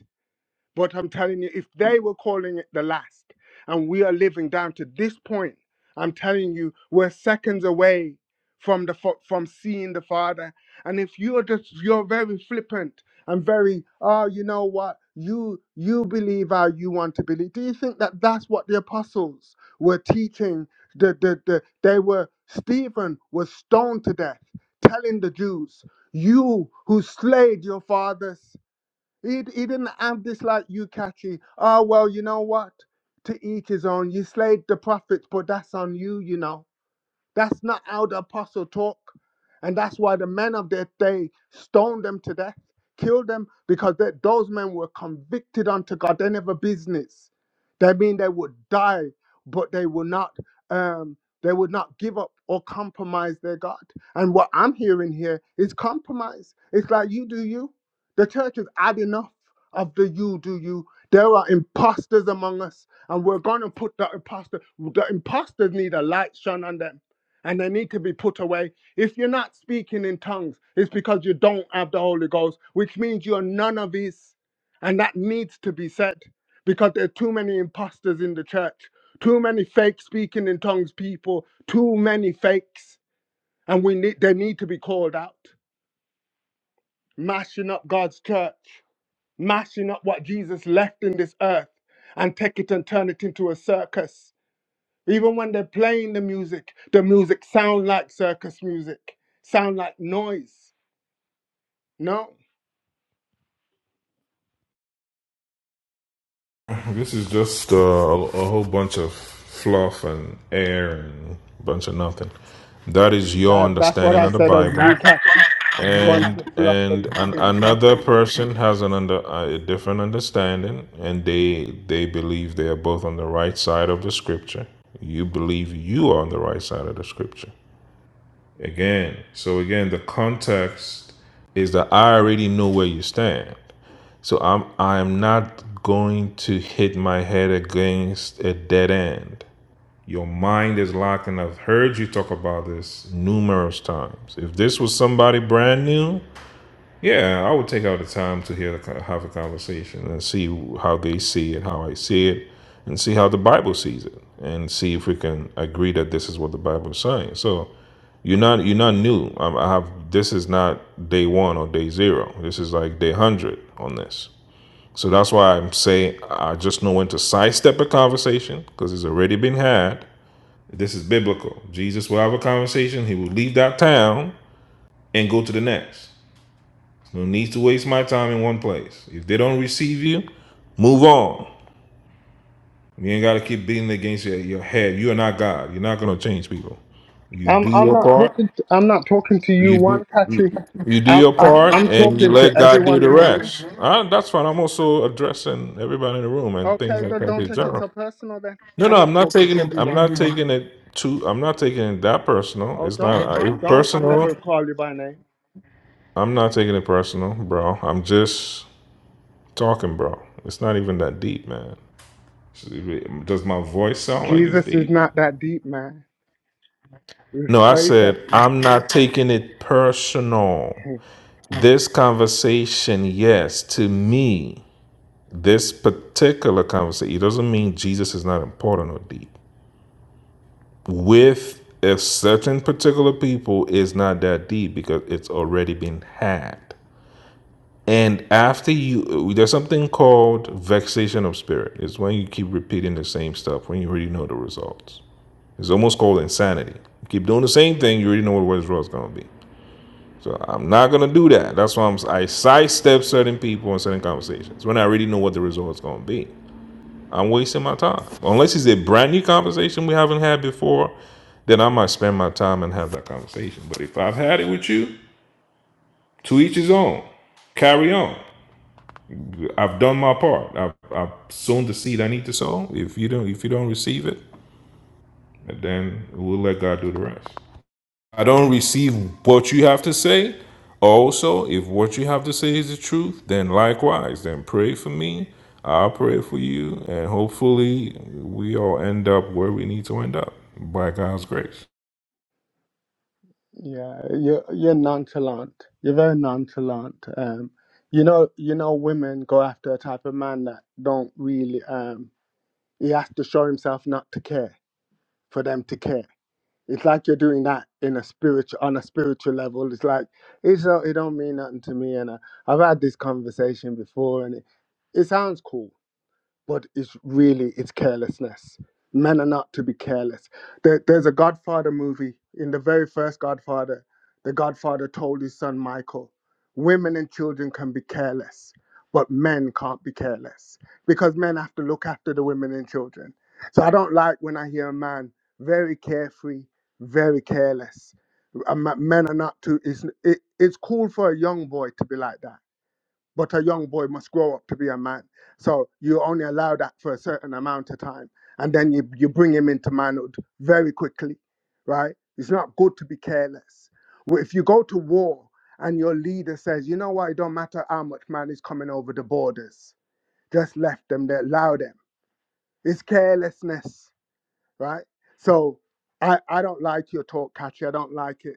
Speaker 12: But I'm telling you, if they were calling it the last, and we are living down to this point, I'm telling you, we're seconds away from the fa- from seeing the Father. And if you're just you're very flippant and very, oh, you know what, you you believe how you want to believe. Do you think that that's what the apostles were teaching? The the, the they were Stephen was stoned to death, telling the Jews, "You who slayed your fathers." He, he didn't have this like you catchy, oh, well, you know what? To each his own. You slayed the prophets, but that's on you, you know. That's not how the apostle talk. And that's why the men of their day stoned them to death, killed them, because that those men were convicted unto God. They never business. They mean they would die, but they will not um they would not give up or compromise their God. And what I'm hearing here is compromise. It's like you do you. The church has had enough of the you do you. There are imposters among us, and we're gonna put the imposter. The imposters need a light shone on them and they need to be put away. If you're not speaking in tongues, it's because you don't have the Holy Ghost, which means you're none of these. And that needs to be said because there are too many imposters in the church, too many fake speaking in tongues people, too many fakes. And we need they need to be called out. Mashing up God's church, mashing up what Jesus left in this earth and take it and turn it into a circus even when they're playing the music, the music sound like circus music, sound like noise. No,
Speaker 7: This is just uh, a, whole bunch of fluff and air and a bunch of nothing. That is your
Speaker 12: that that's what
Speaker 7: understanding
Speaker 12: I
Speaker 7: of the
Speaker 12: said of
Speaker 7: Bible.
Speaker 12: you, cat bunch
Speaker 7: and
Speaker 12: of fluff
Speaker 7: and
Speaker 12: and
Speaker 7: an,
Speaker 12: nothing.
Speaker 7: another person has an under a different understanding and they they believe they are both on the right side of the scripture you believe you are on the right side of the scripture again so again the context is that i already know where you stand so i'm i am not going to hit my head against a dead end your mind is locked, and I've heard you talk about this numerous times. If this was somebody brand new, yeah, I would take out the time to hear the, co- have a conversation and see how they see it, how I see it, and see how the Bible sees it, and see if we can agree that this is what the Bible is saying. So you're not you're not new. Um, I have this is not day one or day zero. This is like day hundred on this. So that's why I'm saying I just know when to sidestep a conversation because it's already been had. This is biblical. Jesus will have a conversation. He will leave that town and go to the next. No need to waste my time in one place. If they don't receive you, move on. You ain't got to keep beating against your, your head. You are not God. You're not going to change people. You
Speaker 12: I'm
Speaker 7: do
Speaker 12: I'm
Speaker 7: your
Speaker 12: not
Speaker 7: part.
Speaker 12: talking. To, I'm not talking to you,
Speaker 7: You do.
Speaker 12: one
Speaker 7: You,
Speaker 12: catchy.
Speaker 7: you do
Speaker 12: I'm
Speaker 7: your
Speaker 12: I'm
Speaker 7: part
Speaker 12: I'm
Speaker 7: and you
Speaker 12: talking to
Speaker 7: let God do
Speaker 12: everyone
Speaker 7: the
Speaker 12: in the room.
Speaker 7: rest. Uh that's fine. I'm also addressing everybody in the room and things
Speaker 12: Okay,
Speaker 7: like
Speaker 12: then
Speaker 7: that
Speaker 12: don't
Speaker 7: in
Speaker 12: take it
Speaker 7: general.
Speaker 12: so personal. Then
Speaker 7: No, no,
Speaker 12: I'm
Speaker 7: I'm
Speaker 12: not
Speaker 7: not
Speaker 12: talking to
Speaker 7: taking it.
Speaker 12: you,
Speaker 7: I'm
Speaker 12: one.
Speaker 7: not taking it too. I'm not taking it that personal.
Speaker 12: Oh,
Speaker 7: It's
Speaker 12: don't
Speaker 7: not uh,
Speaker 12: don't. I
Speaker 7: personal.
Speaker 12: never call you by name.
Speaker 7: I'm not taking it personal, bro. I'm just talking, bro. It's not even that deep, man. Does my voice sound like it's
Speaker 12: Jesus is
Speaker 7: deep?
Speaker 12: not that deep, man.
Speaker 7: No, I
Speaker 12: Replace
Speaker 7: said, I'm not taking it personal.
Speaker 12: it.
Speaker 7: This conversation, yes, to me, this particular conversation, it doesn't mean Jesus is not important or deep. With a certain particular people is not that deep because it's already been had. And after you, there's something called vexation of spirit. It's when you keep repeating the same stuff when you already know the results. It's almost called insanity. You keep doing the same thing, you already know what the result's gonna be. So I'm not gonna do that. That's why I'm I sidestep certain people and certain conversations when I already know what the result's gonna be. I'm wasting my time. Unless it's a brand new conversation we haven't had before, then I might spend my time and have that conversation. But if I've had it with you, to each his own. Carry on. I've done my part. I've, I've sown the seed I need to sow. If you don't, if you don't receive it, then we'll let God do the rest. I don't receive what you have to say. Also, if what you have to say is the truth, then likewise, then pray for me. I'll pray for you, and hopefully, we all end up where we need to end up by God's grace.
Speaker 12: Yeah, you're you're nonchalant. You're very nonchalant. Um, you know, you know, women go after a type of man that don't really. Um, he has to show himself not to care for them to care. It's like you're doing that in a spiritual, on a spiritual level. It's like it's not, it don't mean nothing to me. And I, I've had this conversation before, and it, it sounds cool but it's really it's carelessness. Men are not to be careless. There, there's a Godfather movie. In the very first Godfather, the Godfather told his son Michael, "Women and children can be careless, but men can't be careless because men have to look after the women and children." So I don't like when I hear a man very carefree, very careless. A ma- Men are not to. It's it, it's cool for a young boy to be like that but a young boy must grow up to be a man. So you only allow that for a certain amount of time, and then you, you bring him into manhood very quickly, right? It's not good to be careless. Well, If you go to war and your leader says, you know what, it don't matter how much man is coming over the borders, just left them there, allow them. It's carelessness, right? So I, I don't like your talk, Catchy. I don't like it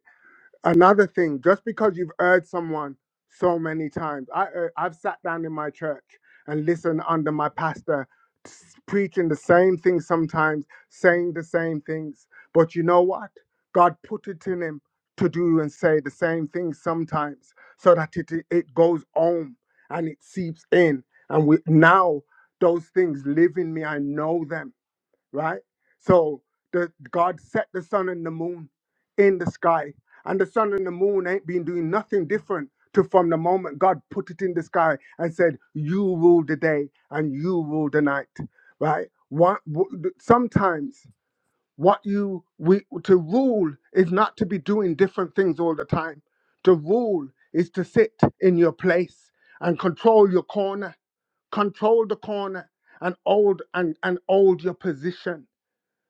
Speaker 12: another thing just because you've heard someone so many times i uh, i've sat down in my church and listened under my pastor s- preaching the same thing sometimes saying the same things but you know what god put it in him to do and say the same thing sometimes so that it it goes home and it seeps in and we now those things live in me i know them right? So the God set the sun and the moon in the sky, and the sun and the moon ain't been doing nothing different to from the moment God put it in the sky and said, "You rule the day and you rule the night," right? What w- sometimes what you we to rule is not to be doing different things all the time. To rule is to sit in your place and control your corner, control the corner, and hold and and hold your position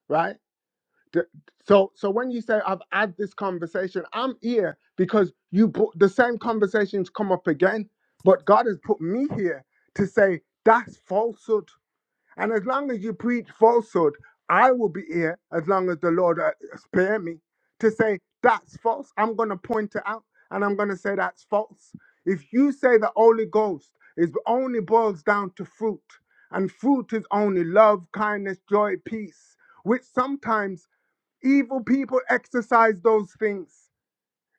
Speaker 12: right? D- So, so when you say I've had this conversation, I'm here because you brought the same conversations come up again, but God has put me here to say that's falsehood and as long as you preach falsehood, I will be here as long as the Lord uh, spare me to say that's false. I'm going to point it out and I'm going to say that's false. If you say the Holy Ghost is only boils down to fruit, and fruit is only love, kindness, joy, peace, which sometimes evil people exercise those things.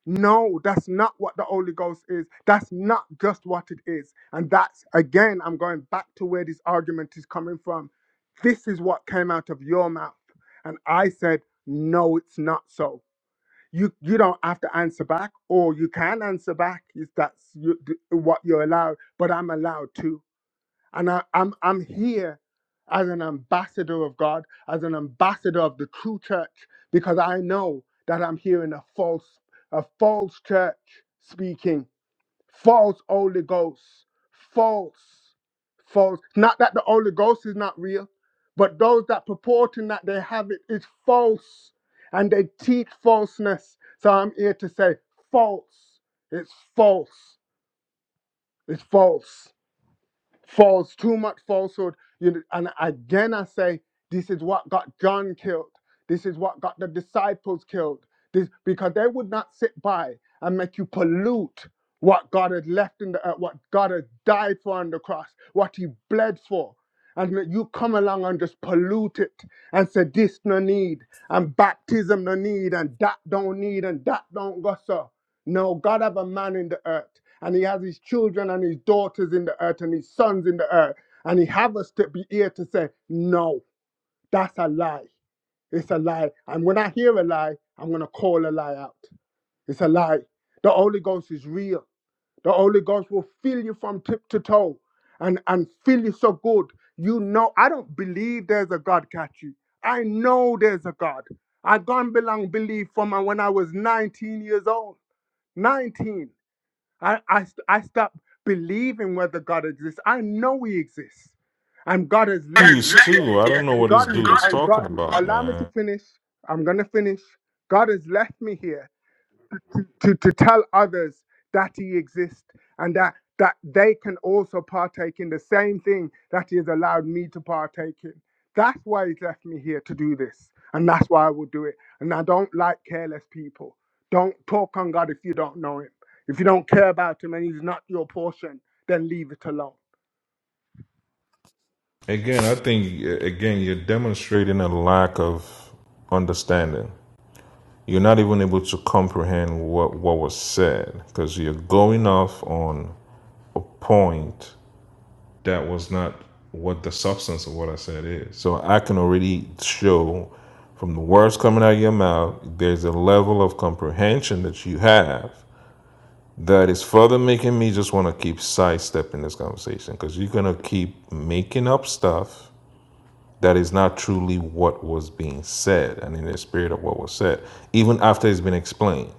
Speaker 12: No, that's not what the Holy Ghost is. That's not just what it is. And that's, again, I'm going back to where this argument is coming from. This is what came out of your mouth. And I said, no, it's not so. You, you don't have to answer back, or you can answer back if that's you, th- what you're allowed, but I'm allowed to. And I, I'm, I'm here as an ambassador of God, as an ambassador of the true church, because I know that I'm hearing a false, a false church speaking, false Holy Ghost, false, false. Not that the Holy Ghost is not real, but those that purporting that they have it is false, and they teach falseness. So I'm here to say false. It's false. It's false false, too much falsehood. You know, and again, I say, this is what got John killed. This is what got the disciples killed. This because they would not sit by and make you pollute what God had left in the earth, what God had died for on the cross, what He bled for. And that you come along and just pollute it and say this no need and baptism no need and that don't need and that don't go so. No, God have a man in the earth, and He has His children and His daughters in the earth and His sons in the earth, and He have us to be here to say, no, that's a lie. It's a lie. And when I hear a lie, I'm gonna call a lie out. It's a lie. The Holy Ghost is real. The Holy Ghost will fill you from tip to toe, and and fill you so good. You know, I don't believe there's a God, catch you. I know there's a God. I gone belong belief from when I was 19 years old. 19. I, I, I stopped believing whether God exists. I know He exists, and God has left
Speaker 7: Jews
Speaker 12: me here.
Speaker 7: too. I don't know
Speaker 12: And
Speaker 7: what this
Speaker 12: God is,
Speaker 7: dude is
Speaker 12: and
Speaker 7: talking
Speaker 12: God,
Speaker 7: about,
Speaker 12: allow me to
Speaker 7: man.
Speaker 12: finish. I'm gonna finish. God has left me here to, to tell others that he exists and that that they can also partake in the same thing that he has allowed me to partake in. That's why he's left me here to do this. And that's why I will do it. And I don't like careless people. Don't talk on God if you don't know him. If you don't care about him and he's not your portion, then leave it alone.
Speaker 7: Again, I think uh, again you're demonstrating a lack of understanding. You're not even able to comprehend what what was said because you're going off on a point that was not what the substance of what I said is. So I can already show from the words coming out of your mouth, there's a level of comprehension that you have that is further making me just want to keep sidestepping this conversation because you're going to keep making up stuff that is not truly what was being said and in the spirit of what was said, even after it's been explained.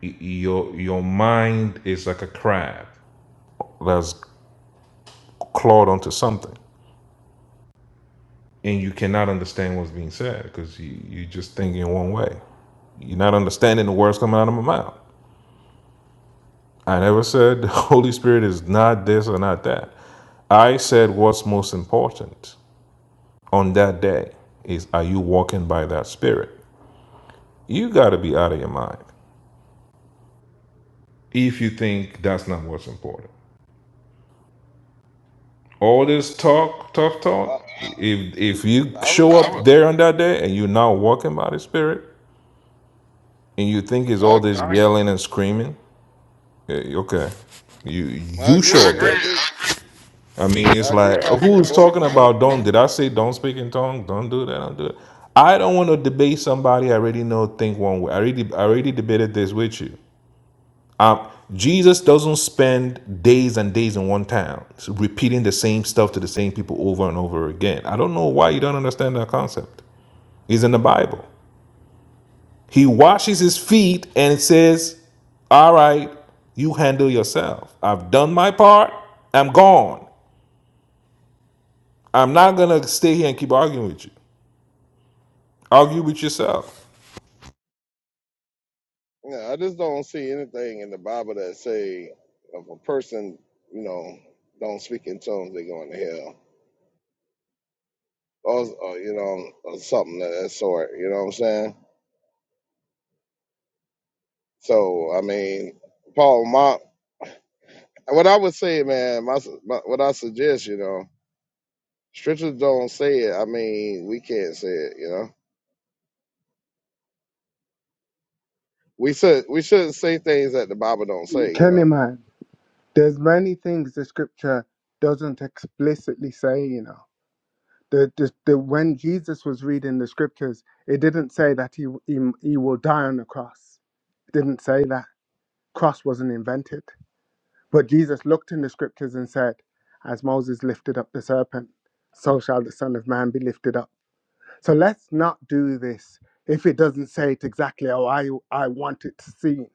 Speaker 7: Y- Your, your mind is like a crab that's clawed onto something. and you cannot understand what's being said because you, you just think in one way. You're not understanding the words coming out of my mouth. I never said <laughs> the Holy Spirit is not this or not that. I said what's most important on that day is are you walking by that Spirit? You got to be out of your mind if you think that's not what's important. All this talk, tough talk,
Speaker 5: I,
Speaker 7: if if you
Speaker 5: I, would-
Speaker 7: show up there on that day and you're not walking by the Spirit and you think it's all
Speaker 5: I,
Speaker 7: this yelling and screaming, Yeah, okay. You
Speaker 5: I
Speaker 7: you I showed that.
Speaker 5: agree. I agree.
Speaker 7: I mean,
Speaker 5: I
Speaker 7: it's
Speaker 5: agree,
Speaker 7: like
Speaker 5: Katya.
Speaker 7: who's
Speaker 5: Both,
Speaker 7: talking
Speaker 5: both.
Speaker 7: about don't? Did I say don't speak in tongues? Don't do that. Don't do it. I don't want to debate somebody I already know think one way. I already I already debated this with you. Um, Jesus doesn't spend days and days in one town repeating the same stuff to the same people over and over again. I don't know why you don't understand that concept. It's in the Bible. He washes his feet and says, All right, you handle yourself. I've done my part. I'm gone. I'm not going to stay here and keep arguing with you. Argue with yourself.
Speaker 5: Yeah, I just don't see anything in the Bible that say if a person, you know, don't speak in tongues, they going to hell, or, or you know, or something of that sort. You know what I'm saying? So I mean, Paul, my what I would say, man, my, my what I suggest, you know. Scripture don't say it. I mean, we can't say it. You know, we should we shouldn't say things that the Bible don't say. You know,
Speaker 12: Kenny man, there's many things the scripture doesn't explicitly say, you know. the, the, the when Jesus was reading the scriptures, it didn't say that he, he he will die on the cross. It didn't say that cross wasn't invented. But Jesus looked in the scriptures and said, "As Moses lifted up the serpent, so shall the Son of Man be lifted up." So let's not do this if it doesn't say it exactly how I I want it to seem.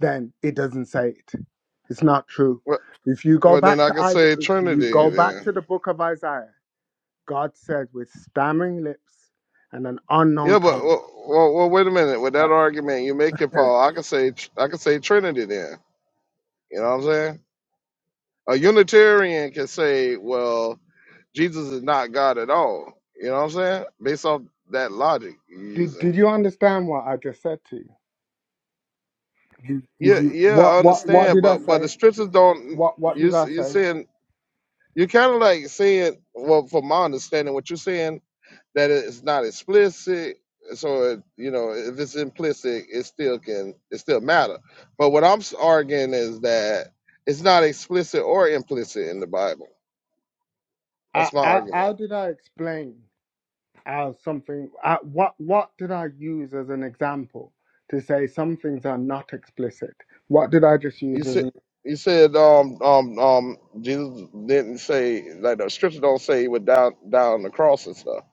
Speaker 12: Then it doesn't say it. It's not true.
Speaker 5: well,
Speaker 12: If you go
Speaker 5: well then
Speaker 12: back
Speaker 5: I
Speaker 12: to
Speaker 5: could
Speaker 12: Isaiah,
Speaker 5: say
Speaker 12: if you
Speaker 5: Trinity.
Speaker 12: go back
Speaker 5: Then
Speaker 12: to the book of Isaiah. God said, with stammering lips and an unknown
Speaker 5: yeah, but
Speaker 12: tongue.
Speaker 5: well, well, well, wait a minute. With that argument you make it,
Speaker 12: Yeah.
Speaker 5: Paul, I could say tr- I could say Trinity. Then you know what I'm saying? A Unitarian can say, well, Jesus is not God at all. You know what I'm saying? Based off that logic you're
Speaker 12: Did,
Speaker 5: using.
Speaker 12: did you understand what I just said to you? Did, did
Speaker 5: Yeah,
Speaker 12: you
Speaker 5: yeah, I
Speaker 12: what, what, what
Speaker 5: understand,
Speaker 12: did I
Speaker 5: but but the
Speaker 12: say?
Speaker 5: scriptures don't.
Speaker 12: What, what
Speaker 5: You
Speaker 12: did I
Speaker 5: you
Speaker 12: say?
Speaker 5: saying You're kind of like saying, well, from my understanding, what you're saying that it's not explicit. So it, you know, if it's implicit, it still can, it still matter. But what I'm s- arguing is that it's not explicit or implicit in the Bible. That's
Speaker 12: I,
Speaker 5: my
Speaker 12: I,
Speaker 5: argument.
Speaker 12: how did I explain how something, I, what, what did I use as an example to say some things are not explicit? What did I just
Speaker 5: You
Speaker 12: use as
Speaker 5: said.
Speaker 12: an,
Speaker 5: You said um, um, um, Jesus didn't say like the scripture don't say he would down down on the cross and stuff,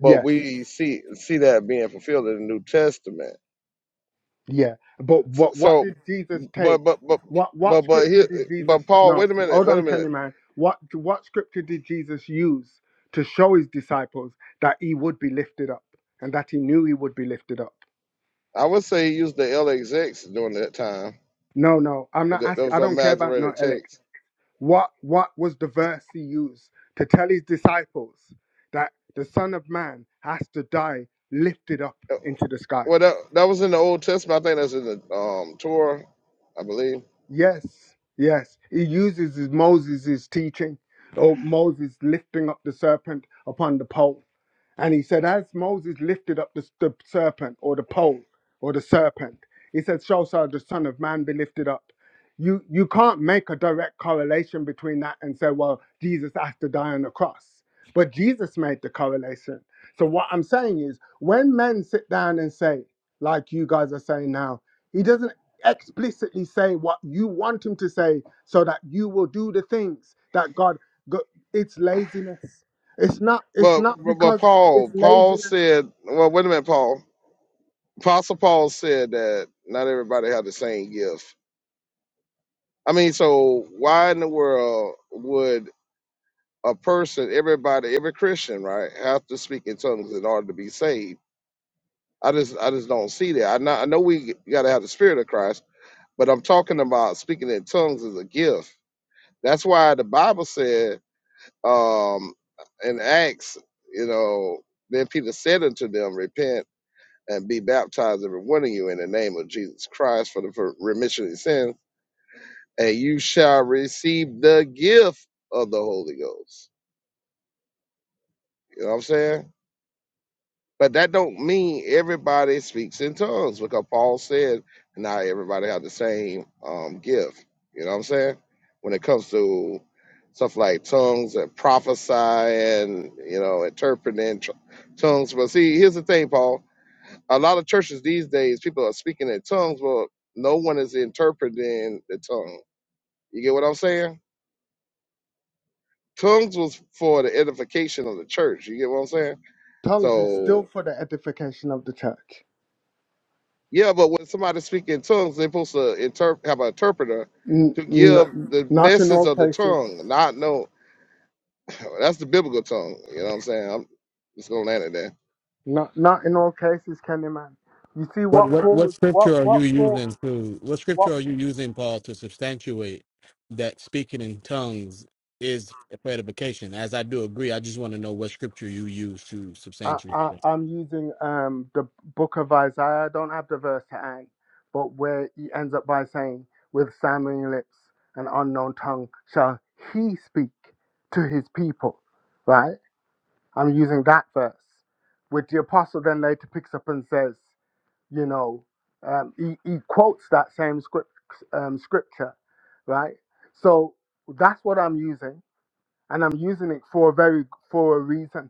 Speaker 5: but
Speaker 12: yes,
Speaker 5: we see see that being fulfilled in the New Testament.
Speaker 12: Yeah, but
Speaker 5: So,
Speaker 12: what what did
Speaker 5: so
Speaker 12: Jesus
Speaker 5: but
Speaker 12: take?
Speaker 5: but but
Speaker 12: What
Speaker 5: but
Speaker 12: what
Speaker 5: but he,
Speaker 12: scripture did
Speaker 5: but
Speaker 12: Jesus?
Speaker 5: Paul,
Speaker 12: No,
Speaker 5: wait a minute,
Speaker 12: hold
Speaker 5: wait a
Speaker 12: on, Kenny
Speaker 5: minute.
Speaker 12: man. What what scripture did Jesus use to show his disciples that he would be lifted up and that he knew he would be lifted up?
Speaker 5: I would say he used the LXX during that time.
Speaker 12: No, no, I'm
Speaker 5: but
Speaker 12: not
Speaker 5: That, that
Speaker 12: asking.
Speaker 5: was
Speaker 12: I
Speaker 5: on
Speaker 12: don't care about no
Speaker 5: Masoretic
Speaker 12: elect.
Speaker 5: text.
Speaker 12: What what was the verse he used to tell his disciples that the Son of Man has to die lifted up
Speaker 5: Uh,
Speaker 12: into the sky?
Speaker 5: Well, that, that was in the Old Testament. I think that's in the um, Torah, I believe.
Speaker 12: Yes, yes. He uses his Moses' teaching, or Moses lifting up the serpent upon the pole. And he said, As Moses lifted up the, the serpent or the pole or the serpent, he said, So shall the Son of Man be lifted up. You, you can't make a direct correlation between that and say, Well, Jesus has to die on the cross. But Jesus made the correlation. So what I'm saying is, when men sit down and say, like you guys are saying now, he doesn't explicitly say what you want him to say so that you will do the things that God go, it's laziness. It's not it's
Speaker 5: But,
Speaker 12: not
Speaker 5: but but
Speaker 12: because
Speaker 5: Paul,
Speaker 12: it's
Speaker 5: Paul
Speaker 12: laziness.
Speaker 5: said, well, wait a minute, Paul. Apostle Paul said that not everybody had the same gift. I mean, so why in the world would a person, everybody, every Christian, right, have to speak in tongues in order to be saved. I just, I just don't see that. I know, I know we got to have the Spirit of Christ, but I'm talking about speaking in tongues is a gift. That's why the Bible said um, in Acts, you know, then Peter said unto them, Repent and be baptized, every one of you, in the name of Jesus Christ for the for remission of sins, and you shall receive the gift of the Holy Ghost. You know what I'm saying? But that don't mean everybody speaks in tongues because Paul said not everybody have the same um, gift. You know what I'm saying? When it comes to stuff like tongues and prophesying, you know, interpreting tr- tongues. But see, here's the thing, Paul. A lot of churches these days, people are speaking in tongues, but no one is interpreting the tongue. You get what I'm saying? Tongues was for the edification of the church. You get what I'm saying?
Speaker 12: Tongues is
Speaker 5: So
Speaker 12: still for the edification of the church.
Speaker 5: Yeah, but when somebody speak in tongues, they're supposed to interp- have an interpreter
Speaker 12: N-
Speaker 5: to give
Speaker 12: n-
Speaker 5: the
Speaker 12: not in
Speaker 5: message
Speaker 12: all
Speaker 5: of the
Speaker 12: cases.
Speaker 5: tongue, not no. <clears throat> That's the biblical tongue. You know what I'm saying? I'm just gonna land it there.
Speaker 12: Not not in all cases, Kenny man. You see
Speaker 11: What
Speaker 12: what
Speaker 11: what
Speaker 12: Paul
Speaker 11: what
Speaker 12: was
Speaker 11: scripture
Speaker 12: what
Speaker 11: are you
Speaker 12: what Paul
Speaker 11: using to what
Speaker 12: what
Speaker 11: scripture are you using, Paul, to substantiate that speaking in tongues is edification? As I do agree, I just want to know what scripture you use to
Speaker 12: I,
Speaker 11: substantiate
Speaker 12: I
Speaker 11: that.
Speaker 12: I'm using um the book of Isaiah. I don't have the verse to hand, but where he ends up by saying, "With stammering lips and unknown tongue shall he speak to his people." Right? I'm using that verse, which the apostle then later picks up and says, you know, um, he he quotes that same script um, scripture, right? So that's what I'm using, and I'm using it for a very for a reason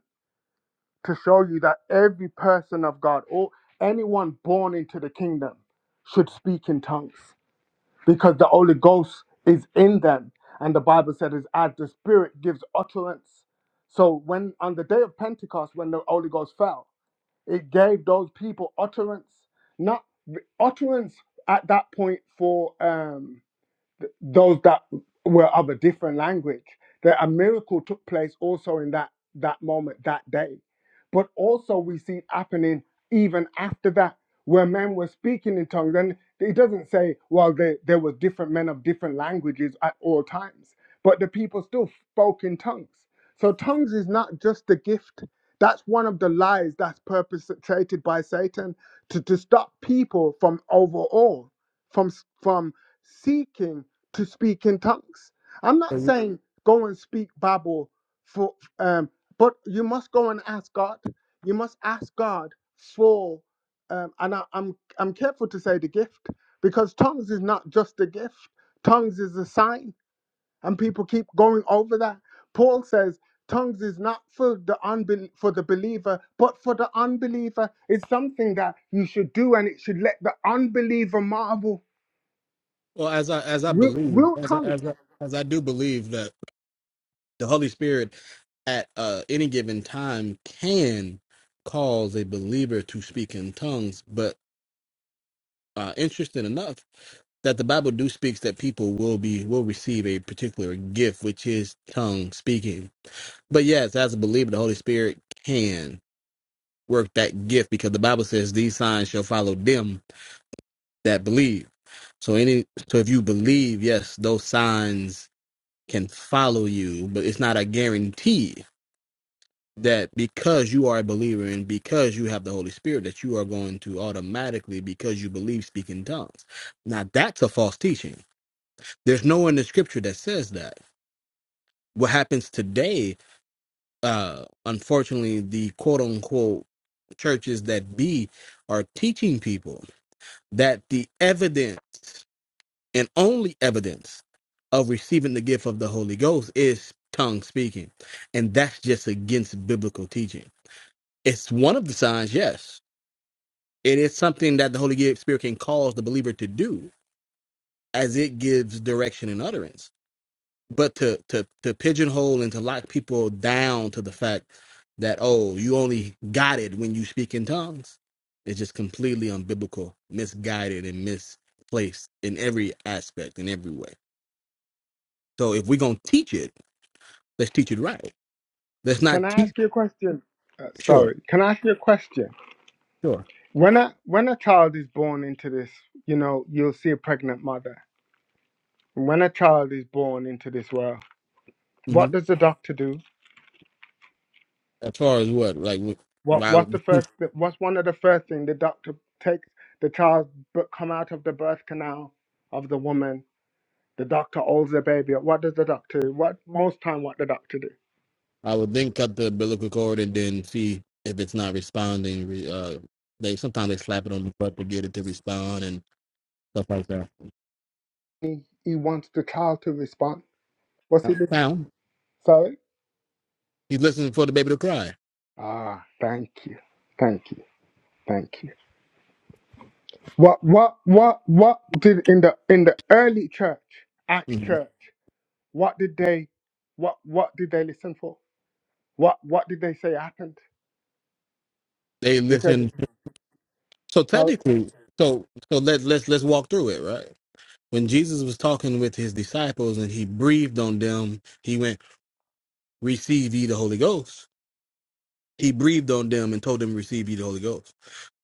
Speaker 12: to show you that every person of God or anyone born into the kingdom should speak in tongues because the Holy Ghost is in them. And the Bible said is as the Spirit gives utterance. So when on the day of Pentecost, when the Holy Ghost fell, it gave those people utterance, not utterance at that point for um those that were of a different language that a miracle took place also in that that moment that day but also we see it happening even after that where men were speaking in tongues and it doesn't say well there, there were different men of different languages at all times but the people still spoke in tongues so tongues is not just a gift that's one of the lies that's perpetrated by satan to, to stop people from overall from from seeking to speak in tongues. I'm
Speaker 11: So
Speaker 12: not
Speaker 11: you-
Speaker 12: saying go and speak Bible for um, but you must go and ask God. You must ask God for um, and I, I'm I'm careful to say the gift because tongues is not just a gift. Tongues is a sign, and people keep going over that. Paul says tongues is not for the unbel- for the believer, but for the unbeliever. It's something that you should do, and it should let the unbeliever marvel.
Speaker 11: Well, as I as I
Speaker 12: Real,
Speaker 11: believe,
Speaker 12: real
Speaker 11: as I, as
Speaker 12: tongues.
Speaker 11: I, as I do believe that the Holy Spirit at uh, any given time can cause a believer to speak in tongues, but uh, interesting enough. that the Bible do speaks that people will be will receive a particular gift, which is tongue speaking. But yes, as a believer, the Holy Spirit can work that gift because the Bible says these signs shall follow them that believe. So any so if you believe, yes, those signs can follow you, but it's not a guarantee that because you are a believer and because you have the Holy Spirit that you are going to automatically because you believe speak in tongues. Now that's a false teaching. There's no in the scripture that says that what happens today uh unfortunately the quote unquote churches that be are teaching people that the evidence and only evidence of receiving the gift of the holy ghost is tongue speaking and that's just against biblical teaching it's one of the signs yes it is something that the holy spirit can cause the believer to do as it gives direction and utterance but to to to pigeonhole and to lock people down to the fact that oh you only got it when you speak in tongues is just completely unbiblical misguided and misplaced in every aspect in every way so if we're going to teach it let's teach it right let's not
Speaker 12: Can I
Speaker 11: teach
Speaker 12: ask you a question? Uh,
Speaker 11: sure
Speaker 12: sorry, can I ask you a question?
Speaker 11: sure
Speaker 12: When a when a child is born into this, you know, you'll see a pregnant mother. When a child is born into this world,
Speaker 11: hmm
Speaker 12: what does the doctor do?
Speaker 11: as far as what like wh-
Speaker 12: What
Speaker 11: why
Speaker 12: what's the first? What's one of the first thing the doctor takes the child but come out of the birth canal of the woman? The doctor holds the baby. up. What does the doctor? do? What most time what the doctor do?
Speaker 11: i would think the biblical cord and then see if it's not responding re- uh they sometimes they slap it on the butt to get it to respond and stuff like that
Speaker 12: He he wants the child to respond. What's he do?
Speaker 11: now
Speaker 12: Sorry.
Speaker 11: the baby to cry.
Speaker 12: Ah, thank you, thank you, thank you. What what what what did in the in the early church, Acts
Speaker 11: Mhm.
Speaker 12: church, what did they what what did they listen for? What what did they say happened?
Speaker 11: They
Speaker 12: They said
Speaker 11: listen. So
Speaker 12: sorry.
Speaker 11: technically, so so let let's let's walk through it, right? When Jesus was talking with his disciples and he breathed on them, he went, "Receive ye the Holy Ghost." He breathed on them and told them, "Receive ye the Holy Ghost."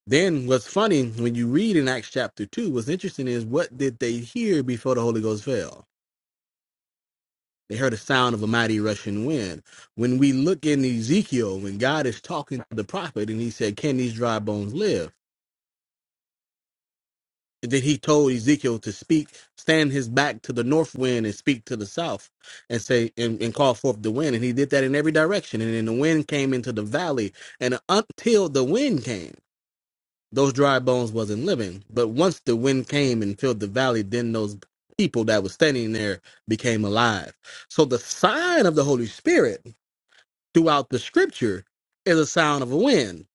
Speaker 11: Then what's funny when you read in Acts chapter two, what's interesting is what did they hear before the Holy Ghost fell? They heard the sound of a mighty rushing wind. When we look in Ezekiel, when God is talking to the prophet and he said, Can these dry bones live? Then he told Ezekiel to speak, stand his back to the north wind and speak to the south and say, and, and call forth the wind. And he did that in every direction. And then the wind came into the valley. And until the wind came, those dry bones wasn't living. But once the wind came and filled the valley, then those people that was standing there became alive. So the sign of the Holy Spirit throughout the scripture is a sound of a wind,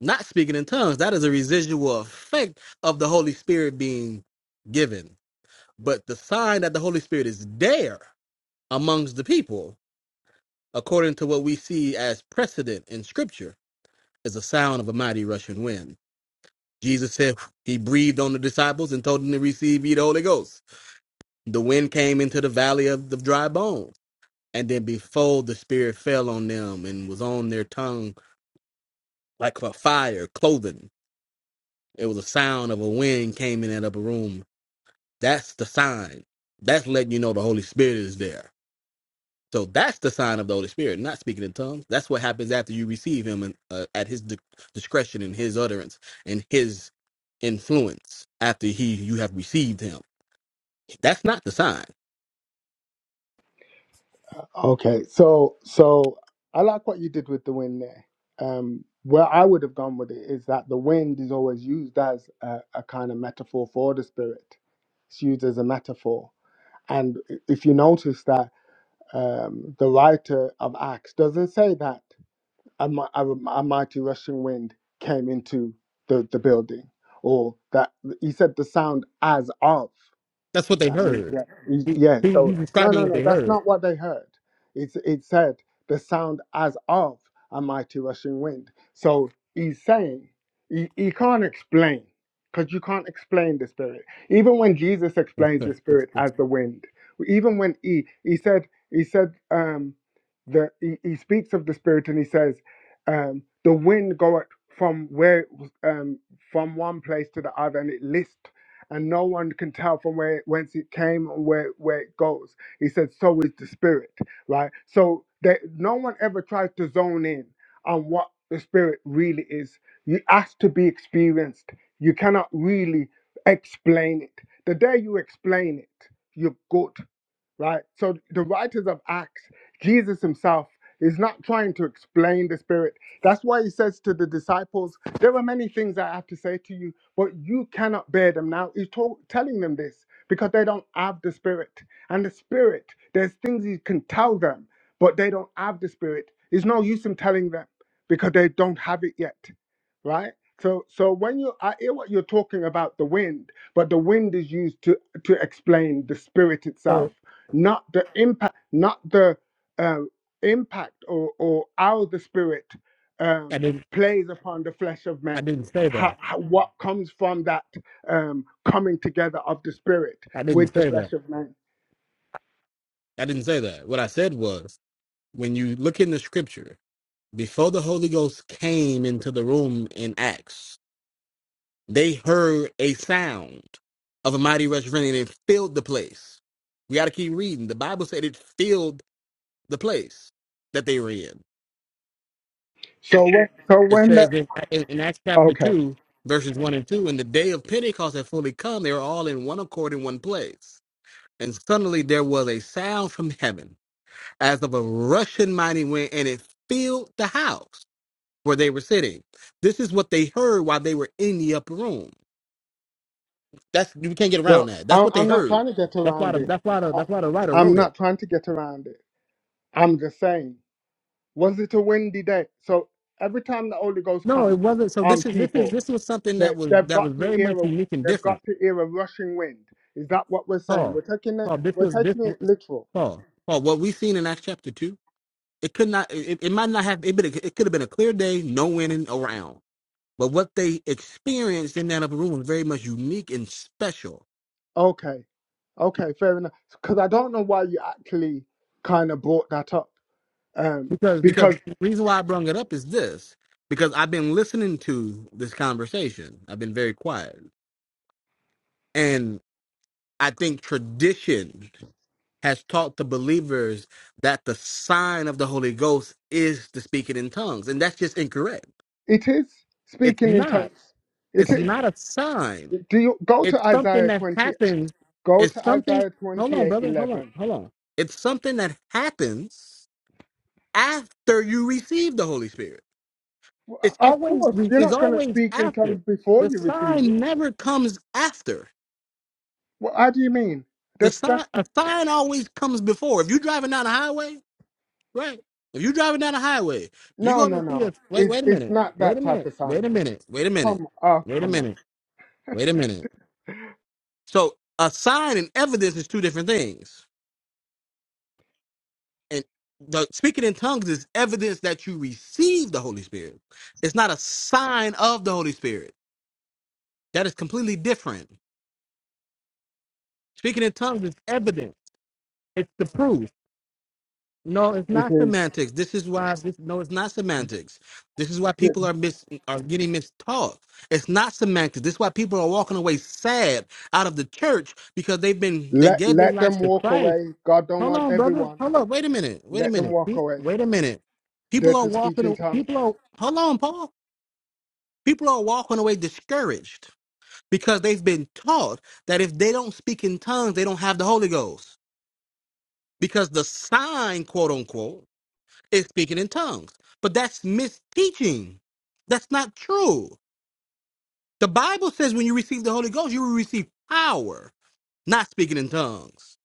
Speaker 11: not speaking in tongues. That is a residual effect of the Holy Spirit being given. But the sign that the Holy Spirit is there amongst the people, according to what we see as precedent in Scripture, is the sound of a mighty rushing wind. Jesus said he breathed on the disciples and told them to receive ye the Holy Ghost. The wind came into the valley of the dry bones. And then before the Spirit fell on them and was on their tongue like a fire, clothing, it was a sound of a wind came in that upper room. That's the sign. That's letting you know the Holy Spirit is there. So that's the sign of the Holy Spirit, not speaking in tongues. That's what happens after you receive Him and, uh, at His di- discretion and His utterance and His influence. After He, you have received Him. That's not the sign.
Speaker 12: Okay, so so I like what you did with the wind there. Um where I would have gone with it is that the wind is always used as a, a kind of metaphor for the spirit. It's used as a metaphor. And if you notice that um, the writer of Acts doesn't say that a, mi- a, a mighty rushing wind came into the, the building, or that he said the sound as of.
Speaker 11: That's what they
Speaker 12: That means
Speaker 11: heard.
Speaker 12: that
Speaker 11: He,
Speaker 12: yeah.
Speaker 11: he,
Speaker 12: So
Speaker 11: he's
Speaker 12: no,
Speaker 11: describing
Speaker 12: no,
Speaker 11: what
Speaker 12: no.
Speaker 11: they
Speaker 12: That's
Speaker 11: heard.
Speaker 12: not what they heard. It's it said the sound as of a mighty rushing wind. So he's saying he, he can't explain because you can't explain the spirit. Even when Jesus explains the spirit as the wind, even when he he said he said um the he, he speaks of the spirit and he says um the wind goeth from where um from one place to the other and it lists and no one can tell from where whence it came and where where it goes. He said, "So is the spirit." Right. So that no one ever tries to zone in on what the spirit really is. You ask to be experienced. You cannot really explain it. The day you explain it, you're good right? So the writers of Acts, Jesus himself, is not trying to explain the Spirit. That's why he says to the disciples, There are many things I have to say to you, but you cannot bear them now. He's talk, telling them this because they don't have the Spirit. And the Spirit, there's things he can tell them, but they don't have the Spirit. It's no use him telling them because they don't have it yet, right? So, so when you, I hear what you're talking about the wind, but the wind is used to to explain the spirit itself
Speaker 11: So
Speaker 12: not the impact, not the uh, impact or, or how the spirit
Speaker 11: I
Speaker 12: um,
Speaker 11: didn't,
Speaker 12: plays upon the flesh of
Speaker 11: I
Speaker 12: men.
Speaker 11: didn't say that.
Speaker 12: How, how, what comes from that um, coming together of the spirit
Speaker 11: I didn't
Speaker 12: with the
Speaker 11: say that.
Speaker 12: flesh of man?
Speaker 11: I didn't say that. What I said was, when you look in the Scripture, before the Holy Ghost came into the room in Acts, They heard a sound of a mighty rush wind and it filled the place. We got to keep reading. The Bible said it filled the place that they were in.
Speaker 12: So when, so
Speaker 11: It
Speaker 12: when the
Speaker 11: says in, in in Acts chapter
Speaker 12: okay,
Speaker 11: 2, verses 1 and 2, and the day of Pentecost had fully come. They were all in one accord in one place. And suddenly there was a sound from heaven as of a rushing mighty wind, and it filled the house where they were sitting. This is what they heard while they were in the upper room. That's we can't get around
Speaker 12: so
Speaker 11: that. That's
Speaker 12: I'm,
Speaker 11: what they
Speaker 12: I'm not
Speaker 11: heard.
Speaker 12: trying to get
Speaker 11: That's why
Speaker 12: around
Speaker 11: the
Speaker 12: it.
Speaker 11: that's why the
Speaker 12: I,
Speaker 11: that's why the writer
Speaker 12: I'm
Speaker 11: wrote it.
Speaker 12: not trying to get around it. I'm just saying, was it a windy day? So every time the Holy Ghost
Speaker 11: No, it
Speaker 12: comes
Speaker 11: wasn't. So
Speaker 12: on
Speaker 11: this is this is
Speaker 12: people,
Speaker 11: this was something
Speaker 12: They,
Speaker 11: that was
Speaker 12: they've
Speaker 11: that was
Speaker 12: got to
Speaker 11: very much
Speaker 12: hear a
Speaker 11: unique and
Speaker 12: they've
Speaker 11: different.
Speaker 12: got to hear a rushing wind. Is that what we're saying?
Speaker 11: Paul,
Speaker 12: We're taking it
Speaker 11: Paul, this
Speaker 12: we're
Speaker 11: was this
Speaker 12: taking it
Speaker 11: was-
Speaker 12: literal.
Speaker 11: Paul, Paul. What we seen in Acts chapter two, it could not. It, it might not have. It, been, it could have been a clear day, no winning around. But what they experienced in that upper room was very much unique and special.
Speaker 12: Okay, okay, fair enough. Because I don't know why you actually kind of brought that up. Um,
Speaker 11: Because
Speaker 12: because
Speaker 11: because the reason why I brung it up is this because I've been listening to this conversation. I've been very quiet and. I think tradition has taught the believers that the sign of the Holy Ghost is the speaking in tongues, and that's just incorrect.
Speaker 12: it is
Speaker 11: It's
Speaker 12: speaking in
Speaker 11: not.
Speaker 12: tongues. It
Speaker 11: It's
Speaker 12: is.
Speaker 11: not a sign.
Speaker 12: Do you go
Speaker 11: It's
Speaker 12: to
Speaker 11: something
Speaker 12: Isaiah
Speaker 11: that
Speaker 12: twenty?
Speaker 11: happens.
Speaker 12: Go
Speaker 11: It's
Speaker 12: to
Speaker 11: something.
Speaker 12: Isaiah
Speaker 11: Hold
Speaker 12: twenty
Speaker 11: on,
Speaker 12: eight
Speaker 11: brother. Hold on.
Speaker 12: eleven.
Speaker 11: Hold on. It's something that happens after you receive the Holy Spirit.
Speaker 12: Well,
Speaker 11: It's
Speaker 12: of
Speaker 11: always.
Speaker 12: course, you're
Speaker 11: It's
Speaker 12: not going to
Speaker 11: always
Speaker 12: speak in
Speaker 11: after.
Speaker 12: tongues before
Speaker 11: The
Speaker 12: you receive it.
Speaker 11: sign never comes after.
Speaker 12: Well, how do you mean?
Speaker 11: The
Speaker 12: That that
Speaker 11: sign. A sign always comes before. If you're driving down the highway Right. If you're driving down the highway, you're
Speaker 12: no
Speaker 11: going
Speaker 12: no
Speaker 11: to see a
Speaker 12: no.
Speaker 11: wait.
Speaker 12: It's
Speaker 11: Wait a
Speaker 12: it's
Speaker 11: minute.
Speaker 12: not
Speaker 11: Wait a
Speaker 12: that type
Speaker 11: minute.
Speaker 12: of
Speaker 11: Wait a
Speaker 12: sign.
Speaker 11: minute. Wait a minute.
Speaker 12: Come on, oh,
Speaker 11: Wait a
Speaker 12: come on.
Speaker 11: minute. Wait a minute. So a sign and evidence is two different things. And the speaking in tongues is evidence that you receive the Holy Spirit. It's not a sign of the Holy Spirit. That is completely different. Speaking in tongues is evidence. It's the proof. No, it's
Speaker 12: It
Speaker 11: not
Speaker 12: is
Speaker 11: semantics. This is why this no, it's not semantics. This is why people are mis are getting mistaught. It's not semantics. This is why people are walking away sad out of the church because they've been they
Speaker 12: let
Speaker 11: gave their
Speaker 12: let
Speaker 11: lives
Speaker 12: them
Speaker 11: to
Speaker 12: walk
Speaker 11: Christ.
Speaker 12: away. God don't
Speaker 11: Hold
Speaker 12: want
Speaker 11: on, brother.
Speaker 12: everyone.
Speaker 11: Hold up. Wait a minute. Wait a
Speaker 12: Let them
Speaker 11: minute.
Speaker 12: walk
Speaker 11: Pe-
Speaker 12: away.
Speaker 11: Wait a minute.
Speaker 12: They're
Speaker 11: People are
Speaker 12: to speak
Speaker 11: walking
Speaker 12: in
Speaker 11: a-
Speaker 12: tongues.
Speaker 11: people are hold on, Paul. People are walking away discouraged because they've been taught that if they don't speak in tongues, they don't have the Holy Ghost. Because the sign, quote unquote, is speaking in tongues. But that's misteaching. That's not true. The Bible says when you receive the Holy Ghost, you will receive power, not speaking in tongues.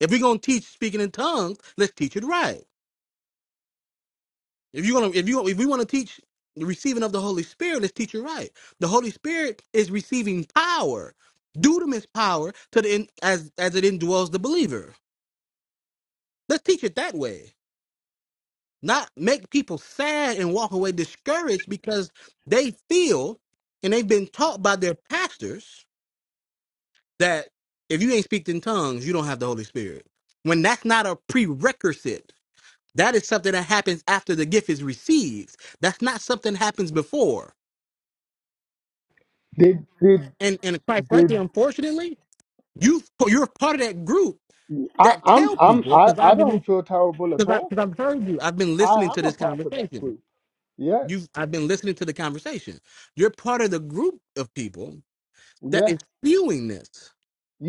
Speaker 11: If we're gonna teach speaking in tongues, let's teach it right. If you're gonna if you if we want to teach the receiving of the Holy Spirit, let's teach it right. The Holy Spirit is receiving power. Dudum is power to the in, as as it indwells the believer. Let's teach it that way. not make people sad and walk away discouraged because they feel and they've been taught by their pastors that if you ain't speaking in tongues, you don't have the Holy Spirit. When that's not a prerequisite, that is something that happens after the gift is received. That's not something that happens before.
Speaker 12: Did did
Speaker 11: And and quite
Speaker 12: did
Speaker 11: frankly, unfortunately, you you're part of that group
Speaker 12: I,
Speaker 11: that
Speaker 12: I'm
Speaker 11: tell
Speaker 12: I'm
Speaker 11: people
Speaker 12: I,
Speaker 11: because
Speaker 12: I
Speaker 11: I've been
Speaker 12: don't feel terrible at
Speaker 11: because
Speaker 12: all.
Speaker 11: I've heard you. I've been listening
Speaker 12: I
Speaker 11: to
Speaker 12: am a
Speaker 11: this
Speaker 12: part of that
Speaker 11: conversation.
Speaker 12: group. Yes,
Speaker 11: You've I've been listening to the conversation. You're part of the group of people that
Speaker 12: yes,
Speaker 11: is spewing this.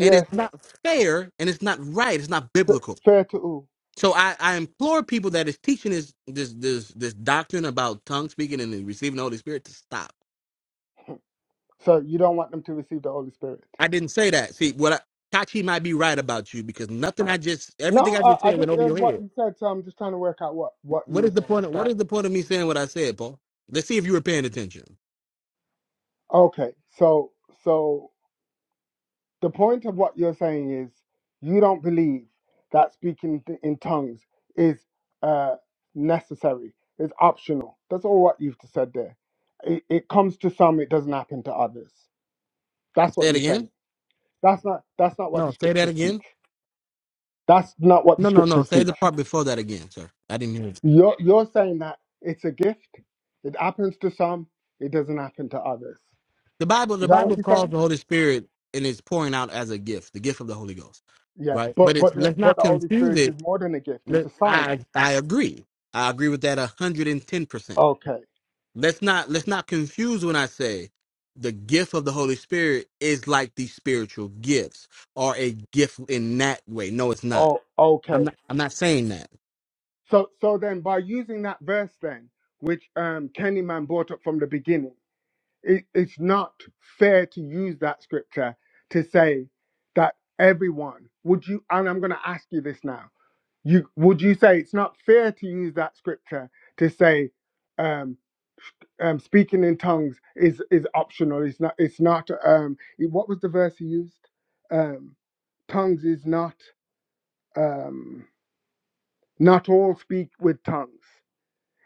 Speaker 11: And it's not fair and it's not right. It's not
Speaker 12: F-
Speaker 11: biblical.
Speaker 12: fair to all.
Speaker 11: So I, I implore people that is teaching this this this this doctrine about tongue speaking and receiving the Holy Spirit to stop.
Speaker 12: So you don't want them to receive the Holy Spirit.
Speaker 11: I didn't say that. See, what I Kachi might be right about you because nothing I just everything
Speaker 12: No,
Speaker 11: I just
Speaker 12: I, I
Speaker 11: said went
Speaker 12: just
Speaker 11: over
Speaker 12: heard
Speaker 11: your
Speaker 12: what
Speaker 11: head.
Speaker 12: you said, so I'm just trying to work out what what you
Speaker 11: What
Speaker 12: were
Speaker 11: is the
Speaker 12: saying.
Speaker 11: point of what is the point of me saying what I said, Paul? Let's see if you were paying attention.
Speaker 12: Okay, so so the point of what you're saying is you don't believe that speaking th- in tongues is uh, necessary. It's optional. That's all what you've said there. It, it comes to some, it doesn't happen to others. That's
Speaker 11: Say
Speaker 12: what
Speaker 11: it
Speaker 12: you're saying.
Speaker 11: again.
Speaker 12: That's not that's not what the
Speaker 11: No, say that
Speaker 12: scriptures teach.
Speaker 11: again.
Speaker 12: That's not what the
Speaker 11: No, no, no.
Speaker 12: scriptures
Speaker 11: Say
Speaker 12: teach.
Speaker 11: the part before that again, sir. I didn't hear it.
Speaker 12: You're you're saying that it's a gift. It happens to some. It doesn't happen to others.
Speaker 11: The Bible, the
Speaker 12: Is that what
Speaker 11: Bible
Speaker 12: you're
Speaker 11: calls
Speaker 12: saying?
Speaker 11: the Holy Spirit and it's pouring out as a gift, the gift of the Holy Ghost,
Speaker 12: Yeah.
Speaker 11: right? But
Speaker 12: But
Speaker 11: it's
Speaker 12: but the,
Speaker 11: let's not
Speaker 12: but the Holy
Speaker 11: confuse
Speaker 12: Spirit
Speaker 11: it.
Speaker 12: is more than a gift. It's
Speaker 11: Let,
Speaker 12: a sign.
Speaker 11: I I agree. I agree with that hundred and ten percent.
Speaker 12: Okay.
Speaker 11: Let's not let's not confuse when I say the gift of the Holy Spirit is like the spiritual gifts or a gift in that way. No, it's not.
Speaker 12: Oh,
Speaker 11: I'm
Speaker 12: okay.
Speaker 11: not I'm not saying that.
Speaker 12: So, so then by using that verse then, which um, Kenny Man brought up from the beginning, it, it's not fair to use that scripture to say that everyone would you. And I'm going to ask you this now: you would you say it's not fair to use that scripture to say um, um, speaking in tongues is is optional? It's not. It's not. Um, it- what was the verse he used? Um, tongues is not. Um, not all speak with tongues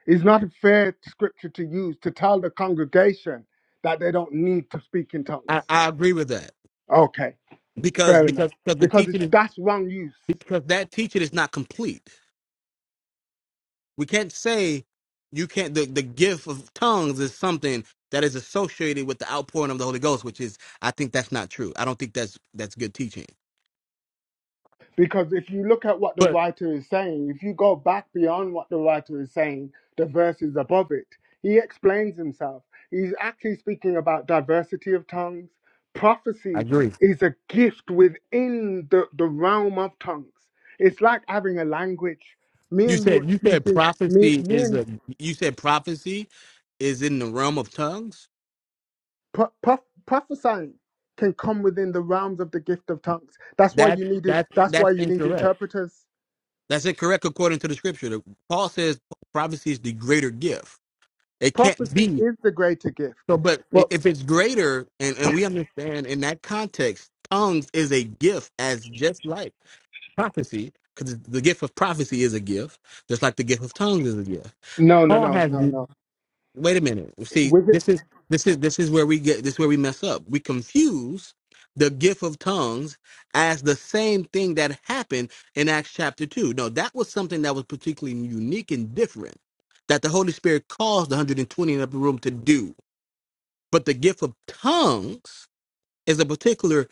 Speaker 12: It's not a fair scripture to use to tell the congregation that they don't need to speak in
Speaker 11: I,
Speaker 12: tongues.
Speaker 11: I agree with that
Speaker 12: Okay,
Speaker 11: because
Speaker 12: fair enough.
Speaker 11: because because the
Speaker 12: Because it's,
Speaker 11: teaching is
Speaker 12: that's wrong use.
Speaker 11: because that teaching is not complete We can't say you can't. The, the gift of tongues is something that is associated with the outpouring of the Holy Ghost, which is I think that's not true. I don't think that's that's good teaching.
Speaker 12: Because if you look at what the
Speaker 11: But
Speaker 12: writer is saying, if you go back beyond what the writer is saying, the verses above it, he explains himself. He's actually speaking about diversity of tongues.
Speaker 11: I
Speaker 12: Prophecy
Speaker 11: agree.
Speaker 12: is a gift within the, the realm of tongues. It's like having a language. Me
Speaker 11: You
Speaker 12: and you are
Speaker 11: said you said
Speaker 12: speaking. Me,
Speaker 11: prophecy
Speaker 12: me
Speaker 11: is
Speaker 12: and
Speaker 11: a you said prophecy is in the realm of tongues.
Speaker 12: pro- prof- prophesying can come within the realms of the gift of tongues. That's why
Speaker 11: That
Speaker 12: you need it.
Speaker 11: that
Speaker 12: That's why
Speaker 11: that's
Speaker 12: you need
Speaker 11: incorrect.
Speaker 12: interpreters.
Speaker 11: That's incorrect according to the scripture. The- Paul says prophecy is the greater gift. It can't
Speaker 12: Prophecy
Speaker 11: be.
Speaker 12: is the greater gift.
Speaker 11: So, but i-
Speaker 12: But
Speaker 11: if it's greater, and, and we understand in that context, tongues is a gift as just like prophecy, because the gift of prophecy is a gift, just like the gift of tongues is a gift.
Speaker 12: no, no,
Speaker 11: Paul
Speaker 12: no,
Speaker 11: has.
Speaker 12: no, no.
Speaker 11: Wait a minute. See,
Speaker 12: With it,
Speaker 11: this is this is this is where we get this is where we mess up. We confuse the gift of tongues as the same thing that happened in Acts chapter two. No, that was something that was particularly unique and different that the Holy Spirit caused the 120 in the upper room to do but the gift of tongues is a particular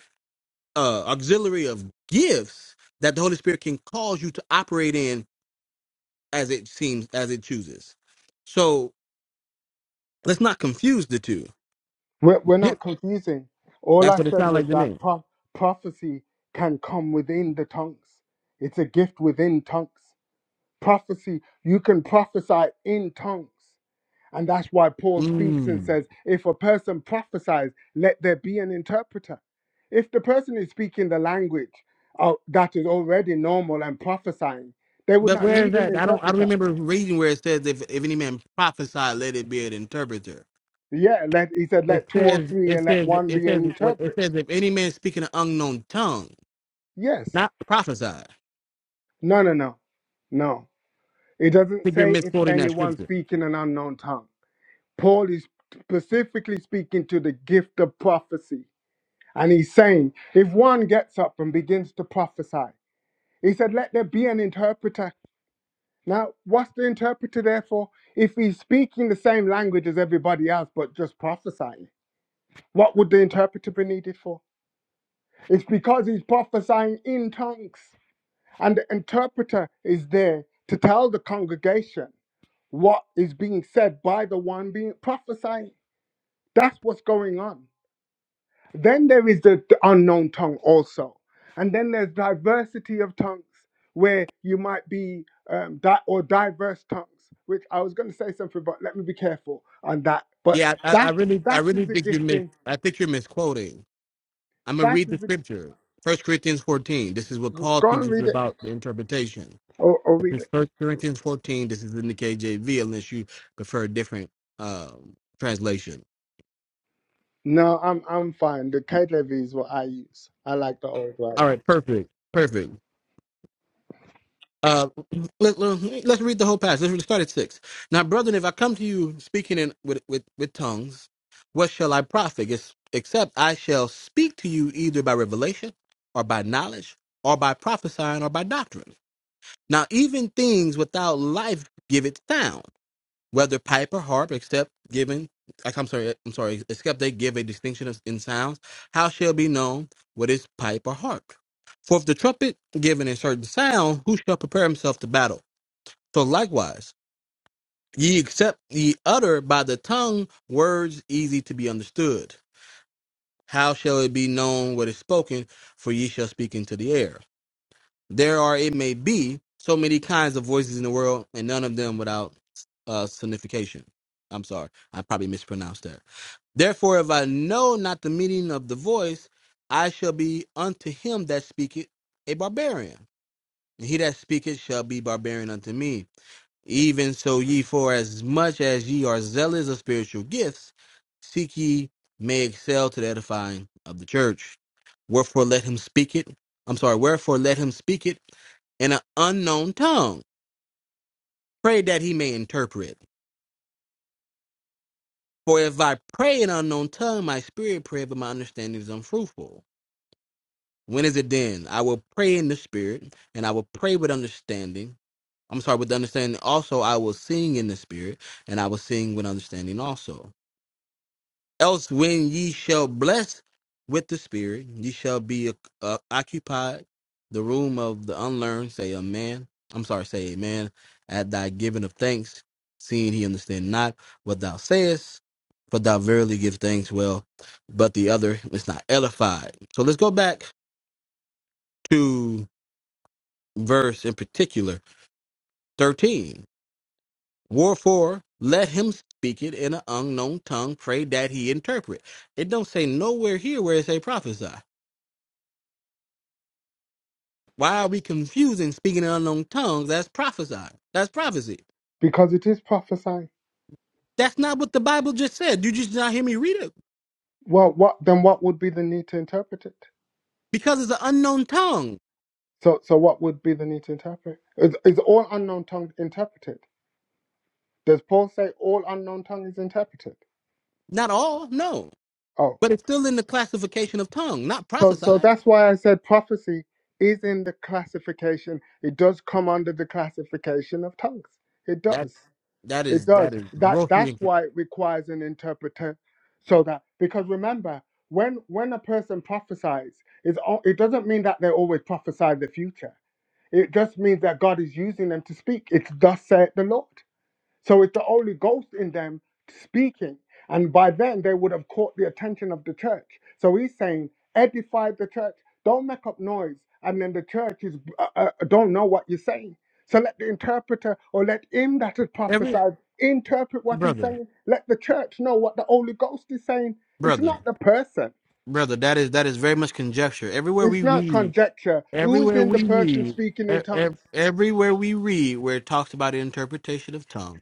Speaker 11: uh, auxiliary of gifts that the Holy Spirit can cause you to operate in as it seems, as it chooses. So let's not confuse the two.
Speaker 12: we're, we're
Speaker 11: Yep.
Speaker 12: not confusing. All
Speaker 11: That's
Speaker 12: I
Speaker 11: what it
Speaker 12: said
Speaker 11: sounds
Speaker 12: was
Speaker 11: like to
Speaker 12: that
Speaker 11: me.
Speaker 12: pro- prophecy can come within the tongues. It's a gift within tongues. Prophecy, you can prophesy in tongues. And that's why Paul speaks and
Speaker 11: Mm.
Speaker 12: says, if a person prophesies, let there be an interpreter. If the person is speaking the language uh, that is already normal and prophesying, they would
Speaker 11: But
Speaker 12: not
Speaker 11: where is
Speaker 12: need an
Speaker 11: that? I don't. I don't
Speaker 12: interpreter.
Speaker 11: remember reading where it says if if any man prophesy, let it be an interpreter.
Speaker 12: Yeah, let, he said,
Speaker 11: It
Speaker 12: let two or
Speaker 11: says
Speaker 12: three
Speaker 11: it
Speaker 12: and let
Speaker 11: says
Speaker 12: one
Speaker 11: it
Speaker 12: be an
Speaker 11: says what it
Speaker 12: interpret.
Speaker 11: says if any man speaking an unknown tongue,
Speaker 12: Yes.
Speaker 11: not prophesy. I
Speaker 12: No, no, no. No. It doesn't
Speaker 11: think you're
Speaker 12: say if
Speaker 11: misquoting that scripture.
Speaker 12: anyone speaking an unknown tongue. Paul is specifically speaking to the gift of prophecy And he's saying, if one gets up and begins to prophesy, he said, let there be an interpreter. Now, what's the interpreter there for? If he's speaking the same language as everybody else, but just prophesying, what would the interpreter be needed for? It's because he's prophesying in tongues. And the interpreter is there to tell the congregation what is being said by the one being prophesying. That's what's going on. Then there is the, the unknown tongue also. And then there's diversity of tongues where you might be, um, di- or diverse tongues, which I was going to say something, but let me be careful on that. But
Speaker 11: Yeah, I, I
Speaker 12: that
Speaker 11: really, I
Speaker 12: that
Speaker 11: really
Speaker 12: is the
Speaker 11: think you mis.
Speaker 12: gifting.
Speaker 11: I think you're misquoting. I'm gonna
Speaker 12: That
Speaker 11: read the
Speaker 12: is the,
Speaker 11: scripture. First Corinthians 14. This is what
Speaker 12: go
Speaker 11: Paul
Speaker 12: go and
Speaker 11: teaches
Speaker 12: read it
Speaker 11: about the interpretation.
Speaker 12: or, or read
Speaker 11: This is
Speaker 12: it.
Speaker 11: First Corinthians 14. This is in the KJV, unless you prefer a different um, translation.
Speaker 12: No, I'm I'm fine. The KJV is what I use. I like the old
Speaker 11: All
Speaker 12: writing
Speaker 11: right, perfect, perfect. Uh, let, let, let's read the whole passage. Let's start at six. Now, brethren, if I come to you speaking in with, with, with tongues, what shall I profit? Ex- Except I shall speak to you either by revelation, or by knowledge, or by prophesying, or by doctrine. Now, even things without life give it sound whether pipe or harp, except given, like, I'm sorry, I'm sorry, except they give a distinction of, in sounds, how shall be known what is pipe or harp? For if the trumpet given a certain sound, who shall prepare himself to battle? So likewise, ye accept ye utter by the tongue words easy to be understood. How shall it be known what is spoken? For ye shall speak into the air. There are, it may be, so many kinds of voices in the world, and none of them without uh, signification. I'm sorry, I probably mispronounced that. Therefore, if I know not the meaning of the voice, I shall be unto him that speaketh a barbarian, and he that speaketh shall be barbarian unto me. Even so, ye for as much as ye are zealous of spiritual gifts, seek ye may excel to the edifying of the church. Wherefore let him speak it. I'm sorry, wherefore let him speak it in an unknown tongue. Pray that he may interpret. For if I pray in unknown tongue, my spirit pray, but my understanding is unfruitful. When is it then? I will pray in the spirit, and I will pray with understanding. I'm sorry, with understanding also I will sing in the spirit, and I will sing with understanding also. Else, when ye shall bless with the Spirit, ye shall be uh, uh, occupied the room of the unlearned. Say amen. I'm sorry, say amen. At thy giving of thanks, seeing he understand not what thou sayest, for thou verily give thanks well, but the other is not edified. So let's go back to verse in particular, 13. Wherefore, let him speak it in an unknown tongue, pray that he interpret. It don't say nowhere here where it say prophesy. Why are we confusing speaking in unknown tongues? as prophesied. That's prophecy.
Speaker 12: because it is prophesying.
Speaker 11: That's not what the Bible just said. You just did not hear me read it
Speaker 12: Well, what then? What would be the need to interpret it?
Speaker 11: because it's an unknown tongue.
Speaker 12: So, so what would be the need to interpret? Is, is all unknown tongues interpreted? Does Paul say all unknown tongue is interpreted?
Speaker 11: Not all, no,
Speaker 12: Oh,
Speaker 11: but it's still in the classification of tongue, not
Speaker 12: so so
Speaker 11: prophesied.
Speaker 12: that's why I said prophecy is in the classification. It does come under the classification of tongues. It
Speaker 11: That
Speaker 12: does.
Speaker 11: that
Speaker 12: It
Speaker 11: is
Speaker 12: does.
Speaker 11: that is
Speaker 12: That
Speaker 11: grossly
Speaker 12: that's
Speaker 11: incorrect.
Speaker 12: why it requires an interpreter, so that because remember when when a person prophesies, it's, al- it doesn't mean that they always prophesy the future. It just means that God is using them to speak. It's thus saith the Lord. So it's the Holy Ghost in them speaking. And by then, they would have caught the attention of the church. So he's saying, edify the church. Don't make up noise. And then the church is uh, uh, don't know what you're saying. So let the interpreter or let him that has
Speaker 11: Every
Speaker 12: prophesied interpret what he's
Speaker 11: brother,
Speaker 12: saying. Let the church know what the Holy Ghost is saying. It's
Speaker 11: brother,
Speaker 12: not the person.
Speaker 11: brother. That is that is very much conjecture. Everywhere
Speaker 12: It's
Speaker 11: we
Speaker 12: not
Speaker 11: read.
Speaker 12: conjecture. Who is
Speaker 11: Everywhere
Speaker 12: in the
Speaker 11: we
Speaker 12: person
Speaker 11: read,
Speaker 12: speaking
Speaker 11: e-
Speaker 12: in
Speaker 11: e-
Speaker 12: tongues?
Speaker 11: everywhere we read where it talks about the interpretation of tongues,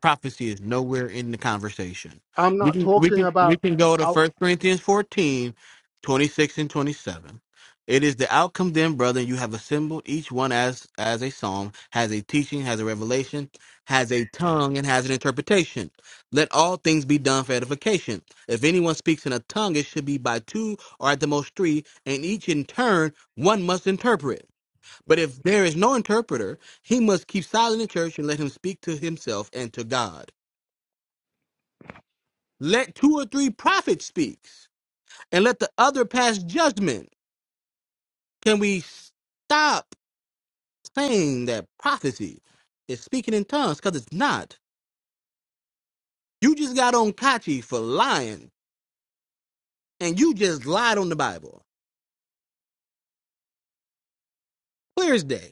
Speaker 11: prophecy is nowhere in the conversation.
Speaker 12: I'm
Speaker 11: We
Speaker 12: not
Speaker 11: can we
Speaker 12: talking
Speaker 11: can we
Speaker 12: about.
Speaker 11: can go to
Speaker 12: uh,
Speaker 11: First Corinthians 14, 26 and 27. It is the outcome then, brethren, you have assembled each one as as a psalm, has a teaching, has a revelation, has a tongue, and has an interpretation. Let all things be done for edification. If anyone speaks in a tongue, it should be by two or at the most three, and each in turn one must interpret. But if there is no interpreter, he must keep silent in church and let him speak to himself and to God. Let two or three prophets speak, and let the other pass judgment. Can we stop saying that prophecy is speaking in tongues? Because it's not. You just got on Kachi for lying, and you just lied on the Bible. Clear as day.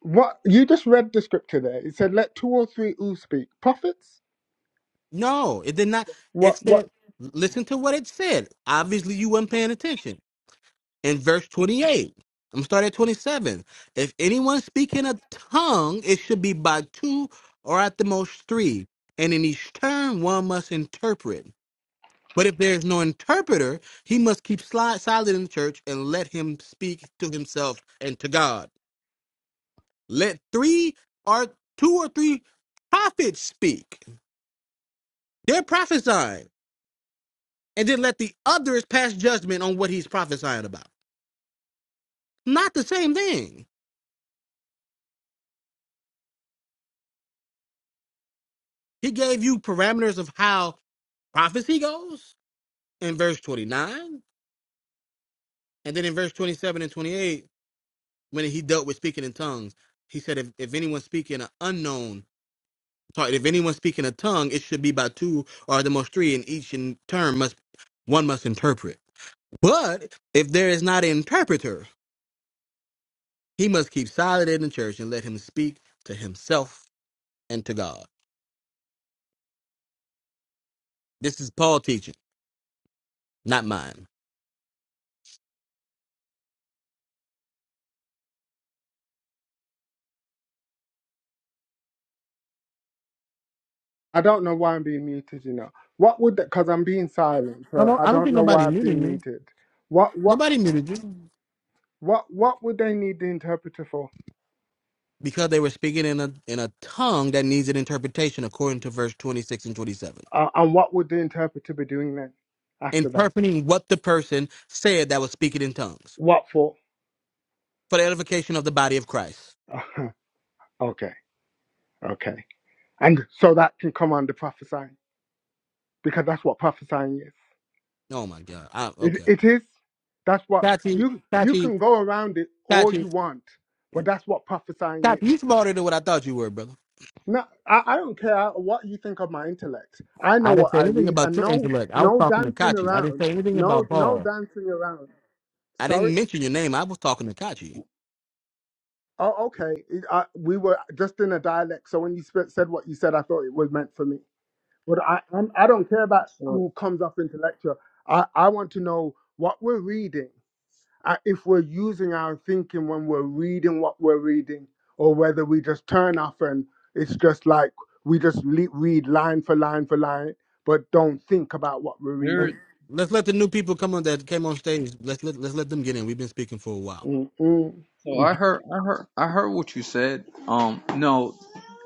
Speaker 12: What you just read the scripture there. It said, "Let two or three who speak prophets."
Speaker 11: No, it did not. It
Speaker 12: What? What?
Speaker 11: said, listen to what it said. Obviously, you weren't paying attention. in verse 28. I'm gonna start at 27. If anyone speak in a tongue, it should be by two or at the most three, and in each turn one must interpret. But if there is no interpreter, he must keep sli- silent in the church and let him speak to himself and to God. Let three or two or three prophets speak. They're prophesying, and then let the others pass judgment on what he's prophesying about. Not the same thing. He gave you parameters of how prophecy goes in verse 29 and then in verse 27 and 28 when he dealt with speaking in tongues he said if, if anyone speak in an unknown sorry if anyone speak in a tongue it should be by two or at the most three and each in turn must one must interpret but if there is not an interpreter he must keep silent in the church and let him speak to himself and to god this is paul teaching not mine
Speaker 12: I don't know why I'm being muted. You know what would that? Because I'm being silent,
Speaker 11: i
Speaker 12: so
Speaker 11: don't
Speaker 12: I
Speaker 11: i don't
Speaker 12: don't
Speaker 11: think
Speaker 12: know
Speaker 11: nobody
Speaker 12: why I've
Speaker 11: muted
Speaker 12: been
Speaker 11: me
Speaker 12: muted. What? What?
Speaker 11: nobody muted you
Speaker 12: What? What would they need the interpreter for?
Speaker 11: because they were speaking in a in a tongue that needs an interpretation according to verse 26 and 27
Speaker 12: Uh, and what would the interpreter be doing then? After that,
Speaker 11: interpreting what the person said that was speaking in tongues
Speaker 12: what for?
Speaker 11: for the edification of the body of christ
Speaker 12: <laughs> okay, okay. And so that can come under prophesying because that's what prophesying is.
Speaker 11: oh my god I,
Speaker 12: It,
Speaker 11: okay
Speaker 12: it is. That's what
Speaker 11: tachi
Speaker 12: you you
Speaker 11: tachi
Speaker 12: can go around it all
Speaker 11: tachi
Speaker 12: you want, but that's what prophesying
Speaker 11: tachi
Speaker 12: is.
Speaker 11: you smarter than what i thought you were brother
Speaker 12: No, I, I don't care what you think of my intellect. I know
Speaker 11: i didn't
Speaker 12: what
Speaker 11: say
Speaker 12: I
Speaker 11: anything
Speaker 12: read,
Speaker 11: about
Speaker 12: and
Speaker 11: your
Speaker 12: no
Speaker 11: intellect i was
Speaker 12: no
Speaker 11: talking to
Speaker 12: dancing
Speaker 11: kachi i didn't
Speaker 12: around.
Speaker 11: say anything
Speaker 12: No
Speaker 11: about
Speaker 12: no
Speaker 11: paul
Speaker 12: dancing around.
Speaker 11: i
Speaker 12: Sorry.
Speaker 11: didn't mention your name i was talking to kachi
Speaker 12: Oh, okay. It- I, we were just in a dialect, so when you sp- said what you said, I thought it was meant for me. But I I'm, I don't care about
Speaker 15: So
Speaker 12: who comes off intellectual. I I want to know what we're reading. uh, if we're using our thinking when we're reading what we're reading, or whether we just turn off and it's just like we just le- read line for line for line, but don't think about what we're
Speaker 15: there.
Speaker 12: reading.
Speaker 11: let's, let's let the new people come on that came on stage let's let, let's let them get in we've been speaking for a while
Speaker 12: Mm-mm.
Speaker 15: So I heard. I heard. I heard what you said. Um. No,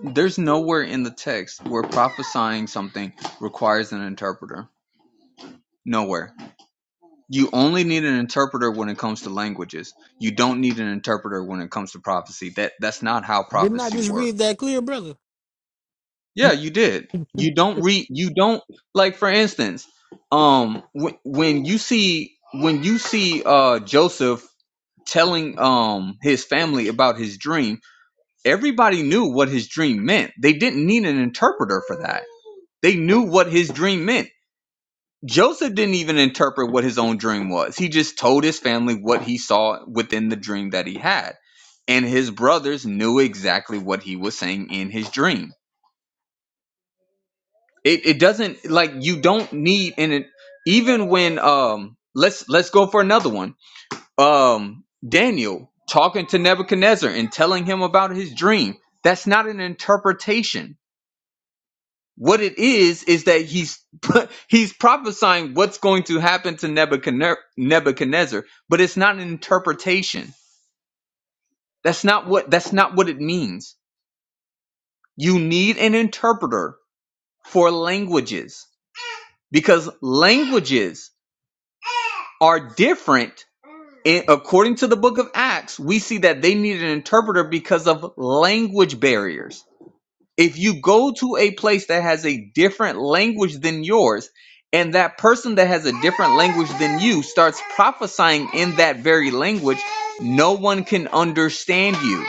Speaker 15: there's nowhere in the text where prophesying something requires an interpreter. Nowhere. You only need an interpreter when it comes to languages. You don't need an interpreter when it comes to prophecy. That that's not how
Speaker 11: didn't i
Speaker 15: prophecy
Speaker 11: just read
Speaker 15: works.
Speaker 11: that clear brother
Speaker 15: Yeah, you did. You don't read. You don't like. For instance, um, when when you see when you see uh Joseph telling um his family about his dream everybody knew what his dream meant. They didn't need an interpreter for that. They knew what his dream meant. Joseph didn't even interpret what his own dream was. He just told his family what he saw within the dream that he had. And his brothers knew exactly what he was saying in his dream. It, it doesn't like you don't need and it even when um let's let's go for another one. Um Daniel talking to Nebuchadnezzar and telling him about his dream. That's not an interpretation What it is is that he's <laughs> he's prophesying what's going to happen to Nebuchadner- Nebuchadnezzar, but it's not an interpretation. That's not what that's not what it means. You need an interpreter for languages because languages are different. And according to the book of Acts, we see that they need an interpreter because of language barriers If you go to a place that has a different language than yours, and that person that has a different language than you starts prophesying in that very language, no one can understand you.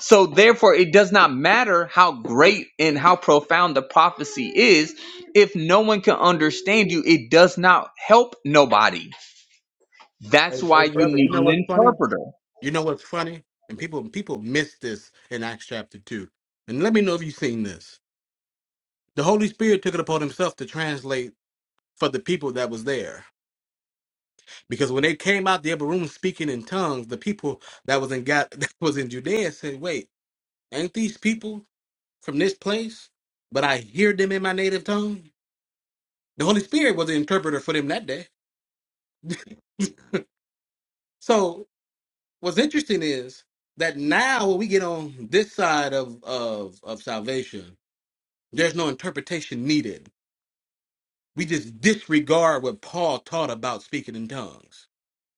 Speaker 15: So, therefore, it does not matter how great and how profound the prophecy is. If no one can understand you, it does not help nobody. That's
Speaker 11: Hey,
Speaker 15: why
Speaker 11: hey,
Speaker 15: you
Speaker 11: brother, you
Speaker 15: need
Speaker 11: know what's
Speaker 15: an
Speaker 11: funny?
Speaker 15: interpreter.
Speaker 11: You know what's funny? And people people miss this in Acts chapter two. And let me know if you've seen this. The Holy Spirit took it upon himself to translate for the people that was there. Because when they came out the upper room speaking in tongues, the people that was in God <laughs> that was in Judea said, Wait, ain't these people from this place? But I hear them in my native tongue. The Holy Spirit was the interpreter for them that day. So. what's interesting is that now when we get on this side of of of salvation, there's no interpretation needed. We just disregard what Paul taught about speaking in tongues.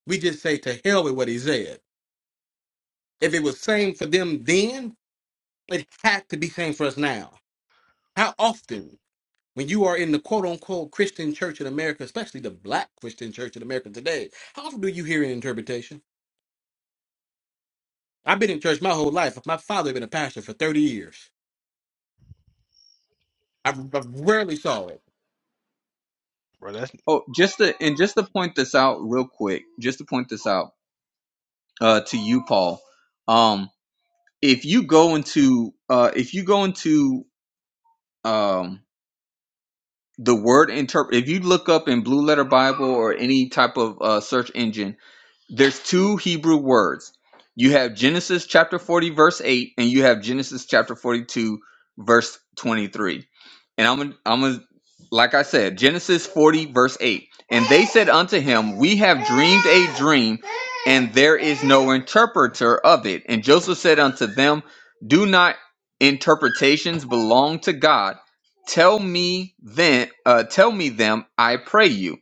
Speaker 11: We just say to hell with what he said. If it was same for them then, it had to be same for us now. How often when you are in the quote unquote Christian church in America, especially the black Christian church in America today, how often do you hear an interpretation? I've been in church my whole life. My father had been a pastor for 30 years. I, I rarely saw it.
Speaker 16: bro. That's
Speaker 15: Oh, just to and just to point this out real quick, just to point this out uh, to you, Paul. Um, if you go into uh if you go into um the word interpret if you look up in blue letter bible or any type of uh search engine there's two Hebrew words. You have Genesis chapter 40 verse 8 and you have Genesis chapter 42 verse 23. And I'm gonna- I'm gonna- like I said, Genesis 40 verse 8. And they said unto him, We have dreamed a dream, and there is no interpreter of it. And Joseph said unto them, Do not interpretations belong to God? Tell me then, uh, tell me them, I pray you.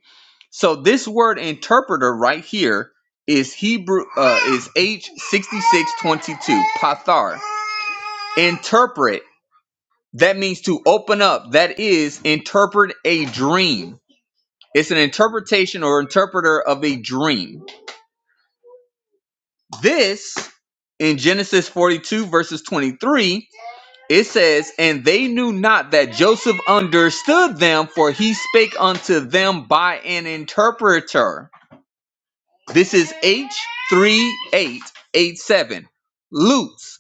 Speaker 15: So this word interpreter right here is Hebrew uh, is H sixty six twenty two pathar. Interpret that means to open up. That is interpret a dream. It's an interpretation or interpreter of a dream. This in Genesis forty two verses twenty three it says, and they knew not that Joseph understood them, for he spake unto them by an interpreter. This is H three eight eight seven. Lutz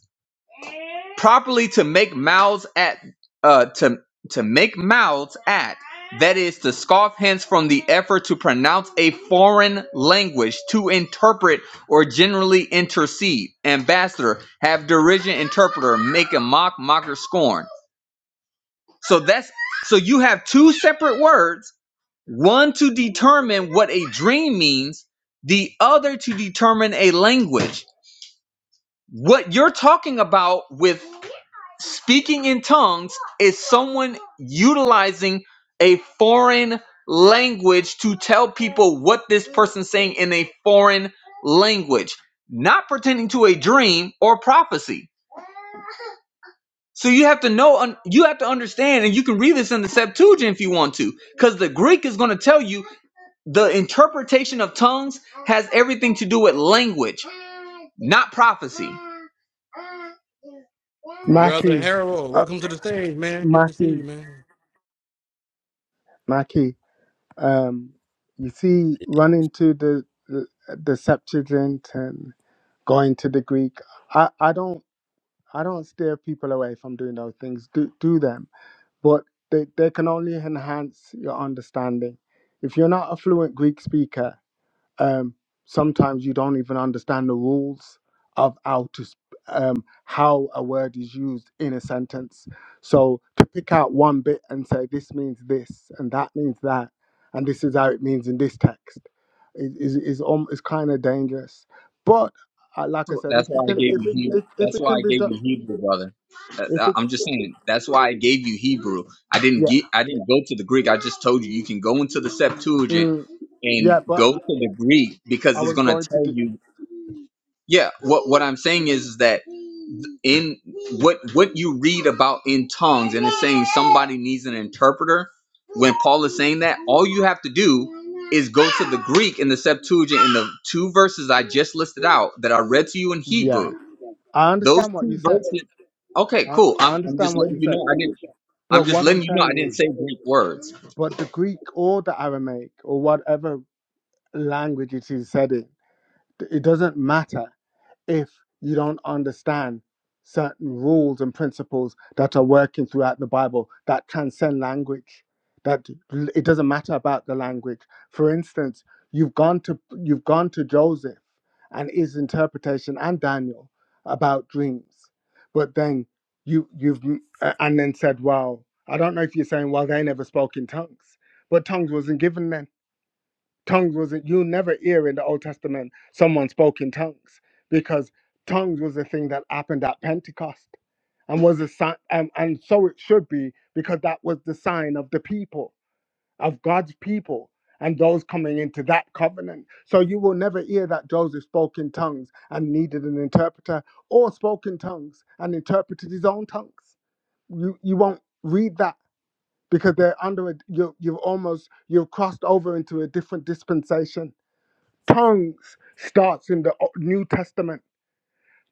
Speaker 15: properly to make mouths at uh to to make mouths at that is to scoff hence from the effort to pronounce a foreign language to interpret or generally intercede ambassador have derision interpreter make a mock mocker scorn so that's so you have two separate words one to determine what a dream means the other to determine a language what you're talking about with Speaking in tongues is someone utilizing a foreign language to tell people what this person's saying in a foreign language, not pertaining to a dream or prophecy. So you have to know, un- you have to understand, and you can read this in the Septuagint if you want to, because the Greek is going to tell you the interpretation of tongues has everything to do with language, not prophecy.
Speaker 11: Brother
Speaker 12: Mackie,
Speaker 11: Harold,
Speaker 12: uh,
Speaker 11: welcome to the stage, man. Good to see you,
Speaker 12: Mackie,
Speaker 11: man.
Speaker 12: Mackie, um, you see, running to the, the the Septuagint and going to the Greek, I, I don't I don't steer people away from doing those things. Do do them, but they, they can only enhance your understanding. If you're not a fluent Greek speaker, um, sometimes you don't even understand the rules of how to sp- um, how a word is used in a sentence. So to pick out one bit and say this means this and that means that, and this is how it means in this text, is is is, um, is kind of dangerous. But uh, like I said,
Speaker 15: That's
Speaker 12: if you
Speaker 15: why I
Speaker 12: can,
Speaker 15: gave
Speaker 12: if
Speaker 15: you
Speaker 12: it
Speaker 15: Hebrew.
Speaker 12: if, if
Speaker 15: That's
Speaker 12: it
Speaker 15: why
Speaker 12: can
Speaker 15: I
Speaker 12: be
Speaker 15: gave
Speaker 12: done,
Speaker 15: you Hebrew, brother. That-
Speaker 12: if
Speaker 15: I-
Speaker 12: it
Speaker 15: I'm just saying. That's why I gave you Hebrew. I didn't
Speaker 12: yeah
Speaker 15: get. I didn't go to the Greek. I just told you you can go into the Septuagint
Speaker 12: mm,
Speaker 15: and
Speaker 12: yeah, but
Speaker 15: go to the Greek because
Speaker 12: I
Speaker 15: it's
Speaker 12: was
Speaker 15: going to
Speaker 12: going to.
Speaker 15: tell you. Yeah. What What I'm saying is, is that in what what you read about in tongues and it's saying somebody needs an interpreter. When Paul is saying that, all you have to do is go to the Greek in the Septuagint in the two verses I just listed out that I read to you in Hebrew
Speaker 12: Yeah, I
Speaker 15: those
Speaker 12: understand what you
Speaker 15: two
Speaker 12: said.
Speaker 15: verses. Okay,
Speaker 12: I,
Speaker 15: cool.
Speaker 12: I
Speaker 15: I'm, I'm just
Speaker 12: understand what
Speaker 15: letting
Speaker 12: you
Speaker 15: you know
Speaker 12: said.
Speaker 15: I didn't. I'm
Speaker 12: But
Speaker 15: just
Speaker 12: what
Speaker 15: letting
Speaker 12: I'm
Speaker 15: you know I
Speaker 12: saying
Speaker 15: didn't
Speaker 12: is,
Speaker 15: say Greek words.
Speaker 12: but the Greek or the Aramaic or whatever language it is said in, it doesn't matter if you don't understand certain rules and principles that are working throughout the Bible that transcend language. That l- it doesn't matter about the language. For instance, you've gone to you've gone to Joseph and his interpretation and Daniel about dreams, but then you you've m- a- and then said, well, I don't know if you're saying, well, they never spoke in tongues, but tongues wasn't given then Tongues wasn't, you never hear in the Old Testament someone spoke in tongues because tongues was a thing that happened at Pentecost and was a sign, um, and so it should be because that was the sign of the people, of God's people. And those coming into that covenant. So you will never hear that Joseph spoke in tongues and needed an interpreter or spoke in tongues and interpreted his own tongues. You, you won't read that because they're under a, you, you've almost, you've crossed over into a different dispensation Tongues starts in the uh, New Testament.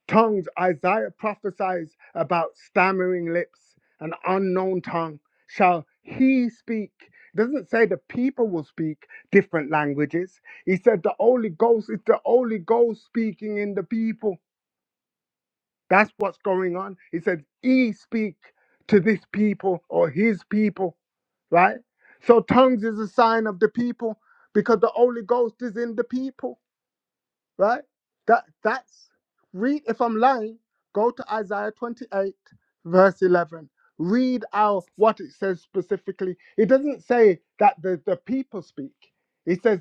Speaker 12: Tongues, Isaiah prophesies about stammering lips, an unknown tongue. Shall he speak? It doesn't say the people will speak different languages. He said the Holy Ghost is the Holy Ghost speaking in the people. That's what's going on. He said, He speak to this people or his people, right? So tongues is a sign of the people because the Holy Ghost is in the people right? That that's read. If I'm lying, go to Isaiah 28 verse 11. Read out what it says specifically. It doesn't say that the the people speak. It says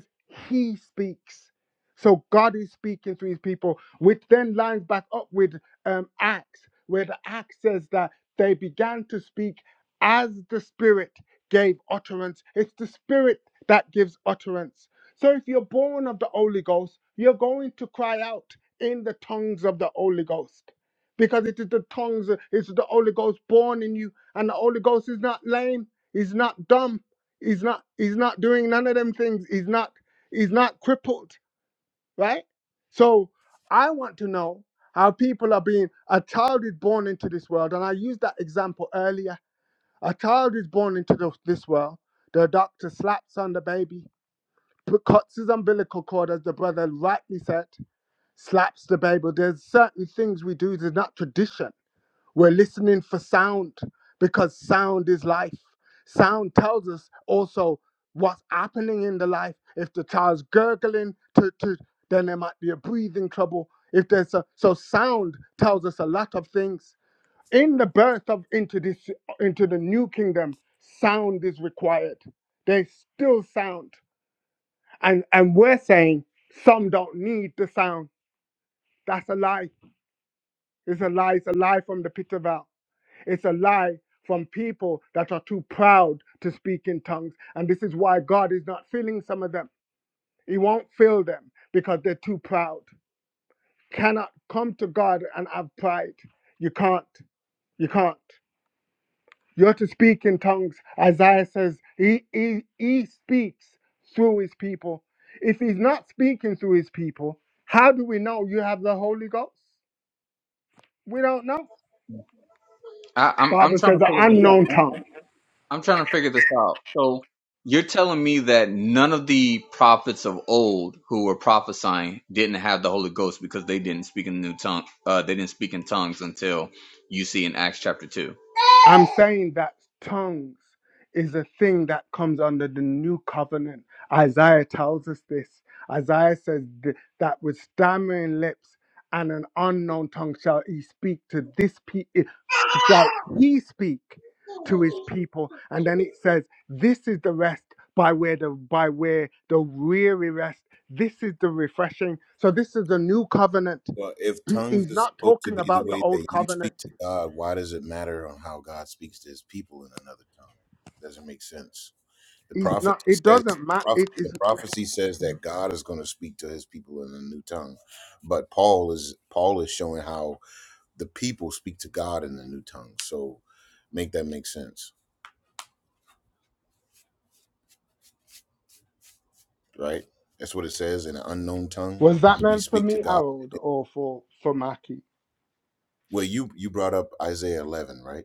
Speaker 12: He speaks. So God is speaking to His people, which then lines back up with um, Acts, where the Acts says that they began to speak as the Spirit gave utterance. It's the Spirit that gives utterance so if you're born of the Holy Ghost, you're going to cry out in the tongues of the Holy Ghost. Because it is the tongues, it's the Holy Ghost born in you. And the Holy Ghost is not lame, he's not dumb, he's not he's not doing none of them things. He's not he's not crippled, right? So I want to know how people are being a child is born into this world, and I used that example earlier. A child is born into the, this world. The doctor slaps on the baby but cuts his umbilical cord, as the brother rightly said, slaps the baby. There's certain things we do that's not tradition. We're listening for sound because sound is life. Sound tells us also what's happening in the life. If the child's gurgling, to, to, then there might be a breathing trouble. If there's a, so sound tells us a lot of things. In the birth of into this into the new kingdom, sound is required. There's still sound. And and we're saying some don't need the sound. That's a lie. It's a lie. It's a lie from the pit of hell. It's a lie from people that are too proud to speak in tongues. And this is why God is not filling some of them. He won't fill them because they're too proud. Cannot come to God and have pride. You can't. You can't. You're to speak in tongues. Isaiah says he, he, he speaks through his people. If he's not speaking through his people, how do we know you have the Holy Ghost? We don't know.
Speaker 15: I, I'm I'm
Speaker 12: Bible
Speaker 15: trying to
Speaker 12: says an
Speaker 15: figure this out.
Speaker 12: unknown
Speaker 15: I'm,
Speaker 12: tongue.
Speaker 15: I'm I'm trying to figure this out. So you're telling me that none of the prophets of old who were prophesying didn't have the Holy Ghost because they didn't speak in new tongue. Uh, they didn't speak in tongues until you see in Acts chapter two.
Speaker 12: I'm saying that tongues is a thing that comes under the new covenant. Isaiah tells us this. Isaiah says th- that with stammering lips and an unknown tongue shall he speak to this pe- eh, shall he speak to his people. And then it says, This is the rest by where the by where the weary rest. This is the refreshing. So this is a new covenant. <clears throat>
Speaker 17: Well, if
Speaker 12: He-
Speaker 17: tongues
Speaker 12: He's
Speaker 17: is
Speaker 12: not
Speaker 17: supposed to
Speaker 12: talking
Speaker 17: be the
Speaker 12: about the
Speaker 17: way that
Speaker 12: old
Speaker 17: you speak
Speaker 12: covenant.
Speaker 17: to God, why does it matter on how God speaks to his people in another tongue? It doesn't make sense. The
Speaker 12: He's not.
Speaker 17: prophecy
Speaker 12: It
Speaker 17: says
Speaker 12: doesn't
Speaker 17: proph-
Speaker 12: matter.
Speaker 17: the prophecy says that God is going to speak to his people in a new tongue. But Paul is Paul is showing how the people speak to God in the new tongue. So make that make sense, right? That's what it says in an unknown tongue.
Speaker 12: Was that
Speaker 17: We
Speaker 12: meant for
Speaker 17: speak to
Speaker 12: me,
Speaker 17: God.
Speaker 12: Harold, or for for Maki?
Speaker 17: Well, you you brought up Isaiah 11, right?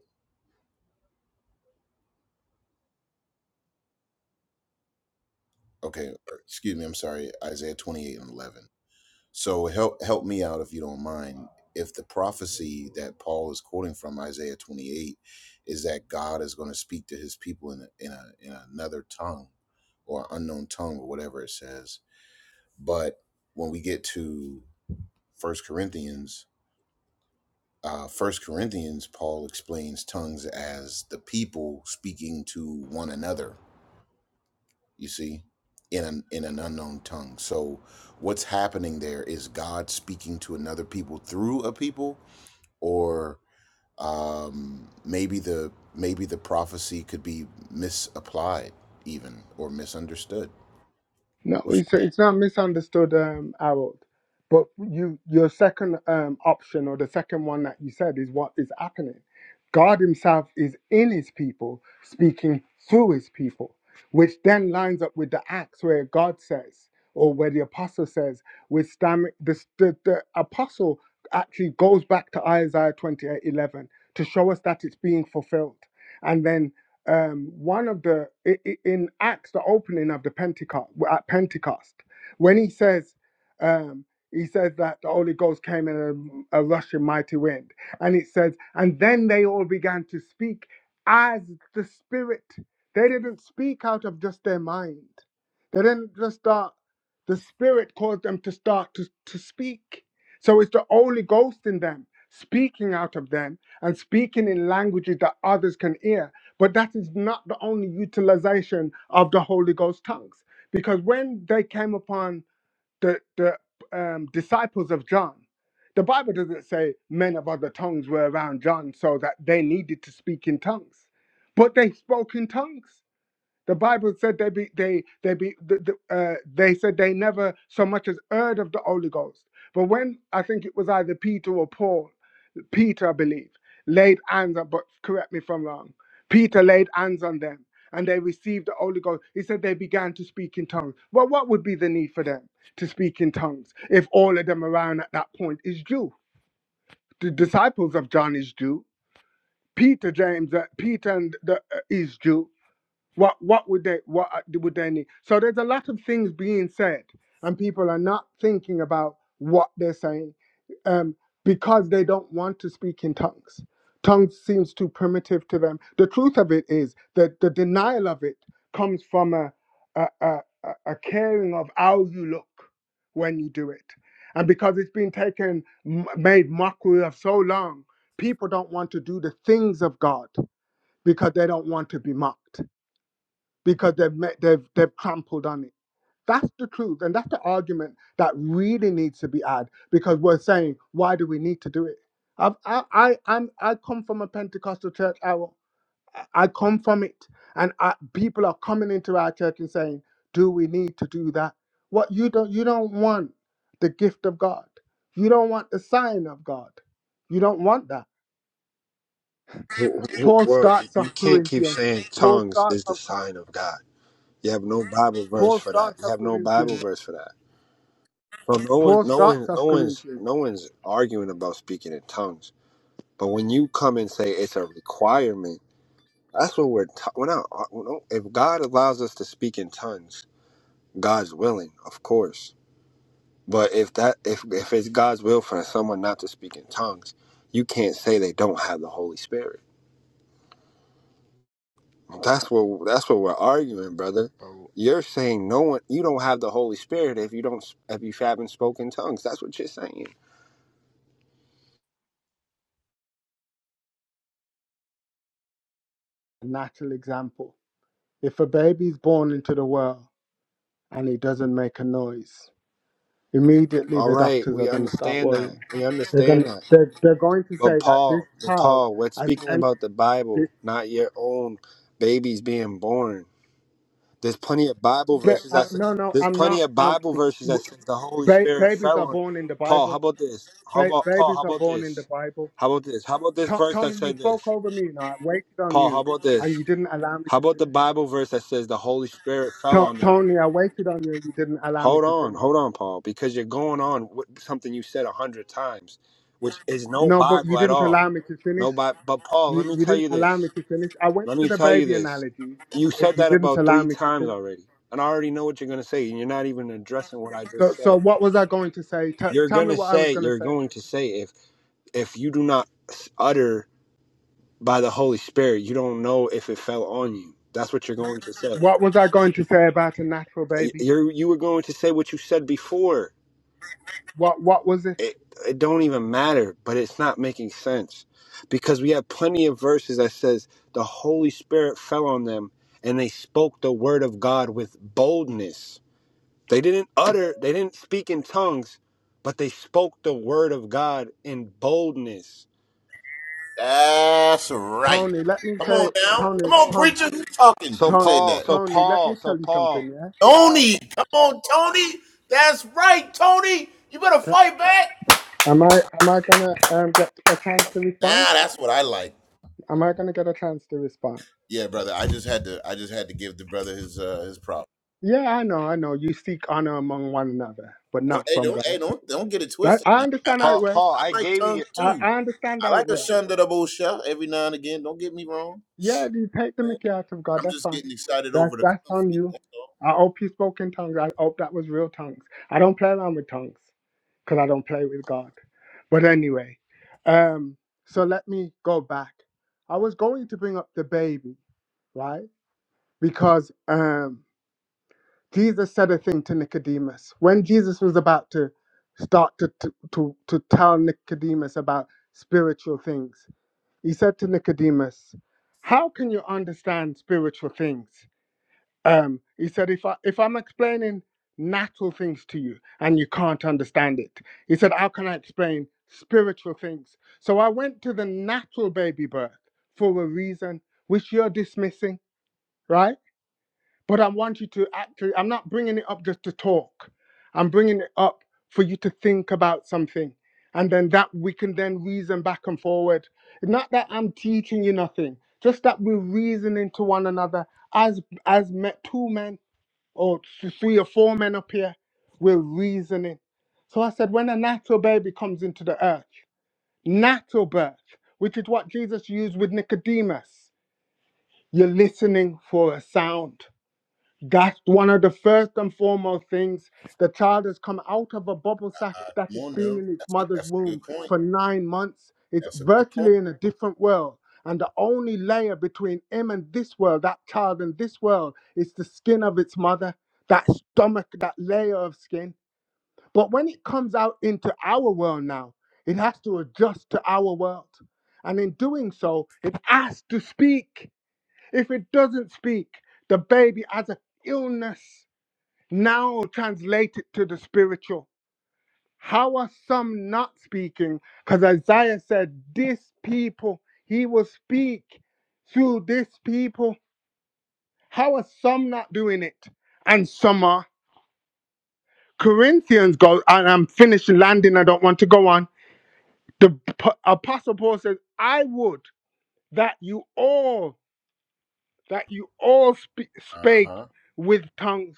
Speaker 17: Okay, or excuse me, I'm sorry, Isaiah 28 and 11. So help help me out if you don't mind. If the prophecy that Paul is quoting from Isaiah 28 is that God is going to speak to his people in a, in, a, in another tongue or unknown tongue or whatever it says. But when we get to First Corinthians, uh, First Corinthians, Paul explains tongues as the people speaking to one another, you see, in an, in an unknown tongue. So what's happening there is God speaking to another people through a people or um, maybe the maybe the prophecy could be misapplied even or misunderstood.
Speaker 12: No,
Speaker 17: What's
Speaker 12: it's
Speaker 17: your-
Speaker 12: it's not misunderstood, um, Harold. But you your second um option or the second one that you said is what is happening. God Himself is in His people, speaking through His people, which then lines up with the Acts where God says, or where the apostle says, with stam- the, the the apostle actually goes back to Isaiah twenty eight eleven to show us that it's being fulfilled, and then um, one of the i- i- in Acts, the opening of the Pentecost at Pentecost, when he says, um, he says that the Holy Ghost came in a, a rushing mighty wind, and it says, and then they all began to speak as the Spirit. They didn't speak out of just their mind. They didn't just start. The Spirit caused them to start to, to speak. So it's the Holy Ghost in them speaking out of them and speaking in languages that others can hear but that is not the only utilization of the Holy Ghost tongues. Because when they came upon the, the um, disciples of John, the Bible doesn't say men of other tongues were around John so that they needed to speak in tongues, but they spoke in tongues. The Bible said they be they they be the, the, uh, they said they never so much as heard of the Holy Ghost. But when I think it was either Peter or Paul, Peter I believe laid hands on. But correct me if I'm wrong. Peter laid hands on them and they received the Holy Ghost. He said they began to speak in tongues. Well, what would be the need for them to speak in tongues if all of them around at that point is Jew? The disciples of John is Jew. Peter, James, uh, Peter, and the, uh, is Jew what what would they what uh, would they need? So there's a lot of things being said, and people are not thinking about what they're saying um, because they don't want to speak in tongues. Tongues seems too primitive to them. The truth of it is that the denial of it comes from a a, a, a a caring of how you look when you do it, and because it's been taken m- made mockery of so long, people don't want to do the things of God because they don't want to be mocked because they've met, they've they've trampled on it. That's the truth, and that's the argument that really needs to be had because we're saying why do we need to do it? I've, I I I'm, I come from a Pentecostal church. I wa- I come from it, and I, people are coming into our church and saying, "Do we need to do that?" What you don't you don't want the gift of God. You don't want the sign of God. You don't want that. Paul
Speaker 18: Well,
Speaker 12: starts off
Speaker 18: you can't keep
Speaker 12: Corinthians.
Speaker 18: saying
Speaker 12: Paul
Speaker 18: tongues
Speaker 12: starts
Speaker 18: is the
Speaker 12: off.
Speaker 18: sign of God. You have no Bible verse
Speaker 12: Paul
Speaker 18: for that.
Speaker 12: starts
Speaker 18: You
Speaker 12: off
Speaker 18: have no Bible
Speaker 12: Corinthians.
Speaker 18: verse for that. So no one,
Speaker 12: Paul
Speaker 18: no one,
Speaker 12: starts
Speaker 18: no
Speaker 12: off
Speaker 18: one's,
Speaker 12: Corinthians
Speaker 18: no one's arguing about speaking in tongues. But when you come and say it's a requirement, that's what we're. ta- we're not. we don't- If God allows us to speak in tongues, God's willing, of course. But if that, if if it's God's will for someone not to speak in tongues, you can't say they don't have the Holy Spirit. That's what that's what we're arguing, brother.
Speaker 16: bro.
Speaker 18: You're saying no one you don't have the Holy Spirit if you don't if you haven't spoken tongues. That's what you're saying.
Speaker 12: a natural example. If a baby is born into the world and he doesn't make a noise, immediately
Speaker 18: All
Speaker 12: the
Speaker 18: right,
Speaker 12: doctors are
Speaker 18: we
Speaker 12: going to start
Speaker 18: understand that.
Speaker 12: worrying.
Speaker 18: We
Speaker 12: They're going
Speaker 18: understand
Speaker 12: to,
Speaker 18: that.
Speaker 12: they're, they're going to
Speaker 18: But
Speaker 12: say that this
Speaker 18: Paul, but
Speaker 12: child
Speaker 18: Paul, we're
Speaker 12: has
Speaker 18: speaking
Speaker 12: entered
Speaker 18: about the
Speaker 12: this.
Speaker 18: Bible, not your own babies being born. There's plenty of Bible
Speaker 12: But,
Speaker 18: verses
Speaker 12: uh,
Speaker 18: that say-
Speaker 12: no, no,
Speaker 18: there's
Speaker 12: I'm
Speaker 18: plenty
Speaker 12: not.
Speaker 18: of
Speaker 12: Um,
Speaker 18: Bible verses that
Speaker 12: w-
Speaker 18: says the Holy
Speaker 12: ba-
Speaker 18: Spirit
Speaker 12: babies
Speaker 18: fell
Speaker 12: are
Speaker 18: on
Speaker 12: born in the
Speaker 18: Paul. How
Speaker 12: Bible.
Speaker 18: about this? How
Speaker 12: Ba-
Speaker 18: about Paul? How
Speaker 12: babies are
Speaker 18: about
Speaker 12: born in the
Speaker 18: this?
Speaker 12: Bible.
Speaker 18: How about this? How about this
Speaker 12: To-
Speaker 18: verse that
Speaker 12: Tony, you
Speaker 18: said
Speaker 12: spoke
Speaker 18: this?
Speaker 12: over me. Now I waited on
Speaker 18: Paul, how
Speaker 12: you,
Speaker 18: about this?
Speaker 12: and you didn't allow me
Speaker 18: How
Speaker 12: to
Speaker 18: about the
Speaker 12: finish.
Speaker 18: Bible verse that says the Holy Spirit fell
Speaker 12: To-
Speaker 18: on them?
Speaker 12: Tony, I waited on you, and you didn't allow me
Speaker 18: Hold
Speaker 12: to
Speaker 18: on,
Speaker 12: finish.
Speaker 18: hold on, Paul, because you're going on with something you said a hundred times, which is no
Speaker 12: No, but you
Speaker 18: Bible at
Speaker 12: didn't
Speaker 18: all.
Speaker 12: allow me to finish.
Speaker 18: No Bible. But Paul, let
Speaker 12: You
Speaker 18: me
Speaker 12: you
Speaker 18: tell
Speaker 12: didn't
Speaker 18: you
Speaker 12: allow me
Speaker 18: this.
Speaker 12: to finish. I went
Speaker 18: Let
Speaker 12: to
Speaker 18: me
Speaker 12: the
Speaker 18: tell you
Speaker 12: baby
Speaker 18: this.
Speaker 12: analogy,
Speaker 18: You
Speaker 12: and
Speaker 18: said
Speaker 12: you
Speaker 18: that
Speaker 12: didn't
Speaker 18: about
Speaker 12: allow
Speaker 18: three
Speaker 12: me to
Speaker 18: times
Speaker 12: finish.
Speaker 18: already, and I already know what you're gonna say, and you're not even addressing what I just
Speaker 12: So so
Speaker 18: said.
Speaker 12: what was I going to say? T-
Speaker 18: You're
Speaker 12: tell me
Speaker 18: gonna
Speaker 12: what I was
Speaker 18: say,
Speaker 12: going to
Speaker 18: you're
Speaker 12: say.
Speaker 18: going to say, if if you do not utter by the Holy Spirit, you don't know if it fell on you. That's what you're going to say.
Speaker 12: What was I going to say about a natural baby?
Speaker 18: you you were going to say what you said before.
Speaker 12: What what was it,
Speaker 18: It it don't even matter, but it's not making sense because we have plenty of verses that says the Holy Spirit fell on them and they spoke the word of God with boldness. They didn't utter, they didn't speak in tongues, but they spoke the word of God in boldness.
Speaker 17: That's right.
Speaker 12: Tony? Let me
Speaker 17: Come
Speaker 12: say,
Speaker 17: on now.
Speaker 12: Tony,
Speaker 17: Come on,
Speaker 12: Ton,
Speaker 17: preacher. Who's talking?
Speaker 18: So
Speaker 17: Who
Speaker 12: Ton,
Speaker 17: said
Speaker 18: Paul,
Speaker 17: that?
Speaker 18: so
Speaker 12: Tony. Let
Speaker 18: Paul,
Speaker 12: me
Speaker 18: so
Speaker 12: tell you
Speaker 18: Paul,
Speaker 12: something. Yeah.
Speaker 17: Tony. Come on, Tony. That's right, Tony. You better
Speaker 12: T-
Speaker 17: fight back.
Speaker 12: Am I am I gonna um, get a chance to
Speaker 17: Nah,
Speaker 12: respond?
Speaker 17: that's what I like.
Speaker 12: Am I gonna get a chance to respond?
Speaker 17: Yeah, brother. I just had to. I just had to give the brother his uh, his props.
Speaker 12: Yeah, I know, I know. You seek honor among one another, but
Speaker 17: Don't,
Speaker 12: not
Speaker 17: hey,
Speaker 12: from
Speaker 17: don't,
Speaker 12: God.
Speaker 17: hey, don't, don't get it
Speaker 12: That,
Speaker 17: twisted.
Speaker 12: I
Speaker 17: Now, I,
Speaker 12: understand
Speaker 17: I,
Speaker 12: how it
Speaker 18: Paul,
Speaker 12: works.
Speaker 18: Paul, I
Speaker 17: I like
Speaker 18: gave
Speaker 17: tongue
Speaker 18: you.
Speaker 12: I,
Speaker 17: too.
Speaker 12: I understand
Speaker 17: I
Speaker 12: how
Speaker 17: like
Speaker 12: it
Speaker 17: a
Speaker 12: works.
Speaker 17: shunda da bullshit every now and again. Don't get me wrong.
Speaker 12: Yeah, you take the
Speaker 17: man.
Speaker 12: Mickey out of God,
Speaker 17: I'm
Speaker 12: that's
Speaker 17: just
Speaker 12: fine.
Speaker 17: getting excited
Speaker 12: That's
Speaker 17: over the
Speaker 12: that's on
Speaker 17: conflict.
Speaker 12: you.
Speaker 17: That's all.
Speaker 12: I hope you spoke in tongues. I hope that was real tongues. I don't play around with tongues because I don't play with God. But anyway, um, so let me go back. I was going to bring up the baby, right? Because um, Jesus said a thing to Nicodemus when Jesus was about to start to to to, to tell Nicodemus about spiritual things. He said to Nicodemus, How can you understand spiritual things? Um, he said, if, I, if I'm explaining natural things to you and you can't understand it, he said, How can I explain spiritual things? So I went to the natural baby birth for a reason, which you're dismissing, right? But I want you to actually, I'm not bringing it up just to talk. I'm bringing it up for you to think about something. And then that we can then reason back and forward. Not that I'm teaching you nothing, just that we're reasoning to one another as as me- two men or th- three or four men up here, we're reasoning. So I said, when a natural baby comes into the earth, natural birth, which is what Jesus used with Nicodemus, you're listening for a sound that's one of the first and foremost things. The child has come out of a bubble sack
Speaker 17: Uh,
Speaker 12: that
Speaker 17: come
Speaker 12: it's
Speaker 17: on
Speaker 12: been
Speaker 17: now.
Speaker 12: in its
Speaker 17: That's a,
Speaker 12: mother's
Speaker 17: that's a
Speaker 12: womb
Speaker 17: good point.
Speaker 12: for nine months. It's
Speaker 17: That's a good point.
Speaker 12: virtually in a different world. And the only layer between him and this world, that child and this world, is the skin of its mother, that stomach, that layer of skin. But when it comes out into our world now, it has to adjust to our world. And in doing so, it has to speak. If it doesn't speak, the baby has an illness. Now translate it to the spiritual. How are some not speaking? Because Isaiah said, This people, he will speak through this people. How are some not doing it? And some are. Corinthians go, and I'm finished landing, I don't want to go on. The p- Apostle Paul says, I would that you all that you all spe-
Speaker 17: Uh
Speaker 12: spake
Speaker 17: huh.
Speaker 12: with tongues,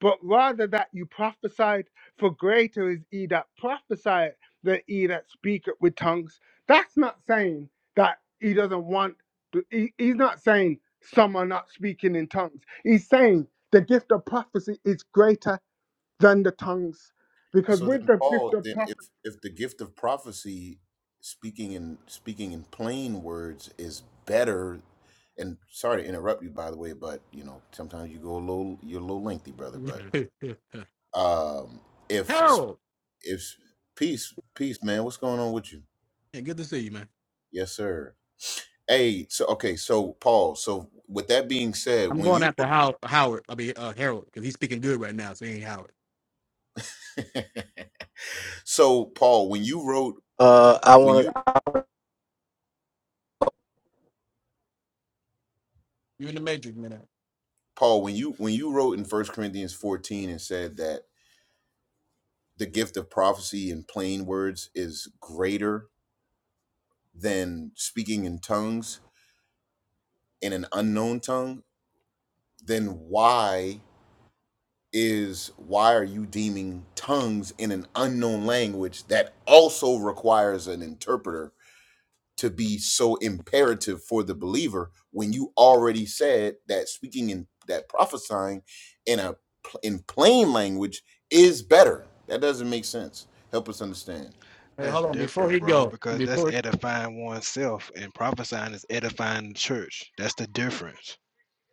Speaker 12: but rather that you prophesied, for greater is he that prophesied than he that speaketh with tongues. That's not saying that he doesn't want, to, he, he's not saying some are not speaking in tongues. He's saying the gift of prophecy is greater than the tongues. Because
Speaker 17: So
Speaker 12: with
Speaker 17: then,
Speaker 12: the gift
Speaker 17: Paul,
Speaker 12: of
Speaker 17: then if
Speaker 12: prophecy,
Speaker 17: if the gift of prophecy, speaking in speaking in plain words, is better. And sorry to interrupt you, by the way, but you know sometimes you go a little you're a little lengthy, brother. But
Speaker 11: <laughs>
Speaker 17: um, if
Speaker 11: Harold,
Speaker 17: It's peace, peace, man. What's going on with you?
Speaker 11: yeah, good to see you, man.
Speaker 17: Yes, sir. Hey, so okay, so Paul. So with that being said,
Speaker 11: I'm
Speaker 17: when
Speaker 11: going
Speaker 17: you
Speaker 11: after How- Howard. I mean, uh, Harold, because he's speaking good right now, so he ain't Howard.
Speaker 17: <laughs> so Paul, when you wrote
Speaker 6: Uh, I
Speaker 17: when
Speaker 6: want.
Speaker 17: you
Speaker 11: You in the matrix, man.
Speaker 17: Paul, when you when you wrote in First Corinthians 14 and said that the gift of prophecy in plain words is greater than speaking in tongues in an unknown tongue, then why? is why are you deeming tongues in an unknown language that also requires an interpreter to be so imperative for the believer when you already said that speaking in that prophesying in a in plain language is better that doesn't make sense help us understand
Speaker 11: Hey,
Speaker 16: That's
Speaker 11: hold on. Before
Speaker 16: different,
Speaker 11: he
Speaker 16: bro,
Speaker 11: go,
Speaker 16: because that's
Speaker 11: before
Speaker 16: edifying oneself, and prophesying is edifying the church. That's the difference,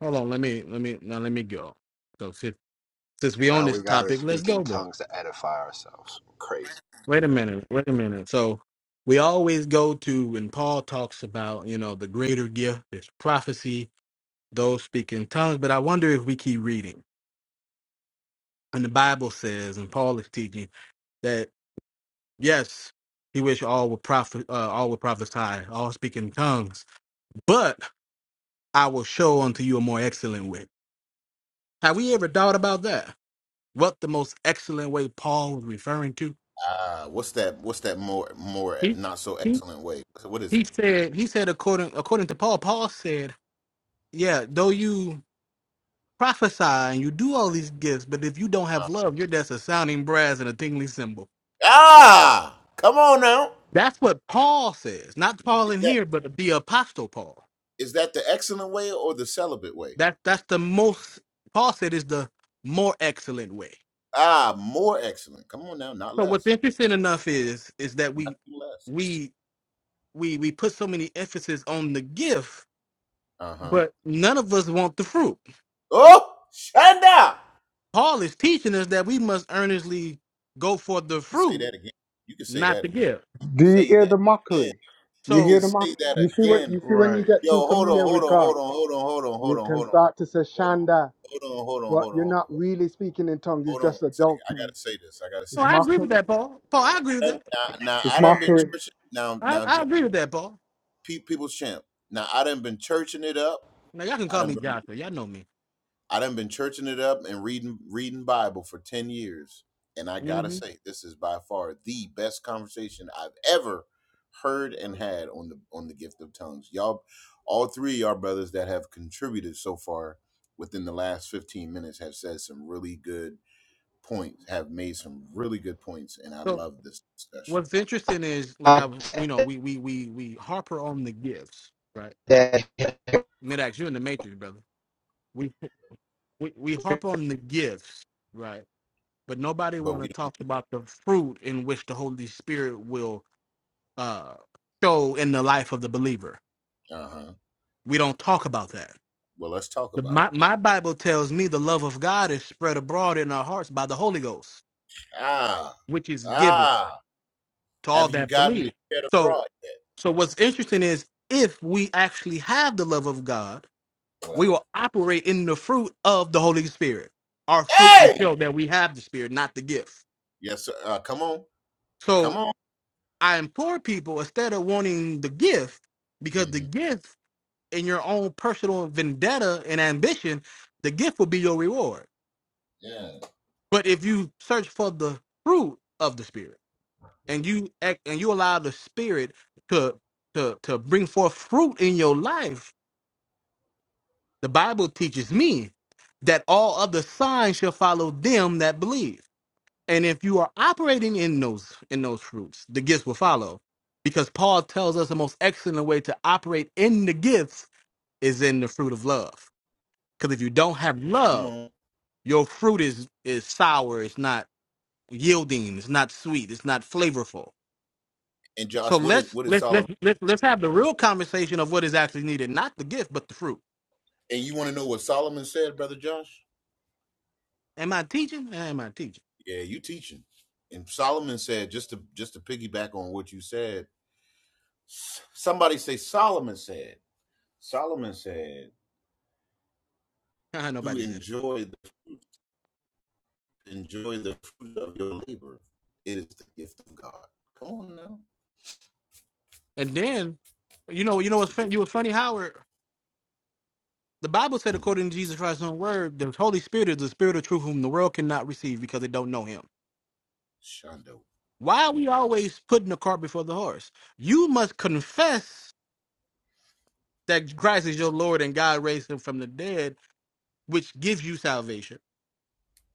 Speaker 11: hold on, let me let me now let me go. So since, since we on
Speaker 18: Now we
Speaker 11: this
Speaker 18: gotta
Speaker 11: topic, let's
Speaker 18: speak in
Speaker 11: go there.
Speaker 18: tongues to edify ourselves. Crazy.
Speaker 11: Wait a minute. Wait a minute. So we always go to when Paul talks about you know the greater gift, there's prophecy, those speaking tongues. But I wonder if we keep reading and the Bible says, and Paul is teaching that yes, he wish all would prophet, uh, all would prophesy, all speak in tongues. But I will show unto you a more excellent way. Have we ever thought about that? What the most excellent way Paul was referring to?
Speaker 17: ah what's that what's that more more
Speaker 11: He
Speaker 17: not so
Speaker 11: he
Speaker 17: excellent way So what is
Speaker 11: he
Speaker 17: it
Speaker 11: said he said according according to Paul. Paul said, yeah, though you prophesy and you do all these gifts, but if you don't have
Speaker 17: Uh,
Speaker 11: love, you're just a sounding brass and a tingling cymbal.
Speaker 17: ah come on now
Speaker 11: That's what Paul says, not Paul
Speaker 17: is
Speaker 11: in
Speaker 17: that
Speaker 11: here, but the apostle Paul.
Speaker 17: is that the excellent way or the celibate way
Speaker 11: That that's the most Paul said is the more excellent way.
Speaker 17: Ah, more excellent. Come on now, not
Speaker 11: So what's
Speaker 17: less.
Speaker 11: interesting enough is is that we
Speaker 17: Nothing less.
Speaker 11: we we we put so many emphasis on the gift,
Speaker 17: Uh huh.
Speaker 11: but none of us want the fruit.
Speaker 17: Oh, Shanda!
Speaker 11: Paul is teaching us that we must earnestly go for the
Speaker 17: You say
Speaker 11: fruit,
Speaker 17: that again. You can say
Speaker 11: not
Speaker 17: that
Speaker 11: the
Speaker 17: again.
Speaker 11: gift.
Speaker 17: You can
Speaker 12: do you
Speaker 17: say
Speaker 12: hear
Speaker 17: that
Speaker 12: the
Speaker 17: again.
Speaker 12: mockery? You
Speaker 17: You
Speaker 11: So
Speaker 12: hear
Speaker 17: can
Speaker 12: the
Speaker 17: say
Speaker 12: mockery?
Speaker 17: that
Speaker 12: You see what
Speaker 17: again.
Speaker 12: you see when you
Speaker 16: right?
Speaker 12: get
Speaker 17: Yo,
Speaker 12: too
Speaker 17: hold on,
Speaker 12: familiar
Speaker 17: hold
Speaker 12: with
Speaker 17: on,
Speaker 12: God.
Speaker 17: hold on, hold on, hold on, hold
Speaker 12: You
Speaker 17: on,
Speaker 12: can
Speaker 17: hold on, hold on,
Speaker 12: start to say
Speaker 17: hold on,
Speaker 12: Shanda.
Speaker 17: hold on, hold on,
Speaker 12: But
Speaker 17: hold on,
Speaker 12: you're
Speaker 17: hold on.
Speaker 12: not really speaking in tongues. It's
Speaker 17: Hold on a
Speaker 12: just a
Speaker 17: second.
Speaker 12: joke
Speaker 17: I
Speaker 12: thing.
Speaker 17: gotta say this. I gotta
Speaker 11: no,
Speaker 12: It's
Speaker 17: say
Speaker 11: I
Speaker 17: this.
Speaker 11: agree with
Speaker 12: mockery.
Speaker 11: that, Paul. Paul, I agree with
Speaker 17: I done-
Speaker 11: that.
Speaker 17: Now, now
Speaker 12: It's
Speaker 17: I done been
Speaker 12: mockery.
Speaker 17: churching. Now,
Speaker 11: I,
Speaker 17: now,
Speaker 11: I
Speaker 17: J-
Speaker 11: agree with that, Paul.
Speaker 17: Pe- people's champ. Now I done been churching it up.
Speaker 11: Now y'all can
Speaker 17: I
Speaker 11: call
Speaker 17: done
Speaker 11: me
Speaker 17: been.
Speaker 11: Joshua. Y'all know me.
Speaker 17: I done been churching it up and reading reading Bible for 10 years. And I gotta
Speaker 11: hmm
Speaker 17: say, this is by far the best conversation I've ever heard and had on the on the gift of tongues. Y'all all three of y'all brothers that have contributed so far within the last 15 minutes have said some really good points, have made some really good points, and I
Speaker 11: So
Speaker 17: love this discussion.
Speaker 11: what's interesting is like I was, you know, we we we we harper on the gifts, right? Midax, you're in the matrix, brother. We, we we harp on the gifts, right? But nobody
Speaker 17: But
Speaker 11: want to
Speaker 17: we
Speaker 11: talk about the fruit in which the Holy Spirit will uh, show in the life of the believer.
Speaker 17: don't uh-huh.
Speaker 11: We don't talk about that.
Speaker 17: Well, let's talk
Speaker 11: The,
Speaker 17: about
Speaker 11: my
Speaker 17: it.
Speaker 11: my Bible tells me the love of God is spread abroad in our hearts by the Holy Ghost,
Speaker 17: Ah,
Speaker 11: which is given
Speaker 17: ah.
Speaker 11: to all
Speaker 17: Have you
Speaker 11: that
Speaker 17: gotten
Speaker 11: believe.
Speaker 17: it
Speaker 11: So
Speaker 17: abroad yet?
Speaker 11: so what's interesting is if we actually have the love of God we
Speaker 17: Well.
Speaker 11: will operate in the fruit of the Holy Spirit. Our fruit will
Speaker 17: Hey!
Speaker 11: show that we have the Spirit, not the gift.
Speaker 17: Yes, sir. Uh, come on, come
Speaker 11: So
Speaker 17: on.
Speaker 11: I implore people instead of wanting the gift, because the
Speaker 17: hmm
Speaker 11: gift in your own personal vendetta and ambition, the gift will be your reward.
Speaker 17: Yeah,
Speaker 11: But if you search for the fruit of the Spirit and you act, and you allow the Spirit to to to bring forth fruit in your life, the Bible teaches me that all other signs shall follow them that believe. And if you are operating in those in those fruits, the gifts will follow. Because Paul tells us the most excellent way to operate in the gifts is in the fruit of love. Because if you don't have
Speaker 17: come
Speaker 11: love,
Speaker 17: on.
Speaker 11: your fruit is is sour, it's not yielding, it's not sweet, it's not flavorful.
Speaker 17: And
Speaker 11: So
Speaker 17: Josh, what is
Speaker 11: let's
Speaker 17: what is
Speaker 11: let's
Speaker 17: Solomon?
Speaker 11: let's let's, let's have the real conversation of what is actually needed, not the gift, but the fruit.
Speaker 17: And you want to know what Solomon said, brother Josh?
Speaker 11: Am I teaching? Am I teaching?
Speaker 17: Yeah, you teaching. And Solomon said, just to just to piggyback on what you said, s- somebody say Solomon said. Solomon said
Speaker 11: <laughs>
Speaker 17: to
Speaker 11: Nobody said it.
Speaker 17: enjoy the, enjoy the fruit of your labor. It is the gift of God. Come on now,
Speaker 11: And then you know, you know
Speaker 17: it's
Speaker 11: what's
Speaker 17: the
Speaker 11: fun-
Speaker 17: gift.
Speaker 11: you were funny, Howard. The Bible said,
Speaker 17: hmm
Speaker 11: according to Jesus Christ's own word, the Holy Spirit is the spirit of truth whom the world cannot receive because they don't know him.
Speaker 17: Shondo.
Speaker 11: Why are we always putting the cart before the horse? You must confess that Christ is your Lord and God raised him from the dead, which gives you salvation,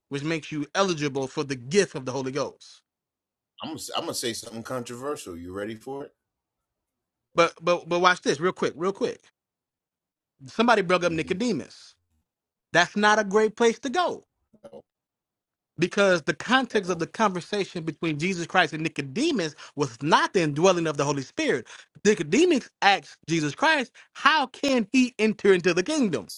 Speaker 11: which makes you eligible for the gift of the Holy Ghost.
Speaker 17: I'm gonna, s- I'm gonna say something controversial. You ready for it?
Speaker 11: But but but watch this real quick, real quick. Somebody brought up
Speaker 17: Mm-hmm.
Speaker 11: Nicodemus. That's not a great place to go
Speaker 17: Uh
Speaker 11: because the context of
Speaker 17: oh.
Speaker 11: the conversation between Jesus Christ and Nicodemus was not the indwelling of the Holy Spirit. Nicodemus asked Jesus Christ, How can he enter into the kingdom?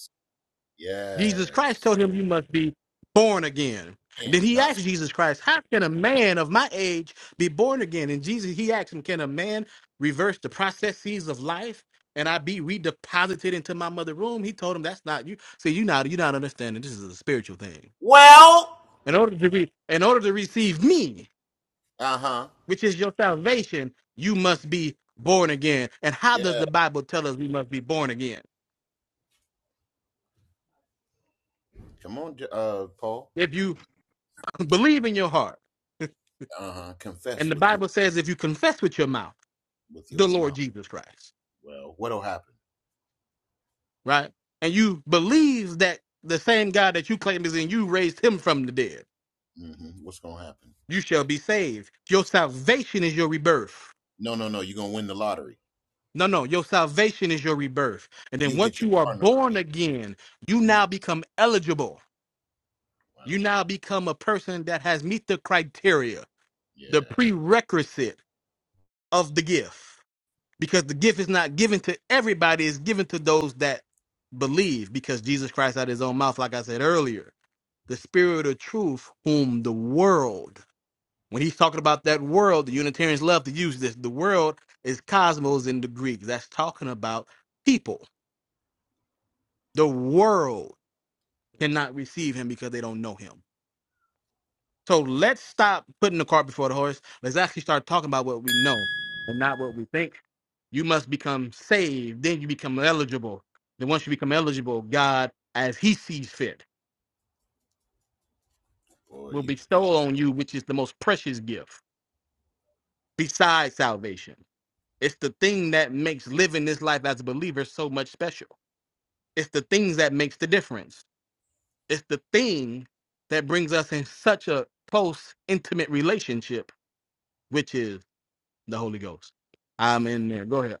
Speaker 11: Jesus Christ
Speaker 17: Yes.
Speaker 11: told him, You must be born again. And then
Speaker 17: And
Speaker 11: he
Speaker 17: not
Speaker 11: asked Jesus Christ, How can a man of my age be born again? And Jesus, he asked him, Can a man reverse the processes of life? And I be redeposited into my mother womb?" He told him that's not you. See, you not you not understanding. This is a spiritual thing.
Speaker 17: Well,
Speaker 11: In order to be, in order to receive me,
Speaker 17: Uh huh.
Speaker 11: which is your salvation, you must be born again. And how does
Speaker 17: Yeah.
Speaker 11: the Bible tell us we must be born again?
Speaker 17: Come on, uh, Paul.
Speaker 11: If you <laughs> believe in your heart,
Speaker 17: Uh huh.
Speaker 11: and
Speaker 17: Confess
Speaker 11: the
Speaker 17: with your
Speaker 11: Bible says if you confess with your mouth
Speaker 17: with
Speaker 11: the
Speaker 17: your
Speaker 11: Lord
Speaker 17: mouth.
Speaker 11: Jesus Christ,
Speaker 17: Well, what'll happen?
Speaker 11: right? And you believe that the same God that you claim is in you raised him from the dead,
Speaker 17: Mm-hmm. What's gonna happen?
Speaker 11: you shall be saved. Your salvation is your rebirth.
Speaker 17: No, no, no. You're gonna win the lottery.
Speaker 11: No, no, your salvation is your rebirth. And then
Speaker 17: You get
Speaker 11: once
Speaker 17: your
Speaker 11: you are
Speaker 17: car note
Speaker 11: born
Speaker 17: paid.
Speaker 11: again, you
Speaker 17: Mm-hmm.
Speaker 11: now become eligible you
Speaker 17: Well,
Speaker 11: now become a person that has meet the criteria, the
Speaker 17: yes.
Speaker 11: prerequisite of the gift. Because the gift is not given to everybody, it's given to those that believe. Because Jesus Christ out of his own mouth, like I said earlier, the spirit of truth, whom the world, when he's talking about that world, the Unitarians love to use this. The world is cosmos in the Greek. That's talking about people. The world cannot receive him because they don't know him. So let's stop putting the cart before the horse. Let's actually start talking about what we know and not what we think. You must become saved, then you become eligible. Then once you become eligible, God, as He sees fit,
Speaker 17: Boy,
Speaker 11: will
Speaker 17: you.
Speaker 11: bestow on you, which is the most precious gift besides salvation. It's the thing that makes living this life as a believer so much special. It's the things that makes the difference. It's the thing that brings us in such a close, intimate relationship which is. the Holy Ghost. I'm in there. Go ahead.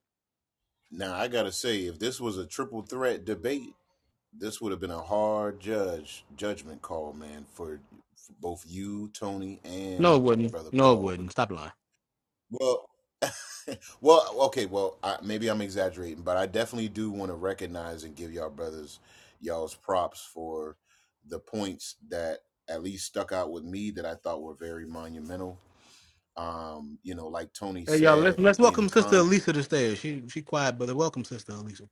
Speaker 17: Now I gotta say, if this was a triple threat debate, this would have been a hard judge judgment call, man, for, for both you, Tony,
Speaker 11: No, it
Speaker 17: and
Speaker 11: wouldn't.
Speaker 17: brother
Speaker 11: No, it
Speaker 17: Paul.
Speaker 11: wouldn't.
Speaker 17: Because
Speaker 11: Stop lying.
Speaker 17: well, <laughs> Well, okay, well, I, maybe I'm exaggerating, but I definitely do want to recognize and give y'all brothers y'all's props for the points that at least stuck out with me that I thought were very monumental. Um, you know, like Tony
Speaker 11: Hey, y'all, let's,
Speaker 17: said
Speaker 11: let's
Speaker 17: in
Speaker 11: welcome Sister
Speaker 17: con
Speaker 11: Elisa to the stage. She she quiet, brother. Welcome, Sister Elisa.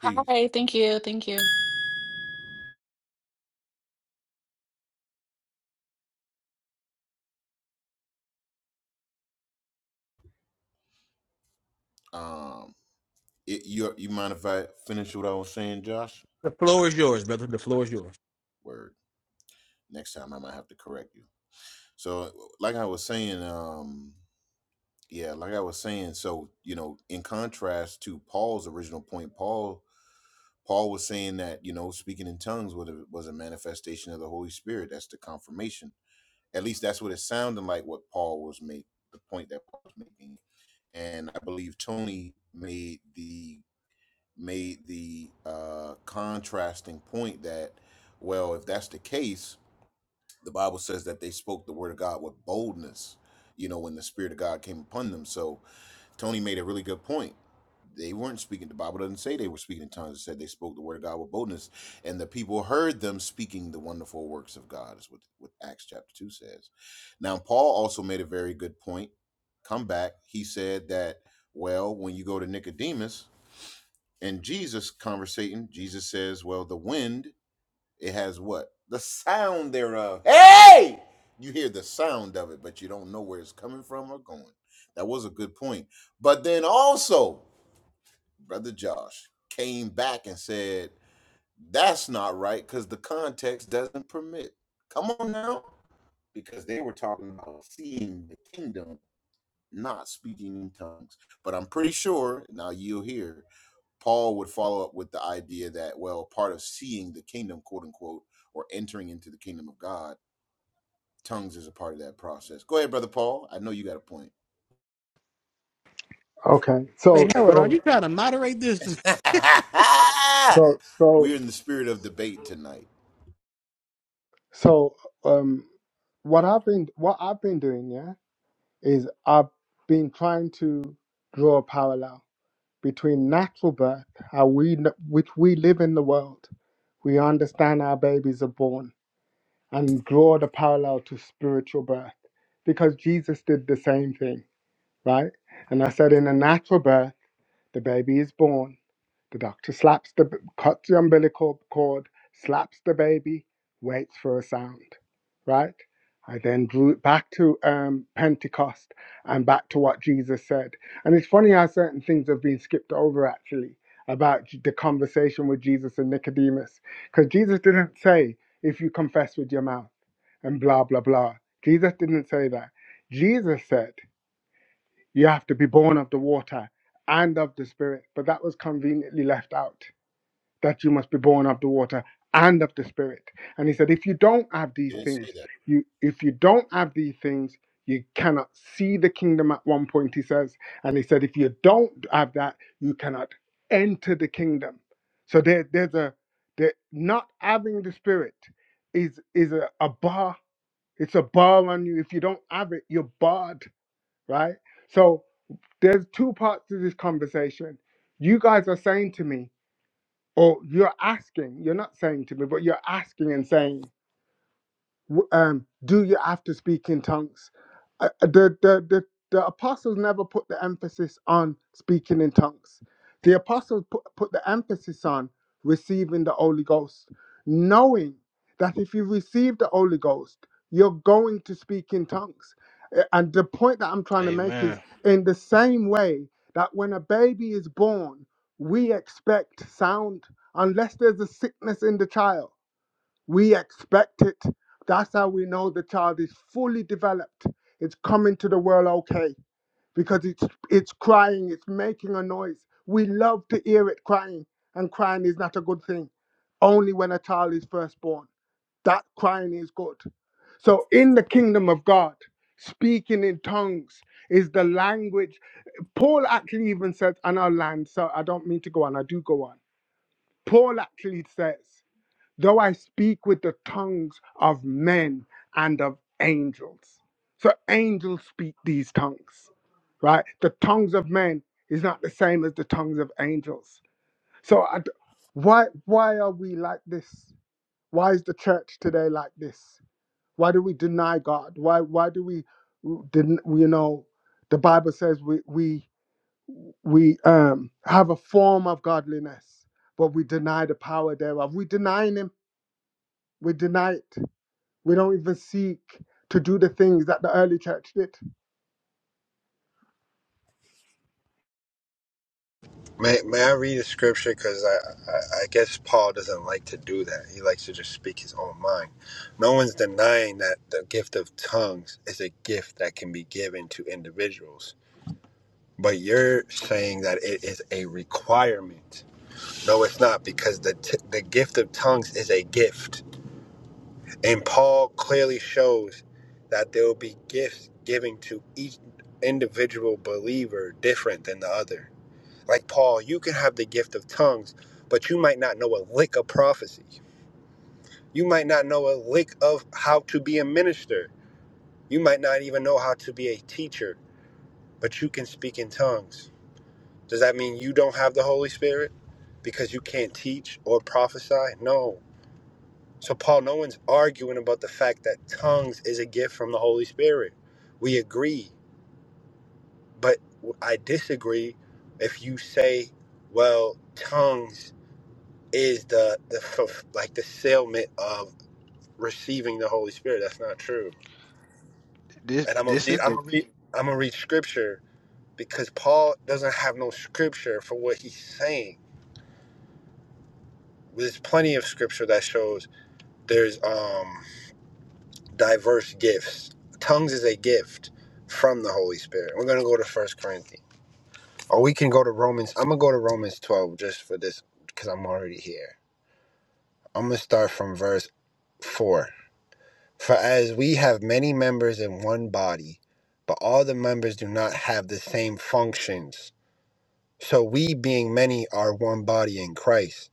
Speaker 17: peace.
Speaker 19: Hi, thank you, thank you.
Speaker 17: Um, it, you you mind if I finish what I was saying, Josh?
Speaker 11: The floor is yours, brother. The floor is yours.
Speaker 17: Word. Next time I might have to correct you. So, like I was saying, um, yeah, like I was saying. So, you know, in contrast to Paul's original point, Paul Paul was saying that, you know, speaking in tongues was a, was a manifestation of the Holy Spirit. That's the confirmation. At least that's what it sounded like what Paul was making, the point that Paul was making. And I believe Tony made the made the uh, contrasting point that, well, if that's the case, the Bible says that they spoke the word of God with boldness, you know, when the Spirit of God came upon them. So Tony made a really good point. They weren't speaking. The Bible doesn't say they were speaking in tongues. It said they spoke the word of God with boldness, and the people heard them speaking the wonderful works of God. Is what, what Acts chapter two says. Now, Paul also made a very good point. Come back. He said that well, when you go to Nicodemus and Jesus conversating, Jesus says, well, the wind it has what the sound thereof. Hey! You hear the sound of it, but you don't know where it's coming from or going. That was a good point. But then also. Brother Josh came back and said, That's not right because the context doesn't permit. Come on now. Because they were talking about seeing the kingdom, not speaking in tongues. But I'm pretty sure, now you'll hear, Paul would follow up with the idea that, well, part of seeing the kingdom, quote unquote, or entering into the kingdom of God, tongues is a part of that process. Go ahead, Brother Paul. I know you got a point.
Speaker 12: Okay.
Speaker 11: Hey,
Speaker 12: So
Speaker 11: Harold, are
Speaker 12: so
Speaker 11: you trying to moderate this?
Speaker 17: <laughs>
Speaker 12: so so
Speaker 17: We're in the spirit of debate tonight.
Speaker 12: so um, what I've been what I've been doing, yeah, is I've been trying to draw a parallel between natural birth, how we kn- which we live in the world, we understand our babies are born, and draw the parallel to spiritual birth, because Jesus did the same thing, right? And I said in a natural birth. The baby is born. The doctor slaps the cuts the umbilical cord, slaps the baby, waits for a sound. Right. I then drew it back to um, Pentecost and back to what Jesus said. And it's funny how certain things have been skipped over actually about the conversation with Jesus and Nicodemus, because Jesus didn't say if you confess with your mouth and blah blah blah. Jesus didn't say that. Jesus said. You have to be born of the water and of the Spirit. But that was conveniently left out that you must be born of the water and of the Spirit. And he said, if you don't have these
Speaker 17: Didn't say
Speaker 12: things,
Speaker 17: that.
Speaker 12: you if you don't have these things, you cannot see the kingdom at one point, he says. And he said, if you don't have that, you cannot enter the kingdom. So there, there's a there, not having the spirit is is a, a bar. It's a bar on you. If you don't have it, you're barred, right? So there's two parts to this conversation. You guys are saying to me, or you're asking, you're not saying to me, but you're asking and saying, w- um, do you have to speak in tongues? Uh, uh, the, the, the, the apostles never put the emphasis on speaking in tongues. The apostles put, put the emphasis on receiving the Holy Ghost, knowing that if you receive the Holy Ghost, you're going to speak in tongues. Uh, And the point that I'm trying to make is
Speaker 16: Amen.
Speaker 12: in the same way that when a baby is born, we expect sound unless there's a sickness in the child. We expect it. That's how we know the child is fully developed. It's coming to the world okay because it's it's crying, it's making a noise. We love to hear it crying, and crying is not a good thing. Only when a child is first born. That crying is good. So in the kingdom of God, speaking in tongues is the language. Paul actually even says, and I'll land, so I don't mean to go on, I do go on. Paul actually says though I speak with the tongues of men and of angels. So angels speak these tongues, right? The tongues of men is not the same as the tongues of angels. So I d why why are we like this? Why is the church today like this? Why do we deny God? Why why do we didn't you know the Bible says we we we um have a form of godliness, but we deny the power thereof. We denying him. We deny it. We don't even seek to do the things that the early church did.
Speaker 18: May, may I read a scripture? Because I, I, I guess Paul doesn't like to do that. He likes to just speak his own mind. No one's denying that the gift of tongues is a gift that can be given to individuals. But you're saying that it is a requirement. No, it's not, because the, t- the gift of tongues is a gift. And Paul clearly shows that there will be gifts given to each individual believer different than the other like Paul, you can have the gift of tongues, but you might not know a lick of prophecy. You might not know a lick of how to be a minister. You might not even know how to be a teacher, but you can speak in tongues. Does that mean you don't have the Holy Spirit because you can't teach or prophesy? No. So, Paul, no one's arguing about the fact that tongues is a gift from the Holy Spirit. We agree, but I disagree if you say, well, tongues is the the <laughs> fulf- like the sealment of receiving the Holy Spirit. That's not true.
Speaker 16: This
Speaker 18: And I'm gonna
Speaker 16: this
Speaker 18: read.
Speaker 16: is
Speaker 18: I'm
Speaker 16: the
Speaker 18: gonna read. I'm gonna read scripture because Paul doesn't have no scripture for what he's saying. There's plenty of scripture that shows there's um diverse gifts. Tongues is a gift from the Holy Spirit. We're gonna go to First Corinthians, or we can go to Romans. I'm gonna go to Romans 12 just for this because I'm already here. I'm gonna start from verse four. For as we have many members in one body, but all the members do not have the same functions. So we, being many, are one body in Christ,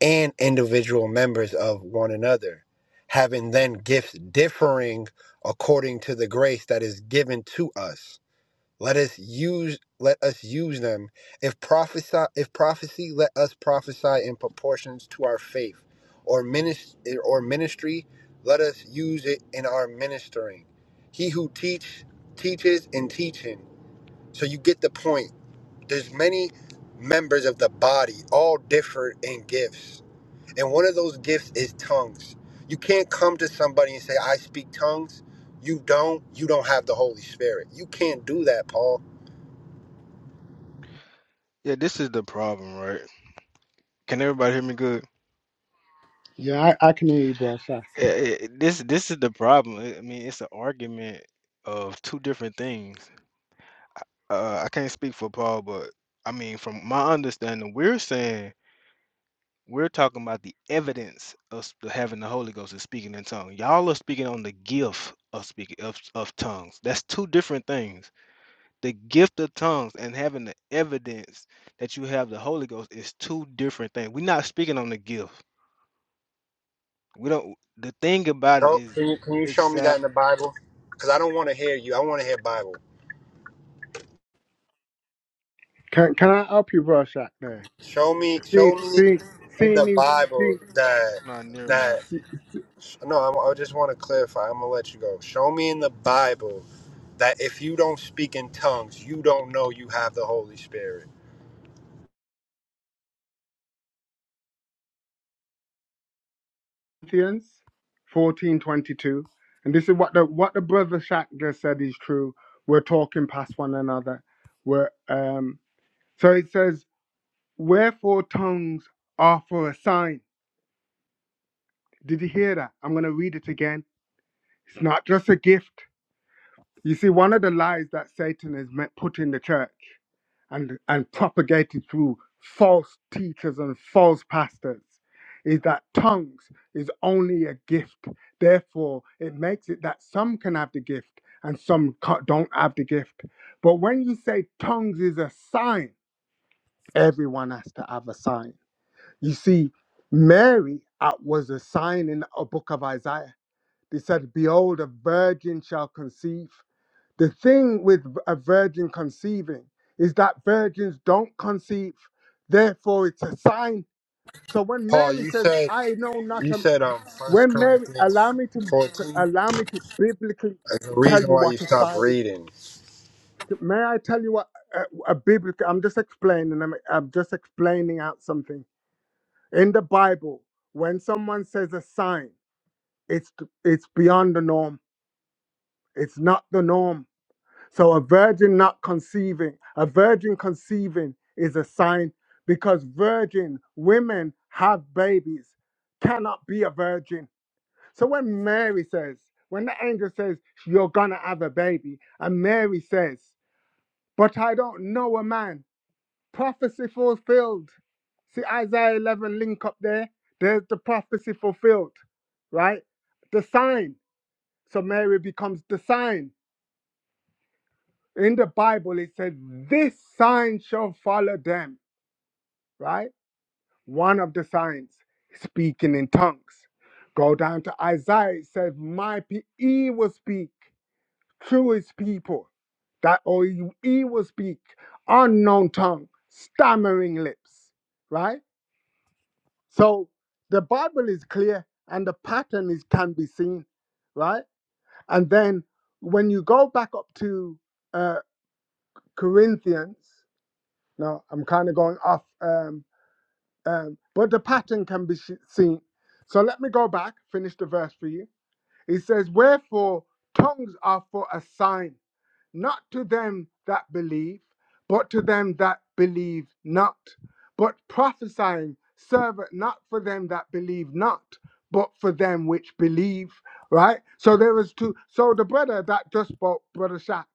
Speaker 18: and individual members of one another, having then gifts differing according to the grace that is given to us. Let us use let us use them. If prophesy if prophecy, let us prophesy in proportions to our faith. Or ministry, or ministry, let us use it in our ministering. He who teach teaches in teaching. So you get the point. There's many members of the body, all differ in gifts. And one of those gifts is tongues. You can't come to somebody and say, I speak tongues. You don't, you don't have the Holy Spirit. You can't do that, Paul
Speaker 16: yeah. This is the problem, right? Can everybody hear me good?
Speaker 12: Yeah, I, I can hear you, bro, Shaq.
Speaker 16: Eh, eh, This this is the problem. I mean, it's an argument of two different things. Uh, I can't speak for Paul, but I mean, from my understanding, we're saying We're talking about the evidence of s- having the Holy Ghost and speaking in tongues. Y'all are speaking on the gift of speaking of, of tongues. That's two different things. The gift of tongues and having the evidence that you have the Holy Ghost is two different things. We're not speaking on the gift. We don't. The thing about it
Speaker 18: Show,
Speaker 16: is,
Speaker 18: can you can you
Speaker 16: it's
Speaker 18: show me that
Speaker 16: sal.
Speaker 18: in the Bible? Because I don't want to hear you. I want to hear Bible.
Speaker 12: Can Can I help you, bro, Shaq? There,
Speaker 18: Show me,
Speaker 12: see,
Speaker 18: show me
Speaker 12: see,
Speaker 18: in
Speaker 12: see,
Speaker 18: the
Speaker 12: see, see,
Speaker 18: Bible that
Speaker 16: Not near
Speaker 18: that
Speaker 16: my.
Speaker 12: see
Speaker 18: no. i I just want to clarify. I'm gonna let you go. Show me in the Bible that if you don't speak in tongues, you don't know you have the Holy Spirit.
Speaker 12: Corinthians fourteen twenty two, and this is what the what the brother Shaq just said is true. We're talking past one another. We're um. So it says, "Wherefore tongues are for a sign." Did you hear that? I'm gonna read it again. It's not just a gift. You see, one of the lies that Satan has met put in the church and, and propagated through false teachers and false pastors is that tongues is only a gift. Therefore, it makes it that some can have the gift and some ca- don't have the gift. But when you say tongues is a sign, everyone has to have a sign. You see, Mary uh, was a sign in a book of Isaiah. They said, Behold, a virgin shall conceive. The thing with a virgin conceiving is that virgins don't conceive, therefore it's a sign. So when
Speaker 18: Paul,
Speaker 12: Mary
Speaker 18: you
Speaker 12: says,
Speaker 18: said
Speaker 12: "I know not,"
Speaker 18: you
Speaker 12: a,
Speaker 18: said um First
Speaker 12: when Mary
Speaker 18: Corinthians
Speaker 12: allow me to
Speaker 18: 14.
Speaker 12: allow me to biblically
Speaker 18: There's a
Speaker 12: tell
Speaker 18: reason
Speaker 12: you
Speaker 18: why you
Speaker 12: what a
Speaker 18: stopped
Speaker 12: sign is.
Speaker 18: reading.
Speaker 12: May I tell you what a, a biblical? I'm just explaining. I'm, I'm just explaining out something in the Bible. When someone says a sign, it's it's beyond the norm. It's not the norm So a virgin not conceiving, a virgin conceiving is a sign because virgin women have babies, cannot be a virgin. So when Mary says, when the angel says, you're gonna have a baby, and Mary says, but I don't know a man, prophecy fulfilled. See Isaiah 11 link up there, there's the prophecy fulfilled, right? The sign. So Mary becomes the sign. in the Bible, it says, This sign shall follow them, right? One of the signs, speaking in tongues. Go down to Isaiah, it says, My pe- he will speak through his people, that or he he will speak unknown tongue, stammering lips, right? So the Bible is clear and the pattern is can be seen, right? And then when you go back up to uh, Corinthians, No, I'm kind of going off, um, um, but the pattern can be sh- seen. So let me go back, finish the verse for you. It says, Wherefore tongues are for a sign not to them that believe, but to them that believe not. But prophesying serveth not for them that believe not, but for them which believe. Right? So there is two. So the brother that just spoke, Brother Shaq,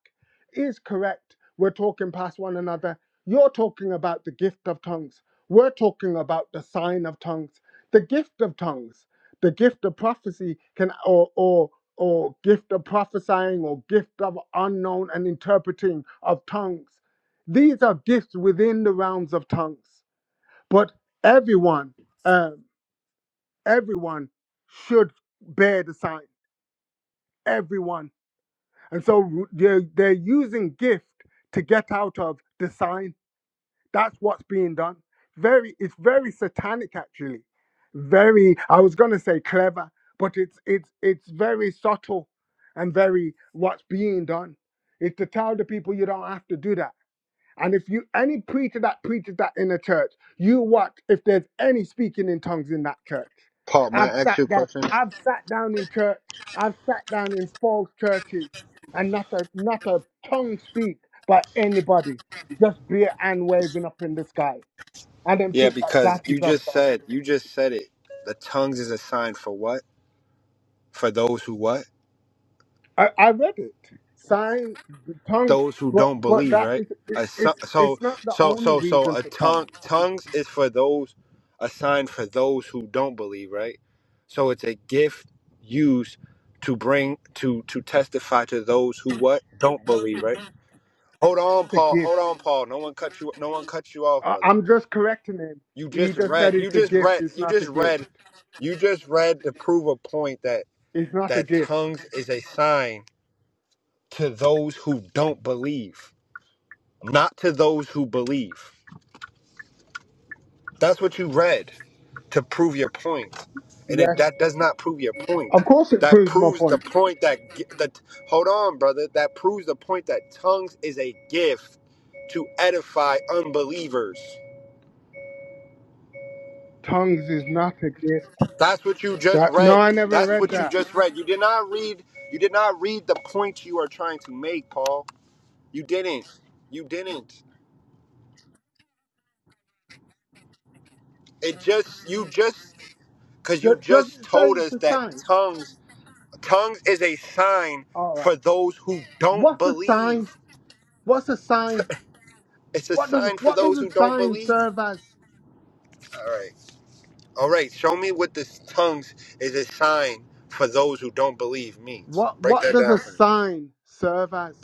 Speaker 12: is correct. We're talking past one another. You're talking about the gift of tongues. We're talking about the sign of tongues. The gift of tongues the gift of prophecy can or or or gift of prophesying or gift of unknown and interpreting of tongues these are gifts within the realms of tongues but everyone um, everyone should bear the sign everyone and so they're, they're using gift to get out of the sign That's what's being done. Very, it's very satanic actually. Very, I was gonna say clever, but it's it's it's very subtle and very what's being done. It's to tell the people you don't have to do that. And if you any preacher that preaches that in a church, you watch if there's any speaking in tongues in that church.
Speaker 18: Paul, may
Speaker 12: I've
Speaker 18: I ask
Speaker 12: sat
Speaker 18: you a
Speaker 12: down.
Speaker 18: question?
Speaker 12: I've sat down in church. I've sat down in false churches, and not a not a tongue speak by anybody. Just beer and waving up in the sky. I don't
Speaker 18: Yeah,
Speaker 12: think that
Speaker 18: because
Speaker 12: that
Speaker 18: you
Speaker 12: is of
Speaker 18: just
Speaker 12: God.
Speaker 18: said you just said it. The tongues is a sign for what? for those who what?
Speaker 12: I, I read it. Sign the tongue,
Speaker 18: Those who
Speaker 12: but
Speaker 18: don't
Speaker 12: but
Speaker 18: believe,
Speaker 12: that
Speaker 18: right?
Speaker 12: is it,
Speaker 18: A so
Speaker 12: it's
Speaker 18: so
Speaker 12: it's not the
Speaker 18: so
Speaker 12: only
Speaker 18: so so
Speaker 12: reason
Speaker 18: a
Speaker 12: for tongues.
Speaker 18: tongue tongues is for those a sign for those who don't believe, right? So it's a gift used to bring to to testify to those who what don't believe, right? Hold on,
Speaker 12: to
Speaker 18: Paul.
Speaker 12: give.
Speaker 18: Hold on, Paul. No one cut you. No one cut you off,
Speaker 12: I-
Speaker 18: brother.
Speaker 12: I'm just correcting him.
Speaker 18: You
Speaker 12: He
Speaker 18: just
Speaker 12: just said
Speaker 18: read. You
Speaker 12: it's a
Speaker 18: just
Speaker 12: gift.
Speaker 18: read.
Speaker 12: It's
Speaker 18: You
Speaker 12: not a
Speaker 18: just
Speaker 12: gift.
Speaker 18: read. You just read to prove a point that
Speaker 12: It's not a
Speaker 18: that
Speaker 12: gift.
Speaker 18: tongues is a sign to those who don't believe not to those who believe. That's what you read to prove your point, and it,
Speaker 12: Yes.
Speaker 18: that does not prove your point.
Speaker 12: Of course it
Speaker 18: That
Speaker 12: proves my
Speaker 18: proves the
Speaker 12: point.
Speaker 18: point that gi- that hold on, brother. That proves the point that tongues is a gift to edify unbelievers.
Speaker 12: Tongues is not a gift.
Speaker 18: That's what you just
Speaker 12: That No,
Speaker 18: read.
Speaker 12: I never
Speaker 18: That's
Speaker 12: read
Speaker 18: what you
Speaker 12: that.
Speaker 18: just read. You did not read. You did not read the point you are trying to make, Paul. You didn't. You didn't. It just you just because
Speaker 12: Does
Speaker 18: you
Speaker 12: does
Speaker 18: just
Speaker 12: it say
Speaker 18: told
Speaker 12: it's
Speaker 18: us
Speaker 12: a
Speaker 18: that
Speaker 12: sign?
Speaker 18: tongues Tongues is a sign
Speaker 12: All right.
Speaker 18: for those who don't
Speaker 12: What's a sign?
Speaker 18: believe.
Speaker 12: What's a sign?
Speaker 18: It's a
Speaker 12: What does
Speaker 18: sign for
Speaker 12: what does
Speaker 18: those
Speaker 12: a
Speaker 18: who don't
Speaker 12: sign
Speaker 18: believe.
Speaker 12: serve as?
Speaker 18: All right. All right. Show me what this tongues is a sign for those who don't believe means.
Speaker 12: What
Speaker 18: Break
Speaker 12: what
Speaker 18: that
Speaker 12: does
Speaker 18: down
Speaker 12: a
Speaker 18: for me.
Speaker 12: sign serve as?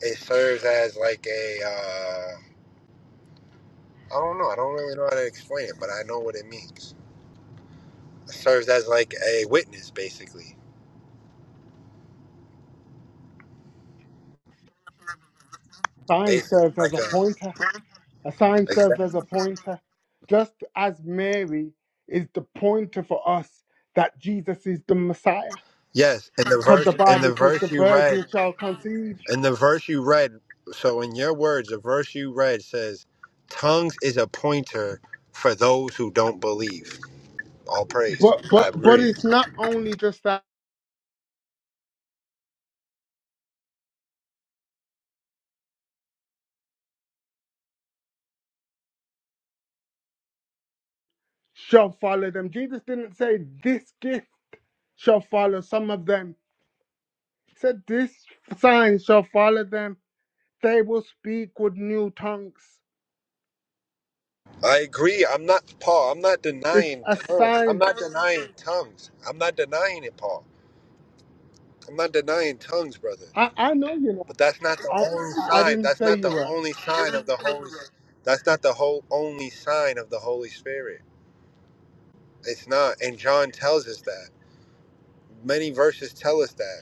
Speaker 18: It serves as like a, uh, I don't know. I don't really know how to explain it, but I know what it means. It serves as like a witness, basically.
Speaker 12: Sign
Speaker 18: Basically,
Speaker 12: serves
Speaker 18: like
Speaker 12: as a
Speaker 18: a,
Speaker 12: pointer. A sign
Speaker 18: like that.
Speaker 12: serves as a pointer, just as Mary is the pointer for us that Jesus is the Messiah.
Speaker 18: Yes. In the
Speaker 12: Because the
Speaker 18: verse, in the
Speaker 12: Bible says the
Speaker 18: verse you read,
Speaker 12: virgin shall conceive.
Speaker 18: And the verse you read, so in your words, the verse you read says, "Tongues is a pointer for those who don't believe." All praise.
Speaker 12: But
Speaker 18: I
Speaker 12: but but
Speaker 18: agree.
Speaker 12: it's not only just that shall follow them. Jesus didn't say this gift shall follow some of them. He said this sign shall follow them. They will speak with new tongues.
Speaker 18: I agree. I'm not Paul. I'm not
Speaker 12: It's
Speaker 18: denying
Speaker 12: a
Speaker 18: tongues. I'm
Speaker 12: sign.
Speaker 18: not denying tongues. I'm not denying it, Paul. I'm not denying tongues, brother.
Speaker 12: I, I know you know.
Speaker 18: But that's not the
Speaker 12: I
Speaker 18: only
Speaker 12: I I
Speaker 18: sign.
Speaker 12: didn't
Speaker 18: That's
Speaker 12: say
Speaker 18: not
Speaker 12: you
Speaker 18: the
Speaker 12: were.
Speaker 18: only sign of the Holy. That's not the whole only sign of the Holy Spirit. It's not. And John tells us that. Many verses tell us that.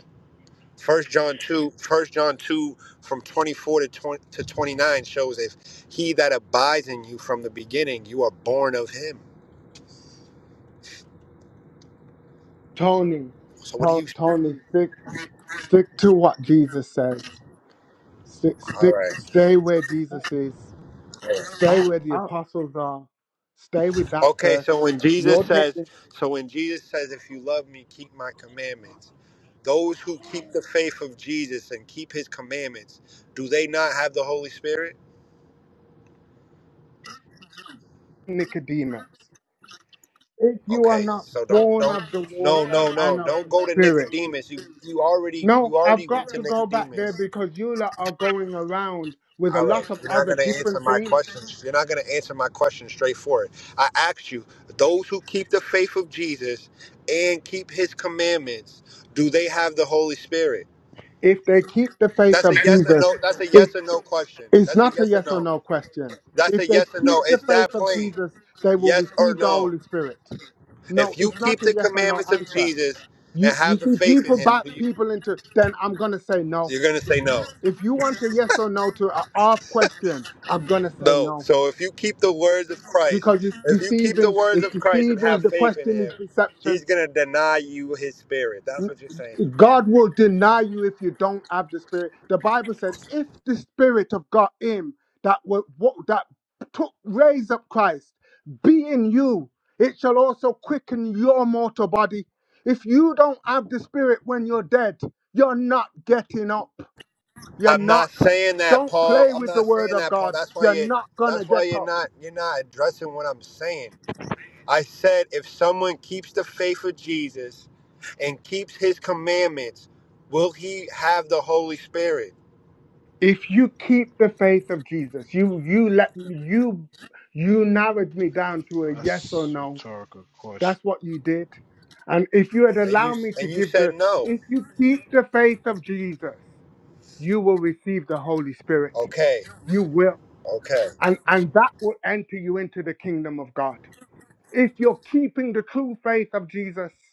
Speaker 18: First John two, First John two, from twenty four to 20, to twenty nine shows if he that abides in you from the beginning, you are born of him.
Speaker 12: Tony,
Speaker 18: So what do
Speaker 12: to-
Speaker 18: you?
Speaker 12: Tony, stick, stick to what Jesus says. Stick,
Speaker 18: All
Speaker 12: stick,
Speaker 18: right.
Speaker 12: stay where Jesus is.
Speaker 18: All right.
Speaker 12: Stay
Speaker 15: I,
Speaker 12: where the
Speaker 15: I
Speaker 12: apostles are. Stay with that
Speaker 18: Okay.
Speaker 12: first.
Speaker 18: So when Jesus
Speaker 12: You're
Speaker 18: says,
Speaker 12: talking
Speaker 18: so when Jesus says, if you love me, keep my commandments. Those who keep the faith of Jesus and keep his commandments, do they not have the Holy Spirit?
Speaker 12: Nicodemus. If you are
Speaker 18: Okay.
Speaker 12: not
Speaker 18: So don't
Speaker 12: born
Speaker 18: don't
Speaker 12: of the
Speaker 18: no
Speaker 12: water
Speaker 18: no no
Speaker 12: and of
Speaker 18: don't
Speaker 12: the
Speaker 18: go to
Speaker 12: Spirit,
Speaker 18: Nicodemus. You you already
Speaker 12: no,
Speaker 18: you
Speaker 12: I've
Speaker 18: already went
Speaker 12: got
Speaker 18: to
Speaker 12: to go back there
Speaker 18: Nicodemus.
Speaker 12: because you lot are going around with a
Speaker 18: All right,
Speaker 12: lot of
Speaker 18: you're not
Speaker 12: other
Speaker 18: gonna answer
Speaker 12: different
Speaker 18: my
Speaker 12: things.
Speaker 18: questions. You're not gonna answer my question straightforward. I asked you, those who keep the faith of Jesus and keep His commandments, do they have the Holy Spirit?
Speaker 12: If they keep the faith
Speaker 18: That's
Speaker 12: of
Speaker 18: a yes or
Speaker 12: Jesus,
Speaker 18: no. That's a
Speaker 12: if.
Speaker 18: yes or no question.
Speaker 12: It's
Speaker 18: That's a
Speaker 12: not a
Speaker 18: yes or
Speaker 12: yes or
Speaker 18: no.
Speaker 12: no question.
Speaker 18: That's a
Speaker 12: If they
Speaker 18: yes or
Speaker 12: keep
Speaker 18: no. It's
Speaker 12: the faith
Speaker 18: that
Speaker 12: of
Speaker 18: plain.
Speaker 12: Jesus, they will
Speaker 18: Yes or
Speaker 12: receive the
Speaker 18: no.
Speaker 12: Holy Spirit. No,
Speaker 18: If you
Speaker 12: it's
Speaker 18: keep
Speaker 12: not a
Speaker 18: the
Speaker 12: yes or no
Speaker 18: commandments of
Speaker 12: answer.
Speaker 18: Jesus and
Speaker 12: You you
Speaker 18: have the
Speaker 12: see,
Speaker 18: faith in
Speaker 12: people
Speaker 18: Him,
Speaker 12: back
Speaker 18: do you,
Speaker 12: people into then I'm gonna say no.
Speaker 18: you're gonna say no.
Speaker 12: If you want a yes or no to an off question, I'm gonna say
Speaker 18: No.
Speaker 12: no.
Speaker 18: So if you keep the words of Christ,
Speaker 12: Because it's
Speaker 18: if you keep the
Speaker 12: deceiving,
Speaker 18: words
Speaker 12: it's
Speaker 18: of Christ and
Speaker 12: deceiving.
Speaker 18: have
Speaker 12: The
Speaker 18: faith in
Speaker 12: question is
Speaker 18: him,
Speaker 12: deception.
Speaker 18: he's going to deny you his spirit. That's what you're saying.
Speaker 12: God will deny you if you don't have the Spirit. The Bible said, if the Spirit of God, Him that wa- wa- that took raised up Christ, be in you, it shall also quicken your mortal body. If you don't have the Spirit when you're dead, you're not getting up. You're
Speaker 18: I'm not
Speaker 12: not.
Speaker 18: saying that,
Speaker 12: Don't
Speaker 18: Paul.
Speaker 12: play
Speaker 18: I'm
Speaker 12: with the
Speaker 18: not
Speaker 12: Word
Speaker 18: saying
Speaker 12: of
Speaker 18: that, Paul.
Speaker 12: God.
Speaker 18: That's why
Speaker 12: You're
Speaker 18: you
Speaker 12: not gonna
Speaker 18: that's why
Speaker 12: get
Speaker 18: you're
Speaker 12: up.
Speaker 18: not you're not addressing what I'm saying. I said if someone keeps the faith of Jesus and keeps his commandments, will he have the Holy Spirit?
Speaker 12: If you keep the faith of Jesus, you you let you you narrowed me down to a yes or
Speaker 16: That's a
Speaker 12: no
Speaker 16: rhetorical question,
Speaker 12: That's what you did. And if you had
Speaker 18: And you
Speaker 12: allowed me to
Speaker 18: and you
Speaker 12: give
Speaker 18: said
Speaker 12: the,
Speaker 18: no.
Speaker 12: if you keep the faith of Jesus, you will receive the Holy Spirit.
Speaker 18: Okay.
Speaker 12: You will.
Speaker 18: Okay.
Speaker 12: And, and that will enter you into the kingdom of God. If you're keeping the true faith of Jesus,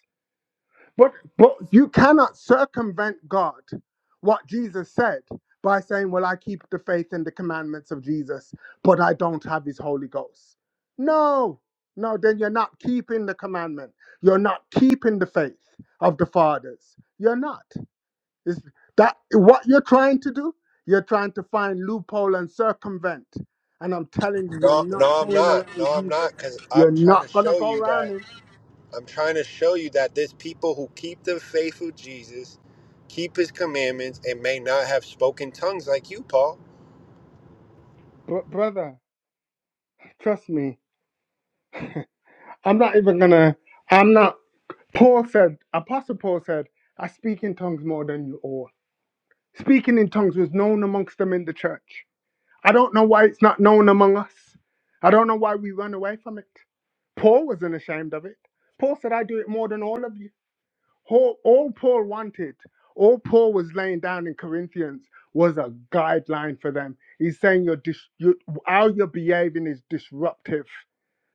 Speaker 12: but but you cannot circumvent God, what Jesus said, by saying, Well, I keep the faith and the commandments of Jesus, but I don't have his Holy Ghost. No, no, then you're not keeping the commandment. You're not keeping the faith of the fathers. You're not. Is that what you're trying to do? You're trying to find loophole and circumvent. And I'm telling you, you're
Speaker 18: No,
Speaker 12: not
Speaker 18: no, I'm
Speaker 12: going
Speaker 18: not.
Speaker 12: around
Speaker 18: No, I'm
Speaker 12: Jesus.
Speaker 18: not, because
Speaker 12: You're
Speaker 18: I'm trying to
Speaker 12: not gonna
Speaker 18: show
Speaker 12: go
Speaker 18: you that
Speaker 12: around him.
Speaker 18: I'm trying to show you that there's people who keep the faith of Jesus, keep His commandments, and may not have spoken tongues like you, Paul.
Speaker 12: Br- brother, trust me I'm not even gonna. I'm not. Paul said, Apostle Paul said, I speak in tongues more than you all. Speaking in tongues was known amongst them in the church. I don't know why it's not known among us. I don't know why we run away from it. Paul wasn't ashamed of it. Paul said, I do it more than all of you. All, all Paul wanted, all Paul was laying down in Corinthians was a guideline for them. He's saying you're dis- you, how you're behaving is disruptive.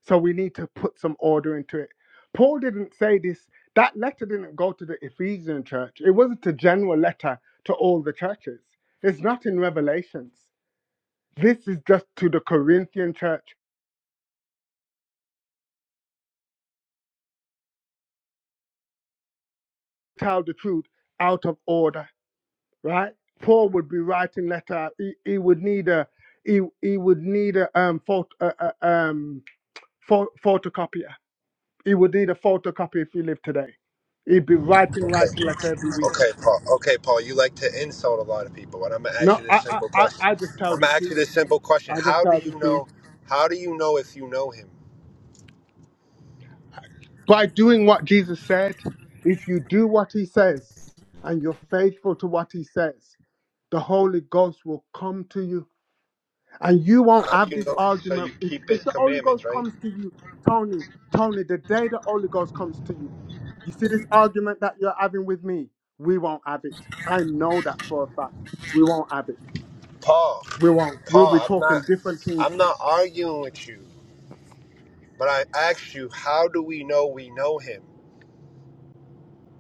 Speaker 12: So we need to put some order into it. Paul didn't say this, that letter didn't go to the Ephesian church. It wasn't a general letter to all the churches. It's not in Revelations. This is just to the Corinthian church. Tell the truth out of order. right? Paul would be writing letter. He, he would need a he, he would need a um phot, uh, uh, um pho- photocopier. He would need a photocopy if he lived today. He'd be writing writing letter every week.
Speaker 18: Okay, Paul. Okay, Paul. You like to insult a lot of people, but I'm gonna ask
Speaker 12: No,
Speaker 18: you this
Speaker 12: I I
Speaker 18: simple
Speaker 12: I,
Speaker 18: question.
Speaker 12: I just tell
Speaker 18: I'm
Speaker 12: the
Speaker 18: gonna ask you
Speaker 12: truth.
Speaker 18: this simple question.
Speaker 12: I just
Speaker 18: How do
Speaker 12: tell the
Speaker 18: you
Speaker 12: truth.
Speaker 18: know? How do you know if you know Him?
Speaker 12: By doing what Jesus said, if you do what he says and you're faithful to what he says, the Holy Ghost will come to you And you won't
Speaker 18: How do
Speaker 12: have
Speaker 18: you
Speaker 12: this
Speaker 18: know? So you
Speaker 12: argument. If,
Speaker 18: keep His
Speaker 12: if the Holy
Speaker 18: commandments,
Speaker 12: Ghost
Speaker 18: right,
Speaker 12: comes to you, Tony, Tony, the day the Holy Ghost comes to you, you see this argument that you're having with me, we won't have it. I know that for a fact. We won't have it.
Speaker 18: Paul?
Speaker 12: We won't. We'll
Speaker 18: Paul,
Speaker 12: be
Speaker 18: I'm not.
Speaker 12: talking different
Speaker 18: I'm
Speaker 12: things.
Speaker 18: not arguing with you. But I asked you, how do we know we know him?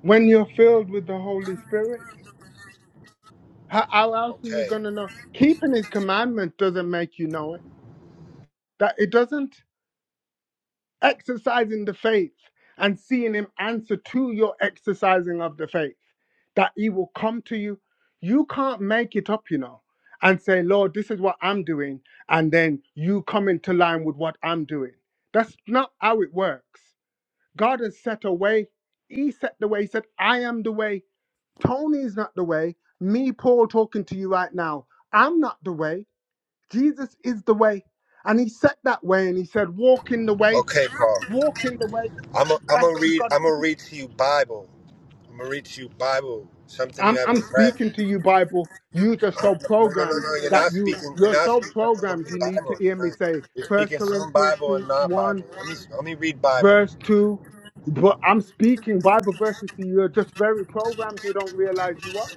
Speaker 12: When you're filled with the Holy Spirit, how, how else are you
Speaker 18: Okay.
Speaker 12: going to know? Keeping His commandment doesn't make you know it. That it doesn't. Exercising the faith and seeing Him answer to your exercising of the faith. that he will come to you. You can't make it up, you know, and say, Lord, this is what I'm doing, and then you come into line with what I'm doing. That's not how it works. God has set a way. He set the way. He said, I am the way. Tony's not the way. Me, Paul, talking to you right now, I'm not the way. Jesus is the way. And he set that way and he said, Walk in the way.
Speaker 18: Okay, Paul.
Speaker 12: Walk in the way.
Speaker 18: I'm i am i
Speaker 12: That's
Speaker 18: gonna
Speaker 12: what you
Speaker 18: read
Speaker 12: got to
Speaker 18: I'm
Speaker 12: do.
Speaker 18: gonna read to you Bible. I'm gonna read to you Bible. Something you
Speaker 12: I'm
Speaker 18: haven't
Speaker 12: I'm
Speaker 18: read.
Speaker 12: speaking to you, Bible. You just
Speaker 18: I'm,
Speaker 12: so
Speaker 18: no, no, no,
Speaker 12: programmed
Speaker 18: no. You're
Speaker 12: that
Speaker 18: not
Speaker 12: you
Speaker 18: speaking. You're
Speaker 12: you're
Speaker 18: not
Speaker 12: so
Speaker 18: speaking all the
Speaker 12: programmed.
Speaker 18: way
Speaker 12: You need to
Speaker 18: Bible.
Speaker 12: hear
Speaker 18: You're,
Speaker 12: me
Speaker 18: not.
Speaker 12: say
Speaker 18: you're
Speaker 12: First
Speaker 18: speaking some
Speaker 12: Corinthians
Speaker 18: Bible and
Speaker 12: two,
Speaker 18: not Bible.
Speaker 12: one
Speaker 18: Let me let me read Bible.
Speaker 12: verse two. But I'm speaking Bible verses to you. You're just very programmed. You don't realize you are.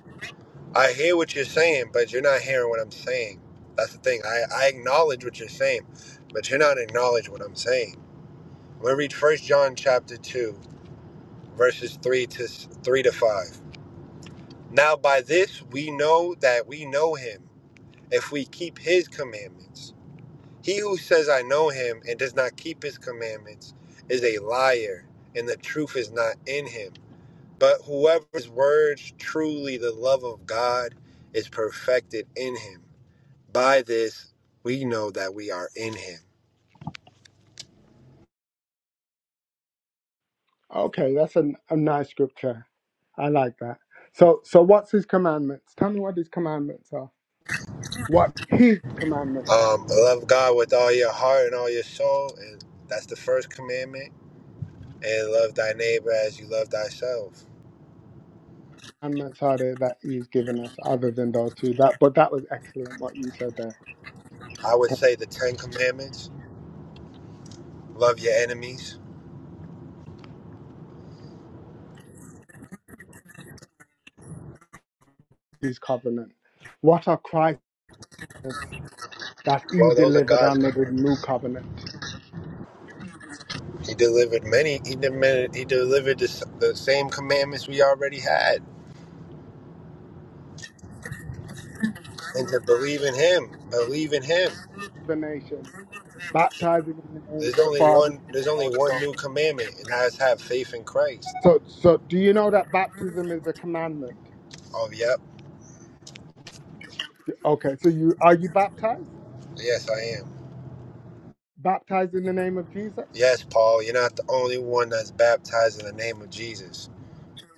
Speaker 18: I hear what you're saying, but you're not hearing what I'm saying. That's the thing. I, I acknowledge what you're saying, but you're not acknowledging what I'm saying. I'm gonna read First John chapter two, verses three to three to five. Now by this we know that we know him, if we keep his commandments. He who says I know him and does not keep his commandments is a liar, and the truth is not in him. But whoever's words truly the love of God is perfected in him. By this we know that we are in him.
Speaker 12: Okay, that's a, a nice scripture. I like that. So so what's his commandments? Tell me what his commandments are. What his commandments are.
Speaker 18: Um, love God with all your heart and all your soul, and that's the first commandment. And love thy neighbor as you love thyself.
Speaker 12: Commandments are there that he's given us, other than those two. That but that was excellent what you said there.
Speaker 18: I would say the Ten Commandments Love your enemies.
Speaker 12: his covenant. What are Christ's works that he
Speaker 18: Well, those are
Speaker 12: delivered
Speaker 18: God's
Speaker 12: under the new
Speaker 18: commandments.
Speaker 12: covenant?
Speaker 18: He delivered many. He delivered, he delivered the, the same commandments we already had, and to believe in Him, believe in Him.
Speaker 12: The nation, baptizing in the name
Speaker 18: There's
Speaker 12: of the
Speaker 18: only
Speaker 12: Father,
Speaker 18: one.
Speaker 12: Son,
Speaker 18: There's
Speaker 12: and
Speaker 18: only
Speaker 12: Holy
Speaker 18: one
Speaker 12: Ghost.
Speaker 18: new commandment, and that is have faith in Christ.
Speaker 12: So, so do you know that baptism is a commandment?
Speaker 18: Oh, yep.
Speaker 12: Okay, so you are you baptized?
Speaker 18: Yes, I am.
Speaker 12: Baptized in the name of Jesus?
Speaker 18: Yes, Paul, you're not the only one that's baptized in the name of Jesus.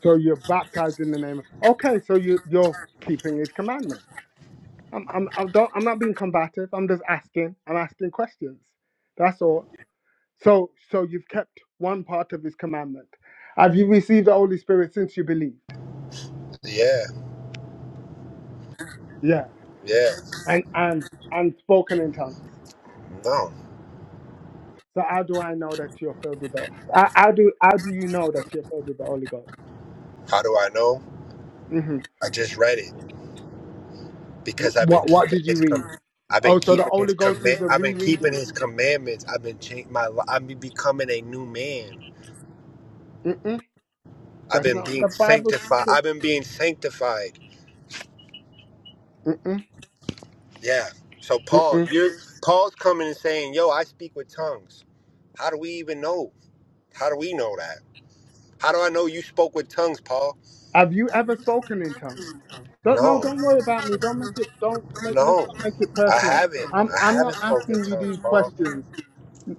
Speaker 12: So you're baptized in the name of. Okay, so you you're keeping His commandment. I'm I'm I don't I'm not being combative. I'm just asking. I'm asking questions. That's all. So, so you've kept one part of his commandment. Have you received the Holy Spirit since you believed?
Speaker 18: Yeah,
Speaker 12: Yeah.
Speaker 18: yeah.
Speaker 12: And and and spoken in tongues.
Speaker 18: No.
Speaker 12: So how do I know that you're filled with the? How, how do how do you know that you're filled with the Holy Ghost?
Speaker 18: How do I know?
Speaker 12: hmm
Speaker 18: I just read it. because I've been
Speaker 12: What what
Speaker 18: keeping
Speaker 12: did you
Speaker 18: his
Speaker 12: read?
Speaker 18: com- I've been
Speaker 12: Oh, so the
Speaker 18: keeping his
Speaker 12: Holy Ghost is
Speaker 18: command
Speaker 12: a
Speaker 18: I've been keeping
Speaker 12: rereading.
Speaker 18: his commandments. I've been changing my li- I've been becoming a new man.
Speaker 12: Mm-mm,
Speaker 18: I've
Speaker 12: that's
Speaker 18: been
Speaker 12: not what the
Speaker 18: being
Speaker 12: Bible
Speaker 18: sanctified.
Speaker 12: teaches.
Speaker 18: I've been being sanctified.
Speaker 12: Mm-mm,
Speaker 18: Yeah. So Paul,
Speaker 12: mm-mm.
Speaker 18: you're Paul's coming and saying, "Yo, I speak with tongues." How do we even know? How do we know that? How do I know you spoke with tongues, Paul?
Speaker 12: Have you ever spoken in tongues? Don't no.
Speaker 18: No.
Speaker 12: Don't worry about me. Don't make it. Don't make. Let's
Speaker 18: No.
Speaker 12: not make it
Speaker 18: I
Speaker 12: personal.
Speaker 18: haven't.
Speaker 12: I'm
Speaker 18: I
Speaker 12: I'm
Speaker 18: haven't
Speaker 12: not
Speaker 18: spoken
Speaker 12: asking
Speaker 18: in
Speaker 12: you
Speaker 18: tongues,
Speaker 12: these
Speaker 18: Paul.
Speaker 12: questions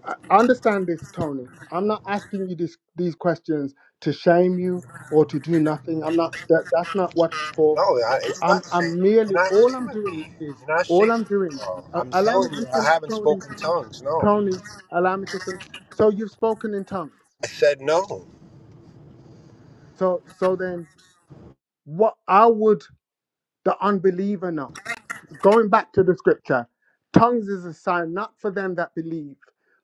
Speaker 12: I- understand this, Tony. I'm not asking you this, these questions to shame you or to do nothing. I'm not. That, that's not what it's for.
Speaker 18: No, I, it's not
Speaker 12: I'm.
Speaker 18: shame.
Speaker 12: I'm
Speaker 18: You're
Speaker 12: merely.
Speaker 18: not
Speaker 12: All I'm
Speaker 18: shaming
Speaker 12: doing
Speaker 18: me.
Speaker 12: is.
Speaker 18: You're not
Speaker 12: All
Speaker 18: shaming
Speaker 12: I'm
Speaker 18: me.
Speaker 12: doing.
Speaker 18: bro.
Speaker 12: Uh,
Speaker 18: I'm
Speaker 12: allow me
Speaker 18: telling you,
Speaker 12: to
Speaker 18: I
Speaker 12: finish,
Speaker 18: haven't
Speaker 12: Tony.
Speaker 18: spoken tongues. No,
Speaker 12: Tony, allow me to finish. So you've spoken in tongues.
Speaker 18: I said no.
Speaker 12: So so then, what? How would the unbeliever know? Going back to the scripture, tongues is a sign not for them that believe,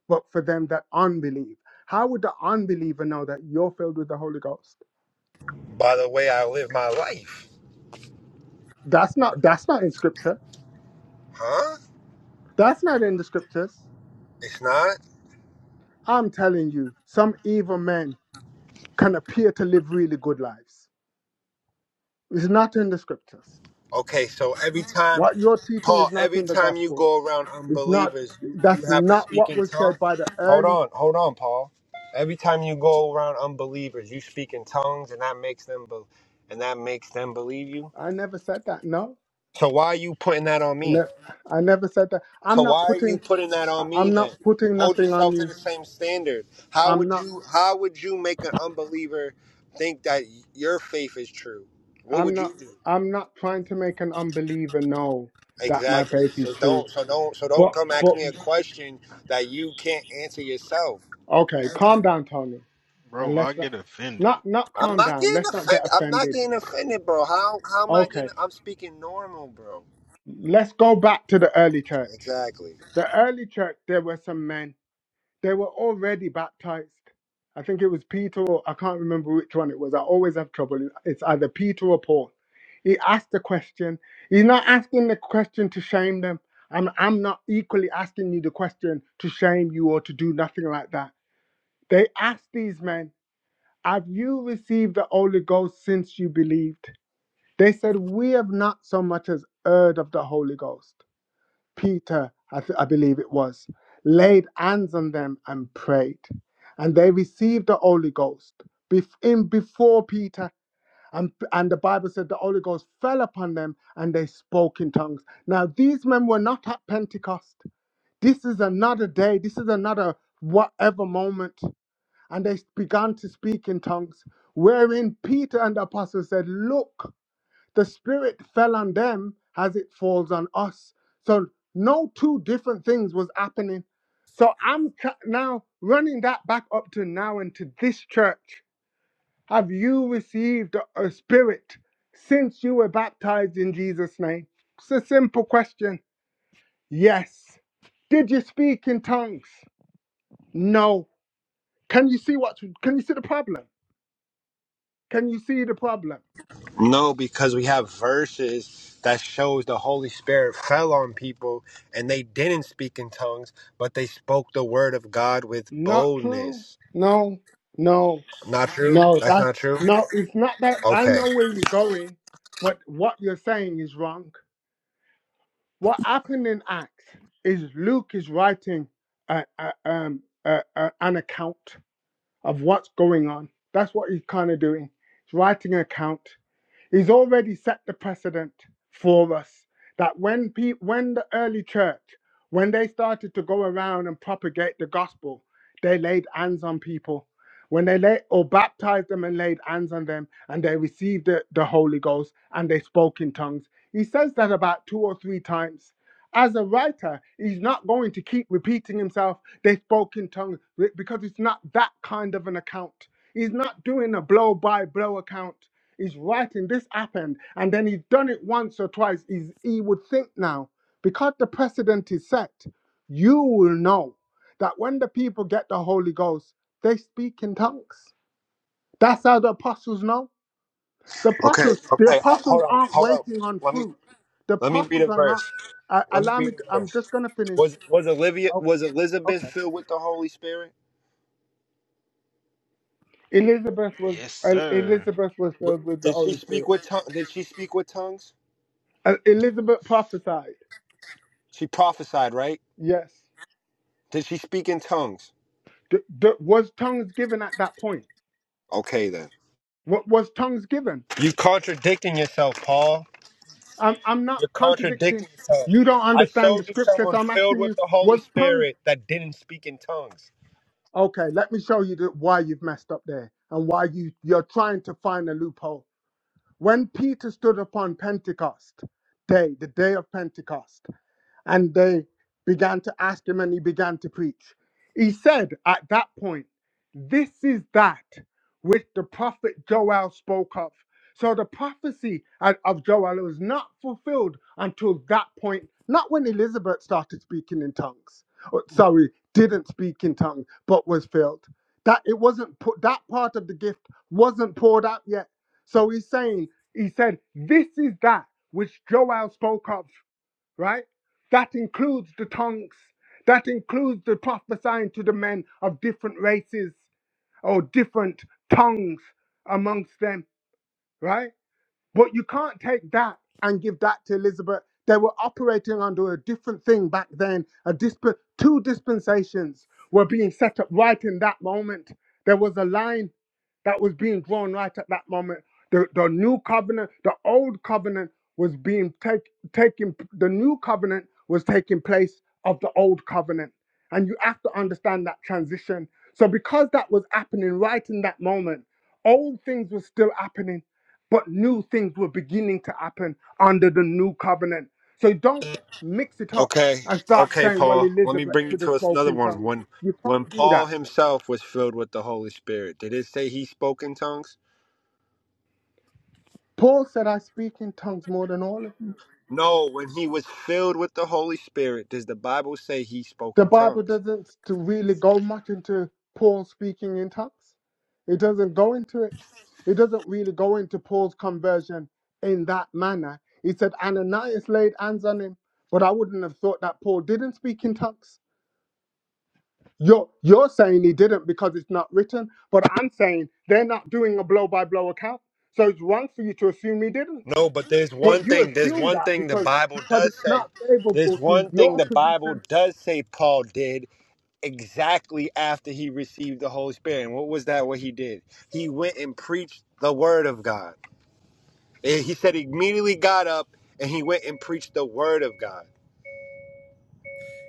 Speaker 12: but for them that unbelieve. How would the unbeliever know that you're filled with the Holy Ghost?
Speaker 18: By the way, I live my life,
Speaker 12: That's not that's not in scripture.
Speaker 18: huh?
Speaker 12: That's not in the scriptures.
Speaker 18: It's not
Speaker 12: I'm telling you, some evil men can appear to live really good lives. It's not in the scriptures.
Speaker 18: okay. So every time,
Speaker 12: What you're teaching
Speaker 18: Paul,
Speaker 12: is not
Speaker 18: every
Speaker 12: in the
Speaker 18: time you
Speaker 12: gospel.
Speaker 18: go around
Speaker 12: It's not
Speaker 18: unbelievers, you, you
Speaker 12: that's
Speaker 18: have to
Speaker 12: not
Speaker 18: speak
Speaker 12: what
Speaker 18: in
Speaker 12: was
Speaker 18: tongues.
Speaker 12: said by the
Speaker 18: Hold
Speaker 12: early
Speaker 18: on, hold on, Paul. Every time you go around unbelievers, you speak in tongues, and that makes them, be- and that makes them believe you.
Speaker 12: I never said that, no.
Speaker 18: So why are you putting that on
Speaker 12: I,
Speaker 18: me?
Speaker 12: ne- I never said that.
Speaker 18: So
Speaker 12: I'm not
Speaker 18: why are you
Speaker 12: putting.
Speaker 18: putting that on
Speaker 12: I-
Speaker 18: me
Speaker 12: I'm
Speaker 18: then?
Speaker 12: not putting
Speaker 18: Hold
Speaker 12: nothing on
Speaker 18: yourself to the
Speaker 12: you.
Speaker 18: same standard. How
Speaker 12: I'm
Speaker 18: would
Speaker 12: not.
Speaker 18: you how would you make an unbeliever think that your faith is true? What
Speaker 12: I'm
Speaker 18: would you
Speaker 12: not.
Speaker 18: do?
Speaker 12: I'm not trying to make an unbeliever know that my
Speaker 18: Exactly.
Speaker 12: faith is
Speaker 18: So
Speaker 12: true.
Speaker 18: don't so don't so don't
Speaker 12: But
Speaker 18: come ask
Speaker 12: but
Speaker 18: me a question that you can't answer yourself.
Speaker 12: okay, calm down, Tony, and
Speaker 16: bro. I
Speaker 12: let's not
Speaker 16: get offended.
Speaker 12: not not
Speaker 18: I'm
Speaker 12: calm
Speaker 18: not
Speaker 12: down.
Speaker 18: getting
Speaker 12: Let's not get
Speaker 18: offended. I'm not
Speaker 12: offended.
Speaker 18: getting offended, bro. How how am I getting
Speaker 12: Okay,
Speaker 18: I'm speaking normal, bro.
Speaker 12: let's go back to the early church.
Speaker 18: Exactly.
Speaker 12: The early church, there were some men They were already baptized. I think it was Peter or I can't remember which one it was. I always have trouble. It's either Peter or Paul. He asked the question. He's not asking the question to shame them. I'm, I'm not equally asking you the question to shame you or to do nothing like that. They asked these men, Have you received the Holy Ghost since you believed? They said, We have not so much as heard of the Holy Ghost. Peter, I, th- I believe it was, laid hands on them and prayed. And they received the Holy Ghost bef- in before Peter. And, and the Bible said the Holy Ghost fell upon them and they spoke in tongues. Now, these men were not at Pentecost. This is another day. This is another whatever moment. And they began to speak in tongues, wherein Peter and the apostles said, Look the spirit fell on them as it falls on us. So no two different things was happening. So I'm ca- now running that back up to now and to this church. Have you received a a spirit since you were baptized in Jesus' name? It's a simple question. Yes. Did you speak in tongues? No. Can you see what? Can you see the problem? Can you see the problem?
Speaker 18: No, because we have verses that shows the Holy Spirit fell on people and they didn't speak in tongues, but they spoke the word of God with
Speaker 12: Not true.
Speaker 18: boldness.
Speaker 12: No. No.
Speaker 18: Not true?
Speaker 12: No,
Speaker 18: That's
Speaker 12: that's
Speaker 18: not true?
Speaker 12: no, it's not that I
Speaker 18: Okay.
Speaker 12: know where you're going, but what you're saying is wrong. What happened in Acts is Luke is writing a, a, um, a, a, an account of what's going on. That's what he's kind of doing. He's writing an account. He's already set the precedent for us that when pe- when the early church, when they started to go around and propagate the gospel, they laid hands on people. When they lay or baptized them and laid hands on them, and they received the, the Holy Ghost and they spoke in tongues. He says that about two or three times. As a writer, he's not going to keep repeating himself, they spoke in tongues, because it's not that kind of an account. He's not doing a blow by blow account. He's writing this happened, and then he's done it once or twice. He's, he would think now, because the precedent is set, you will know that when the people get the Holy Ghost, they speak in tongues. That's how the apostles know. The
Speaker 18: Okay.
Speaker 12: apostles, the
Speaker 18: Okay. Uh,
Speaker 12: apostles
Speaker 18: hold on.
Speaker 12: aren't
Speaker 18: Hold on.
Speaker 12: waiting on
Speaker 18: Let me
Speaker 12: fruit. The
Speaker 18: let me read a
Speaker 12: apostles are
Speaker 18: verse.
Speaker 12: not. Uh,
Speaker 18: Let me
Speaker 12: allow me.
Speaker 18: read
Speaker 12: to-
Speaker 18: a
Speaker 12: I'm
Speaker 18: verse.
Speaker 12: just gonna finish.
Speaker 18: Was was Olivia
Speaker 12: Oh,
Speaker 18: was Elizabeth
Speaker 12: okay.
Speaker 18: filled with the Holy Spirit?
Speaker 12: Elizabeth was
Speaker 16: Yes,
Speaker 12: uh,
Speaker 16: sir.
Speaker 12: Elizabeth was
Speaker 18: Wh-
Speaker 12: filled with the
Speaker 18: Did she
Speaker 12: Holy
Speaker 18: speak
Speaker 12: Spirit.
Speaker 18: with tongue? Did she speak with tongues?
Speaker 12: Uh, Elizabeth prophesied.
Speaker 18: She prophesied, right?
Speaker 12: Yes.
Speaker 18: Did she speak in tongues?
Speaker 12: Th- th- was tongues given at that point?
Speaker 18: Okay then.
Speaker 12: What was tongues given?
Speaker 18: You are contradicting yourself, Paul.
Speaker 12: I'm, I'm not
Speaker 18: You're
Speaker 12: contradicting.
Speaker 18: contradicting yourself.
Speaker 12: You don't
Speaker 18: I
Speaker 12: understand
Speaker 18: showed
Speaker 12: the
Speaker 18: you
Speaker 12: scripture, so
Speaker 18: someone
Speaker 12: I'm
Speaker 18: filled
Speaker 12: asking
Speaker 18: with
Speaker 12: you,
Speaker 18: the Holy
Speaker 12: was tongues?
Speaker 18: Spirit that didn't speak in tongues.
Speaker 12: Okay, let me show you the, why you've messed up there and why you, you're trying to find a loophole. When Peter stood upon Pentecost day, the day of Pentecost, and they began to ask him and he began to preach. He said at that point, This is that which the prophet Joel spoke of. So the prophecy of of Joel was not fulfilled until that point, not when Elizabeth started speaking in tongues. Or, sorry, didn't speak in tongues, but was filled. That it wasn't put that part of the gift wasn't poured out yet. So he's saying, he said, This is that which Joel spoke of right? That includes the tongues. That includes the prophesying to the men of different races or different tongues amongst them, right? But you can't take that and give that to Elizabeth. They were operating under a different thing back then. A disp- two dispensations were being set up right in that moment. There was a line that was being drawn right at that moment. The, the new covenant, the old covenant was being take, taken, the new covenant was taking place of the old covenant. And you have to understand that transition. So, because that was happening right in that moment, old things were still happening but new things were beginning to happen under the new covenant. So don't mix it up
Speaker 18: Okay,
Speaker 12: and start
Speaker 18: okay,
Speaker 12: saying, well,
Speaker 18: Paul. Let me
Speaker 12: Elizabeth
Speaker 18: bring you
Speaker 12: should have
Speaker 18: to us another
Speaker 12: spoken
Speaker 18: one.
Speaker 12: tongues.
Speaker 18: When
Speaker 12: You
Speaker 18: when
Speaker 12: can't do
Speaker 18: Paul
Speaker 12: that.
Speaker 18: himself was filled with the Holy Spirit, did it say he spoke in tongues?
Speaker 12: Paul said, I speak in tongues more than all of you.
Speaker 18: No, when he was filled with the Holy Spirit, does the Bible say he spoke
Speaker 12: The
Speaker 18: in
Speaker 12: Bible
Speaker 18: tongues?
Speaker 12: doesn't to really go much into Paul speaking in tongues. It doesn't go into it. It doesn't really go into Paul's conversion in that manner. He said, Ananias laid hands on him, but I wouldn't have thought that Paul didn't speak in tongues. You're you're saying he didn't because it's not written, but I'm saying they're not doing a blow by blow account. So it's wrong for you to assume he didn't.
Speaker 18: No, but there's one
Speaker 12: But you
Speaker 18: thing, there's
Speaker 12: assume
Speaker 18: one
Speaker 12: that
Speaker 18: thing the
Speaker 12: because
Speaker 18: Bible
Speaker 12: because
Speaker 18: does
Speaker 12: it's
Speaker 18: say.
Speaker 12: not
Speaker 18: There's
Speaker 12: favorable to
Speaker 18: one thing
Speaker 12: your
Speaker 18: the Bible
Speaker 12: position.
Speaker 18: does say Paul did exactly after he received the Holy Spirit. And what was that? What he did? He went and preached the word of God. Eh, He said he immediately got up and he went and preached the word of God.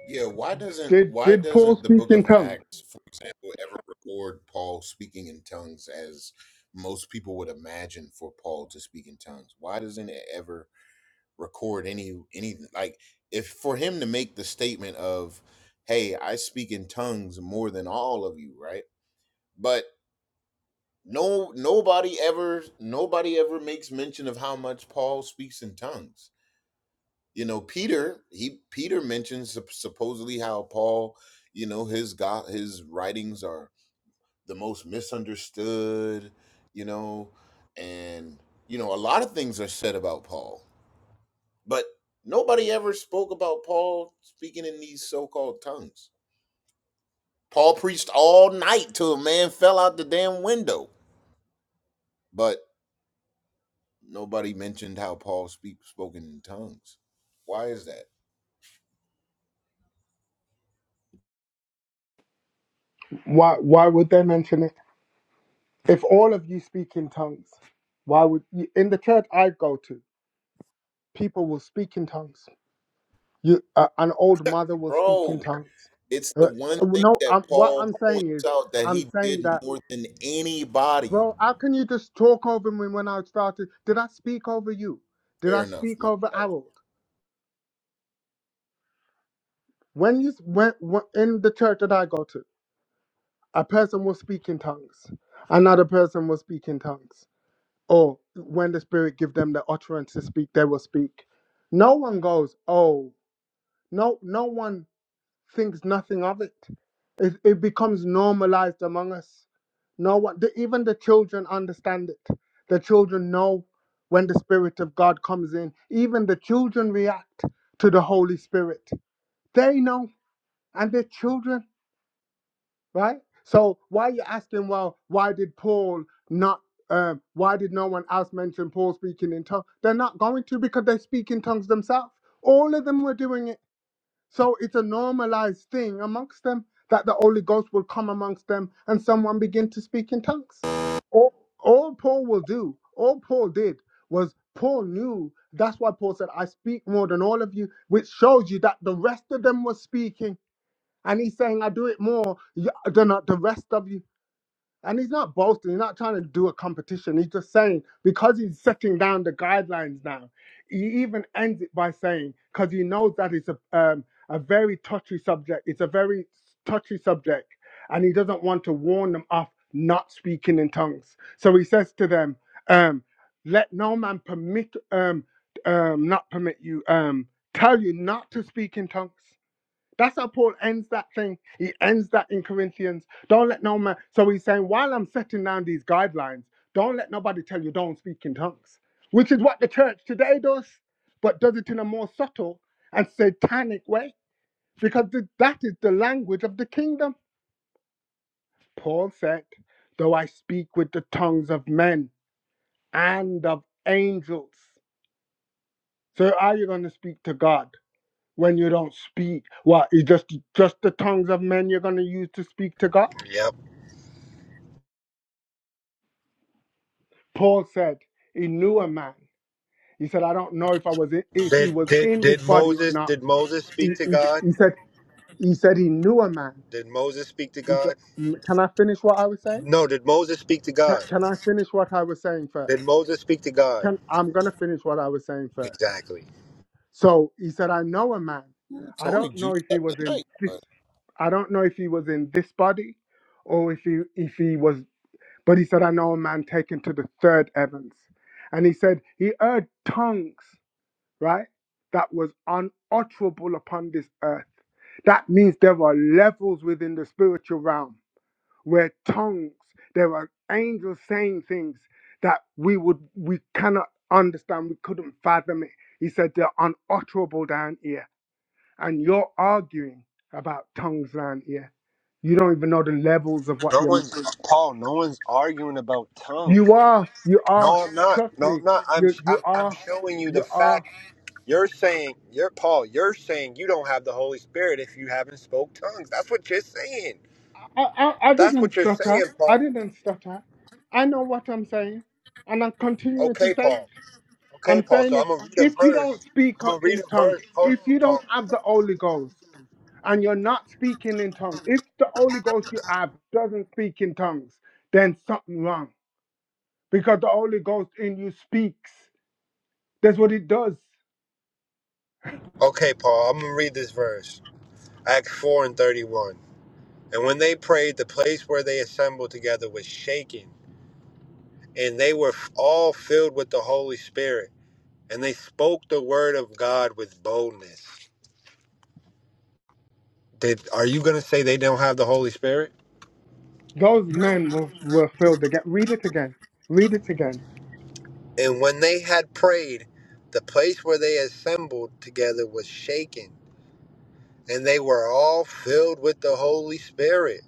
Speaker 17: Yeah, why doesn't
Speaker 12: Did
Speaker 17: why
Speaker 12: did Paul
Speaker 17: doesn't the
Speaker 12: speak
Speaker 17: book
Speaker 12: in
Speaker 17: of
Speaker 12: tongues?
Speaker 17: Acts, for example, ever record Paul speaking in tongues as most people would imagine for Paul to speak in tongues? Why doesn't it ever record any any like if for him to make the statement of, "Hey, I speak in tongues more than all of you," right? But no nobody ever nobody ever makes mention of how much Paul speaks in tongues you know peter he peter mentions sup- supposedly how paul you know his god his writings are the most misunderstood you know and you know a lot of things are said about paul but nobody ever spoke about paul speaking in these so-called tongues paul preached all night till a man fell out the damn window but nobody mentioned how paul speak spoken in tongues why is that
Speaker 12: Why why would they mention it? If all of you speak in tongues, why would you, in the church I go to, people will speak in tongues. You uh, an old mother will speak in
Speaker 17: Bro,
Speaker 12: tongues.
Speaker 17: it's the
Speaker 12: Uh,
Speaker 17: one thing
Speaker 12: no,
Speaker 17: that
Speaker 12: I'm, what
Speaker 17: Paul
Speaker 12: I'm saying
Speaker 17: points
Speaker 12: is
Speaker 17: out that
Speaker 12: I'm
Speaker 17: he
Speaker 12: saying
Speaker 17: did
Speaker 12: that.
Speaker 17: more than anybody.
Speaker 12: Bro, how can you just talk over me when I started? Did I speak over you? Did
Speaker 17: Fair
Speaker 12: I
Speaker 17: enough,
Speaker 12: speak
Speaker 17: man.
Speaker 12: over Harold? When you went in the church that I go to, a person will speak in tongues. Another person will speak in tongues. Or when the Spirit give them the utterance to speak, they will speak. No one goes, oh, no, no one thinks nothing of it. It, it becomes normalized among us. No one, the, even the children understand it. The children know when the Spirit of God comes in. Even the children react to the Holy Spirit. They know, and they're children, right? So why are you asking? Well, why did Paul not? Um, why did no one else mention Paul speaking in tongues? They're not going to because they speak in tongues themselves. All of them were doing it. So it's a normalized thing amongst them that the Holy Ghost will come amongst them and someone begin to speak in tongues. All, all Paul will do, all Paul did was Paul knew. That's why Paul said, I speak more than all of you, which shows you that the rest of them were speaking. And he's saying, I do it more y- than uh, the rest of you. And he's not boasting, he's not trying to do a competition. He's just saying, because he's setting down the guidelines now, he even ends it by saying, because he knows that it's a, um, a very touchy subject, it's a very touchy subject, and he doesn't want to warn them off not speaking in tongues. So he says to them, um, let no man permit, um, um, not permit you, um, tell you not to speak in tongues. That's how Paul ends that thing. He ends that in Corinthians. Don't let no man. So he's saying, while I'm setting down these guidelines, don't let nobody tell you don't speak in tongues, which is what the church today does, but does it in a more subtle and satanic way, because that is the language of the kingdom. Paul said, Though I speak with the tongues of men and of angels. So are you going to speak to God when you don't speak? What, is just, just the tongues of men you're going to use to speak to God?
Speaker 18: Yep.
Speaker 12: Paul said he knew a man. He said, I don't know if I was in, if he
Speaker 18: Did
Speaker 12: was
Speaker 18: did
Speaker 12: in this
Speaker 18: did
Speaker 12: body or
Speaker 18: Moses
Speaker 12: not.
Speaker 18: did Moses speak
Speaker 12: He,
Speaker 18: to
Speaker 12: he,
Speaker 18: God?
Speaker 12: he said he said he knew a man.
Speaker 18: Did Moses speak to
Speaker 12: He said,
Speaker 18: God?
Speaker 12: can I finish what I was saying?
Speaker 18: No. Did Moses speak to
Speaker 12: Can,
Speaker 18: God?
Speaker 12: can I finish what I was saying
Speaker 18: Did
Speaker 12: first?
Speaker 18: Moses speak to God?
Speaker 12: Can I'm gonna finish what I was saying first.
Speaker 18: Exactly.
Speaker 12: So he said, I know a man.
Speaker 17: Ooh,
Speaker 12: I
Speaker 17: Tony
Speaker 12: don't know
Speaker 17: juiced
Speaker 12: if he
Speaker 17: up
Speaker 12: was in
Speaker 17: tonight,
Speaker 12: this.
Speaker 17: man.
Speaker 12: I don't know if he was in this body, or if he if he was. But he said, I know a man taken to the third heavens, and he said he heard tongues right? That was unutterable upon this earth. That means there are levels within the spiritual realm where tongues, there are angels saying things that we would we cannot understand, we couldn't fathom it. He said they're unutterable down here. And you're arguing about tongues down here. You don't even know the levels of what
Speaker 18: No
Speaker 12: you're
Speaker 18: one's
Speaker 12: missing.
Speaker 18: Paul. No one's arguing about tongues.
Speaker 12: You are, you are,
Speaker 18: No, I'm not.
Speaker 12: trust
Speaker 18: No, I'm
Speaker 12: me,
Speaker 18: not. I'm
Speaker 12: you you
Speaker 18: I'm I'm
Speaker 12: are,
Speaker 18: showing you the
Speaker 12: you are.
Speaker 18: fact. You're saying you're Paul. You're saying you don't have the Holy Spirit if you haven't spoke tongues. That's what you're saying.
Speaker 12: I, I, I
Speaker 18: That's
Speaker 12: didn't
Speaker 18: what you're
Speaker 12: stutter.
Speaker 18: saying,
Speaker 12: I
Speaker 18: Paul.
Speaker 12: didn't stutter. I know what I'm saying, and I'm continuing to
Speaker 18: Okay,
Speaker 12: say it.
Speaker 18: Paul. Okay,
Speaker 12: I'm
Speaker 18: Paul.
Speaker 12: saying
Speaker 18: So I'm
Speaker 12: it.
Speaker 18: gonna read a
Speaker 12: If you
Speaker 18: verse.
Speaker 12: don't speak
Speaker 18: I'm
Speaker 12: o-
Speaker 18: gonna read
Speaker 12: in
Speaker 18: a
Speaker 12: tongues,
Speaker 18: verse. Hold
Speaker 12: if
Speaker 18: on,
Speaker 12: you
Speaker 18: Paul.
Speaker 12: don't have the Holy Ghost, and you're not speaking in tongues, if the Holy Ghost you have doesn't speak in tongues, then something wrong. Because the Holy Ghost in you speaks. That's what it does.
Speaker 18: Okay, Paul. I'm gonna read this verse. Acts four and thirty-one. And when they prayed, the place where they assembled together was shaken, and they were f- all filled with the Holy Spirit, and they spoke the word of God with boldness. Did are you going to say they don't have the Holy Spirit?
Speaker 12: Those men were, were filled again. Read it again. Read it again.
Speaker 18: And when they had prayed, the place where they assembled together was shaken, and they were all filled with the Holy Spirit,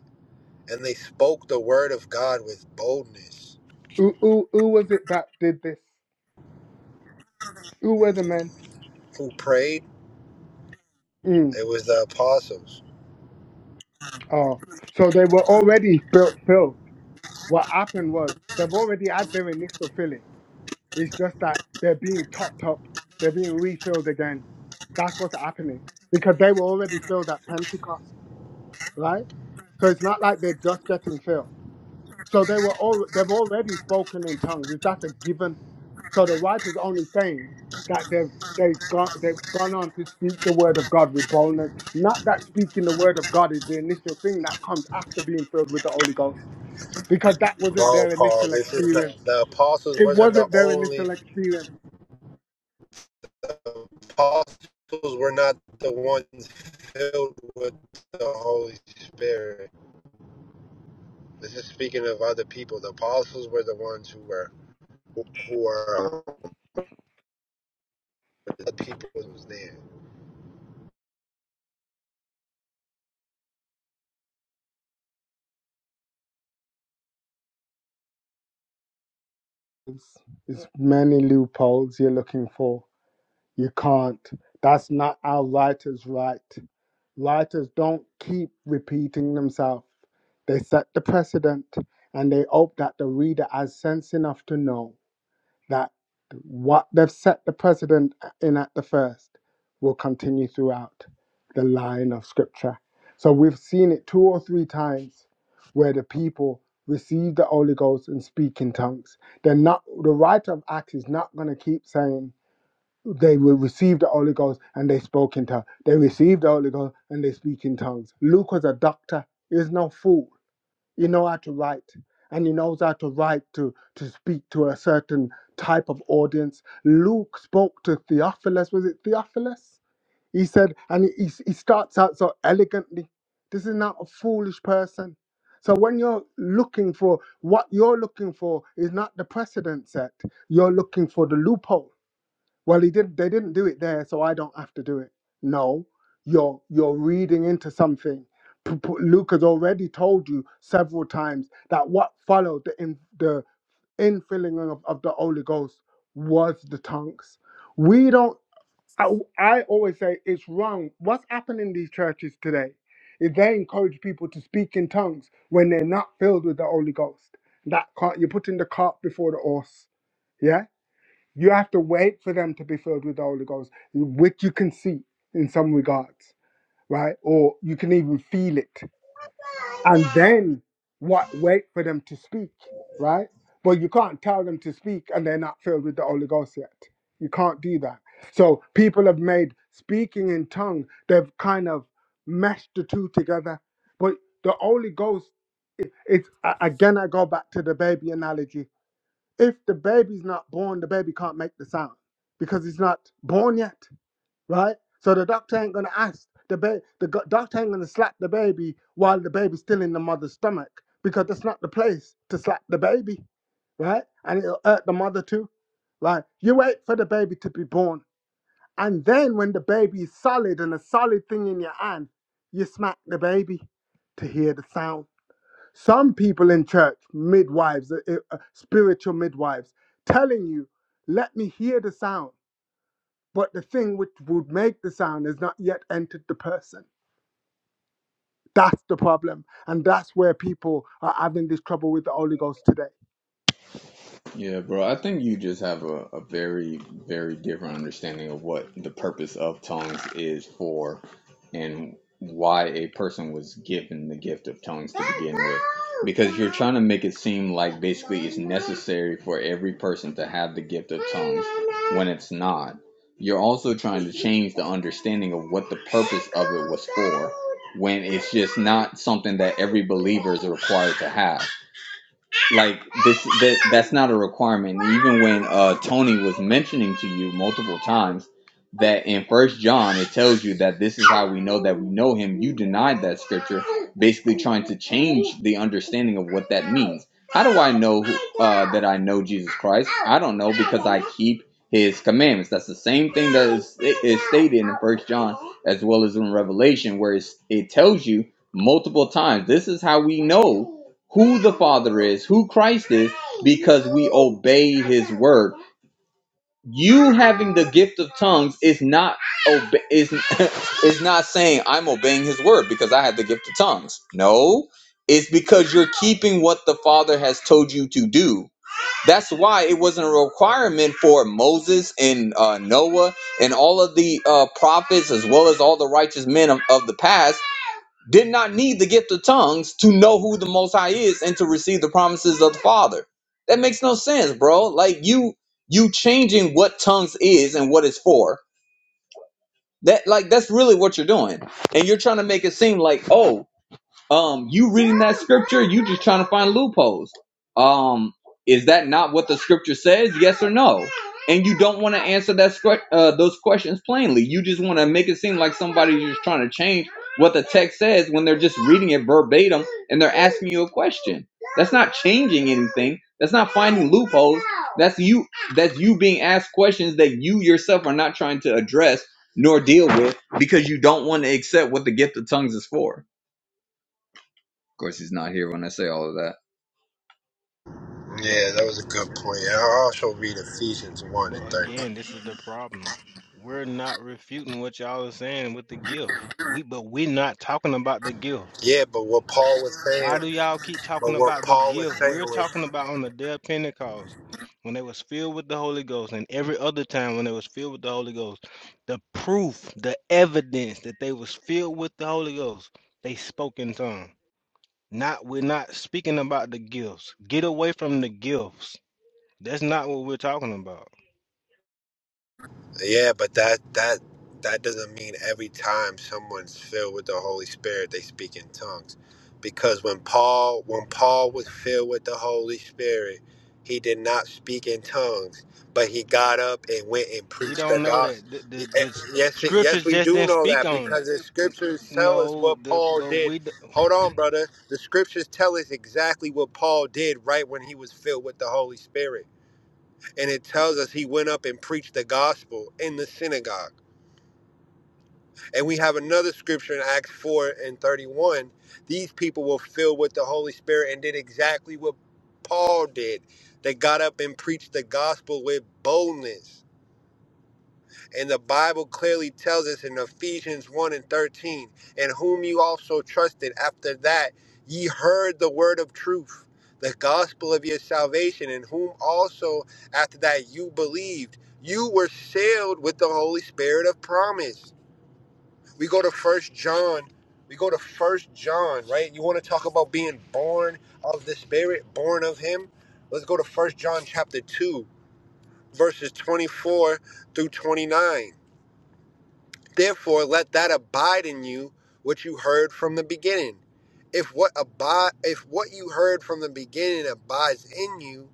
Speaker 18: and they spoke the word of God with boldness.
Speaker 12: Who, who, who was it that did this? Who were the men?
Speaker 18: Who prayed?
Speaker 12: Hmm.
Speaker 18: It was the apostles.
Speaker 12: Oh, so they were already built, filled. What happened was they've already had their initial filling. It's just that they're being topped up. They're being refilled again. That's what's happening because they were already filled at Pentecost, right? So it's not like they're just getting filled. So they were all they've already spoken in tongues. Is that a given? So the writer's only saying that they've they've gone they've gone on to speak the word of God with boldness. Not that speaking the word of God is the initial thing that comes after being filled with the Holy Ghost. Because that wasn't
Speaker 18: No,
Speaker 12: their
Speaker 18: Paul,
Speaker 12: initial
Speaker 18: this is not
Speaker 12: experience.
Speaker 18: the apostles
Speaker 12: It
Speaker 18: wasn't the
Speaker 12: wasn't their
Speaker 18: only
Speaker 12: initial experience.
Speaker 18: the apostles were not the ones filled with the Holy Spirit. This is speaking of other people. The apostles were the ones who were who the people who was there.
Speaker 12: It's, it's many loopholes you're looking for. You can't. That's not how writers write. Writers don't keep repeating themselves. They set the precedent and they hope that the reader has sense enough to know that what they've set the precedent in at the first will continue throughout the line of scripture. So we've seen it two or three times where the people receive the Holy Ghost and speak in tongues. They're not the writer of Acts is not going to keep saying they will receive the Holy Ghost and they spoke in tongues. They received the Holy Ghost and they speak in tongues. Luke was a doctor. He was no fool. He knows how to write. And he knows how to write to, to speak to a certain type of audience. Luke spoke to Theophilus. Was it Theophilus? He said, and he, he starts out so elegantly. This is not a foolish person. So when you're looking for what you're looking for is not the precedent set. You're looking for the loophole well, he did. They didn't do it there, so I don't have to do it. No, you're you're reading into something. P- p- Luke has already told you several times that what followed the in, the infilling of, of the Holy Ghost was the tongues. We don't. I, I always say it's wrong. What's happening in these churches today is they encourage people to speak in tongues when they're not filled with the Holy Ghost. That cart, you're putting the cart before the horse. Yeah you have to wait for them to be filled with the Holy Ghost, which you can see in some regards, right? Or you can even feel it. And then what wait for them to speak, right? But you can't tell them to speak and they're not filled with the Holy Ghost yet. You can't do that. So people have made speaking in tongue, they've kind of meshed the two together. But the Holy Ghost, it's a- again, I go back to the baby analogy if the baby's not born, the baby can't make the sound because it's not born yet, right? So the doctor ain't gonna ask the baby. the go- doctor ain't gonna slap the baby while the baby's still in the mother's stomach because that's not the place to slap the baby, right? And it'll hurt the mother too, right? You wait for the baby to be born, and then when the baby is solid and a solid thing in your hand, you smack the baby to hear the sound some people in church, midwives, uh, uh, uh, spiritual midwives, telling you, let me hear the sound, but the thing which would make the sound has not yet entered the person. That's the problem. And that's where people are having this trouble with the Holy Ghost today.
Speaker 15: Yeah, bro. I think you just have a, a very, very different understanding of what the purpose of tongues is for and why a person was given the gift of tongues to begin with. Because you're trying to make it seem like basically it's necessary for every person to have the gift of tongues when it's not. You're also trying to change the understanding of what the purpose of it was for when it's just not something that every believer is required to have like this that, that's not a requirement even when uh tony was mentioning to you multiple times that in first john it tells you that this is how we know that we know him you denied that scripture basically trying to change the understanding of what that means how do i know uh, that i know jesus christ i don't know because i keep his commandments that's the same thing that is, is stated in first john as well as in revelation where it's, it tells you multiple times this is how we know who the Father is, who Christ is, because we obey His word. You having the gift of tongues is not obe- is <laughs> is not saying I'm obeying His word because I have the gift of tongues. No, it's because you're keeping what the Father has told you to do. That's why it wasn't a requirement for Moses and uh, Noah and all of the uh, prophets, as well as all the righteous men of, of the past did not need the gift of tongues to know who the most high is and to receive the promises of the father that makes no sense bro like you you changing what tongues is and what it's for that like that's really what you're doing and you're trying to make it seem like oh um, you reading that scripture, you just trying to find loopholes. Um, is that not what the scripture says? Yes or no? And you don't want to answer that scr- uh, those questions plainly. You just want to make it seem like somebody's just trying to change what the text says when they're just reading it verbatim and they're asking you a question. That's not changing anything. That's not finding loopholes. That's you. That's you being asked questions that you yourself are not trying to address nor deal with because you don't want to accept what the gift of tongues is for. Of course, he's not here when I say all of that.
Speaker 18: Yeah, that was a good point. I also read Ephesians one and
Speaker 16: But
Speaker 18: thirteen.
Speaker 16: again, this is the problem. We're not refuting what y'all are saying with the gift. We but we're not talking about the gift.
Speaker 18: Yeah, but what Paul was saying,
Speaker 16: Why do y'all keep
Speaker 18: but
Speaker 16: talking
Speaker 18: what
Speaker 16: about the
Speaker 18: Paul was
Speaker 16: gift?
Speaker 18: saying
Speaker 16: We're
Speaker 18: was
Speaker 16: talking about on the day of Pentecost when they was filled with the Holy Ghost and every other time when they was filled with the Holy Ghost. The proof, the evidence that they was filled with the Holy Ghost, they spoke in tongues. Not we're not speaking about the gifts. Get away from the gifts. That's not what we're talking about.
Speaker 18: Yeah, but that that that doesn't mean every time someone's filled with the Holy Spirit they speak in tongues. Because when Paul when Paul was filled with the Holy Spirit, he did not speak in tongues, but he got up and went and
Speaker 16: We
Speaker 18: preached the
Speaker 16: don't know
Speaker 18: gospel.
Speaker 16: that. The,
Speaker 18: Y-
Speaker 16: the,
Speaker 18: eh,
Speaker 16: the s-
Speaker 18: Yes, it- yes,
Speaker 16: scriptures
Speaker 18: we
Speaker 16: just
Speaker 18: do
Speaker 16: didn't
Speaker 18: know
Speaker 16: speak
Speaker 18: that
Speaker 16: on it.
Speaker 18: because the
Speaker 16: N-
Speaker 18: scriptures tell us
Speaker 16: No,
Speaker 18: what
Speaker 16: the,
Speaker 18: Paul
Speaker 16: but
Speaker 18: did.
Speaker 16: we
Speaker 18: Hold on, brother. The scriptures tell us exactly what Paul did right when he was filled with the Holy Spirit and it tells us he went up and preached the gospel in the synagogue. And we have another scripture in Acts 4 and 31. These people were filled with the Holy Spirit and did exactly what Paul did. They got up and preached the gospel with boldness. And the Bible clearly tells us in Ephesians 1 and 13, in whom you also trusted after that ye heard the word of truth, the gospel of your salvation, in whom also after that you believed. You were sealed with the Holy Spirit of promise. We go to First John. We go to First John, right? You want to talk about being born of the Spirit, born of Him? Let's go to First John chapter 2, verses 24 through 29. Therefore, let that abide in you which you heard from the beginning. If what abide, if what you heard from the beginning abides in you,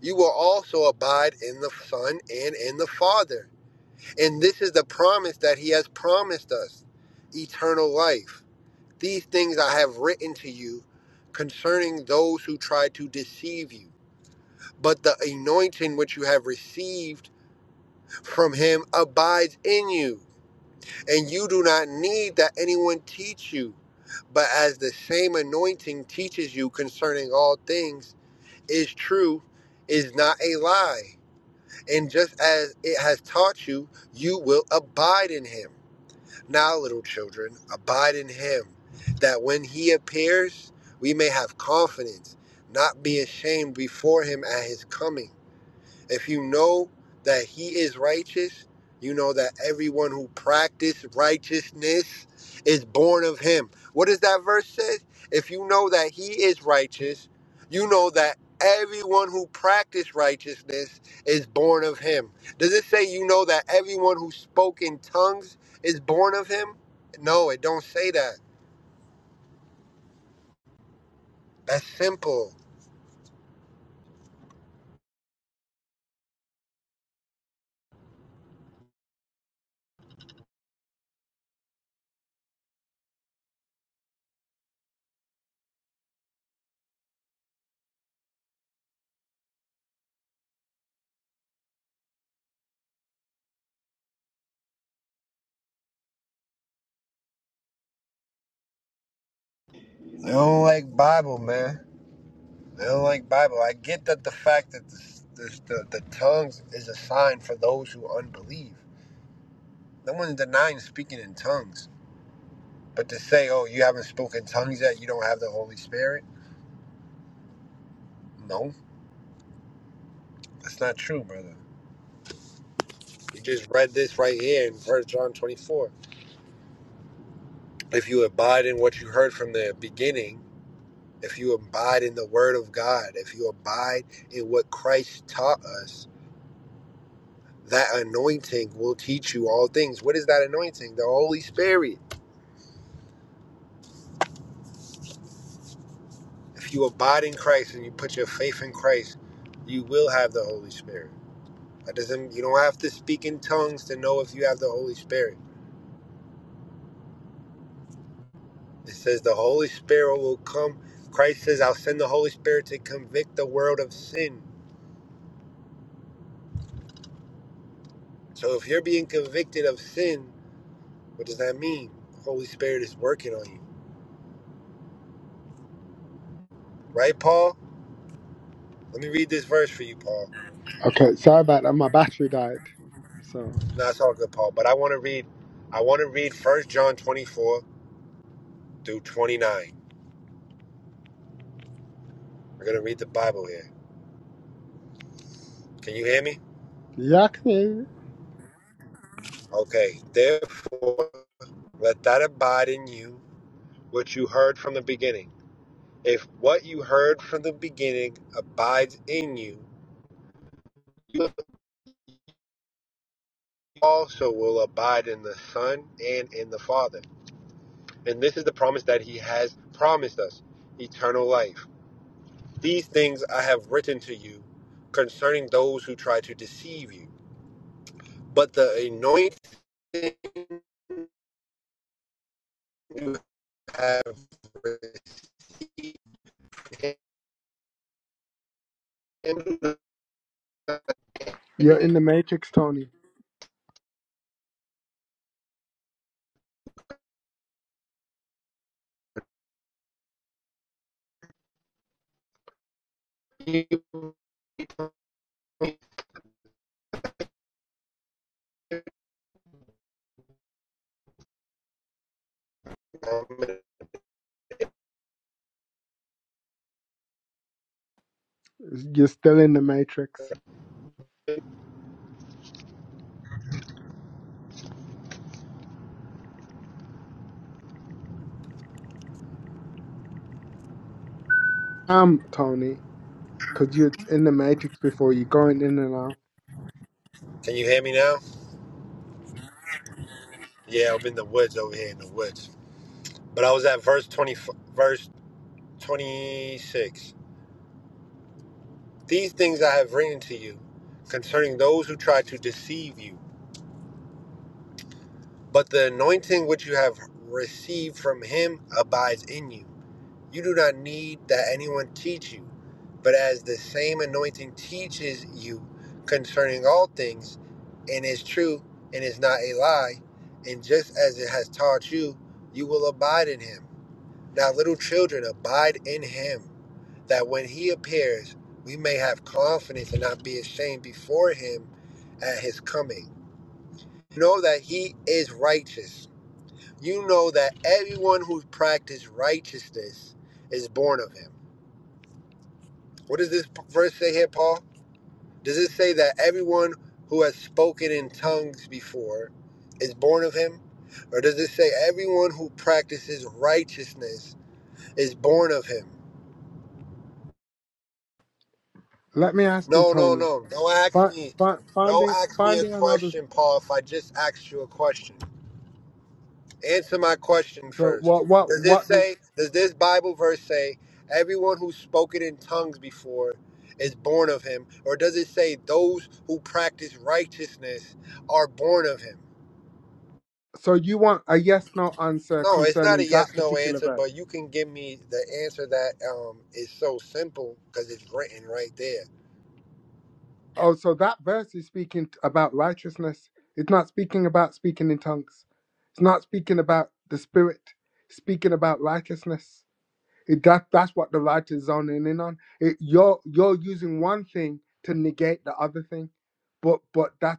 Speaker 18: you will also abide in the Son and in the Father. And this is the promise that He has promised us: eternal life. These things I have written to you concerning those who try to deceive you. But the anointing which you have received from Him abides in you and you do not need that anyone teach you. But as the same anointing teaches you concerning all things is true, is not a lie. And just as it has taught you, you will abide in him. Now, little children, abide in him, that when he appears, we may have confidence, not be ashamed before him at his coming. If you know that he is righteous, you know that everyone who practices righteousness is born of him. What does that verse say? If you know that he is righteous, you know that everyone who practices righteousness is born of him. Does it say you know that everyone who spoke in tongues is born of him? No, it don't say that. That's simple. I don't like Bible, man. They don't like Bible. I get that the fact that this, this, the, the tongues is a sign for those who unbelieve. No one's denying speaking in tongues. But to say, oh, you haven't spoken tongues yet, you don't have the Holy Spirit? No, that's not true, brother. You just read this right here in First John 24. If you abide in what you heard from the beginning, if you abide in the Word of God, if you abide in what Christ taught us, that anointing will teach you all things. What is that anointing? The Holy Spirit. If you abide in Christ and you put your faith in Christ, you will have the Holy Spirit. That doesn't you don't have to speak in tongues to know if you have the Holy Spirit. It says the Holy Spirit will come. Christ says, I'll send the Holy Spirit to convict the world of sin. So if you're being convicted of sin, what does that mean? The Holy Spirit is working on you. Right, Paul? Let me read this verse for you, Paul.
Speaker 12: Okay, sorry about that. My battery died. So,
Speaker 18: No, it's all good, Paul. But I want to read I want to read First John 24 through 29. We're going to read the Bible here. Can you hear me?
Speaker 12: yeah, I can hear you.
Speaker 18: Okay, therefore, let that abide in you which you heard from the beginning. If what you heard from the beginning abides in you, you also will abide in the Son and in the Father. And this is the promise that He has promised us eternal life. These things I have written to you concerning those who try to deceive you. But the anointing you have with
Speaker 12: You're in the matrix, Tony. You're still in the matrix. Um, Tony, because you're in the matrix before you're going in and out.
Speaker 18: Can you hear me now? Yeah, I'm in the woods over here in the woods. But I was at verse 20, verse 26. These things I have written to you concerning those who try to deceive you. But the anointing which you have received from him abides in you. You do not need that anyone teach you, but as the same anointing teaches you concerning all things, and is true and is not a lie, and just as it has taught you, you will abide in him. Now, little children, abide in him that when he appears, we may have confidence and not be ashamed before him at his coming. You Know that he is righteous. You know that everyone who practices righteousness is born of him. What does this verse say here, Paul? Does it say that everyone who has spoken in tongues before is born of him? Or does it say everyone who practices righteousness is born of him?
Speaker 12: Let me ask you,
Speaker 18: No, no,
Speaker 12: Tony.
Speaker 18: no. Don't ask
Speaker 12: Fi-
Speaker 18: me.
Speaker 12: fi-
Speaker 18: Don't
Speaker 12: finding
Speaker 18: ask me a
Speaker 12: finding another.
Speaker 18: question, Paul. If I just asked you a question, answer my question
Speaker 12: So
Speaker 18: first.
Speaker 12: what what
Speaker 18: Does this
Speaker 12: what? The,
Speaker 18: say? Does this Bible verse say everyone who's spoken in tongues before is born of him, or does it say those who practice righteousness are born of him?
Speaker 12: so you want a yes no answer
Speaker 18: No, it's not a
Speaker 12: concerning that
Speaker 18: yes no
Speaker 12: particular
Speaker 18: answer,
Speaker 12: verse?
Speaker 18: but you can give me the answer that um, is so simple because it's written right there.
Speaker 12: Oh, so that verse is speaking t- about righteousness. It's not speaking about speaking in tongues. It's not speaking about the spirit. It's speaking about righteousness. It, that that's what the writer's zoning in on. It, you're you're using one thing to negate the other thing, but but that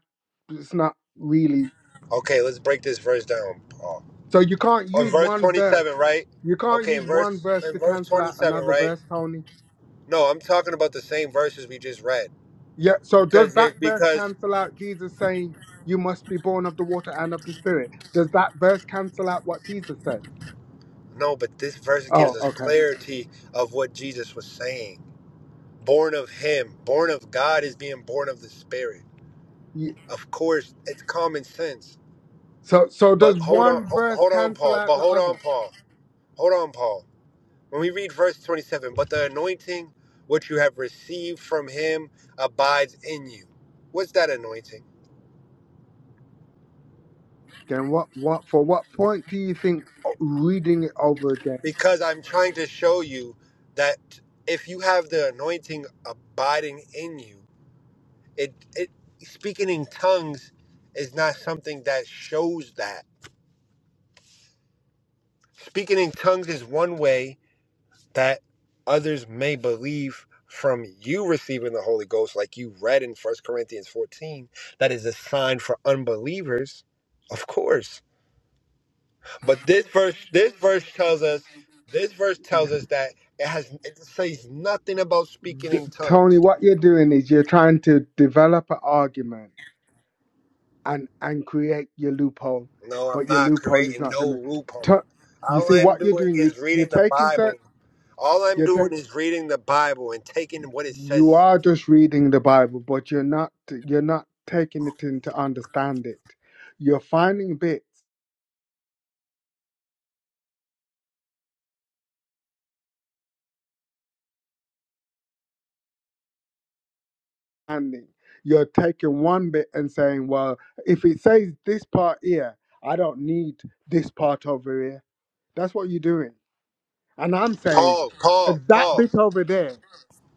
Speaker 12: it's not really.
Speaker 18: Okay, let's break this verse down. Paul.
Speaker 12: So you can't
Speaker 18: on
Speaker 12: use
Speaker 18: verse
Speaker 12: one verse
Speaker 18: 27, right?
Speaker 12: You can't
Speaker 18: Okay, in
Speaker 12: use one
Speaker 18: verse
Speaker 12: verse
Speaker 18: in
Speaker 12: to
Speaker 18: verse
Speaker 12: cancel out
Speaker 18: 27,
Speaker 12: another
Speaker 18: right?
Speaker 12: verse, Tony.
Speaker 18: No, I'm talking about the same verses we just read
Speaker 12: Yeah, so does
Speaker 18: because they-
Speaker 12: that verse
Speaker 18: because
Speaker 12: cancel out Jesus saying, You must be born of the water and of the spirit? Does that verse cancel out what Jesus said?
Speaker 18: no, but this verse gives
Speaker 12: Oh,
Speaker 18: us
Speaker 12: okay.
Speaker 18: clarity of what Jesus was saying. Born of Him, born of God, is being born of the Spirit.
Speaker 12: Ye-
Speaker 18: Of course, it's common sense.
Speaker 12: So so
Speaker 18: But
Speaker 12: does
Speaker 18: hold on,
Speaker 12: one
Speaker 18: ho-
Speaker 12: verse
Speaker 18: hold on,
Speaker 12: cancel
Speaker 18: Paul.
Speaker 12: out
Speaker 18: But
Speaker 12: the
Speaker 18: hold on,
Speaker 12: other?
Speaker 18: Paul. Hold on, Paul. When we read verse 27, but the anointing which you have received from Him abides in you. What's that anointing?
Speaker 12: Again, what what for what point do you think o- reading it over again?
Speaker 18: because I'm trying to show you that if you have the anointing abiding in you, it it speaking in tongues is not something that shows that. Speaking in tongues is one way that others may believe from you receiving the Holy Ghost, like you read in First Corinthians 14, that is a sign for unbelievers, of course But this verse, this verse tells us, this verse tells us that it has, it says nothing about speaking
Speaker 12: D-
Speaker 18: in
Speaker 12: Tony,
Speaker 18: tongues.
Speaker 12: what you're doing is you're trying to develop an argument and and create your loophole,
Speaker 18: No, I'm
Speaker 12: but your
Speaker 18: not
Speaker 12: loophole is
Speaker 18: creating
Speaker 12: not
Speaker 18: no
Speaker 12: gonna.
Speaker 18: loophole.
Speaker 12: tu- you
Speaker 18: All
Speaker 12: see
Speaker 18: I'm
Speaker 12: what you're
Speaker 18: doing
Speaker 12: doing. You,
Speaker 18: is
Speaker 12: you're
Speaker 18: reading the
Speaker 12: taking cert.
Speaker 18: Bible. All I'm
Speaker 12: You're
Speaker 18: doing
Speaker 12: take.
Speaker 18: is reading the Bible and taking what it
Speaker 12: You
Speaker 18: says.
Speaker 12: are just reading the Bible, but you're not. You're not taking it in to understand it. You're finding bits, understanding. You're taking one bit and saying, "Well, if it says this part here, I don't need this part over here." That's what you're doing, and I'm saying
Speaker 18: Paul,
Speaker 12: uh,
Speaker 18: Paul,
Speaker 12: that
Speaker 18: Paul,
Speaker 12: bit over there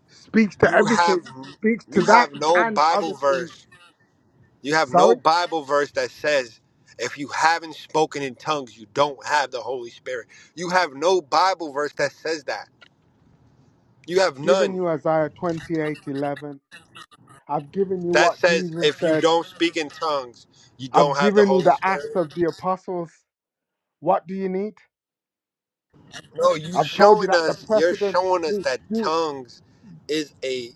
Speaker 12: Speaks to
Speaker 18: you have,
Speaker 12: everything. Speaks to
Speaker 18: you
Speaker 12: that
Speaker 18: have no
Speaker 12: and
Speaker 18: Bible
Speaker 12: other things.
Speaker 18: verse. You have no
Speaker 12: Sorry?
Speaker 18: Bible verse that says if you haven't spoken in tongues, you don't have the Holy Spirit. You have no Bible verse that says that. You have
Speaker 12: given
Speaker 18: none.
Speaker 12: you Isaiah twenty-eight eleven. I've given you
Speaker 18: That
Speaker 12: what
Speaker 18: says
Speaker 12: Jesus
Speaker 18: if you
Speaker 12: said.
Speaker 18: don't speak in tongues, you don't
Speaker 12: I've
Speaker 18: have the
Speaker 12: given you
Speaker 18: Holy
Speaker 12: the Acts
Speaker 18: Spirit.
Speaker 12: of the Apostles. What do you need?
Speaker 18: No, you
Speaker 12: I've told you
Speaker 18: showing
Speaker 12: that the
Speaker 18: us, you're
Speaker 12: precedent.
Speaker 18: showing us
Speaker 12: Do,
Speaker 18: that
Speaker 12: do,
Speaker 18: tongues is a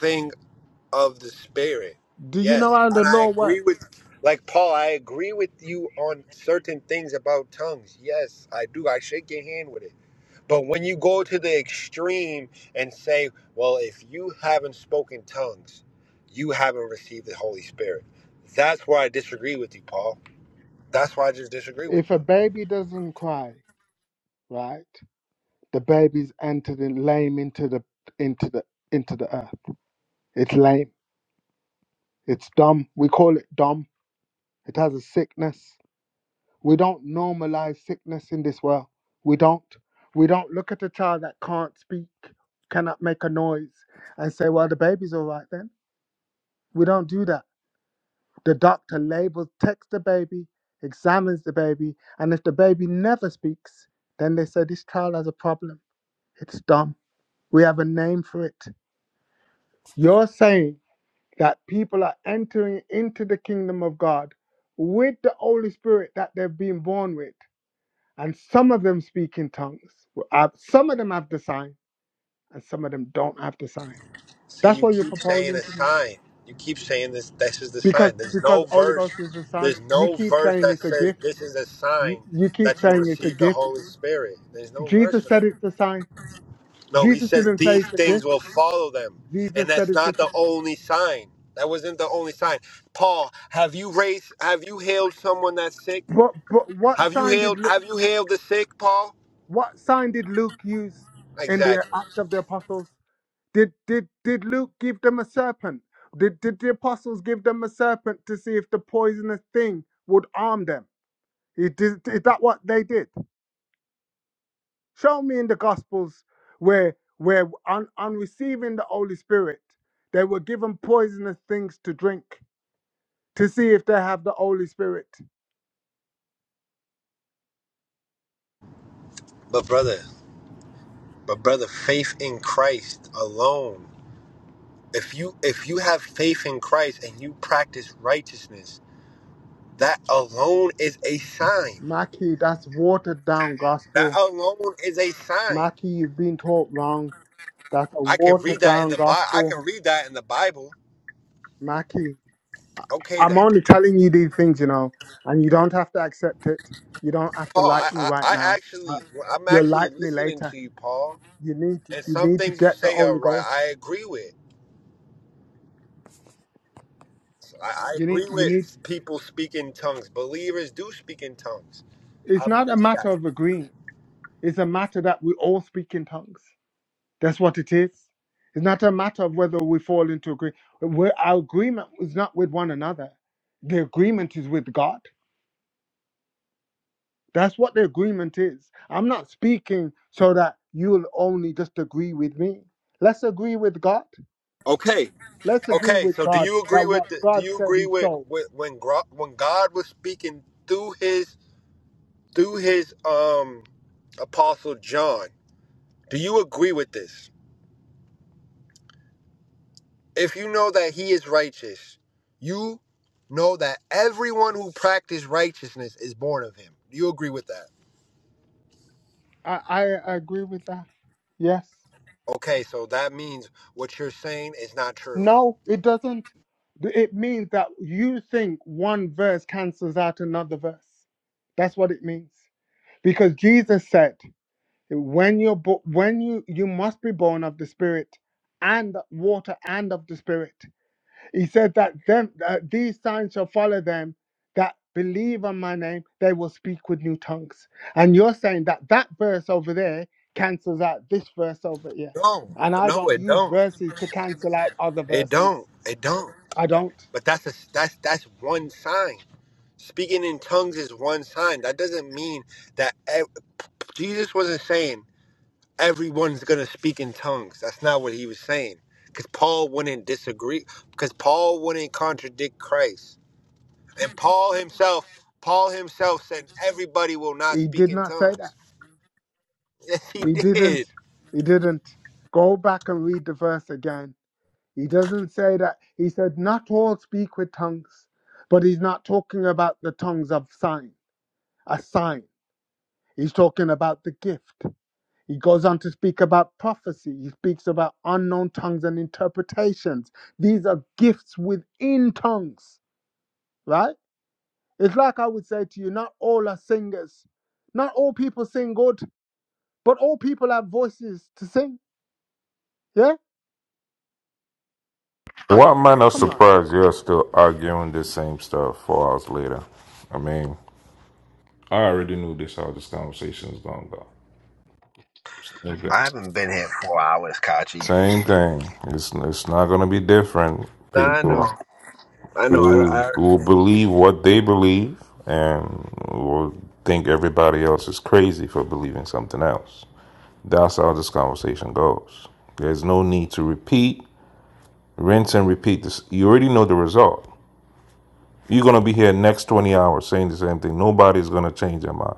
Speaker 18: thing of the spirit.
Speaker 12: do you know
Speaker 18: Yes.
Speaker 12: how the
Speaker 18: And I
Speaker 12: law
Speaker 18: agree
Speaker 12: works?
Speaker 18: with like Paul, I agree with you on certain things about tongues. Yes, I do. I shake your hand with it. But when you go to the extreme and say, well, if you haven't spoken tongues, you haven't received the Holy Spirit. That's why I disagree with you, Paul. That's why I just disagree
Speaker 12: If
Speaker 18: with
Speaker 12: a
Speaker 18: you.
Speaker 12: baby doesn't cry, right, the baby's entered in lame into the into the into the earth. It's lame. It's dumb. We call it dumb. It has a sickness. We don't normalize sickness in this world. We don't. We don't look at a child that can't speak, cannot make a noise, and say, well, the baby's all right then. We don't do that. The doctor labels, texts the baby, examines the baby, and if the baby never speaks, then they say, this child has a problem. It's dumb. We have a name for it. You're saying that people are entering into the kingdom of God with the Holy Spirit that they've been born with and some of them speak in tongues. Well, uh, Some of them have the sign, and some of them don't have the sign.
Speaker 18: See,
Speaker 12: That's
Speaker 18: you
Speaker 12: what you're
Speaker 18: keep saying a
Speaker 12: proposing to me,
Speaker 18: sign. You keep saying this this is the
Speaker 12: because
Speaker 18: sign. There's
Speaker 12: because
Speaker 18: no
Speaker 12: Holy
Speaker 18: verse
Speaker 12: Ghost is a sign.
Speaker 18: there's
Speaker 12: You
Speaker 18: no
Speaker 12: keep
Speaker 18: verse
Speaker 12: saying
Speaker 18: that
Speaker 12: it's a
Speaker 18: says
Speaker 12: gift.
Speaker 18: this is a
Speaker 12: You,
Speaker 18: sign
Speaker 12: you keep
Speaker 18: that you
Speaker 12: saying it's a
Speaker 18: receive the
Speaker 12: gift.
Speaker 18: Holy Spirit. There's no verse
Speaker 12: Jesus
Speaker 18: for
Speaker 12: said
Speaker 18: that.
Speaker 12: it's a sign.
Speaker 18: No, he
Speaker 12: Jesus
Speaker 18: says
Speaker 12: didn't say
Speaker 18: these
Speaker 12: it's a
Speaker 18: things
Speaker 12: gift.
Speaker 18: will follow them. And
Speaker 12: Jesus said
Speaker 18: that's
Speaker 12: it's a
Speaker 18: not the
Speaker 12: sign.
Speaker 18: only sign. That wasn't the only sign. Paul, have you raised have you healed someone that's sick?
Speaker 12: But but what
Speaker 18: Have you
Speaker 12: sign did
Speaker 18: healed
Speaker 12: Lu-
Speaker 18: have you healed the sick, Paul?
Speaker 12: what sign did Luke use in the
Speaker 18: Exactly.
Speaker 12: Acts of the Apostles? Did did did Luke give them a serpent? Did did the apostles give them a serpent to see if the poisonous thing would harm them? Is, is, is that what they did? Show me in the Gospels where where on, on receiving the Holy Spirit they were given poisonous things to drink to see if they have the Holy Spirit.
Speaker 18: But brother, but brother, faith in Christ alone. If you if you have faith in Christ and you practice righteousness, that alone is a sign.
Speaker 12: Mackie, that's watered down
Speaker 18: That
Speaker 12: gospel.
Speaker 18: alone is a sign.
Speaker 12: Mackie, you've been taught wrong. That's a
Speaker 18: I can read
Speaker 12: watered
Speaker 18: that in
Speaker 12: down
Speaker 18: the Bible. I
Speaker 12: gospel.
Speaker 18: can read that in the Bible.
Speaker 12: Mackie.
Speaker 18: Okay
Speaker 12: I'm
Speaker 18: then.
Speaker 12: only telling you these things, you know, and you don't have to accept it. You don't have to
Speaker 18: Paul, I,
Speaker 12: like me
Speaker 18: I,
Speaker 12: right
Speaker 18: I
Speaker 12: now. Uh,
Speaker 18: actually, I'm
Speaker 12: you'll
Speaker 18: actually
Speaker 12: like me
Speaker 18: listening
Speaker 12: later.
Speaker 18: to you, Paul,
Speaker 12: You need
Speaker 18: and
Speaker 12: you
Speaker 18: some
Speaker 12: need to
Speaker 18: things you
Speaker 12: get the
Speaker 18: say are
Speaker 12: Holy
Speaker 18: right.
Speaker 12: Ghost.
Speaker 18: I agree with. I, I
Speaker 12: You
Speaker 18: agree
Speaker 12: need you need.
Speaker 18: with people speaking tongues. Believers do speak in tongues. I
Speaker 12: It's not a
Speaker 18: believe
Speaker 12: matter
Speaker 18: that.
Speaker 12: of agreeing. It's a matter that we all speak in tongues. That's what it is. It's not a matter of whether we fall into agree. we our agreement is not with one another. The agreement is with God. That's what the agreement is. I'm not speaking so that you'll only just agree with me. Let's agree with God.
Speaker 18: Okay,
Speaker 12: Let's agree
Speaker 18: okay.
Speaker 12: with
Speaker 18: So, do
Speaker 12: God
Speaker 18: you agree
Speaker 12: that
Speaker 18: with?
Speaker 12: what
Speaker 18: The, do
Speaker 12: God
Speaker 18: you
Speaker 12: said
Speaker 18: agree
Speaker 12: is
Speaker 18: with,
Speaker 12: so.
Speaker 18: with when Gro- when God was speaking through his through his um apostle John? Do you agree with this? If you know that he is righteous, you know that everyone who practices righteousness is born of him. Do you agree with that?
Speaker 12: I, I agree with that. Yes.
Speaker 18: Okay, so that means what you're saying is not true.
Speaker 12: No, it doesn't. It means that you think one verse cancels out another verse. That's what it means. Because Jesus said, when you're bo- when you you must be born of the Spirit and water and of the Spirit. He said that them uh, these signs shall follow them that believe on my name. They will speak with new tongues. And you're saying that that verse over there cancels out this verse over here.
Speaker 18: No,
Speaker 12: And I
Speaker 18: no,
Speaker 12: don't
Speaker 18: it
Speaker 12: use
Speaker 18: don't.
Speaker 12: verses to cancel out other
Speaker 18: It
Speaker 12: verses.
Speaker 18: don't. It don't.
Speaker 12: I don't.
Speaker 18: But that's a, that's that's one sign. Speaking in tongues is one sign. That doesn't mean that ev- Jesus wasn't saying everyone's gonna speak in tongues. That's not what he was saying. Because Paul wouldn't disagree. Because Paul wouldn't contradict Christ. And Paul himself, Paul himself said, everybody will not
Speaker 12: He
Speaker 18: speak
Speaker 12: did
Speaker 18: in
Speaker 12: not say that.
Speaker 18: tongues. <laughs> Yes, he
Speaker 12: He didn't.
Speaker 18: did.
Speaker 12: He didn't. Go back and read the verse again. He doesn't say that. He said, Not all speak with tongues, but he's not talking about the tongues of sign, a sign. He's talking about the gift. He goes on to speak about prophecy. He speaks about unknown tongues and interpretations. These are gifts within tongues, right? It's like I would say to you, not all are singers. Not all people sing good, but all people have voices to sing. Yeah?
Speaker 7: Why am I not
Speaker 12: Come on.
Speaker 7: surprised you're still arguing the same stuff four hours later? I mean, I already knew this how this conversation is going to go. Okay.
Speaker 18: I haven't been here four hours, Kachi.
Speaker 7: same thing. It's, it's not going to be different,
Speaker 18: I know.
Speaker 7: people.
Speaker 18: I know. I,
Speaker 7: who
Speaker 18: I
Speaker 7: will believe what they believe and will think everybody else is crazy for believing something else. That's how this conversation goes. There's no need to repeat, rinse and repeat this. You already know the result. You're going to be here next 20 hours saying the same thing. Nobody's going to change their mind.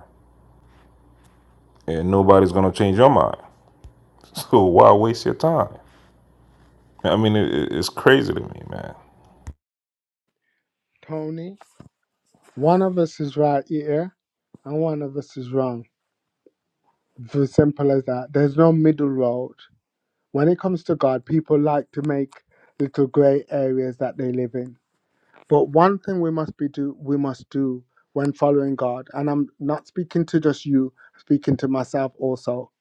Speaker 7: And nobody's going to change your mind. <laughs> So why waste your time? I mean, it, it's crazy to me, man.
Speaker 12: Tony, one of us is right here and one of us is wrong. It's as simple as that. There's no middle road. When it comes to God, people like to make little grey areas that they live in But one thing we must be do we must do when following God, and I'm not speaking to just you, I'm speaking to myself also.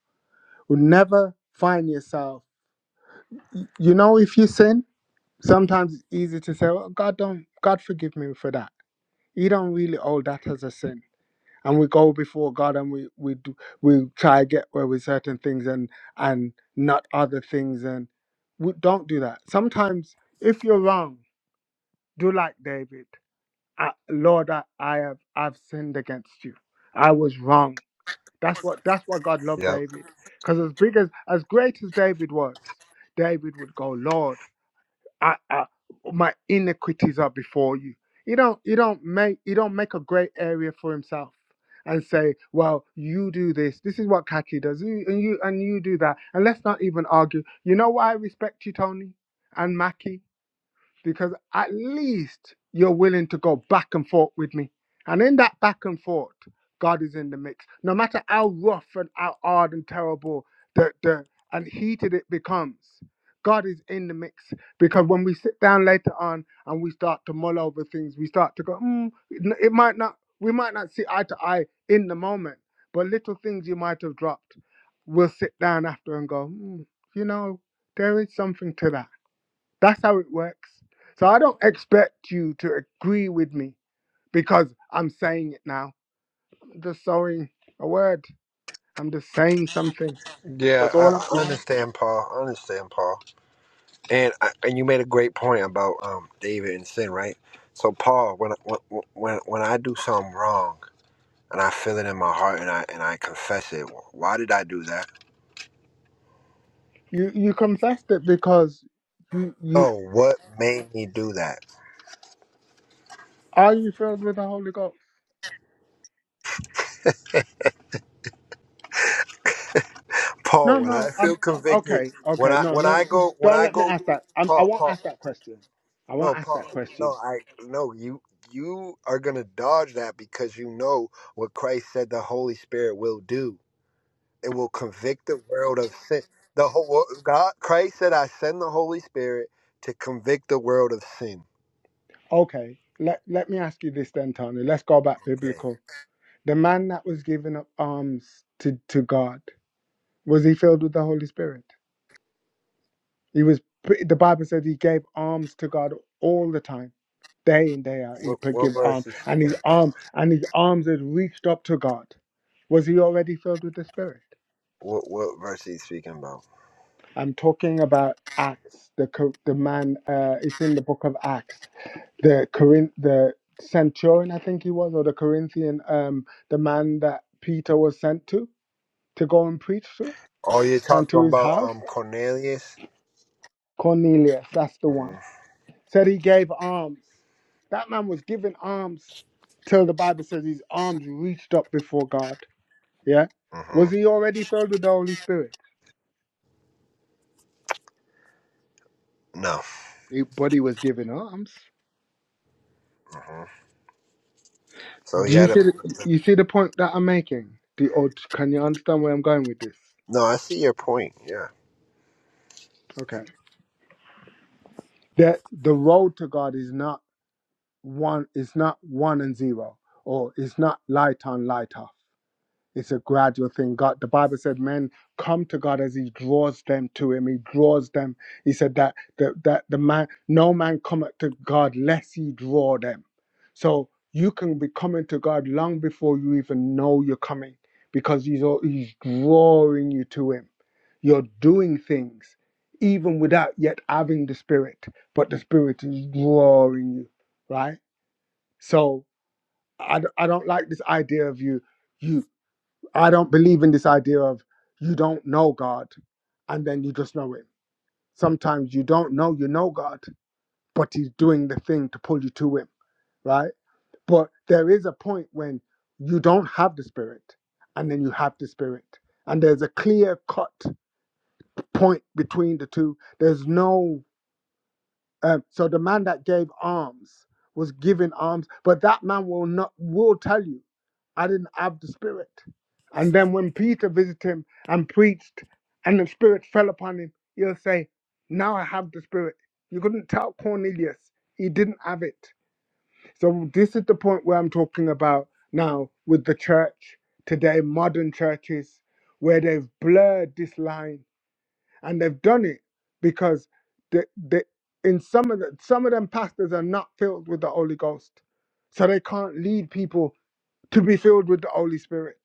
Speaker 12: Will never find yourself. You know, if you sin, sometimes it's easy to say, "Well, God don't, God forgive me for that." You don't really owe that as a sin, and we go before God and we we do, we try to get away with certain things and and not other things, and we don't do that. Sometimes if you're wrong, do like David I, Lord, I, I have I've sinned against you. I was wrong. That's what that's why God loved
Speaker 18: yep.
Speaker 12: David. Because as big as as great as David was, David would go, Lord, I, I my iniquities are before you. He don't he don't make he don't make a great area for himself and say, Well, you do this. This is what Kaki does. You, and you and you do that. And let's not even argue. You know why I respect you, Tony and Mackie? because at least you're willing to go back and forth with me. And in that back and forth, God is in the mix. No matter how rough and how hard and terrible the, the and heated it becomes, God is in the mix. Because when we sit down later on and we start to mull over things, we start to go, hmm, it n- it might not, we might not see eye to eye in the moment, but little things you might have dropped, we'll sit down after and go, hmm, you know, there is something to that that's how it works. So I don't expect you to agree with me because I'm saying it now. I'm just sowing a word. I'm just saying something.
Speaker 18: Yeah,
Speaker 12: That's all I'm
Speaker 18: I, I
Speaker 12: doing.
Speaker 18: understand, Paul. I understand, Paul. And I, and you made a great point about um David and sin, right? So, Paul, when I- when when when I do something wrong and I feel it in my heart and I and I confess it, why did I do that?
Speaker 12: You you confessed it because you you
Speaker 18: Oh, what made me do that?
Speaker 12: are you filled with the Holy Ghost?
Speaker 18: Paul,
Speaker 12: No,
Speaker 18: when I
Speaker 12: no.
Speaker 18: feel
Speaker 12: I'm
Speaker 18: convicted,
Speaker 12: okay.
Speaker 18: when
Speaker 12: Okay.
Speaker 18: I
Speaker 12: No,
Speaker 18: when I
Speaker 12: no.
Speaker 18: go when
Speaker 12: Don't
Speaker 18: I
Speaker 12: let me
Speaker 18: go
Speaker 12: ask that. I'm, I
Speaker 18: Paul,
Speaker 12: won't
Speaker 18: Paul,
Speaker 12: ask that question. I won't
Speaker 18: no,
Speaker 12: ask that
Speaker 18: Paul, no,
Speaker 12: question.
Speaker 18: I no, you you are gonna dodge that because you know what Christ said the Holy Spirit will do. It will convict the world of sin. The whole wo- God Christ said I send the Holy Spirit to convict the world of sin.
Speaker 12: Okay. Let let me ask you this then, Tony. Let's go back
Speaker 18: Okay.
Speaker 12: biblical. The man that was giving up arms to to God. Was he filled with the Holy Spirit? He was. The Bible says he gave alms to God all the time, day in day out. He
Speaker 18: What
Speaker 12: could
Speaker 18: what
Speaker 12: give
Speaker 18: verse
Speaker 12: alms,
Speaker 18: is
Speaker 12: and
Speaker 18: speaking
Speaker 12: his
Speaker 18: about?
Speaker 12: arm and his arms had reached up to God. Was he already filled with the Spirit?
Speaker 18: What what verse is speaking about?
Speaker 12: I'm talking about Acts. The co- the man. Uh, it's in the book of Acts. The Corinth. The centurion, I think he was, or the Corinthian. Um, the man that Peter was sent to to go and preach to,
Speaker 18: Oh, you're
Speaker 12: and
Speaker 18: talking
Speaker 12: to his
Speaker 18: about
Speaker 12: house,
Speaker 18: um Cornelius?
Speaker 12: Cornelius. That's the one
Speaker 18: hmm
Speaker 12: Said he gave alms. That man was giving alms till the Bible says his arms reached up before God. Yeah.
Speaker 18: hmm
Speaker 12: Was he already filled with the Holy Spirit?
Speaker 18: No.
Speaker 12: He, but he was giving alms.
Speaker 18: mm-hmm. So he
Speaker 12: Do you
Speaker 18: had him.
Speaker 12: see the, you see the point that I'm making? Do, or can you understand where I'm going with this?
Speaker 18: No, I see your point. Yeah.
Speaker 12: Okay. That the road to God is not one. It's not one and zero, or it's not light on light off. It's a gradual thing. God, the Bible said, men come to God as He draws them to Him. He draws them. He said that that, that the man, no man cometh to God lest He draw them. So you can be coming to God long before you even know you're coming, because He's al- He's drawing you to Him. You're doing things even without yet having the Spirit, but the Spirit is drawing you, right? So I, d- I don't like this idea of you. I don't believe in this idea of you don't know God and then you just know Him. Sometimes you don't know you know God, but He's doing the thing to pull you to Him, right? But there is a point when you don't have the Spirit and then you have the Spirit. And there's a clear cut point between the two. There's no, um, so the man that gave alms was giving alms, but that man will not, will tell you. I didn't have the Spirit. And then when Peter visited him and preached, and the Spirit fell upon him, he'll say, Now I have the Spirit. You couldn't tell Cornelius, he didn't have it. So, this is the point where I'm talking about now with the church today, modern churches, where they've blurred this line and they've done it because the, the, in some of the, some of them pastors are not filled with the Holy Ghost. So they can't lead people to be filled with the Holy Spirit.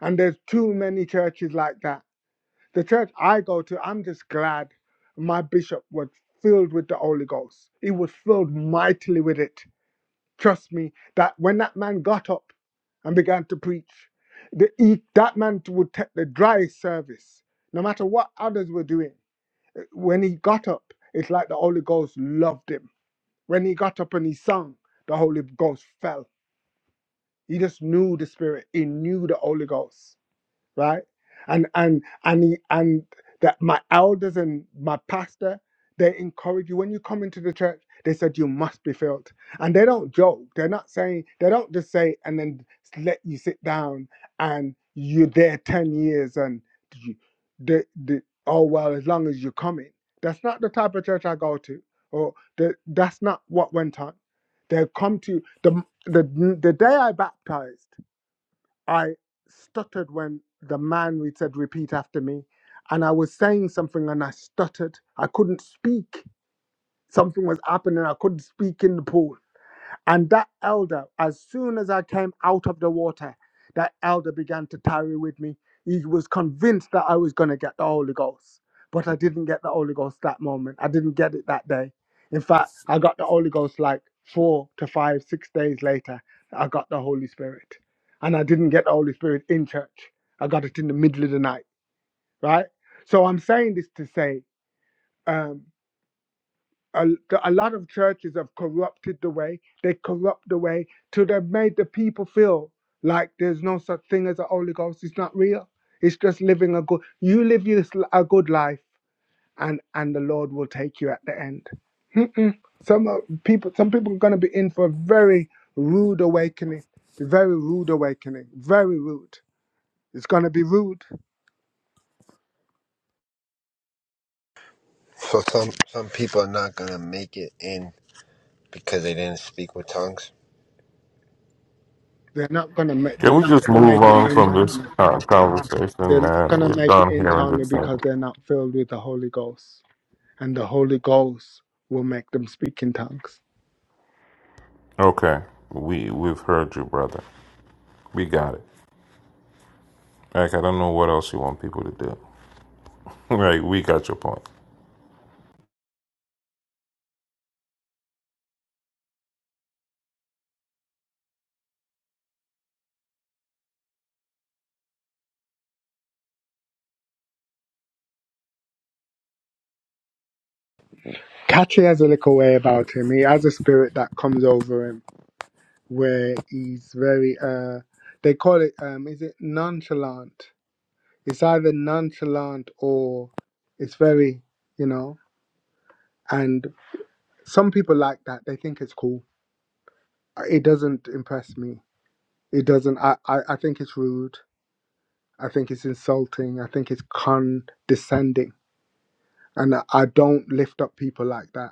Speaker 12: And there's too many churches like that. The church I go to, I'm just glad my bishop was filled with the Holy Ghost. He was filled mightily with it. Trust me, that when that man got up and began to preach, the, he, that man would take the driest service, no matter what others were doing. When he got up, it's like the Holy Ghost loved him. When he got up and he sung, the Holy Ghost fell. He just knew the Spirit. He knew the Holy Ghost. right? And and and he- and that my elders and my pastor, they encourage you when you come into the church. They said you must be filled, and they don't joke. They're not saying they don't just say and then let you sit down and you're there ten years and you, the the oh well as long as you're coming. That's not the type of church I go to, or the, that's not what went on. They come to the the the day I baptized. I stuttered when the man we said repeat after me, and I was saying something and I stuttered. I couldn't speak. Something was happening. I couldn't speak in the pool. And that elder, as soon as I came out of the water, that elder began to tarry with me. He was convinced that I was going to get the Holy Ghost, but I didn't get the Holy Ghost that moment. I didn't get it that day. In fact, I got the Holy Ghost like four to five, six days later. I got the Holy Spirit. And I didn't get the Holy Spirit in church, I got it in the middle of the night, right? So I'm saying this to say, um, a, a lot of churches have corrupted the way. They corrupt the way till they've made the people feel like there's no such thing as a Holy Ghost. It's not real. It's just living a good. You live your, s- a good life, and and the Lord will take you at the end. Some uh, people, some people are going to be in for a very rude awakening. Very rude awakening. Very rude. It's going to be rude.
Speaker 18: So some some people are not gonna make it in because they didn't speak with tongues.
Speaker 12: They're not going to make.
Speaker 7: Can
Speaker 12: They're
Speaker 7: we
Speaker 12: not
Speaker 7: just
Speaker 12: going to
Speaker 7: move
Speaker 12: make it
Speaker 7: on
Speaker 12: in,
Speaker 7: from this
Speaker 12: Tony.
Speaker 7: uh, conversation,
Speaker 12: They're not
Speaker 7: man?
Speaker 12: going to
Speaker 7: We're
Speaker 12: make it
Speaker 7: done
Speaker 12: in,
Speaker 7: hearing
Speaker 12: Tony,
Speaker 7: this thing.
Speaker 12: because they're not filled with the Holy Ghost and the Holy Ghost will make them speak in tongues.
Speaker 7: Okay. We we've heard you, brother. We got it. Like I don't know what else you want people to do. <laughs> Like we got your point.
Speaker 12: Catchy has a little way about him. He has a spirit that comes over him where he's very uh they call it um is it nonchalant? It's either nonchalant or it's very, you know, and some people like that. They think it's cool. It doesn't impress me. It doesn't I, I, I think it's rude. I think it's insulting. I think it's condescending. And I I don't lift up people like that.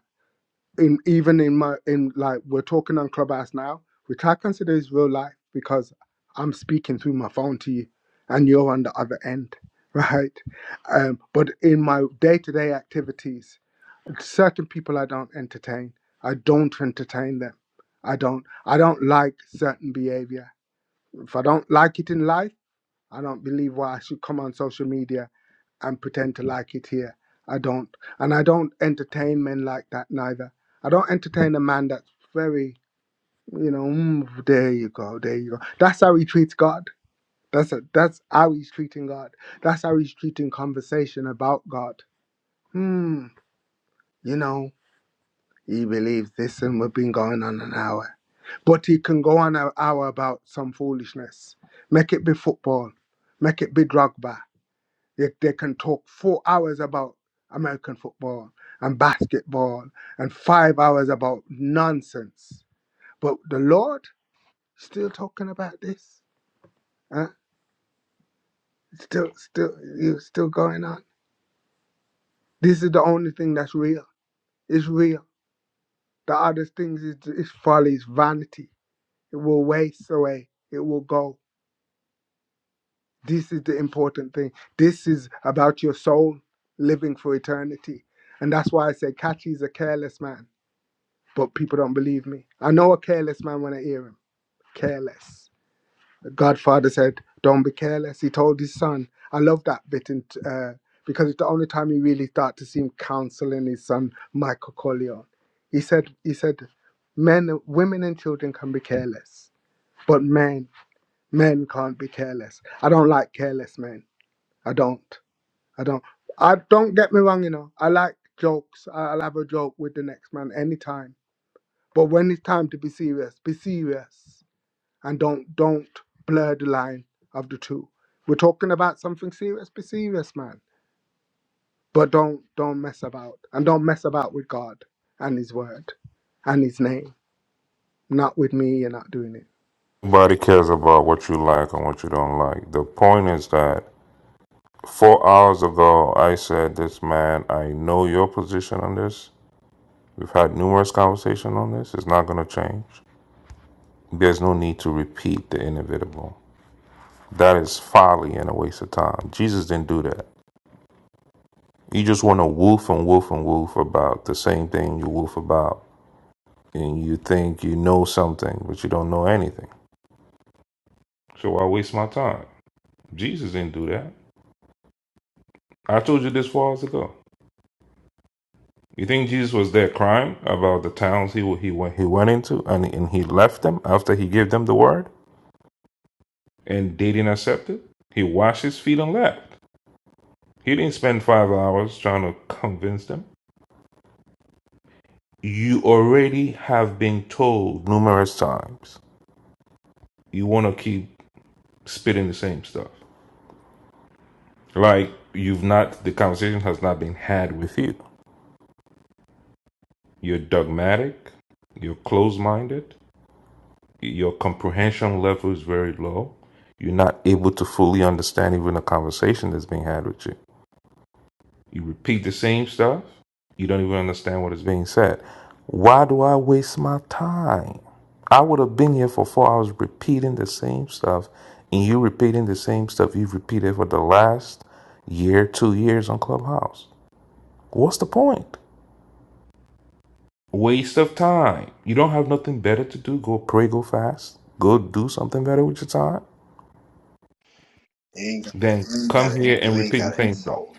Speaker 12: in even in my in like we're talking on Clubhouse now, which I consider is real life because I'm speaking through my phone to you, and you're on the other end, <laughs> right? Um, but in my day-to-day activities, certain people I don't entertain. I don't entertain them. I don't. I don't like certain behavior. If I don't like it in life, I don't believe why I should come on social media and pretend to like it here. I don't. And I don't entertain men like that neither. I don't entertain a man that's very, you know, mm, there you go, there you go. That's how he treats God. That's a, that's how he's treating God. That's how he's treating conversation about God. Hmm, you know, he believes this and we've been going on an hour. But he can go on an hour about some foolishness. Make it be football. Make it be drug They, they can talk four hours about American football and basketball and five hours about nonsense. But the Lord still talking about this. Huh? Still, still, you still going on. This is the only thing that's real. It's real. The other things is, is folly, is vanity. It will waste away. It will go. This is the important thing. This is about your soul living for eternity. And that's why I say, Kachi is a careless man. but people don't believe me. I know a careless man when I hear him. Careless. Godfather said, "Don't be careless." He told his son. I love that bit, in, uh, because it's the only time you really start to see him counseling his son, Michael Corleone. He said, "He said, men, women, and children can be careless, but men, men can't be careless. I don't like careless men. I don't. I don't. I don't get me wrong. You know, I like jokes. I- I'll have a joke with the next man anytime." But when it's time to be serious, be serious and don't don't blur the line of the two. We're talking about something serious, be serious, man. But don't don't mess about and don't mess about with God and His Word and His name. Not with me, you're not doing it.
Speaker 7: Nobody cares about what you like and what you don't like. The point is that four hours ago I said this man, I know your position on this. We've had numerous conversation on this. It's not gonna change. There's no need to repeat the inevitable. That is folly and a waste of time. Jesus didn't do that. You just want to woof and woof and woof about the same thing you woof about and you think you know something, but you don't know anything. So why waste my time? Jesus didn't do that. I told you this four hours ago. You think Jesus was there crying about the towns he he went he went into and and he left them after he gave them the word and they didn't accept it? He washed his feet and left. He didn't spend five hours trying to convince them. You already have been told numerous times. You want to keep spitting the same stuff. Like you've not the conversation has not been had with you. You're dogmatic. You're closed minded. Your comprehension level is very low. You're not able to fully understand even a conversation that's being had with you. You repeat the same stuff. You don't even understand what is being said. Why do I waste my time? I would have been here for four hours repeating the same stuff, and you repeating the same stuff you've repeated for the last year, two years on Clubhouse. What's the point? Waste of time. You don't have nothing better to do. Go pray, go fast. Go do something better with your time.
Speaker 18: You ain't gotta,
Speaker 7: Then
Speaker 18: you ain't
Speaker 7: come
Speaker 18: gotta,
Speaker 7: here
Speaker 18: you
Speaker 7: and
Speaker 18: ain't
Speaker 7: repeat the
Speaker 18: gotta
Speaker 7: same
Speaker 18: insult
Speaker 7: stuff.
Speaker 18: insult.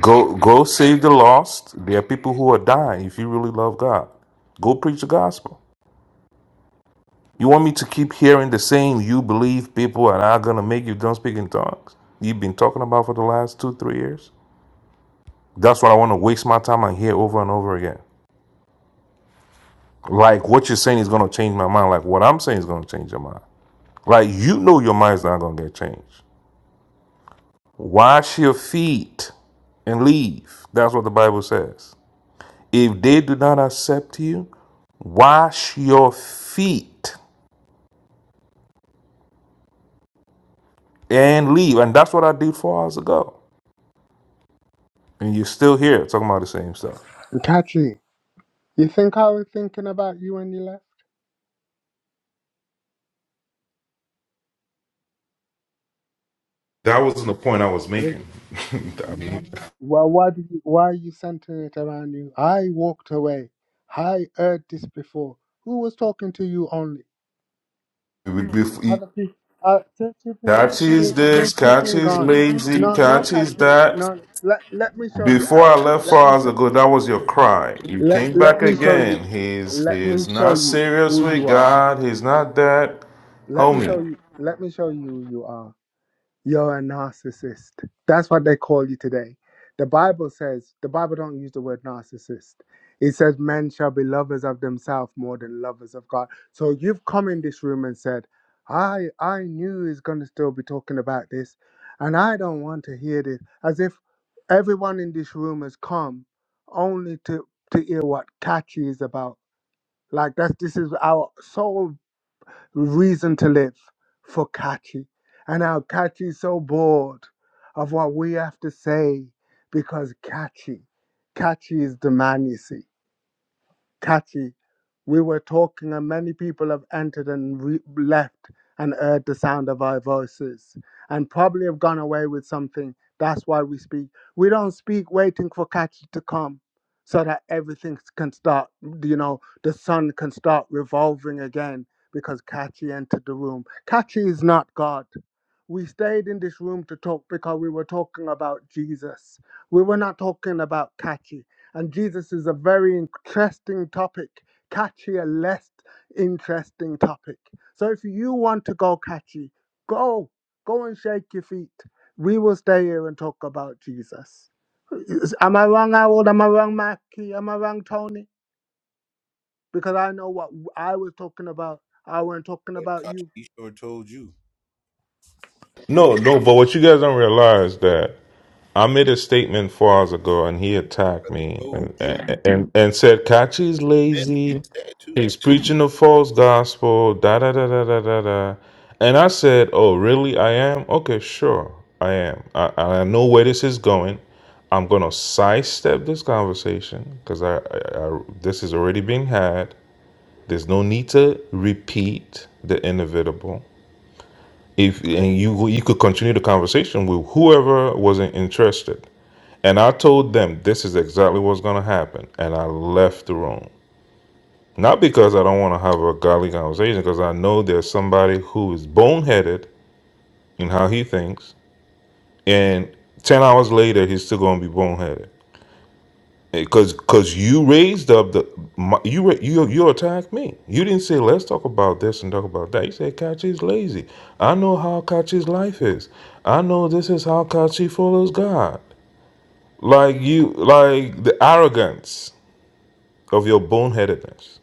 Speaker 7: Go go save the lost. There are people who are dying if you really love God. Go preach the gospel. You want me to keep hearing the same you believe people are not gonna make you don't speak in tongues? You've been talking about for the last two, three years? That's what I want to waste my time on here over and over again. Like what you're saying is gonna change my mind. Like what I'm saying is gonna change your mind. Like you know your mind's not gonna get changed. Wash your feet and leave. That's what the Bible says. If they do not accept you, wash your feet and leave. And that's what I did four hours ago. And you're still here talking about the same stuff.
Speaker 12: Katri, you think I was thinking about you when you left?
Speaker 7: That wasn't the point I was
Speaker 12: Eh,
Speaker 7: making. <laughs> I mean,
Speaker 12: Well, why did you, why are you centering it around you? I walked away. I heard this before. Who was talking to you only?
Speaker 7: it would be-
Speaker 12: Other people. Uh, since you've been
Speaker 7: Catch is
Speaker 12: since,
Speaker 7: this,
Speaker 12: since you've
Speaker 7: catch
Speaker 12: been
Speaker 7: is
Speaker 12: gone.
Speaker 7: lazy,
Speaker 12: No, no,
Speaker 7: catch is
Speaker 12: Kathy.
Speaker 7: that.
Speaker 12: No, let let me show you
Speaker 7: Before I
Speaker 12: out.
Speaker 7: left
Speaker 12: Let
Speaker 7: four
Speaker 12: me
Speaker 7: hours
Speaker 12: show.
Speaker 7: ago, that was your cry. You
Speaker 12: Let
Speaker 7: came
Speaker 12: let
Speaker 7: back
Speaker 12: me show you.
Speaker 7: again. He's
Speaker 12: Let me
Speaker 7: he's
Speaker 12: show
Speaker 7: not
Speaker 12: you
Speaker 7: serious
Speaker 12: who
Speaker 7: with
Speaker 12: you are.
Speaker 7: God. He's not that,
Speaker 12: Let me show
Speaker 7: homie.
Speaker 12: you. Let me show you who you are. You're a narcissist. That's what they call you today. The Bible says, the Bible don't use the word narcissist. It says men shall be lovers of themselves more than lovers of God. So you've come in this room and said, I I knew he's gonna still be talking about this, and I don't want to hear this. As if everyone in this room has come only to to hear what catchy is about. Like that's this is our soul reason to live for Kachi. And now Kachi's so bored of what we have to say because Kachi, Kachi is the man, you see catchy. We were talking, and many people have entered and re- left and heard the sound of our voices and probably have gone away with something. That's why we speak. We don't speak waiting for catchy to come so that everything can start, you know, the sun can start revolving again because catchy entered the room. Catchy is not God we stayed in this room to talk because we were talking about Jesus. We were not talking about catchy. And Jesus is a very interesting topic, catchy, a less interesting topic. So if you want to go catchy, go, go and shake your feet. We will stay here and talk about Jesus. Is- Am I wrong, Harold? Am I wrong, Mackie? Am I wrong, Tony? Because I know what I was talking about. I wasn't talking
Speaker 17: But
Speaker 12: about
Speaker 17: Kachi,
Speaker 12: you.
Speaker 17: he sure told you.
Speaker 7: No, no. But what you guys don't realize that. I made a statement four hours ago, and he attacked
Speaker 17: But I
Speaker 7: me
Speaker 17: told
Speaker 7: and
Speaker 17: you.
Speaker 7: and and, and said Kachi's
Speaker 17: He meant he
Speaker 7: lazy.
Speaker 17: said too.
Speaker 7: He's preaching a false gospel. Da da da da da da da. And I said, "Oh, really? I am. Okay, sure, I am. I, I know where this is going. I'm gonna sidestep this conversation because I, I, I this is already being had. There's no need to repeat the inevitable. If and you you could continue the conversation with whoever wasn't interested. And I told them this is exactly what's going to happen. And I left the room. Not because I don't want to have a godly conversation, because I know there's somebody who is boneheaded in how he thinks. And 10 hours later, he's still going to be boneheaded. Because because you raised up the my, you ra- you you attacked me. You didn't say let's talk about this and talk about that. You said Kachi's lazy. I know how Kachi's life is. I know this is how Kachi follows God. Like you like the arrogance of your boneheadedness.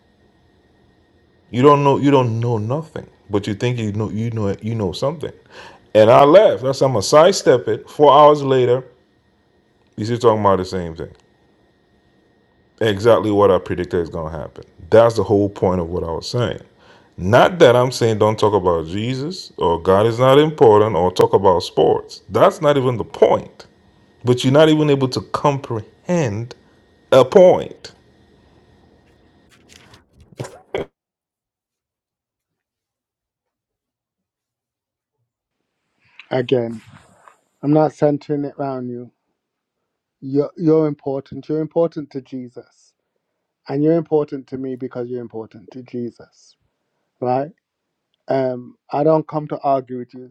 Speaker 7: You don't know you don't know nothing, but you think you know you know you know something. And I left. That's how I'm gonna sidestep it. Four hours later, you still talking about the same thing. Exactly what I predicted is gonna happen. That's the whole point of what I was saying. Not that I'm saying don't talk about Jesus or God is not important or talk about sports. That's not even the point. But you're not even able to comprehend a point.
Speaker 12: Again, I'm not centering it around you. You're, you're important. You're important to Jesus. And you're important to me because you're important to Jesus, right? Um, I don't come to argue with you.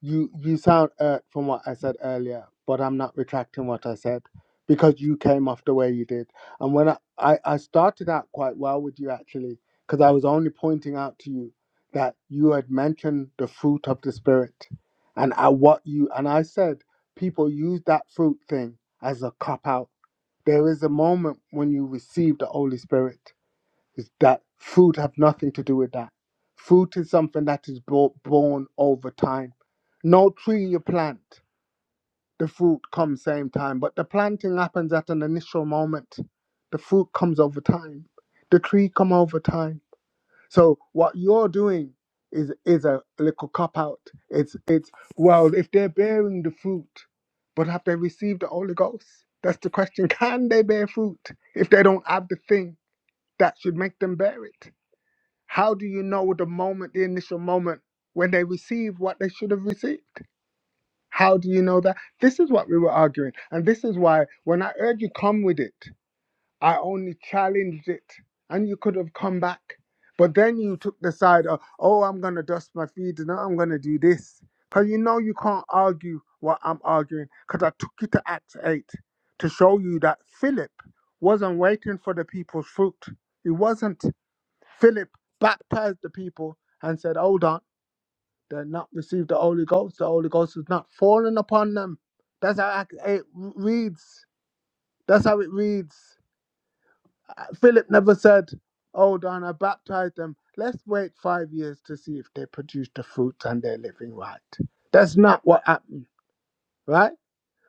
Speaker 12: You you sound hurt from what I said earlier, but I'm not retracting what I said because you came off the way you did. And when I, I, I started out quite well with you actually, because I was only pointing out to you that you had mentioned the fruit of the spirit and I, what you and I said people use that fruit thing as a cop out. There is a moment when you receive the Holy Spirit is that food have nothing to do with that. Fruit is something that is brought, born over time. No tree you plant, the fruit comes same time, but the planting happens at an initial moment. The fruit comes over time. The tree come over time. So what you're doing is is a little cop out. It's it's well, if they're bearing the fruit, but have they received the Holy Ghost? That's the question. <laughs> Can they bear fruit if they don't have the thing that should make them bear it? How do you know the moment, the initial moment when they receive what they should have received? How do you know that? This is what we were arguing. And this is why when I heard you come with it, I only challenged it and you could have come back. But then you took the side of, oh, I'm going to dust my feet and I'm going to do this. Because you know you can't argue what I'm arguing because I took you to Acts 8 to show you that Philip wasn't waiting for the people's fruit. He wasn't. Philip baptized the people and said, Hold on, they're not received the Holy Ghost. The Holy Ghost has not fallen upon them. That's how Act- it reads. That's how it reads. Uh, Philip never said, Hold on, I baptized them. Let's wait five years to see if they produce the fruits and they're living right. That's not what happened, right?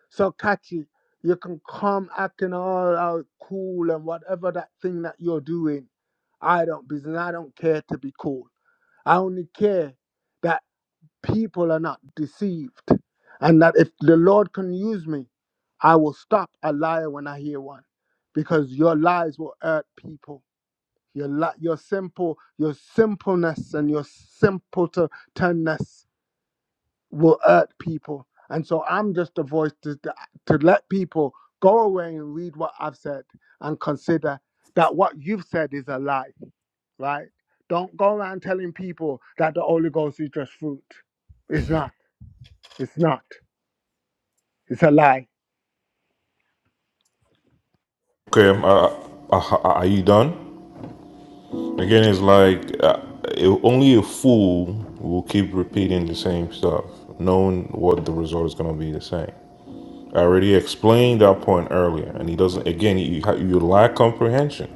Speaker 12: So, Kachi, you can come acting all out cool and whatever that thing that you're doing. I don't business. I don't care to be cool. I only care that people are not deceived and that if the Lord can use me, I will stop a liar when I hear one because your lies will hurt people. Your, li- your simple your simpleness and your simpletonness will hurt people. And so I'm just a voice to, to let people go away and read what I've said and consider that what you've said is a lie right? Don't go around telling people that the Holy Ghost is just fruit. It's
Speaker 17: Mm-mm.
Speaker 12: not. It's not. It's a lie.
Speaker 7: Okay, um, uh, uh, are you done? Again, it's like uh, it- only a fool will keep repeating the same stuff, knowing what the result is going to be the same. I already explained that point earlier, and he doesn't. Again, you ha- you lack comprehension.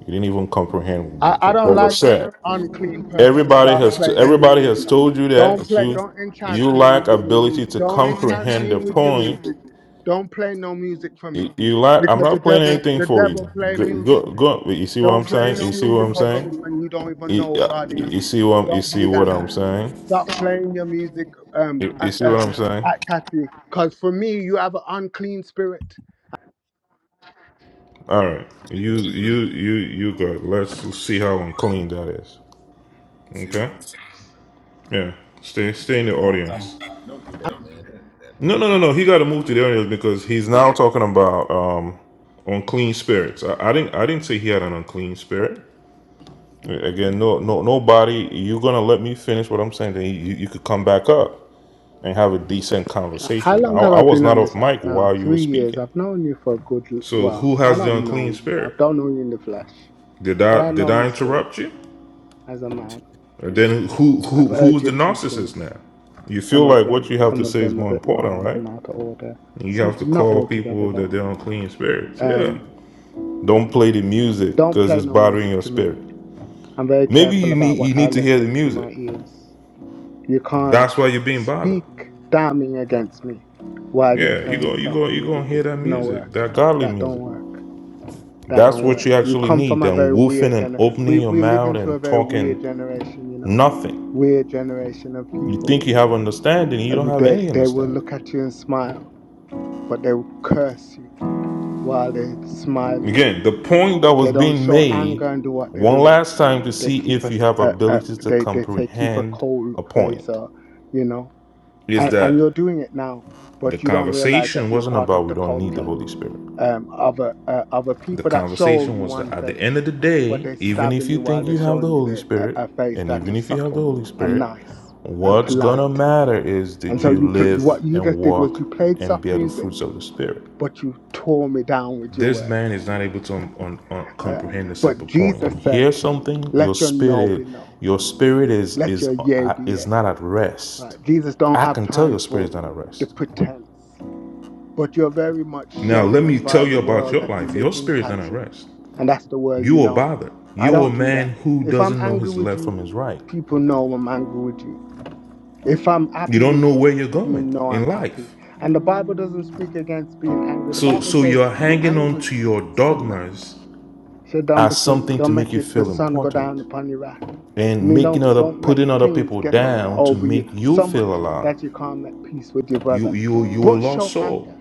Speaker 7: You didn't even comprehend
Speaker 12: I, I don't
Speaker 7: what was
Speaker 12: like when
Speaker 7: said.
Speaker 12: an unclean person
Speaker 7: Everybody
Speaker 12: start
Speaker 7: has to,
Speaker 12: playing
Speaker 7: everybody
Speaker 12: music, you
Speaker 7: has
Speaker 12: know.
Speaker 7: told you that
Speaker 12: Don't
Speaker 7: if
Speaker 12: play,
Speaker 7: you
Speaker 12: don't
Speaker 7: you
Speaker 12: enchant me
Speaker 7: lack
Speaker 12: with your music.
Speaker 7: ability to
Speaker 12: Don't enchant
Speaker 7: comprehend
Speaker 12: me
Speaker 7: the
Speaker 12: with your music.
Speaker 7: point.
Speaker 12: Don't play no music for
Speaker 7: You,
Speaker 12: me.
Speaker 7: you lack. I'm
Speaker 12: Because the
Speaker 7: not playing
Speaker 12: devil,
Speaker 7: anything
Speaker 12: the
Speaker 7: for you.
Speaker 12: devil play
Speaker 7: Go,
Speaker 12: music.
Speaker 7: go, go. You see what I'm
Speaker 12: Don't play
Speaker 7: saying? You
Speaker 12: no
Speaker 7: see what I'm
Speaker 12: music over
Speaker 7: saying?
Speaker 12: me when you don't even
Speaker 7: You,
Speaker 12: know who
Speaker 7: uh,
Speaker 12: God
Speaker 7: you
Speaker 12: is.
Speaker 7: see what I'm, you
Speaker 12: Don't
Speaker 7: see
Speaker 12: do that.
Speaker 7: what I'm saying?
Speaker 12: Stop playing your music um,
Speaker 7: You, you
Speaker 12: at,
Speaker 7: see what I'm
Speaker 12: um,
Speaker 7: saying?
Speaker 12: at Cathy. Because for me, you have an unclean spirit.
Speaker 7: All right,
Speaker 17: See
Speaker 7: you
Speaker 17: what I'm
Speaker 7: you you you got. Let's see how unclean that is.
Speaker 17: you see what
Speaker 7: Okay.
Speaker 17: I'm
Speaker 7: Yeah. Stay stay in the
Speaker 17: Come on, Kachi,
Speaker 7: audience.
Speaker 17: don't do that, man. Don't do that.
Speaker 7: No no no no. He got to move to the audience because he's now talking about um unclean spirits. I, I didn't I didn't say he had an unclean spirit. Again, no no nobody. You're gonna let me finish what I'm saying. Then you, you could come back up and have a decent
Speaker 12: How
Speaker 7: conversation. I,
Speaker 12: long have
Speaker 7: I
Speaker 12: I
Speaker 7: was
Speaker 12: been
Speaker 7: not
Speaker 12: on
Speaker 7: off
Speaker 12: this app
Speaker 7: mic
Speaker 12: now?
Speaker 7: while you were
Speaker 12: Three years.
Speaker 7: speaking.
Speaker 12: I've known you for a good, l-
Speaker 7: So
Speaker 12: well,
Speaker 7: who
Speaker 12: I
Speaker 7: has the
Speaker 12: don't know
Speaker 7: unclean
Speaker 12: you. I
Speaker 7: spirit?
Speaker 12: don't know you in the flesh.
Speaker 7: Did
Speaker 12: But
Speaker 7: I
Speaker 12: I
Speaker 7: did
Speaker 12: know
Speaker 7: I
Speaker 12: your spirit
Speaker 7: interrupt you?
Speaker 12: as a man.
Speaker 7: And then who who
Speaker 12: I've heard
Speaker 7: who's the
Speaker 12: your
Speaker 7: narcissist
Speaker 12: teachings,
Speaker 7: now? You
Speaker 12: some
Speaker 7: feel
Speaker 12: of
Speaker 7: like what
Speaker 12: them.
Speaker 7: you have to
Speaker 12: Some of
Speaker 7: say is
Speaker 12: them a
Speaker 7: more
Speaker 12: bit
Speaker 7: important,
Speaker 12: wild
Speaker 7: right?
Speaker 12: and out of order.
Speaker 7: You
Speaker 12: Some,
Speaker 7: have to
Speaker 12: not
Speaker 7: call
Speaker 12: altogether
Speaker 7: people that
Speaker 12: though.
Speaker 7: they're unclean spirits. Yeah.
Speaker 12: Um,
Speaker 7: Don't play the music
Speaker 12: don't
Speaker 7: because
Speaker 12: play
Speaker 7: it's
Speaker 12: no
Speaker 7: bothering
Speaker 12: music
Speaker 7: your
Speaker 12: to me.
Speaker 7: spirit.
Speaker 12: I'm very
Speaker 7: Maybe
Speaker 12: careful
Speaker 7: you
Speaker 12: about
Speaker 7: need you
Speaker 12: what I
Speaker 7: need to
Speaker 12: let
Speaker 7: hear the
Speaker 12: in through
Speaker 7: music.
Speaker 12: my ears. You can't
Speaker 7: That's why you're being bothered.
Speaker 12: speak damning against me while you're
Speaker 7: Yeah, you go
Speaker 12: playing
Speaker 7: you
Speaker 12: soft
Speaker 7: go you gonna
Speaker 12: music.
Speaker 7: hear
Speaker 12: It
Speaker 7: that
Speaker 12: no
Speaker 7: music,
Speaker 12: work.
Speaker 7: that godly
Speaker 12: That don't
Speaker 7: music.
Speaker 12: work. That
Speaker 7: That's
Speaker 12: don't
Speaker 7: what
Speaker 12: work.
Speaker 7: you
Speaker 12: You
Speaker 7: actually
Speaker 12: come
Speaker 7: need
Speaker 12: from a
Speaker 7: Then
Speaker 12: very
Speaker 7: woofing
Speaker 12: weird
Speaker 7: and
Speaker 12: gener. We
Speaker 7: opening your
Speaker 12: we live
Speaker 7: mouth
Speaker 12: into a
Speaker 7: and
Speaker 12: very weird
Speaker 7: talking
Speaker 12: generation. You know,
Speaker 7: nothing.
Speaker 12: weird generation of
Speaker 7: You
Speaker 12: people.
Speaker 7: think you have understanding, you don't
Speaker 12: Every
Speaker 7: have
Speaker 12: day
Speaker 7: any
Speaker 12: they they will look
Speaker 7: understanding.
Speaker 12: at you and smile, but they will curse you while they're smiling.
Speaker 7: Again, the point that was
Speaker 12: They don't
Speaker 7: being
Speaker 12: show
Speaker 7: made
Speaker 12: anger and do what they're
Speaker 7: one
Speaker 12: doing.
Speaker 7: last time to
Speaker 12: They
Speaker 7: see
Speaker 12: keep a,
Speaker 7: if you
Speaker 12: s-
Speaker 7: have
Speaker 12: a- a-
Speaker 7: abilities to
Speaker 12: they they say keep a
Speaker 7: comprehend
Speaker 12: cold
Speaker 7: a
Speaker 12: face
Speaker 7: point
Speaker 12: or you know
Speaker 7: is
Speaker 12: and, and
Speaker 7: that
Speaker 12: you're doing it now,
Speaker 7: the
Speaker 12: but you don't realize that
Speaker 7: conversation
Speaker 12: you're
Speaker 7: wasn't
Speaker 12: part of
Speaker 7: about we
Speaker 12: the
Speaker 7: don't need the
Speaker 12: culture
Speaker 7: Holy Spirit.
Speaker 12: um, of a uh, of a
Speaker 7: The
Speaker 12: people that show
Speaker 7: conversation
Speaker 12: you
Speaker 7: was that
Speaker 12: one
Speaker 7: at the end of
Speaker 12: face,
Speaker 7: the
Speaker 12: but
Speaker 7: day,
Speaker 12: they're
Speaker 7: even if
Speaker 12: stabbing
Speaker 7: you
Speaker 12: you while
Speaker 7: think
Speaker 12: they're
Speaker 7: you have the
Speaker 12: showing you
Speaker 7: Holy
Speaker 12: the, a,
Speaker 7: Spirit,
Speaker 12: a face
Speaker 7: and
Speaker 12: that
Speaker 7: even
Speaker 12: is
Speaker 7: if you have the
Speaker 12: subtle
Speaker 7: Holy
Speaker 12: and
Speaker 7: Spirit,
Speaker 12: nice and
Speaker 7: what's gonna
Speaker 12: polite.
Speaker 7: matter is did
Speaker 12: And so
Speaker 7: you
Speaker 12: you pl-
Speaker 7: live
Speaker 12: what you
Speaker 7: and
Speaker 12: just did
Speaker 7: walk
Speaker 12: was you played
Speaker 7: and
Speaker 12: soft
Speaker 7: bear the
Speaker 12: music,
Speaker 7: fruits of the Spirit?
Speaker 12: but you tore me down with your
Speaker 7: This
Speaker 12: words.
Speaker 7: man is not able to un- un- un-
Speaker 12: Uh,
Speaker 7: comprehend a
Speaker 12: but
Speaker 7: simple
Speaker 12: Jesus
Speaker 7: point.
Speaker 12: said,
Speaker 7: Hear something, your
Speaker 12: "Let your no
Speaker 7: spirit,
Speaker 12: be no,
Speaker 7: your spirit is
Speaker 12: let
Speaker 7: is
Speaker 12: your yea
Speaker 7: uh,
Speaker 12: be
Speaker 7: is
Speaker 12: yea."
Speaker 7: not at rest.
Speaker 12: Right? Jesus don't
Speaker 7: I
Speaker 12: have
Speaker 7: can tell
Speaker 12: time
Speaker 7: your spirit is
Speaker 12: for
Speaker 7: not at
Speaker 12: the
Speaker 7: rest.
Speaker 12: pretense. but you're very much
Speaker 7: Now let
Speaker 12: shaped
Speaker 7: me
Speaker 12: and
Speaker 7: tell
Speaker 12: by the
Speaker 7: you about
Speaker 12: world
Speaker 7: your
Speaker 12: that you
Speaker 7: life.
Speaker 12: live
Speaker 7: Your
Speaker 12: in,
Speaker 7: spirit is not at
Speaker 12: Katri.
Speaker 7: rest.
Speaker 12: And that's the world
Speaker 7: You
Speaker 12: you
Speaker 7: are
Speaker 12: know.
Speaker 7: bothered.
Speaker 12: I
Speaker 7: You are a
Speaker 12: don't do
Speaker 7: man
Speaker 12: that.
Speaker 7: who
Speaker 12: If I'm
Speaker 7: doesn't know
Speaker 12: angry
Speaker 7: his
Speaker 12: with
Speaker 7: left from
Speaker 12: you,
Speaker 7: his right.
Speaker 12: people know I'm angry with you. If I'm
Speaker 7: You
Speaker 12: happy
Speaker 7: don't
Speaker 12: with
Speaker 7: know
Speaker 12: you,
Speaker 7: where you're
Speaker 12: you
Speaker 7: going
Speaker 12: know
Speaker 7: in
Speaker 12: I'm happy.
Speaker 7: life.
Speaker 12: And the Bible doesn't speak against being angry. The
Speaker 7: So
Speaker 12: Bible
Speaker 7: so you're
Speaker 12: says, be
Speaker 7: hanging on
Speaker 12: angry,
Speaker 7: to your
Speaker 12: sin not.
Speaker 7: dogmas
Speaker 12: So don't be
Speaker 7: as
Speaker 12: sin.
Speaker 7: something to
Speaker 12: Don't
Speaker 7: make
Speaker 12: make
Speaker 7: you
Speaker 12: it the
Speaker 7: feel
Speaker 12: sun go down
Speaker 7: important.
Speaker 12: upon your wrath. I
Speaker 7: and
Speaker 12: mean,
Speaker 7: making
Speaker 12: don't
Speaker 7: other
Speaker 12: don't let
Speaker 7: putting other
Speaker 12: things
Speaker 7: people
Speaker 12: get o-
Speaker 7: down to
Speaker 12: over you
Speaker 7: make you
Speaker 12: so
Speaker 7: feel
Speaker 12: much
Speaker 7: alive.
Speaker 12: that you can't make peace with your
Speaker 7: You
Speaker 12: brother.
Speaker 7: you you a
Speaker 12: But
Speaker 7: lost
Speaker 12: show
Speaker 7: soul.
Speaker 12: anger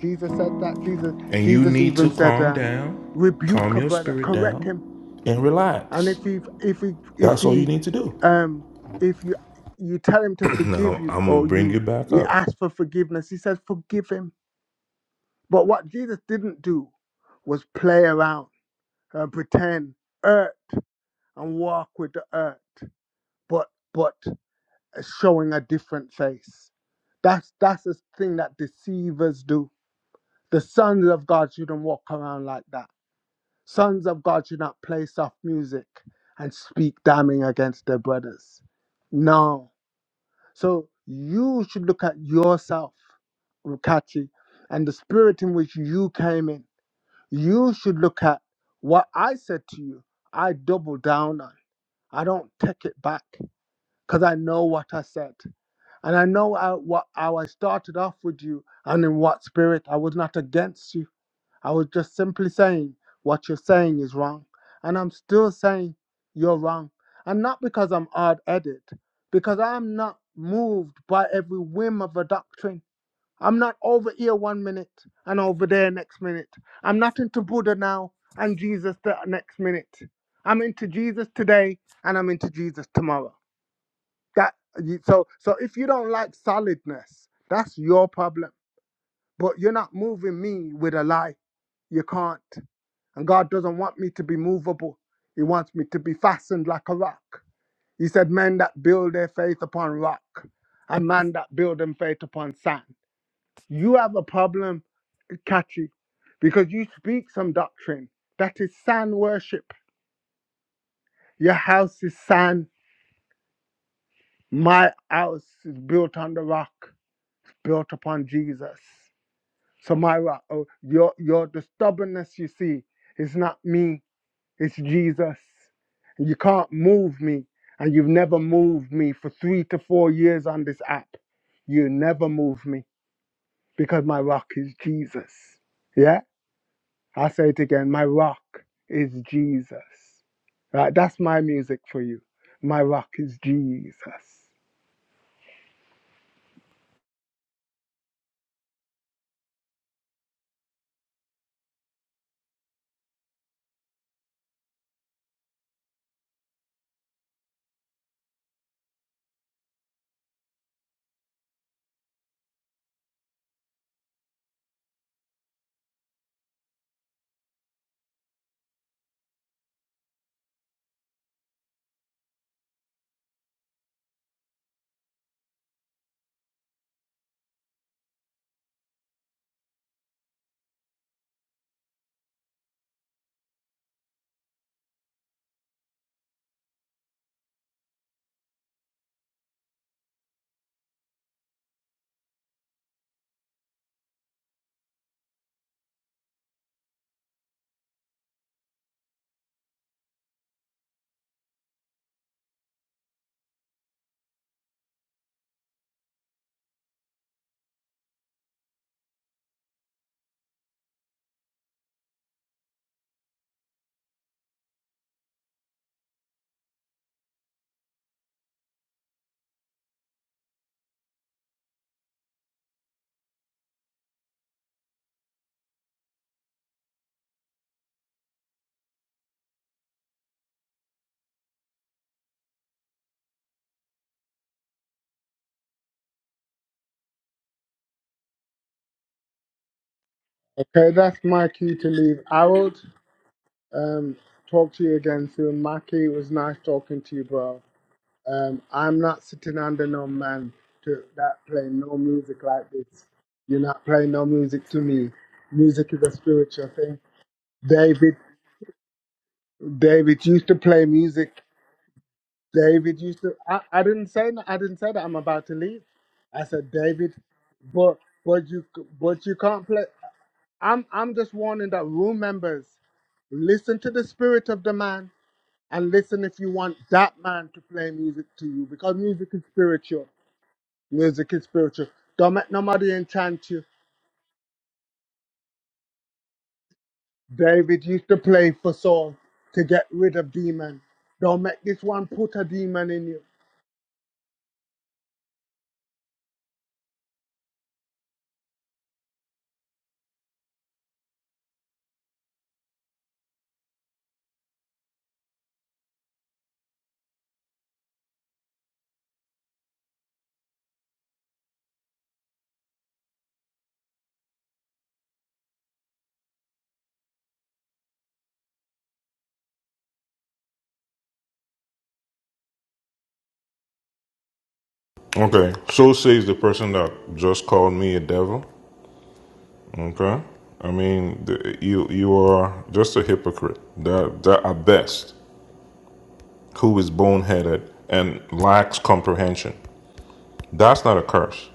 Speaker 12: Jesus said that. Jesus
Speaker 7: And you
Speaker 12: Jesus
Speaker 7: need to
Speaker 12: even said,
Speaker 7: calm
Speaker 12: um,
Speaker 7: down,
Speaker 12: rebuke
Speaker 7: calm
Speaker 12: a
Speaker 7: your
Speaker 12: brother,
Speaker 7: spirit
Speaker 12: correct him.
Speaker 7: down, and
Speaker 12: And
Speaker 7: relax.
Speaker 12: if he if he if
Speaker 7: That's all you
Speaker 12: he
Speaker 7: need to do.
Speaker 12: um if you you tell him to
Speaker 7: <clears throat>
Speaker 12: forgive
Speaker 7: Now
Speaker 12: you
Speaker 7: I'm gonna
Speaker 12: or
Speaker 7: bring
Speaker 12: you
Speaker 7: you back
Speaker 12: he
Speaker 7: up.
Speaker 12: asks for forgiveness, he says forgive him. But what Jesus didn't do was play around and pretend, hurt and walk with the hurt, but but showing a different face. That's that's the thing that deceivers do. The sons of God shouldn't walk around like that Sons of God should not play soft music and speak damning against their brothers. No. So you should look at yourself, Rukachi, and the spirit in which you came in. You should look at what I said to you. I double down on. I don't take it back because I know what I said. And I know I, what, how I started off with you and in what spirit. I was not against you. I was just simply saying what you're saying is wrong. And I'm still saying you're wrong. And not because I'm hard headed, because I'm not moved by every whim of a doctrine. I'm not over here one minute and over there next minute. I'm not into Buddha now and Jesus the next minute. I'm into Jesus today and I'm into Jesus tomorrow. That you- so so if you don't like solidness, that's your problem. But you're not moving me with a lie. You can't. And God doesn't want me to be movable. He wants me to be fastened like a rock. He said, Men that build their faith upon rock, and man that build them faith upon sand. You have a problem, Catchy, because you speak some doctrine that is sand worship. Your house is sand. My house is built on the rock, built upon Jesus. So my rock, oh, your your the stubbornness you see is not me It's Jesus. You can't move me, and you've never moved me for three to four years on this app. You never move me because my rock is Jesus. Yeah? I'll say it again. My rock is Jesus. Right? That's my music for you. My rock is Jesus. Okay, that's my cue to leave. Harold, um, talk to you again soon. Mackie, it was nice talking to you, bro. Um, I'm not sitting under no man to that playing no music like this. You're not playing no music to me. Music is a spiritual thing. David, David used to play music. David used to. I, I didn't say no- I didn't say that I'm about to leave. I said David, but but you but you can't play. I'm I'm just warning that room members listen to the spirit of the man and listen if you want that man to play music to you because music is spiritual Music is spiritual. Don't let nobody enchant you. David used to play for Saul to get rid of demon. Don't make this one put a demon in you.
Speaker 7: Okay. So says the person that just called me a devil. Okay. I mean, the, you you are just a hypocrite. That that at best, who is boneheaded and lacks comprehension. That's not a curse.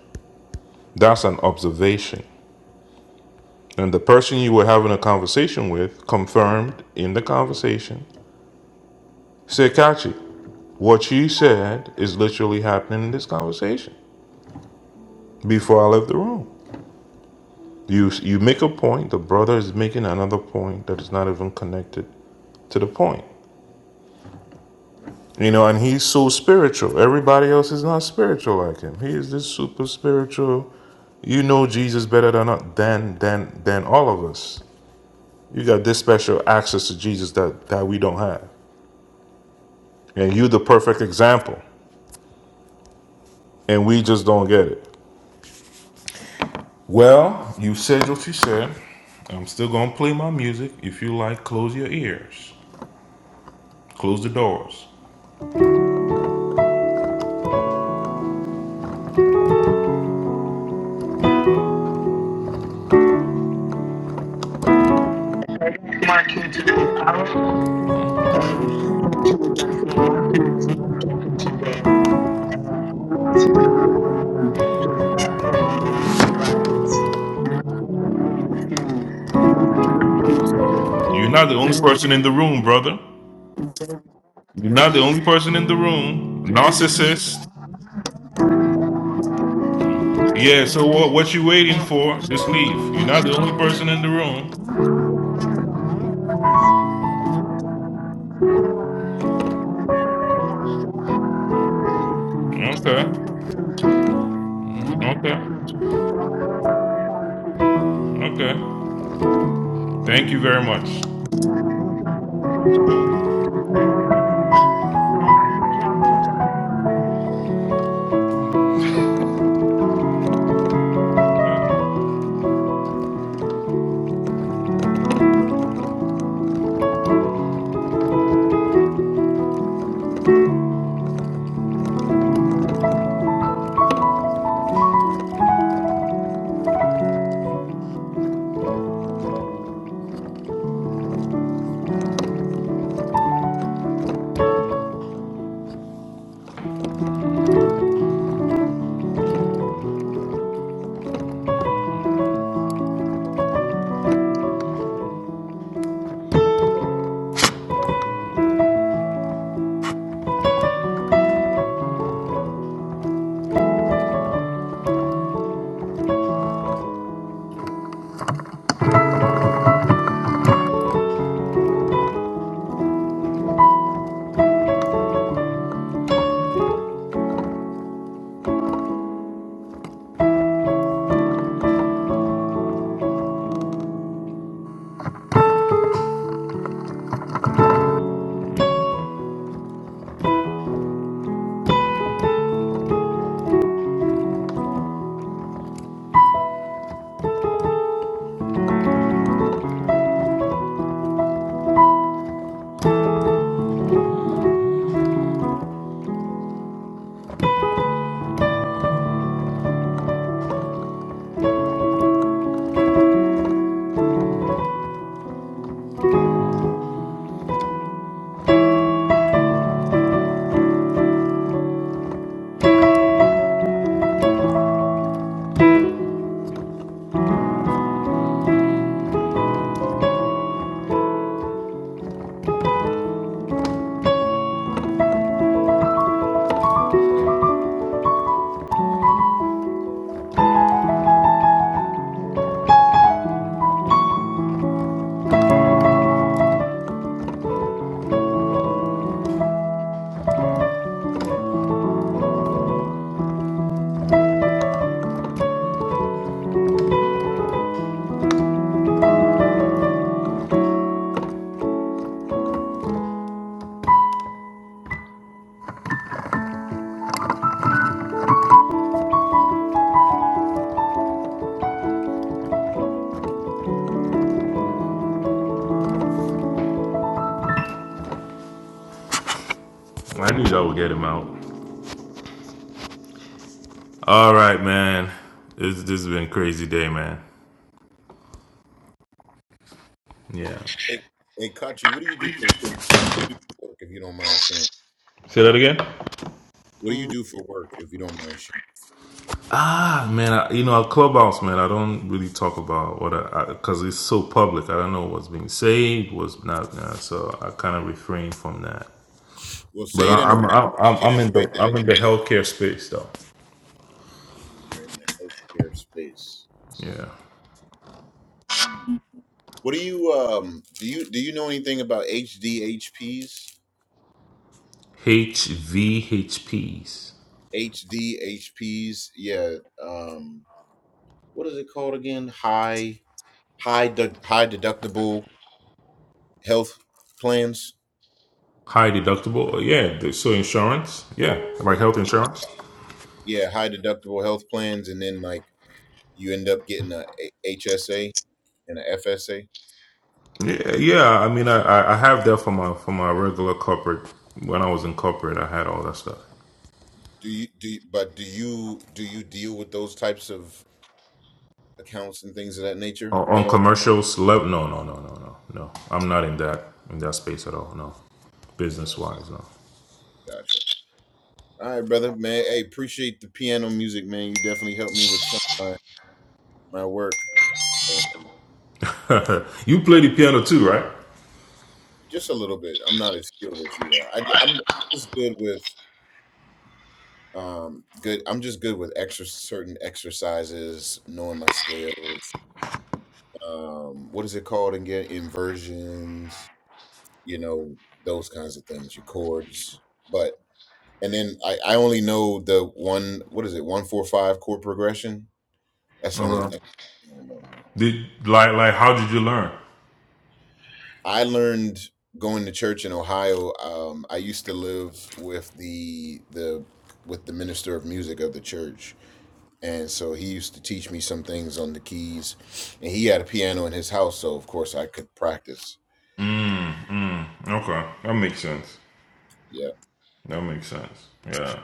Speaker 7: That's an observation. And the person you were having a conversation with confirmed in the conversation, said, Kachi, what you said is literally happening in this conversation before I left the room. You, you make a point, the brother is making another point that is not even connected to the point. You know, and he's so spiritual. Everybody else is not spiritual like him. He is this super spiritual. You know Jesus better than than than than all of us. You got this special access to Jesus that that we don't have. And you the perfect example. And we just don't get it. Well, you said what you said. I'm still gonna play my music. If you like, close your ears. Close the doors. You're not the only person in the room, brother. You're not the only person in the room. Narcissist. Yeah, so what what you waiting for? Just leave. You're not the only person in the room. Okay. Okay. Okay. Thank you very much. I knew y'all would get him out. All right, man. This, this has been a crazy day, man. Yeah.
Speaker 17: Hey, hey Kachi, what do you do for what do you do for work if you don't mind sharing?
Speaker 7: Say that again.
Speaker 17: What do you do for work, if you don't mind sharing?
Speaker 7: Ah, man, I, you know, Clubhouse, man, I don't really talk about what I, because it's so public. I don't know what's being saved, what's not, uh, so I kind of refrain from that.
Speaker 17: Well,
Speaker 7: But
Speaker 17: say
Speaker 7: I,
Speaker 17: it in a way,
Speaker 7: I'm, I'm, I'm
Speaker 17: say it
Speaker 7: I'm
Speaker 17: in
Speaker 7: in
Speaker 17: a way
Speaker 7: the, I'm
Speaker 17: that
Speaker 7: in the healthcare space though.
Speaker 17: you're in the healthcare space.
Speaker 7: Yeah.
Speaker 17: Hmm. What do you um do you do you know anything about HDHPs?
Speaker 7: H V H P's
Speaker 17: HDHPs, yeah. Um, what is it called again? High high de- high deductible health plans.
Speaker 7: High deductible. Yeah. th- So insurance. Yeah. Like health insurance.
Speaker 17: Yeah, high deductible health plans, and then like you end up getting a H S a- HSA and a FSA.
Speaker 7: Yeah. Yeah. I mean, I, I I have that for my, for my regular corporate. When I was in corporate, I had all that stuff.
Speaker 17: Do you do? You, but do you do you deal with those types of accounts and things of that nature
Speaker 7: on,
Speaker 17: at
Speaker 7: on
Speaker 17: all?
Speaker 7: commercials level no no no no no no i'm not in that in that space at all no business wise no
Speaker 17: Gotcha. All right, brother, man. Hey, appreciate the piano music, man. You definitely helped me with some of my, my work. So
Speaker 7: <laughs> you play the piano too right
Speaker 17: just a little bit. I'm not as skilled as you are. I, am just good with um good. I'm just good with extra certain exercises, knowing my scales. Um, what is it called again? Inversions. You know those kinds of things. Your chords, but And then I, I only know the one what is it one four five chord progression. That's the
Speaker 7: All
Speaker 17: only
Speaker 7: right.
Speaker 17: thing I know.
Speaker 7: did like like how did you learn
Speaker 17: I learned going to church in Ohio. Um, I used to live with the the with the minister of music of the church, and so he used to teach me some things on the keys. And he had a piano in his house, so of course I could practice.
Speaker 7: mm, okay that makes sense
Speaker 17: Yeah,
Speaker 7: that makes sense yeah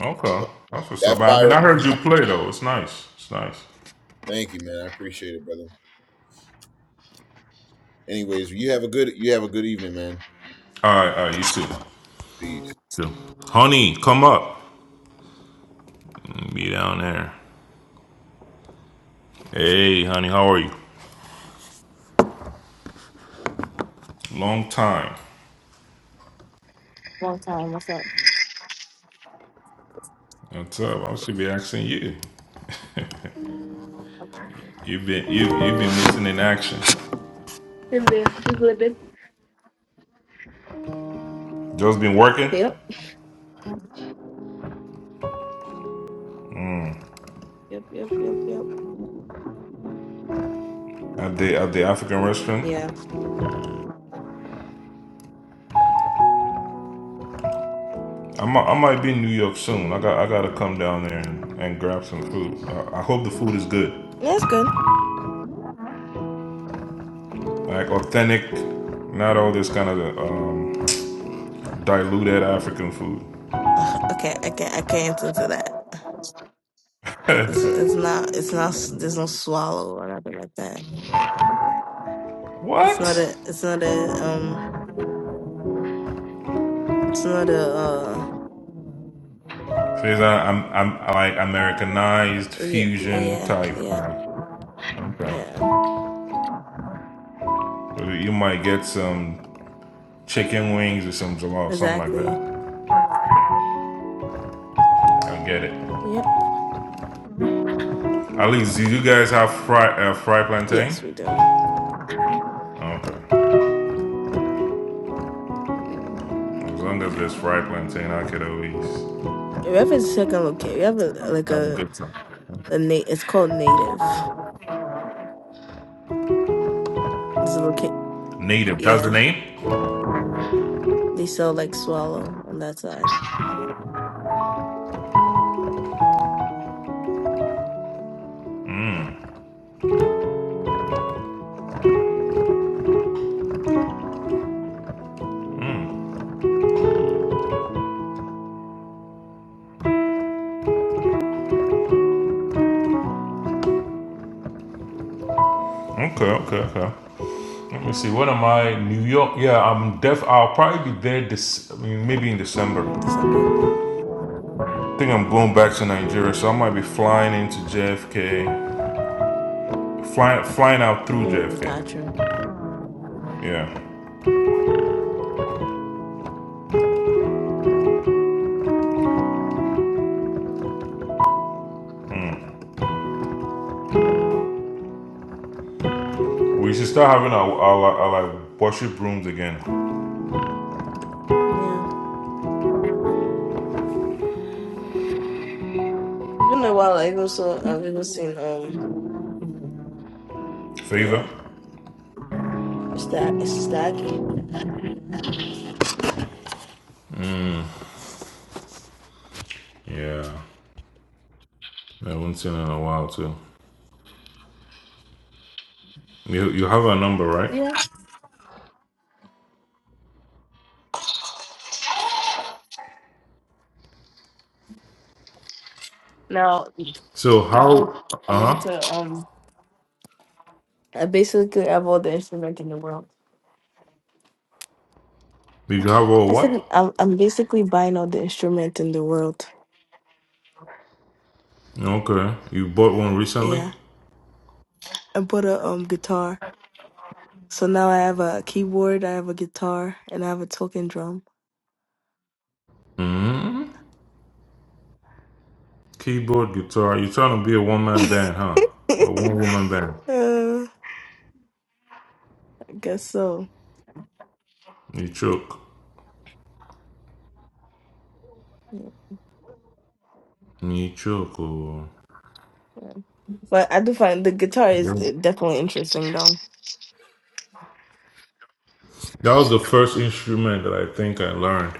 Speaker 7: okay
Speaker 17: but
Speaker 7: that's what's up
Speaker 17: that
Speaker 7: i mean
Speaker 17: fire.
Speaker 7: i heard you play though it's nice it's nice
Speaker 17: Thank you, man. I appreciate it, brother. Anyways, you have a good you have a good evening, man.
Speaker 7: all right all right you too
Speaker 17: Peace.
Speaker 7: too honey come up be down there hey honey how are you long time
Speaker 20: Long time. What's up?
Speaker 7: what's up i should be asking you You've been you you've been missing in action.
Speaker 20: Just a just a little bit.
Speaker 7: Joe's been working
Speaker 20: Yep. Yep. Yep. Yep. Yep.
Speaker 7: at the at the African
Speaker 20: Yeah.
Speaker 7: restaurant. I might, I might be in New York soon. I got I gotta come down there and, and grab some food. I, I hope the food is good,
Speaker 20: Yeah, it's good.
Speaker 7: like authentic, not all this kind of um, diluted African food.
Speaker 20: Ugh, okay, I can't. I can't answer that. It's it's not. It's not. s- There's no swallow or nothing like that. It's
Speaker 7: What?
Speaker 20: not a.
Speaker 7: Says
Speaker 20: It's not a. Um. It's not a. Uh.
Speaker 7: I, I'm I'm like Americanized
Speaker 20: Yeah.
Speaker 7: fusion
Speaker 20: Yeah.
Speaker 7: type.
Speaker 20: Yeah.
Speaker 7: Like, okay.
Speaker 20: Yeah.
Speaker 7: So You might get some chicken wings or some jollof, something like
Speaker 20: Exactly.
Speaker 7: that. I get it.
Speaker 20: Yep.
Speaker 7: Alice, do you guys have fry uh, fry plantain?
Speaker 20: Yes, we do.
Speaker 7: Okay.
Speaker 20: You know.
Speaker 7: As long as there's fry plantain, I could always
Speaker 20: We have a second location. We have a like
Speaker 7: have a
Speaker 20: a
Speaker 7: good time.
Speaker 20: a na- It's called native. It's a loca-
Speaker 7: Native, that's the
Speaker 20: Yeah.
Speaker 7: name?
Speaker 20: They sell like swallow on that side.
Speaker 7: Okay, okay, okay. Let me see. What am I? New York? Yeah, I'm def. I'll probably be there this, I mean, maybe in December.
Speaker 20: in December.
Speaker 7: I think I'm going back to Nigeria, so I might be flying into JFK, flying flying out through
Speaker 20: Mm,
Speaker 7: JFK.
Speaker 20: gotcha.
Speaker 7: Yeah, we should start having our our, our, like worship rooms again.
Speaker 20: Yeah. It's been a while. I also I've even seen um
Speaker 7: Favor.
Speaker 20: yeah. It's that it's just Aggie.
Speaker 7: Yeah, I haven't seen it in a while too. You you have a number, right?
Speaker 20: Yeah. Now
Speaker 7: So
Speaker 20: now
Speaker 7: how?
Speaker 20: I'm
Speaker 7: Uh huh.
Speaker 20: into um I basically have all the instrument in the world.
Speaker 7: You have a
Speaker 20: I said
Speaker 7: what?
Speaker 20: I'm I'm basically buying all the instrument in the world.
Speaker 7: Okay. You bought one recently.
Speaker 20: Yeah. I bought a um guitar. So now I have a keyboard, I have a guitar, and I have a talking drum.
Speaker 7: hmm Keyboard, guitar. You're trying to be a one
Speaker 20: <laughs> uh,
Speaker 7: man band, huh? A one woman band.
Speaker 20: I guess so.
Speaker 7: You choke. You choke. oh.
Speaker 20: But I do find the guitar is uh, definitely interesting
Speaker 7: That was the first instrument that I think I learned.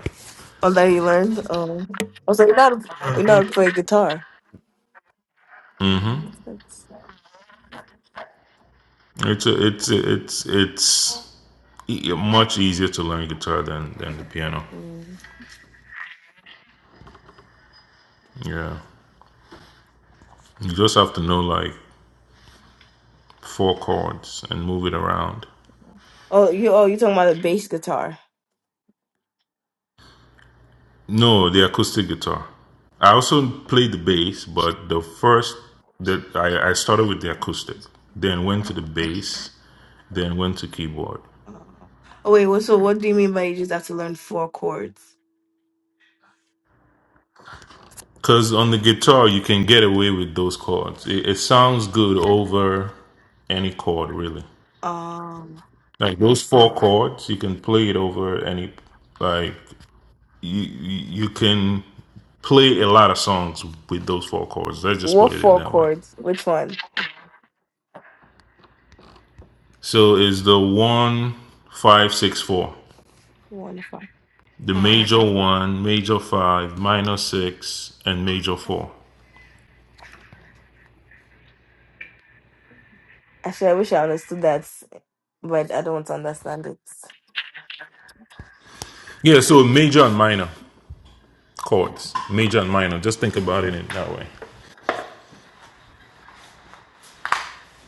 Speaker 20: Oh, that you learned? Oh, I was like, you know how to, you know how to play guitar. Oh, that's,
Speaker 7: It's a, it's a, it's it's e- e, much easier to learn guitar than than the piano.
Speaker 20: mm.
Speaker 7: Yeah. You just have to know like four chords and move it around.
Speaker 20: oh, you oh, you talking about the bass guitar?
Speaker 7: No, the acoustic guitar. I also played the bass, but the first that I, I started with the acoustic, then went to the bass, then went to keyboard.
Speaker 20: Oh, oh wait, what? So what do you mean by you just have to learn four chords?
Speaker 7: Cause on the guitar you can get away with those chords. It, it sounds good over any chord, really.
Speaker 20: Um,
Speaker 7: Like those four chords, you can play it over any. Like you, you you can play a lot of songs with those four chords. Let's just put
Speaker 20: what
Speaker 7: it in
Speaker 20: four
Speaker 7: that way.
Speaker 20: chords? Which one?
Speaker 7: So it's the one five six four.
Speaker 20: One of them.
Speaker 7: the major one, major five, minor six, and major four.
Speaker 20: Actually, I wish I understood that, but I don't understand it.
Speaker 7: Yeah, so major and minor chords. Major and minor. Just think about it in that way.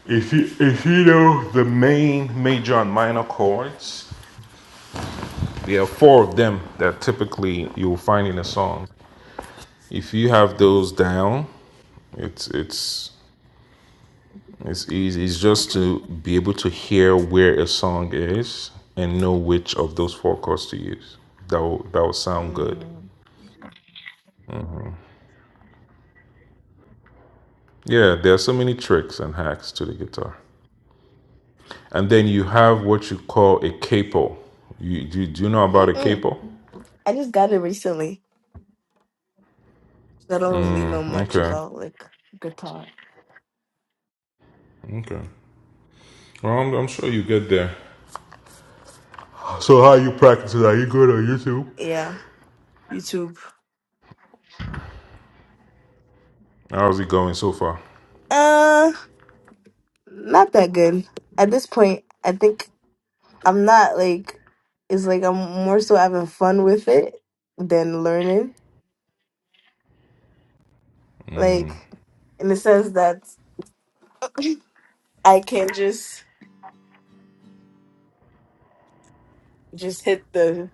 Speaker 7: If you if you know the main major and minor chords, there are four of them that typically you'll find in a song. If you have those down, it's it's it's easy. It's just to be able to hear where a song is and know which of those four chords to use. That will that will sound good.
Speaker 20: Mm.
Speaker 7: Yeah, there are so many tricks and hacks to the guitar. And then you have what you call a capo. You do, do you know about a
Speaker 20: Mm-mm.
Speaker 7: capo?
Speaker 20: I just got it recently. I don't really know much
Speaker 7: Okay.
Speaker 20: about like guitar.
Speaker 7: Okay. Well, I'm, I'm sure you get there. So how you practice it? Are you good on YouTube?
Speaker 20: Yeah, YouTube.
Speaker 7: How's it going so far?
Speaker 20: Uh, not that good at this point. I think I'm not like it's like I'm more so having fun with it than learning. Like
Speaker 7: Hmm,
Speaker 20: in the sense that I can just just hit the.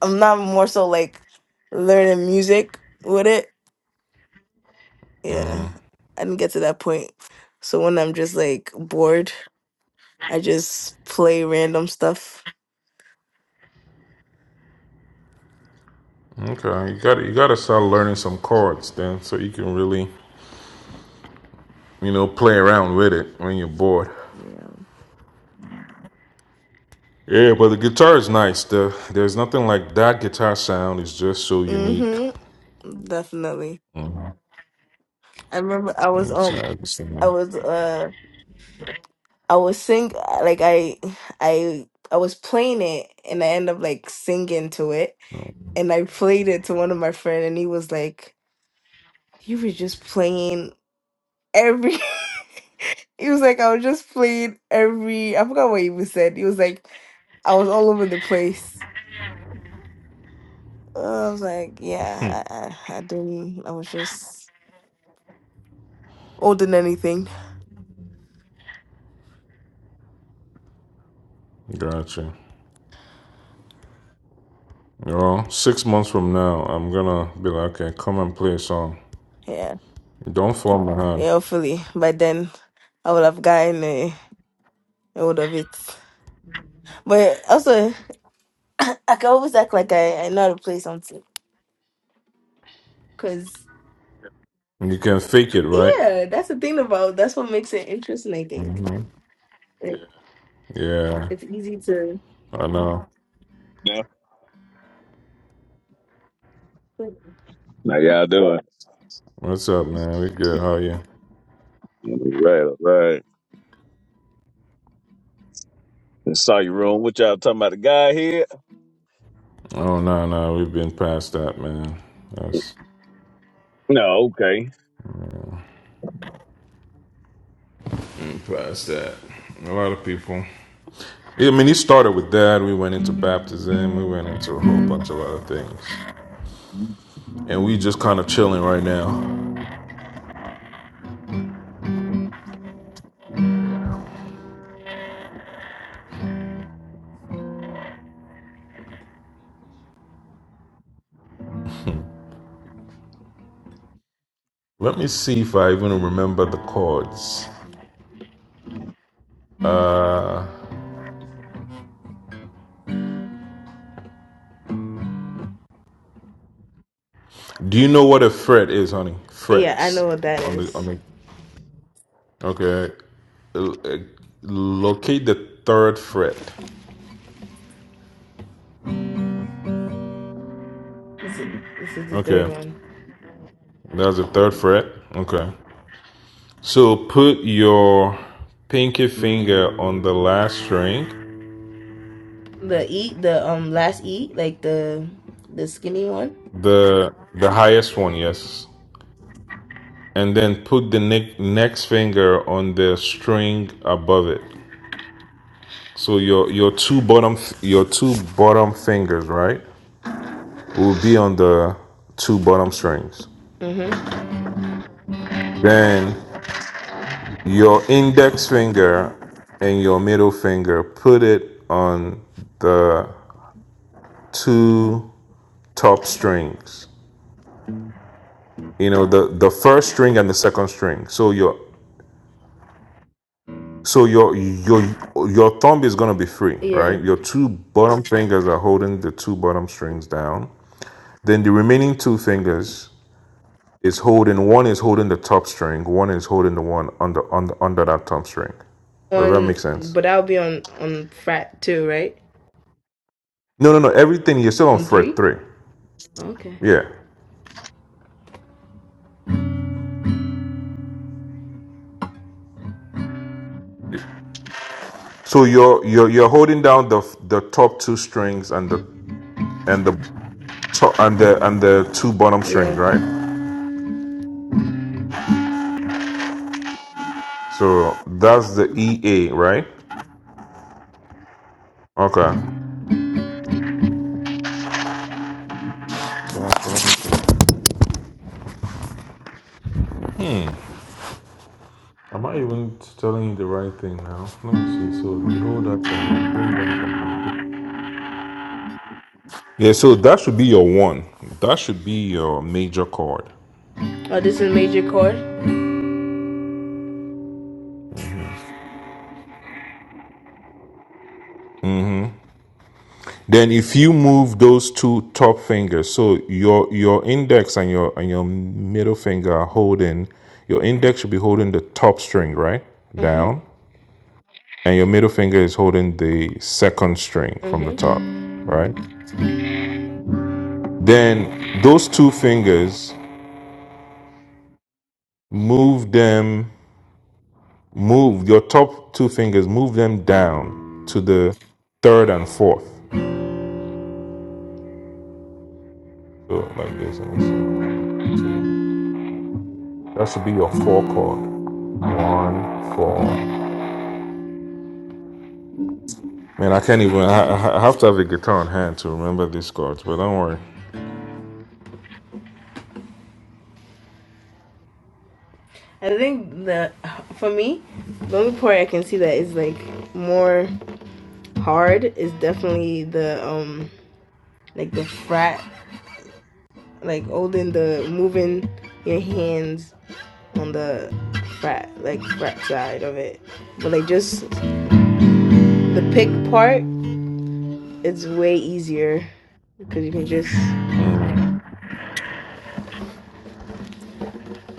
Speaker 20: I'm not more so like learning music with it. Yeah, I didn't get to that point. So when I'm just like bored, I just play random stuff.
Speaker 7: Okay, you got to you got to start learning some chords then, so you can really, you know, play around with it when you're bored.
Speaker 20: Yeah.
Speaker 7: Yeah, but the guitar is nice. The, there's nothing like that guitar sound. is just so unique.
Speaker 20: Mhm. Definitely. I remember I was
Speaker 7: It's,
Speaker 20: um
Speaker 7: uh, it's,
Speaker 20: I was uh. I was sing like I I I was playing it and I end up like singing to it and I played it to one of my friend and he was like, You were just playing every <laughs> He was like, I was just playing every I forgot what he was said. He was like, I was all over the place. Uh, I was like, Yeah, I I, I didn't I was just older than anything.
Speaker 7: gotcha. You know, six months from now, I'm gonna be like, okay, come and play a song.
Speaker 20: Yeah.
Speaker 7: Don't fall my hand.
Speaker 20: Yeah, hopefully. By then I would have gotten a hold of it. But also I can always act like I, I know how to play something. Because,
Speaker 7: You can fake it, right?
Speaker 20: yeah, that's the thing about That's what makes it interesting, I think.
Speaker 7: hmm
Speaker 20: It, Yeah.
Speaker 7: Yeah,
Speaker 20: It's easy to.
Speaker 7: I know.
Speaker 21: Yeah. How y'all doing?
Speaker 7: What's up, man? We good? How you?
Speaker 21: All right, all right. saw your room. What y'all talking about? The guy here?
Speaker 7: Oh no, no, we've been past that, man. That's
Speaker 21: No, okay.
Speaker 7: past that. A lot of people. I mean, it started with that. We went into baptism. We went into a whole bunch of other things, and we just kind of chilling right now. Let me see if I even remember the chords. Uh. Do you know what a fret is, honey?
Speaker 20: Yeah, I
Speaker 7: Frets
Speaker 20: know what that
Speaker 7: on the on
Speaker 20: is.
Speaker 7: the. Okay, L- uh, locate the third fret.
Speaker 20: This is, this is the third
Speaker 7: Okay,
Speaker 20: one.
Speaker 7: that's the
Speaker 20: Yeah.
Speaker 7: third fret. Okay, so put your pinky finger on the last string,
Speaker 20: The eat, the um last eat, like the the skinny one.
Speaker 7: the the highest one, yes, and then put the ne- next finger on the string above it. So your your two bottom your two bottom fingers, right, will be on the two bottom strings.
Speaker 20: Mm-hmm.
Speaker 7: Then your index finger and your middle finger, put it on the two top strings. You know, the the first string and the second string. So your so your your your thumb is gonna be free,
Speaker 20: Yeah.
Speaker 7: right? Your two bottom fingers are holding the two bottom strings down. Then the remaining two fingers is holding one is holding the top string, one is holding the one under under under that top string. Does that make
Speaker 20: On,
Speaker 7: sense?
Speaker 20: but that'll be on on frat two, right?
Speaker 7: No, no, no. Everything you're still on
Speaker 20: On
Speaker 7: fret
Speaker 20: three.
Speaker 7: three.
Speaker 20: Okay.
Speaker 7: Yeah. So you're you're you're holding down the f- the top two strings and the and the top and the and the two bottom strings,
Speaker 20: Yeah.
Speaker 7: right? So that's the EA, right? Okay. Hmm. Am I even telling you the right thing now? Let me see. So you hold that down, bring down the- Yeah, so that should be your one. That should be your major chord.
Speaker 20: Oh, this is major chord.
Speaker 7: Then if you move those two top fingers, so your your index and your and your middle finger are holding, your index should be holding the top string, right?
Speaker 20: Mm-hmm.
Speaker 7: Down. And your middle finger is holding the second string from the
Speaker 20: Mm-hmm.
Speaker 7: top, right? Then those two fingers move them move your top two fingers move them down to the third and fourth. So like this, let me see. That should be your four chord. One, four, Man, I can't even. I, I have to have a guitar on hand to remember these chords. But don't worry.
Speaker 20: I think the for me, the only part I can see that is like more hard is definitely the um like the frat like holding the moving your hands on the frat like frat side of it. But like just the pick part, it's way easier because you can just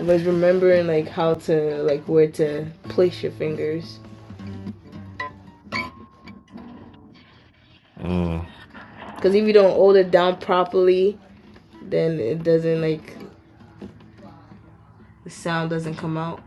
Speaker 20: but remembering like how to like where to place your fingers because if you don't hold it down properly then it doesn't like the sound doesn't come out.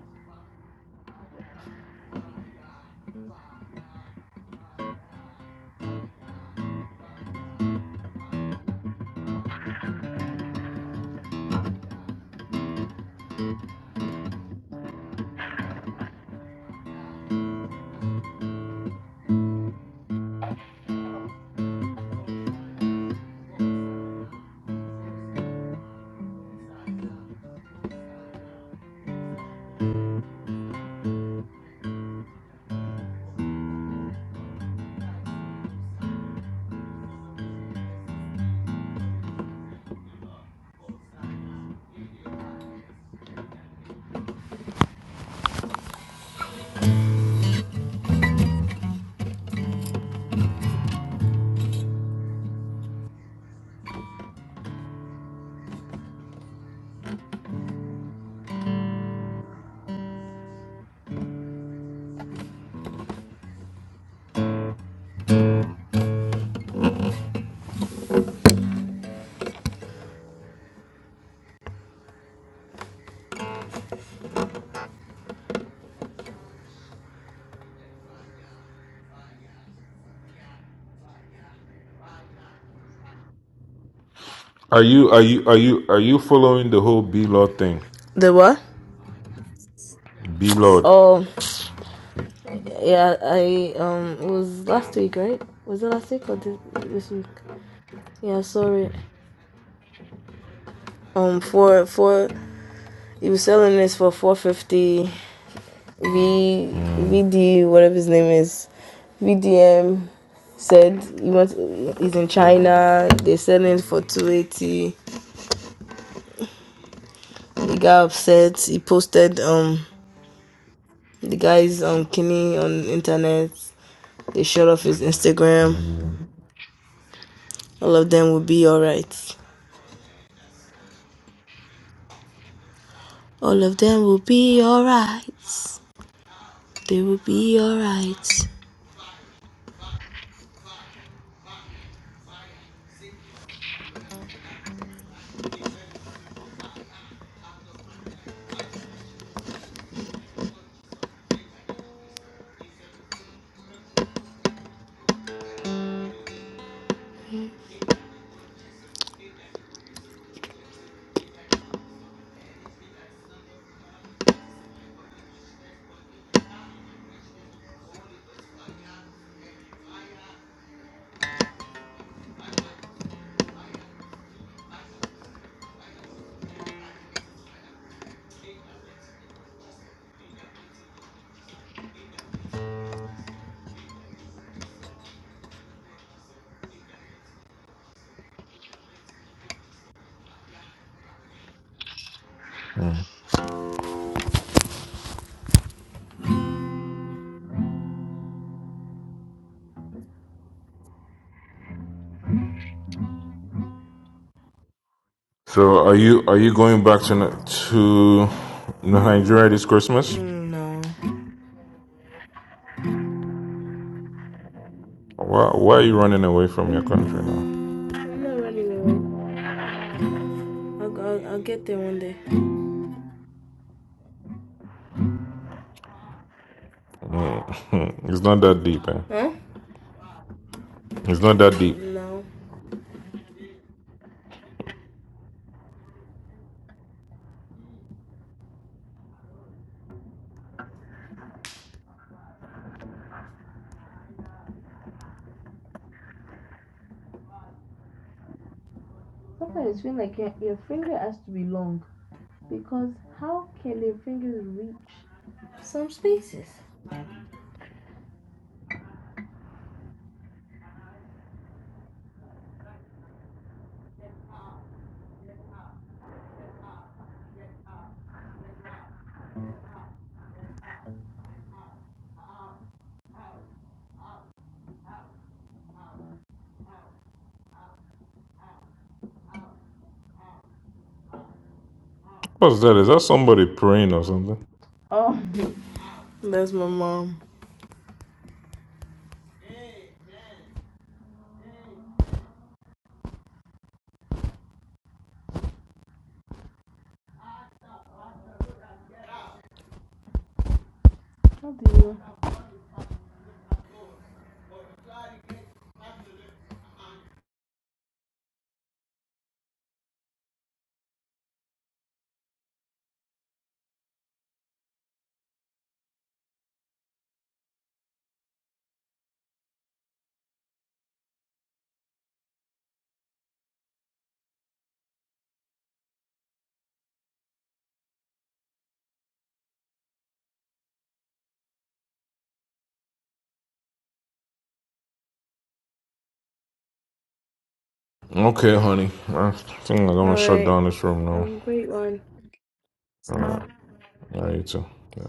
Speaker 7: Are you are you are you are you following the whole B Lord thing?
Speaker 20: The what?
Speaker 7: B Lord.
Speaker 20: Oh, yeah, I um, it was last week, right? Was it last week or this, this week? Yeah, I saw it. Um, for for he was selling this for four fifty. V
Speaker 7: Mm.
Speaker 20: VD whatever his name is, VDM said he wants he's in China. They're selling for two eighty. He got upset. He posted um the guy's um kidney on the internet. They shut off his Instagram. All of them will be alright. All of them will be alright. They will be alright.
Speaker 7: So are you are you going back to Ni- to Nigeria this Christmas?
Speaker 20: Mm, no.
Speaker 7: Why why are you running away from your
Speaker 20: I'm
Speaker 7: country now?
Speaker 20: not running away. I'll, I'll, I'll get there one day.
Speaker 7: Mm. <laughs> it's not that deep, eh?
Speaker 20: Huh?
Speaker 7: It's not that deep.
Speaker 20: No. Sometimes it's feel like your, your finger has to be long because how can their fingers reach some spaces?
Speaker 7: What's that? Is that somebody praying or something?
Speaker 20: Oh, That's my mom.
Speaker 7: Okay, honey. I think I'm gonna shut
Speaker 20: Alright.
Speaker 7: down this room
Speaker 20: Have
Speaker 7: now.
Speaker 20: a great one.
Speaker 7: All right. All right, you too. Yeah.